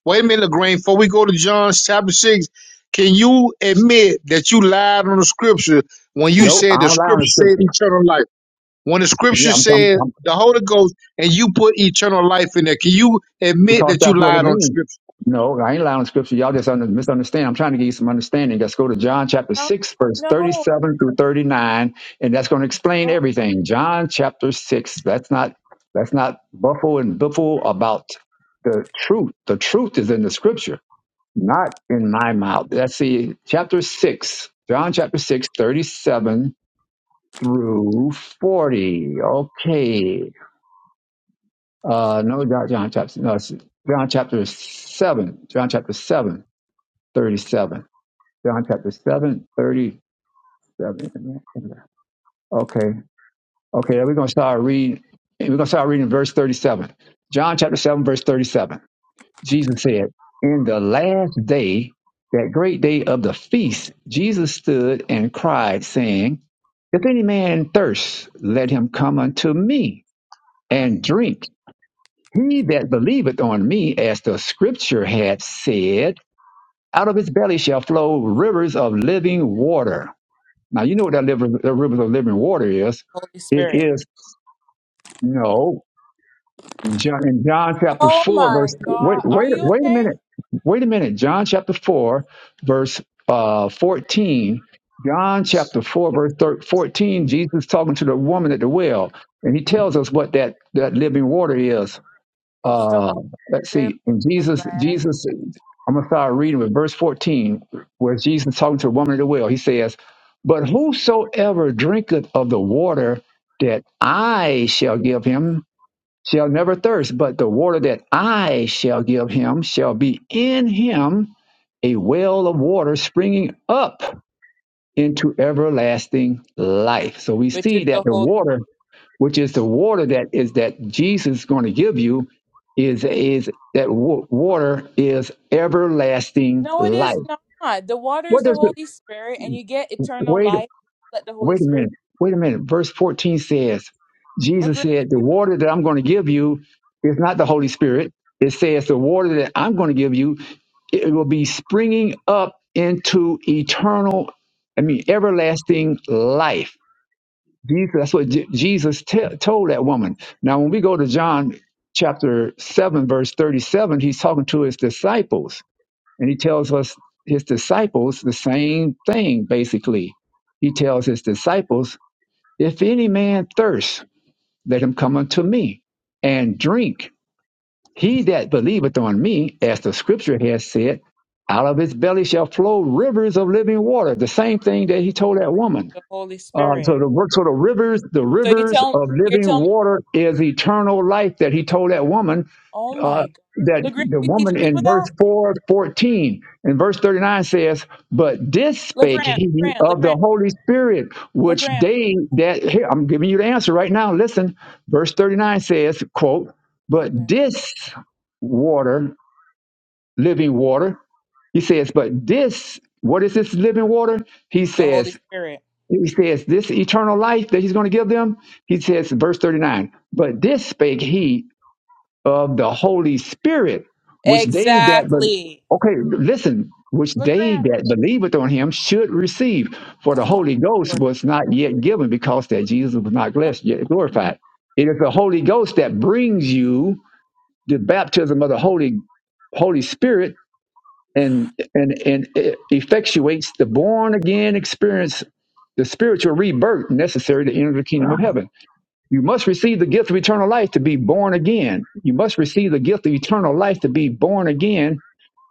Speaker 14: Wait a minute, Lagrange. Before we go to John chapter six, can you admit that you lied on the scripture when you
Speaker 20: Nope, I
Speaker 14: said the
Speaker 20: don't lie on
Speaker 14: scripture
Speaker 20: the
Speaker 14: said
Speaker 20: scripture.
Speaker 14: eternal life? When the
Speaker 20: Yeah,
Speaker 14: scripture
Speaker 20: I'm,
Speaker 14: says
Speaker 20: I'm,
Speaker 14: the Holy Ghost and you put eternal life in there, can you admit
Speaker 20: because
Speaker 14: that you
Speaker 20: that's what it
Speaker 14: lied on
Speaker 20: means.
Speaker 14: scripture?
Speaker 20: No, I ain't lying on scripture. Y'all just under, misunderstand. I'm trying to give you some understanding. Let's go to John chapter
Speaker 3: no
Speaker 20: 6, verse
Speaker 3: no
Speaker 20: 37 through 39, and that's going to explain
Speaker 3: oh,
Speaker 20: everything. John chapter 6. That's not that's not buffle and biffle about the truth. The truth is in the scripture, not in my mouth. Let's see, chapter 6, John chapter 6, 37 through 40. Okay. Uh, no, John, John chapter, no, it's John chapter 7, John chapter 7, 37. John chapter 7, 37. Okay, okay, we're going to start reading, we're going to start reading verse 37. John chapter 7, verse 37. Jesus said, In the last day, that great day of the feast, Jesus stood and cried, saying, If any man thirst, let him come unto me and drink. He that believeth on me, as the scripture hath said, out of his belly shall flow rivers of living water. Now, you know what that river, the rivers of living water is.
Speaker 3: holy
Speaker 20: It
Speaker 3: spirit
Speaker 20: is, no, John, in John chapter
Speaker 3: Oh
Speaker 20: 4,
Speaker 3: my
Speaker 20: verse, wait,
Speaker 3: God. Are
Speaker 20: wait,
Speaker 3: you
Speaker 20: wait a
Speaker 3: okay?
Speaker 20: minute. Wait a minute. John chapter 4, verse uh, 14. John chapter 4, verse thir 14, Jesus talking to the woman at the well, and he tells us what that, that living water is.
Speaker 3: it's the
Speaker 20: Uh,
Speaker 3: holy
Speaker 20: let's
Speaker 3: spirit
Speaker 20: see. And
Speaker 3: the
Speaker 20: Jesus,
Speaker 3: grand
Speaker 20: Jesus, I'm gonna start reading with verse 14, where Jesus talking to a woman at the well. He says, "But whosoever drinketh of the water that I shall give him shall never thirst, but the water that I shall give him shall be in him a well of water springing up into everlasting life." So we
Speaker 3: which is
Speaker 20: see that
Speaker 3: the
Speaker 20: the
Speaker 3: holy
Speaker 20: water which is the water that is that Jesus is going to give you, is is that wa- water is everlasting
Speaker 3: No, it
Speaker 20: life.
Speaker 3: is not. The water is
Speaker 20: What
Speaker 3: the
Speaker 20: does it?
Speaker 3: Holy Spirit, and you get eternal
Speaker 20: Wait,
Speaker 3: life. Let the Holy
Speaker 20: wait a
Speaker 3: Spirit.
Speaker 20: minute. Wait a minute. Verse fourteen says,
Speaker 3: Look,
Speaker 20: Jesus
Speaker 3: Grant,
Speaker 20: said, "The
Speaker 3: you
Speaker 20: water that I'm going to give you is not the Holy Spirit." It says, "The water that I'm going to give you, it will be springing up into eternal, I mean, everlasting life." Jesus, that's what Je- Jesus te- told that woman. Now, when we go to John chapter 7, verse 37, he's talking to his disciples, and he tells us his disciples the same thing, basically. He tells his disciples, If any man thirst, let him come unto me and drink. He that believeth on me, as the scripture has said, out of his belly shall flow rivers of living water. The same thing that he told that
Speaker 3: be
Speaker 20: woman.
Speaker 3: the Holy
Speaker 20: Uh,
Speaker 3: Spirit.
Speaker 20: so the works so the rivers, the
Speaker 3: So you
Speaker 20: rivers
Speaker 3: tell
Speaker 20: of
Speaker 3: you're
Speaker 20: living
Speaker 3: telling.
Speaker 20: water is eternal life that he told that woman,
Speaker 3: Oh
Speaker 20: uh,
Speaker 3: my God,
Speaker 20: that
Speaker 3: Legrand,
Speaker 20: the
Speaker 3: you
Speaker 20: woman
Speaker 3: teaching people
Speaker 20: in verse
Speaker 3: that?
Speaker 20: 4 14 and verse 39 says, But this spake
Speaker 3: Legrand,
Speaker 20: he
Speaker 3: Legrand,
Speaker 20: of the
Speaker 3: Legrand,
Speaker 20: Holy Spirit, which
Speaker 3: Legrand.
Speaker 20: they that here, I'm giving you the answer right now. Listen, verse 39 says, quote, But
Speaker 3: Goodness,
Speaker 20: this water, living water, he says, But this, what is this living water? He
Speaker 3: the Holy
Speaker 20: says,
Speaker 3: Spirit.
Speaker 20: he says, This eternal life that he's going to give them, he says, verse 39, but this spake he of the Holy Spirit, which they that, but,
Speaker 3: Exactly,
Speaker 20: okay, listen, which they
Speaker 3: Legrand.
Speaker 20: that believeth on him should receive. For the
Speaker 3: Oh my
Speaker 20: Holy Ghost was not yet given because that Jesus was not blessed, yet
Speaker 3: Lord.
Speaker 20: glorified. It is the Holy Ghost that brings you the baptism of the Holy Holy Spirit and and and it effectuates the born again experience, the spiritual rebirth necessary to enter the kingdom of heaven. You must receive the gift of eternal life to be born again. You must receive the gift of eternal life to be born again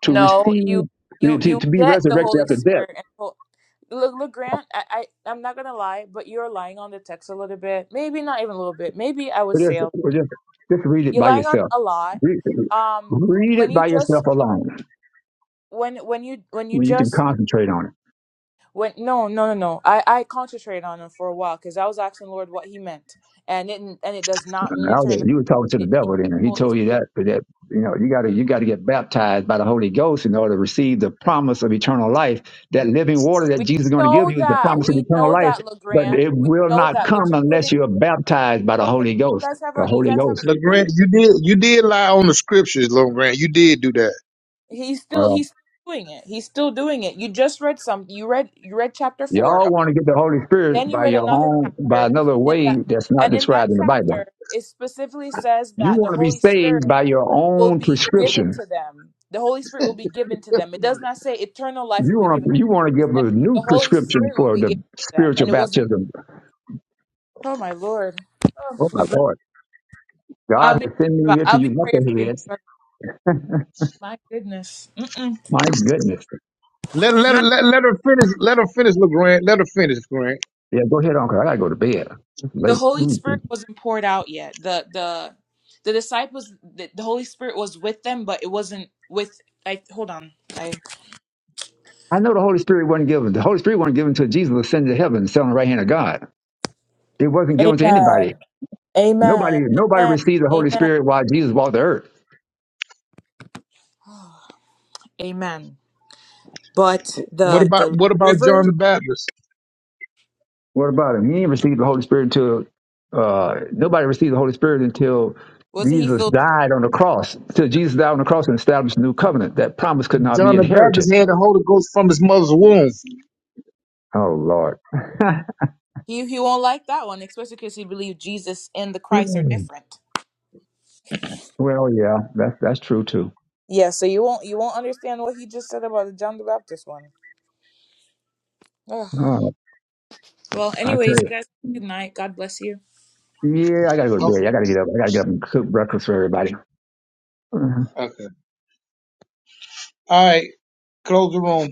Speaker 20: to
Speaker 3: No,
Speaker 20: receive
Speaker 3: you you
Speaker 20: to,
Speaker 3: you
Speaker 20: to be
Speaker 3: get the
Speaker 20: resurrected
Speaker 3: Holy
Speaker 20: after death.
Speaker 3: Spirit and ho- look look Grant, I, I I'm not gonna lie, but you're lying on the text a little bit. Maybe not even a little bit. Maybe I would
Speaker 20: But
Speaker 3: say
Speaker 20: just,
Speaker 3: a,
Speaker 20: but just just read it
Speaker 3: you're
Speaker 20: by
Speaker 3: lying on
Speaker 20: yourself.
Speaker 3: a lot.
Speaker 20: Read,
Speaker 3: Um,
Speaker 20: read
Speaker 3: when
Speaker 20: it
Speaker 3: you
Speaker 20: by
Speaker 3: just
Speaker 20: yourself alone
Speaker 3: when when you when you
Speaker 20: when you can
Speaker 3: just
Speaker 20: concentrate on it.
Speaker 3: when no no no no I I concentrated on it for a while because I was asking the Lord what He meant and it and it does not mean
Speaker 20: Now
Speaker 3: eternal.
Speaker 20: You were talking to the
Speaker 3: It means
Speaker 20: devil then, and he
Speaker 3: Holy
Speaker 20: told you
Speaker 3: Spirit.
Speaker 20: that that you know you got to you got to get baptized by the Holy Ghost in order to receive the promise of eternal life. That living water that
Speaker 3: We
Speaker 20: Jesus is going to give
Speaker 3: know
Speaker 20: you is the
Speaker 3: that.
Speaker 20: promise of
Speaker 3: We
Speaker 20: eternal
Speaker 3: know
Speaker 20: life,
Speaker 3: that,
Speaker 20: but
Speaker 3: LeGrand.
Speaker 20: it
Speaker 3: We
Speaker 20: will
Speaker 3: know
Speaker 20: not
Speaker 3: that. But
Speaker 20: come
Speaker 3: you're putting
Speaker 20: unless you are baptized by the
Speaker 3: okay
Speaker 20: Holy
Speaker 3: you
Speaker 20: Ghost.
Speaker 3: guys have a
Speaker 20: The
Speaker 3: you
Speaker 20: Holy
Speaker 3: guys have a
Speaker 20: Ghost.
Speaker 3: good
Speaker 14: LeGrand,
Speaker 3: night
Speaker 14: you did you did lie on the scriptures, LeGrand. You did do that.
Speaker 3: he's still
Speaker 20: Well,
Speaker 3: he's doing it he's still doing it you just read some you read you read chapter four
Speaker 20: y'all
Speaker 3: Okay,
Speaker 20: want to get the Holy
Speaker 3: then
Speaker 20: Spirit
Speaker 3: you
Speaker 20: by
Speaker 3: read
Speaker 20: your
Speaker 3: another
Speaker 20: own by
Speaker 3: chapter
Speaker 20: another
Speaker 3: in
Speaker 20: way
Speaker 3: that
Speaker 20: that's not
Speaker 3: and in that
Speaker 20: described in the Bible.
Speaker 3: chapter it specifically says
Speaker 20: You
Speaker 3: that the
Speaker 20: want to be
Speaker 3: holy
Speaker 20: saved
Speaker 3: spirit
Speaker 20: by your
Speaker 3: will
Speaker 20: own
Speaker 3: be given
Speaker 20: prescription.
Speaker 3: to them the holy spirit will be given to them it does not say eternal life will
Speaker 20: You
Speaker 3: be
Speaker 20: want
Speaker 3: given
Speaker 20: to you want to
Speaker 3: it
Speaker 20: give
Speaker 3: says
Speaker 20: a new
Speaker 3: the holy
Speaker 20: prescription
Speaker 3: spirit will
Speaker 20: for
Speaker 3: be given
Speaker 20: the
Speaker 3: to them and
Speaker 20: spiritual
Speaker 3: it wasn't
Speaker 20: baptism.
Speaker 3: oh my lord
Speaker 20: Oh my
Speaker 3: oh,
Speaker 20: Lord. God
Speaker 3: i'll be
Speaker 20: has sent me here to
Speaker 3: i'll
Speaker 20: you
Speaker 3: be praying for you my
Speaker 20: knuckleheads.
Speaker 3: brother my goodness Mm-mm.
Speaker 20: My goodness.
Speaker 14: Let let let, let her finish let her finish, LeGrand. Let her finish, Grant.
Speaker 20: Yeah, go ahead, Uncle. I gotta go to bed. It's
Speaker 3: the
Speaker 20: Like,
Speaker 3: holy
Speaker 20: mm.
Speaker 3: spirit wasn't poured out yet the the the disciples the, the holy spirit was with them but it wasn't with i hold on i
Speaker 20: I know the Holy Spirit wasn't given. The Holy Spirit wasn't given until Jesus ascended to heaven, sat on the right hand of God. It wasn't given to
Speaker 3: Amen.
Speaker 20: anybody. Nobody,
Speaker 3: Amen.
Speaker 20: nobody
Speaker 3: Amen.
Speaker 20: received the Holy
Speaker 3: Amen.
Speaker 20: Spirit while Jesus walked the earth.
Speaker 3: amen but
Speaker 14: What
Speaker 3: the
Speaker 14: about
Speaker 3: the
Speaker 14: what about John
Speaker 3: rivers
Speaker 14: the Baptist?
Speaker 20: What about him? He didn't receive the Holy Spirit until uh, nobody received the Holy Spirit until
Speaker 3: wasn't he
Speaker 20: Jesus
Speaker 3: filled
Speaker 20: died on the cross. Until Jesus died on the cross and established a new covenant. That promise could not be
Speaker 14: John the
Speaker 20: inherited.
Speaker 14: Baptist had the Holy Ghost from his mother's womb.
Speaker 20: Oh Lord.
Speaker 3: he he won't like that one especially because he believed jesus and the christ are
Speaker 20: Mm.
Speaker 3: different
Speaker 20: Well, yeah, that's that's true too.
Speaker 3: Yeah, so you won't you won't understand what he just said about the John the Baptist one. Ugh.
Speaker 20: Oh,
Speaker 3: well
Speaker 20: I
Speaker 3: anyways
Speaker 20: tell
Speaker 3: you
Speaker 20: you.
Speaker 3: guys good night god bless you
Speaker 20: Yeah, I gotta go to bed. I
Speaker 14: Okay.
Speaker 20: gotta get up. I gotta get up and cook breakfast for everybody.
Speaker 14: Okay. All right. Close the room.